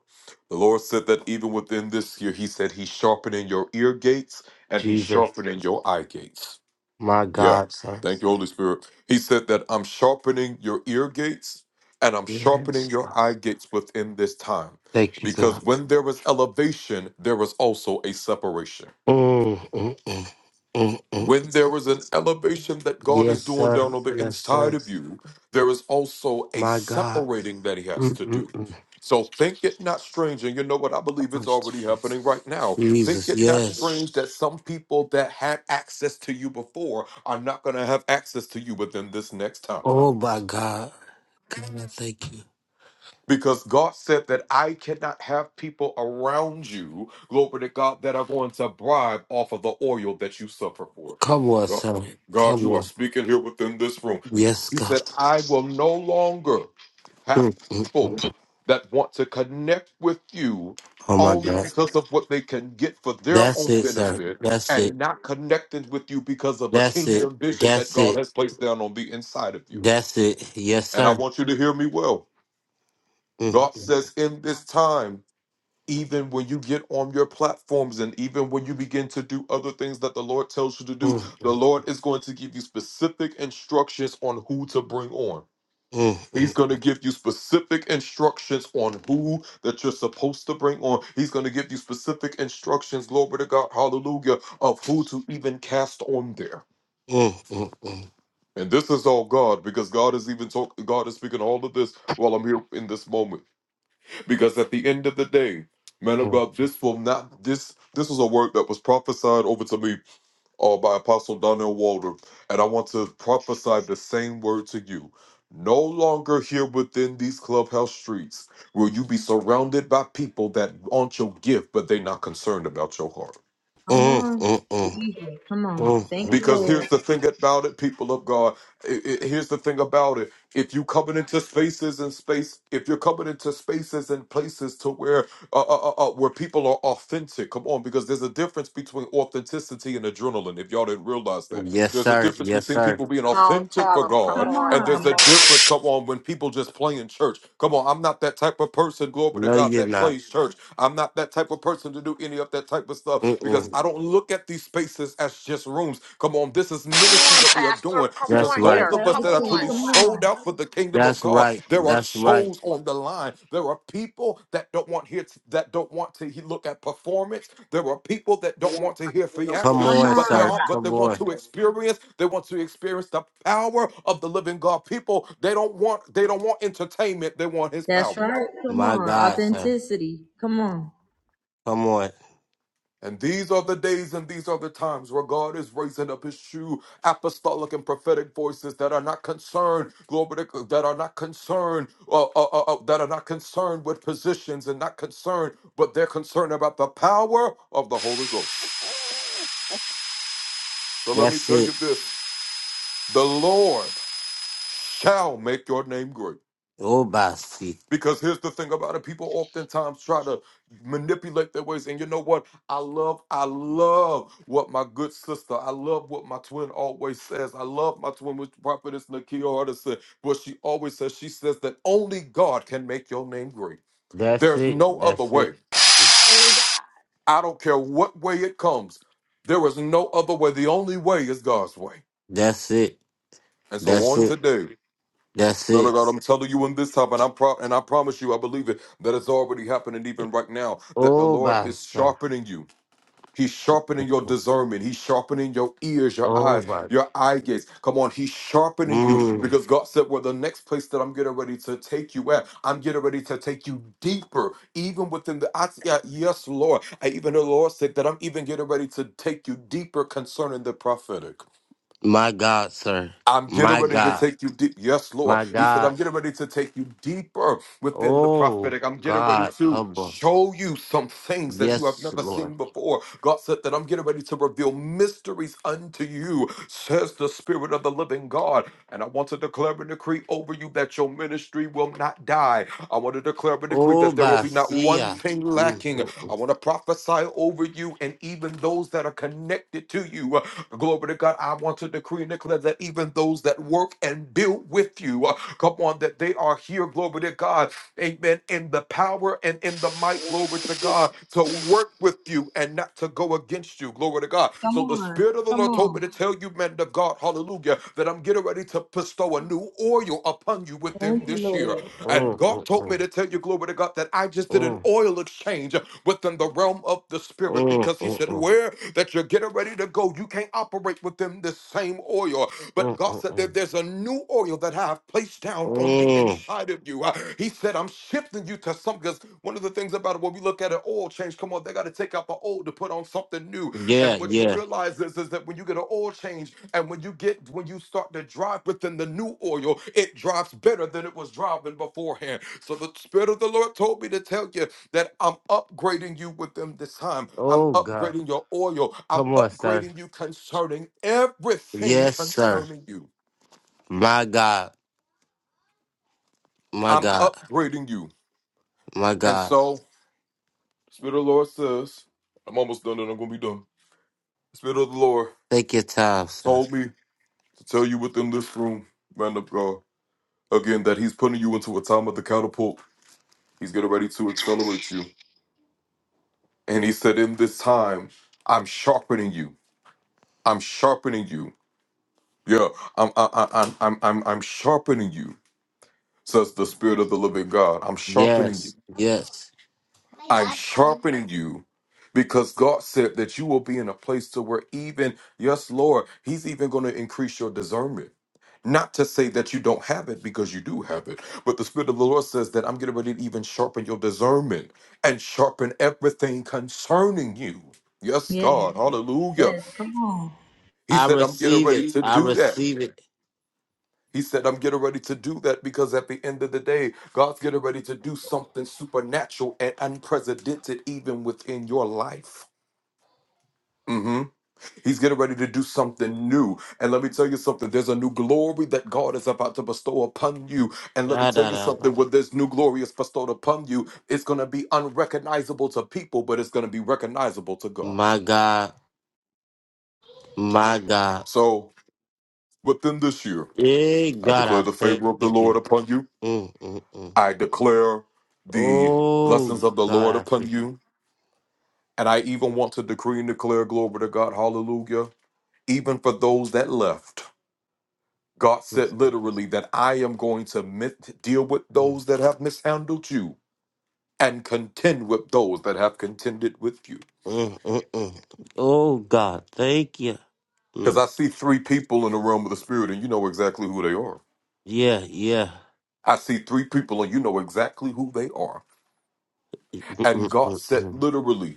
The Lord said that even within this year, He said He's sharpening your ear gates and He's
Jesus.
sharpening your eye gates.
My
Yeah.
God, sir.
Thank you, Holy Spirit. He said that I'm sharpening your ear gates and I'm sharpening
Yes.
your eye gates within this time.
Thank you,
Because
God.
when there is elevation, there is also a separation.
Mm, mm, mm, mm, mm.
When there is an elevation that God is
Yes,
doing
sir.
down on the
Yes,
inside
sir.
of you, there is also a
My God.
separating that He has to do.
Mm-mm-mm.
So think it not strange, and you know what? I believe
Oh,
it's already happening
Jesus.
right now. Think
Jesus,
it not
yes.
strange that some people that had access to you before are not going to have access to you within this next time.
Oh, my God. God, I thank you.
because God said that I cannot have people around you, glory to God, that are going to bribe off of the oil that you suffer for.
Come on,
God,
son.
God,
Come
you are
on.
speaking here within this room.
Yes,
He
God.
said, I will no longer have
Mm, mm,
people
mm.
that want to connect with you
Oh, my
only
God.
because of what they can get for their
That's
own
it, sir.
benefit
That's it.
and not connecting with you because of a
That's it.
kingdom vision that
That's
God
it.
has placed down on the inside of you.
That's it. Yes,
And I
sir.
want you to hear me well God
Mm,
says, in this time, even when you get on your platforms and even when you begin to do other things that the Lord tells you to do,
mm, mm,
the
mm.
Lord is going to give you specific instructions on who to bring on.
Mm,
He's going to give you specific instructions on who that you're supposed to bring on. He's going to give you specific instructions, glory to God, hallelujah, of who to even cast on there.
mm, mm, mm, mm,
And this is all God because God is even talk, God is speaking all of this while I'm here in this moment. Because at the end of the day, man of
mm.
God, this will not this this was a word that was prophesied over to me uh, by Apostle Donnell Walder, and I want to prophesy the same word to you. No longer here within these clubhouse streets will you be surrounded by people that want your gift, but they're not concerned about your heart.
Come
Mm,
on.
mm, mm,
Jesus, come on.
mm,
Thank you,
Because
mm,
here's
Lord.
the thing about it, people of God. I- I- Here's the thing about it. If you coming into spaces and space, if you're coming into spaces and places to where uh, uh, uh, uh, where people are authentic, come on, because there's a difference between authenticity and adrenaline. If y'all didn't realize that.
mm. Yes,
There's a
sir.
difference
Yes,
between
sir.
people being authentic
tell
for
them. Come on, come
God,
Come
on.
and there's
on.
Come
a
on,
difference, come on, when people just play in church. Come on, I'm not that type of person, glory to
No,
God,
you're
that
not.
plays church. I'm not that type of person to do any of that type of stuff because
Mm-mm.
I don't look at these spaces as just rooms. Come on, this is ministry that we are
Pastor.
doing
Come
That's
because
on
right.
those
here.
of
Tell
us
Come
the
that are
truth.
truly
Come
on.
sold
on.
hold out for the kingdom of
That's
God.
right.
There are
That's right.
souls on the line. There are people that don't want here that don't want to he- look at performance. There are people that don't want to hear
Come
theatrics,
Come
on,
on.
but they
sir.
are but they
Come
want
on.
to experience. They want to experience the power of the living God. People they don't want they don't want entertainment. They want His
That's
power.
right. Come
My
on.
God, sir.
Authenticity. Come on.
Come on.
And these are the days and these are the times where God is raising up his true apostolic and prophetic voices that are not concerned, glory to God, that are not concerned, uh, uh, uh, uh, that are not concerned with positions and not concerned, but they're concerned about the power of the Holy Ghost. So let me
That's
tell you
it.
this the Lord shall make your name great.
Oh, bossy.
Because here's the thing about it, people oftentimes try to manipulate their ways. And you know what? I love, I love what my good sister, I love what my twin always says. I love my twin, which prophetess Nakia Artis said, what she always says. She says that only God can make your name great.
That's
There's
it.
no other
That's it.
way. I don't care what way it comes. There is no other way. The only way is God's way.
That's it.
And so
That's
on
it.
today,
That's
No, no,
it.
God, I'm telling you in this time, and I pro- and I promise you, I believe it that it's already happening even right now. That the
Oh,
Lord is
bossy.
sharpening you. He's sharpening your discernment. He's sharpening your ears, your
Oh,
eyes,
my.
your eye gates. Come on, He's sharpening you
Mm.
because God said, "Well, the next place that I'm getting ready to take you at, I'm getting ready to take you deeper, even within the." I, yeah, yes, Lord. I even the Lord said that I'm even getting ready to take you deeper concerning the prophetic.
My God, sir.
I'm getting
My
ready to
God.
take you deep. Yes, Lord.
My
He said,
God.
I'm getting ready to take you deeper within the
Oh,
prophetic. I'm getting ready
God.
to
Come on.
show you some things that you have
Yes,
never
Lord.
seen before. God said that I'm getting ready to reveal mysteries unto you, says the Spirit of the living God. And I want to declare and decree over you that your ministry will not die. I want to declare and decree
Oh,
that there will be not one
Basia.
thing
Mm,
lacking.
mm,
I
mm,
want to prophesy over you and even those that are connected to you. Glory to God. I want to decree and declare that even those that work and build with you, uh, come on, that they are here. Glory to God amen, in the power and in the might, glory to God, to work with you and not to go against you, glory to God.
Come
So the
on.
Spirit of the
Come
Lord told me
on.
to tell you, men of God, hallelujah, that I'm getting ready to bestow a new oil upon you within
Thank you,
this year.
Lord.
And
mm,
God told me to tell you, glory to God, that I just did an
mm,
oil exchange within the realm of the
mm,
Spirit
mm, mm, mm, mm,
because He said, where that you're getting ready to go, you can't operate within them the same oil. But
mm,
God said that
mm.
there's a new oil that I have placed
Mm.
down on the
Mm,
inside of you. Uh, He said, I'm shifting you to something. Because one of the things about it, when we look at an oil change, come on, they got to take out the old to put on something new.
Yeah,
And what you
yeah.
realize is, is that when you get an oil change and when you get when you start to drive within the new oil, it drives better than it was driving beforehand. So the spirit of the Lord told me to tell you that I'm upgrading you with them this time. I'm
Oh, God.
upgrading your oil. I'm
Come on, sir.
upgrading you concerning everything
Yes, sir.
concerning you.
My God. My
I'm
God.
upgrading you.
My
And
God.
so, Spirit of the Lord says, I'm almost done and I'm going to be done. Spirit of the Lord
Take your time, sir.
told me to tell you within this room, man of God, again, that He's putting you into a time of the catapult. He's getting ready to accelerate you. And He said, In this time, I'm sharpening you. I'm sharpening you. Yeah, I'm I, I, I'm I'm I'm I'm sharpening you, says the Spirit of the Living God. I'm sharpening you.
Yes, yes.
I'm sharpening you because God said that you will be in a place to where even yes, Lord, He's even going to increase your discernment. Not to say that you don't have it because you do have it, but the Spirit of the Lord says that I'm getting ready to even sharpen your discernment and sharpen everything concerning you. Yes,
Yeah.
God, hallelujah.
Yes. Come on.
He
I
said, I'm getting
receive it.
ready to
I
do that.
receive it.
He said, I'm getting ready to do that because at the end of the day, God's getting ready to do something supernatural and unprecedented even within your life. hmm He's getting ready to do something new. And let me tell you something there's a new glory that God is about to bestow upon you. And let me
Da,
tell
da,
you
da, da.
something when this new glory is bestowed upon you, it's going to be unrecognizable to people, but it's going to be recognizable to God.
My God. My God.
So within this year,
Hey,
I
God, I
declare the favor of the
thank
Lord
you.
upon you.
Mm, mm, mm.
I declare the blessings
Oh
of the
God,
Lord
I
upon
thank you.
you. And I even want to decree and declare glory to God. Hallelujah. Even for those that left, God
Mm,
said literally that I am going to mit- deal with
mm,
those that have mishandled you and contend with those that have contended with you.
mm, mm. mm. Oh God, thank you.
Because
Mm.
I see three people in the realm of the Spirit, and you know exactly who they are.
Yeah, yeah.
I see three people, and you know exactly who they are.
Mm,
And
mm,
God
mm, mm.
said
mm.
literally,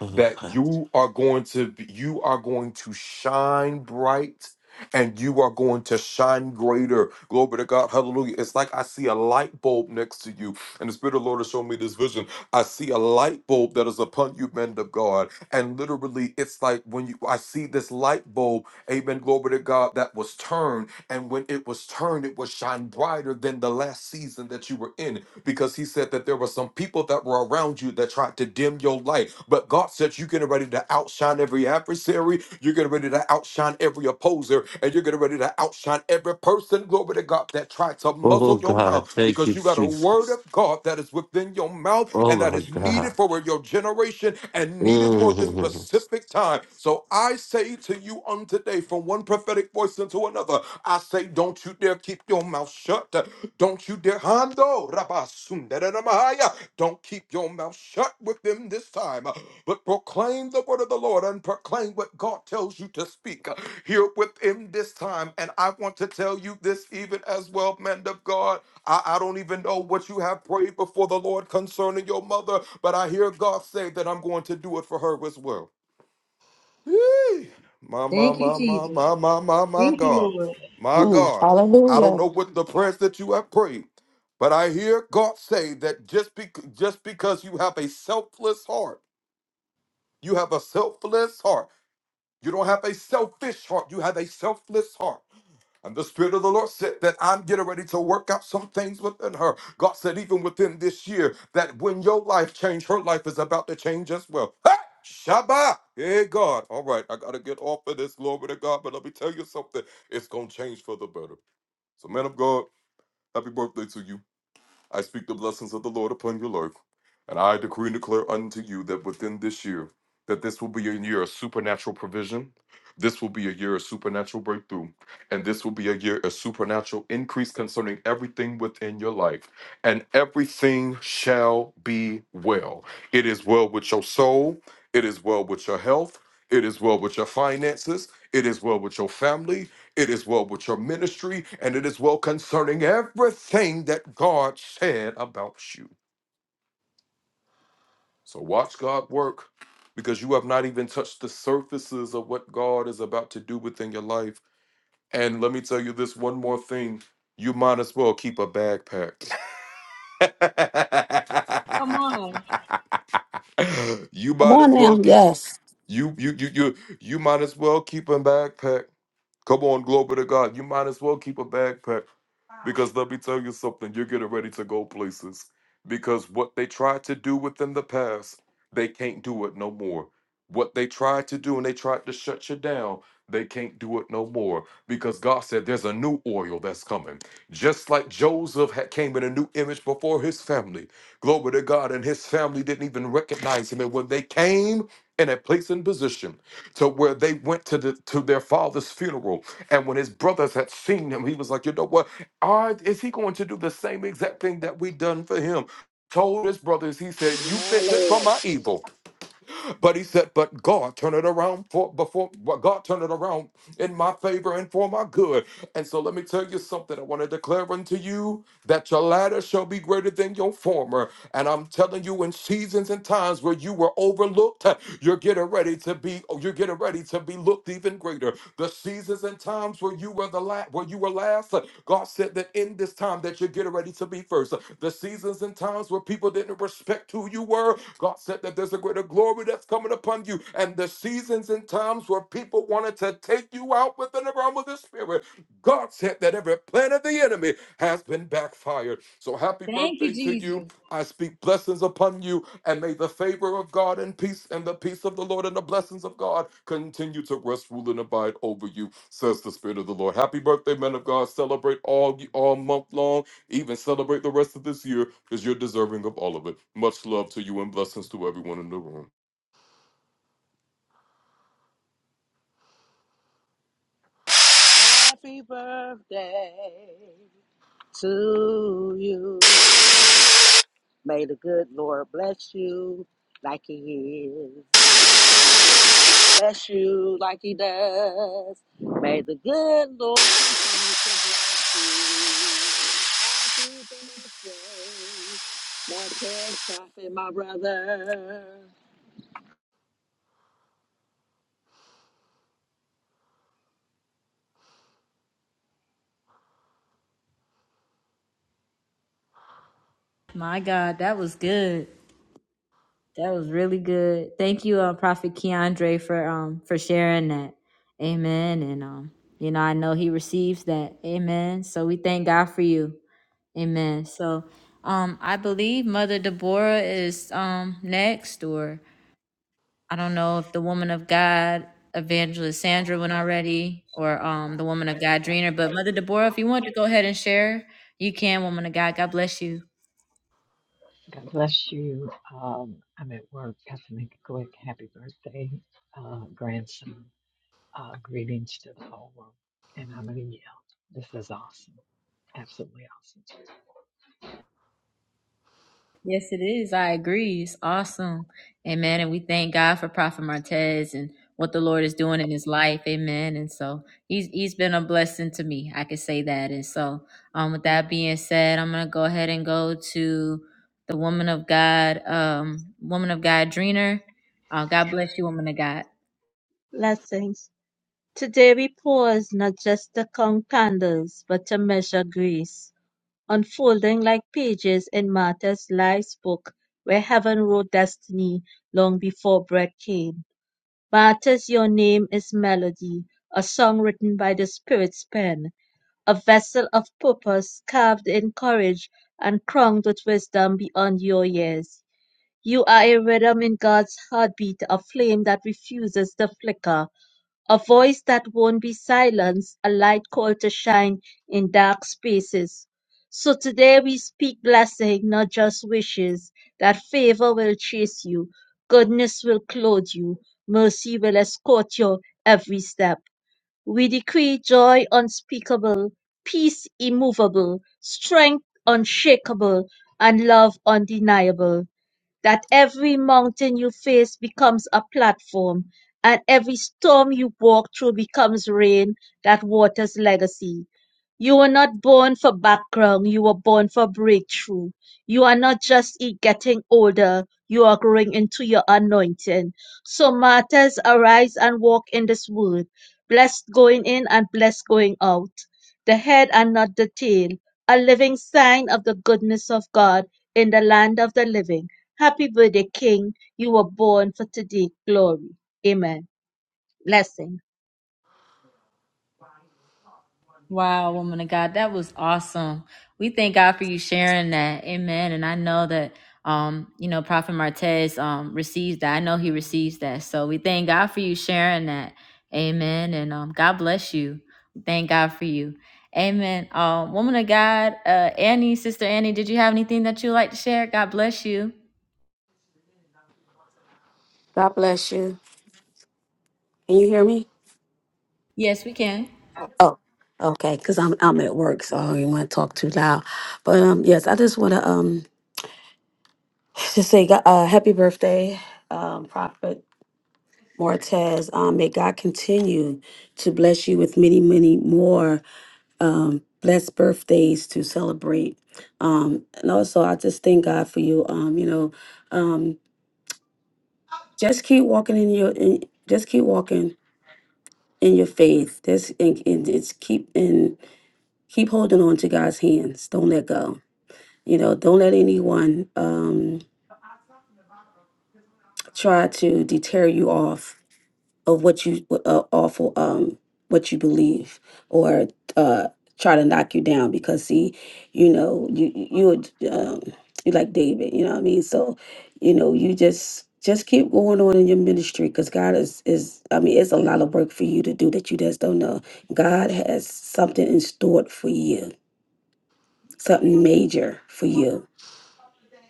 Oh
that
God.
you are going to be, you are going to shine bright and you are going to shine greater. Glory to God. Hallelujah. It's like I see a light bulb next to you. And the Spirit of the Lord has shown me this vision. I see a light bulb that is upon you, men of God. And literally, it's like when you I see this light bulb, amen, glory to God, that was turned. And when it was turned, it was shine brighter than the last season that you were in because he said that there were some people that were around you that tried to dim your light. But God said you're getting ready to outshine every adversary, you're getting ready to outshine every opposer, and you're getting ready to outshine every person, glory to God, that tried to
Oh
muzzle your
God,
mouth
thank
because
you,
you got a word
Jesus.
of God that is within your mouth.
Oh
and and that
my
is needed
God.
for your generation and needed for this
Mm.
specific time. So I say to you on today, from one prophetic voice into another, I say, don't you dare keep your mouth shut. Don't you dare hando rabasundaranamahaya. Don't keep your mouth shut with them this time, but proclaim the word of the Lord and proclaim what God tells you to speak here with him this time. And I want to tell you this even as well, man of God. I, I don't even know what you have prayed before the Lord concerning your mother, but I hear God say that I'm going to do it for her as well. Yee. My, my,
Thank you,
my, my,
Jesus.
my, my, my, my
Thank you,
God.
Lord.
My
Mm,
God. I don't
hallelujah.
know what the prayers that you have prayed, but I hear God say that just, bec just because you have a selfless heart, you have a selfless heart. You don't have a selfish heart, you have a selfless heart. And the Spirit of the Lord said that I'm getting ready to work out some things within her. God said, even within this year, that when your life changed, her life is about to change as well. Hey! Shabbat! Hey, God. All right, I got to get off of this. Glory to God. But let me tell you something. It's going to change for the better. So, man of God, happy birthday to you. I speak the blessings of the Lord upon your life, and I decree and declare unto you that within this year, that this will be a year of supernatural provision, this will be a year of supernatural breakthrough, and this will be a year of supernatural increase concerning everything within your life, and everything shall be well. It is well with your soul, it is well with your health, it is well with your finances, it is well with your family, it is well with your ministry, and it is well concerning everything that God said about you. So watch God work because you have not even touched the surfaces of what God is about to do within your life. And let me tell you this one more thing you might as well keep a backpack.
Come on.
you
Come
might as
on
well
now.
keep
Yes.
you you you you you might as well keep a backpack. Come on, glory to God. You might as well keep a backpack. Because let me tell you something, you're getting ready to go places. Because what they tried to do within the past, they can't do it no more. What they tried to do and they tried to shut you down, they can't do it no more. Because God said there's a new oil that's coming. Just like Joseph had came in a new image before his family. Glory to God. And his family didn't even recognize him. And when they came in a place and position to where they went to the to their father's funeral, and when his brothers had seen him, he was like, you know what? Or is he going to do the same exact thing that we done for him? Told his brothers, he said, "You meant it for my evil," but he said, "But God turned it around for before well, God turned it around in my favor and for my good." And so, let me tell you something. I want to declare unto you that your latter shall be greater than your former. And I'm telling you, in seasons and times where you were overlooked, you're getting ready to be. You're getting ready to be looked even greater the seasons and times where you were the la- where you were last. uh, God said that in this time that you're getting ready to be first. Uh, The seasons and times where people didn't respect who you were. God said that there's a greater glory that's coming upon you. And the seasons and times where people wanted to take you out within the realm of the spirit. God said that every plan of the enemy has been backfired. So happy
Thank you,
birthday to you.
Jesus.
I speak blessings upon you. And may the favor of God and peace and the peace of the Lord and the blessings of God continue to rest, rule, and abide over you, says the Spirit of the Lord. Happy birthday, men of God. Celebrate all all month long, even celebrate the rest of this year, because you're deserving of all of it. Much love to you and blessings to everyone in the room.
Happy birthday to you. May the good Lord bless you like He is. bless you like he does. May the good Lord continue to bless you. Happy birthday, my pet prophet, my brother.
My God, that was good. That was really good. Thank you, uh, Prophet Keandre, for um for sharing that. Amen. And um, you know, I know he receives that. Amen. So we thank God for you. Amen. So um I believe Mother Deborah is um next, or I don't know if the woman of God evangelist Sandra went already, or um the woman of God Dreener. But Mother Deborah, if you want to go ahead and share, you can, woman of God. God bless you.
God bless you. Um, I'm at work. Got to make a quick happy birthday, uh, grandson. Uh, greetings to the whole world. And I'm going to yell. This is awesome. Absolutely awesome.
Yes, it is. I agree. It's awesome. Amen. And we thank God for Prophet Martez and what the Lord is doing in his life. Amen. And so he's he's been a blessing to me. I can say that. And so um with that being said, I'm gonna go ahead and go to the woman of God, um, woman of God Dreener. Uh, God bless you, woman of God.
Blessings. Today we pause not just to count candles, but to measure grace. Unfolding like pages in Martha's life's book where heaven wrote destiny long before bread came. Martha's your name is melody, a song written by the Spirit's pen, a vessel of purpose carved in courage and crowned with wisdom beyond your years. You are a rhythm in God's heartbeat, a flame that refuses to flicker, a voice that won't be silenced, a light called to shine in dark spaces. So today we speak blessing, not just wishes, that favor will chase you, goodness will clothe you, mercy will escort your every step. We decree joy unspeakable, peace immovable, strength unshakable, and love undeniable that every mountain you face becomes a platform, and every storm you walk through becomes rain that waters legacy. You were not born for background, you were born for breakthrough. You are not just e- getting older, you are growing into your anointing. So, martyrs, arise and walk in this word, blessed going in and blessed going out, the head and not the tail, a living sign of the goodness of God in the land of the living. Happy birthday, King. You were born for today. Glory. Amen. Blessing.
Wow, woman of God, that was awesome. We thank God for you sharing that. Amen. And I know that um, you know, Prophet Martez um receives that. I know he receives that. So we thank God for you sharing that. Amen. And um God bless you. We Thank God for you. Amen. Um, woman of God, uh Annie, sister Annie, did you have anything that you'd like to share? God bless you.
God bless you. Can you hear me?
Yes, we can.
Oh, okay. Because I'm I'm at work, so I don't want to talk too loud. But um, yes, I just want to um just say go- uh, happy birthday, um, Prophet Martez. Um, may God continue to bless you with many, many more um blessed birthdays to celebrate. Um, and also I just thank God for you. Um, you know, um, just keep walking in your in, just keep walking. in your faith. That's and, and it's keep and keep holding on to God's hands. Don't let go. You know, don't let anyone um, try to deter you off of what you uh, awful um what you believe or uh try to knock you down because see you know you you you um you like David you know what I mean so you know you just just keep going on in your ministry because God is is I mean it's a lot of work for you to do that you just don't know God has something in store for you something major for you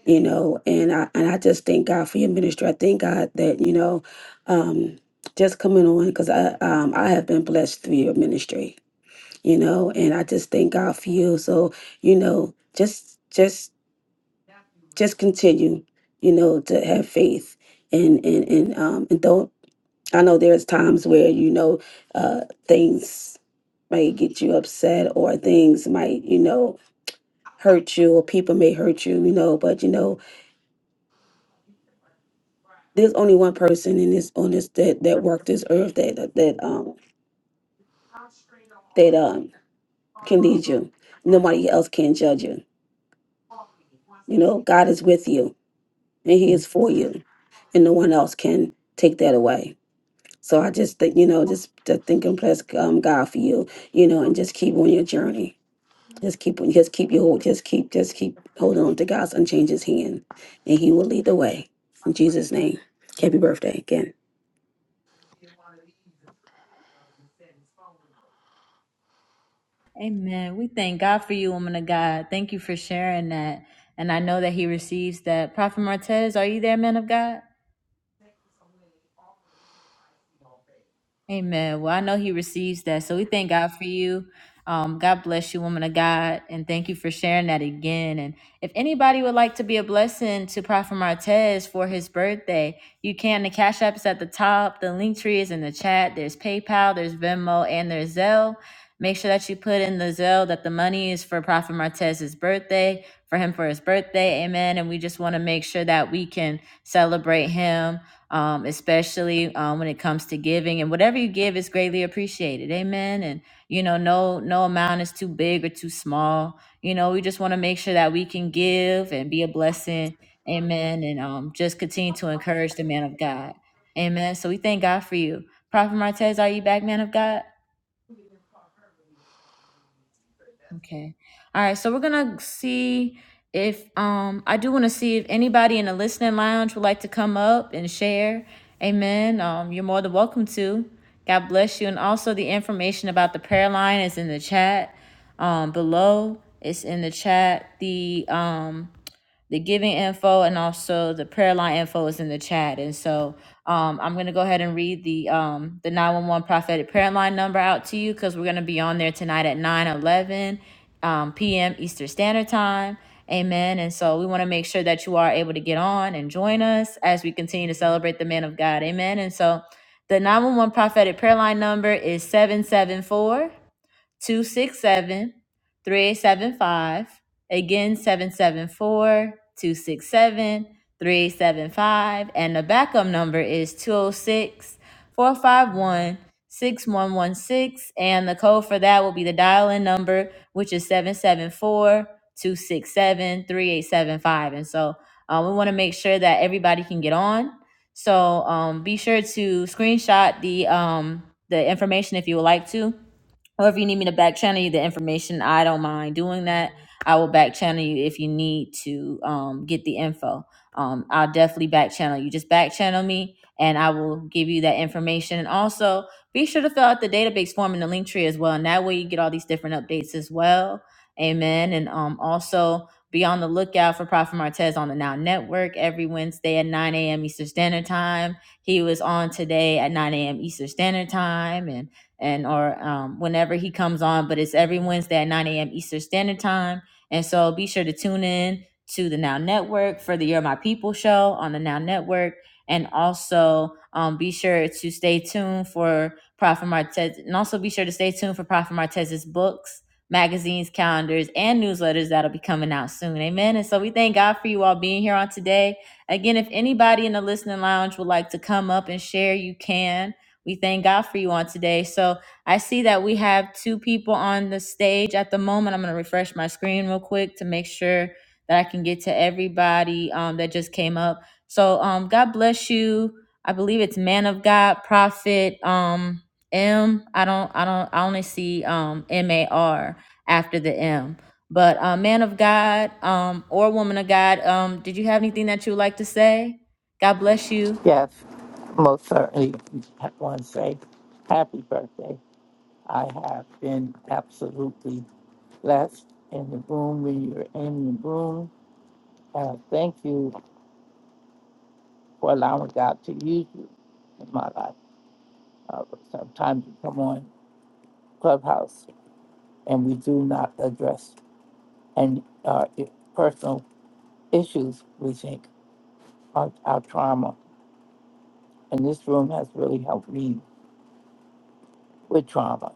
you know and i and i just thank god for your ministry i thank god that you know um just coming on because i um i have been blessed through your ministry you know and i just thank god for you so you know just just just continue you know to have faith and and and um and don't i know there's times where you know uh things might get you upset or things might you know hurt you or people may hurt you you know but you know there's only one person in this on this that that worked this earth that that, that um that um can lead you. Nobody else can judge you. You know, God is with you and He is for you, and no one else can take that away. So I just think you know just to think and bless um, God for you, you know, and just keep on your journey. Just keep on, just keep your hold, just keep, just keep holding on to God's unchanged hand, and He will lead the way. In Jesus' name, happy birthday again.
Amen. We thank God for you, woman of God. Thank you for sharing that. And I know that he receives that. Prophet Martez, are you there, man of God? Amen. Well, I know he receives that. So we thank God for you. Um, God bless you, woman of God. And thank you for sharing that again. And if anybody would like to be a blessing to Prophet Martez for his birthday, you can. The Cash App is at the top. The link tree is in the chat. There's PayPal, there's Venmo, and there's Zelle. Make sure that you put in the Zelle that the money is for Prophet Martez's birthday, for him for his birthday. Amen. And we just want to make sure that we can celebrate him um, especially um, when it comes to giving. And whatever you give is greatly appreciated. Amen. And you know, no no amount is too big or too small. You know, we just want to make sure that we can give and be a blessing. Amen. And um, just continue to encourage the man of God. Amen. So we thank God for you. Prophet Martez, are you back, man of God? Okay. All right. So we're gonna see if um I do want to see if anybody in the listening lounge would like to come up and share. Amen. Um, you're more than welcome to. God bless you. And also the information about the prayer line is in the chat. Um, below it's in the chat. The um the giving info and also the prayer line info is in the chat. And so um, I'm going to go ahead and read the um, the 911 prophetic prayer line number out to you because we're going to be on there tonight at 9:11 um, p.m. Eastern Standard Time. Amen. And so we want to make sure that you are able to get on and join us as we continue to celebrate the man of God. Amen. And so the 911 prophetic prayer line number is 774 267, 3875. Again, 774 267 3875. And the backup number is 206, 451 6116. And the code for that will be the dial in number, which is 774 267 3875. And so uh, we want to make sure that everybody can get on. So um, be sure to screenshot the um, the information if you would like to or if you need me to back channel you the information, I don't mind doing that. I will back channel you if you need to um, get the info. Um, I'll definitely back channel you. Just back channel me, and I will give you that information. And also, be sure to fill out the database form in the link tree as well, and that way you get all these different updates as well. Amen. And um, also be on the lookout for Prophet Martez on the Now Network every Wednesday at 9 a.m. Eastern Standard Time. He was on today at 9 a.m. Eastern Standard Time, and and or um, whenever he comes on. But it's every Wednesday at 9 a.m. Eastern Standard Time. And so be sure to tune in to the Now Network for the You're My People show on the Now Network. And also um, be sure to stay tuned for Prophet Martez. And also be sure to stay tuned for Prophet Martez's books, magazines, calendars, and newsletters that'll be coming out soon. Amen. And so we thank God for you all being here on today. Again, if anybody in the listening lounge would like to come up and share, you can. We thank God for you on today. So I see that we have two people on the stage at the moment. I'm going to refresh my screen real quick to make sure that I can get to everybody um, that just came up. So um, God bless you. I believe it's man of God, prophet um, M. I don't, I don't, I only see um, M A R after the M. But uh, man of God um, or woman of God, um, did you have anything that you would like to say? God bless you.
Yes, most certainly. I want to say happy birthday. I have been absolutely blessed in the room when you're in the room. Uh, thank you for allowing God to use you in my life. Uh, sometimes you come on Clubhouse and we do not address and uh, i- personal issues we think are our trauma. And this room has really helped me with trauma.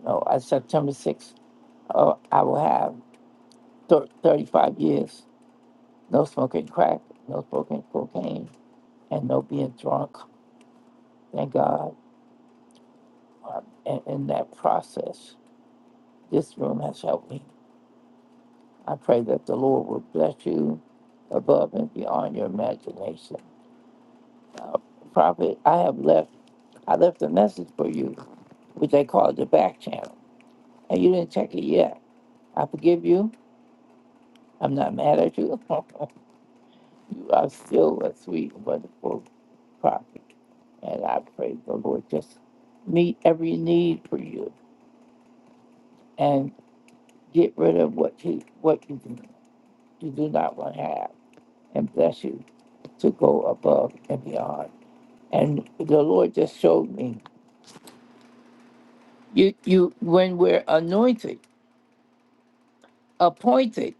You know, at September 6th, uh, I will have. thir- 35 years. No smoking crack, no smoking cocaine, and no being drunk. Thank God. Um, And in that process, this room has helped me. I pray that the Lord will bless you above and beyond your imagination. Uh, Prophet, I have left. I left a message for you, which they call the back channel, and you didn't check it yet. I forgive you. I'm not mad at you. you are still a sweet, wonderful prophet. And I pray the Lord just meet every need for you and get rid of what you what you do, you do not want to have and bless you to go above and beyond. And the Lord just showed me you you when we're anointed, appointed,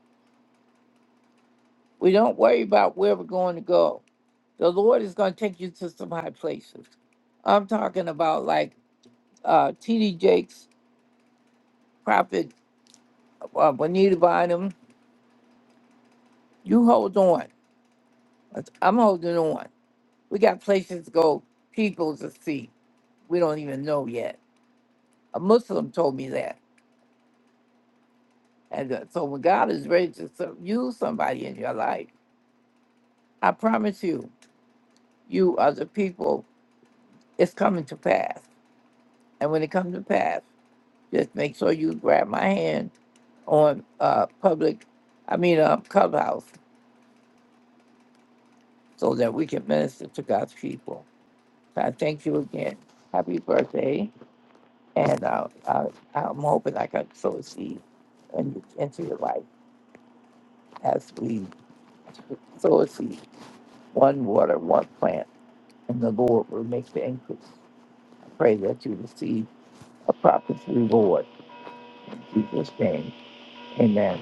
we don't worry about where we're going to go. The Lord is going to take you to some high places. I'm talking about like uh, T.D. Jakes, Prophet uh, Bonita Bynum. You hold on I'm holding on. We got places to go, people to see. We don't even know yet. A Muslim told me that. And uh, so when God is ready to so- use somebody in your life, I promise you, you are the people. It's coming to pass. And when it comes to pass, just make sure you grab my hand on uh, public, I mean, uh, Clubhouse, so that we can minister to God's people. So I thank you again. Happy birthday. And uh, I, I'm hoping I can sow a seed and into your life as we sow a seed, one water, one plant, and the Lord will make the increase. I pray that you receive a prophet's reward. In Jesus' name, amen.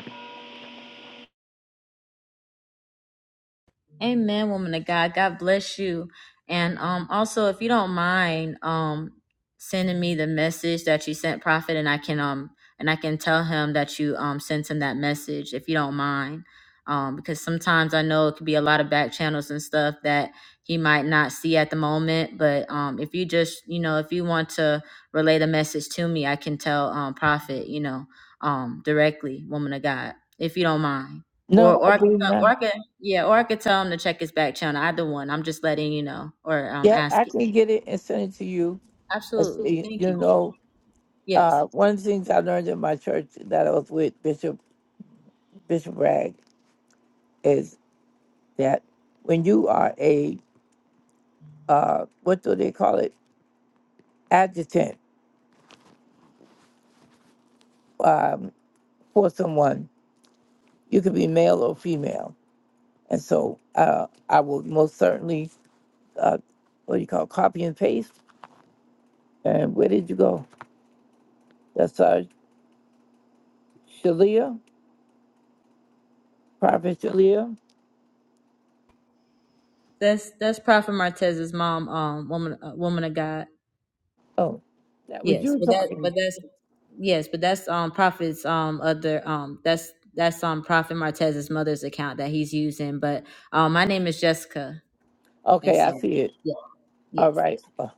Amen, woman of God. God bless you. And um also if you don't mind um sending me the message that you sent prophet and I can um and I can tell him that you um sent him that message if you don't mind. Um because sometimes I know it could be a lot of back channels and stuff that he might not see at the moment, but um if you just, you know, if you want to relay the message to me, I can tell um prophet, you know, um directly, woman of God, if you don't mind or
No,
or
I
I
do
can,
not.
or I can yeah, or I could tell him to check his back channel. Either one. I'm just letting you know or um
Yep, I
asking.
can get it and send it to you. As
Absolutely.
you
Thank
you
you.
know,
Yes.
uh, one of the things I learned in my church that I was with Bishop Bishop Bragg is that when you are a uh, what do they call it? adjutant um, for someone. You could be male or female. And so uh, I will most certainly, uh, what do you call, copy and paste. And where did you go? That's uh, Shalia, Prophet Shalia.
That's that's Prophet Martez's mom, um woman uh, woman of God.
Oh, that was
Yes.
you
But that but
talking.
that's yes, but that's um Prophet's um other um that's that's um Prophet Martez's mother's account that he's using. But um my name is Jessica and
Okay, I
so
see it.
yeah, yes.
All right. Uh,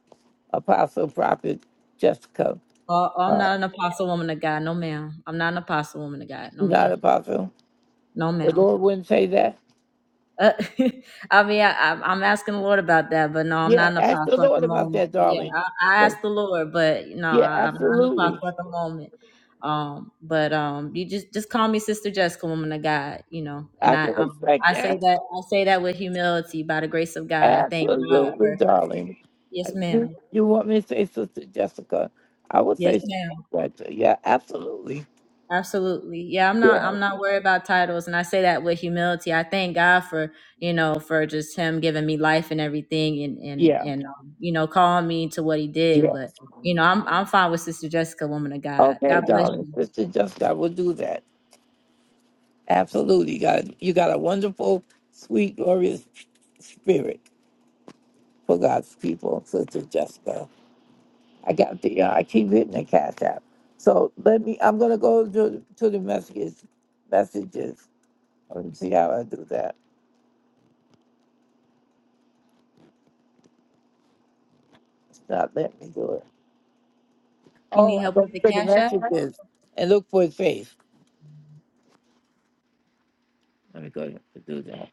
Apostle, Prophet Jessica.
Oh, I'm
Uh,
not an apostle woman of God, no ma'am. I'm not an apostle woman of God, no
not
ma'am.
Apostle.
No
The
ma'am.
Lord wouldn't say that.
Uh, I mean, I, I'm I'm asking the Lord about that, but no, I'm
Yeah,
not an
ask the
apostle at the
Lord about
moment.
that,
Yeah,
darling.
I, I
But,
asked the Lord, but no,
yeah,
I, I'm not an
absolutely.
apostle at the moment. Um, but um, you just just call me Sister Jessica, woman of God, you know. And
I
I
can
um,
respect
I say
that.
that I say that with humility, by the grace of God. I thank God
Absolutely,
for
darling.
yes,
I- You
ma'am.
you want me to say Sister Jessica? I would
Yes,
say Sister
ma'am.
Jessica. Yeah, absolutely.
Absolutely. Yeah, I'm not
Yeah,
I'm not worried about titles and I say that with humility. I thank God for, you know, for just him giving me life and everything and and
yeah,
and um, you know, calling me to what he did, but
yes.
you know, I'm I'm fine with Sister Jessica, woman of God.
Okay,
God bless
darling,
you.
Sister Jessica, I will do that. Absolutely, you got you got a wonderful, sweet, glorious spirit for God's people, Sister Jessica. I got the uh, I keep hitting the cash app. So let me. I'm gonna go to to the messages. Messages. Let me see how I do that. It's not letting me do it.
You
Oh,
need
I
help
go
with the
for the
Cash App?
messages and look for his face. Let me go and do that.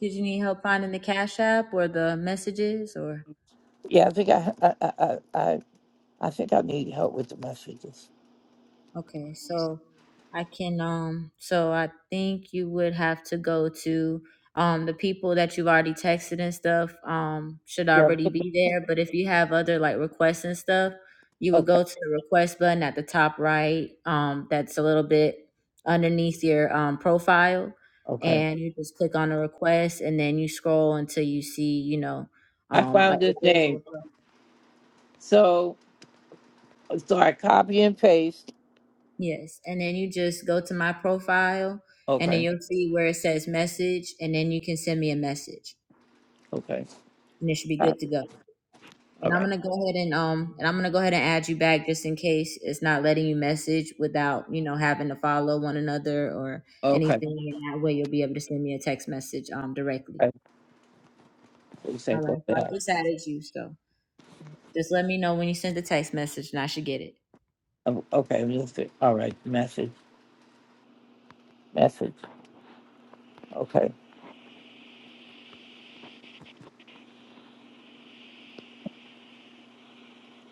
Did you need help finding the Cash App or the messages or
Yeah, I think I I I I, I I think I need help with the messages.
Okay, so I can um so I think you would have to go to um the people that you've already texted and stuff um should
Yeah.
already
look-
be there, but if you have other like requests and stuff, you would
Okay.
go to the request button at the top right um that's a little bit underneath your um profile
Okay.
and you just click on the request and then you scroll until you see, you know,
I
um like
found his
if there's a
name.
referral
So so I copy and paste.
Yes, and then you just go to my profile, and then
Okay.
you'll see where it says message, and then you can send me a message,
Okay.
and it should be good to
Copy.
go.
All
And I'm
right.
gonna go ahead and um, and I'm gonna go ahead and add you back just in case it's not letting you message without you know having to follow one another or
Okay.
anything. And that way, you'll be able to send me a text message um directly.
Okay. You say
All
go
right, so I
back.
just added you, so just let me know when you send the text message, and I should get it.
Um, Okay. Let's see. All right. Message. Message. Okay.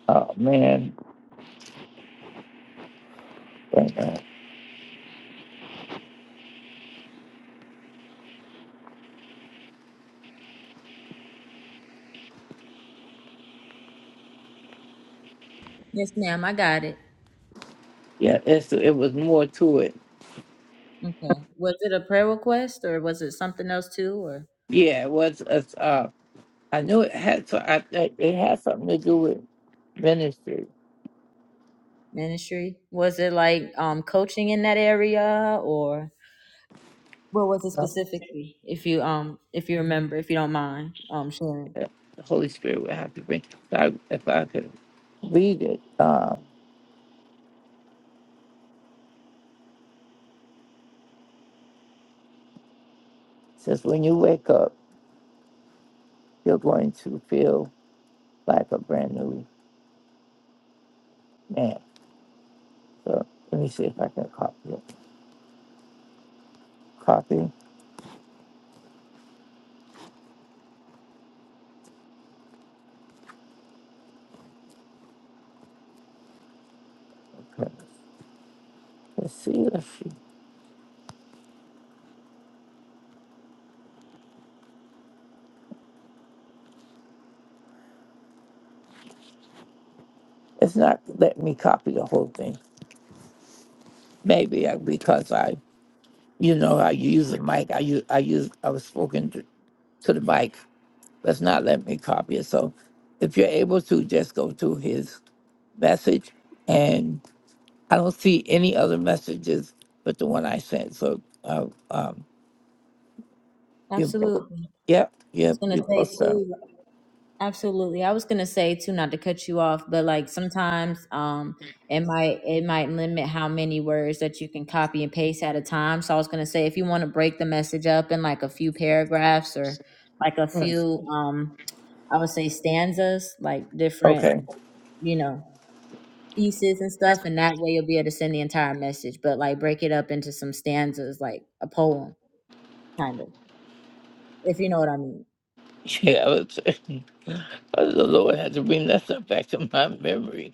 Oh man. Wait a minute.
Yes, ma'am, I got it.
Yeah. It's it was more to it.
Okay, was it a prayer request or was it something else too, or?
Yeah. It was. Uh, I knew it had so I it it had something to do with ministry.
Ministry? Was it like um coaching in that area or what was it
Um,
specifically? If you um if you remember, if you don't mind um sharing.
yeah, The Holy Spirit would have to bring. So I, if I could read it, uh, it says when you wake up, you're going to feel like a brand new man. So let me see if I can copy it. Copy. Okay. Let's see. Let's see. It's not letting me copy the whole thing. Maybe I, because I, you know, I use the mic. I use I use I was spoken to, to the mic. Let's not let me copy it. So if you're able to, just go to his message. And I don't see any other messages but the one I sent. So, uh, um, you,
Absolutely.
yep,
I was
yep,
gonna
you
say
both uh,
too absolutely. I was gonna say too, not to cut you off, but like sometimes um it might it might limit how many words that you can copy and paste at a time. So I was gonna say if you want to break the message up in like a few paragraphs or like a few um I would say stanzas, like different,
Okay.
you know, pieces and stuff, and that way you'll be able to send the entire message. But like break it up into some stanzas, like a poem, kind of, if you know what I mean.
Yeah, I was, oh, the Lord had to bring that stuff back to my memory.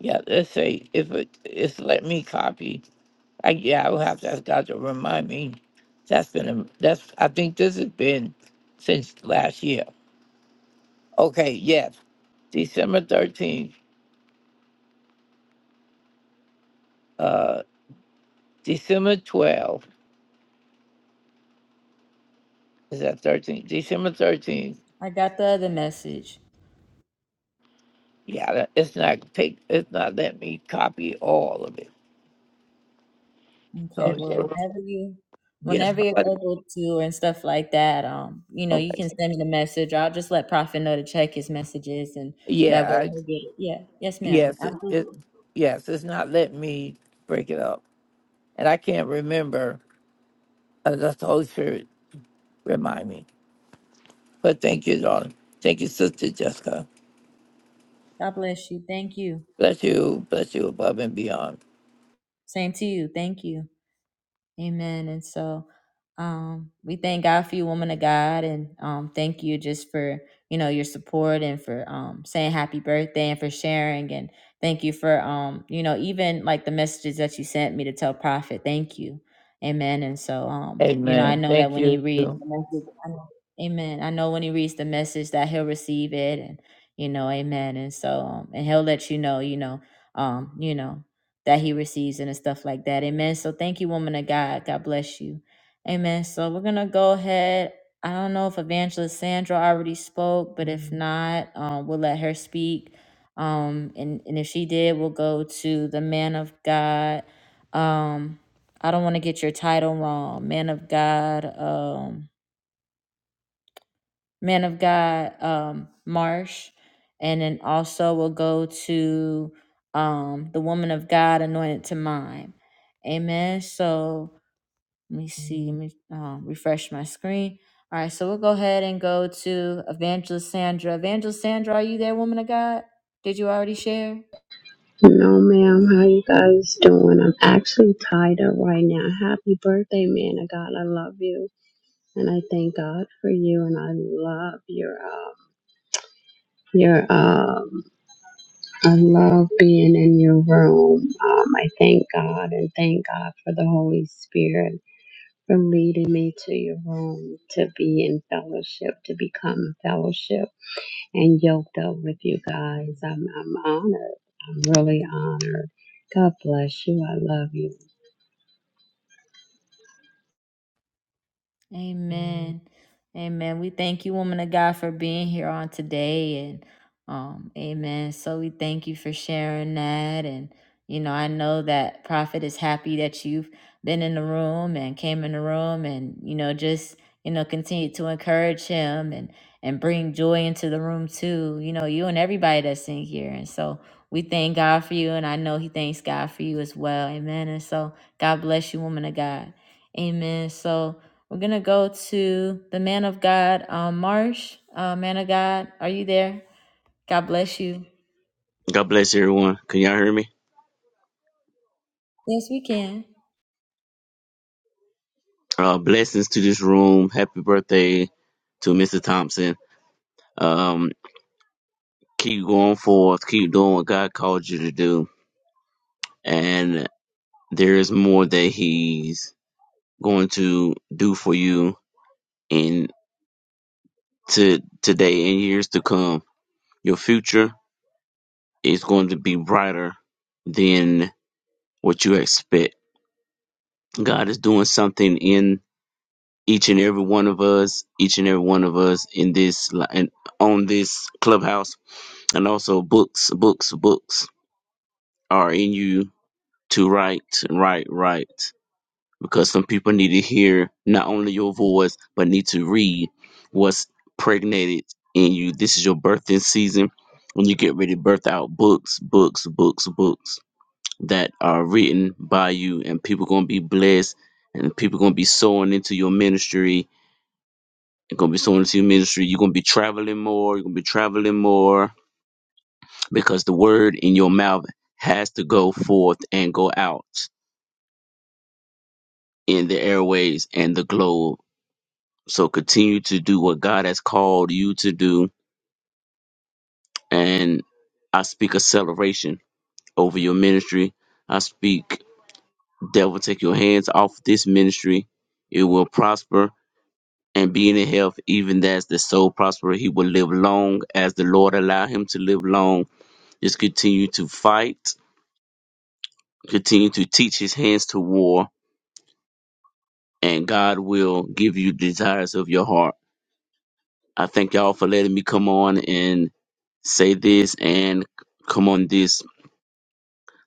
Yeah, let's say if it, it's let me copy, I, yeah, I will have to ask God to remind me. That's been, a, that's, I think this has been since last year. Okay, yes. December 13th, uh, December 12th, is that 13th? December 13th.
I got the other message.
Yeah, that- it's not take, it's not letting me copy all of it.
Okay,
So,
well,
Okay.
whenever you,
yes,
whenever you're
somebody-
able to and stuff like that, um, you know, you
okay.
can send me the message. I'll just let Prophet know to check his messages, and that
Yeah,
way
I,
he'll get it. Yeah, yes, ma'am.
yes, it, it,
Absolutely.
yes, it's not letting me break it up. And I can't remember unless the Holy Spirit remind me. But thank you, darling. Thank you, Sister Jessica.
God bless you. Thank you.
Bless you, bless you above and beyond.
Same to you. Thank you. Amen. And so um, we thank God for you, woman of God, and um, thank you just for you know your support and for um, saying happy birthday and for sharing and thank you for um, you know even like the messages that you sent me to tell Prophet. Thank you. Amen. And so um, you know I
Amen.
know that
Thank
when he
you.
reads the message, I know, Amen. I know when he reads the message that he'll receive it and you know Amen. And so um, and he'll let you know you know um, you know that he receives and stuff like that. Amen. So thank you, woman of God. God bless you. Amen. So we're gonna go ahead. I don't know if Evangelist Sandra already spoke, but if not, um, we'll let her speak. Um, and, and if she did, we'll go to the man of God. Um, I don't want to get your title wrong. Man of God. Um, man of God um, Marsh, and then also we'll go to um, the woman of God anointed to mine. Amen. So let me see, let me um, refresh my screen. All right, so we'll go ahead and go to Evangelist Sandra. Evangelist Sandra, are you there, woman of God? Did you already share?
No, ma'am. How you guys doing? I'm actually tied up right now. Happy birthday, man of God. I love you, and I thank God for you, and I love your um your um. I love being in your room. Um, I thank God and thank God for the Holy Spirit for leading me to your room to be in fellowship, to become fellowship and yoked up with you guys. I'm I'm honored. I'm really honored. God bless you. I love you.
Amen. Amen. We thank you, woman of God, for being here on today. And um, amen. So we thank you for sharing that. And, you know, I know that Prophet is happy that you've been in the room and came in the room and, you know, just, you know, continue to encourage him and and bring joy into the room too. You know, you and everybody that's in here. And so we thank God for you. And I know he thanks God for you as well. Amen. And so God bless you, woman of God. Amen. So we're gonna go to the man of God, um, Marsh. Uh, man of God, are you there? God bless you.
God bless everyone. Can y'all hear me?
Yes, we can.
Uh, blessings to this room. Happy birthday to Mr. Thompson. Um, keep going forth. Keep doing what God called you to do. And there is more that He's going to do for you in to today and years to come. Your future is going to be brighter than what you expect. God is doing something in each and every one of us, each and every one of us in this li- and on this clubhouse, and also books, books, books are in you to write, write, write, because some people need to hear not only your voice but need to read what's pregnated in you. This is your birthing season when you get ready to birth out books, books, books, books that are written by you, and people gonna be blessed, and people gonna be sowing into your ministry It's gonna be someone to your ministry. You're gonna be traveling more. You're gonna be traveling more because the word in your mouth has to go forth and go out in the airways and the globe. So continue to do what God has called you to do. And I speak acceleration over your ministry. I speak, devil, take your hands off this ministry. It will prosper and be in health, even as the soul prosper. He will live long as the Lord allow him to live long Just continue to fight, continue to teach his hands to war, and God will give you the desires of your heart. I thank y'all for letting me come on and say this and come on this.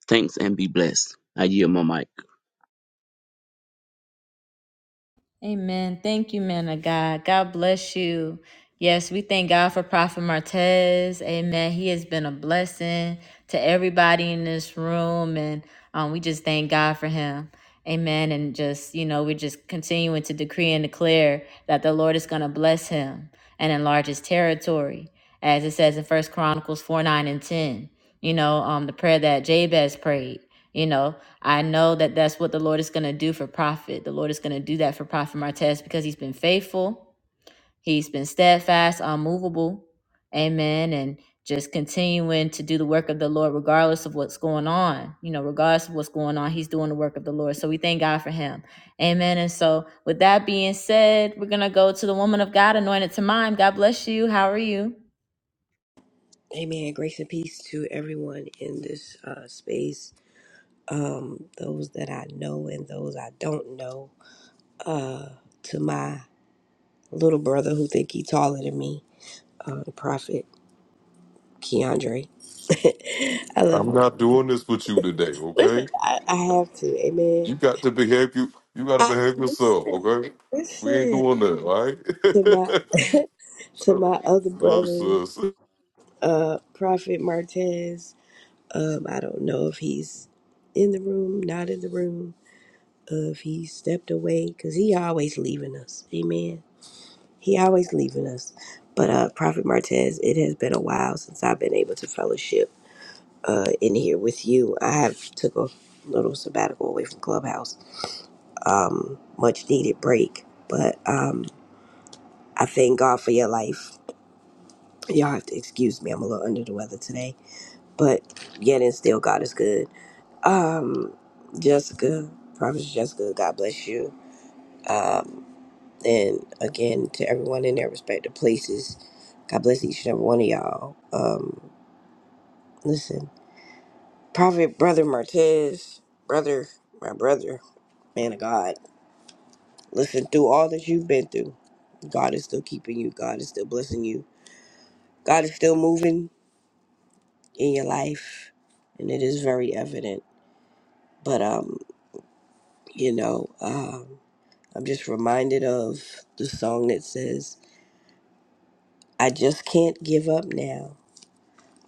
Thanks and be blessed. I yield my mic.
Amen. Thank you, man of God. God bless you. Yes, we thank God for Prophet Martez. Amen. He has been a blessing to everybody in this room. And um, we just thank God for him. Amen. And just, you know, we're just continuing to decree and declare that the Lord is going to bless him and enlarge his territory. As it says in First Chronicles 4 9 and 10, you know, um, the prayer that Jabez prayed, you know, I know that that's what the Lord is going to do for Prophet. The Lord is going to do that for Prophet Martez because he's been faithful, he's been steadfast, unmovable. Amen. And just continuing to do the work of the Lord regardless of what's going on. You know, regardless of what's going on, he's doing the work of the Lord. So we thank God for him. Amen. And so, with that being said, we're going to go to the woman of God, anointed to mine. God bless you. How are you?
Amen. Grace and peace to everyone in this uh, space, um, those that I know and those I don't know. Uh, to my little brother who think he taller than me, uh, the prophet Keandre. I love
I'm
him.
not doing this with you today, okay?
Listen, I, I have to. Amen.
You got to behave you you gotta
I,
behave yourself,
listen,
okay? We ain't
listen
doing that, all
to my
right?
to my other
love
brother,
you, sis.
uh, Prophet Martez. Um, I don't know if he's in the room, not in the room If he stepped away because he always leaving us. Amen. He always leaving us. But uh Prophet Martez, it has been a while since I've been able to fellowship uh in here with you. I have took a little sabbatical away from Clubhouse. Um much needed break. But um I thank God for your life. Y'all have to excuse me, I'm a little under the weather today. But yet and still God is good. Um Jessica, Prophet Jessica, God bless you. Um, And again, to everyone in their respective places, God bless each and every one of y'all. Um, listen, Prophet Brother Martez, brother, my brother, man of God, listen, through all that you've been through, God is still keeping you. God is still blessing you. God is still moving in your life, and it is very evident. But, um, you know, um, I'm just reminded of the song that says, I just can't give up now.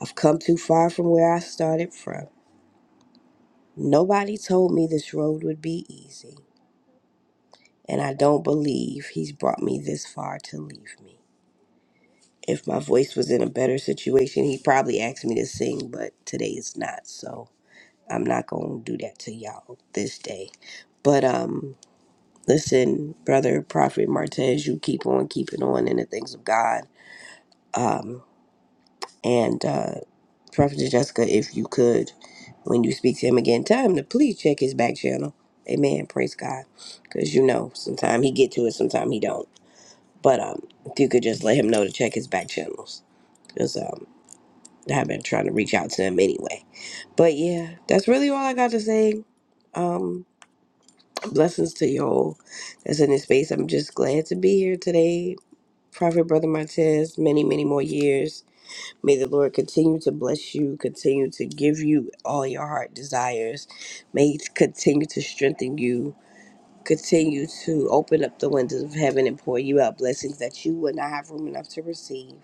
I've come too far from where I started from. Nobody told me this road would be easy, and I don't believe he's brought me this far to leave me. If my voice was in a better situation, he probably asked me to sing, but today it's not, so I'm not gonna do that to y'all this day. But um listen, brother Prophet Martez, you keep on keeping on in the things of God. Um and uh, Prophet Jessica, if you could, when you speak to him again, tell him to please check his back channel. Amen. Praise God. Because you know, sometimes he get to it, sometimes he don't. But um, if you could just let him know to check his back channels. Because um, I've been trying to reach out to him anyway. But yeah, that's really all I got to say. Um, blessings to you all that's in this space. I'm just glad to be here today. Prophet Brother Martez, many, many more years May the Lord continue to bless you, continue to give you all your heart desires. May He continue to strengthen you, continue to open up the windows of heaven and pour you out blessings that you would not have room enough to receive.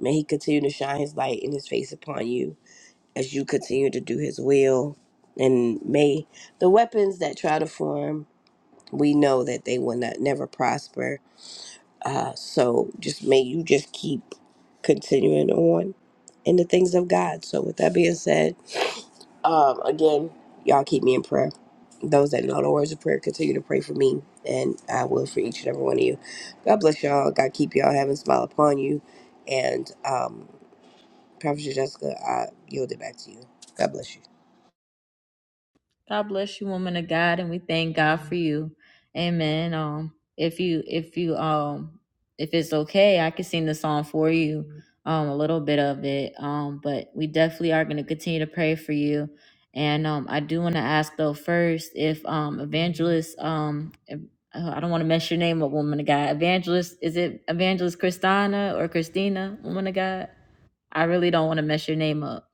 May He continue to shine His light and His face upon you as you continue to do His will. And may the weapons that try to form, we know that they will not never prosper. Uh, so just may you just keep continuing on in the things of God. So, with that being said, um, again, y'all keep me in prayer. Those that know the words of prayer, continue to pray for me, and I will for each and every one of you. God bless y'all. God keep y'all. Heaven smile upon you. And um, Prophet Jessica, I yield it back to you. God bless you.
God bless you, woman of God, and we thank God for you. Amen. Um, if you if you um if it's okay, I could sing the song for you, um, a little bit of it. Um, but we definitely are gonna continue to pray for you. And um I do wanna ask though first if um evangelist um if- uh, I don't want to mess your name up, woman of God. Evangelist, is it Evangelist Christina or Christina, woman of God? I really don't want to mess your name up.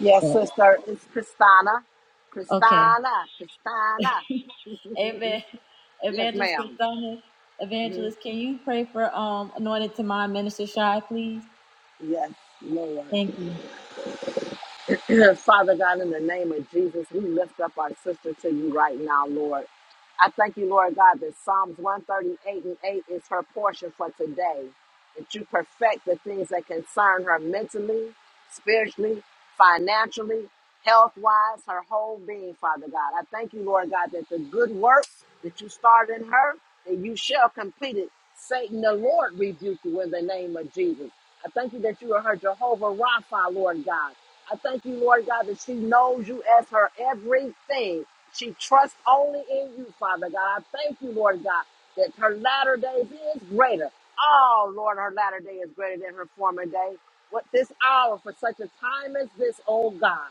Yes,
but-
sister, it's Christina.
Okay.
Christina, Christina.
Amen.
Yes,
Evangelist
madam
Christina,
Mm-hmm.
Evangelist, can you pray for um anointed to my minister Shy, please?
Yes, Lord.
Thank you.
Father God, in the name of Jesus, we lift up our sister to you right now, Lord. I thank you, Lord God, that Psalms 138 and 8 is her portion for today. That you perfect the things that concern her mentally, spiritually, financially, health wise, her whole being, Father God. I thank you, Lord God, that the good work that you started in her, that you shall complete it. Satan, the Lord, rebuke you in the name of Jesus. I thank you that you are her Jehovah Rapha, Lord God. I thank you, Lord God, that she knows you as her everything. She trusts only in you, Father God. I thank you, Lord God, that her latter days is greater. Oh, Lord, her latter day is greater than her former day. What this hour, for such a time as this, oh God,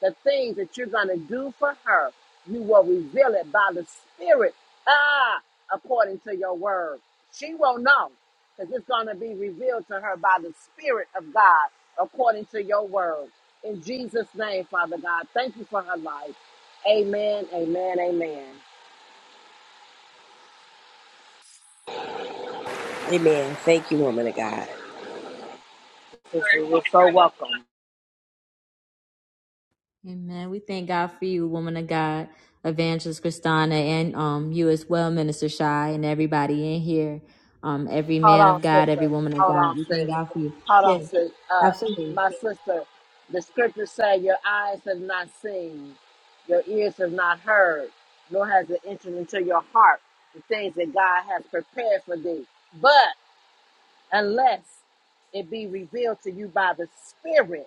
the things that you're going to do for her, you will reveal it by the Spirit, ah, according to your word. She will know because it's going to be revealed to her by the Spirit of God, according to your word. In Jesus' name, Father God, thank you for her life. Amen, amen, amen.
Amen. Thank you, woman of God.
Sister, you're so welcome.
Amen. We thank God for you, woman of God, Evangelist Christina, and um you as well, Minister Shy, and everybody in here. Um, every
Hold
man of
on,
God,
sister.
every woman of
Hold
God.
on,
We
sis.
thank God for you.
Hold on,
Yes,
sis. Uh,
absolutely.
my sister, the scriptures say your eyes have not seen, your ears have not heard, nor has it entered into your heart the things that God has prepared for thee. But unless it be revealed to you by the Spirit,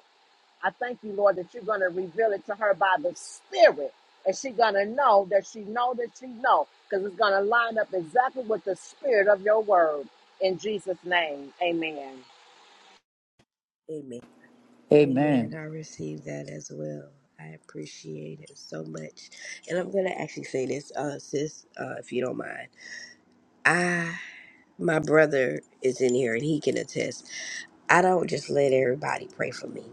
I thank you, Lord, that you're going to reveal it to her by the Spirit. And she's going to know that she know that she know because it's going to line up exactly with the spirit of your word. In Jesus' name, amen.
Amen. Amen.
Amen.
I received that as well. I appreciate it so much. And I'm going to actually say this, uh, sis, uh, if you don't mind. My brother is in here and he can attest. I don't just let everybody pray for me.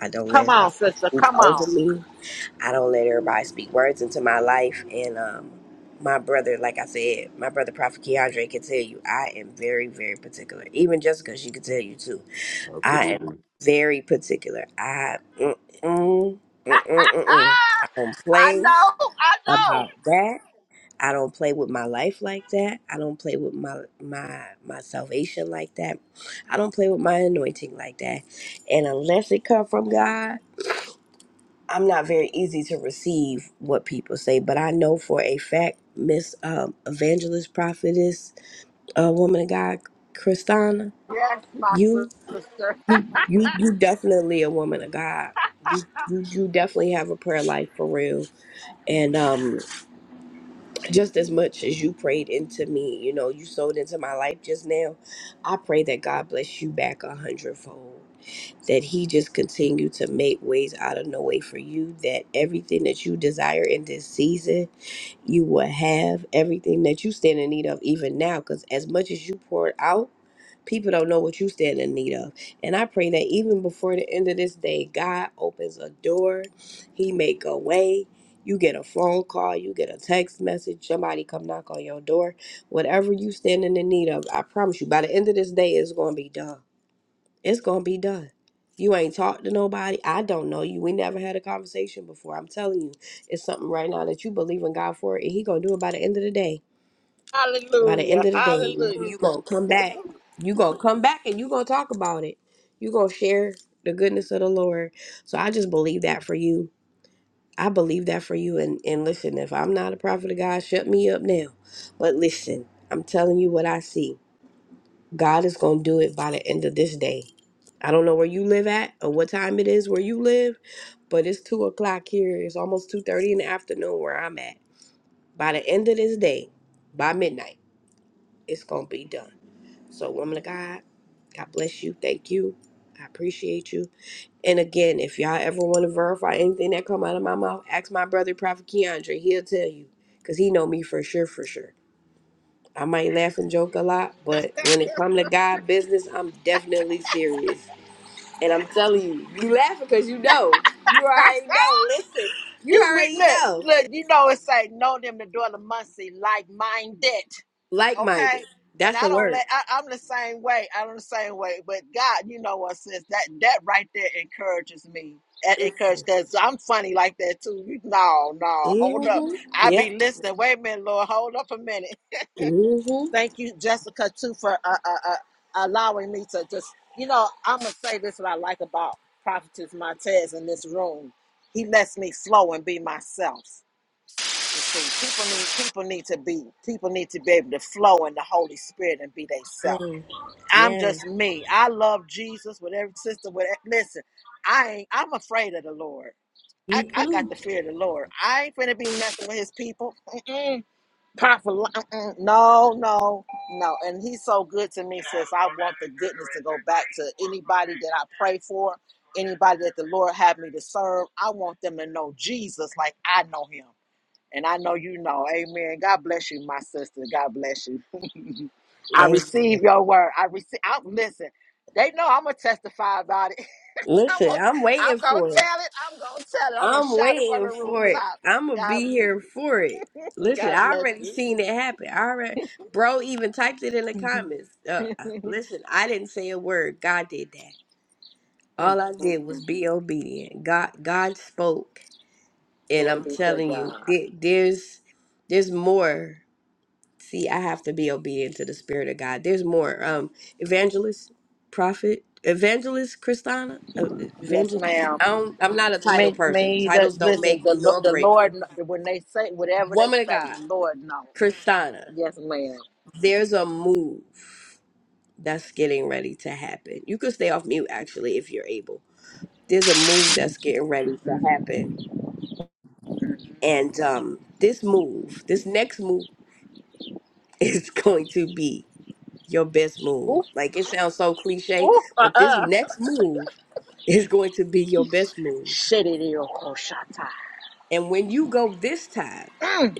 I don't let
Come on,
everybody
sister.
speak
Come
over
on.
me. I don't let everybody speak words into my life. And um, my brother, like I said, my brother Prophet Keandre can tell you, I am very, very particular. Even Jessica, she can tell you too. I am
Absolutely.
very particular. I mm mm mm mm mm. mm.
Ah,
I don't
I
play
know. I know.
about that. I don't play with my life like that. I don't play with my my my salvation like that. I don't play with my anointing like that. And unless it come from God, I'm not very easy to receive what people say. But I know for a fact, Miss um, Evangelist Prophetess, uh, woman of God, Christina,
Yes, my
you
sister.
you you definitely a woman of God. You you you definitely have a prayer life for real. And um just as much as you prayed into me, you know, you sowed into my life just now. I pray that God bless you back a hundredfold. That He just continue to make ways out of no way for you. That everything that you desire in this season, you will have everything that you stand in need of even now. Because as much as you poured out, People don't know what you stand in need of. And I pray that even before the end of this day, God opens a door. He make a way. You get a phone call, you get a text message, somebody come knock on your door. Whatever you standing in need of, I promise you, by the end of this day, it's gonna be done. It's gonna be done. You ain't talked to nobody. I don't know you. We never had a conversation before. I'm telling you, it's something right now that you believe in God for, and He gonna do it by the end of the day. By the end
hallelujah.
of the day,
Hallelujah.
you gonna come back. You gonna come back and you gonna talk about it. You gonna share the goodness of the Lord. So I just believe that for you. I believe that for you. And and listen, if I'm not a prophet of God, shut me up now. But listen, I'm telling you what I see. God is gonna do it by the end of this day. I don't know where you live at or what time it is where you live, but it's two o'clock here. It's almost two thirty in the afternoon where I'm at. By the end of this day, by midnight, it's gonna be done. So, woman of God, God bless you. Thank you. I appreciate you. And again, if y'all ever want to verify anything that come out of my mouth, ask my brother Prophet Keandre. He'll tell you. Cause he know me for sure, for sure. I might laugh and joke a lot, but when it come to God business, I'm definitely serious. And I'm telling you, you laughing because you know. You already know. Listen, you
You we
already
look,
know.
look, you know it say know them that dwell amongst thee like minded.
Like minded.
okay? And
That's
I
the
don't
word.
let I, I'm the same way. I'm the same way. But God, you know what, sis, that that right there encourages me. That encourages because I'm funny like that too. You no, no, hold up.
Mm-hmm.
I be
Yep.
listening. Wait a minute, Lord, hold up a minute.
Mm-hmm.
Thank you, Jessica, too, for uh, uh, uh, allowing me to just you know. I'm gonna say this what I like about Prophetess Montez in this room. He lets me flow and be myself. You see, people need people need to be people need to be able to flow in the Holy Spirit and be themselves.
Yes,
I'm
yes.
just me. I love Jesus with every sister. With e- listen, I ain't. I'm afraid of the Lord. I,
Me
I got
too.
the fear of the Lord. I ain't finna be messing with His people. Mm-mm. Powerful. Mm-mm. No, no, no. And He's so good to me, sis. I want the goodness to go back to anybody that I pray for, anybody that the Lord had me to serve. I want them to know Jesus like I know Him. And I know you know. Amen. God bless you, my sister. God bless you. I
Hey,
receive your word. I receive. I listen. They know I'm gonna testify about it. I'm
listen,
gonna.
I'm
I'm
waiting
gonna
for it.
tell it. I'm gonna tell it. I'm gonna
I'm
shout it from
waiting
the
for it.
rooftop.
I'm gonna
God.
be here for it. Listen,
God
I
bless
already seen it happen. I already, bro, even typed it in the
you.
comments. Uh, uh,
Mm,
listen, I didn't say a word. God did that. All I
mm,
did was
mm.
be obedient. God, God spoke, and
Glory
I'm
be to
telling you,
God.
there, there's, there's more. See, I have to be obedient to the Spirit of God. There's more. Um, evangelist, prophet, evangelist, Christina, uh,
Yes,
evangelist.
ma'am.
I don't, I'm not a title
Me,
person.
me. The,
Titles don't
listen.
make
The
me
Lo-
nor
the
break me.
Lord. kn- When they say whatever they
Woman of
say,
God,
the Lord knows.
Christina.
Yes, madam
There's a move that's getting ready to happen. You could stay off mute actually if you're able. There's a move that's getting ready to
Mm-hmm.
happen,
mm-hmm.
and um, this move, this next move, is going to be your best
Ooh,
move. Like it sounds so cliche,
ooh, uh,
but this
uh
next move is going to be your best move.
Shediyokoshata.
And when you go this time,
Mm,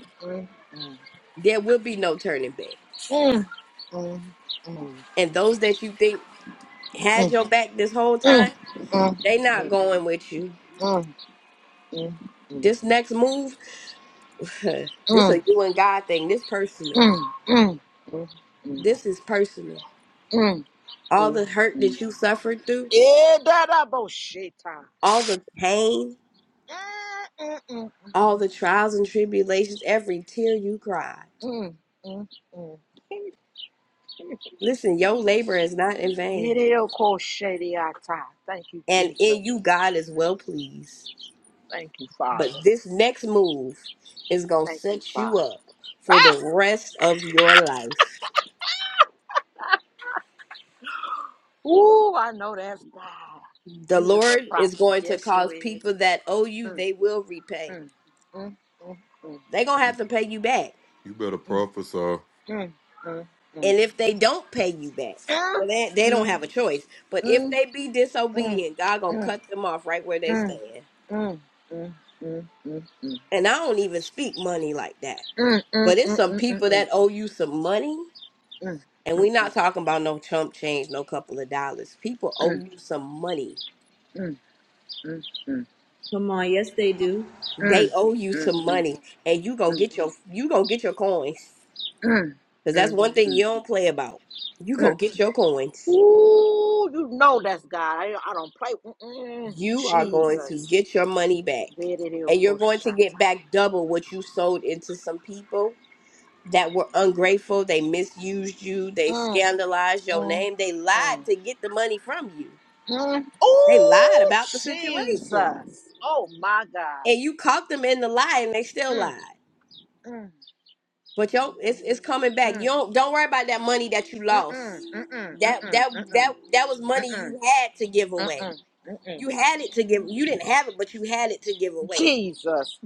there will be no turning back.
mm, mm, mm, mm,
And those that you think had your back this whole
mm, mm,
time,
mm, mm,
they not going with you.
mm, mm, mm, mm, mm, mm,
This next move, this a you and God thing. This personal.
mm, mm,
This is personal.
mm, mm,
All
mm.
the hurt that you suffered through,
Edadabosheta.
all the pain,
Mm, mm, mm,
all the trials and tribulations, every tear you cried.
mm, mm, mm.
Listen, your labor is not in vain.
Yidiyokoshediata. Thank you,
and in
Jesus.
you God is well pleased.
Thank you,
But
Father.
this next move is going to
Thank you,
set you
Father.
up for the rest of your life.
Ooh, I know that's God.
The
You is a
Lord is
prophet.
going to
Yes, you
cause
is.
people that owe you,
Mm.
they will
Mm, mm, mm,
repay.
mm, mm,
They're going to have to pay you back.
You better prophesy.
mm, mm, mm. Mm,
And if they don't pay you back,
mm,
well,
mm,
they, they don't have a choice. But if
mm, mm, mm, mm,
they be disobedient, God going to
mm,
cut them off right where they stand. And I don't even speak money like that.
mm, mm, mm. Mm, mm, mm, mm, mm, mm, mm, mm, mm, mm, mm, mm, mm, mm, mm,
But it's some people
mm,
that owe you some money And we're not talking about no chump change, no couple of dollars. People owe you some money.
Come on, yes they do.
They owe you some money, and you gonna get your you gonna get your coins
mm, mm,
because
mm,
that's
mm.
one thing you don't play about. You gonna get your coins.
Ooh, you know that's God. I, I don't play. Mm-mm.
You are going to
Jesus.
get your money
There
back,
it is.
and you're going to get
Koshata.
back double what you sold into some people that were ungrateful. They misused you. They
Mm,
scandalized your name. They
mm,
lied to get the money from you.
Mm.
They lied
Oh,
about the situation
Jesus. Oh, my God.
and you caught them in the lie and they still
Mm,
lied.
mm,
But yo, it's it's coming back. You
mm,
don't don't worry about that money that you
mm,
lost.
mm, mm, mm,
That
mm, mm,
that that that was money
mm,
you had to give
mm,
away.
mm, mm, mm.
You had it to give. You didn't have it, but you had it to give away.
Jesus.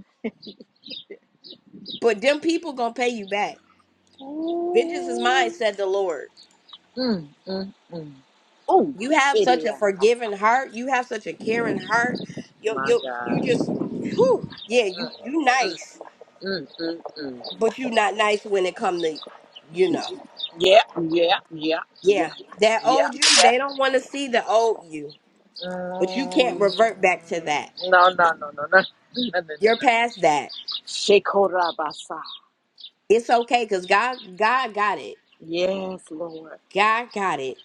But them people gonna pay you back. Vengeance is mine, said the Lord.
Mm, mm, mm. Oh,
You have
city.
such a
of
forgiving
God.
heart. You have such a caring heart. Yo
My
yo, you
God.
just, whew, yeah. You you
Mm,
nice,
mm, mm, mm.
but you not nice when it come to, you know,
Yeah, yeah, yeah, yeah,
yeah. That
yeah,
old you,
yeah.
they don't want to see the old you, but you can't
Mm.
revert back to that.
No, no, no, no, no. No, no, no,
You're
no, no.
past that.
Shekorabasa.
It's okay because God God got it.
Yes, Lord.
God got it.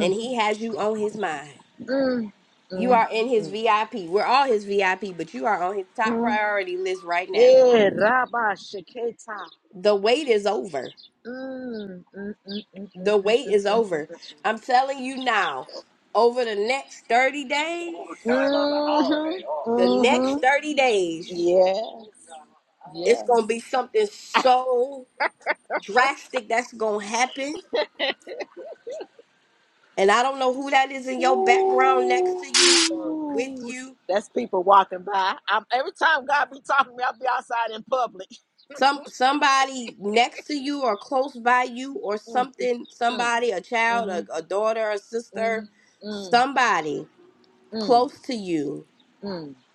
And He has you on his mind.
Mm,
You
mm,
are in his
mm,
VIP. We're all his VIP, but you are on his top
mm.
priority list right now.
Eh, Rabba Sheketa.
The wait is over.
Mm, mm, mm, mm, mm,
The
mm,
wait is
mm,
over. I'm telling you now, over the next 30 days,
Mhm, Mhm.
the
Mhm.
next 30 days,
Yes.
it's
Yes.
gonna be something so drastic that's gonna happen. And I don't know who that is in your background next
Ooh.
to you or with you
That's people walking by. I'm, every time God be talking to me, I'll be outside in public.
some somebody next to you or close by you or
Mm,
something
mm,
somebody a child a,
mhm,
a daughter a sister
mhm, mm,
somebody
mm,
close to you
mm,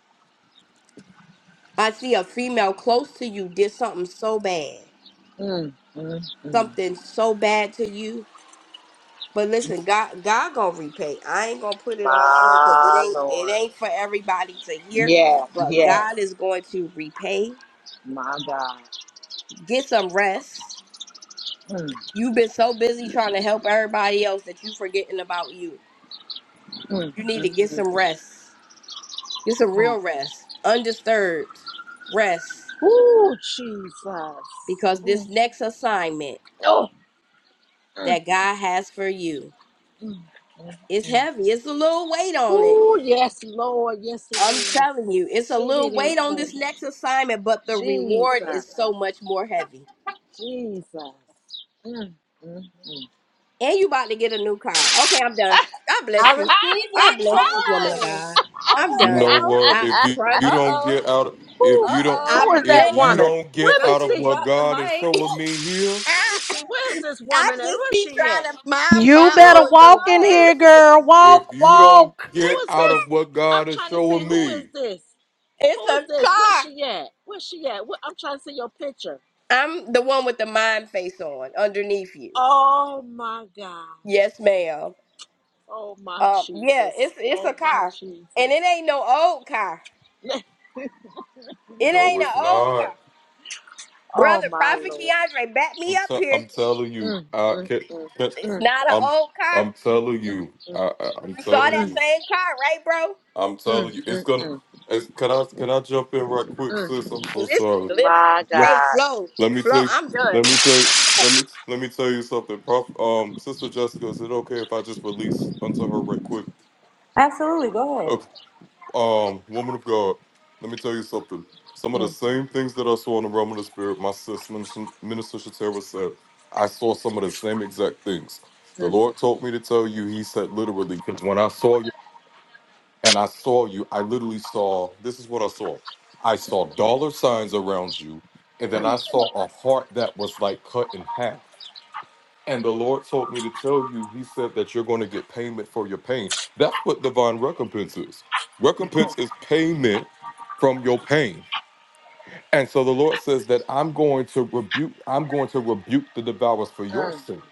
i see a female close to you did something so bad
mm, mm,
something so bad to you but
mm.
listen god god gonna repay i ain't gonna put it all out here because it
My
ain't it
Lord.
ain't for everybody to hear
Yeah,
but
yes.
god is going to repay
My God.
get some rest
Mm,
you've been so busy trying to help everybody else that you forgetting about you
mm,
You need
mm,
to get
mm,
some rest. Get some
mm.
real rest, undisturbed rest,
Ooh, Jesus.
because this
Mm.
next assignment
Oh. Mm,
that God has for you
mm, mm,
is
mm.
heavy. It's a little weight on it.
Ooh, yes, Lord. Yes, it
I'm
is.
telling you, it's a
Shit, it
little
is
weight on
cool.
this next assignment, but the reward
Jesus.
is so much more heavy.
Jesus. Mm, mm, mm.
And you about to get a new car. Okay, I'm done. God
I
bless you.
receive it.
God bless
Come
you, woman
on.
of God.
All
I'm
You
right
done.
know what?
I
now.
If you, you
brother,
Uh
don't
oh.
get out, if
who,
you
Uh
don't,
oh.
who
I'm
is that
if
Hallelujah.
you
finished.
woman?
don't
Let
get
me
Not
out of
you
see.
what
drop the
God is
mic.
showing me here,
Let
I,
me see. Where is this
I
woman at?
just
Where is
be
she at?
trying to
Yeah.
mind
You
my
You
better
Who's,
dropped
own little
walk in
the mic.
here,
business.
girl.
if
Walk,
you don't
walk.
who
get
is
out of
this?
what
I'm
God is
trying to see
showing
who is
me,
this.
It's
Who
a
is this? Where's
car.
she at? Where's she at? What, I'm trying to see your picture.
I'm the one with the mind face on underneath you.
Oh my God.
Yes, ma'am.
Oh my
Um, yeah,
Jesus.
it's it's
Oh
a
my
car, and it
Jesus.
ain't no old car. It
no,
ain't an
it's
old
not.
car,
Oh
brother.
my
Prophet
Lord.
Keandre, back me
I'm
up
t-
here.
I'm telling you.
Mm,
I
mm,
can,
mm,
can,
It's
mm,
not an
I'm
old car.
I'm telling
mm,
you.
mm,
I, I I'm
You saw
telling
that
mm,
you.
same car, right, bro?
I'm telling
mm,
you. It's
mm,
gonna.
mm.
It's, can I can I jump in right quick,
mm.
sis? I'm so
Listen,
sorry.
listen.
My
Hey,
God.
Flo,
Let me tell
Flo,
you,
I'm done.
let me tell you, let me let me tell you something. Prof, um, Sister Jessica, is it okay if I just release unto her right quick?
Absolutely. Go ahead.
Okay, um, woman of God, let me tell you something. Some of the
Mm,
same things that I saw in the realm of the spirit, my sis Minister, Minister Shatera said, I saw some of the same exact things. The
mm,
Lord told me to tell you, He said literally, because when I saw you and I saw you, I literally saw this is what I saw. I saw dollar signs around you, and
mm,
then
mm, mm,
I saw a heart that was like cut in half. And the Lord told me to tell you, He said that you're going to get payment for your pain. That's what divine recompense is. Recompense is payment from your pain. And so the Lord says that I'm going to rebuke, I'm going to rebuke the devourers for your sake.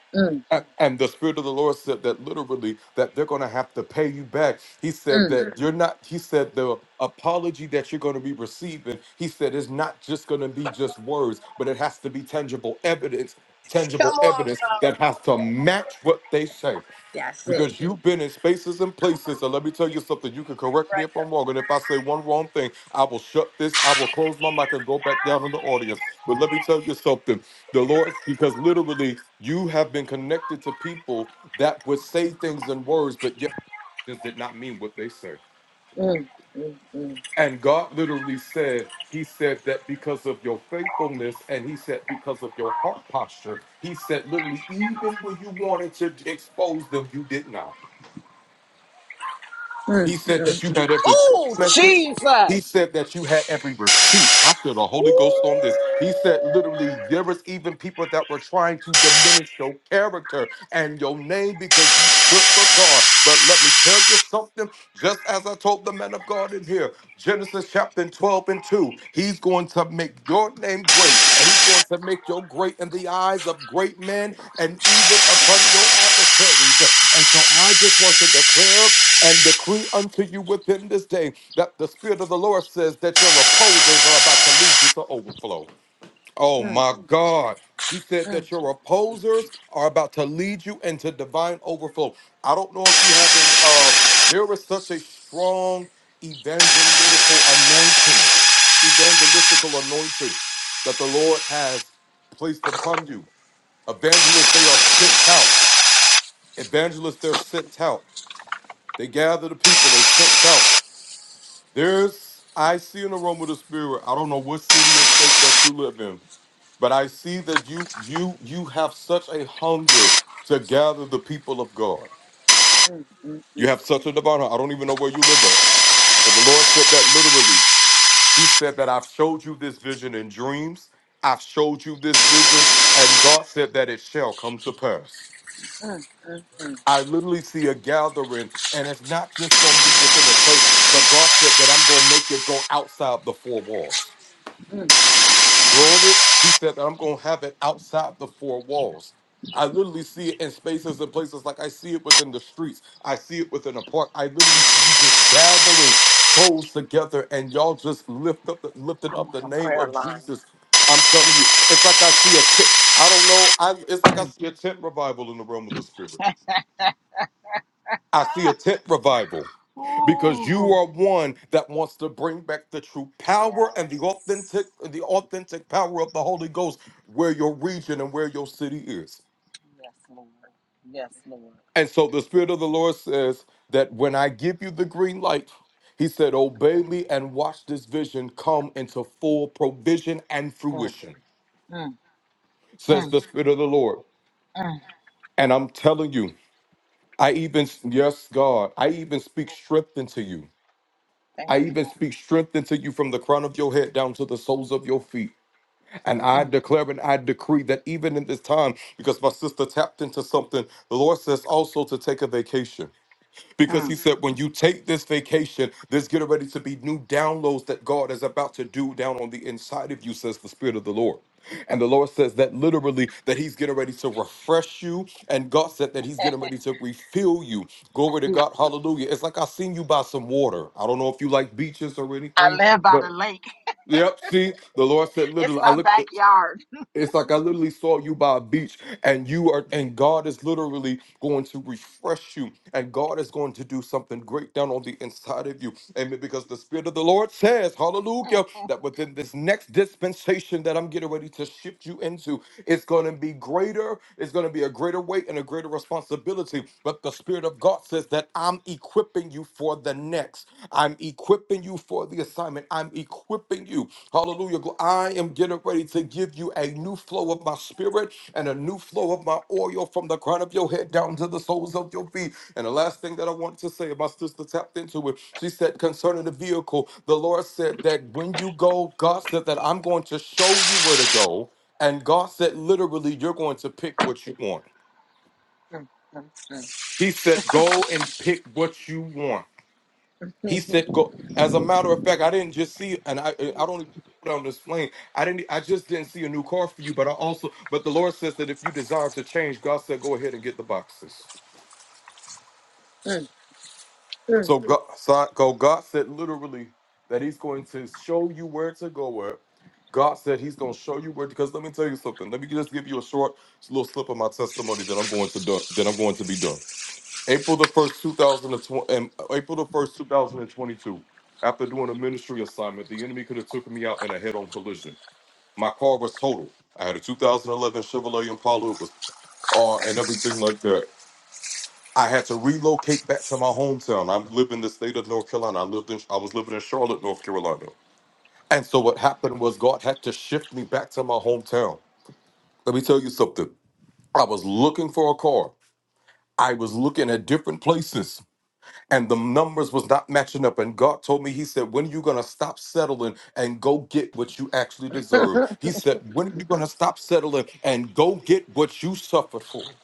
mm,
A- And the Spirit of the Lord said that literally that they're going to have to pay you back. He said that Mhm. you're not. He said the apology that you're going to be receiving. He said is not just going to be just words, but it has to be tangible evidence.
Come
Tangible
on,
evidence
bro.
that has to match what they say.
That's it.
mm.
Because you've been in spaces and places, and let me tell you something. You can correct me if I'm wrong, and if I say one wrong thing, I will shut this. I will close my mic and go back down in the audience. But let me tell you something. The Lord, because literally you have been connected to people that would say things in words, but yet it did not mean what they say.
Mm, mm, mm,
And God literally said, He said that because of your faithfulness, and He said because of your heart posture, He said literally, even when you wanted to expose them, you did not.
mm.
He said that you had every
Oh,
text message. He
Jesus.
said that you had every receipt. I feel the Holy Ghost
Ooh.
on this. He said literally there was even people that were trying to diminish your character and your name because you stood for God. But let me tell you something, just as I told the man of God in here, Genesis chapter 12 and 2, he's going to make your name great. And he's going to make you great in the eyes of great men and even upon your adversaries. And so I just want to declare and decree unto you within this day that the Spirit of the Lord says that your reposers are about to lead you to overflow. Oh
Mm,
my God. He said
mm,
that your reposers are about to lead you into divine overflow. I don't know if you have been, uh, there is such a strong evangelical anointing, evangelistical anointing that the Lord has placed upon you. Evangelists, they are sent out. Evangelists, they're sent out. They gather the people, they sent out. There's I see an aroma of the spirit. I don't know what city or state that you live in, but I see that you you you have such a hunger to gather the people of God.
mm, mm,
You
mm,
have such a divine. hunger. I don't even know where you live at, but the Lord said that literally. He said that I've showed you this vision in dreams. I've showed you this vision, and God said that it shall come to pass.
mm, mm, mm,
I literally see a gathering, and it's not just going to be within a church, but God said that I'm going to make it go outside the four walls.
mm,
Glory. He said that I'm going to have it outside the four walls. I literally see it in spaces and places like I see it within the streets. I see it within a park. I literally see you just gathering souls together and y'all just lift up lifting
I'm
up
on
the
a
name
prayer
of
line.
Jesus. I'm telling you, it's like I see a tent. I don't know. I it's like I
Mm.
see a tent revival in the realm of the spirit. I see a
Ah,
tent revival because you
Ooh.
are one that wants to bring back the true power and the
Yes.
authentic the authentic power of the Holy Ghost where your region and where your city is.
Yes, Lord. Yes, Lord.
And so the spirit of the Lord says that when I give you the green light, he said, "Obey me and watch this vision come into full provision and
Mm,
fruition."
mm,
Says
mm,
the spirit of the Lord.
mm.
And I'm telling you, I even yes, God, I even speak strength into you.
Thank
I
you,
even
Lord.
speak strength into you from the crown of your head down to the soles of your feet. And I
Mm,
declare and I decree that even in this time, because my sister tapped into something, the Lord says also to take a vacation. Because
mm,
he said, when you take this vacation, there's getting ready to be new downloads that God is about to do down on the inside of you, says the Spirit of the Lord. And the Lord says that literally, that He's getting ready to refresh you. And God said that He's getting ready to refill you. Glory to
mm.
God. Hallelujah. It's like I seen you by some water. I don't know if you like beaches or
I
anything,
live by the
but
lake.
yep, see, the Lord said
It's
literally, I
my
look.
backyard.
It's like I literally saw you by a beach, and you are, and God is literally going to refresh you, and God is going to do something great down on the inside of you. Amen. Because the Spirit of the Lord says, Hallelujah, that within this next dispensation that I'm getting ready to gonna gonna you into, it's It's be be greater. greater greater. a a greater weight and a greater greater responsibility. But the Spirit of God says that I'm equipping you for the next. I'm equipping you for the assignment. I'm equipping you. Hallelujah. Gl- I am getting ready to give you a new flow of my spirit and a new flow of my oil from the crown of your head down to the soles of your feet. And the last thing that I want to say, my sister tapped into it. She said concerning the vehicle, the Lord said that when you go, God said that I'm going to show you where to go. And God said, literally, you're going to pick what you want.
Mm, mm,
He said, "Go and pick what you want." He said, "Go." As a matter of fact, I didn't just see, and I I don't even put it on this plane. I didn't. I just didn't see a new car for you, but I also, but the Lord says that if you desire to change, God said, "Go ahead and get the boxes." So God, so I- "Go." God said literally that He's going to show you where to go at. God said He's going to show you where. Because let me tell you something. Let me just give you a short little slip of my testimony that I'm going to do, that I'm going to be done. April the first, two thousand and twenty, and uh, April the first, two thousand and twenty-two. After doing a ministry assignment, the enemy could have took me out in a head-on collision. My car was total. I had a 2011 Chevrolet Impala. It was, uh, and everything like that. I had to relocate back to my hometown. I live in the state of North Carolina. I lived in, I was living in Charlotte, North Carolina. And so what happened was God had to shift me back to my hometown. Let me tell you something. I was looking for a car. I was looking at different places. and the numbers was not matching up. And God told me, He said, When are you gonna stop settling and go get what you actually deserve? He said, When are you gonna stop settling and go get what you suffered for?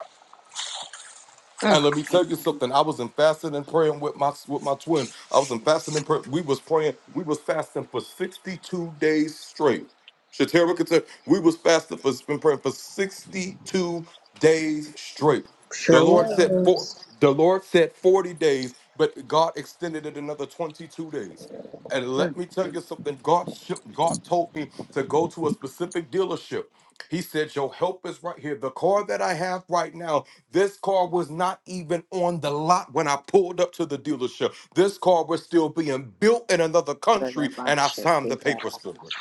And let me tell
mm,
you something. I was in fasting and praying with my with my twin. I was in fasting and praying. We was praying. We was fasting for sixty two days straight. Shatera could tell we was fasting for been praying for sixty two days straight. The
Sure
Lord said for
was.
the Lord said forty days, but God extended it another twenty two days. And
mm, mm, mm, mm, mm,
let me tell
mm.
you something. God sh- God told me to go to a specific dealership he said, Your help is right here. The car that I have right now, this car was not even on the lot when I pulled up to the dealership. This car was still being built in another country, and I signed the papers for it.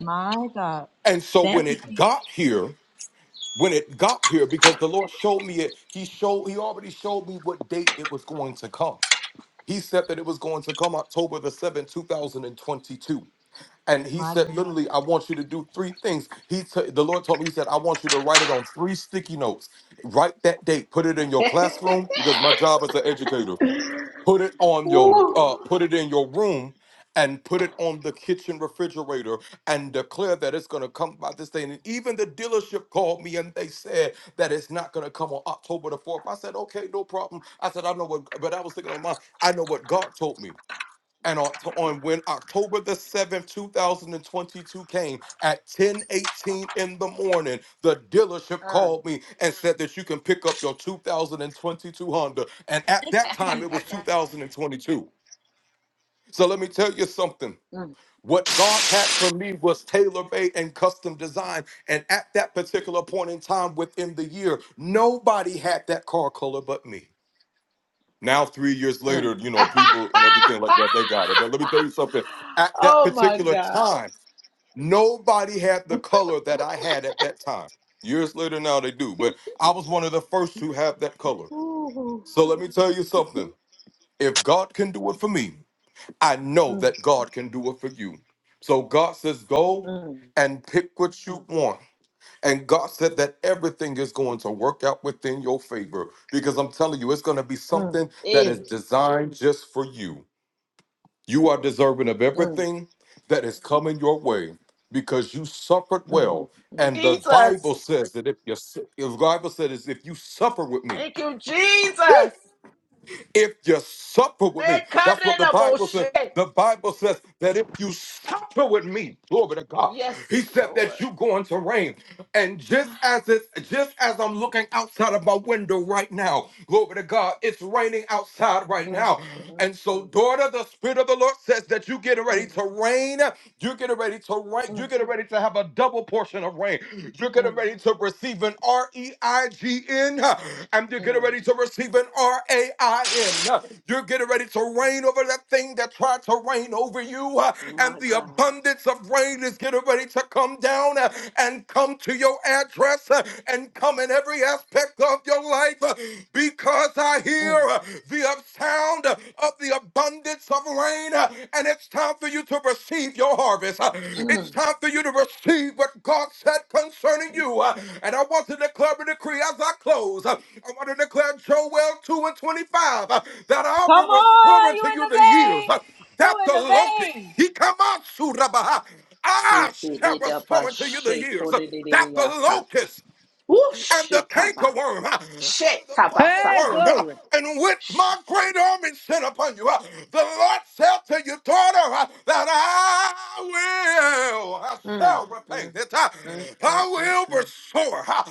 My God.
And so
Thank
when it got here, when it got here, because the Lord showed me it, He showed He already showed me what date it was going to come. He said that it was going to come October the 7th, 2022. and he
you.
said literally i want you to do three things he t- the lord told me he said i want you to write it on three sticky notes write that date put it in your classroom because my job as an educator put it on your uh, put it in your room and put it on the kitchen refrigerator and declare that it's going to come by this day. And even the dealership called me and they said that it's not going to come on October the 4th. I said, okay, no problem. I said, I know what, but I was thinking on my, I know what God told me and on, to- on when October the 7th, 2022 came at 10:18 in the morning, the dealership called me and said that you can pick up your 2022 Honda. And at that time, it was 2022. So let me tell you something.
Mm,
What God had for me was tailor made and custom design. And at that particular point in time within the year, nobody had that car color but me. Now, three years
mm.
later, you know, people and everything like that, they got it. But let me tell you something. At that
oh my
particular
God.
time, nobody had the color that I had at that time. Years later, now they do. But I was one of the first to have that color.
Ooh.
So let me tell you something. If God can do it for me, I know
Mm,
that God can do it for you. So God says, go
mm,
and pick what you want and God said that everything is going to work out within your favor because I'm telling you, it's going to be
mm.
something that is
Eh.
designed just for you. You are deserving of
Mm.
everything that is coming your way because you suffered
Mm,
well.
mm.
And the
Jesus.
Bible says that if you, su- the Bible says if you suffer with me,
Thank you, Jesus.
if you supper with me. That's what the Bible
Nekadenaboshe.
says. The Bible says that if you supper with me, glory to God,
Yes,
he said
Lord.
that you're going to reign. And just as it's just as I'm looking outside of my window right now, glory to God, it's raining outside right
Mm,
now.
mm,
And so,
mm,
daughter, the Spirit of the Lord says that you're getting ready
mm,
to reign. You're getting ready to reign. You're
mm,
getting ready to have a double portion of of rain. You're getting
mm,
ready to receive an R E I G N, huh? and you're getting
mm.
ready to receive an R A I N. huh? You're getting ready to reign over that thing that tried to reign over you, uh, and
My
the
God.
abundance of rain is getting ready to come down uh, and come to your address uh, and come in every aspect of your life uh, because I hear
Mm,
uh, the sound of the the abundance of rain, uh, and it's time for you to receive your harvest. Uh,
mm.
It's time for you to receive what God said concerning you. Uh, And I want to declare a decree as I close. Uh, I want to declare Joel 2 and 25 uh, that I
Come
will restore
on, you
unto
in
you
the
the years
vein.
uh,
You
that
in
the
the
locust,
vein.
he come out, Surabaha.
They
I
say
shall
they da
restore
ba
unto you the
shake
years
for
uh,
the
that
lady
the
yakat.
locust
Woo
and the
shake taba.
cankerworm uh, and
Shake
the
taba
palmer
Hey,
saka.
worm, uh,
glory.
in which my
Shake.
great army sent upon you. uh, The Lord said to your daughter uh, that I will, I
Mm,
shall repay
mm,
it. uh,
mm, mm, mm,
I will
mm,
restore. uh,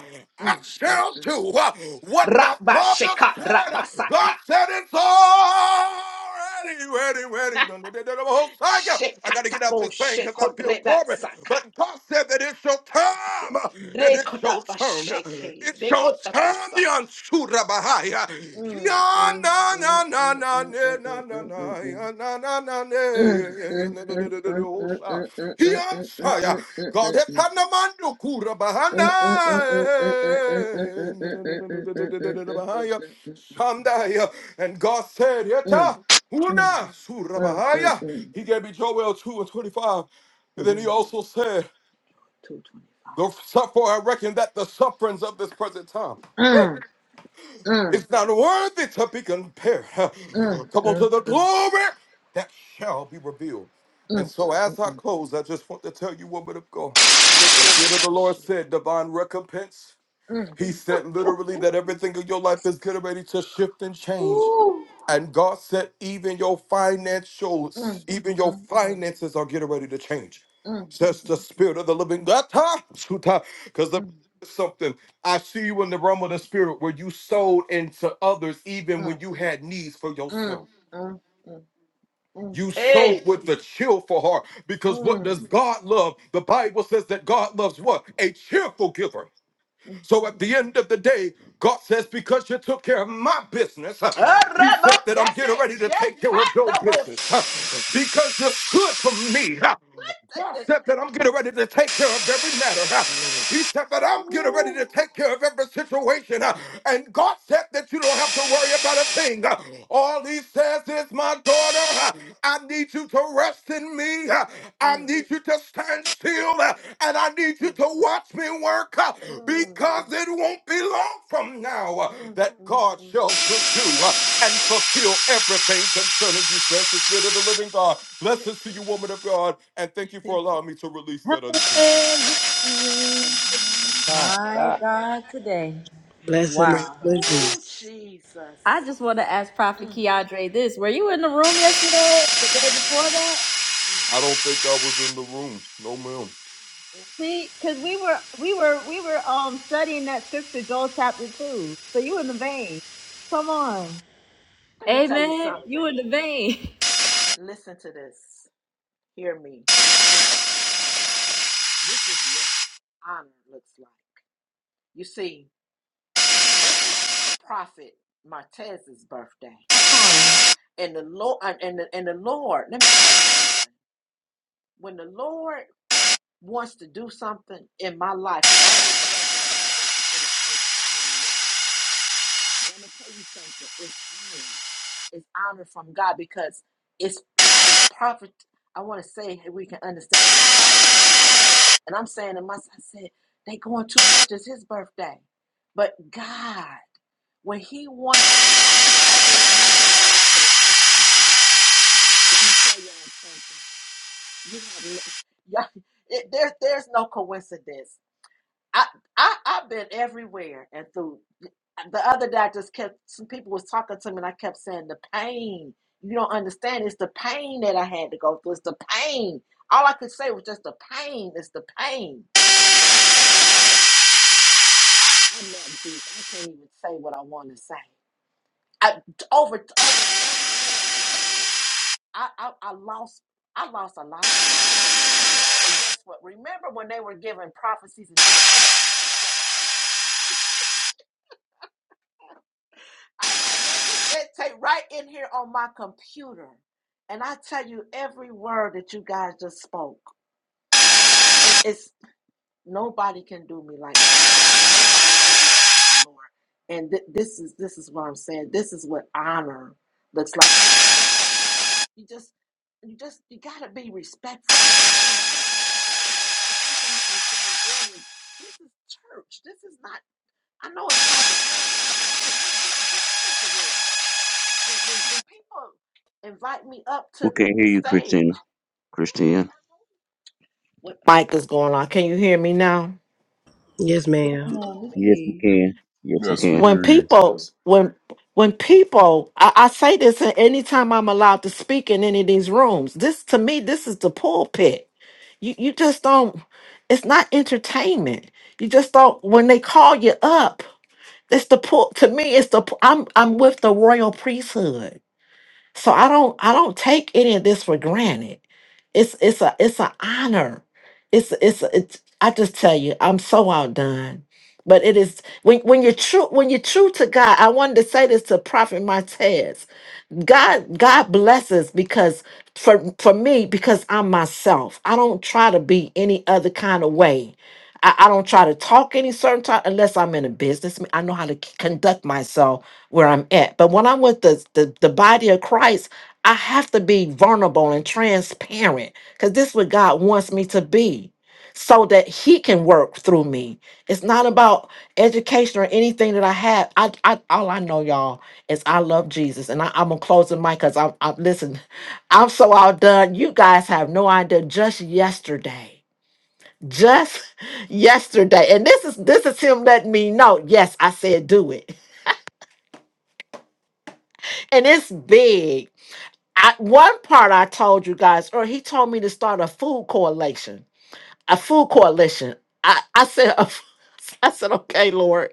I
mm, mm,
shall
mm.
do uh, what my
Rabba
father
shaka
said. huh.
rabba saka.
God said it's all ready, ready, ready. Dun, dun, dun, dun, dun, oh, thank you. I got to get out
Shekatabo
this thing because I feel
shekodreba
glory.
saka.
But God said that it's your time uh, and it's
Rekota
your turn.
basheke.
It's your
Rekota
time, the
basa.
Ansura Bahaya.
Mm,
Ya
mm,
na
mm,
na
mm, mm, mm,
na na
mm, mm,
na na na
mm,
na
mm.
ya, na na na na
Mm,
ya, ya, ya,
mm, mm, mm,
na, na,
mm,
na, na, na, na,
mm,
oh,
mm, mm, mm,
sa.
mm, mm,
Ya,
mm, mm,
sa,
mm.
ya. God has had no man to cura
Mm,
Bahana.
mm, mm, mm, mm, mm, mm, mm, mm, mm, mm, mm, mm, mm, mm,
Na, na, na, na, na, na, na, na, na, na,
mm,
Bahaya. Someday, uh, and God said, Yeta. Una
mm, mm, mm,
surabahaya. He gave me Joel 2 and 25. And then he
hmm
also said,
225.
The suffer I reckon that the sufferings of this present time
Mm, mm,
is not worthy to be compared.
mm, mm,
Come on to the glory that shall be revealed.
mm, mm, mm,
And so as I
mm.
close, I just want to tell you, woman of God, the Spirit of
Rekota
the Lord
bashe.
said, divine recompense.
Mm.
He said literally that everything in your life is getting ready to shift and change And God said, even your financial,
Mm,
even your
mm, mm,
finances are getting ready to change.
mm,
Says the
mm,
spirit of the living God. Because the
mm,
something I see you in the realm of the spirit where you sold into others even when
mm,
you had needs for
mm,
yourself.
mm, mm, mm.
You sold
Hey.
with the cheerful heart because what does
Mm.
God love? The Bible says that God loves what? A cheerful giver.
mm.
So at the end of the day, God says, because you took care of my business, uh,
Ah,
He said
Rambo,
that I'm
That's
getting ready
it.
to
That
take care of your
kind of
business. uh, Because you stood for me, uh, God
bullshit.
said that I'm getting ready to take care of every matter. uh, He said that I'm getting ready
Woo.
to take care of every situation. uh, And God said that you don't have to worry about a thing. uh, All He says is, my daughter, uh, I need you to rest in me. uh, I
Mm,
need you to stand till, uh, and I need
mm,
you to watch me work uh,
mm,
because it won't be long from now uh,
mm,
that
mm,
God shall pursue uh, and fulfill everything concerning you, says the Spirit of the living God. Blessings to you, woman of God, and thank you for
mm.
allowing me to release that unto you.
My
My
God.
God, today.
Bless the name
Wow.
Ooh,
of Jesus.
I
Jesus.
just want to ask Prophet
Mm, mm,
Keandre this. Were you in the room yesterday, the day before that?
I don't
mm.
think I was in the room. No, ma'am.
See, because we were we were we were um studying that scripture, Joel chapter two. So you in the vein. Come on.
Let me tell you
Amen. You
something.
in the vein.
Listen to this. Hear me. This is what honor looks like. You see, prophet Martez's birthday.
Come on.
And the Lord and the, and the Lord, let me, when the Lord wants to do something in my life, let me tell you something. It's honor. It's honor from God because it's, it's prophet. I want to say that we can understand. And I'm saying to myself, I said, they going too much. It's his birthday. But God, when he wants Let me tell y'all something. You have no, y'all, it, there's there's no coincidence. I I I've been everywhere and through. uh, The other day, I just kept some people was talking to me, and I kept saying the pain. You don't understand. It's the pain that I had to go through. It's the pain. All I could say was just the pain. It's the pain. I love Jesus. I can't even say what I want to say. I over over. I, I I lost. I lost a lot. guess what? Remember when they were giving prophecies and they were- take right in here on my computer. And I tell you every word that you guys just spoke. It's nobody can do me like that. like Lord. And th- this is this is what I'm saying. This is what honor looks like. You just you just you gotta be respectful. This is church. This is not. I know it's. not. the When people invite me up to
We can
the, the
hear you, Christina.
stage,
Christina.
when mic is going on, can you hear me now?
Yes, ma'am.
Come on, we can
Yes, we
hear you.
can. Yes, we
Yes, we
can.
When
hear you.
people, when when people, I, I say this anytime I'm allowed to speak in any of these rooms. This to me, this is the pulpit. You you just don't. It's not entertainment. You just don't. When they call you up, it's the pull. To me, it's the. pu- I'm I'm with the royal priesthood. So I don't I don't take any of this for granted. It's it's a it's an honor. It's it's it's I just tell you, I'm so outdone. But it is when when you're true when you're true to God, I wanted to say this to Prophet Martez. God God blesses because for for me because I'm myself. I don't try to be any other kind of way. I, I don't try to talk any certain time unless I'm in a business. I know how to c- conduct myself where I'm at. But when I'm with the the, the body of Christ, I have to be vulnerable and transparent because this is what God wants me to be. So that he can work through me. It's not about education or anything that I have. I, I all I know, y'all as I love Jesus. And I, I'm gonna close the mic because I'm, I'm listen. I'm so outdone. You guys have no idea. Just yesterday, just yesterday, and this is this is him letting me know. Yes, I said do it, and it's big. I, one part I told you guys, or he told me to start a food correlation. a full coalition. I, I said, a f- I said, okay, Lord,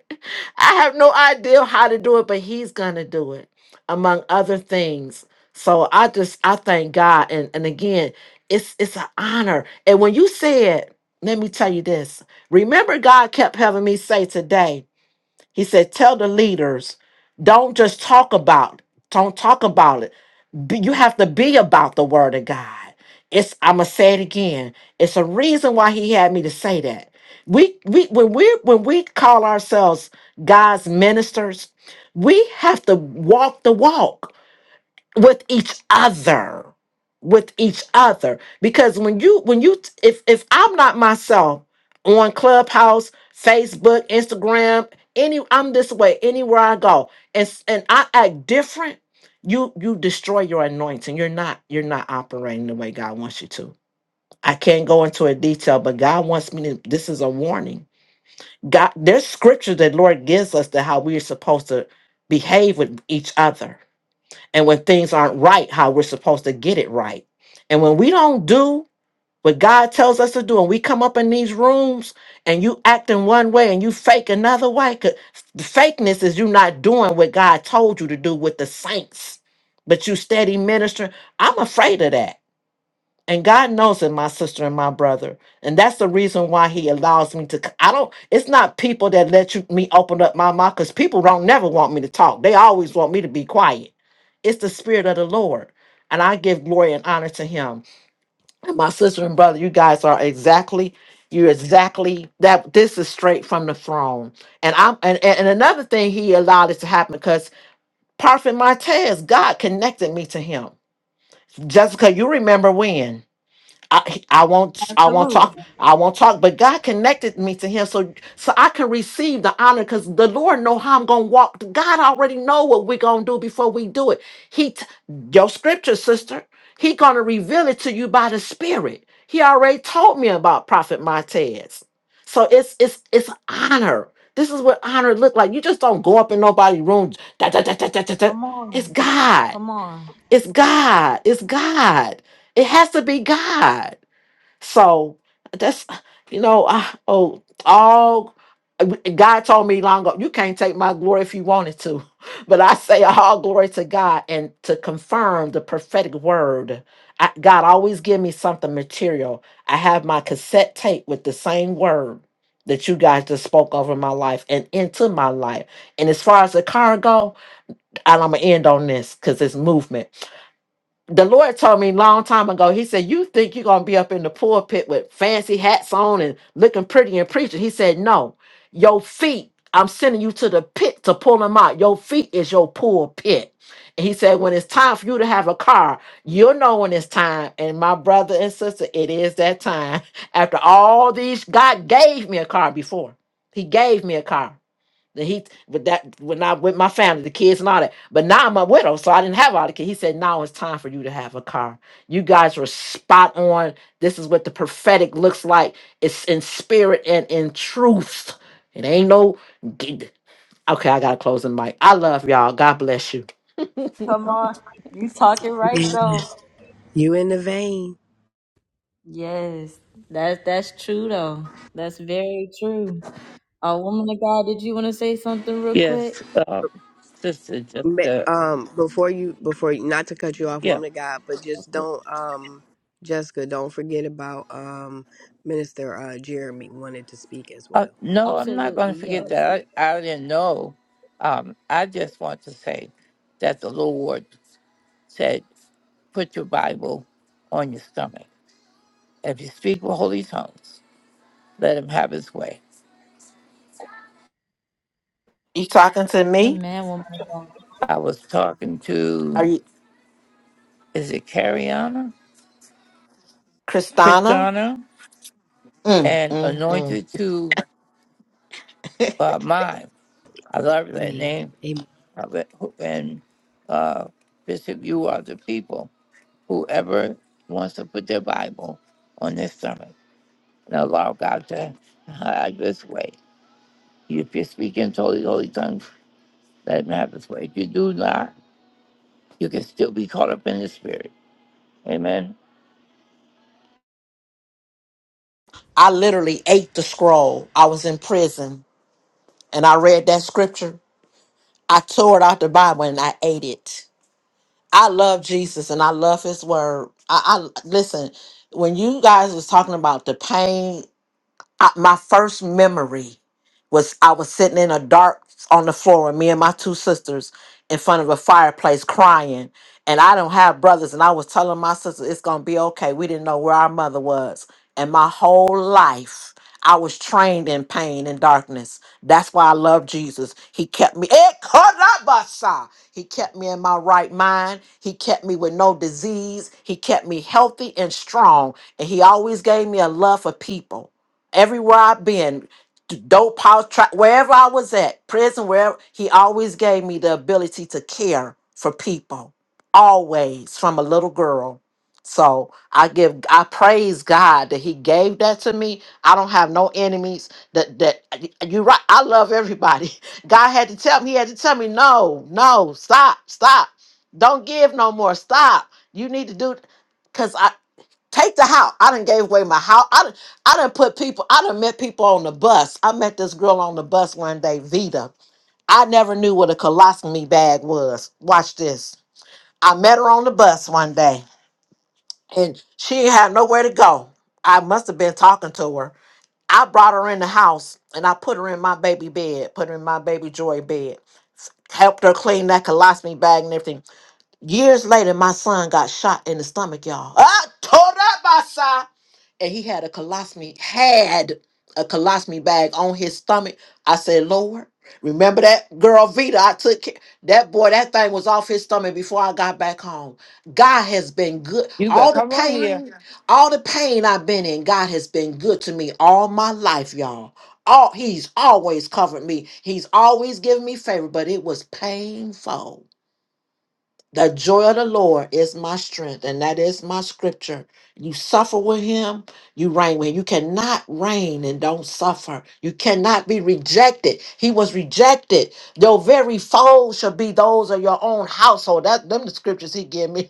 I have no idea how to do it, but He's gonna do it, among other things. So I just I thank God, and and again, it's it's an honor. And when you said, let me tell you this. Remember, God kept having me say today. He said, tell the leaders, don't just talk about, don't talk about it be- you have to be about the word of God. It's I'm gonna say it again. It's a reason why he had me to say that. We we when we when we call ourselves God's ministers, we have to walk the walk with each other with each other because when you when you if if i'm not myself on clubhouse facebook instagram any i'm this way anywhere i go and s- and i act different you you destroy your anointing you're not you're not operating the way god wants you to i can't go into a detail but god wants me to this is a warning god there's scripture that lord gives us that how we're supposed to behave with each other and when things aren't right, how we're supposed to get it right. And when we don't do what God tells us to do, and we come up in these rooms and you act in one way and you fake another way, 'cause the fakeness is you not doing what God told you to do with the saints, but you steady ministering. I'm afraid of that. And God knows it, my sister and my brother. And that's the reason why He allows me to. c- I don't, it's not people that let you, me open up my mouth because people don't never want me to talk. They always want me to be quiet. It's the Spirit of the Lord. And I give glory and honor to him. And my sister and brother, you guys are exactly, you're exactly that. This is straight from the throne. And I'm and, and and another thing he allowed it to happen because Prophet Martez, God connected me to him. Jessica, you remember when? I, I won't I won't
Absolutely.
talk I won't talk but God connected me to him so so I can receive the honor cuz the Lord know how I'm going to walk God already know what we're going to do before we do it he t- your scripture sister he going to reveal it to you by the spirit he already told me about prophet Montez so it's it's it's honor this is what honor look like you just don't go up in nobody's room da, da, da, da, da, da, da.
Come
it's
on.
God
Come on.
it's God it's God it has to be God so that's you know, I oh all God told me long ago, you can't take my glory if you wanted to. But I say all glory to God and to confirm the prophetic word. I, God always give me something material. I have my cassette tape with the same word that you guys just spoke over my life and into my life. And as far as the car go, and I'm gonna end on this because it's movement the Lord told me long time ago, he said, You think you're gonna be up in the pulpit with fancy hats on and looking pretty and preaching. He said, No, your feet, I'm sending you to the pit to pull them out. Your feet is your pulpit. And he said, When it's time for you to have a car, you'll know when it's time. And my brother and sister, it is that time. After all these, God gave me a car before. He gave me a car. The he with that when I with my family, the kids and all that. But now I'm a widow, so I didn't have all the kids. He said, now it's time for you to have a car. You guys were spot on. This is what the prophetic looks like. It's in spirit and in truth. It ain't no g- okay, I gotta close the mic. I love y'all. God bless you.
Come on. You talking right though.
You in the vein.
Yes, that's that's true though. That's very true. A uh, woman of God, did you want to say something real quick?
Yes, um, sister, just,
Ma-
uh,
um before you before you, not to cut you off
yeah.
woman of god but just
Okay.
don't um jessica don't forget about um minister uh jeremy wanted to speak as
Uh,
well
no, I'm not going to
Absolutely,
forget
yes.
that. I, I didn't know. Um, I just want to say that the Lord said, put your Bible on your stomach. If you speak with holy tongues, let him have his way.
You talking to me?
Amen, woman of God.
I was talking
Are
to,
you
is it Cariana?
Kristana?
Christiana,
Mm,
and
mm, mm.
anointed to uh, mine. I love that
Yeah,
name
Amen.
uh, but who- and uh, Bishop, you are the people, whoever wants to put their Bible on this sermon and allow God to have this way. If you're speaking in totally holy tongues, let him have his way. If you do not, you can still be caught up in the spirit. Amen.
I literally ate the scroll. I was in prison and I read that scripture. I tore it out the Bible and I ate it. I love Jesus and I love his word. I, I listen, when you guys was talking about the pain, I, my first memory was I was sitting in a dark on the floor with me and my two sisters in front of a fireplace crying. And I don't have brothers, and I was telling my sister it's gonna be okay. We didn't know where our mother was. And my whole life I was trained in pain and darkness. That's why I love Jesus. He kept me. Eh, karabasa. He kept me in my right mind. He kept me with no disease. He kept me healthy and strong. And he always gave me a love for people everywhere I've been dope house, tra- wherever I was at, prison, wherever, he always gave me the ability to care for people, always from a little girl. So I give, I praise God that He gave that to me. I don't have no enemies. That that you're right. I love everybody. God had to tell me. He had to tell me, no, no, stop, stop, don't give no more. Stop. You need to do because Take the house. I done gave away my house. I done, I done put people, I done met people on the bus. I met this girl on the bus one day, Vita. I never knew what a colostomy bag was. Watch this. I met her on the bus one day and she ain't had nowhere to go. I must have been talking to her. I brought her in the house and I put her in my baby bed, put her in my baby joy bed, helped her clean that colostomy bag and everything. Years later, my son got shot in the stomach, y'all. Ah, tore that and he had a colostomy, had a colostomy bag on his stomach. I said, Lord, remember that girl Vita? I took care. that boy, that thing was off his stomach before I got back home. God has been good.
You
All,
better come on here.
all the pain I've been in, God has been good to me all my life, y'all. All he's always covered me. He's always given me favor, but it was painful the joy of the Lord is my strength, and that is my scripture. You suffer with him, you reign with him. You cannot reign and don't suffer. You cannot be rejected. He was rejected. Your very foes shall be those of your own household. That them the scriptures he gave me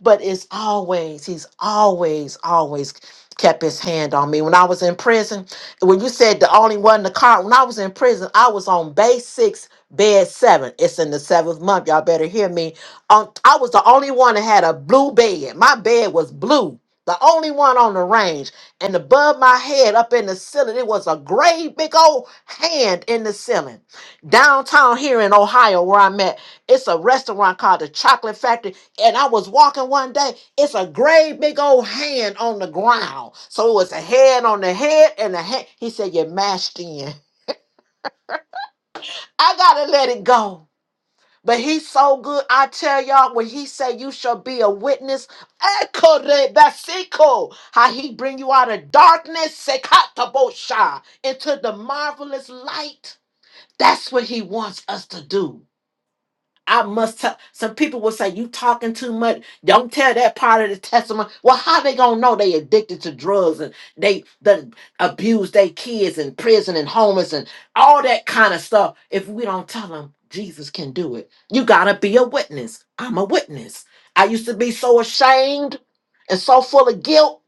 but it's always he's always always kept his hand on me when i was in prison when you said the only one in the car when i was in prison i was on bay six bed seven it's in the seventh month y'all better hear me um, i was the only one that had a blue bed my bed was blue the only one on the range and above my head up in the ceiling it was a great big old hand in the ceiling downtown here in ohio where i'm at it's a restaurant called the chocolate factory and I was walking one day, it's a great big old hand on the ground. So it was a head on the head and a hand. He said, You're mashed in. I gotta let it go. But he's so good. I tell y'all, when he say you shall be a witness, echo how he bring you out of darkness, sekatabosha, into the marvelous light. That's what he wants us to do. I must tell some people will say you talking too much. Don't tell that part of the testimony. Well, how they gonna know they addicted to drugs and they done abuse their kids in prison and homeless and all that kind of stuff if we don't tell them Jesus can do it. You gotta be a witness. I'm a witness. I used to be so ashamed and so full of guilt,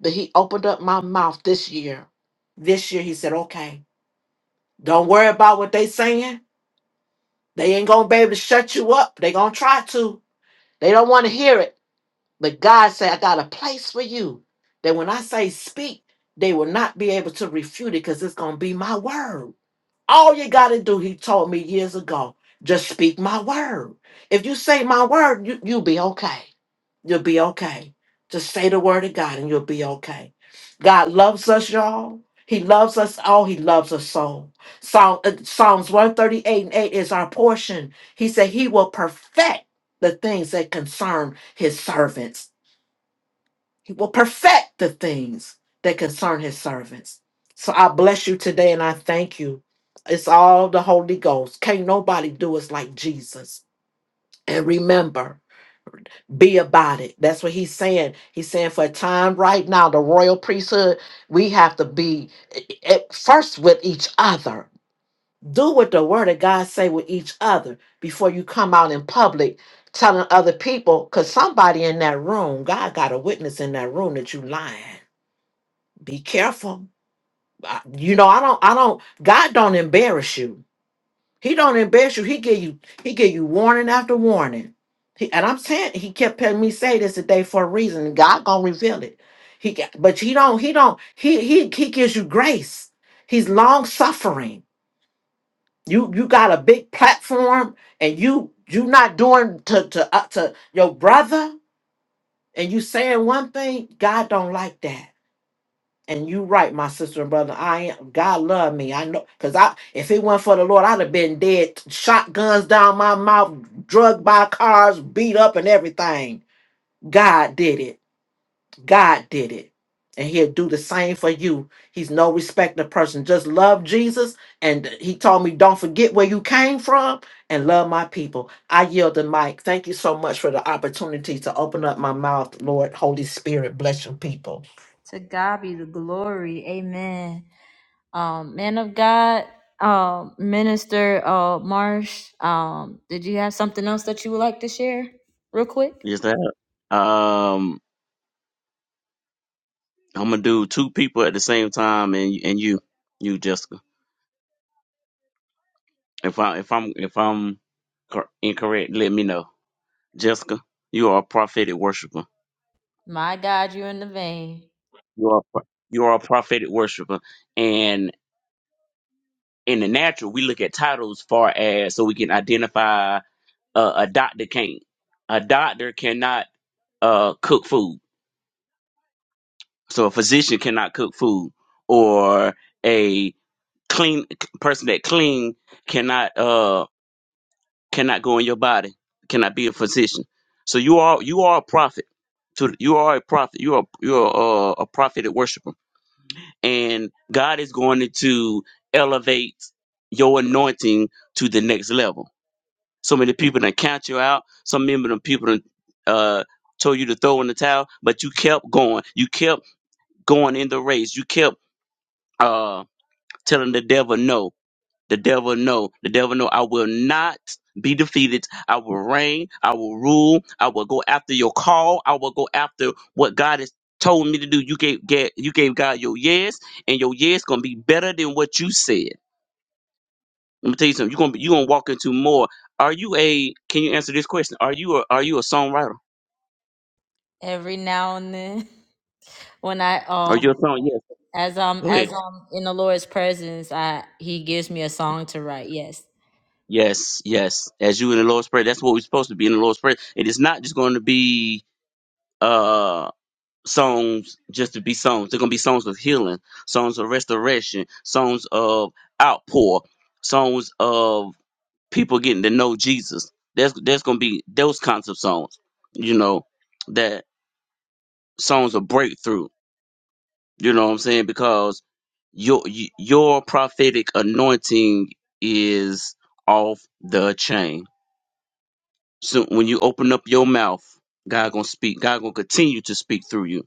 but he opened up my mouth this year. This year he said, okay, don't worry about what they saying. They ain't gonna be able to shut you up. They gonna try to. They don't want to hear it. But God said, I got a place for you that when I say speak, they will not be able to refute it because it's going to be my word. All you got to do, he told me years ago, just speak my word. If you say my word, you, you'll be okay. You'll be okay. Just say the word of God and you'll be okay. God loves us, y'all. He loves us all. He loves us so. Psalm, uh, Psalms 138 and 8 is our portion. He said, He will perfect the things that concern His servants. He will perfect the things that concern His servants. So I bless you today and I thank you. It's all the Holy Ghost. Can't nobody do us like Jesus. And remember, be about it. That's what he's saying. He's saying for a time right now, the royal priesthood, we have to be at first with each other. Do what the word of God say with each other before you come out in public telling other people, because somebody in that room, God got a witness in that room that you lying. Be careful. I- You know, I don't, I don't, God don't embarrass you. He don't embarrass you. He give you he give you warning after warning. He, and I'm saying he kept telling me say this today for a reason. God gonna reveal it. He got, but he don't he don't he he he gives you grace. He's long suffering. You you got a big platform and you you not doing to to uh, to your brother and you saying one thing. God don't like that. And you right, my sister and brother. I am God love me. I know because I if it weren't for the Lord, I'd have been dead, shotguns down my mouth, drugged by cars, beat up and everything. God did it. God did it. And he'll do the same for you. He's no respecter of person. Just love Jesus. And he told me, don't forget where you came from and love my people. I yield the mic. Thank you so much for the opportunity to open up my mouth, Lord. Holy Spirit, bless your people.
To God be the glory. Amen. Um, man of God, um, minister uh Marsh, um, did you have something else that you would like to share real quick?
Yes, that. Um, I'm gonna do two people at the same time, and and you, you Jessica. If I if I'm if I'm cor- incorrect, let me know. Jessica, you are a prophetic worshiper.
My God, you're in the vein
You are a pro- you are a prophetic worshiper, and in the natural, we look at titles far as so we can identify uh, a doctor can't. A doctor cannot uh, cook food, so a physician cannot cook food, or a clean person that clean cannot uh cannot go in your body, cannot be a physician. So you are you are a prophet. To you are a prophet. You are you are uh, a prophetic worshiper and God is going to elevate your anointing to the next level. So many people done count you out. Some many of people done, uh, told you to throw in the towel, but you kept going. You kept going in the race. You kept uh, telling the devil no. The devil know. The devil know I will not be defeated. I will reign. I will rule. I will go after your call. I will go after what God has told me to do. You gave get you gave God your yes, and your yes gonna be better than what you said. Let me tell you something. You're gonna be, you gonna walk into more. Are you a can you answer this question? Are you a are you a songwriter?
every now and then. When I
Are
um
you a song? Yes.
as um
Go ahead.
as um in the Lord's presence, I He gives me a song to write. Yes,
Yes, yes. As you in the Lord's Prayer. That's what we're supposed to be in the Lord's Prayer. It is not just going to be uh, songs just to be songs. They're gonna be songs of healing, songs of restoration, songs of outpour, songs of people getting to know Jesus. There's there's gonna be those kinds of songs, you know, that songs of breakthrough. You know what I'm saying? Because your y- your prophetic anointing is off the chain. So when you open up your mouth, God gonna speak. God gonna continue to speak through you.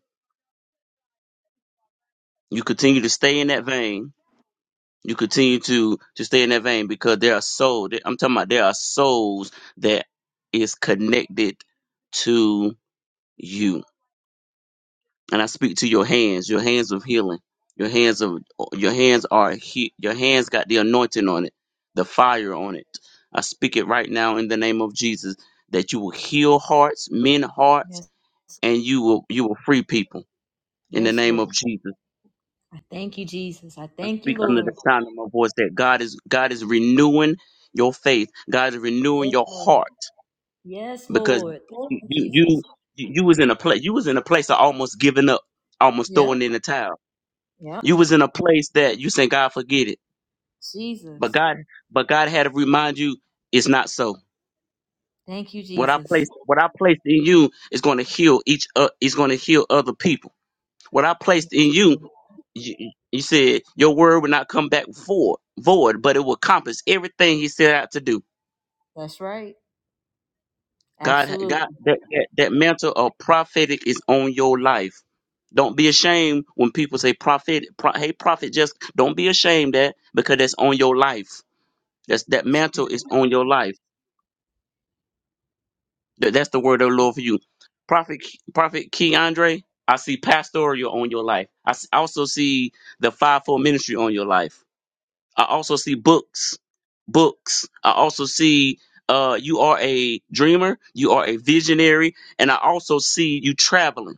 You continue to stay in that vein you continue to to stay in that vein because there are souls. I'm talking about there are souls that is connected to you, and I speak to your hands, your hands of healing, your hands of your hands are he, your hands got the anointing on it, the fire on it. I speak it right now in the name of Jesus that you will heal hearts, men hearts,
yes,
and you will you will free people in the
yes,
name
Lord.
of Jesus.
I thank you, Jesus. I
I
thank you,
speak under the
Lord.
sound of my voice that God is God is renewing your faith. God is renewing
Yes,
your
Lord.
heart
Yes,
because
Lord. Thank
you
you,
you you,
Jesus.
you was in a place you was in a place of almost giving up, almost
Yep,
throwing in the towel.
yep.
You was in a place that you saying God forget it, but
Jesus.
God but God had to remind you it's not so.
Thank you,
What I
Jesus.
placed what I placed in you is going to heal each uh, is going to heal other people. What I
Yes,
placed in you
Lord.
you, you said your word will not come back void, void, but it will accomplish everything he set out to do.
That's right.
God, God,
Absolutely.
that, that that mantle of prophetic is on your life. Don't be ashamed when people say prophet, pro, hey prophet, just don't be ashamed that because that's on your life. That's that mantle is on your life. That, that's the word of the Lord for you, prophet, prophet Keandre. I see pastoral on your life. I s- I also see the fivefold ministry on your life. I also see books, books. I also see uh, you are a dreamer, you are a visionary, and I also see you traveling.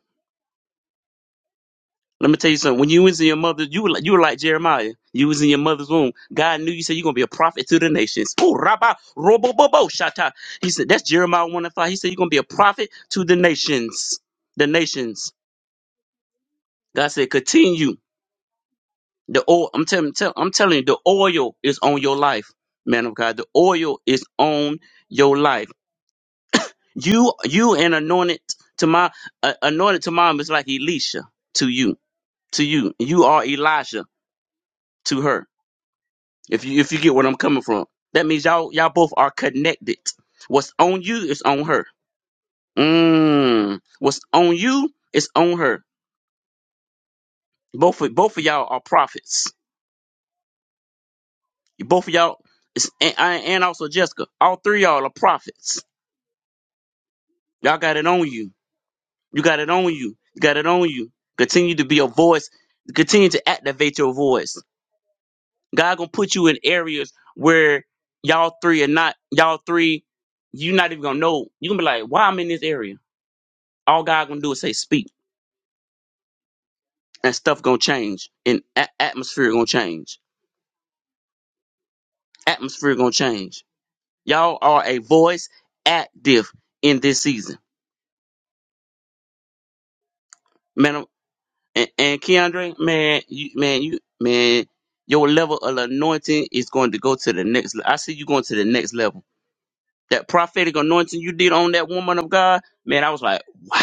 Let me tell you something. When you was in your mother, you were like, you were like Jeremiah. You was in your mother's womb. God knew you said you're gonna be a prophet to the nations. Ooh, rabba, robo, bobo, shata. He said that's Jeremiah one and five. He said you're gonna be a prophet to the nations. The nations. God said continue. The oil, I'm telling, tell, I'm telling you, the oil is on your life, man of God. The oil is on your life. You, you, and anointed to my uh, anointed to mom is like Elisha to you, to you. You are Elijah to her. If you, if you get what I'm coming from, that means y'all, y'all both are connected. What's on you is on her. Mm. What's on you is on her. Both, of- both of y'all are prophets. Both of y'all, is, and, and also Jessica. All three of y'all are prophets Y'all got it on you. You got it on you. You got it on you. Continue to be a voice. Continue to activate your voice. God gonna put you in areas where y'all three are not. Y'all three, you not even gonna know. You gonna be like, why I'm in this area? All God gonna do is say, speak, and stuff gonna change, and a- atmosphere gonna change. Atmosphere gonna change. Y'all are a voice active in this season. And, and Keandre, man, you, man, you, man, your level of anointing is going to go to the next. le- I see you going to the next level. That prophetic anointing you did on that woman of God, man, I was like, wow.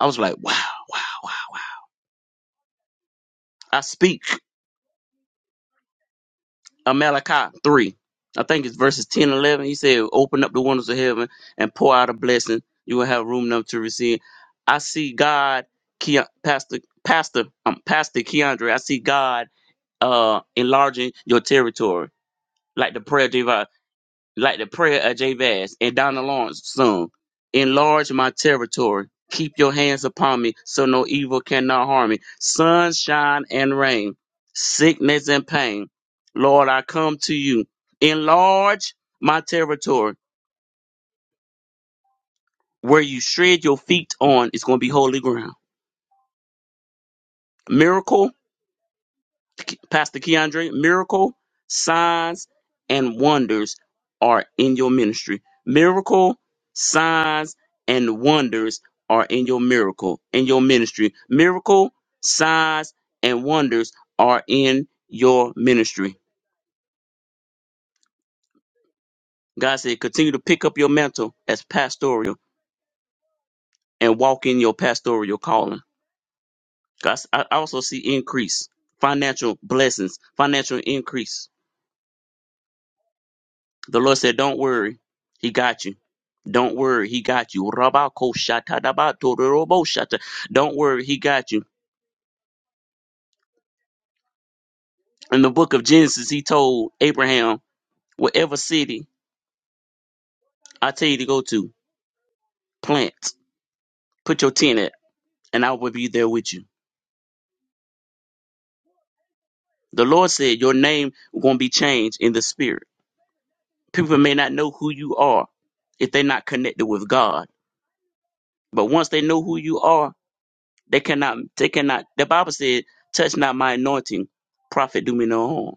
I was like, wow, wow, wow, wow. I speak of Malachi 3. I think it's verses 10 and 11. He said, open up the windows of heaven and pour out a blessing. You will have room enough to receive. I see God, Ke- Pastor, Pastor, um, Pastor Keandre, I see God uh enlarging your territory. like the prayer Java, like the prayer of Jabez and Donna Lawrence sung. Enlarge my territory. Keep your hands upon me, so no evil cannot harm me. Sunshine and rain, sickness and pain. Lord, I come to you. Enlarge my territory. Where you shred your feet on is going to be holy ground. Miracle Pastor Keandre, miracle, signs, and wonders are in your ministry. Miracle, signs, and wonders are in your miracle, in your ministry. Miracle, signs, and wonders are in your ministry. God said, continue to pick up your mantle as pastoral and walk in your pastoral calling. God, I I also see increase, financial blessings, financial increase The Lord said, Don't worry. He got you. Don't worry. He got you. Rabakoshata. Don't worry. He got you. In the book of Genesis, he told Abraham, Whatever city I tell you to go to, plant, put your tent at, and I will be there with you. The Lord said, Your name going to be changed in the spirit. People may not know who you are if they're not connected with God. But once they know who you are, they cannot, they cannot, the Bible said, touch not my anointing, prophet do me no harm.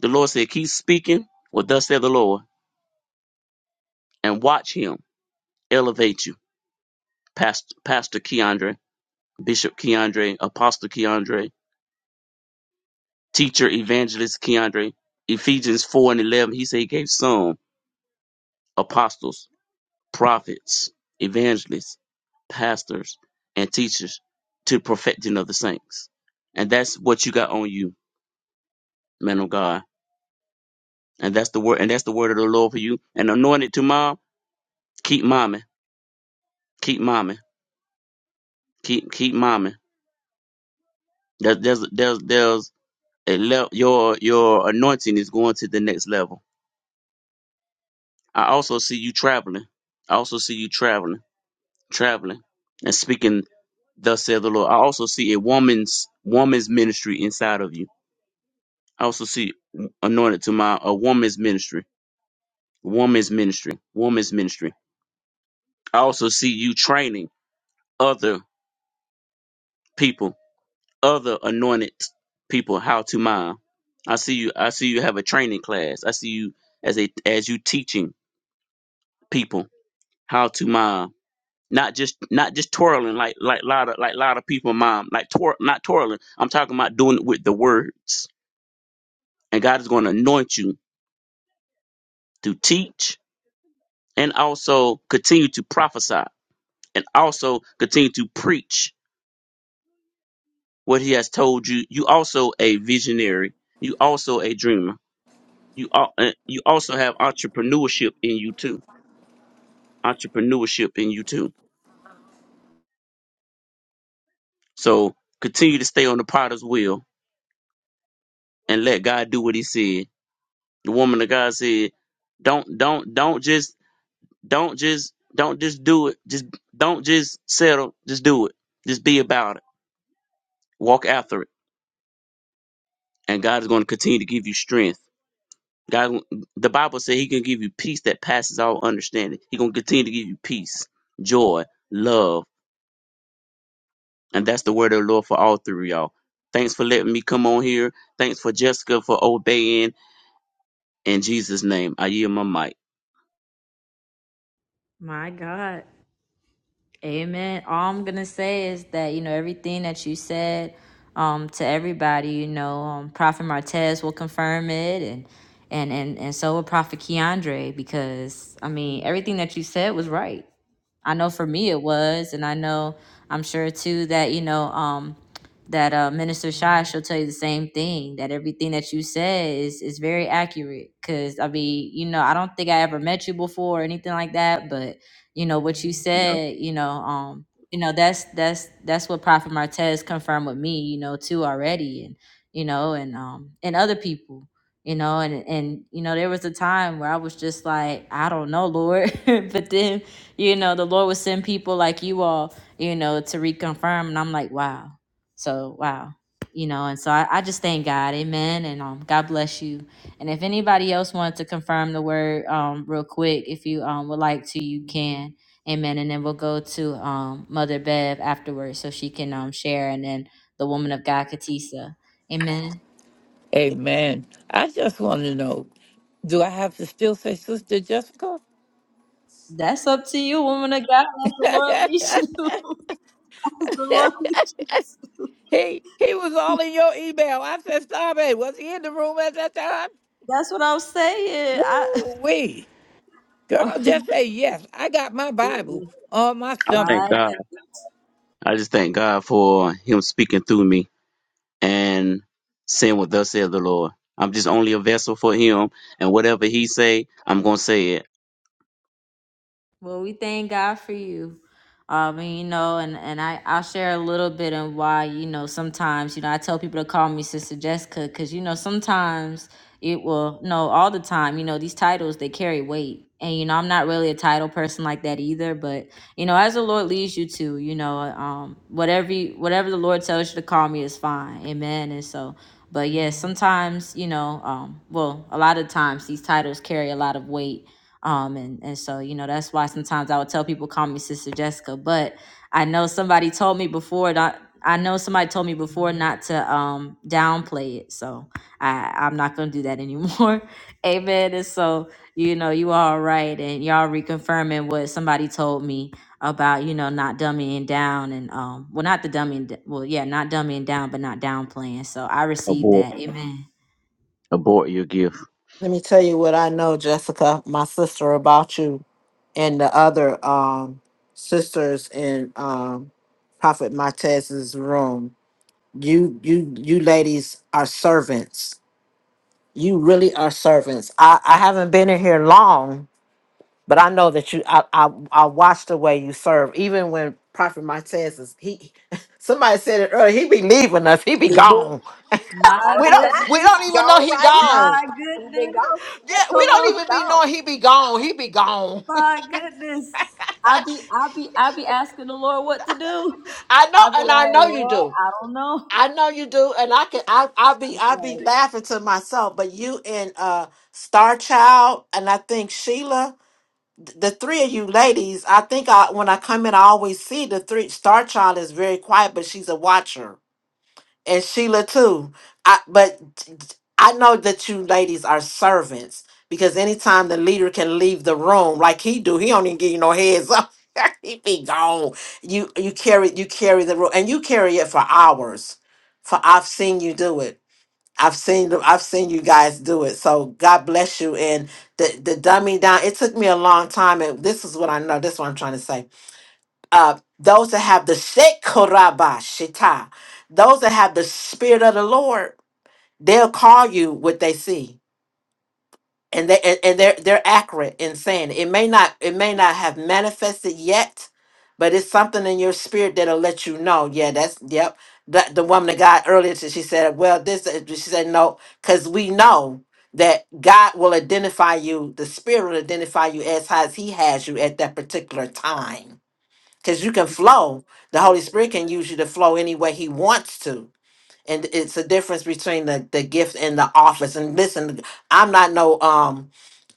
The Lord said, Keep speaking what thus said the Lord, and watch him elevate you. Pastor, Pastor Keandre, Bishop Keandre, Apostle Keandre, Teacher Evangelist Keandre, Ephesians 4 and 11. He said he gave some apostles, prophets, evangelists, pastors, and teachers to perfecting of the saints. And that's what you got on you, man of God. And that's the word, and that's the word of the Lord for you. And anointed to mom, keep mommy, keep mommy, keep keep mommy. There's there's there's there's a le- your your anointing is going to the next level. I also see you traveling. I also see you traveling, traveling, and speaking. Thus said the Lord. I also see a woman's woman's ministry inside of you. I also see anointed to my a woman's ministry, woman's ministry, woman's ministry. I also see you training other people, other anointed people how to mine. I see you. I see you have a training class. I see you as a as you teaching people how to mom. Not just not just twirling like like lot of like lot of people mom like twir- not twirling. I'm talking about doing it with the words. And God is going to anoint you to teach and also continue to prophesy and also continue to preach what He has told you. You also a visionary. You also a dreamer. You al- uh, you also have entrepreneurship in you too. Entrepreneurship in you too. So continue to stay on the potter's wheel and let God do what He said The woman of God said, "Don't, don't, don't just, don't just, don't just do it. Just don't just settle. Just do it. Just be about it. Walk after it, and God is going to continue to give you strength." God, the Bible said He can give you peace that passes all understanding. He gonna continue to give you peace, joy, love, and that's the word of the Lord for all three of y'all. Thanks for letting me come on here. Thanks for Jessica for obeying. In Jesus' name, I yield my mic.
My God. Amen. All I'm gonna say is that you know everything that you said um, to everybody. You know, um, Prophet Martez will confirm it, and and and and so will Prophet Keandre because I mean everything that you said was right. I know for me it was, and I know I'm sure too that you know um, that uh, Minister Shy she'll tell you the same thing that everything that you said is is very accurate. Cause I mean, you know, I don't think I ever met you before or anything like that, but you know what you said, you know, um, you know that's that's that's what Prophet Martez confirmed with me, you know, too already, and you know, and um, and other people you know and and you know there was a time where i was just like i don't know lord but then you know, the Lord would send people like you all, you know, to reconfirm. And I'm like, wow. So, wow. You know, and so I, I just thank God. Amen. And um, God bless you. And if anybody else wanted to confirm the word um, real quick, if you um, would like to, you can. Amen. And then we'll go to um, Mother Bev afterwards so she can um, share. And then the woman of God, Katisa. Amen.
Amen. I just want to know, do I have to still say Sister Jessica?
That's up to you, woman of God. That's the Lord leads you. That's the Lord leads you.
he he was all in your email. I said, stop it. Was he in the room at that time?
That's what I'm saying. I
Woo wee. Girl, just say yes. I got my Bible on my
I
something.
thank
my
God.
goodness.
I just thank God for Him speaking through me and saying what thus saith the Lord. I'm just only a vessel for him, and whatever he say, I'm gonna say it.
Well, we thank God for you. Um, and, you know, and, and I, I'll share a little bit on why, you know, sometimes, you know, I tell people to call me Sister Jessica because, you know, sometimes it will, no, all the time, you know, these titles, they carry weight. And, you know, I'm not really a title person like that either. But, you know, as the Lord leads you to, you know, um, whatever, you, whatever the Lord tells you to call me is fine. Amen. And so, but yes, sometimes, you know, um, well, a lot of times these titles carry a lot of weight um, and, and so, you know, that's why sometimes I would tell people, call me Sister Jessica. But I know somebody told me before, not, I know somebody told me before not to um, downplay it. So I, I'm not going to do that anymore. Amen. And so, you know, you all right. And y'all reconfirming what somebody told me about, you know, not dummying down and, um, well, not the dummying, d- well, yeah, not dummying down, but not downplaying. So I received
Abort,
that. Amen.
abort your gift.
Let me tell you what I know, Jessica, my sister, about you and the other um, sisters in um, Prophet Martez's room. You, you, you ladies are servants. You really are servants. I, I haven't been in here long, but I know that you. I, I, I watch the way you serve. Even when Prophet Martez is he, somebody said it earlier. He be leaving us. He be
he do
gone.
My
all
We
the
don't.
time
We
goodness.
he
don't even know
gone
he
right now
gone.
My
he's been
goodness.
gone for the
Yeah,
last
we
10
Come
minutes
don't
on.
he's
even be
gone
knowing he be gone. He be gone.
My goodness. I be I be I be asking the Lord what to do.
I know,
I be
and I
like,
know you
Lord,
do.
I don't know.
I know you do, and I can. I I'll be
It's
I'll be
like
laughing to myself. But you and uh Star Child, and I think Sheila, th- the three of you ladies. I think I when I come in, I always see the three. Star Child is very quiet, but she's a watcher and Sheila too. I but I know that you ladies are servants because anytime the leader can leave the room like he do, he don't even give you no heads up. he be gone. You you carry you carry the room and you carry it for hours. For I've seen you do it. I've seen the- I've seen you guys do it. So God bless you. And the the dumbing down. It took me a long time. And this is what I know. This is what I'm trying to say uh, those that have the Sekoraba Shita, those that have the Spirit of the Lord, they'll call you what they see. And they and, and they're they're accurate in saying it. It may not it may not have manifested yet, but it's something in your spirit that'll let you know. Yeah, that's yep. The, the woman of God earlier she said, Well, this uh, she said no, because we know that God will identify you, the spirit will identify you as high as he has you at that particular time because you can flow. The Holy Spirit can use you to flow any way He wants to. And it's a difference between the, the gift and the office. And listen, I'm not no um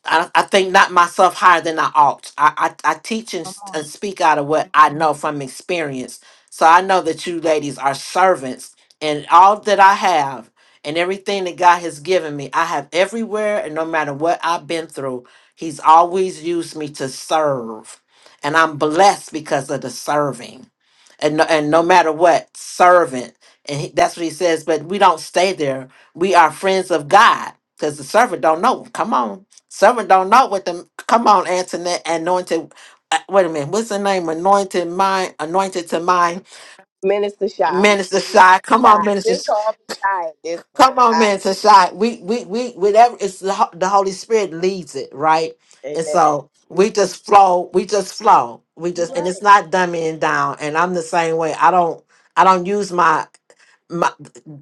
I, I think not myself higher than I ought. I, I, I teach and, s- and speak out of what I know from experience. So I know that you ladies are servants, and all that I have and everything that God has given me, I have everywhere, and no matter what I've been through, He's always used me to serve. And I'm blessed because of the serving and no, and no matter what servant and he, that's what he says but we don't stay there we are friends of god because the servant don't know come on servant don't know what the come on antoinette anointed uh, wait a minute what's the name anointed mind anointed to mind
minister shy
minister
he was
shy come on
shy
minister
just call me shy at this
Come
point
on,
i
man, Tashai. We we we whatever it's the, Ho- the Holy Spirit leads it, right? And
amen
so
you
we just flow, we just flow. We
you
just and
right
it's not dumbing down. And I'm the same way. I don't I don't use my my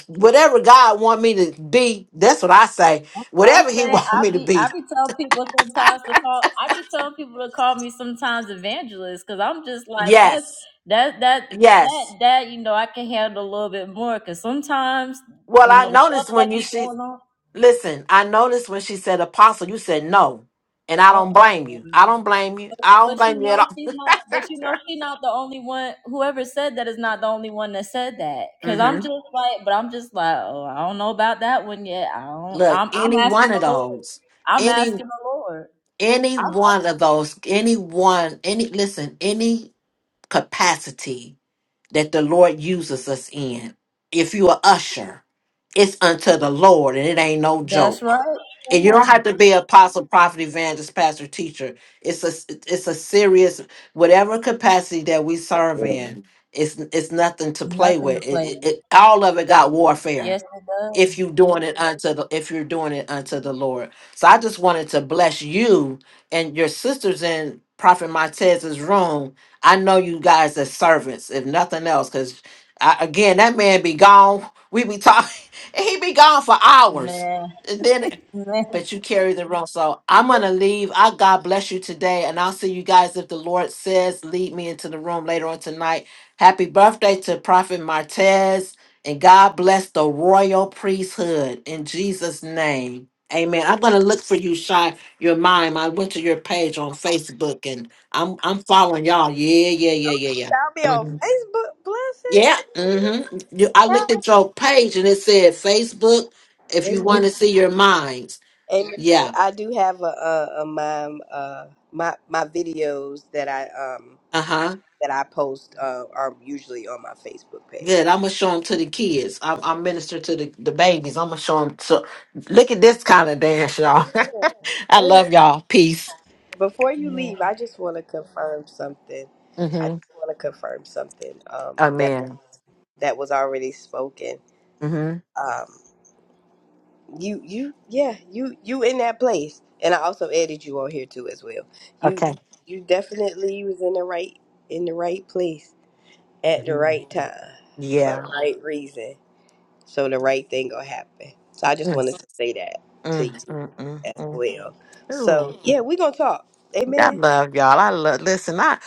whatever God want me to be, that's what I say.
that's what I'm
Whatever he
saying.
want
I
me to
be I
be.
be telling people sometimes to call I be telling people to call me sometimes evangelist because I'm just like that's
Yes.
that that
Yes.
that that you know I can handle a little bit more because sometimes
Well,
you
I
know the stuff
noticed
that
when you
be
she
going on.
listen, I noticed when she said apostle, you said no. And I don't blame
Oh,
you. I don't blame you. I don't
But you
blame you at
know she's not. But you know she's not the only one. Whoever said that is not the only one that said that. Cause
all.
I'm just like, but I'm just like, oh, I don't know about that one yet. I don't.
Look,
I'm. I'm
any
asking
one of
the Lord.
those,
I'm
any
asking the Lord.
any
I'm.
one of those, any one, any listen, any capacity that the Lord uses us in. If you are usher, it's unto the Lord, and it ain't no
That's right.
joke.
Come
And you don't
on.
have to be apostle, prophet, evangelist, pastor, teacher. It's a it's a serious whatever capacity that we serve
Yeah.
in. It's it's nothing to play
Nothing to
with. It,
play
it,
with.
it all of it got warfare
Yes, it does,
if you doing it unto the if you're doing it unto the Lord. So I just wanted to bless you and your sisters in Prophet Montez's room. I know you guys as servants, if nothing else, because again that man be gone. We be talking, and he be gone for hours.
man.
And then but you carry the room. So I'm gonna leave. I God bless you today, and I'll see you guys if the Lord says lead me into the room later on tonight. Happy birthday to Prophet Martez, and God bless the royal priesthood in Jesus' name. Amen. I'm gonna look for you, Shy. Your mime. I went to your page on Facebook, and I'm I'm following y'all. Yeah, yeah,
oh
yeah, yeah,
you
yeah.
found me on
Mhm.
facebook bless
Yeah. Mm-hmm. You, I looked at your book. If
it
you
amen
want to see your minds,
Amen.
yeah.
I do have a, a, a my uh my my videos that I um
Uh huh.
that I post uh, are usually on my Facebook page.
Good. I'm gonna show them to the kids. I'm, I'm minister to the, the babies. I'm gonna show them. To, look at this kind of dance, y'all. I
Uh,
love y'all. Peace.
Before you
Man.
leave, I just want to confirm something. I
Mm-hmm.
just want to confirm something um that
Amen.
that was already spoken.
Mm-hmm.
Um, you you yeah you you in that place, and I also added you on here too as well. You
Okay.
you definitely was in the right in the right place at the
hmm
right time for the
Yeah.
right reason. So the right thing gonna happen. So I just
Mm,
wanted to say that to
mm,
you
mm, mm,
as
mm.
well.
Ooh,
So yeah, we gonna talk.
I
Amen.
love y'all. I love. Listen, I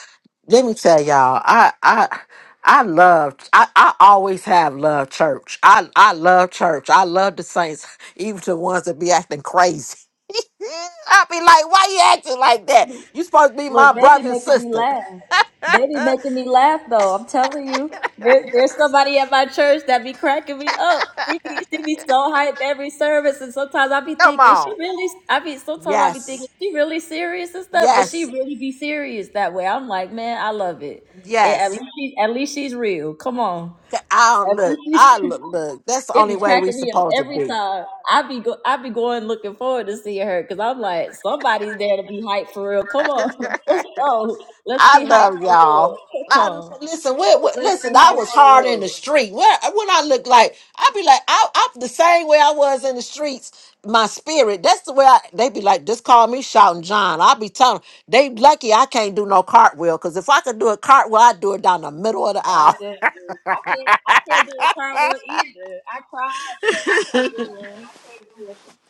let me tell y'all, I I I love I, I always have loved church. I I love church. I love the saints, even the ones that be acting crazy. I be like, why you acting like that? You supposed to be
Look,
my
they be
brother and
making me
sister.
laugh. They be making me laugh though. I'm telling you, there, there's somebody at my church that be cracking me up. She be, she be so hyped every service, and sometimes I be
Come
thinking she
on.
really. I be sometimes I be thinking
Yes.
she really serious and stuff, but she
Yes.
really be serious that way. I'm like, man, I love it. And at
Yes.
least she, at least she's real. Come on,
I don't
at
look.
least
I
she's
look. Look. That's the
It
only
be
way we
cracking me up
supposed to
every
be.
time. I be go, I be going looking forward to seeing her because I'm like, somebody's there to be hyped for real. Come on, let's go. Let's
I
be hyped
love
for the Lord.
y'all.
Come
I,
on,
listen, where, where-
let's
listen,
be
I
hyped
was
for the
hard in
Lord.
the street. Where when I look like, I be like, I, I'm the same way I was in the streets. My spirit, that's the way I, they be like, just call me shouting John. I be telling 'em, they lucky I can't do no cartwheel because if I could do a cartwheel, I'd do it down the middle of the
My
aisle.
goodness, I can't, I can't do a cartwheel either. I tried, but I can't do one.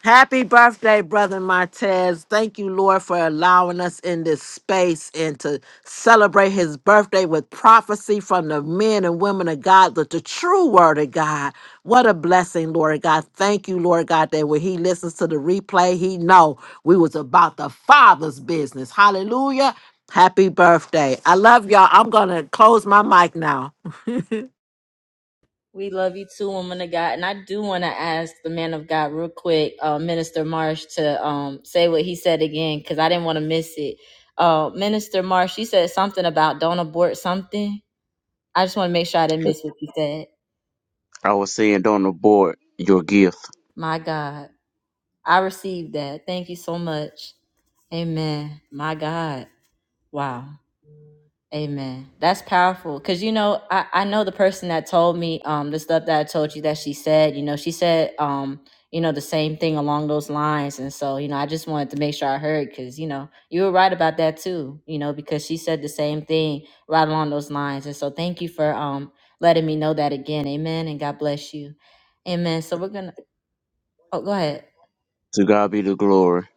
Happy birthday, Brother Martez. Thank you, Lord, for allowing us in this space and to celebrate his birthday with prophecy from the men and women of God, the, the true word of God. What a blessing, Lord God. Thank you, Lord God, that when he listens to the replay, he know we was about the Father's business. Hallelujah. Happy birthday. I love y'all. I'm going to close my mic now.
We love you too, woman of God. And I do want to ask the man of God real quick, uh, Minister Marsh, to um, say what he said again because I didn't want to miss it. Uh, Minister Marsh, you said something about don't abort something. I just want to make sure I didn't miss what you said.
I was saying, don't abort your gift.
My God, I received that. Thank you so much. Amen. My God. Wow. Amen. That's powerful. Cause you know, I, I know the person that told me um the stuff that I told you that she said, you know, she said um, you know, the same thing along those lines. And so, you know, I just wanted to make sure I heard because, you know, you were right about that too, you know, because she said the same thing right along those lines. And so thank you for um letting me know that again. Amen. And God bless you. Amen. So we're gonna oh go ahead.
To God be the glory.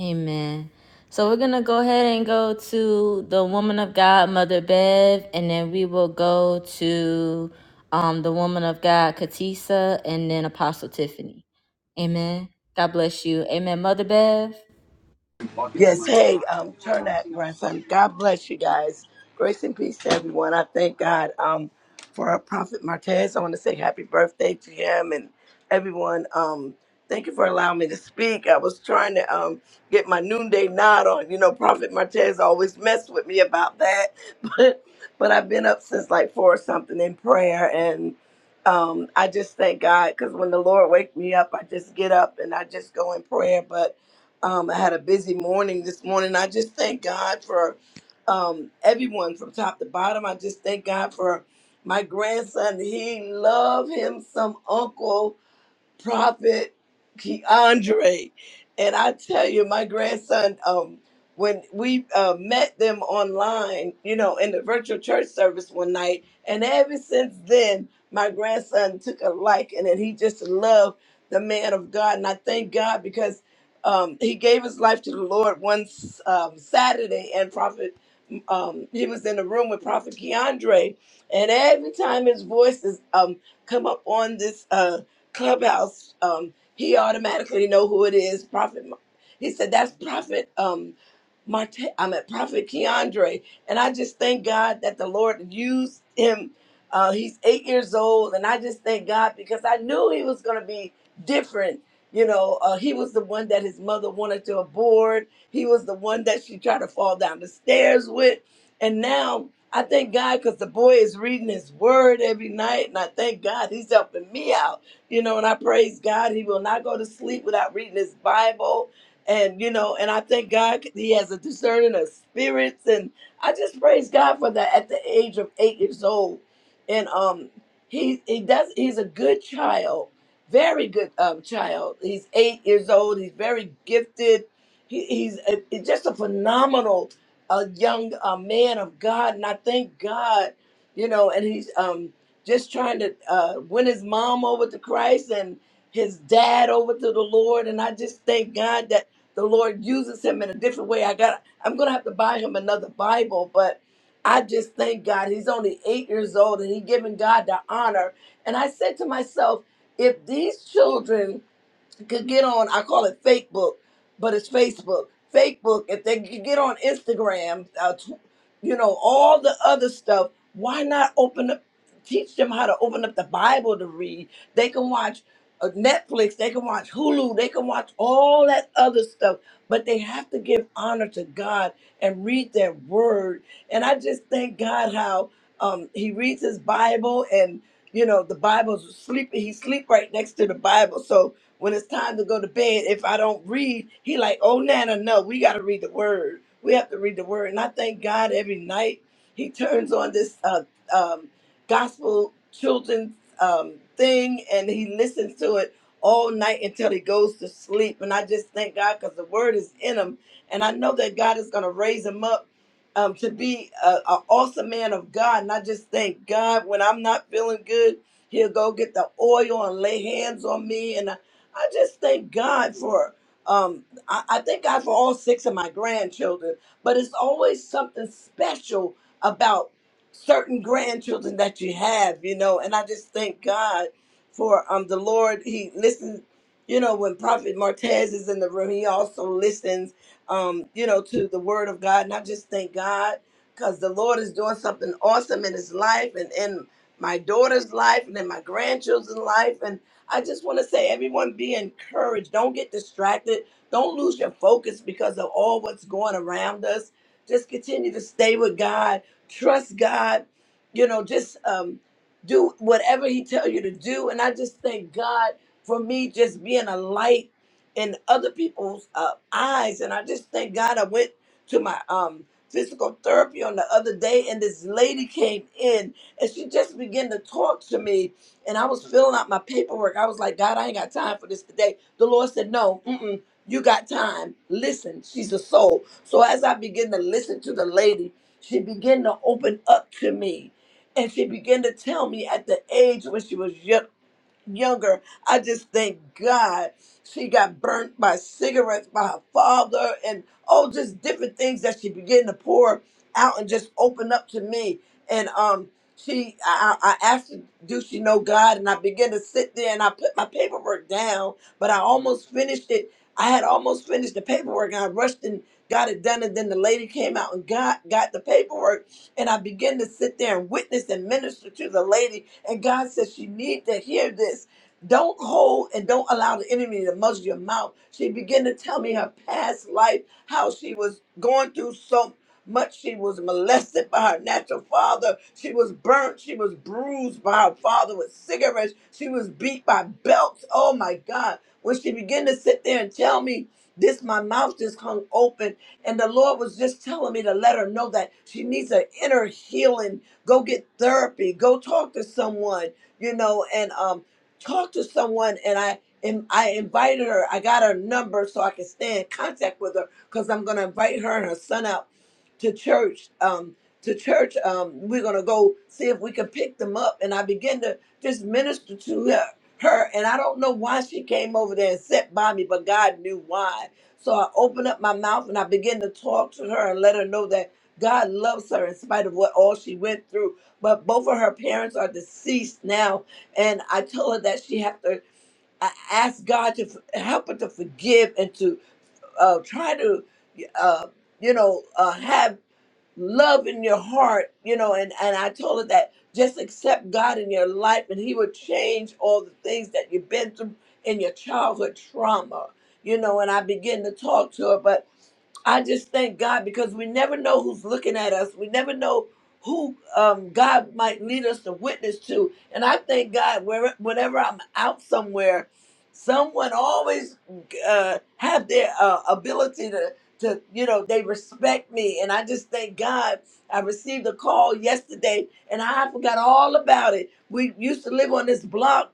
Amen. So we're going to go ahead and go to the woman of God, Mother Bev, and then we will go to um, the woman of God, Katisa, and then Apostle Tiffany. Amen. God bless you. Amen. Mother Bev.
Yes, hey, um, turn that grandson. God bless you guys. Grace and peace to everyone. I thank God um, for our prophet Martez. I want to say happy birthday to him and everyone. Um, thank you for allowing me to speak. I was trying to um, get my noonday nod on. You know, prophet Martez always messed with me about that, but but I've been up since like four or something in prayer, and um, I just thank God because when the Lord wake me up, I just get up and I just go in prayer. But um, I had a busy morning this morning. I just thank God for um, everyone from top to bottom. I just thank God for my grandson. He loved him some uncle. Prophet Keandre. And I tell you, my grandson, um, when we uh, met them online, you know, in the virtual church service one night, and ever since then, my grandson took a liking and he just loved the man of God. And I thank God because um, he gave his life to the Lord one um, Saturday, and Prophet um, he was in the room with Prophet Keandre, and every time his voice is um come up on this uh clubhouse, um, he automatically know who it is. Prophet, Ma- he said that's Prophet um, Marte. I'm at Prophet Keandre, and I just thank God that the Lord used him. Uh, he's eight years old, and I just thank God because I knew he was going to be different. You know, uh, he was the one that his mother wanted to abort he was the one that she tried to fall down the stairs with. And now I thank God because the boy is reading his word every night. And I thank God he's helping me out. You know, and I praise God. He will not go to sleep without reading his Bible. And, you know, and I thank God he has a discerning of spirits. And I just praise God for that at the age of eight years old. And um he he does he's a good child very good um, child. He's eight years old. He's very gifted he, he's a, he's just a phenomenal uh, young uh, man of God, and I thank God, you know. And he's um, just trying to uh, win his mom over to Christ and his dad over to the Lord. And I just thank God that the Lord uses him in a different way. I got I'm gonna have to buy him another Bible, but I just thank God. He's only eight years old, and he's giving God the honor. And I said to myself, if these children could get on i call it fake book but it's facebook fake book if they could get on instagram uh, tw- you know all the other stuff why not open up teach them how to open up the bible to read they can watch uh, netflix they can watch hulu they can watch all that other stuff but they have to give honor to god and read their word and i just thank god how um, he reads his bible and you know the bible's sleeping he sleep right next to the bible so when it's time to go to bed, if I don't read, he like, oh Nana, no, we gotta read the word. We have to read the word. And I thank God every night he turns on this uh, um, gospel children's um, thing and he listens to it all night until he goes to sleep. And I just thank God because the word is in him. And I know that God is gonna raise him up um, to be an awesome man of God. And I just thank God when I'm not feeling good, he'll go get the oil and lay hands on me. and. I just thank God for um I, I thank God for all six of my grandchildren, but it's always something special about certain grandchildren that you have, you know, and I just thank God for um the Lord he listens you know when prophet martez is in the room he also listens um you know to the word of god and i just thank god because the lord is doing something awesome in his life and in my daughter's life and in my grandchildren's life I just want to say, everyone, be encouraged. Don't get distracted. Don't lose your focus because of all what's going around us. Just continue to stay with God. Trust God. You know, just um, do whatever He tells you to do. And I just thank God for me just being a light in other people's uh, eyes. And I just thank God I went to my um, physical therapy on the other day, and this lady came in and she just began to talk to me and I was filling out my paperwork. I was like, God, I ain't got time for this today. The Lord said, No, mm-mm, you got time. Listen, she's a soul. So as I began to listen to the lady, she began to open up to me. And she began to tell me at the age when she was young younger. I just thank God she got burnt by cigarettes by her father and oh, just different things that she began to pour out and just open up to me. And um, she, I, I I asked her, do she know God? And I began to sit there and I put my paperwork down, but I almost finished it. I had almost finished the paperwork and I rushed and got it done. And then the lady came out and got got the paperwork and I began to sit there and witness and minister to the lady. And God says She need to hear this. Don't hold and don't allow the enemy to muzzle your mouth. She began to tell me her past life, how she was going through so much. She was molested by her natural father. She was burnt. She was bruised by her father with cigarettes. She was beat by belts. Oh my God when she began to sit there and tell me this, my mouth just hung open. And the Lord was just telling me to let her know that she needs an inner healing. Go get therapy. Go talk to someone, you know, and um talk to someone. And I and I invited her. I got her number so I can stay in contact with her because I'm gonna invite her and her son out to church um to church um we're gonna go see if we can pick them up and i begin to just minister to her, her and i don't know why she came over there and sat by me but god knew why so i opened up my mouth and i began to talk to her and let her know that god loves her in spite of what all she went through but both of her parents are deceased now and i told her that she had to I asked god to f- help her to forgive and to uh, try to uh, you know, uh, have love in your heart, you know, and, and I told her that just accept God in your life and he will change all the things that you've been through in your childhood trauma, you know, and I began to talk to her, but I just thank God because we never know who's looking at us. We never know who um, God might lead us to witness to. And I thank God where, whenever I'm out somewhere, someone always uh, have their uh, ability to, to, you know, they respect me. And I just thank God. I received a call yesterday and I forgot all about it. We used to live on this block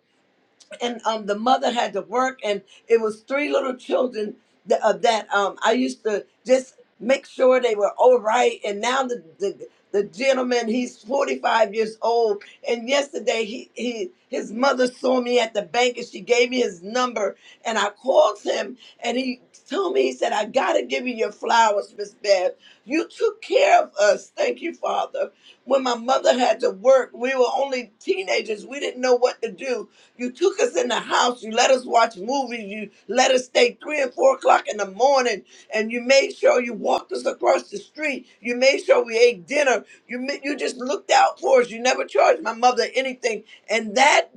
and um, the mother had to work, and it was three little children that, uh, that um, I used to just make sure they were all right. And now the the, the gentleman, he's forty five years old, and yesterday he, he his mother saw me at the bank, and she gave me his number, and I called him, and he told me he said, "I gotta give you your flowers, Miss Beth. You took care of us. Thank you, Father." When my mother had to work, we were only teenagers. We didn't know what to do you took us in the house. You let us watch movies. You let us stay three and four o'clock in the morning. And you made sure you walked us across the street. You made sure we ate dinner. You ma- you just looked out for us. You never charged my mother anything, and that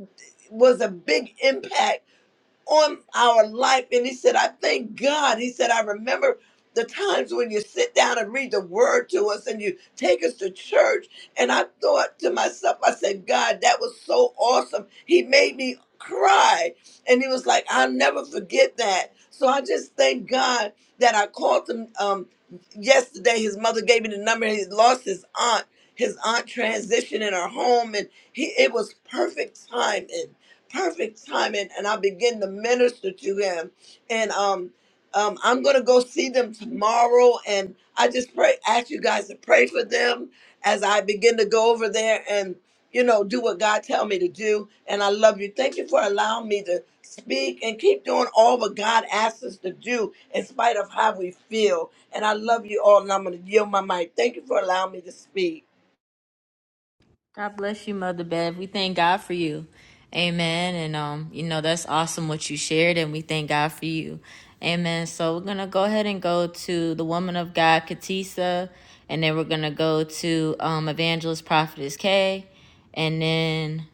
was a big impact on our life. And he said, I thank God. He said, I remember the times when you sit down and read the word to us and you take us to church. And I thought to myself, I said, God, that was so awesome. He made me cry. And he was like, I'll never forget that. So I just thank God that I called him um, yesterday. His mother gave me the number. He lost his aunt. His aunt transitioned in her home, and he it was perfect timing perfect timing and I begin to minister to him. And um um I'm gonna go see them tomorrow and I just pray ask you guys to pray for them as I begin to go over there and you know do what God tell me to do. And I love you. Thank you for allowing me to speak and keep doing all what God asks us to do in spite of how we feel. And I love you all and I'm gonna yield my mic. Thank you for allowing me to speak.
God bless you, Mother Bev. We thank God for you. Amen. And um, you know, that's awesome what you shared, and we thank God for you. Amen. So we're gonna go ahead and go to the woman of God, Katisa, and then we're gonna go to um Evangelist Prophetess Kay, and then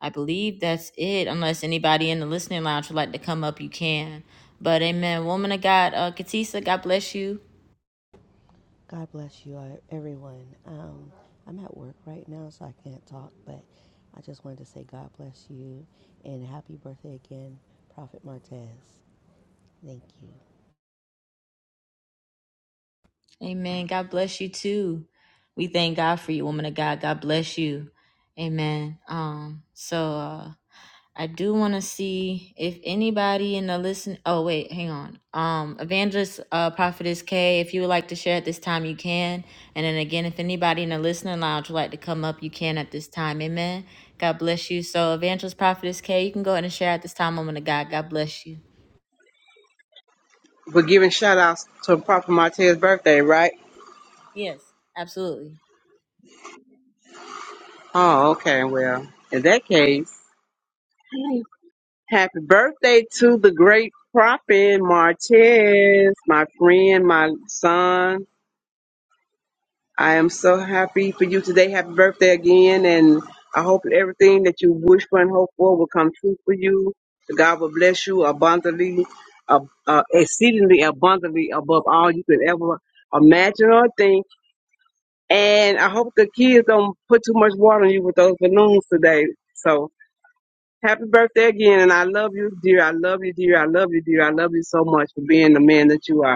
I believe that's it. Unless anybody in the listening lounge would like to come up, you can. But amen, woman of God, uh Katisa, God bless you.
God bless you, uh, everyone. Um, I'm at work right now, so I can't talk, but I just wanted to say God bless you and happy birthday again, Prophet Martez. Thank you.
Amen. God bless you too. We thank God for you, woman of God. God bless you. Amen. Um, so uh I do want to see if anybody in the listen. Oh wait, hang on. Um, Evangelist uh, Prophetess K, if you would like to share at this time, you can. And then again, if anybody in the listening lounge would like to come up, you can at this time. Amen. God bless you. So, Evangelist Prophetess K, you can go ahead and share at this time, woman of God. God bless you.
We're giving shout outs to Prophet Martez's birthday, right?
Yes, absolutely.
Oh, okay, well, in that case, happy birthday to the great prophet Martez, my friend, my son, I am so happy for you today. Happy birthday again. And I hope that everything that you wish for and hope for will come true for you. That God will bless you abundantly, uh, uh, exceedingly abundantly above all you could ever imagine or think. And I hope the kids don't put too much water on you with those balloons today. So happy birthday again. And I love you, dear. I love you, dear. I love you, dear. I love you so much for being the man that you are.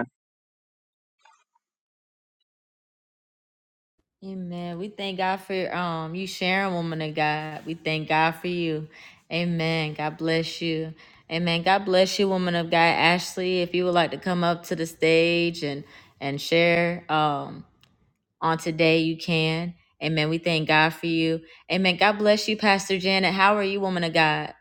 Amen. We thank God for um you sharing, woman of God. We thank God for you. Amen. God bless you. Amen. God bless you, woman of God. Ashley, if you would like to come up to the stage and and share um on today, you can. Amen. We thank God for you. Amen. God bless you, Pastor Janet. How are you, woman of God?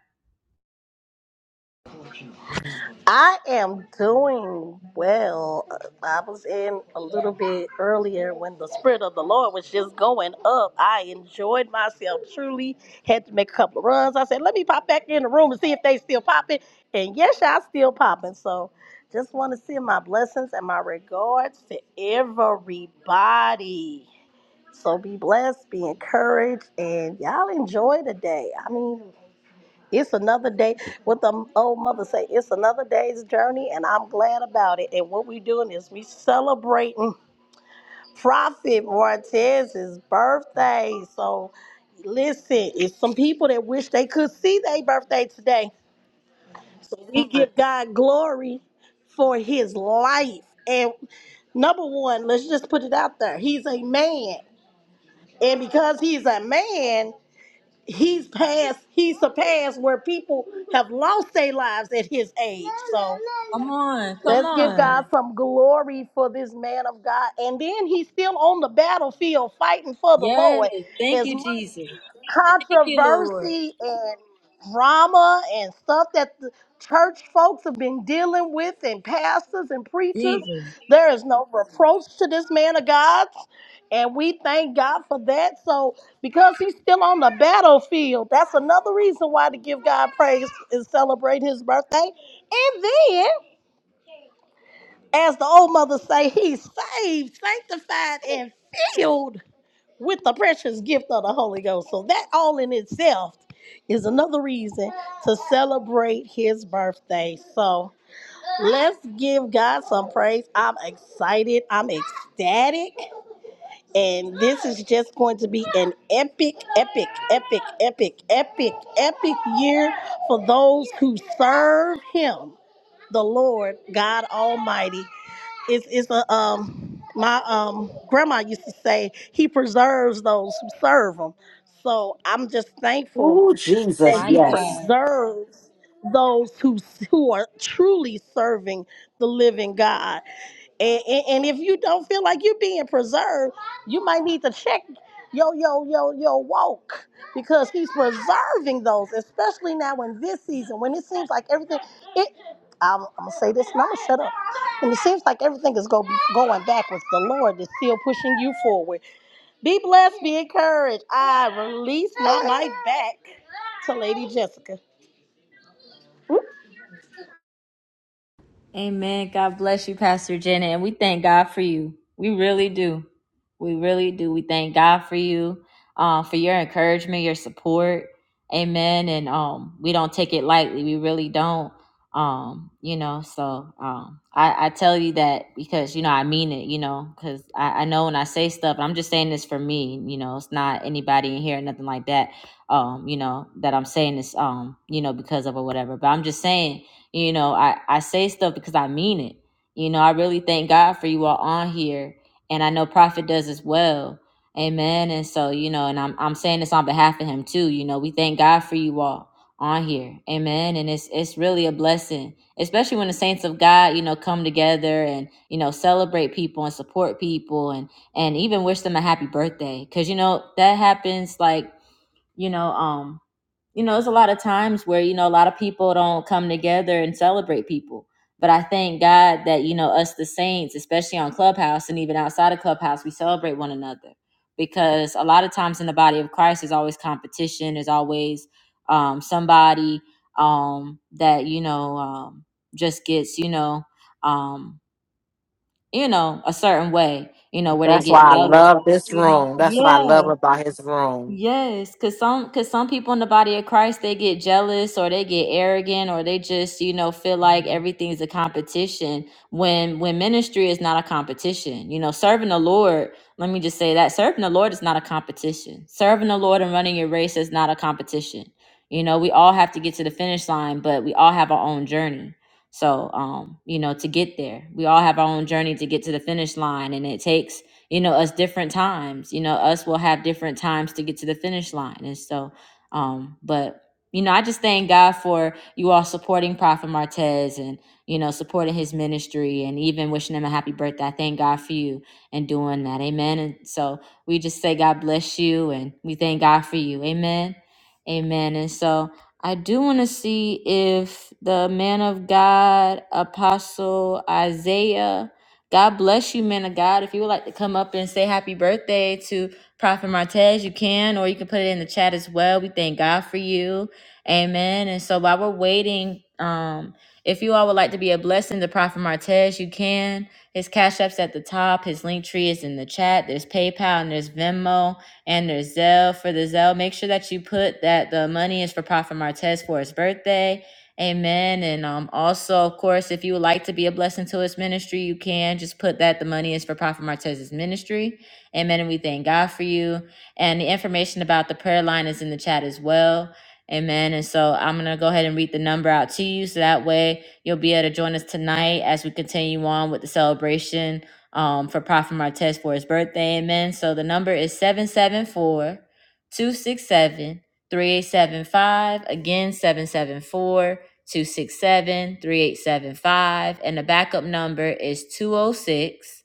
Come on, come on. Yes. Thank you, Jesus. Thank you, Lord. Jesus.
Oh, Jesus,
Mighty
yes.
God. Amen. God bless you, Pastor Jenna. And we thank God for you. We really do. We really do. We thank God for you, uh, for your encouragement, your support. Amen. And um, we don't take it lightly. We really don't. Um, you know, so um, I, I tell you that because, you know, I mean it, you know, because I, I know when I say stuff, I'm just saying this for me, you know, it's not anybody in here, nothing like that. Um, you know, that I'm saying this, um, you know, because of or whatever. But I'm just saying you know, I, I say stuff because I mean it. You know, I really thank God for you all on here. And I know Prophet does as well. Amen. And so, you know, and I'm I'm saying this on behalf of him too. You know, we thank God for you all on here. Amen. And it's it's really a blessing, especially when the saints of God, you know, come together and, you know, celebrate people and support people and and even wish them a happy birthday. Cause you know, that happens like, you know, um you know, there's a lot of times where, you know, a lot of people don't come together and celebrate people. But I thank God that, you know, us the saints, especially on Clubhouse and even outside of Clubhouse, we celebrate one another. Because a lot of times in the body of Christ, there's always competition, there's always um, somebody um, that, you know, um, just gets, you know, um, you know, a certain way, you know, where they
That's
get
why I
jealous.
love this
You know,
room. That's what I
yeah.
love about his room.
Yes, cause some cause some people in the body of Christ they get jealous or they get arrogant or they just you know feel like everything's a competition when when ministry is not a competition. You know, serving the Lord. Let me just say that serving the Lord is not a competition. Serving the Lord and running your race is not a competition. You know, we all have to get to the finish line, but we all have our own journey. So, um, you know, to get there, we all have our own journey to get to the finish line, and it takes you know us different times you know us will have different times to get to the finish line and so um but you know i just thank god for you all supporting prophet martez and you know supporting his ministry and even wishing him a happy birthday i thank god for you and doing that amen and so we just say god bless you and we thank god for you amen amen and so i do want to see if the man of god apostle isaiah God bless you, man of God. If you would like to come up and say happy birthday to Prophet Martez, you can, or you can put it in the chat as well. We thank God for you. Amen. And so while we're waiting, um, if you all would like to be a blessing to Prophet Martez, you can. His cash app's at the top. His link tree is in the chat. There's PayPal and there's Venmo and there's Zelle for the Zelle. Make sure that you put that the money is for Prophet Martez for his birthday Amen. And um, also, of course, if you would like to be a blessing to his ministry, you can just put that the money is for Prophet Martez's ministry. Amen. And we thank God for you. And the information about the prayer line is in the chat as well. Amen. And so I'm going to go ahead and read the number out to you. So that way you'll be able to join us tonight as we continue on with the celebration um, for Prophet Martez for his birthday. Amen. So the number is 774 Again, 774 267 3875, And the backup number is 206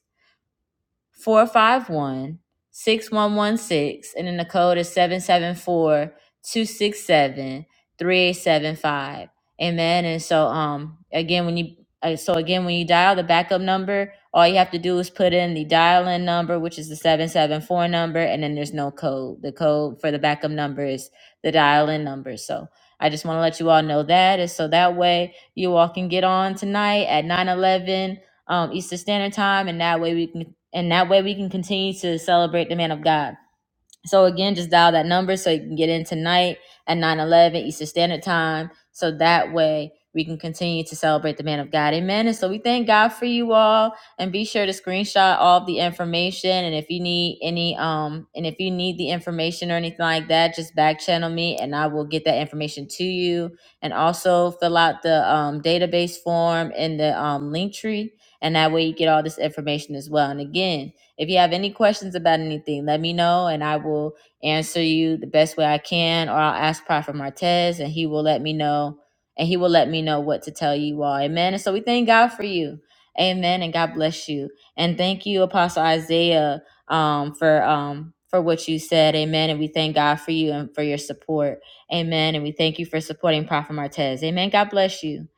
451 6116, and then the code is 774 267 3875. Amen. And so, um, again, when you uh, so again when you dial the backup number, all you have to do is put in the dial-in number, which is the 774 number, and then there's no code. The code for the backup number is the dial-in number. So I just want to let you all know that. And so that way you all can get on tonight at 9 11 um, Eastern Standard Time, and that way we can and that way we can continue to celebrate the man of God. So again, just dial that number so you can get in tonight at nine eleven Eastern Standard Time. So that way we can continue to celebrate the man of God. Amen. And so we thank God for you all. And be sure to screenshot all of the information. And if you need any um and if you need the information or anything like that, just back channel me and I will get that information to you. And also fill out the um, database form in the um, link tree. And that way you get all this information as well. And again, if you have any questions about anything, let me know and I will answer you the best way I can, or I'll ask Prophet Martez and he will let me know and he will let me know what to tell you all. Amen. And so we thank God for you. Amen. And God bless you. And thank you, Apostle Isaiah, um, for um for what you said. Amen. And we thank God for you and for your support. Amen. And we thank you for supporting Prophet Martez. Amen. God bless you.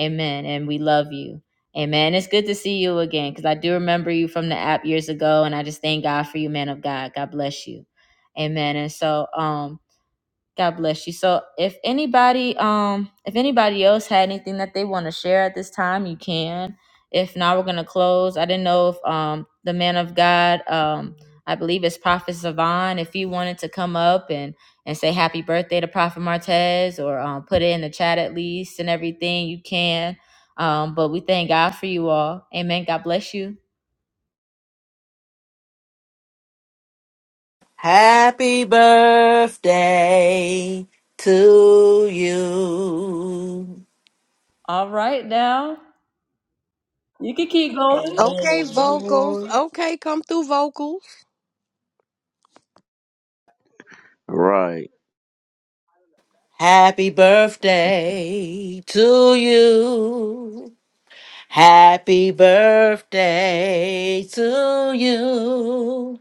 Amen. And we love you. Amen. it's good to see you again because I do remember you from the app years ago, and I just thank God for you, man of God. God bless you. Amen. And so, um, God bless you. So if anybody um if anybody else had anything that they want to share at this time, you can. If not, we're gonna close. I didn't know if um the man of God, um, I believe it's Prophet Savon, if he wanted to come up and and say happy birthday to Prophet Martez or um put it in the chat at least and everything, you can. Um, but we thank God for you all. Amen. God bless you.
Happy birthday to you.
All right now. You can keep going.
Okay, vocals.
Amen.
Okay, come through vocals.
Right.
Happy birthday to you. Happy birthday to you.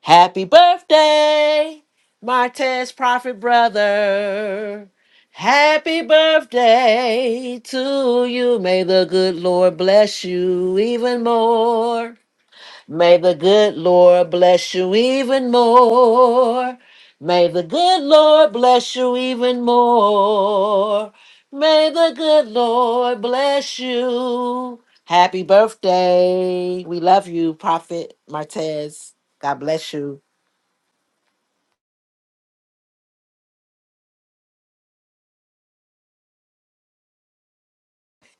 Happy birthday, Martez Prophet Brother. Happy birthday to you. May the good Lord bless you even more. May the good Lord bless you even more. May the good Lord bless you even more. May the good Lord bless you. Happy birthday. We love you, Prophet Martez. God bless you.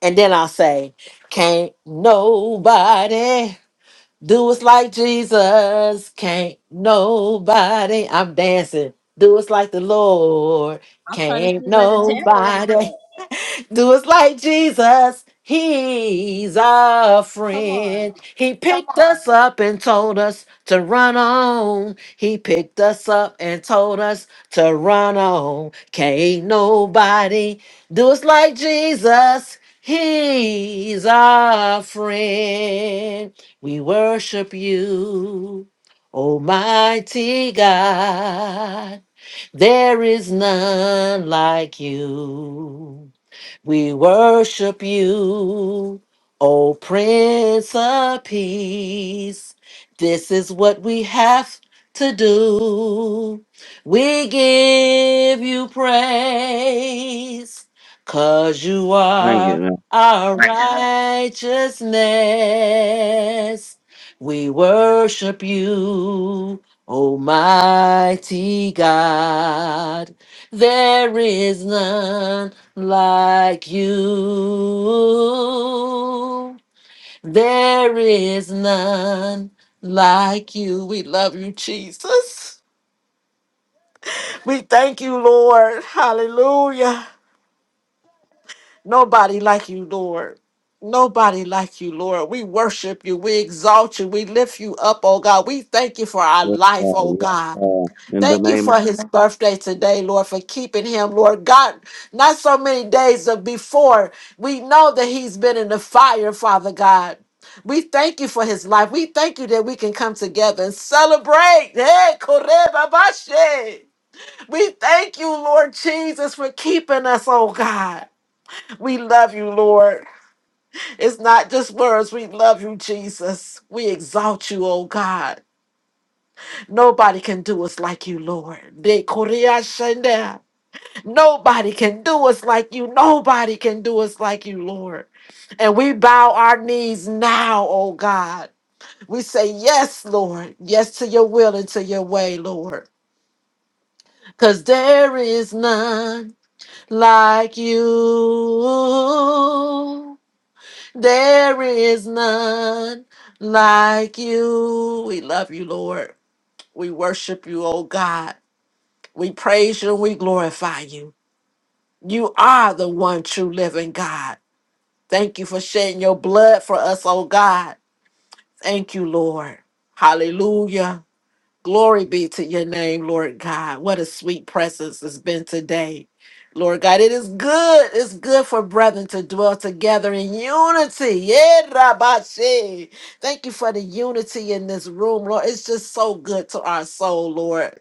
And then I'll say, Can't nobody do us like Jesus. Can't nobody. I'm dancing. Do us like the Lord.
I'm trying to
Can't
see where the tambourines
nobody. Do us like Jesus. He's our friend. He picked us up and told us to run on. He picked us up and told us to run on. Can't nobody do us like Jesus. He's our friend. We worship you, Almighty God. There is none like you. We worship you, O Prince of Peace. This is what we have to do. We give you praise, cause you
Thank you,
are
man.
our righteousness. We worship you, Almighty God. There is none like you. There is none like you. We love you, Jesus. We thank you, Lord. Hallelujah. Nobody like you, Lord. Nobody like you, Lord. We worship you. We exalt you. We lift you up, oh God. We thank you for our
Yes,
life,
God.
oh
Yes,
God.
God. In the
Thank you
name of.
for his birthday today, Lord, for keeping him, Lord God. Not so many days of before, we know that he's been in the fire, Father God. We thank you for his life. We thank you that we can come together and celebrate. Hey, Korebabashe. We thank you, Lord Jesus, for keeping us, oh God. We love you, Lord. It's not just words. We love you, Jesus. We exalt you, oh God. Nobody can do us like you, Lord. De Korea Nobody can do us like you. Nobody can do us like you, Lord. And we bow our knees now, oh God. We say, Yes, Lord. Yes to your will and to your way, Lord. Because there is none like you. There is none like you. We love you, Lord. We worship you, oh God. We praise you and we glorify you. You are the one true living God. Thank you for shedding your blood for us, oh God. Thank you, Lord. Hallelujah. Glory be to your name, Lord God. What a sweet presence it's been today. Lord God, it is good. It's good for brethren to dwell together in unity. Yeah, Rabashe. Thank you for the unity in this room, Lord. It's just so good to our soul, Lord.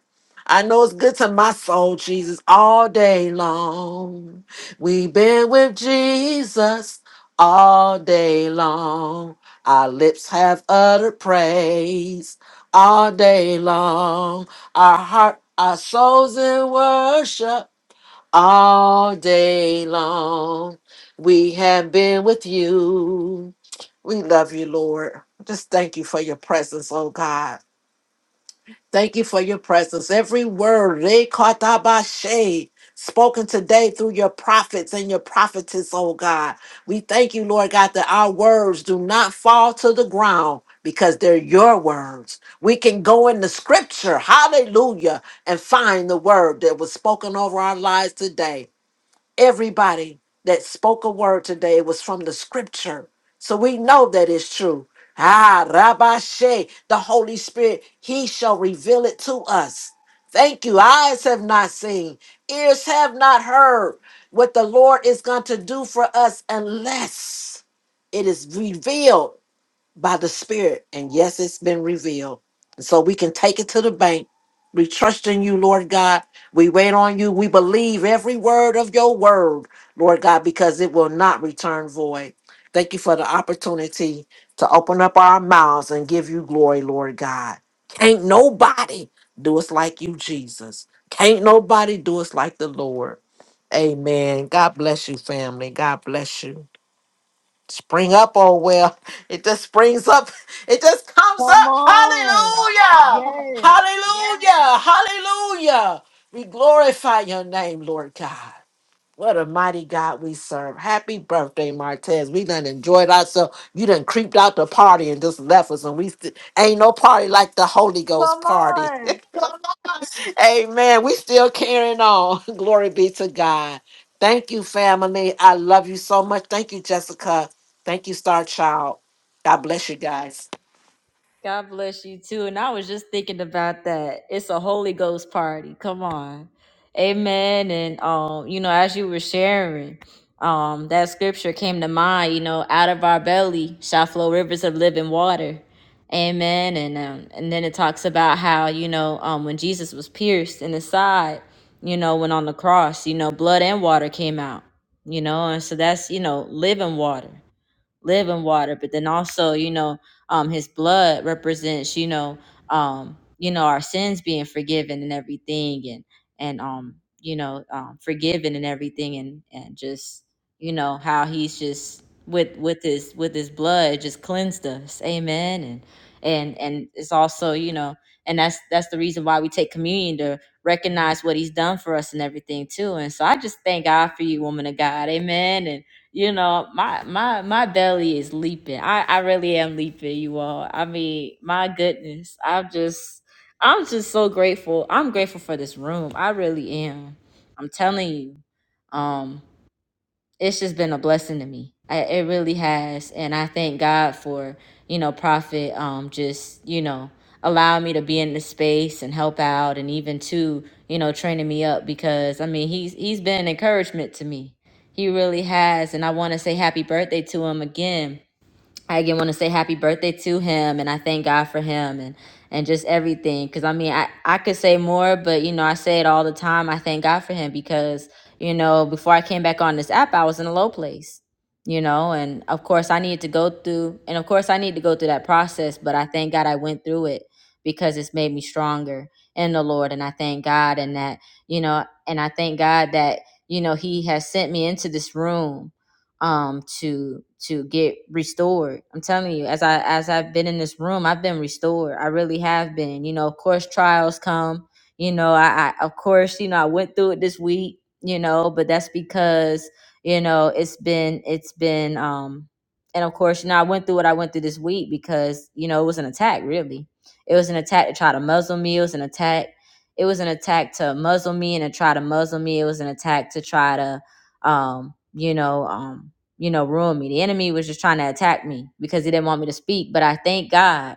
I know it's good to my soul, Jesus, all day long. We've been with Jesus all day long. Our lips have uttered praise all day long. Our heart, our souls in worship all day long. We have been with you. We love you, Lord. Just thank you for your presence, oh God. Thank you for your presence. Every word rekatabashe, spoken today through your prophets and your prophetess, oh God. We thank you, Lord God, that our words do not fall to the ground because they're your words. We can go in the scripture, hallelujah, and find the word that was spoken over our lives today. Everybody that spoke a word today was from the scripture. So we know that it's true. Ah, Rabashe, the Holy Spirit, He shall reveal it to us. Thank you. Eyes have not seen, ears have not heard what the Lord is going to do for us unless it is revealed by the Spirit. And yes, it's been revealed. And so we can take it to the bank. We trust in you, Lord God. We wait on you. We believe every word of your word, Lord God, because it will not return void. Thank you for the opportunity to open up our mouths and give you glory, Lord God. Can't nobody do us like you, Jesus. Can't nobody do us like the Lord. Amen. God bless you, family. God bless you spring up oh well it just springs up it just comes up hallelujah
is.
hallelujah Yes. hallelujah we glorify your name lord god what a mighty God we serve. Happy birthday, Martez. We done enjoyed ourselves. You done creeped out the party and just left us, and we st- ain't no party like the Holy
Come
Ghost party.
on.
Amen. We still carrying on. Glory be to God. Thank you, family. I love you so much. Thank you, Jessica. Thank you, Star Child. God bless you guys.
God bless you too. And I was just thinking about that. It's a Holy Ghost party. Come on. Amen. And um, you know, as you were sharing, um, that scripture came to mind, you know, out of our belly shall flow rivers of living water. Amen. And um, and then it talks about how, you know, um when Jesus was pierced in the side, you know, when on the cross, you know, blood and water came out, you know, and so that's, you know, living water. Live in water but then also you know um his blood represents you know um you know our sins being forgiven and everything and and um you know um forgiven and everything and and just you know how he's just with with his with his blood just cleansed us amen and and and it's also you know and that's that's the reason why we take communion to recognize what he's done for us and everything too and so i just thank god for you woman of god amen and you know my my my belly is leaping i i really am leaping you all i mean my goodness i'm just i'm just so grateful i'm grateful for this room i really am i'm telling you Um it's just been a blessing to me. I, it really has, and I thank God for you know Prophet, um, just you know allowing me to be in the space and help out, and even to you know training me up because I mean he's he's been an encouragement to me. He really has, and I want to say happy birthday to him again I again want to say happy birthday to him, and I thank God for him and and just everything. Because I mean, I I could say more, but you know, I say it all the time. I thank God for him because you know, before I came back on this app, I was in a low place. You know, and of course, I needed to go through, and of course, I need to go through that process. But I thank God I went through it because it's made me stronger in the Lord, and I thank God, and that you know, and I thank God that you know He has sent me into this room um to to get restored i'm telling you as i as i've been in this room i've been restored i really have been you know of course trials come you know i, I of course you know i went through it this week you know but that's because you know it's been it's been um and of course you know i went through what i went through this week because you know it was an attack really it was an attack to try to muzzle me it was an attack it was an attack to muzzle me and to try to muzzle me it was an attack to try to um you know um you know, ruin me. The enemy was just trying to attack me because he didn't want me to speak. But I thank God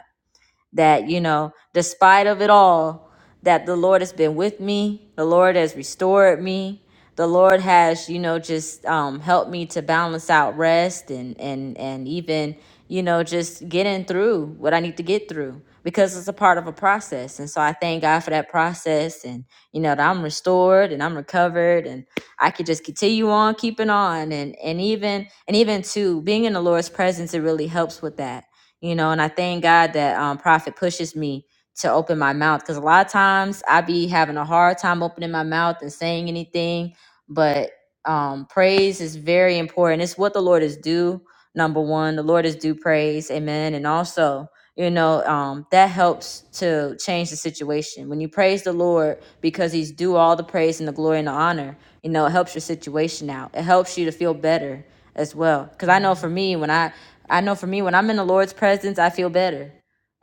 that you know despite of it all that the lord has been with me the lord has restored me the lord has you know just um, helped me to balance out rest and and and even you know just getting through what i need to get through because it's a part of a process and so i thank god for that process and you know that i'm restored and i'm recovered and i could just continue on keeping on and and even and even too being in the lord's presence it really helps with that you know and i thank god that um prophet pushes me to open my mouth because a lot of times i be having a hard time opening my mouth and saying anything but um praise is very important it's what the lord is due number one the lord is due praise amen and also you know um, that helps to change the situation when you praise the lord because he's due all the praise and the glory and the honor you know it helps your situation out it helps you to feel better as well because i know for me when i i know for me when i'm in the lord's presence i feel better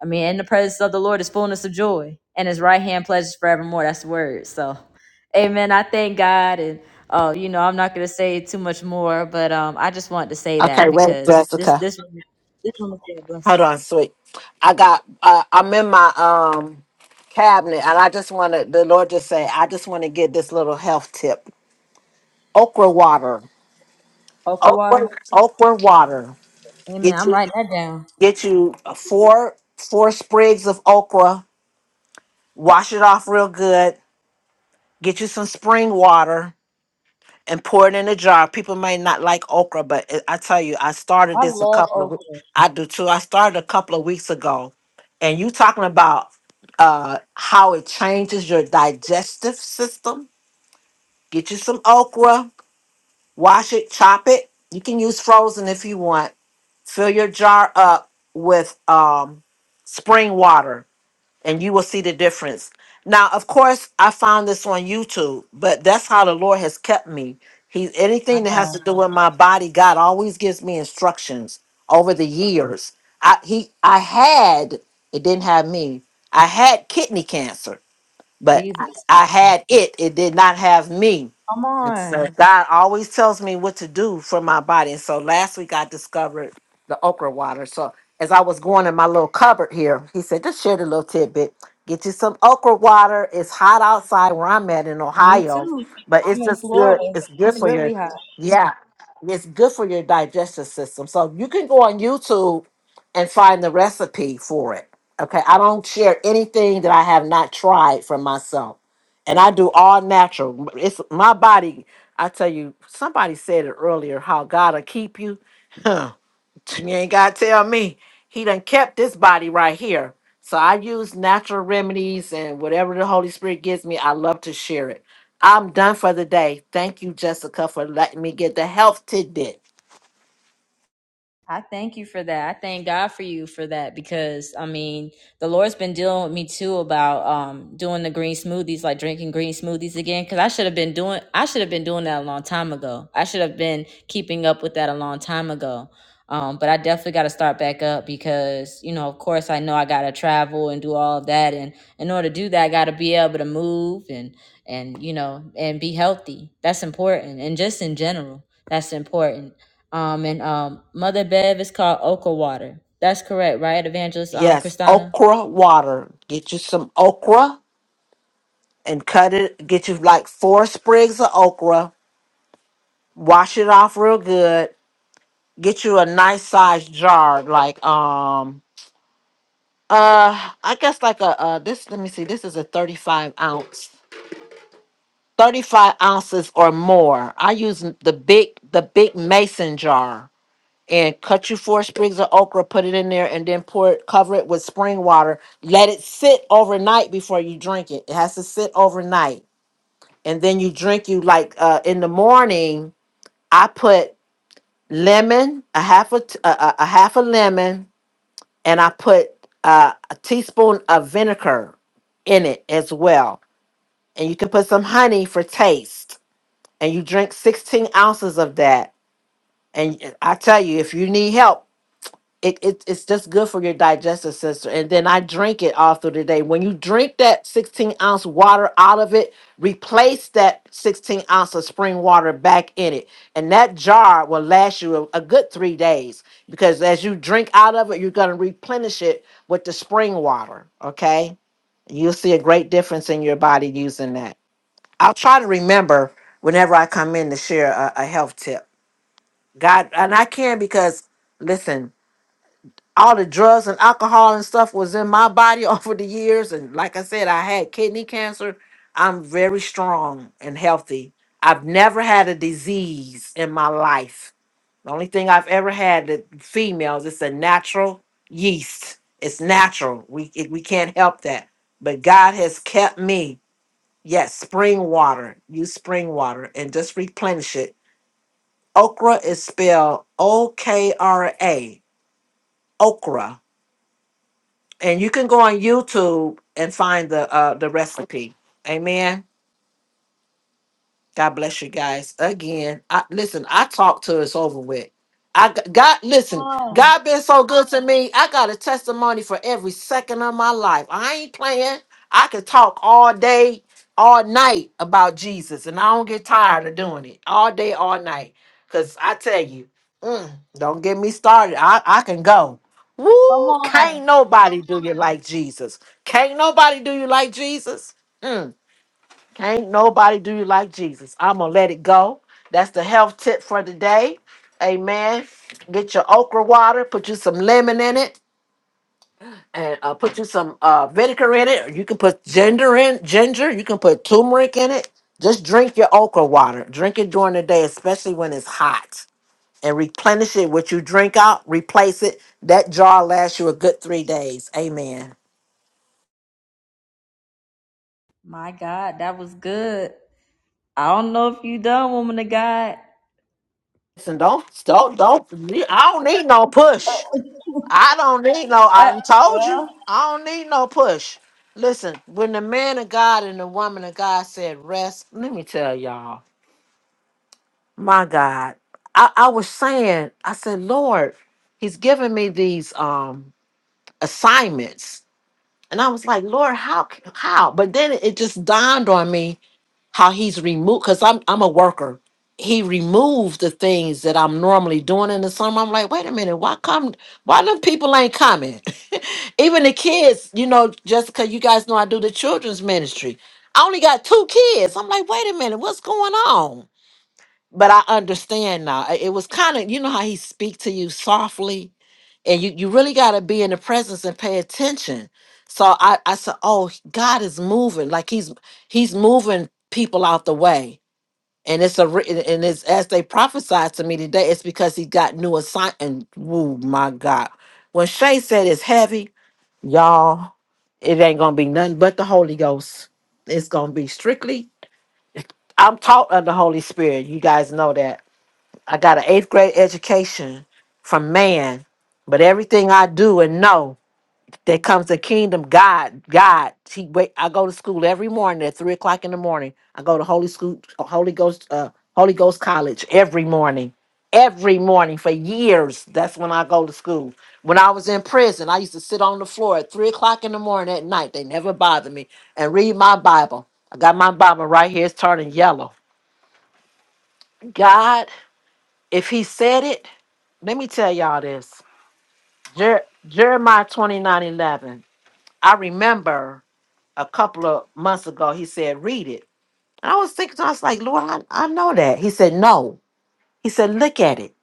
i mean in the presence of the lord is fullness of joy and his right hand pleasures forevermore that's the word so amen i thank god and oh you know i'm not going to say too much more but um i just wanted to say
Okay,
that
wait,
because this
Jessica.
this one, this one was a blessing
Hold on, sweet. I got. Uh, I'm in my um cabinet, and I just want to. The Lord just say, I just want to get this little health tip: okra water.
Okra water.
Okra, okra water.
Amen.
Get
I'm
you,
writing that down.
get you four four sprigs of okra. Wash it off real good Get you some spring water and pour it in a jar. People may not like okra, but it, I tell you, I started
I
this a
love
couple of weeks.
okra.
I do too. I started a couple of weeks ago, and you talking about uh, how it changes your digestive system. Get you some okra, wash it, chop it. You can use frozen if you want. Fill your jar up with um, spring water and you will see the difference. Now, of course, I found this on YouTube, but that's how the Lord has kept me. He anything that has to do with my body, God always gives me instructions over the years. I he I had it didn't have me. I had kidney cancer, but I
Jesus.
I had it. It did not have me
Come on.
Yes. God always tells me what to do for my body. And so last week I discovered the okra water. So as I was going in my little cupboard here, he said, just share the little tidbit. Get you some okra water. It's hot outside where I'm at in
Me
Ohio,
too.
but it's
I'm in
just
Florida.
good. It's good
It's
for your
really hot.
yeah, it's good for your digestive system. So you can go on YouTube and find the recipe for it. Okay. I don't share anything that I have not tried for myself. And I do all natural. It's my body. I tell you, somebody said it earlier how God will keep you. Huh, You ain't got to tell me. He done kept this body right here. So I use natural remedies and whatever the Holy Spirit gives me, I love to share it. I'm done for the day. Thank you, Jessica, for letting me get the health tidbit.
I thank you for that. I thank God for you for that because I mean, the Lord's been dealing with me too about um doing the green smoothies, like drinking green smoothies again cuz I should have been doing I should have been doing that a long time ago. I should have been keeping up with that a long time ago. Um but I definitely got to start back up because, you know, of course I know I got to travel and do all of that and in order to do that, I got to be able to move and and you know, and be healthy. That's important and just in general, that's important. Um, and um, Mother Bev is called Oka Water. That's correct, right, Evangelist um,
Yes,
Christina?
okra water. Get you some okra and cut it. Get you like four sprigs of okra. Wash it off real good. Get you a nice sized jar, like um uh I guess like a uh this let me see, this is a 35 ounce. 35 ounces or more. I use n- the big the big mason jar and cut you four sprigs of okra, put it in there, and then pour it, cover it with spring water. Let it sit overnight before you drink it. It has to sit overnight. And then you drink you like uh in the morning I put lemon, a half a, t- a, a- a half a lemon, and I put uh, a teaspoon of vinegar in it as well. And you can put some honey for taste. And you drink 16 ounces of that. And I tell you, if you need help, it, it it's just good for your digestive system. And then I drink it all through the day. When you drink that 16 ounce water out of it, replace that 16 ounce of spring water back in it. And that jar will last you a, a good three days because as you drink out of it, you're going to replenish it with the spring water. Okay. You'll see a great difference in your body using that. I'll try to remember whenever I come in to share a, a health tip. God, and I can because all the drugs and alcohol and stuff was in my body over the years. And like I said, I had kidney cancer. I'm very strong and healthy. I've never had a disease in my life. The only thing I've ever had that females, it's a natural yeast. It's natural. We it, we can't help that. But God has kept me. Yes, spring water. Use spring water and just replenish it. Okra is spelled O K R A. Okra. and you can go on YouTube and find the uh the recipe. Amen. God bless you guys again. I, listen, I talked to it's over with. I g- God, listen, God been so good to me. I got a testimony for every second of my life. I ain't playing. I could talk all day, all night about Jesus, and I don't get tired of doing it all day, all night. Cause I tell you, mm, don't get me started. I, I can go. Woo! Can't nobody do you like Jesus. Can't nobody do you like Jesus. Mm. Can't nobody do you like Jesus. I'm gonna let it go. That's the health tip for today. Amen. Get your okra water, put you some lemon in it, and uh, put you some uh, vinegar in it. Or you can put ginger in ginger. You can put turmeric in it. Just drink your okra water. Drink it during the day, especially when it's hot, and replenish it. What you drink out, replace it. That jar lasts you a good three days. Amen.
My God, that was good. I don't know if you done, woman of God.
Listen, don't don't don't. I don't need no push. I don't need no.
Uh,
I done told
yeah.
you. I don't need no push. Listen, when the man of God and the woman of God said rest, let me tell y'all, my God, I, I was saying, I said, Lord, He's giving me these um assignments, and I was like, Lord, how c- how? But then it just dawned on me how he's removed because I'm I'm a worker. He removed the things that I'm normally doing in the summer. I'm like, wait a minute, why come why them people ain't coming? Even the kids, you know, just because you guys know I do the children's ministry. I only got two kids. I'm like, wait a minute, what's going on? but I understand now. I- It was kind of you know how he speak to you softly, and you you really got to be in the presence and pay attention. So I I said, oh, God is moving like he's he's moving people out the way, and it's a re- and and it's as they prophesied to me today, it's because he got new assign and Oh my God, when Shay said it's heavy, y'all, it ain't gonna be nothing but the Holy Ghost. It's gonna be strictly. I'm taught of the Holy Spirit. You guys know that I got an eighth grade education from man, but everything I do and know that comes the kingdom, God, God. He wait. I go to school every morning at three o'clock in the morning. I go to Holy School, Holy Ghost, uh, Holy Ghost College every morning, every morning for years. That's when I go to school. When I was in prison, I used to sit on the floor at three o'clock in the morning at night. They never bothered me and read my Bible. I got my Bible right here. It's turning yellow. God, if He said it. Let me tell y'all this. Jer- Jeremiah twenty nine eleven. I remember a couple of months ago, he said, read it. And I was thinking, I was like, Lord, I, I know that. He said, no. He said, look at it.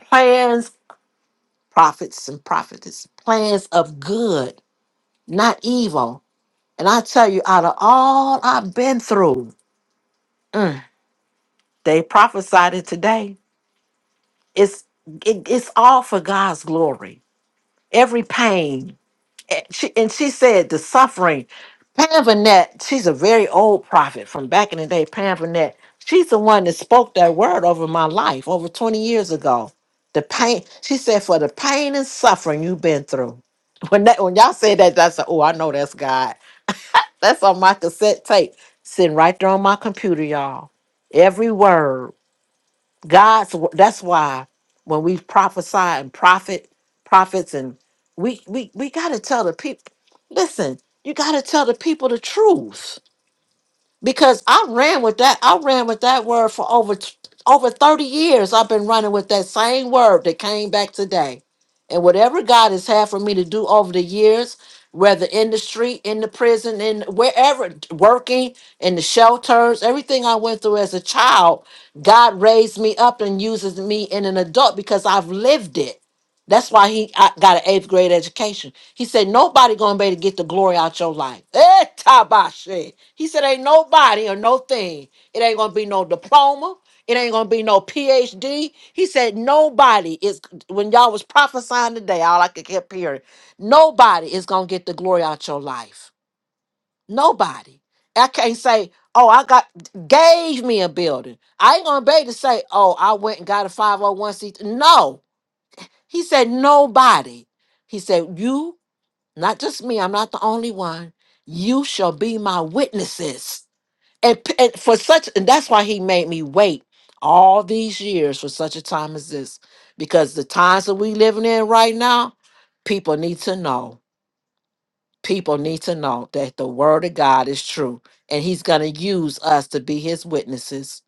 Plans, prophets, and prophetess, plans of good, not evil. And I tell you, out of all I've been through, they prophesied it today. It's it, it's all for God's glory. Every pain, and she, and she said the suffering. Pam Vanette, she's a very old prophet from back in the day. Pam Vanette, she's the one that spoke that word over my life over 20 years ago. The pain, she said, for the pain and suffering you've been through. When that when y'all said that, I said, oh, I know that's God. That's on my cassette tape, sitting right there on my computer, y'all. Every word. God's wo- that's why when we prophesy and prophet prophets and we we we got to tell the people listen you got to tell the people the truth because I ran with that I ran with that word for over t- over 30 years I've been running with that same word that came back today and whatever God has had for me to do over the years, whether in the street, in the prison, in wherever, working in the shelters, everything I went through as a child, God raised me up and uses me in an adult because I've lived it. That's why he I got an eighth grade education. He said, nobody gonna be able to get the glory out your life. Eh, tabashe. He said, ain't nobody or no thing. It ain't gonna be no diploma. It ain't gonna be no PhD. He said, nobody. is when y'all was prophesying today, all I could keep hearing, nobody is gonna get the glory out your life. Nobody. I can't say, oh, I got gave me a building. I ain't gonna be able to say, oh, I went and got a 501c. No. He said, nobody. He said, you, not just me, I'm not the only one. You shall be my witnesses. And, p- and for such, and that's why he made me wait all these years for such a time as this. Because the times that we living in right now, People need to know. People need to know that the word of God is true and he's going to use us to be his witnesses.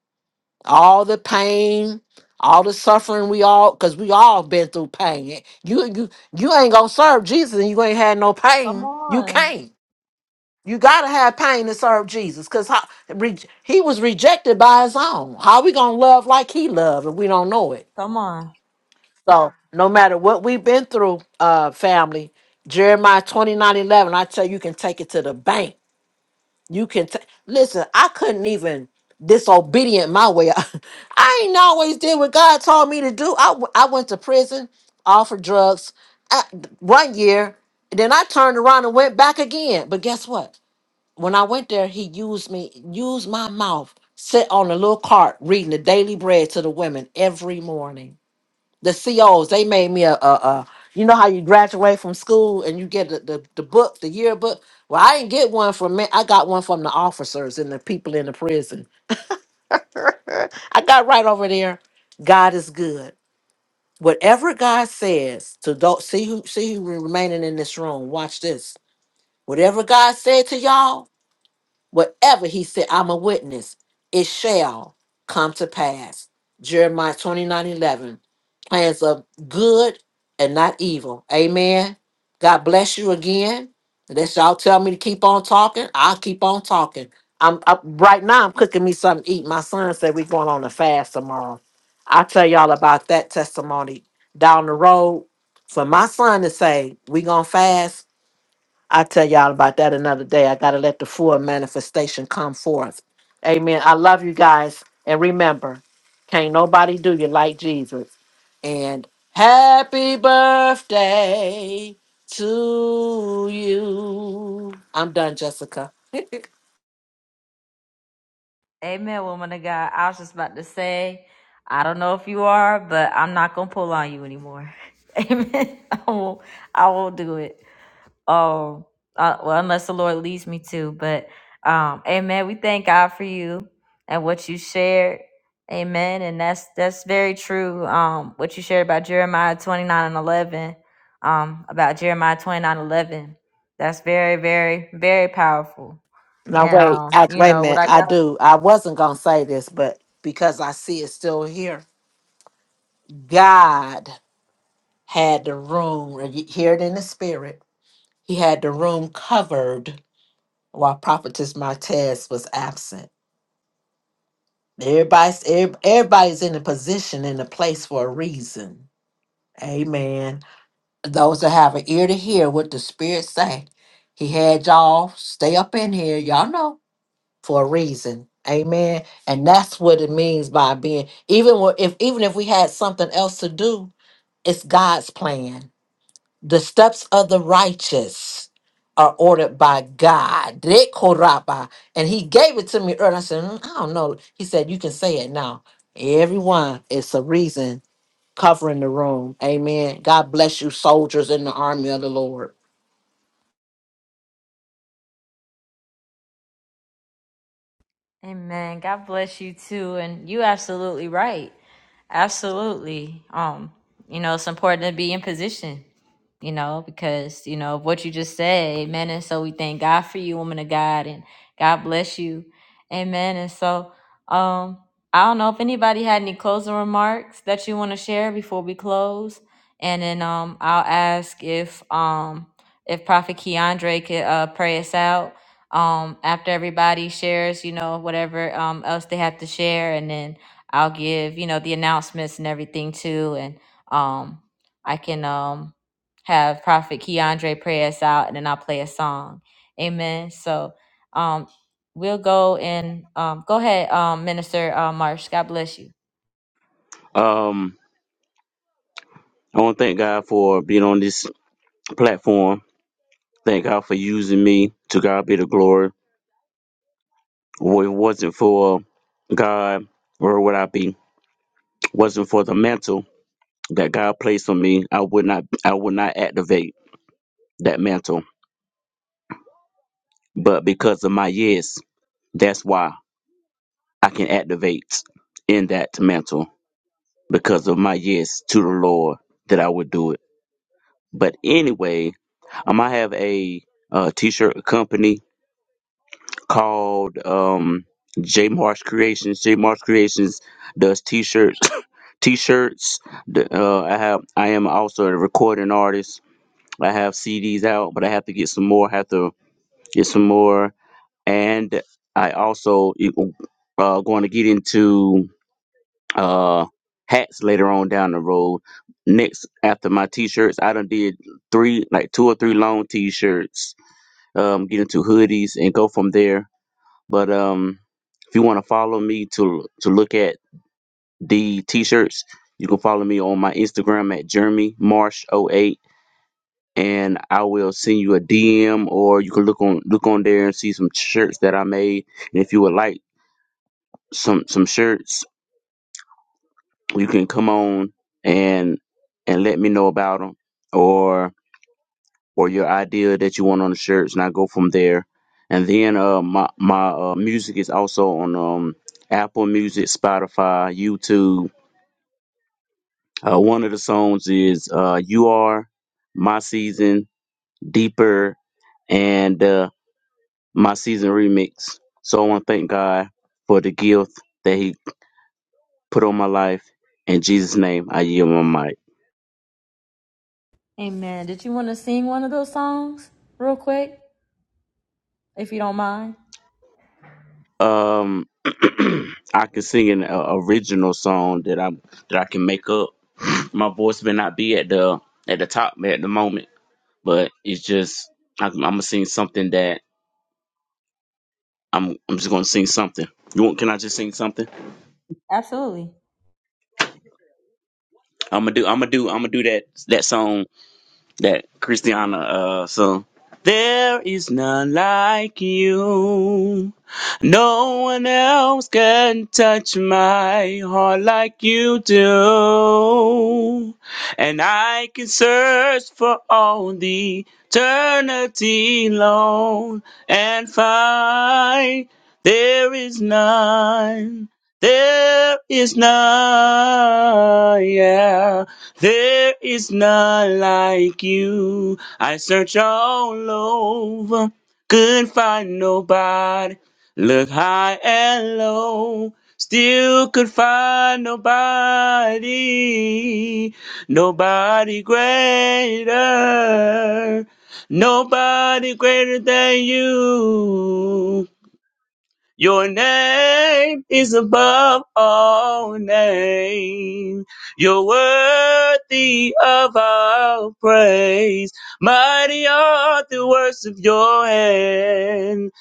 All the pain, all the suffering we all cuz we all been through pain. You you you ain't going to serve Jesus and you ain't had no
come
pain. You
on.
can't. You got to have pain to serve Jesus cuz he was rejected by his own. How we going to love like he loved if we don't know it?
Come on.
So no matter what we've been through, uh, family, Jeremiah twenty nine eleven, I tell you, you can take it to the bank. You can ta- listen, I couldn't even disobedient my way. I ain't always did what God told me to do. I, w- I went to prison, all for drugs, uh, one year. And then I turned around and went back again. But guess what? When I went there, he used me, used my mouth, sit on a little cart reading the daily bread to the women every morning the COs, they made me a, a, a you know how you graduate from school and you get the, the, the book, the yearbook. Well, I didn't get one from me. I got one from the officers and the people in the prison. I got right over there. God is good. Whatever God says to those, see who see who remaining in this room. Watch this. Whatever God said to y'all, whatever He said, I'm a witness. It shall come to pass. Jeremiah 29:11 plans of good and not evil. Amen. God bless you again. Unless y'all tell me to keep on talking, I'll keep on talking. I'm up right now. I'm cooking me something to eat. My son said we're going on a fast tomorrow. I'll tell y'all about that testimony down the road. For my son to say we gonna fast, I'll tell y'all about that another day. I gotta let the full manifestation come forth. Amen. I love you guys. And remember, can't nobody do you like Jesus and happy birthday to you. I'm done, Jessica.
Amen, woman of God. I was just about to say, I don't know if you are, but I'm not going to pull on you anymore. Amen. I won't, I won't do it. Oh, uh, well, unless the Lord leads me to. But um, Amen. We thank God for you and what you shared. Amen. And that's that's very true. Um, what you shared about Jeremiah twenty nine and eleven. Um, about Jeremiah twenty nine eleven. That's very, very, very powerful.
Now
And
wait,
um,
I,
you
wait a
know what
minute.
I
I
got.
do. I wasn't gonna say this, but because I see it still here, God had the room. and You hear it in the spirit. He had the room covered while Prophetess Martez was absent. Everybody's every- everybody's in a position in a place for a reason. Amen. those that have an ear to hear what the spirit say he had y'all stay up in here y'all know for a reason amen and that's what it means by being even wh- if even if we had something else to do it's god's plan the steps of the righteous are ordered by god Dekoraba. and he gave it to me earlier i said "Mm, i don't know he said you can say it now everyone it's a reason covering the room. Amen. God bless you, soldiers in the army of the Lord.
Amen. God bless you too. And you absolutely right. Absolutely. Um, you know, it's important to be in position, you know, because, you know, of what you just said, amen. And so we thank God for you, woman of God, and God bless you. Amen. And so um I don't know if anybody had any closing remarks that you want to share before we close. And then um I'll ask if um if Prophet Keandre could uh pray us out um after everybody shares you know whatever um else they have to share and then i'll give you know the announcements and everything too and um i can um have prophet keandre pray us out and then i'll play a song amen so um we'll go and um go ahead um minister uh, marsh god bless you
Um, I want to thank God for being on this platform. Thank God for using me. To God be the glory. If it wasn't for God, where would I be? Wasn't for the mantle. that God placed on me, I would not I would not activate that mantle. But because of my yes, that's why I can activate in that mantle because of my yes to the Lord that I would do it. But anyway, um, I have a uh, t-shirt company called um, J Marsh Creations. J Marsh Creations does t-shirts. T-shirts. The- Uh, I have. I am also a recording artist. I have CDs out, but I have to get some more. I have to get some more. And I also uh, going to get into uh, hats later on down the road. Next, after my t-shirts, I done did three, like two or three long t-shirts. Um, get into hoodies and go from there. But um, if you want to follow me to to look at the t-shirts, you can follow me on my Instagram at Jeremy Marsh oh 08 and I will send you a DM or you can look on look on there and see some shirts that I made. And if you would like some some shirts, you can come on and and let me know about them or or your idea that you want on the shirts, and I go from there. And then uh, my my uh, music is also on um, Apple Music, Spotify, YouTube. Uh, one of the songs is uh, "You Are My Season," "Deeper," and uh, my season remix. So I want to thank God for the gift that He put on my life. In Jesus' name, I yield my mic.
amen did you want to sing one of those songs real quick if you don't mind
Um, I can sing an uh, original song that I that I can make up. My voice may not be at the at the top at the moment, but it's just I, I'm gonna sing something that I'm I'm just gonna sing something. You want? Can I just sing something?
absolutely
I'm gonna do I'm gonna do I'm gonna do that that song That Christiana uh song. There is none like you. No one else can touch my heart like you do. And I can search for all the eternity long and find there is none. There is none. Yeah. There is none like you. I search all over, couldn't find nobody. Look high and low, still could find nobody. Nobody greater. Nobody greater than you. Your name is above all names. You're worthy of our praise. Mighty are the works of your hand.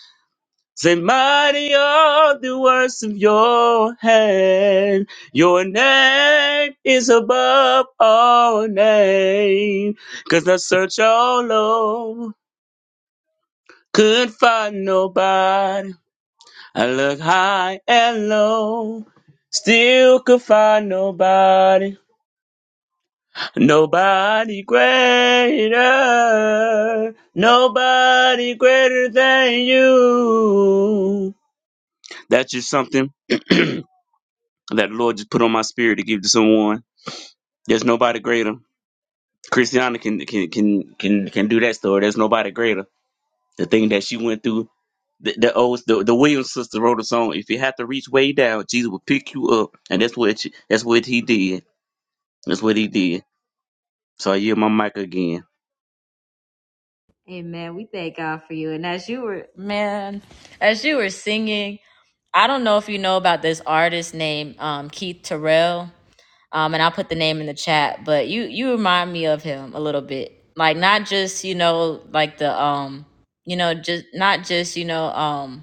Say, mighty are the works of your hand. Your name is above all names. Cause I search all over, could find nobody I look high and low, still could find nobody, nobody greater, nobody greater than you. That's just something that the Lord just put on my spirit to give to someone. There's nobody greater. Christiana can can can can can do that story. There's nobody greater. The thing that she went through The, the old the, the Williams sister wrote a song. If you have to reach way down, Jesus will pick you up, and that's what she, that's what he did. That's what he did. So I yield my mic again.
Amen. We thank God for you. And as you were man, as you were singing, I don't know if you know about this artist named um, Keith Terrell. Um, and I'll put the name in the chat, but you you remind me of him a little bit. Like not just, you know, like the um, you know, just not just, you know, um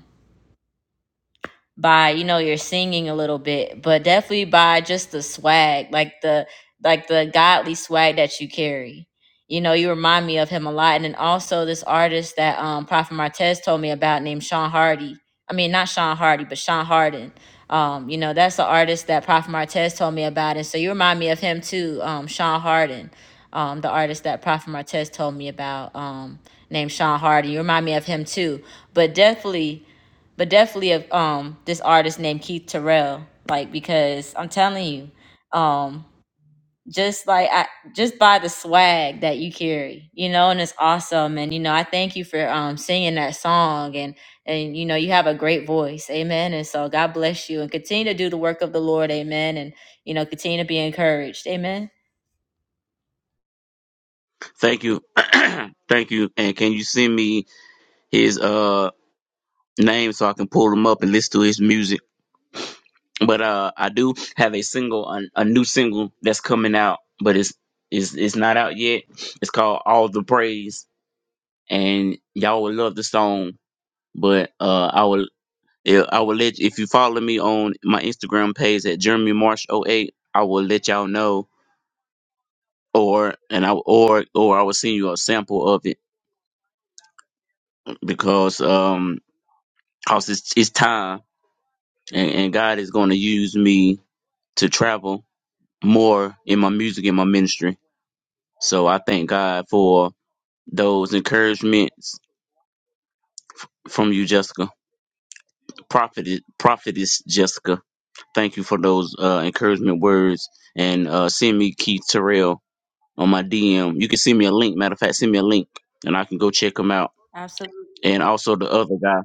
by you know your singing a little bit but definitely by just the swag like the like the godly swag that you carry you know you remind me of him a lot and then also this artist that um prophet martez told me about named sean hardy i mean not sean hardy but sean harden um you know that's the artist that prophet martez told me about and so you remind me of him too um sean harden um the artist that prophet martez told me about um named sean hardy you remind me of him too but definitely but definitely of um this artist named Keith Terrell, like because I'm telling you, um just like I just by the swag that you carry, you know, and it's awesome. And you know, I thank you for um singing that song and and you know you have a great voice, amen. And so God bless you and continue to do the work of the Lord, amen. And you know, continue to be encouraged, amen.
Thank you, thank you. And can you send me his uh name so I can pull him up and listen to his music? But uh, I do have a single, a, a new single that's coming out, but it's it's it's not out yet. It's called All the Praise, and y'all would love the song. But uh, I would. Yeah, I will let if you follow me on my Instagram page at Jeremy Marsh O eight. I will let y'all know or and I or or I will send you a sample of it because um cause it's it's time and, and God is gonna use me to travel more in my music and my ministry. So I thank God for those encouragements from you, Jessica. Prophet prophetess Jessica. Thank you for those uh encouragement words and uh send me Keith Terrell on my DM. You can send me a link. Matter of fact, send me a link and I can go check him out.
Absolutely.
And also the other guy.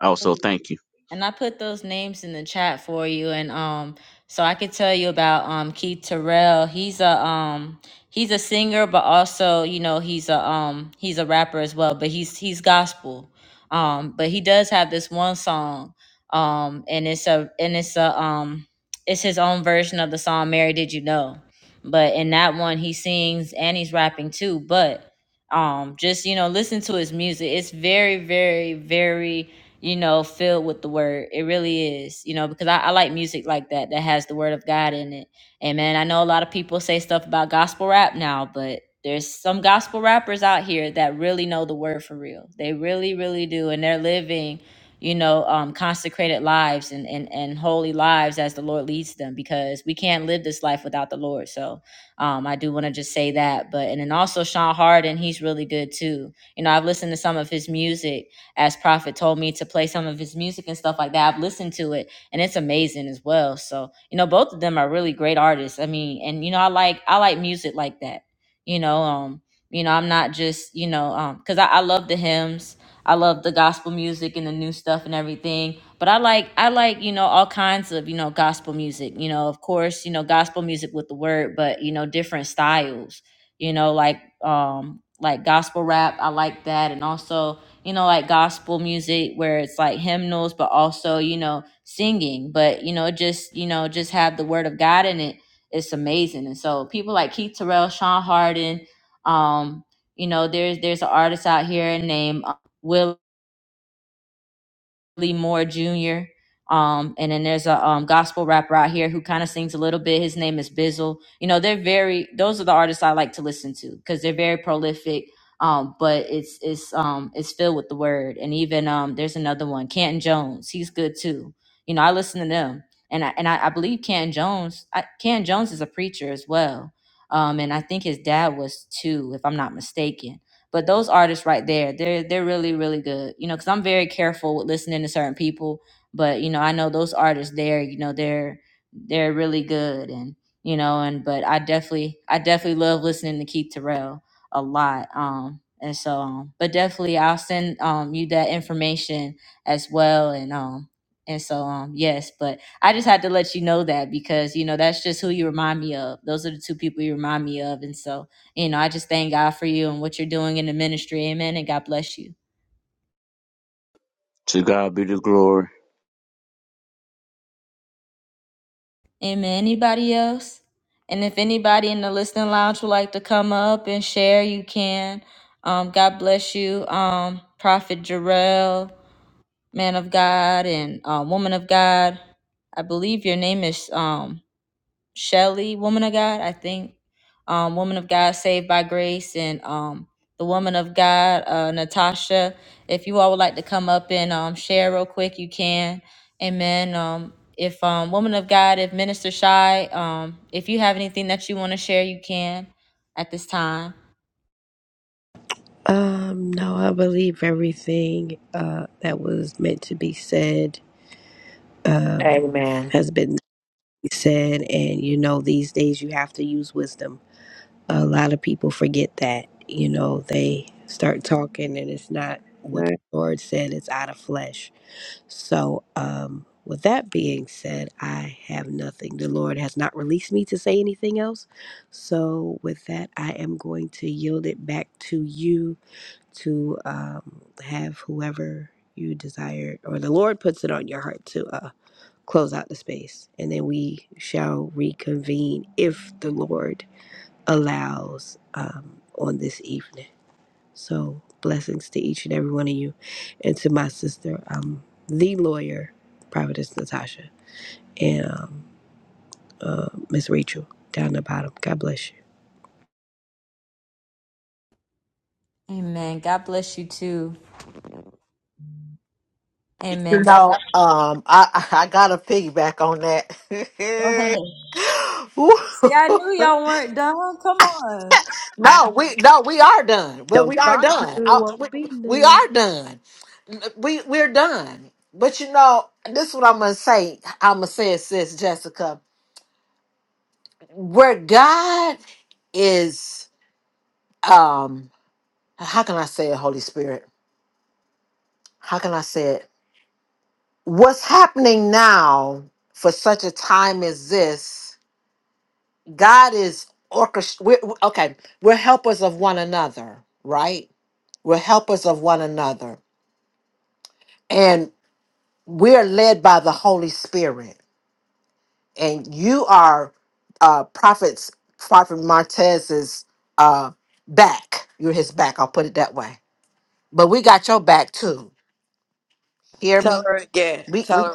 Also, thank you.
And I put those names in the chat for you, and um, so I could tell you about um Keith Terrell. He's a um he's a singer, but also you know he's a um he's a rapper as well. But he's he's gospel. Um, but he does have this one song. Um, and it's a and it's a um it's his own version of the song "Mary Did You Know." But in that one, he sings and he's rapping too. But um, just you know, listen to his music. It's very, very, very you know, filled with the word. It really is, you know, because I, I like music like that that has the word of God in it. And man, I know a lot of people say stuff about gospel rap now, but there's some gospel rappers out here that really know the word for real. They really, really do, and they're living, you know, um, consecrated lives and and and holy lives as the Lord leads them. Because we can't live this life without the Lord. So um, I do want to just say that. But and then also Sean Harden, he's really good too. You know, I've listened to some of his music as Prophet told me to play some of his music and stuff like that. I've listened to it and it's amazing as well. So, you know, both of them are really great artists. I mean, and you know, I like I like music like that. You know, um, you know, I'm not just, you know, um, because I, I love the hymns. I love the gospel music and the new stuff and everything. But I like I like, you know, all kinds of, you know, gospel music. You know, of course, you know, gospel music with the word, but you know, different styles. You know, like um like gospel rap, I like that and also you know, like gospel music where it's like hymnals, but also, you know, singing. But, you know, just, you know, just have the word of God in it. It's amazing. And so people like Keith Terrell, Sean Harden, um, you know, there's there's an artist out here named uh, Will Lee Moore Jr. Um, and then there's a um, gospel rapper out here who kind of sings a little bit. His name is Bizzle. You know, they're very. Those are the artists I like to listen to because they're very prolific. Um, but it's it's um it's filled with the word. And even um there's another one, Canton Jones. He's good too. You know, I listen to them, and I, and I, I believe Canton Jones. I, Canton Jones is a preacher as well. Um, and I think his dad was too, if I'm not mistaken but those artists right there, they're they're really really good. You know, because I'm very careful with listening to certain people, but you know, I know those artists there. You know, they're they're really good, and you know, and but I definitely I definitely love listening to Keith Terrell a lot. Um, and so, um, but definitely I'll send um you that information as well, and um. And so, um, yes, but I just had to let you know that because you know that's just who you remind me of. Those are the two people you remind me of, and so you know, I just thank God for you and what you're doing in the ministry. Amen. And God bless you.
To God be the glory.
Amen. Anybody else? And if anybody in the listening lounge would like to come up and share, you can. Um, God bless you, um, Prophet Jarrell, man of God and uh, woman of God. I believe your name is. um, Shelley, Woman of God, I think. Um, Woman of God, Saved by Grace, and um, the Woman of God, uh, Natasha. If you all would like to come up and um, share real quick, you can. Amen. Um, if um, Woman of God, if Minister Shy, um, if you have anything that you want to share, you can at this time.
Um, no, I believe everything uh, that was meant to be said um,
Amen.
has been said. And, you know, these days you have to use wisdom. A lot of people forget that. You know, they start talking and it's not what the Lord said, it's out of flesh. So, um, with that being said, I have nothing. The Lord has not released me to say anything else. So, with that, I am going to yield it back to you to um, have whoever you desire, or the Lord puts it on your heart to uh, close out the space. And then we shall reconvene if the Lord allows um, on this evening. So blessings to each and every one of you, and to my sister, um, the lawyer, Providence Natasha, and um, uh, Miss Rachel down the bottom. God bless you.
Amen. God bless you too. Amen.
No,
God bless.
um, I I I gotta piggyback on
Go
that.
ahead.
Woo.
See, I knew y'all weren't done. Come on.
I
no, we no, we are done. But
don't
we are
start
done.
none,
I,
won't
we,
be
we
none.
are done. We we're done. But you know, this is what I'm gonna say. I'm gonna say it, sis Jessica. Where God is, um, how can I say it, Holy Spirit? How can I say it? What's happening now for such a time as this? God is orchestrating. Okay, we're helpers of one another, right? We're helpers of one another. And we're led by the Holy Spirit. And you are uh, prophets, Prophet Martez's uh, back. You're his back. I'll put it that way. But we got your back too. Hear
Tell
me?
her again. Tell her.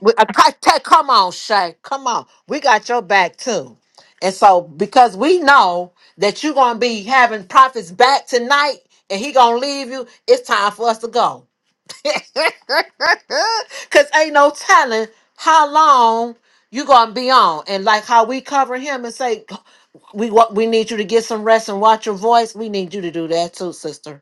We, uh, co- ta- come on, Shay. Come on. We got your back too. And so because we know that you're gonna be having prophets back tonight and he gonna leave you, it's time for us to go. Cause ain't no telling how long you gonna be on. And like how we cover him and say, we what we need you to get some rest and watch your voice. We need you to do that too, sister.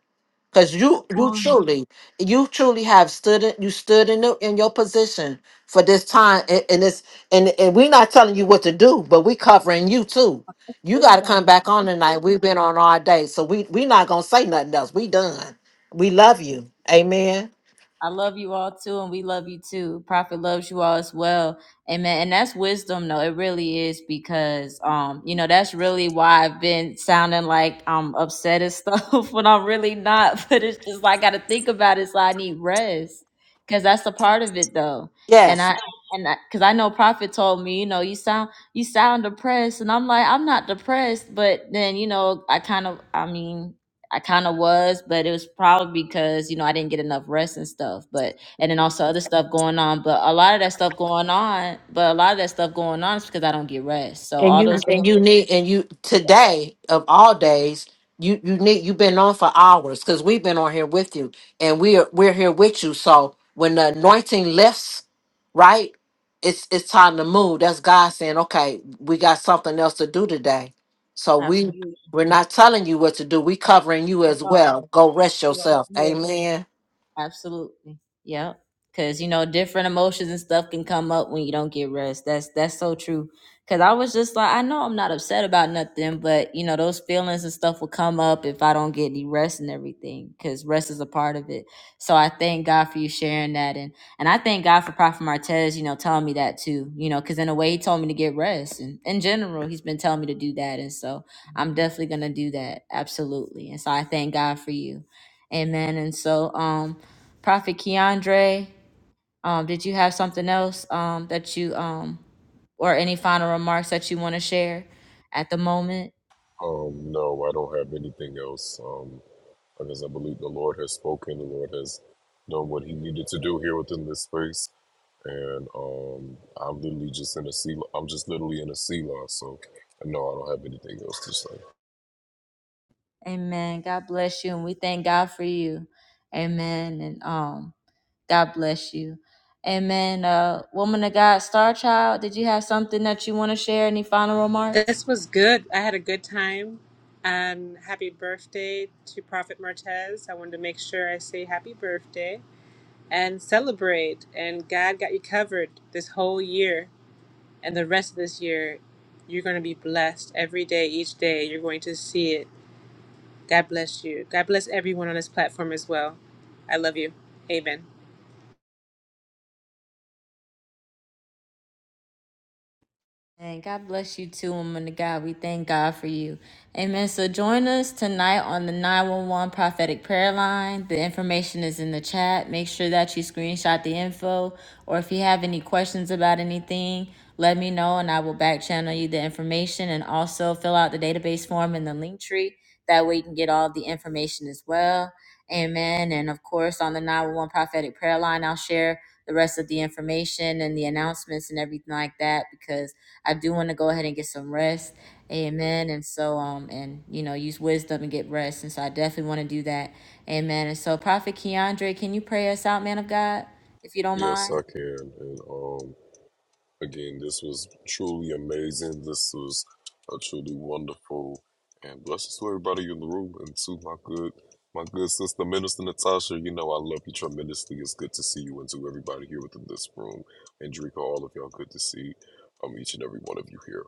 Because you you
Um,
truly you truly have stood in, you stood in the, in your position for this time and, and it's and and we're not telling you what to do, but we covering you too. You got to come
amen.
back on tonight. We've been on all day, so we we not gonna say nothing else. We done. We love you. Amen.
I love you all too, and we love you too. Prophet loves you all as well. Amen. And that's wisdom, though. It really is because um, you know, that's really why I've been sounding like I'm upset and stuff when I'm really not. But it's just like I gotta think about it, so I need rest. Cause that's the part of it though. And
Yes,
I and I, cause I know Prophet told me, you know, you sound you sound depressed. And I'm like, I'm not depressed, but then, you know, I kind of I mean, I kind of was, but it was probably because you know I didn't get enough rest and stuff. But and then also other stuff going on. But a lot of that stuff going on, but a lot of that stuff going on is because I don't get rest. So
and
all
you
those
and you
feelings,
need and you today of all days. You you need you've been on for hours because we've been on here with you and we're we're here with you. So when the anointing lifts right? It's it's time to move. That's God saying, okay, we got something else to do today. So we
absolutely.
we're not telling you what to do. We covering you as
Oh,
well. Go rest
yeah,
yourself.
yeah.
Amen.
Absolutely. Yep. Cause you know, different emotions and stuff can come up when you don't get rest. That's that's so true. Cause I was just like, I know I'm not upset about nothing, but you know, those feelings and stuff will come up if I don't get any rest and everything. Cause rest is a part of it. So I thank God for you sharing that, and and I thank God for Prophet Martez, you know, telling me that too. You know, cause in a way, he told me to get rest, and in general, he's been telling me to do that, and so I'm definitely gonna do that, absolutely. And so I thank God for you. Amen. And so, um, Prophet Keandre, um, did you have something else um, that you um, or any final remarks that you want to share at the moment?
Um, no, I don't have anything else. Um, because I believe the Lord has spoken. The Lord has done what He needed to do here within this space. and um, I'm literally just in a sea. I'm just literally in a sea loss. So no, I don't have anything else to say.
Amen. God bless you, and we thank God for you. Amen. And um, God bless you. Amen. Uh, woman of God, Star Child, did you have something that you want to share? Any final remarks?
This was good. I had a good time. And happy birthday to Prophet Martez. I wanted to make sure I say happy birthday and celebrate. And God got you covered this whole year and the rest of this year. You're going to be blessed every day, each day. You're going to see it. God bless you. God bless everyone on this platform as well. I love you. Amen.
And God bless you too, woman of God. We thank God for you. Amen. So join us tonight on the 911 prophetic prayer line. The information is in the chat. Make sure that you screenshot the info. Or if you have any questions about anything, let me know and I will back channel you the information. And also fill out the database form in the link tree. That way you can get all the information as well. Amen. And of course, on the 911 prophetic prayer line, I'll share the rest of the information and the announcements and everything like that because I do want to go ahead and get some rest. Amen. And so, um, and you know, use wisdom and get rest. And so, I definitely want to do that. Amen. And so, Prophet Keandre, can you pray us out, man of God, if you don't
Yes,
mind?
I can, and um, Again, this was truly amazing. This was a truly wonderful and blessings to everybody in the room and to my good my good sister Minister Natasha. You know I love you tremendously. It's good to see you and to everybody here within this room. And Drika, all of y'all good to see um each and every one of you here.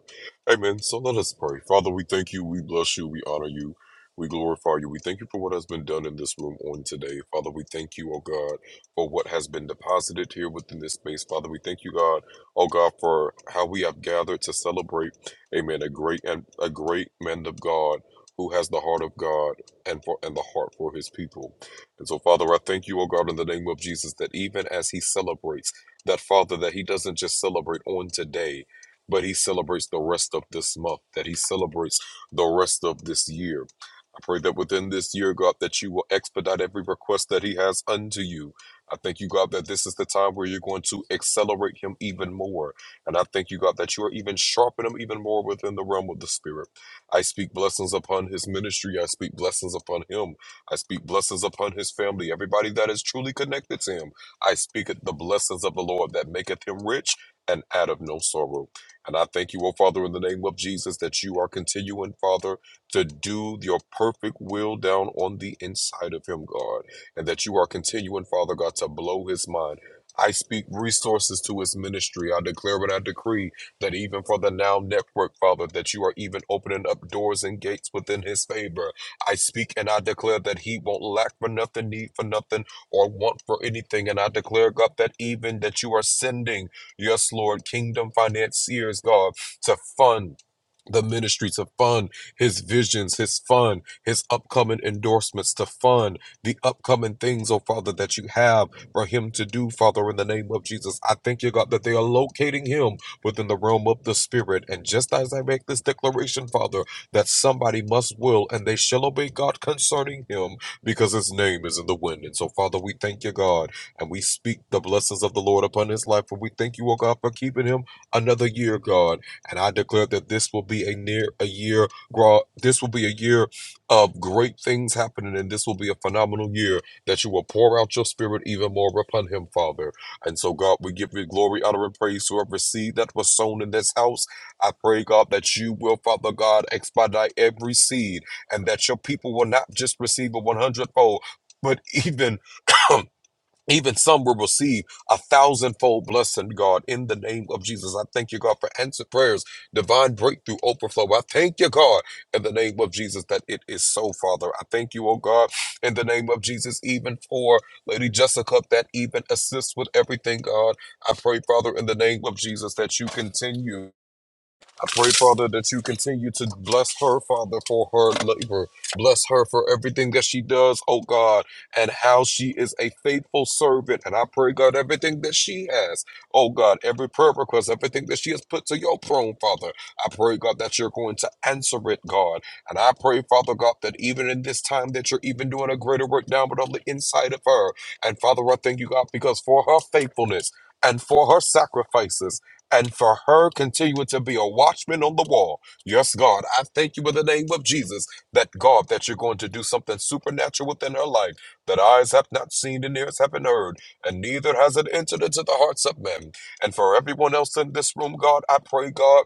Amen. So let us pray. Father, we thank you, we bless you, we honor you. We glorify you. We thank you for what has been done in this room on today. Father, we thank you, oh God, for what has been deposited here within this space. Father, we thank you, God, oh God, for how we have gathered to celebrate, amen, a great and a great man of God who has the heart of God and for and the heart for his people. And so, Father, I thank you, oh God, in the name of Jesus, that even as he celebrates, that Father, that he doesn't just celebrate on today, but he celebrates the rest of this month, that he celebrates the rest of this year. I pray that within this year, God, that you will expedite every request that he has unto you I thank you, God, that this is the time where you're going to accelerate him even more. And I thank you, God, that you are even sharpening him even more within the realm of the Spirit. I speak blessings upon his ministry. I speak blessings upon him. I speak blessings upon his family, everybody that is truly connected to him. I speak the blessings of the Lord that maketh him rich and out of no sorrow. And I thank you, O Father, in the name of Jesus, that you are continuing, Father, to do your perfect will down on the inside of him, God and that you are continuing, Father God, to blow his mind. I speak resources to his ministry. I declare and I decree that even for the Now Network, Father, that you are even opening up doors and gates within his favor. I speak and I declare that he won't lack for nothing, need for nothing, or want for anything. And I declare, God, that even that you are sending, yes, Lord, kingdom financiers, God, to fund the ministry to fund his visions, his fund, his upcoming endorsements to fund the upcoming things, oh Father, that you have for him to do, Father, in the name of Jesus. I thank you, God, that they are locating him within the realm of the Spirit. And just as I make this declaration, Father, that somebody must will and they shall obey God concerning him because his name is in the wind. And so, Father, we thank you, God, and we speak the blessings of the Lord upon his life. And we thank you, oh God, for keeping him another year, God. And I declare that this will be a near a year, God. This will be a year of great things happening, and this will be a phenomenal year that you will pour out your spirit even more upon him, Father. And so, God, we give you glory, honor, and praise to every seed that was sown in this house. I pray, God, that you will, Father God, expedite every seed and that your people will not just receive a 100 fold, but even Even some will receive a thousandfold blessing, God, in the name of Jesus. I thank you, God, for answered prayers, divine breakthrough, overflow. I thank you, God, in the name of Jesus, that it is so, Father. I thank you, oh God, in the name of Jesus, even for Lady Jessica, that even assists with everything, God. I pray, Father, in the name of Jesus, that you continue. I pray, Father, that you continue to bless her, Father, for her labor. Bless her for everything that she does, oh God, and how she is a faithful servant. And I pray, God, everything that she has, oh God, every prayer request, everything that she has put to your throne, Father. I pray, God, that you're going to answer it, God. And I pray, Father God, that even in this time that you're even doing a greater work down but on the inside of her. And Father, I thank you, God, because for her faithfulness and for her sacrifices and for her continue to be a watchman on the wall. Yes, God, I thank you in the name of Jesus that God, that you're going to do something supernatural within her life that eyes have not seen and ears haven't heard, and neither has it entered into the hearts of men. And for everyone else in this room, God, I pray, God.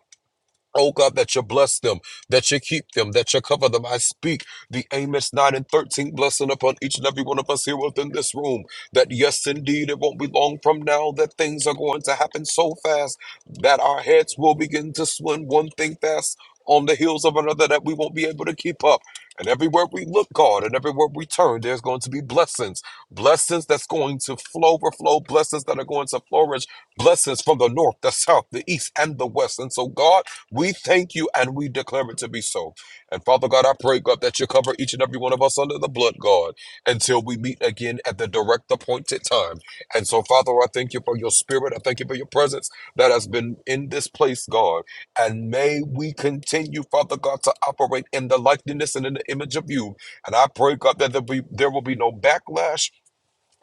Oh God, that you bless them, that you keep them, that you cover them. I speak the Amos 9 and 13 blessing upon each and every one of us here within this room. That yes, indeed, it won't be long from now that things are going to happen so fast that our heads will begin to swim one thing fast on the heels of another that we won't be able to keep up. And everywhere we look, God, and everywhere we turn, there's going to be blessings. Blessings that's going to flow, overflow, blessings that are going to flourish, blessings from the north, the south, the east, and the west. And so, God, we thank you and we declare it to be so. And Father God, I pray, God, that you cover each and every one of us under the blood, God, until we meet again at the direct appointed time. And so, Father, I thank you for your spirit. I thank you for your presence that has been in this place, God. And may we continue, Father God, to operate in the likeness and in the image of you. And I pray, God, that there, be, there will be no backlash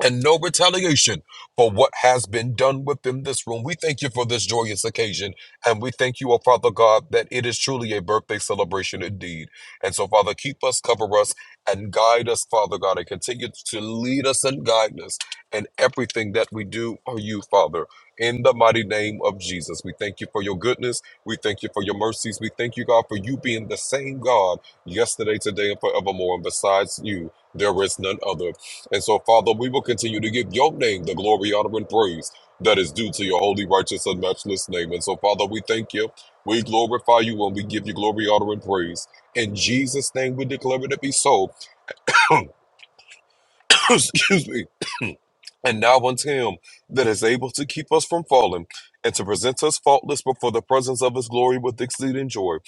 and no retaliation for what has been done within this room. We thank you for this joyous occasion, and we thank you, O Father God, that it is truly a birthday celebration indeed. And so, Father, keep us, cover us, and guide us, Father God, and continue to lead us and guide us in everything that we do or you, Father. In the mighty name of Jesus, we thank you for your goodness. We thank you for your mercies. We thank you, God, for you being the same God yesterday, today, and forevermore. And besides you, there is none other. And so, Father, we will continue to give your name the glory, honor, and praise that is due to your holy, righteous, and matchless name. And so, Father, we thank you. We glorify you and we give you glory, honor, and praise. In Jesus' name, we declare it to be so. Excuse me. And now unto him that is able to keep us from falling and to present us faultless before the presence of his glory with exceeding joy.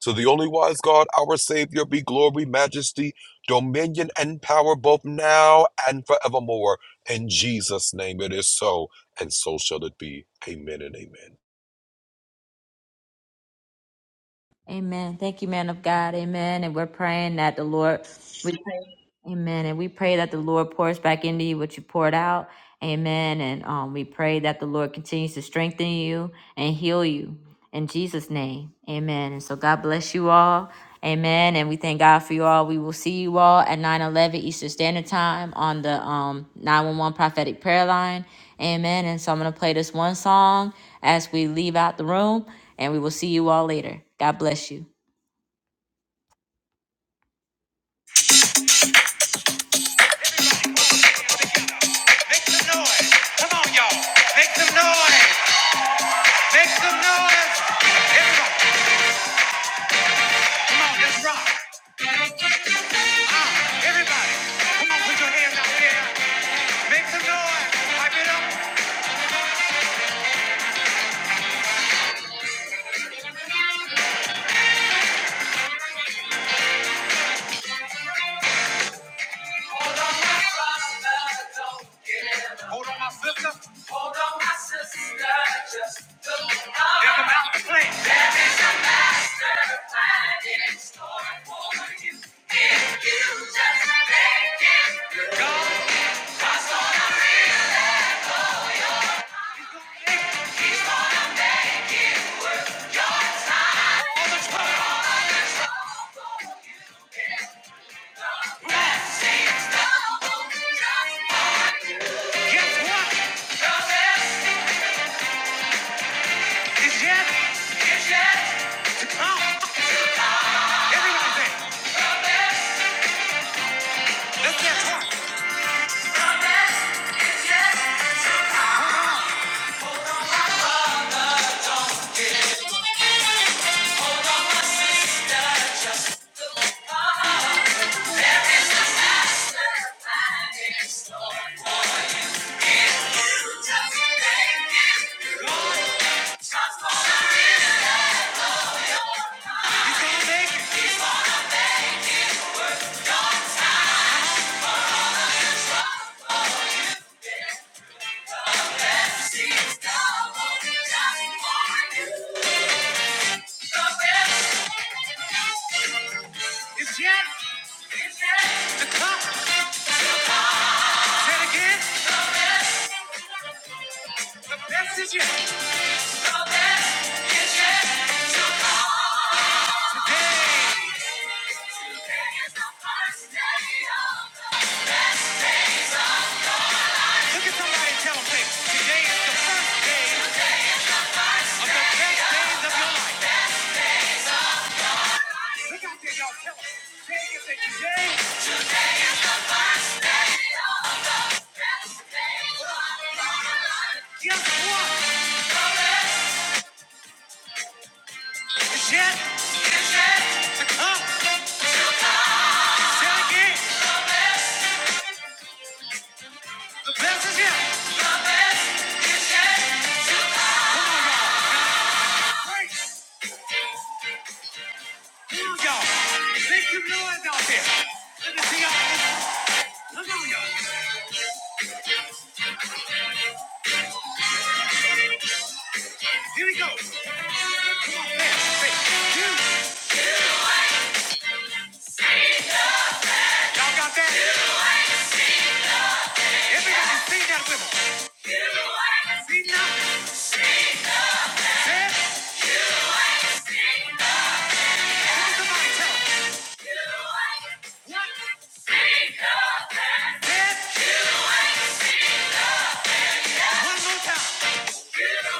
To the only wise God, our Savior, be glory, majesty, dominion, and power both now and forevermore. In Jesus' name it is so, and so shall it be. Amen and amen.
Amen. Thank you, man of God. Amen. And we're praying that the Lord, we pray Amen. And we pray that the Lord pours back into you what you poured out. Amen. And um, we pray that the Lord continues to strengthen you and heal you in Jesus' name. Amen. And so God bless you all. Amen. And we thank God for you all. We will see you all at 9 11 Eastern Standard Time on the um, 911 Prophetic Prayer Line. Amen. And so I'm going to play this one song as we leave out the room, and we will see you all later. God bless you. Make some noise. Come on, y'all. Make some noise. Make some noise. Everybody, come on, let's rock. Ah, everybody, come on, put your hands out there. Make some noise. Pipe it up. Don't give up. Hold on, my sister. Hold on, my sister. Just don't There's a master plan. There is a master plan in store for you. If you just make it through. All the trouble. Trouble, just Guess what? Trouble. It's yet. It's yet. Oh, everybody say, let's get one. It's yet to it again. Look at somebody and tell them, say, today is the first day of the best days of your life. Today Yes, what is yet It's yet to come? Say it again. The best is yet. Great. Here we go. Make some noise out there. Let me see y'all. Look on y'all. Here we go. Come on, man. Say, you. Y'all got that? Everybody sing that with us. See now? Say it. Look at somebody tell 'em. What? Say it. One more time. I want to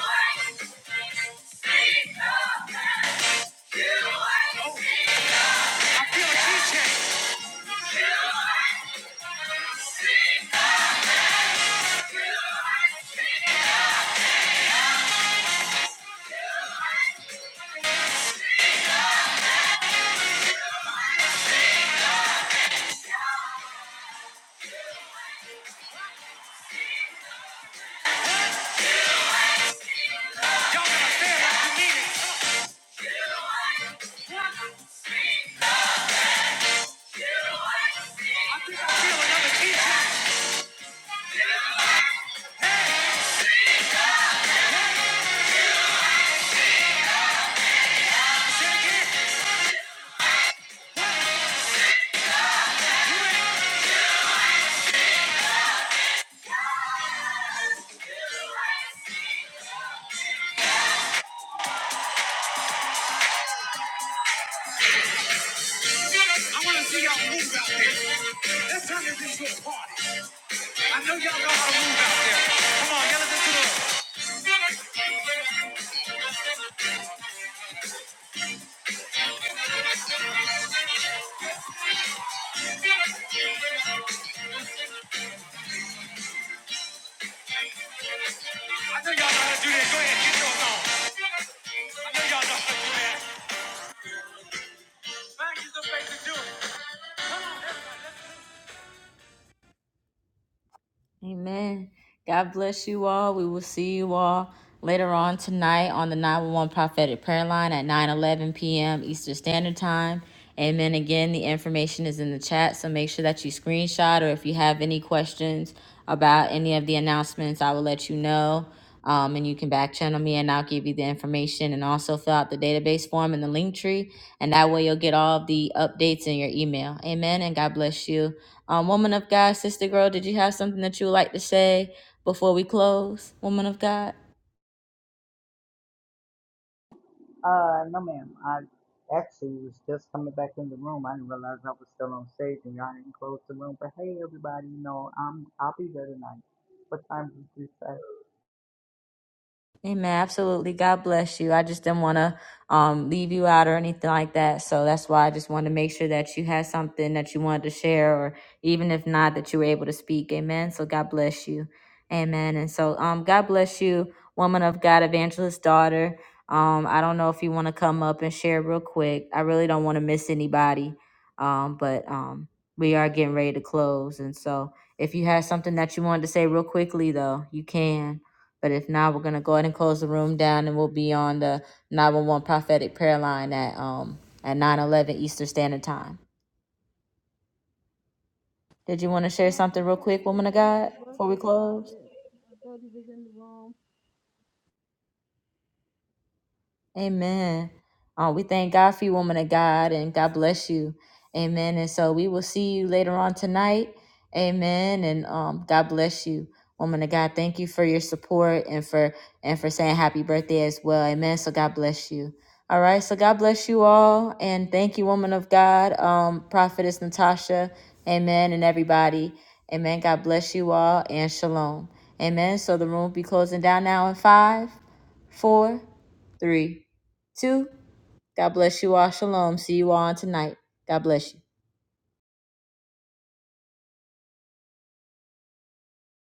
see y'all move out there. Let's turn this into a party. I know y'all know how to move out there. Come on, y'all let's do I know y'all know how to do that. Go ahead, get your song. I know y'all know how to do that. Amen. God bless you all. We will see you all later on tonight on the 911 Prophetic Prayer Line at 9:11 p.m. Eastern Standard Time. Amen. Again, the information is in the chat, so make sure that you screenshot or if you have any questions about any of the announcements, I will let you know. Um, and you can back channel me and I'll give you the information and also fill out the database form in the link tree. And that way you'll get all of the updates in your email. Amen. And God bless you. Um, woman of God, sister girl, did you have something that you would like to say before we close? Woman of God?
Uh, no, ma'am. I actually was just coming back in the room. I didn't realize I was still on stage and y'all didn't close the room. But hey, everybody, you know, I'm I'll be there tonight. What time is this? At?
Amen. Absolutely. God bless you. I just didn't want to um, leave you out or anything like that. So that's why I just wanted to make sure that you had something that you wanted to share, or even if not, that you were able to speak. Amen. So God bless you. Amen. And so um, God bless you, woman of God, evangelist daughter. Um, I don't know if you want to come up and share real quick. I really don't want to miss anybody, um, but um, we are getting ready to close. And so if you had something that you wanted to say real quickly, though, you can. But if not, we're gonna go ahead and close the room down, and we'll be on the nine one one prophetic prayer line at um at nine eleven Eastern Standard Time. Did you want to share
No, I
something
just
real
came
quick,
to
woman of
say
God,
happy
before we
birthday to
close?
Prophet. I thought he was in the room.
Amen. Uh, we thank God for you, woman of God, and God bless you. Amen. And so we will see you later on tonight. Amen. And um, God bless you, woman of God. Thank you for your support and for and for saying happy birthday as well. Amen. So God bless you. All right. So God bless you all, and thank you, woman of God, um, prophetess Natasha. Amen. And everybody. Amen. God bless you all, and shalom. Amen. So the room will be closing down now in five four, three, two. God bless you all. Shalom. See you all tonight. God bless you.